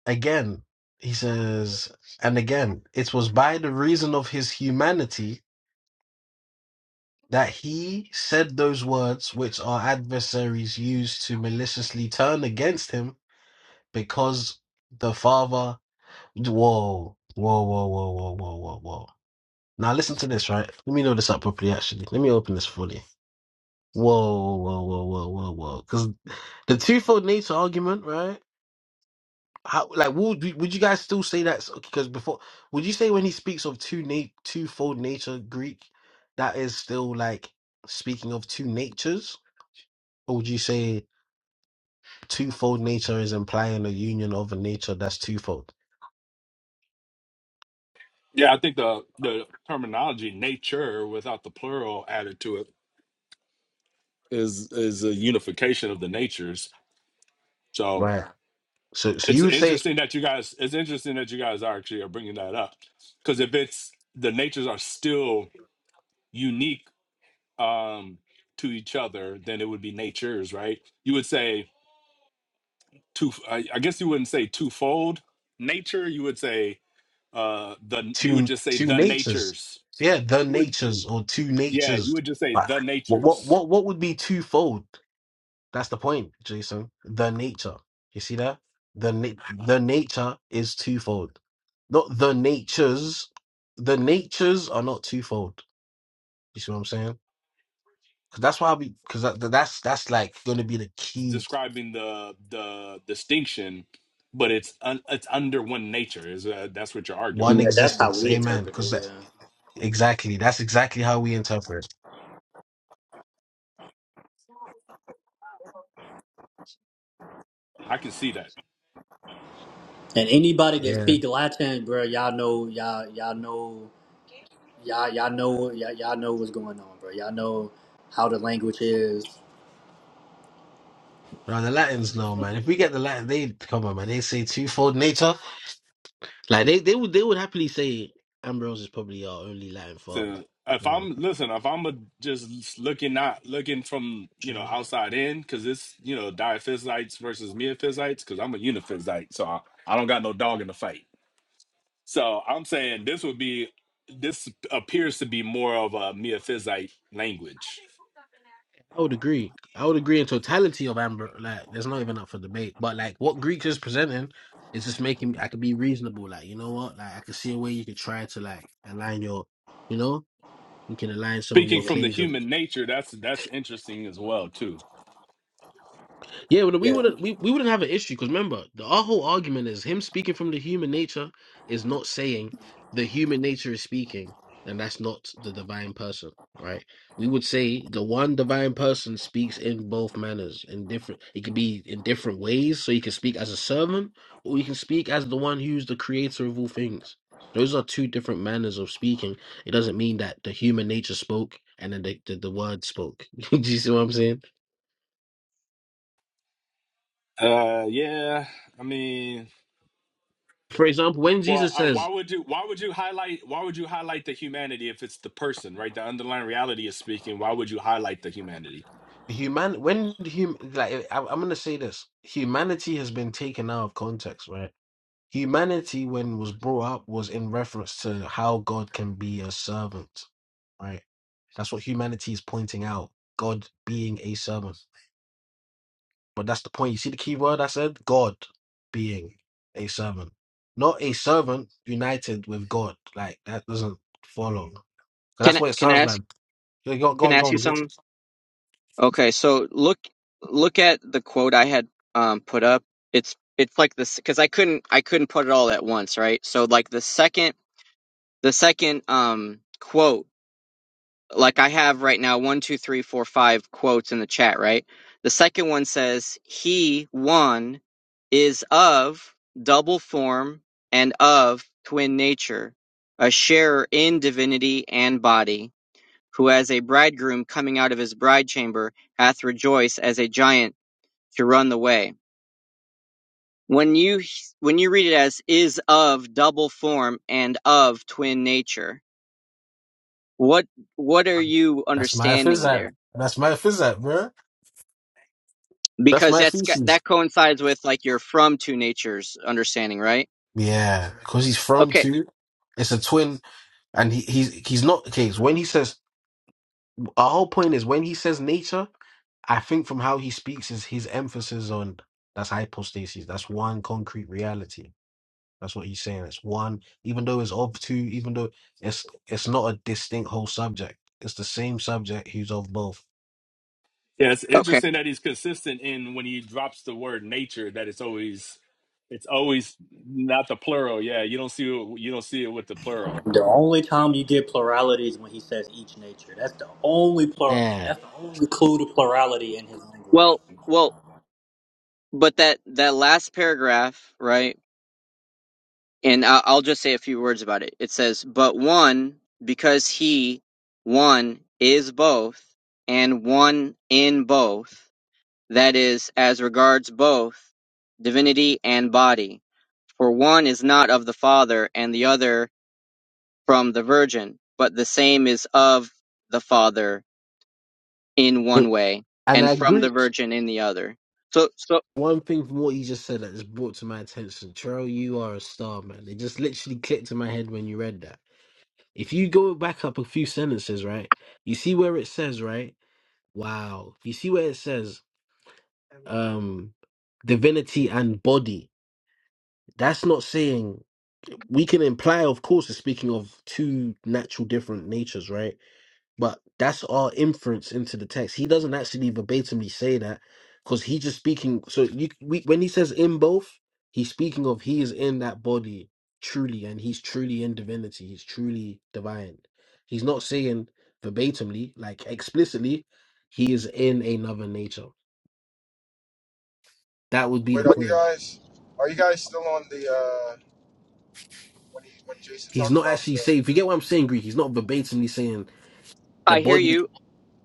N: Again, he says, and again, it was by the reason of his humanity that he said those words which our adversaries used to maliciously turn against him because the Father. Whoa, whoa, whoa, whoa, whoa, whoa, whoa, whoa. Now listen to this, right? Let me know this up properly. Actually, let me open this fully. Whoa, whoa, whoa, whoa, whoa, whoa. Because the twofold nature argument, right? How like would would you guys still say that? Because before, would you say when he speaks of two nat twofold nature Greek, that is still like speaking of two natures, or would you say twofold nature is implying a union of a nature that's twofold?
L: Yeah, I think the the terminology nature without the plural added to it is is a unification of the natures. So
N: Right. So, so
L: it's
N: you would say.
L: interesting that you guys it's interesting that you guys are actually are bringing that up because if it's the natures are still unique um to each other, then it would be natures, right? You would say two I, I guess you wouldn't say twofold nature, you would say uh the you would
N: two
L: just say
N: two
L: the
N: natures.
L: natures.
N: Yeah, the
L: Would
N: natures or two
L: yeah, you
N: natures.
L: would just say
N: But
L: the
N: what what
L: natures.
N: what what would be twofold? That's the point, Jason. The nature. You see that? The na- the nature is twofold. Not the natures. The natures are not twofold. You see what I'm saying? Because that's why we. Because that, that's that's like going to be the key
L: describing the the distinction, but it's un, it's under one nature. Is uh, that's what you're arguing?
N: one
C: Yeah, that's how
N: existence.
C: we
N: Amen.
C: interpret
N: Because
C: it.
N: that
C: Yeah,
N: exactly that's exactly how we interpret.
L: I can see that.
C: and anybody that
N: Yeah.
C: speak Latin, bro, y'all know, y'all, y'all know, y'all, y'all know, y'all, y'all know what's going on, bro. Y'all know how the language is.
N: Now the Latins know, man. If we get the Latin, they come on, man. They say twofold nature. Like they, they would, they would happily say Ambrose is probably our only Latin form.
L: So if
N: You know,
L: I'm listen, if I'm a, just looking not looking from you know outside in, because it's you know diaphysites versus meaphysites, because I'm a uniphysite, so I, I don't got no dog in the fight. So I'm saying this would be this appears to be more of a meaphysite language.
N: I would agree. I would agree in totality of Amber. Like, there's not even up for debate. But like, what Greek is presenting is just making. me- I could be reasonable. Like, you know what? Like, I could see a way you could try to like align your. You know, you can align some of
L: Speaking
N: your
C: Yeah,
L: from the
N: claims
L: human nature, that's that's interesting as well too.
N: Yeah, well, we
C: yeah.
N: wouldn't we, we wouldn't have an issue because remember, the, our whole argument is him speaking from the human nature is not saying the human nature is speaking, and that's not the divine person, right? We would say the one divine person speaks in both manners, in different. It could be in different ways, so he can speak as a servant, or he can speak as the one who's the creator of all things. Those are two different manners of speaking. It doesn't mean that the human nature spoke and then the, the, the word spoke. Do you see what I'm saying?
L: Uh, yeah. I mean,
N: For example, when
L: well,
N: Jesus
L: uh,
N: says,
L: why would you? Why would you highlight? Why would you highlight the humanity if it's the person, right? The underlying reality is speaking. Why would you highlight the humanity?
N: human when hum like I, I'm gonna say this humanity has been taken out of context right humanity when was brought up was in reference to how God can be a servant right that's what humanity is pointing out God being a servant but that's the point you see the key word I said God being a servant not a servant united with God like that doesn't follow 'Cause
O: Can
N: that's
O: I-
N: what it
O: can I
N: sounds
O: ask
N: like go go
O: can I
N: on go
O: ask you
N: on
O: something? Okay, so look look at the quote I had um put up. It's it's like this because I couldn't I couldn't put it all at once, right? So like the second the second um quote, like I have right now one two three four five quotes in the chat, right? The second one says he one is of double form and of twin nature, a sharer in divinity and body who as a bridegroom coming out of his bride chamber hath rejoiced as a giant to run the way. When you when you read it as is of double form and of twin nature, what what are you
N: that's my
O: understanding
N: physics
O: there?
N: that's my physics bro. That's
O: Because
N: my
O: that's got-
N: feces.
O: that coincides with like your from two natures understanding, right?
N: Yeah, because he's from
O: Okay.
N: two. It's a twin, and he, he's he's not okay. It's when he says our whole point is when he says nature. I think from how he speaks is his emphasis on that's hypostasis. That's one concrete reality. That's what he's saying. It's one, even though it's of two, even though it's it's not a distinct whole subject. It's the same subject who's of both.
L: Yeah, it's
O: Okay.
L: interesting that he's consistent in when he drops the word nature. That it's always, it's always not the plural. Yeah, you don't see it, you don't see it with the plural.
C: The only time you get plurality is when he says each nature. That's the only plural.
N: Yeah,
C: That's the only clue to plurality in his language.
O: Well, well, but that that last paragraph, right? and I- will just say a few words about it. It says, "But one, because he one is both, and one in both, that is, as regards both divinity and body. For one is not of the Father, and the other from the Virgin, but the same is of the Father in
N: it,
O: one way,
N: and
O: and
N: I
O: from the
N: agree.
O: Virgin in the other." So, so
N: One thing from what you just said that just brought to my attention, Terrell, you are a star, man. It just literally clicked in my head when you read that. If you go back up a few sentences, right, you see where it says, right? Wow. You see where it says, um, divinity and body. That's not saying we can imply, of course, it's speaking of two natural different natures, right? But that's all inference into the text. He doesn't actually verbatimly say that because he just speaking. So you, we, when he says in both, he's speaking of he is in that body truly, and he's truly in divinity. He's truly divine. He's not saying verbatimly, like explicitly, he is in another nature. That would be
A: Wait,
N: the
A: are you
N: point.
A: guys, are you guys still on the uh when he when Jason
N: He's
A: talked
N: not
A: about
N: actually saying.
A: the?
N: If you get what I'm saying, Greek, he's not verbatimly saying the
O: I hear
N: body.
O: you,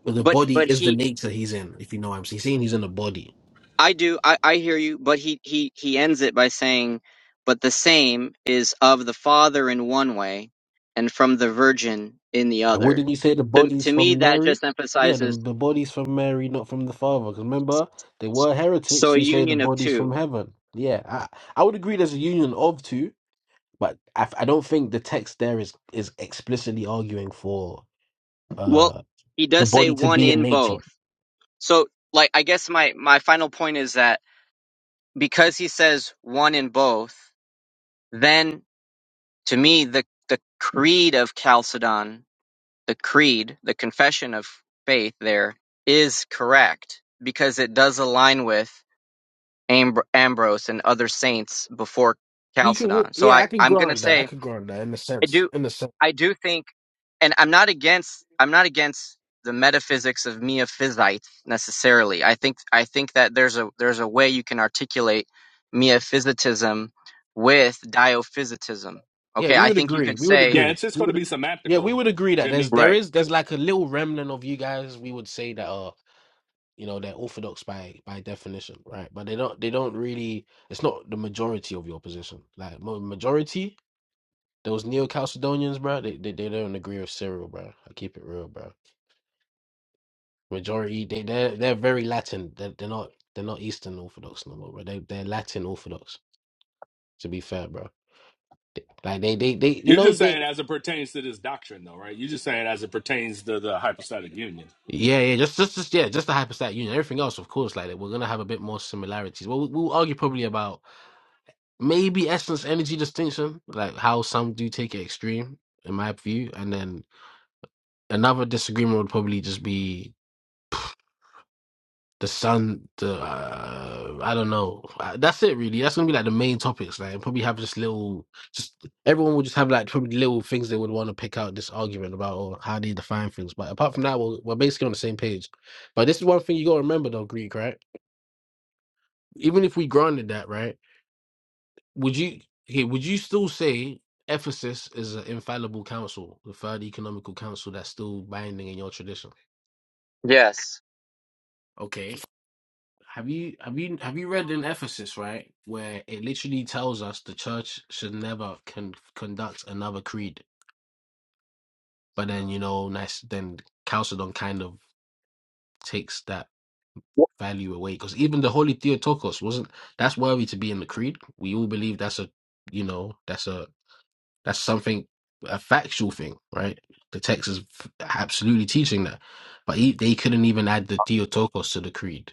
N: The
O: but but
N: body is
O: he
N: the nature he's in. If you know what I'm saying, he's saying he's in a body.
O: I do. I, I hear you, but he, he, he ends it by saying, but the same is of the Father in one way and from the Virgin in the
N: And wouldn't
O: other.
N: you say the
O: To,
N: bodies
O: to me,
N: from
O: that
N: Mary?
O: just
N: Yeah, the,
O: emphasizes
N: the bodies from Mary, not from the Father. Because remember, they were heretics
O: so a
N: who say the
O: union of
N: bodies from
O: two.
N: heaven. Yeah, I, I would agree there's a union of two, but I, I don't think the text there is, is explicitly arguing for
O: Well,
N: uh,
O: he
N: the
O: does say
N: body to
O: one
N: be a
O: in
N: nature.
O: both. So, like, I guess my, my final point is that because he says one in both, then to me, the, the creed of Chalcedon the creed, the confession of faith there is correct because it does align with Amb- Ambrose and other saints before
N: We can, we-
O: Chalcedon. So
N: yeah,
O: I,
N: I can
O: I'm going to
N: grant that. I
O: say
N: can grant that in a
O: I
N: sense.
O: do,
N: In a sense,
O: I do think, and I'm not against, I'm not against the metaphysics of miaphysites necessarily. I think, I think that there's a, there's a way you can articulate miaphysitism with diophysitism.
N: yeah,
O: Okay.
N: we
O: I
N: would
O: think you
N: agree.
O: could
N: We would
O: say,
L: Yeah,
N: agree.
L: it's just
N: We
L: going to be
N: would, yeah, we
L: semantical,
N: would agree that there's
L: Jimmy.
N: there
O: right.
N: is there's like a little remnant of you guys. We would say that. you know they're orthodox by by definition right but they don't they don't really it's not the majority of your position like mo- majority those neo-chalcedonians bro they, they they don't agree with cyril bro i keep it real bro majority they they're, they're very latin they're, they're not they're not eastern orthodox no more bro they, they're latin orthodox to be fair bro They- like they they they you
L: You're
N: know
L: just
N: they
L: saying as it pertains to this doctrine, though, right? You're just saying as it pertains to the hypostatic union.
N: yeah, yeah, just, just, just, yeah, just the hypostatic union. Everything else, of course, like we're gonna have a bit more similarities. Well, we'll argue probably about maybe essence energy distinction, like how some do take it extreme, in my view. And then another disagreement would probably just be the sun. The uh, I don't know. Uh, That's it, really. That's gonna be like the main topics. Like and probably have just little, just everyone would just have like probably little things they would want to pick out this argument about or how they define things. But apart from that, we're, we're basically on the same page. But this is one thing you gotta remember, though, Greek, right? Even if we granted that, right? Would you okay, would you still say Ephesus is an infallible council, the third economical council that's still binding in your tradition?
O: Yes
N: Okay. Have you have you have you read in Ephesus, right, where it literally tells us the church should never con- conduct another creed. But then, you know, nice then Chalcedon kind of takes that value away because even the holy Theotokos wasn't that's worthy to be in the creed. We all believe that's a you know, that's a That's something, a factual thing, right? The text is f- absolutely teaching that. But he, they couldn't even add the Theotokos to the creed,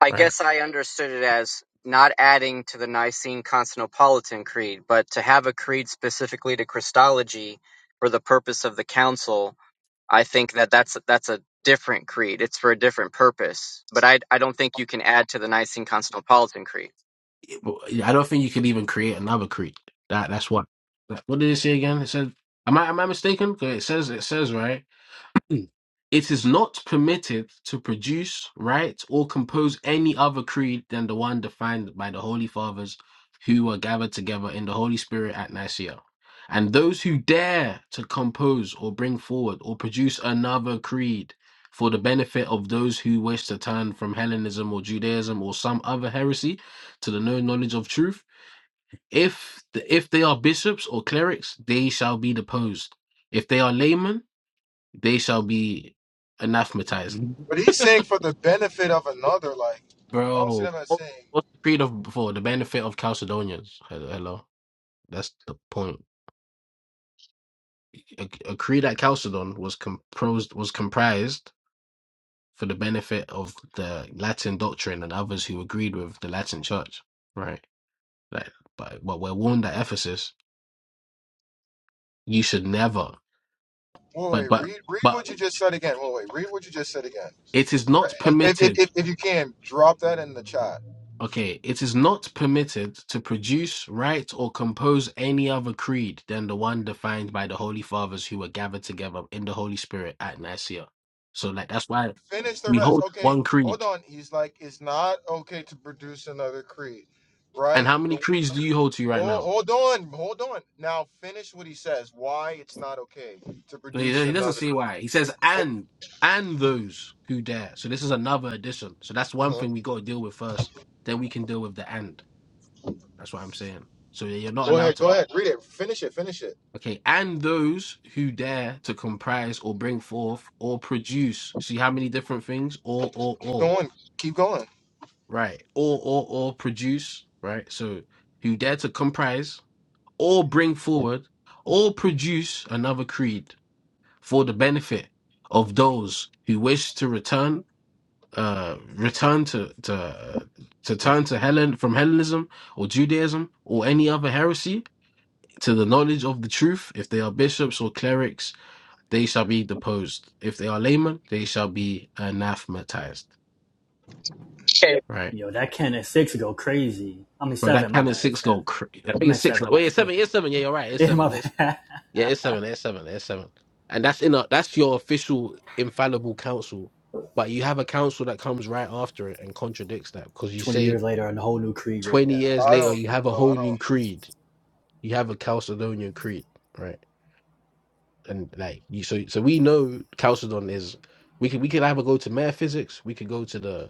O: I
N: right?
O: guess I understood it as not adding to the Nicene Constantinopolitan Creed, but to have a creed specifically to Christology for the purpose of the council. I think that that's that's a different creed. It's for a different purpose. But I I don't think you can add to the Nicene Constantinopolitan Creed.
N: It- but I don't think you could even create another creed. That that's what. that- What did it say again? It said, am I am I mistaken? 'Cause It says it says right. Mm. It is not permitted to produce, write, or compose any other creed than the one defined by the Holy Fathers who were gathered together in the Holy Spirit at Nicaea. And those who dare to compose or bring forward or produce another creed for the benefit of those who wish to turn from Hellenism or Judaism or some other heresy to the known knowledge of truth, if if they are bishops or clerics, they shall be deposed. If they are laymen, they shall be anathematized.
A: But he's saying for the benefit of another, like I don't see
N: Bro,
A: them as
N: what-
A: saying.
N: what's the creed of before? The benefit of Chalcedonians. Hello. hello. That's the point. A, a creed at Chalcedon was composed was comprised for the benefit of the Latin doctrine and others who agreed with the Latin church. Right. Like but, but we're warned at Ephesus, you should never
A: Wait,
N: but
A: wait,
N: but
A: read read
N: but
A: what you just said again. Wait, wait, read what you just said again.
N: it is not
A: And if,
N: permitted
A: if, if, if you can, drop that in the chat.
N: Okay, it is not permitted to produce, write, or compose any other creed than the one defined by the Holy Fathers who were gathered together in the Holy Spirit at Nicaea. So, like, that's why
A: Finish the
N: we
A: rest.
N: hold
A: Okay,
N: one
A: hold
N: creed.
A: on. He's like, it's not okay to produce another creed,
N: And
A: right?
N: how many creeds do you hold to right
A: Oh,
N: now?
A: hold on, hold on. Now finish what he says. Why it's not okay to
N: He
A: produce
N: he doesn't
A: another.
N: say why. He says, and, and those who dare. So, this is another addition. So, that's one
A: uh
N: thing we got to deal with first. Then we can deal with the and. That's what I'm saying. So, you're not
A: Go
N: allowed
A: ahead,
N: to
A: go ahead. Read it. Finish it. Finish it.
N: Okay, and those who dare to comprise or bring forth or produce. See how many different things? Or, or,
A: Keep
N: or.
A: going. Keep going.
N: Right. Or, or, or produce. Right. So who dare to comprise or bring forward or produce another creed for the benefit of those who wish to return, uh, return to, to, uh, to turn to Helen from Hellenism or Judaism or any other heresy to the knowledge of the truth, if they are bishops or clerics they shall be deposed. If they are laymen, they shall be anathematized. Right,
C: Yo, that Ken at six go crazy. I mean
N: bro.
C: seven,
N: That
C: my
N: canon
C: bad.
N: six
C: Seven.
N: go. Cr- I
C: I'm
N: think it's
C: at
N: six.
C: seven,
N: Like,
C: my
N: wait, it's
C: bad.
N: seven. It's seven. Yeah, you're right. It's
C: Yeah,
N: seven.
C: my
N: It's
C: bad.
N: yeah, it's seven. It's seven. It's seven. And that's in a that's your official infallible council, but you have a council that comes right after it and contradicts that because you
C: Twenty
N: say
C: years later and a whole new creed written
N: twenty
C: down.
N: years
A: I
N: later
A: don't.
N: you have a
A: No, I
N: whole new
A: don't.
N: creed. You have a Chalcedonian creed, right? And like you, so so we know Chalcedon is. We could we could either go to metaphysics, we could go to the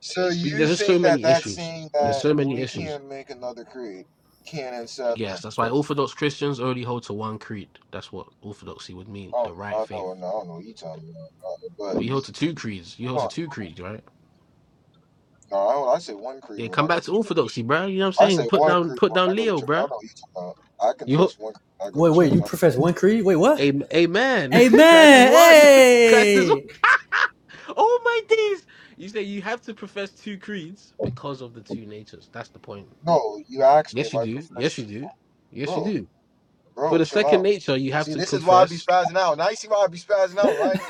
A: So
N: Because
A: you
N: there's just so
A: think that
N: many
A: that's
N: issues.
A: saying
N: There's
A: that
N: so many
A: we
N: issues.
A: can't make another creed? Can't accept
N: Yes,
A: that.
N: that's why Orthodox Christians only hold to one creed. That's what Orthodoxy would mean,
A: Oh,
N: the right
A: I
N: faith.
A: don't know. I don't know what you talking about. But
N: Well, you hold to
A: you-
N: two creeds. You hold to two creeds, right?
A: No, I, I say one creed
N: Yeah,
A: when
N: come
A: I go
N: back to
A: to
N: Orthodoxy,
A: church.
N: bruh. You know what I'm
A: I say
N: saying? Put
A: one
N: down,
A: creed
N: put
A: when I
N: down
A: go to
N: Leo,
A: church. I
N: bruh.
A: don't know what you talking about. I
N: You, ho-
A: confess one creed when I go to
C: Wait,
A: church.
C: wait, you
A: I'm,
C: profess one creed? Wait, what?
N: Am- Amen. Christ is
C: Amen.
N: one. Christ is one.
C: Hey.
N: oh my days! You say you have to profess two creeds because of the two natures. That's the point.
A: no, you asked me
N: Yes,
A: if
N: you
A: I
N: do.
A: profess.
N: Yes,
A: it.
N: you do. Yes, you
A: Bro,
N: do. For
A: bro,
N: the
A: chill
N: second
A: out.
N: nature, you have
A: See,
N: to
A: this is why I be
N: confess
A: spazzing out. Now you see why I be spazzing
C: oh,
A: out, right?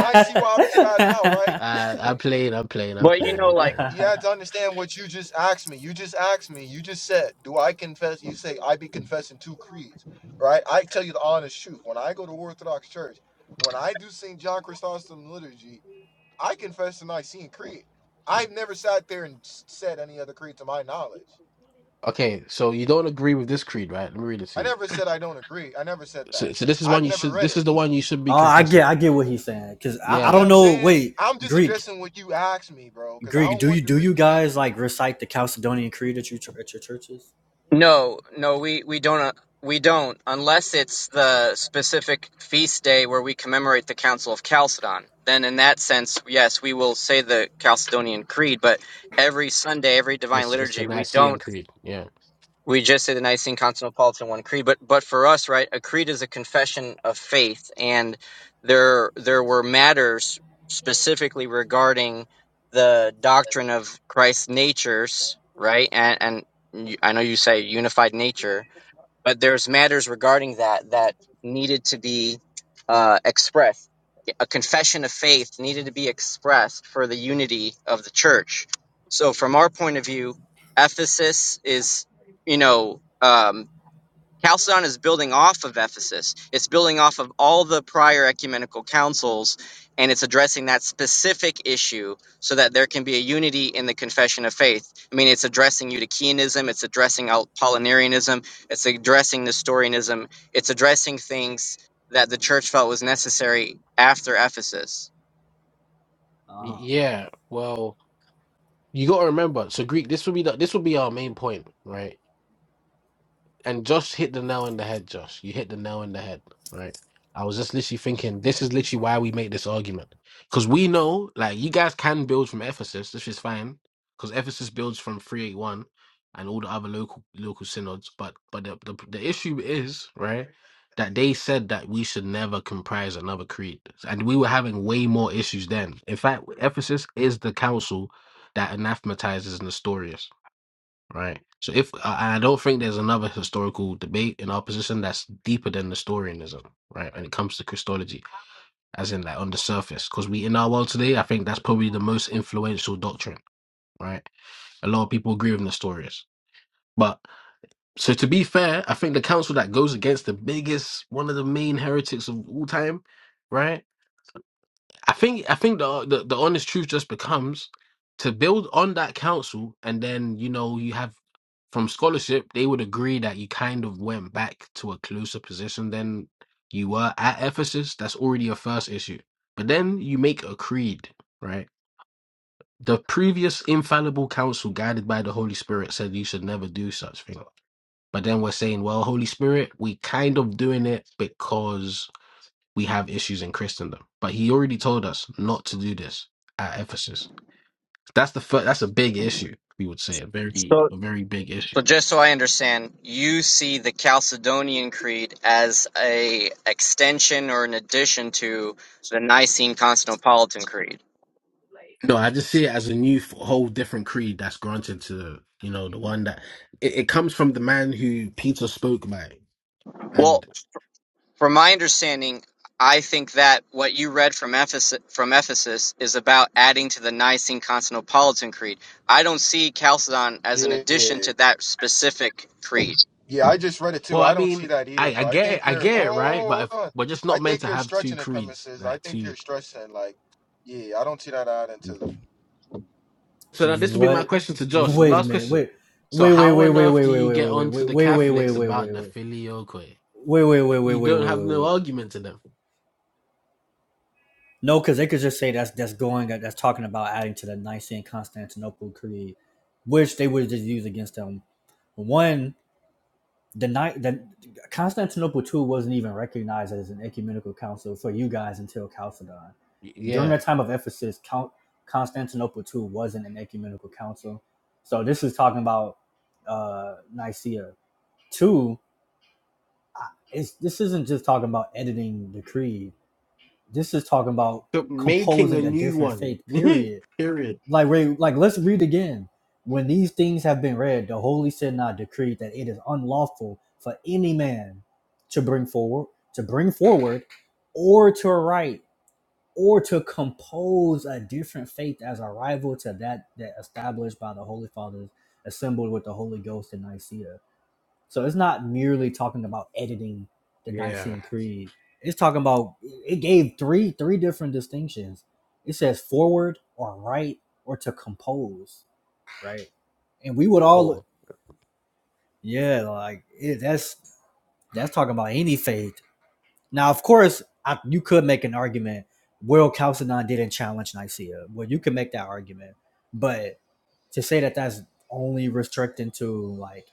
A: Now you see why I be spazzing out, right?
N: Uh, I'm playing, I'm playing, I'm
O: But you
N: playing,
O: know,
N: I'm
A: You,
O: like.
N: playing.
A: you had to understand what you just asked me. You just asked me. You just said, "Do I confess?" You say, "I be confessing two creeds," right? I tell you the honest truth. When I go to Orthodox Church, when I do St. John Chrysostom liturgy, I confess to Nicene Creed. I've never sat there and said any other creed to my knowledge.
N: Okay, so you don't agree with this creed, right? Let me read it to
A: I
N: you.
A: never said I don't agree. I never said that.
N: So, so this is one
A: I've
N: you
A: never
N: should.
A: read
N: This
A: it.
N: is the one you should be
C: I get
N: confessing.
C: I get what he's saying. Cause I,
A: You
C: I
N: Yeah,
A: get what
C: don't
A: I'm
C: know
A: saying?
C: wait,
A: I'm just
C: Greek.
A: addressing what you asked me, bro, because I
C: Greek,
A: don't
C: do you
A: want the
C: do you
A: replay.
C: guys like recite the Chalcedonian creed at your at your churches?
O: No, no, we we don't uh, we don't unless it's the specific feast day where we commemorate the Council of Chalcedon. Then, in that sense, yes, we will say the Chalcedonian Creed. But every Sunday, every Divine
N: it's it's the
O: Liturgy, we don't
N: Nicene Creed. Yeah,
O: we just say the Nicene Constantinopolitan One Creed, but but for us, right, a creed is a confession of faith, and there there were matters specifically regarding the doctrine of Christ's natures, right, and and you- I know you say unified nature, but there's matters regarding that that needed to be uh, expressed a confession of faith needed to be expressed for the unity of the church. So, from our point of view, Ephesus is, you know, um, Chalcedon is building off of Ephesus. It's building off of all the prior ecumenical councils, and it's addressing that specific issue so that there can be a unity in the confession of faith. I mean, it's addressing Eutychianism, it's addressing Al- Apollinarianism, it's addressing Nestorianism, it's addressing things that the church felt was necessary after Ephesus.
N: Y-
C: Uh-huh.
N: yeah. Well, you got to remember. So Greek. This would be the, this would be our main point, right? and Josh hit the nail on the head, Josh. You hit the nail on the head, right? I was just literally thinking, this is literally why we make this argument. Because we know, like, you guys can build from Ephesus, which is fine, because Ephesus builds from 381 and all the other local local synods. But but the, the, the issue is, right, that they said that we should never comprise another creed. And we were having way more issues then. In fact, Ephesus is the council that anathematizes Nestorius right? So if I I don't think there's another historical debate in our position that's deeper than Nestorianism, right? When it comes to Christology, as in like on the surface, because we in our world today, I think that's probably the most influential doctrine, right? A lot of people agree with Nestorius, but so to be fair, I think the council that goes against the biggest, one of the main heretics of all time, right? I think I think the, the the honest truth just becomes to build on that council, and then you know you have from scholarship they would agree that you kind of went back to a closer position than you were at Ephesus. That's already a first issue. But then you make a creed, right? The previous infallible council, guided by the Holy Spirit, said you should never do such thing. But then we're saying, well, Holy Spirit, we kind of doing it because we have issues in Christendom. But he already told us not to do this at Ephesus. That's the fir- that's a big issue. We would say a very
O: So.
N: a very big issue.
O: So just so I understand, you see the Chalcedonian Creed as a extension or an addition to the Nicene Constantinopolitan Creed.
N: No, I just see it as a new f- whole different creed that's granted to you know the one that it, it comes from the man who Peter spoke by.
O: Well,
N: And
O: from my understanding, I think that what you read from Ephesus, from Ephesus is about adding to the Nicene Constantinopolitan Creed. I don't see Chalcedon as an addition
A: Yeah.
O: to that specific creed.
A: Yeah, I just read it too.
N: well, I
A: I don't see
N: mean,
A: that either,
N: I, I
A: bro. I
N: get it,
A: think
N: I
A: you're
N: get it, right? But
A: oh
N: if
A: hold on.
N: we're just
A: I
N: not meant
A: think
N: to
A: you're
N: have two
A: stretching the
N: creeds,
A: premises. I
N: like
A: think
N: two.
A: you're stressing like, yeah, I don't see that out into the
N: So now this will be my question to Josh. The last question. So how on earth do you get on to the Catholics about the filioque? You don't have no argument in them.
C: the night that Constantinople too wasn't even recognized as an ecumenical council for you guys until Chalcedon.
N: Y-
C: During the
N: Yeah.
C: time of Ephesus, Count, Constantinople too wasn't an ecumenical council. So this is talking about uh, Nicaea. Two, I- it's, this isn't just talking about editing the creed. This is talking about
N: So making a
C: composing a
N: new
C: different
N: one.
C: faith. Period
N: Period.
C: like wait, like let's read again. When these things have been read, the holy synod decreed that it is unlawful for any man to bring forward, to bring forward, or to write, or to compose a different faith as a rival to that that established by the holy fathers assembled with the Holy Ghost in Nicaea so it's not merely talking about editing the
N: Yeah.
C: Nicene Creed. It's talking about it gave three three different distinctions. It says forward or right or to compose, right? And we would all
N: Or
C: yeah, like it, that's that's talking about any faith. Now, of course, I, you could make an argument. Well, Chalcedon didn't challenge Nicaea. Well, you can make that argument, but to say that that's only restricting to like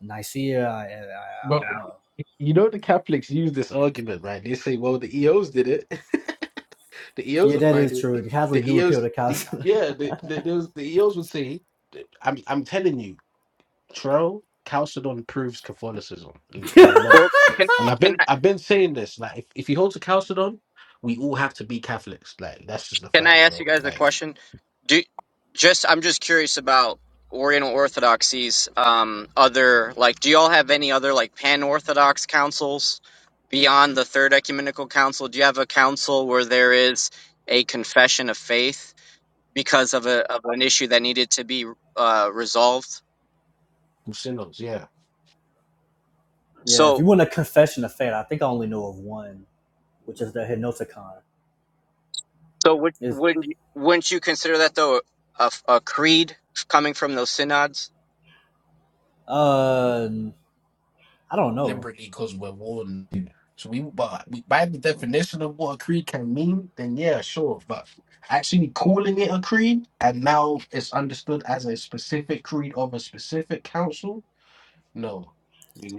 C: Nicaea, I, I, I
N: but
C: don't know.
N: you know the Catholics use this argument, right? They say, well, the EOs did it. the EOs
C: Yeah,
N: are
C: that is
N: fighting.
C: true.
N: The
C: Catholics do appeal to
N: EOs, the,
C: counseling.
N: yeah, the, the, those- the EOs would say, I'm, I'm telling you. Tro Chalcedon proves Catholicism in, in a lot. And I've been I've been saying this, like if, if he holds a Chalcedon, we all have to be Catholics. Like that's just the
O: Can I
N: fact,
O: ask you
N: bro.
O: guys a
N: Like
O: question? Do just I'm just curious about Oriental Orthodoxies. Um, other like, do y'all have any other like pan Orthodox councils beyond the Third Ecumenical Council? Do you have a council where there is a confession of faith because of a of an issue that needed to be uh, resolved?
N: we're sinners, yeah.
C: Yeah, if
O: So
C: you want a confession of faith, I think I only know of one, which is the Hypnoticon.
O: so would
C: Is
O: wouldn't you, wouldn't you consider that though a, a creed coming from those synods?
C: uh, I don't know.
N: Deliberately because we're warned. So we but we, by the definition of what a creed can mean, then yeah, sure. But actually calling it a creed and now it's understood as a specific creed of a specific council, no.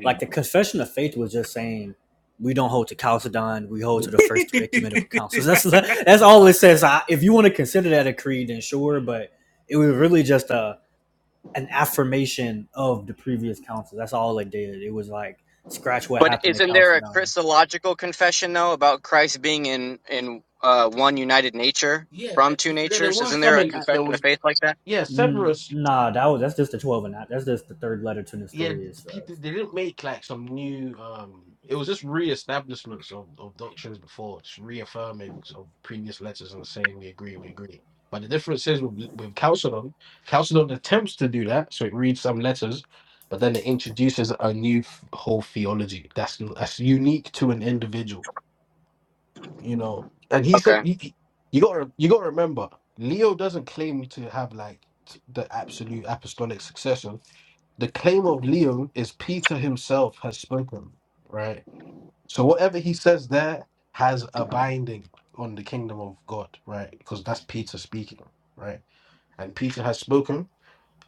C: Like the confession of faith was just saying we don't hold to Chalcedon, we hold to the first three ecumenical councils. That's that's all it says. I, if you want to consider that a creed, then sure. But it was really just a an affirmation of the previous council. That's all it did. It was like scratch what
O: But
C: happened at
O: isn't there a
C: Chalcedon
O: Christological confession though about Christ being in in uh, one united nature
N: Yeah,
O: from
N: like
O: two
N: yeah, there
O: natures?
N: were
O: Isn't
N: some
O: there a
N: in that there
O: confession of
N: was
O: faith like that?
N: yeah,
C: N-
N: Severus
C: nah, that was that's just the twelve, and that that's just the third letter to
N: yeah, the
C: Nestorius. Uh,
N: people they didn't make like some new um it was just reestablishments of, of doctrines before, just reaffirmings of previous letters and saying we agree, we agree. But the difference is with with Chalcedon, Chalcedon attempts to do that, so it reads some letters, but then it introduces a new f- whole theology that's that's unique to an individual you know. And he said,
O: Okay.
N: you, you got you got to remember, Leo doesn't claim to have like t- the absolute apostolic succession. The claim of Leo is Peter himself has spoken, right? So whatever he says there has a binding on the kingdom of God, right? Because that's Peter speaking, right? And Peter has spoken.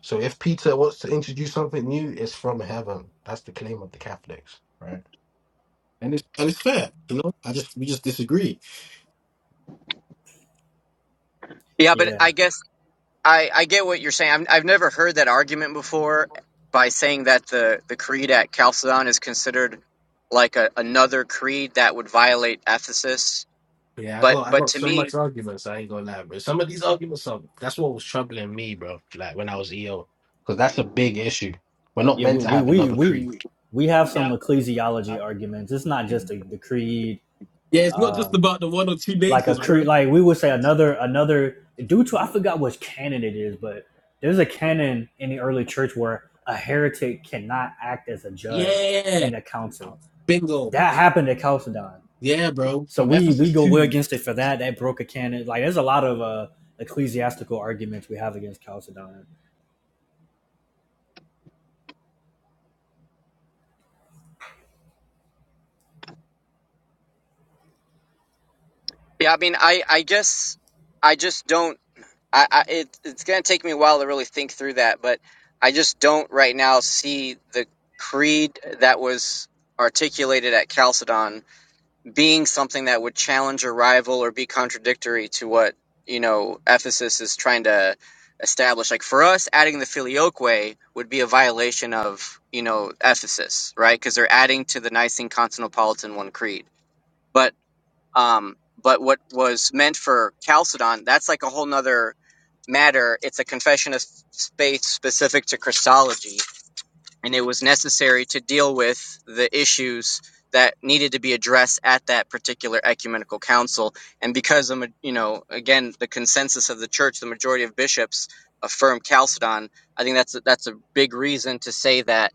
N: So if Peter wants to introduce something new, it's from heaven. That's the claim of the Catholics, right? and it's and it's fair. You know, I just we just disagree.
O: Yeah, but
C: Yeah,
O: I guess. I, I get what you're saying. I'm, I've never heard that argument before by saying that the, the creed at Chalcedon is considered like a, another creed that would violate Ephesus.
N: Yeah, I
O: But
N: got I
O: but
N: got
O: to
N: so
O: me,
N: much arguments. I ain't gonna lie, bro. Some of these arguments are that's what was troubling me, bro. Like when I was EO, because that's a big
C: yeah,
N: issue. We're not
C: yeah. We
N: meant to
C: we
N: have
C: we
N: another creed.
C: we we have some
N: Yeah.
C: ecclesiology arguments. It's not just the, the creed,
N: Yeah, it's not
C: uh,
N: just about the one or two
C: like a
N: natures, bro.
C: creed. Like we would say another another due to I forgot which canon it is, but there's a canon in the early church where a heretic cannot act as a judge
N: Yeah,
C: in a council.
N: bingo.
C: That happened at Chalcedon.
N: Yeah, bro.
C: So
N: From
C: we we
N: Ephesus
C: go way
N: 2.
C: against it for that. That broke a canon. Like there's a lot of uh ecclesiastical arguments we have against Chalcedon.
O: yeah, I mean, I, I guess I just don't. I, I it, it's gonna take me a while to really think through that, but I just don't right now see the creed that was articulated at Chalcedon being something that would challenge or rival or be contradictory to what you know Ephesus is trying to establish. Like for us, adding the filioque would be a violation of you know Ephesus, right? Because they're adding to the Nicene Constantinopolitan One Creed. But um, but what was meant for Chalcedon, that's like a whole nother matter. It's a confession of space specific to Christology and it was necessary to deal with the issues that needed to be addressed at that particular ecumenical council. And because, the ma- you know, again, the consensus of the church, the majority of bishops affirm Chalcedon, I think that's a, that's a big reason to say that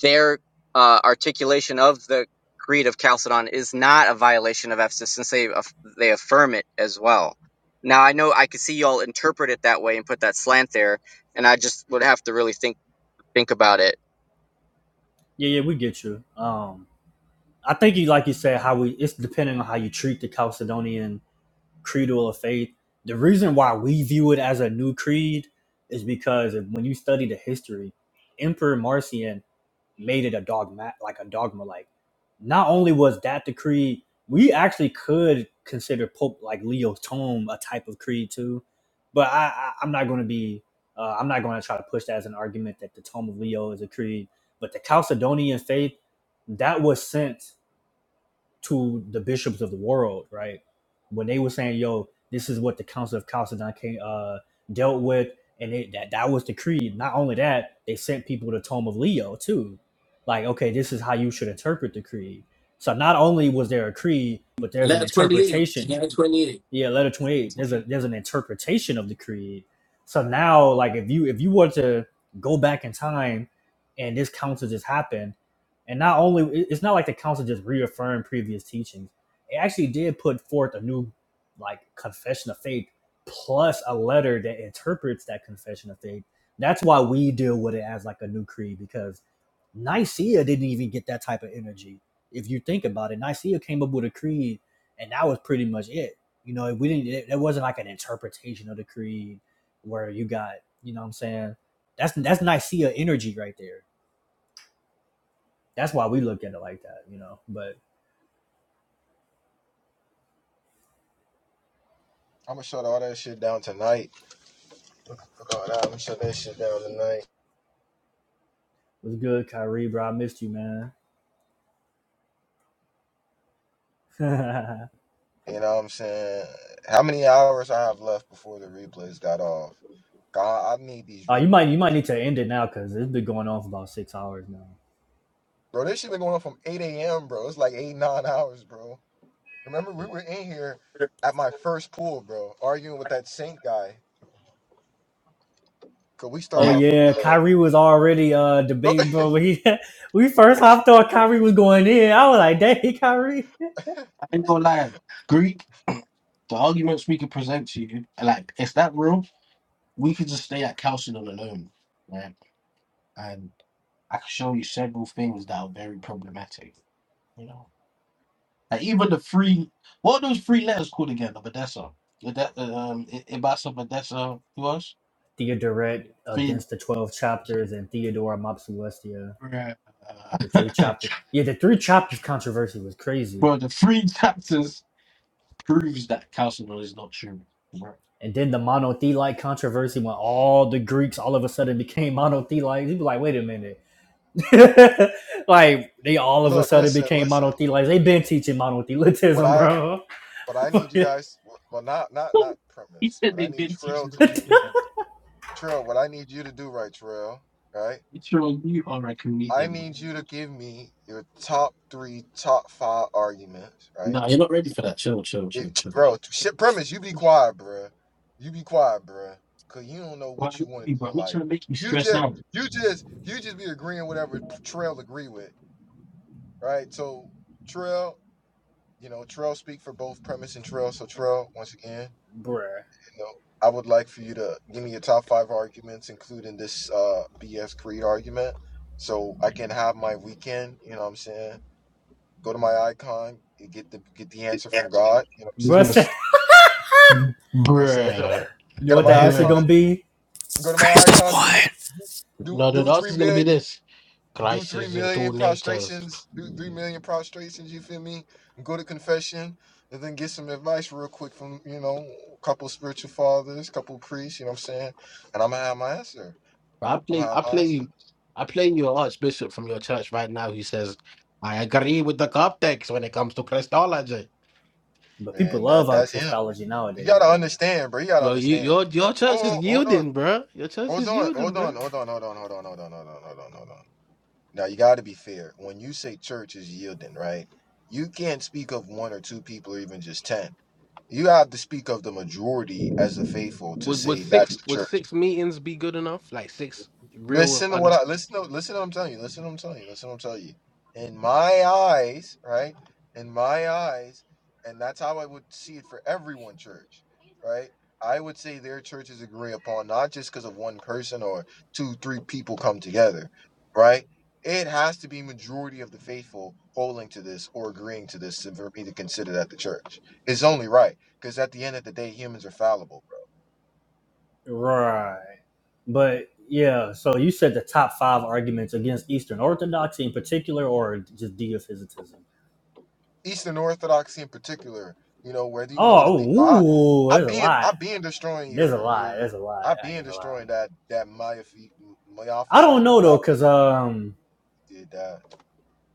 O: their uh, articulation of the Creed of Chalcedon is not a violation of Ephesus since they, aff- they affirm it as well. Now, I know I could see y'all interpret it that way and put that slant there, and I just would have to really think think about it
C: Yeah, yeah, we get you. Um I think you like you said how we it's depending on how you treat the Chalcedonian creedal of faith. The reason why we view it as a new creed is because when you study the history, Emperor Marcion made it a dogma like a dogma like not only was that the creed we actually could consider pope like Leo's tome a type of creed too but i, I i'm not going to be uh, i'm not going to try to push that as an argument that the tome of leo is a creed but the chalcedonian faith that was sent to the bishops of the world, right? When they were saying, "Yo, this is what the Council of Chalcedon came, uh, dealt with," and it, that that was the creed. Not only that, they sent people to the Tome of Leo too, like, "Okay, this is how you should interpret the creed." So not only was there a creed, but there's an interpretation yeah letter 28 there's a there's an interpretation of the creed so now like if you if you were to go back in time and this council just happened and not only it- it's not like the council just reaffirmed previous teachings it actually did put forth a new like confession of faith plus a letter that interprets that confession of faith that's why we deal with it as like a new creed because Nicaea didn't even get that type of energy. If you think about it, Nicaea came up with a creed, and that was pretty much it. You know, we didn't. It, it wasn't like an interpretation of the creed where you got, you know, what I'm saying that's that's Nicaea energy right there. That's why we look at it like that, you know. But
A: I'm gonna shut all that shit down tonight. Fuck all I'm gonna shut that shit down tonight.
C: what's good, Kyrie, bro? I missed you, man.
A: You know what I'm saying? How many hours I have left before the replays got off? God, I need these
C: uh,
A: replays.
C: you might you might need to end it now because it's been going on for about six hours now.
A: Bro, this shit been going on from 8 a.m., bro. It's like eight, nine hours, bro. Remember, we were in here at my first pool, bro, arguing with that Saint guy. Cause we
C: Oh
A: started
N: Yeah,
A: off with
C: yeah, Kyrie was already uh debating,
A: the
C: bro. When he we first hopped on, Kyrie was going in. I was like, dang, Kyrie.
N: I ain't gonna lie. Greek, the arguments we could present to you, like, it's that real. We could just stay at Chalcedon alone, right? And I could show you several things that are very problematic, you know? Like, even the three, what are those three letters called again? The Odessa. Ode- Um, I- Ibasa, Odessa, who else?
C: Theodoret
N: Three.
C: against the twelve chapters and Theodora Mopsuestia.
N: Bruh.
C: The three chapters. Yeah, the three chapters controversy was crazy.
N: Bro, the three chapters proves that Castleman is not true. Right.
C: And then the monothelite controversy when all the Greeks all of a sudden became monothelites. You be like, wait a minute. like they all of a
A: look,
C: sudden
A: listen,
C: became
A: listen.
C: monothelites. They've been teaching
A: What
C: monothelitism,
A: I what I need you
C: bro.
A: guys well not not not
N: He
A: premise.
N: said
A: What I
N: they've
A: need
N: been
A: Trail
N: teaching
A: to
N: all the
A: do.
N: thing.
A: Trail, what I need you to do right, Trail, right?
N: It's your you are a
A: I
N: comedian.
A: need you to give me your top three, top five arguments, right?
N: No, you're not ready for that. Chill, chill,
A: It,
N: chill, chill.
A: bro, shit premise, you be quiet, bro. You be quiet, bro, Cause you don't know
N: Why
A: what you
N: not
A: want in
N: me, bro?
A: your
N: I'm not
A: life.
N: trying to make you
A: You
N: stress
A: just
N: out.
A: you just you just be agreeing whatever Trail agree with, right? So Trail, you know, Trail speak for both premise and Trail. So Trail, once again,
C: Bruh.
A: you know, I would like for you to give me your top five arguments, including this uh BS Creed argument. So I can have my weekend, you know what I'm saying? Go to my icon and get the get the answer from God. You know what I'm
N: He's
C: Bruh
N: gonna,
A: saying?
C: said,
N: s-
A: You know what I'm saying? Go to my,
N: bruh,
C: you know
A: go to
C: what
A: my
C: that answer
N: bruh.
A: icon.
C: gonna be?
A: Go to my icon. Do do
N: Now the
A: do
N: else
A: three
N: is gonna
A: million.
N: be this
A: Do three
N: crisis in two
A: million
N: natures.
A: prostrations. Do three million prostrations. You feel me? Go to confession and then get some advice real quick from you know a couple spiritual fathers, couple priests. You know what I'm saying? And I'm gonna have my answer.
N: I
A: I'm
N: play,
A: gonna have
N: I
A: my answer.
N: play, I play you an archbishop from your church right now. He says, I agree with the Coptics when it comes to Christology.
C: But people
A: Man, that
C: love our
A: that's him.
C: Christology
A: You gotta
C: nowadays, man.
A: understand, bro. You gotta
N: Well, you,
A: understand.
N: your your church
A: Oh,
N: is
A: hold on.
N: yielding, bruh. Your church
A: Hold
N: is
A: on,
N: yielding,
A: hold on,
N: bruh.
A: hold on, hold on, hold on, hold on, hold on, hold on, hold on, hold on. Now you got to be fair. When you say church is yielding, right? You can't speak of one or two people or even just 10. You have to speak of the majority as the faithful to
N: Would would
A: say that's
N: six
A: the
N: would
A: church.
N: six meetings be good enough? Like six real?
A: Listen to
N: I know.
A: what I listen to. Listen to what I'm telling you. Listen to what I'm telling you. Listen to what I'm telling you. In my eyes, right? In my eyes, and that's how I would see it for everyone. Church, right? I would say their churches agree upon not just because of one person or two, three people come together, right? It has to be majority of the faithful holding to this or agreeing to this for me to consider that the church. It's only right because at the end of the day, humans are fallible.
C: Right. But yeah, so you said the top five arguments against Eastern Orthodoxy in particular or just deophysitism?
A: Eastern Orthodoxy in particular, you know, whether you want to go to
C: Oh,
A: the I
C: ooh,
A: I
C: there's a
A: been
C: lot.
A: I been destroying
C: There's a
A: your
C: lot.
A: your
C: There's a lot.
A: I
C: I
A: been
C: ain't gonna lie.
A: destroying that that myophy
C: I don't
A: myophysite
C: know
A: view. I
C: though, cause
A: been
C: um
A: did that.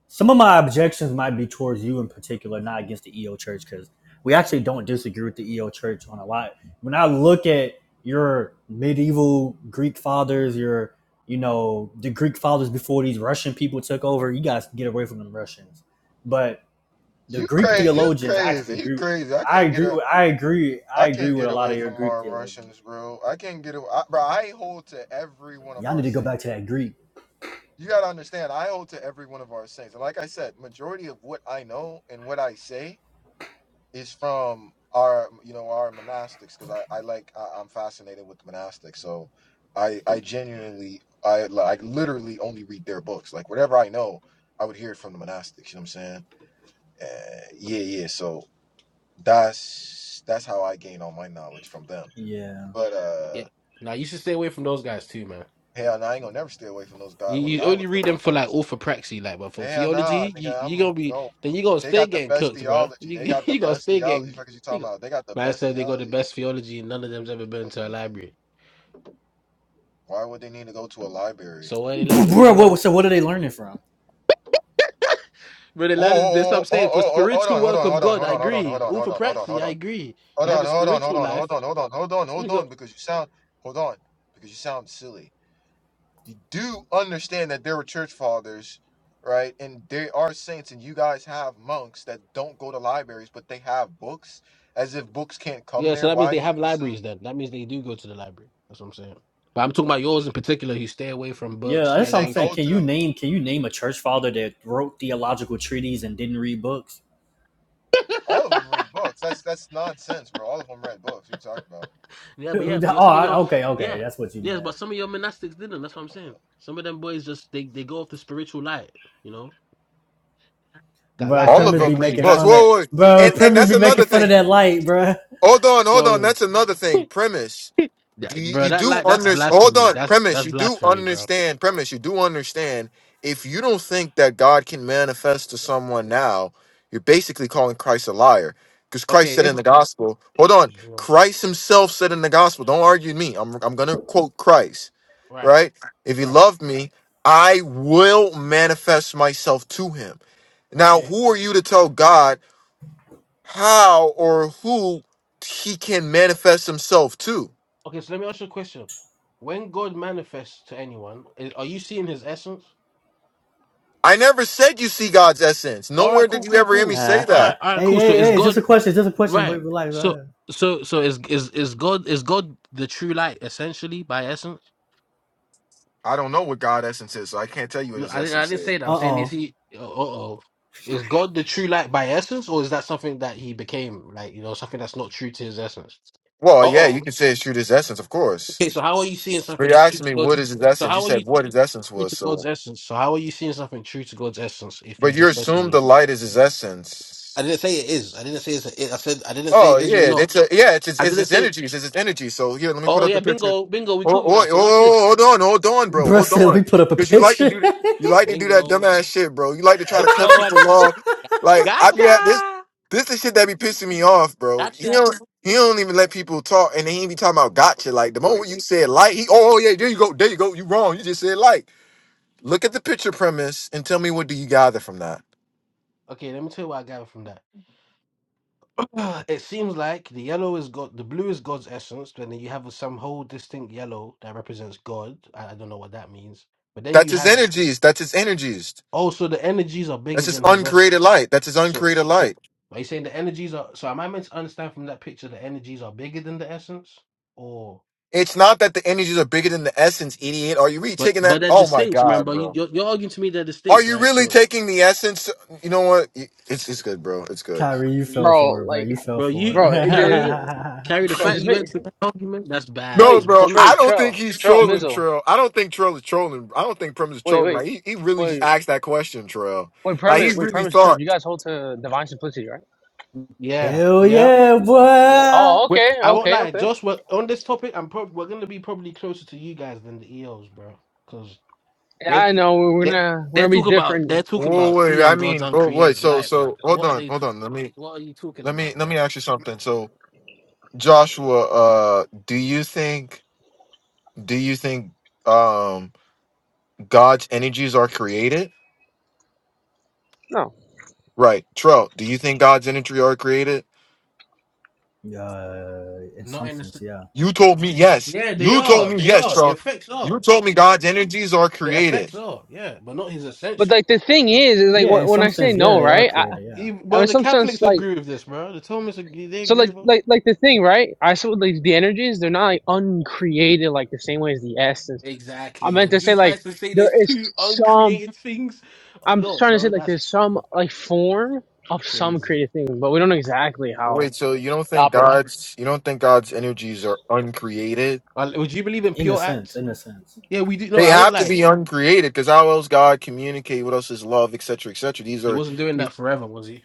C: Some of my objections might be towards you in particular, not against the EO Church, because we actually don't disagree with the EO Church on a lot. When I look at your medieval Greek fathers, your you know the Greek fathers before these Russian people took over, you guys get away from them Russians. But the
A: You
C: Greek
A: crazy you
C: theologians, I actually
A: crazy. You
C: agree.
A: crazy. I
C: I
A: can't get
C: agree.
A: a
C: With, I agree. I
A: I
C: agree
A: can't
C: with
A: get
C: a lot
A: away
C: of your
A: from
C: Greek
A: our
C: theologians.
A: Russians, bro. I can't get away. I, bro, I hold to every one of
C: Y'all need
A: our
C: to go back to
A: saints.
C: that Greek.
A: You gotta understand, I hold to every one of our saints. And like I said, majority of what I know and what I say Is from our, you know, our monastics because I, I like I, I'm fascinated with the monastics. So I I genuinely I like literally only read their books. Like whatever I know, I would hear it from the monastics. You know what I'm saying? Uh, yeah, yeah. So that's that's how I gain all my knowledge from them.
C: Yeah,
A: But uh,
N: It, now you should stay away from those guys too, man.
A: hell, nah, I ain't gonna never stay away from those guys.
N: You,
A: I'm gonna
N: you
A: die
N: only
A: with those
N: read them for like
A: guys.
N: orthopraxy, like, but for
A: Hell nah,
N: theology, you
A: nigga.
N: you
A: I'm
N: gonna be
A: no.
N: then you gonna
A: They
N: stay
A: got the
N: getting
A: best
N: cooked, bro.
A: theology. They
N: You
A: got the
N: you gonna
A: best
N: stay
A: theology.
N: getting.
A: Fuck is you
N: You
A: talking
N: go,
A: about? They got the
N: man
A: best
N: said they got the
A: theology.
N: best theology, and none of them's ever been to a library.
A: Why would they need to go to a library?
N: So what they learn? What
C: bro.
N: they learn?
C: What, so what are they learning from?
N: But they
A: Oh,
N: learn this.
A: oh,
N: I'm
A: oh, oh,
N: saying
A: oh,
N: for
A: oh, oh, hold
N: spiritual
A: on, hold
N: work
A: on,
N: of
A: hold on,
N: God,
A: hold
N: I
A: on, hold on, hold
N: agree.
A: on, hold on, hold on,
N: Orthopraxy,
A: hold
N: I
A: on,
N: agree. They
A: hold
N: have
A: on,
N: a
A: hold on, hold on, hold
N: spiritual
A: on,
N: life.
A: hold on, hold on,
N: You
A: hold
N: go,
A: on, because you sound, hold on, because you sound silly. You do understand that there were church fathers, right? And there are saints, and you guys have monks that don't go to libraries, but they have books. As if books can't come
N: yeah. So
A: there.
N: that means
A: Why
N: they
A: do you
N: have
A: assume?
N: libraries. Then that means they do go to the library. That's what I'm saying. But I'm talking about yours in particular. You stay away from
C: Yeah,
N: books.
A: You
C: that's
N: Stay
C: what
A: say
C: I'm
N: away from.
C: saying.
A: go
C: Can
A: to
C: you
A: the,
C: name can you name a church father that wrote theological treatises and didn't read books?
A: all of them read books. That's that's nonsense, bro. All of them read books. We talked about.
N: Yeah, but
C: oh,
N: yeah, but yo, some of
C: I,
N: your
C: okay, okay,
N: yeah,
C: that's what you
N: yes,
C: meant,
N: but some of your monastics didn't. That's what
A: Wait,
N: I'm
A: hold on.
N: saying. Some of them boys just they they go off the spiritual light, you know. That
C: bro.
N: light,
A: All
N: that
A: of
C: Premise
A: them
C: be
N: Greg, the
A: read
C: making
A: books.
N: light,
C: fun of,
A: Whoa, wait.
C: bro.
A: And and
C: Premise
A: that's
C: be making
A: another
C: fun of
A: thing.
C: that light, bro.
A: Hold on, hold on.
N: bro,
A: That's another thing. Premise.
N: yeah,
A: Do you,
N: bro,
A: you
N: that
A: do
N: light, that's
A: understand? Hold
N: blasphemy.
A: on.
N: That's
A: Premise.
N: that's
A: You do
N: blasphemy, bro.
A: understand. Premise. You do understand. If you don't think that God can manifest to someone now, you're basically calling Christ a liar. Because Christ
N: Okay,
A: said in
N: if
A: the gospel, hold on. Christ himself said in the gospel, don't argue with me. I'm, I'm going to quote Christ,
N: right,
A: right? If he
N: right,
A: loved me, I will manifest myself to him. Now,
N: okay,
A: who are you to tell God? how or who he can manifest himself to.
N: okay. So let me ask you a question. When God manifests to anyone, i- are you seeing His essence?
A: I never said you see God's essence.
N: All
A: Nowhere
N: right,
A: did
N: cool,
A: you
N: cool,
A: ever hear me
N: cool.
A: say
N: All
C: Uh-huh.
A: that.
N: right, all right,
C: Hey,
N: cool. So
C: hey,
N: is
C: hey! It's just a
N: God
C: question. It's just a question.
N: right?
C: Wait, relax,
N: So
C: bro.
N: so so is is is God is God the true light essentially by essence?
A: I don't know what God's essence is, so I can't tell you what
N: No,
A: his
N: I didn't. I
A: essence
N: didn't
A: is.
N: say that.
C: Uh
N: I'm saying is
C: oh,
N: he? Uh oh. Is God the true light by essence, or is that something that he became? Like you know, something that's not true to his essence.
A: Well,
N: Uh
A: yeah, you
N: oh.
A: can say it's true to his essence, of course.
N: Okay, so how are you seeing
A: But
N: something
A: you
N: that's true
A: asked
N: to
A: me
N: God's?
A: what is his
N: So
A: essence. You
N: how are you
A: said what
N: seeing
A: his essence
N: something true
A: was,
N: to God's
A: so
N: essence? So how are you seeing something true to God's essence? If you
A: but you
N: just said to
A: assumed
N: me,
A: the light is his essence.
N: I didn't say it is. I didn't say it's. A, it. I said I didn't say
A: Oh
N: it is or
A: yeah,
N: not.
A: it's a, yeah, it's it's,
N: I
A: it's
N: didn't
A: it's
N: say.
A: energies, it's its energy. So here, let me put
N: Oh
A: up
N: yeah,
A: the picture.
N: bingo, bingo. We
A: Oh, oh,
N: caught you now.
A: oh, oh,
N: So watch
A: oh,
N: this.
A: hold on, hold on, bro,
C: bro.
A: hold
C: Said let
A: on,
C: me put up a
A: because you like to
C: picture.
A: do th- you like to do that
N: Bingo,
A: dumbass shit, bro. You like to try to cut
N: bingo. I
A: people
N: gotcha,
A: off. Like I be at this
N: gotcha,
A: this the shit that be pissing me off, bro. He
N: gotcha.
A: don't he don't even let people talk, and he ain't be talking about gotcha. Like the moment you said like, he oh yeah, there you go, there you go, you wrong. You just said like. Look at the picture premise and tell me what do you gather from that.
N: Okay, let me tell you what I gather from that. Ah, It seems like the yellow is God, the blue is God's essence, then you have some whole distinct yellow that represents God. I, I don't know what that means. But then
A: That's
N: you
A: his
N: have
A: energies. That's his energies.
N: also the energies are
A: That's
N: bigger
A: his
N: than his vest.
A: uncreated light. That's his
N: So,
A: uncreated
N: so
A: light.
N: are you saying the energies are? So am I meant to understand from that picture the energies are bigger than the essence, or?
A: It's not that the energies are bigger than the essence, idiot. Are you really
N: But
A: taking that?
N: but they're
A: Oh my
N: distinct.
A: god,
N: Remember, you,
A: bro.
N: you're, you're arguing to me they're
A: Are
N: distinct,
A: you
N: right?
A: really
N: So,
A: taking the essence? You know what? It's it's good, bro. It's good.
C: Kyrie, you fell
K: Bro,
C: for it, bro.
K: like,
C: You fell
N: bro, you
C: for it.
N: you
K: bro, it did,
N: carry carry the
K: bro.
N: fact
K: Just
N: you
K: make.
N: went to that argument. That's bad
A: No,
K: Wait,
N: because
A: bro.
N: from
K: Trey,
A: I don't think
K: Trail,
A: he's
K: Trail,
A: trolling,
K: Mizzle.
A: Trail. I don't think Trail is trolling. I don't think Prim is
K: Wait,
A: trolling.
K: wait,
A: Like he, he really just
K: wait,
A: asked that question, Trail.
K: wait.
A: Like he
K: Premise, wait,
A: really
K: premise, Trail.
A: thought.
K: You guys hold to divine simplicity, right?
N: yeah
C: Hell
N: yeah
C: yeah, boy.
K: Oh,
N: Well,
K: okay,
N: I won't
K: okay,
N: lie.
K: okay.
N: Just we on this topic, I'm prob- we're going to be probably closer to you guys than the EOs, bro, because
K: Yeah,
N: they
K: I know we're
N: they
K: gonna we're
N: they're
K: gonna be
N: talking about
K: different.
N: they're talking
A: Whoa,
N: about
A: wait. I
N: seeing God's
A: mean, oh wait.
N: uncreated
A: So
N: light, bro.
A: so hold
N: What are
A: on,
N: they?
A: hold
N: To-
A: on. Let me
N: what are you talking
A: let me
N: about,
A: let
N: bro?
A: me ask you something. So Joshua, uh, do you think do you think um God's energies are created?
K: No,
A: Right. Tro, do you think God's energy are created?
C: Uh, in
N: Not
C: some
N: in the.
C: sense,
N: s-
C: yeah.
A: You told me yes.
N: Yeah, they
A: You told
N: are.
A: me
N: They
A: yes,
N: are. The
A: Tro.
N: effects
A: You
N: are.
A: told me God's energies are
N: The
A: created.
N: effects are. Yeah, but not his
K: but
N: essential.
K: like the thing is, is like
C: Yeah,
K: when,
C: in
K: when
C: some
K: I say
C: sense, yeah.
K: no,
C: They are
K: right? I,
C: created, yeah.
N: Even,
K: I mean,
N: bro, the
K: some sense
N: Catholics
K: like
N: agree with this, bro. The Thomists agree. They
K: so like
N: agree.
K: like like the thing, right? I said like the energies, they're not like uncreated like the same way as the essence. I
N: Exactly.
K: meant
N: And
K: to say
N: he
K: like
N: tries to say
K: there
N: there's
K: is
N: two
K: some.
N: uncreated things.
K: I'm
N: Yo,
K: trying to say
N: bro,
K: like
N: that's
K: there's some like form of some
N: crazy.
K: creative thing, but we don't know exactly how
A: Wait, so you don't
K: it
A: think
K: operates.
A: God's you don't think God's energies are uncreated?
N: Uh, Would you believe in
C: in a
N: pure
C: sense,
N: act?
C: in a sense.
N: Yeah, we do. No,
A: They
N: I won't
A: have to
N: lie.
A: be uncreated because how else God communicate? What else is love, et cetera, et cetera? These
N: He
A: are,
N: wasn't doing that forever, was he?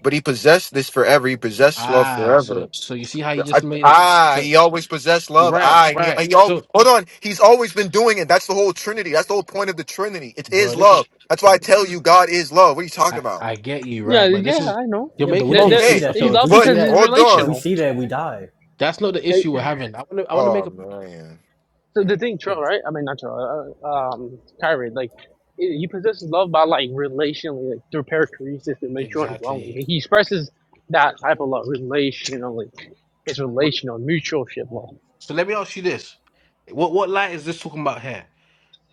A: but He possessed this forever. He possessed love
N: Ah, so
A: forever.
N: so you see how he
A: I,
N: just made it.
A: ah,
N: So
A: He always possessed
N: you're
A: love.
N: right,
A: Ah, and he,
N: right.
A: and he al-
N: So,
A: hold on. He's always been doing it. That's the whole Trinity. That's the whole point of the Trinity. It is
N: bro, this is.
A: love. That's why I tell you, God is love. What are you talking
N: I
A: about?
N: I get you
K: Yeah,
N: right, but this
K: yeah,
N: is
K: I know.
N: you're
C: Yeah, but we
N: making an
K: That
C: can't see
K: that
N: issue.
A: Okay,
C: that
K: he's
C: though. If
N: Okay,
K: loved
C: we
A: but
C: see
K: because he's
C: that,
A: hold
C: if we
A: on.
K: relational.
C: see that, we die.
N: that's not the issue we're having. I want to I want to
A: Oh
N: make a
A: man.
K: So the
N: right.
K: thing,
N: Okay,
K: Trill, right? I mean, not Trill, uh, uh, um, Kyrie, like, he he possesses love by, like, relationally, like, through perichoresis and mutual dwelling.
N: Exactly.
K: He expresses that type of love relationally. It's
N: But,
K: relational, mutualship love.
N: so let me ask you this: what what light is this talking about here?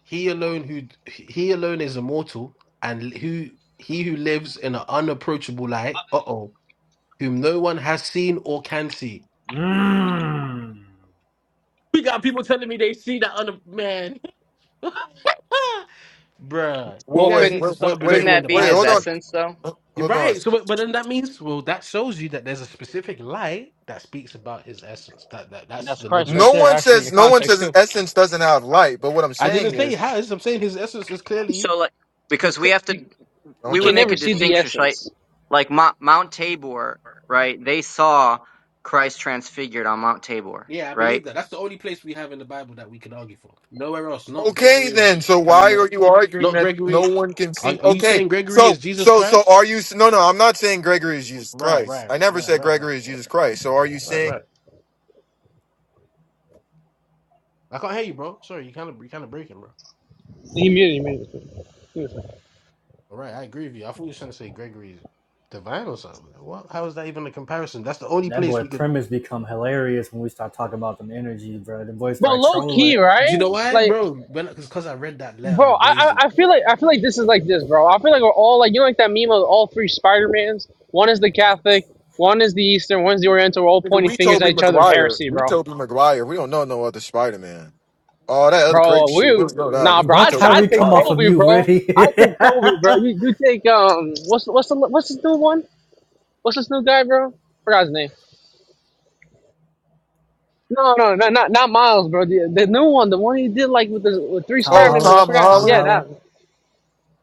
N: He alone who he alone is immortal, and who he who lives in an unapproachable light. Uh oh, whom no one has seen or can see.
C: Mm.
N: We got people telling me they see that other man. Bruh, you
O: Well,
A: Wait,
N: guys
A: wait,
O: couldn't
N: need to
A: wait,
N: start
A: wait, wait.
O: couldn't
N: believing in
O: that
N: the
O: be
A: wait
O: his
A: hold
N: Bible.
A: on.
O: essence though?
N: You're
A: Hold on.
N: right. So, but, but then that means, well, that shows you that there's a specific light that speaks about his essence. That that
K: And
N: that's
K: that's
N: the
K: Christ right
N: logical.
A: No
K: there,
A: one
K: actually, in the
A: says. No one says
K: context,
A: His
K: too.
A: essence doesn't have light. But what I'm
N: I didn't
A: saying
N: say
A: is.
N: he has. I'm saying his essence is clearly
O: So like
N: he's
O: because we
N: clear.
O: have to
K: You,
A: I don't
O: we
K: you
O: would
A: think
K: can
A: you
O: make
K: never
O: a
K: see the
A: understand.
O: distinction, right?
K: essence,
O: Like like Mount, Mount Tabor, right? They saw Christ transfigured on Mount Tabor,
N: Yeah, I
O: right?
N: believe that. That's the only place we have in the Bible that we can argue for. Nowhere else. Not
A: Okay,
N: Gregory of
A: then. So why are
N: Palamet.
A: you arguing
N: Not
A: that no
N: Gregory.
A: one can
N: Are,
A: see?
N: are you
A: Okay.
N: saying Gregory is
A: So
N: Jesus
A: so so
N: Christ?
A: are you? No, no. I'm not saying Gregory is Jesus
N: Right,
A: Christ.
N: right,
A: I never
N: right,
A: said
N: right, right,
A: Gregory is Jesus Christ. So are you
N: right,
A: saying?
N: right. I can't hear you, bro. Sorry, you kind of you kind of breaking, bro.
K: the immunity. immunity.
N: All right, I agree with you. I thought you were trying to say Gregory is divine or something. Like, What? How is that even a comparison? That's the only
C: That
N: place
C: boy
N: we could.
C: premise become hilarious when we start talking about them energy, bro. The boys
K: But
C: start
K: low key,
C: trolling.
N: Do you
K: right?
N: know why,
K: Like,
N: bro? Because because I read that letter
K: Bro,
N: of
K: I, I
N: Basil.
K: I feel like I feel like this is like this, bro. I feel like we're all like you know like that meme of all three Spider Mans. One is the Catholic, one is the Eastern, one's the Oriental. We're all
A: Nigga,
K: pointing
A: we
K: fingers at
A: Toby
K: each other of
A: Maguire.
K: heresy,
A: We
K: bro.
A: Toby Maguire. We don't know no other Spider Man. All that other crazy
K: Bro,
A: shit. We
K: we
A: don't know that.
K: nah,
A: We
K: bro.
C: Why
K: I
A: Toby
K: I
C: Kyrie
K: take
C: come off
A: Maguire.
C: of
K: Toby,
C: mute,
K: bro.
C: really?
K: I take Toby, bro. You you take um what's what's the what's this new one? What's this new guy, bro? Forgot his name. No, no, no, not not Miles, bro. The the new one, the one he did like with the with three
C: Tom
K: Spider
A: Oh,
K: Man.
C: Holla,
K: I
A: Tom
K: forgot.
C: Tom
K: Yeah,
A: Holland.
C: Holla.
K: that. one.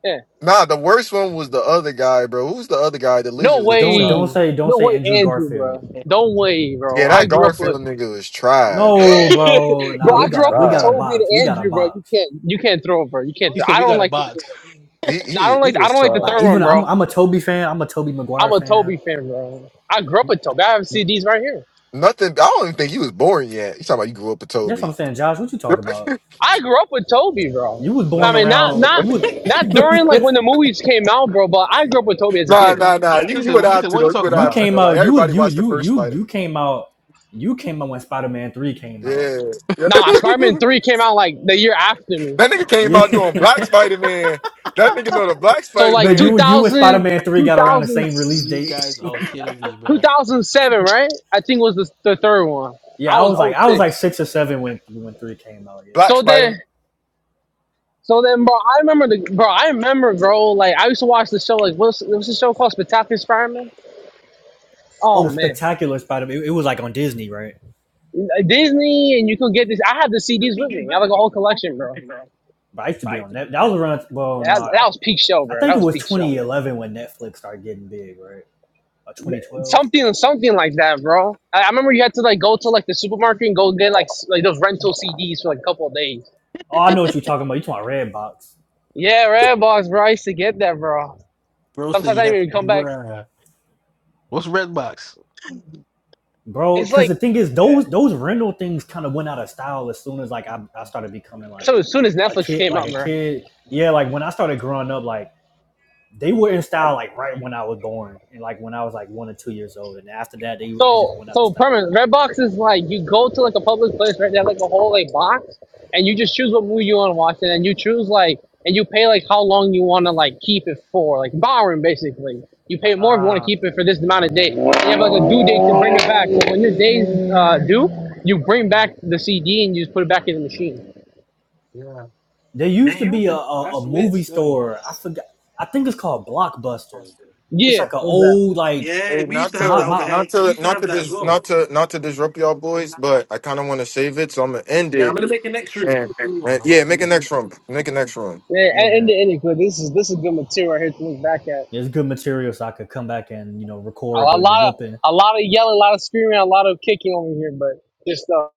K: Yeah.
A: Nah, the worst one was the other guy, bro. Who's the other guy? The
K: No
A: lizard looking
C: Don't
A: guy.
C: don't
K: way.
C: say don't
K: No
C: say
K: way,
C: Andrew
K: Andrew, bro.
C: Garfield.
K: Don't way, bro.
A: Yeah,
K: I
A: that
K: grew up
A: Garfield
K: with,
A: nigga was tried,
C: No,
K: bro.
A: bro.
C: bro.
A: He
C: Nah, we
K: I
A: was
C: got
K: grew
C: to
K: up
C: we
K: with
C: got to
A: tried.
K: Toby
C: box. We
K: and
C: got to
K: Andrew, bro. You
C: box.
K: can't, you can't throw, bro. You can't.
N: He
K: Throw.
N: said
K: I
N: we
K: don't
N: got a
K: like. The,
N: box.
A: He
K: no, I
A: he
K: don't
A: he
K: like. I
A: was
K: don't like the
C: Like
K: third
A: trash.
K: one,
C: even I'm
K: bro.
C: I'm a Toby fan. I'm a Toby
K: I'm
C: Maguire
K: a
C: fan.
K: Toby fan, bro. I grew up with Toby. I have CDs right here.
A: Nothing. I don't even think he was born yet. You talking about you grew up with
C: That's what I'm
A: Toby?
C: saying, Josh. What you talk about?
K: I grew up with Toby, bro.
C: You was
K: I
C: born
N: That's
K: mean,
N: it.
K: not
N: That's
C: around.
K: not
C: You
K: not during like
C: was.
K: when the movies came out, bro. But I grew up with Toby as a
A: Nah,
K: kid, bro.
A: nah, nah.
N: he
A: You you
N: said.
A: would
N: He
A: have
N: said
A: to
N: what
A: though.
N: you
A: You
N: talk
A: would
C: you
A: have to
N: about.
A: though.
C: came
A: Like
C: out. You was
A: everybody
C: you
A: watched the
C: you
A: first
C: you
A: Spider.
C: you
A: Man.
C: came out. You came out when Spider Man Three came out.
A: Yeah. yeah.
K: Nah, Spider Man Three came out like the year after me.
A: That nigga came
C: Yeah,
A: out doing Black Spider Man. That nigga know the Black
K: So
A: Spider
K: like
C: but
K: two
A: Man.
C: you you and Spider
K: thousand,
C: Man Three
K: two
C: got around the
K: thousand.
C: same release
N: you
C: date.
N: guys are killing me, bro.
K: 2007, right? I think was the, the third one. I
C: Yeah, I
K: was
C: was
K: oh
C: like I was like
K: 06.
C: six or seven when when Three came out. Yeah.
A: Black
K: So
A: Spider. Man.
K: then, so then, bro, I remember the bro. I remember, bro. Like I used to watch the show. Like what's what's the show called? Spectacular Spider-Man. Oh
C: Oh,
N: Nah.
K: man,
C: Spectacular Spider Man. It, it was like on Disney, right?
K: Like, Disney, and you could get this. I had the
N: Bro
K: CDs with me. I had like a whole collection, bro.
C: But I used to be on that. That was around. Well, no,
K: That, that
C: I,
K: was peak show,
C: I
K: bro. That
C: think it
K: was
C: was
K: peak show, man.
C: 2011 when Netflix started getting big, right? Or 2012.
K: Something, something like that, bro. I, I remember you had to like go to like the supermarket and go get like s- like those rental CDs for like a couple of days.
C: Oh, I know what you're talking about. You talking about Redbox?
K: Yeah, Redbox, bro. I used to get that, bro.
N: said
K: Sometimes I
N: you have
K: didn't even come back.
N: bruh. What's Redbox?
C: bro.
K: It's
C: Because the
K: like
C: thing is, those those rental things kind of went out of style as soon as like I, I started becoming like
K: So as soon as
C: a
K: Netflix
C: kid,
K: came
C: like
K: out,
C: a
K: bro.
C: kid. Yeah, like when I started growing up, like they were in style like right when I was born, and like when I was like one or two years old, and after that they they just
K: So
C: went out of
K: so
C: style.
K: permanent Redbox is like you go to like a public place, right? They have like a whole like box, and you just choose what movie you want to watch, and then you choose like and you pay like how long you want to like keep it for, like borrowing basically. You pay more if you want to keep it for this amount of days. You have like a due date to bring it back. So when your days uh, due, you bring back the CD and you just put it back in the machine.
C: There used to be a, a,
N: That's
C: a
N: lit,
C: movie
N: still.
C: store. I forgot. I think it's called Blockbuster. It's
K: Yeah,
C: like an
K: what was that?
C: old like
N: Yeah,
A: Hey,
N: we used
A: not
N: to have
C: my
N: that
A: to
C: my
A: not
N: overhead. We
A: to
N: used to
A: not
N: have
A: to
N: that as
A: dis,
N: well.
A: not to not to disrupt y'all boys, but I kind of want to save it, so I'm gonna end
N: Yeah, I'm
A: it.
N: gonna make an next room.
A: And,
N: Open one.
A: and
N: I'm
A: yeah,
N: opening
A: make a
N: one.
A: next room. Make a next room.
K: Yeah, and, and
C: yeah.
K: the ending, but this is this is good material right here to look back at.
C: It's good material, so I could come back and you know
K: A,
C: record
K: a
C: the the
K: lot of
C: whooping
K: a lot of yelling, a lot of screaming, a lot of kicking over here, but just. stuff.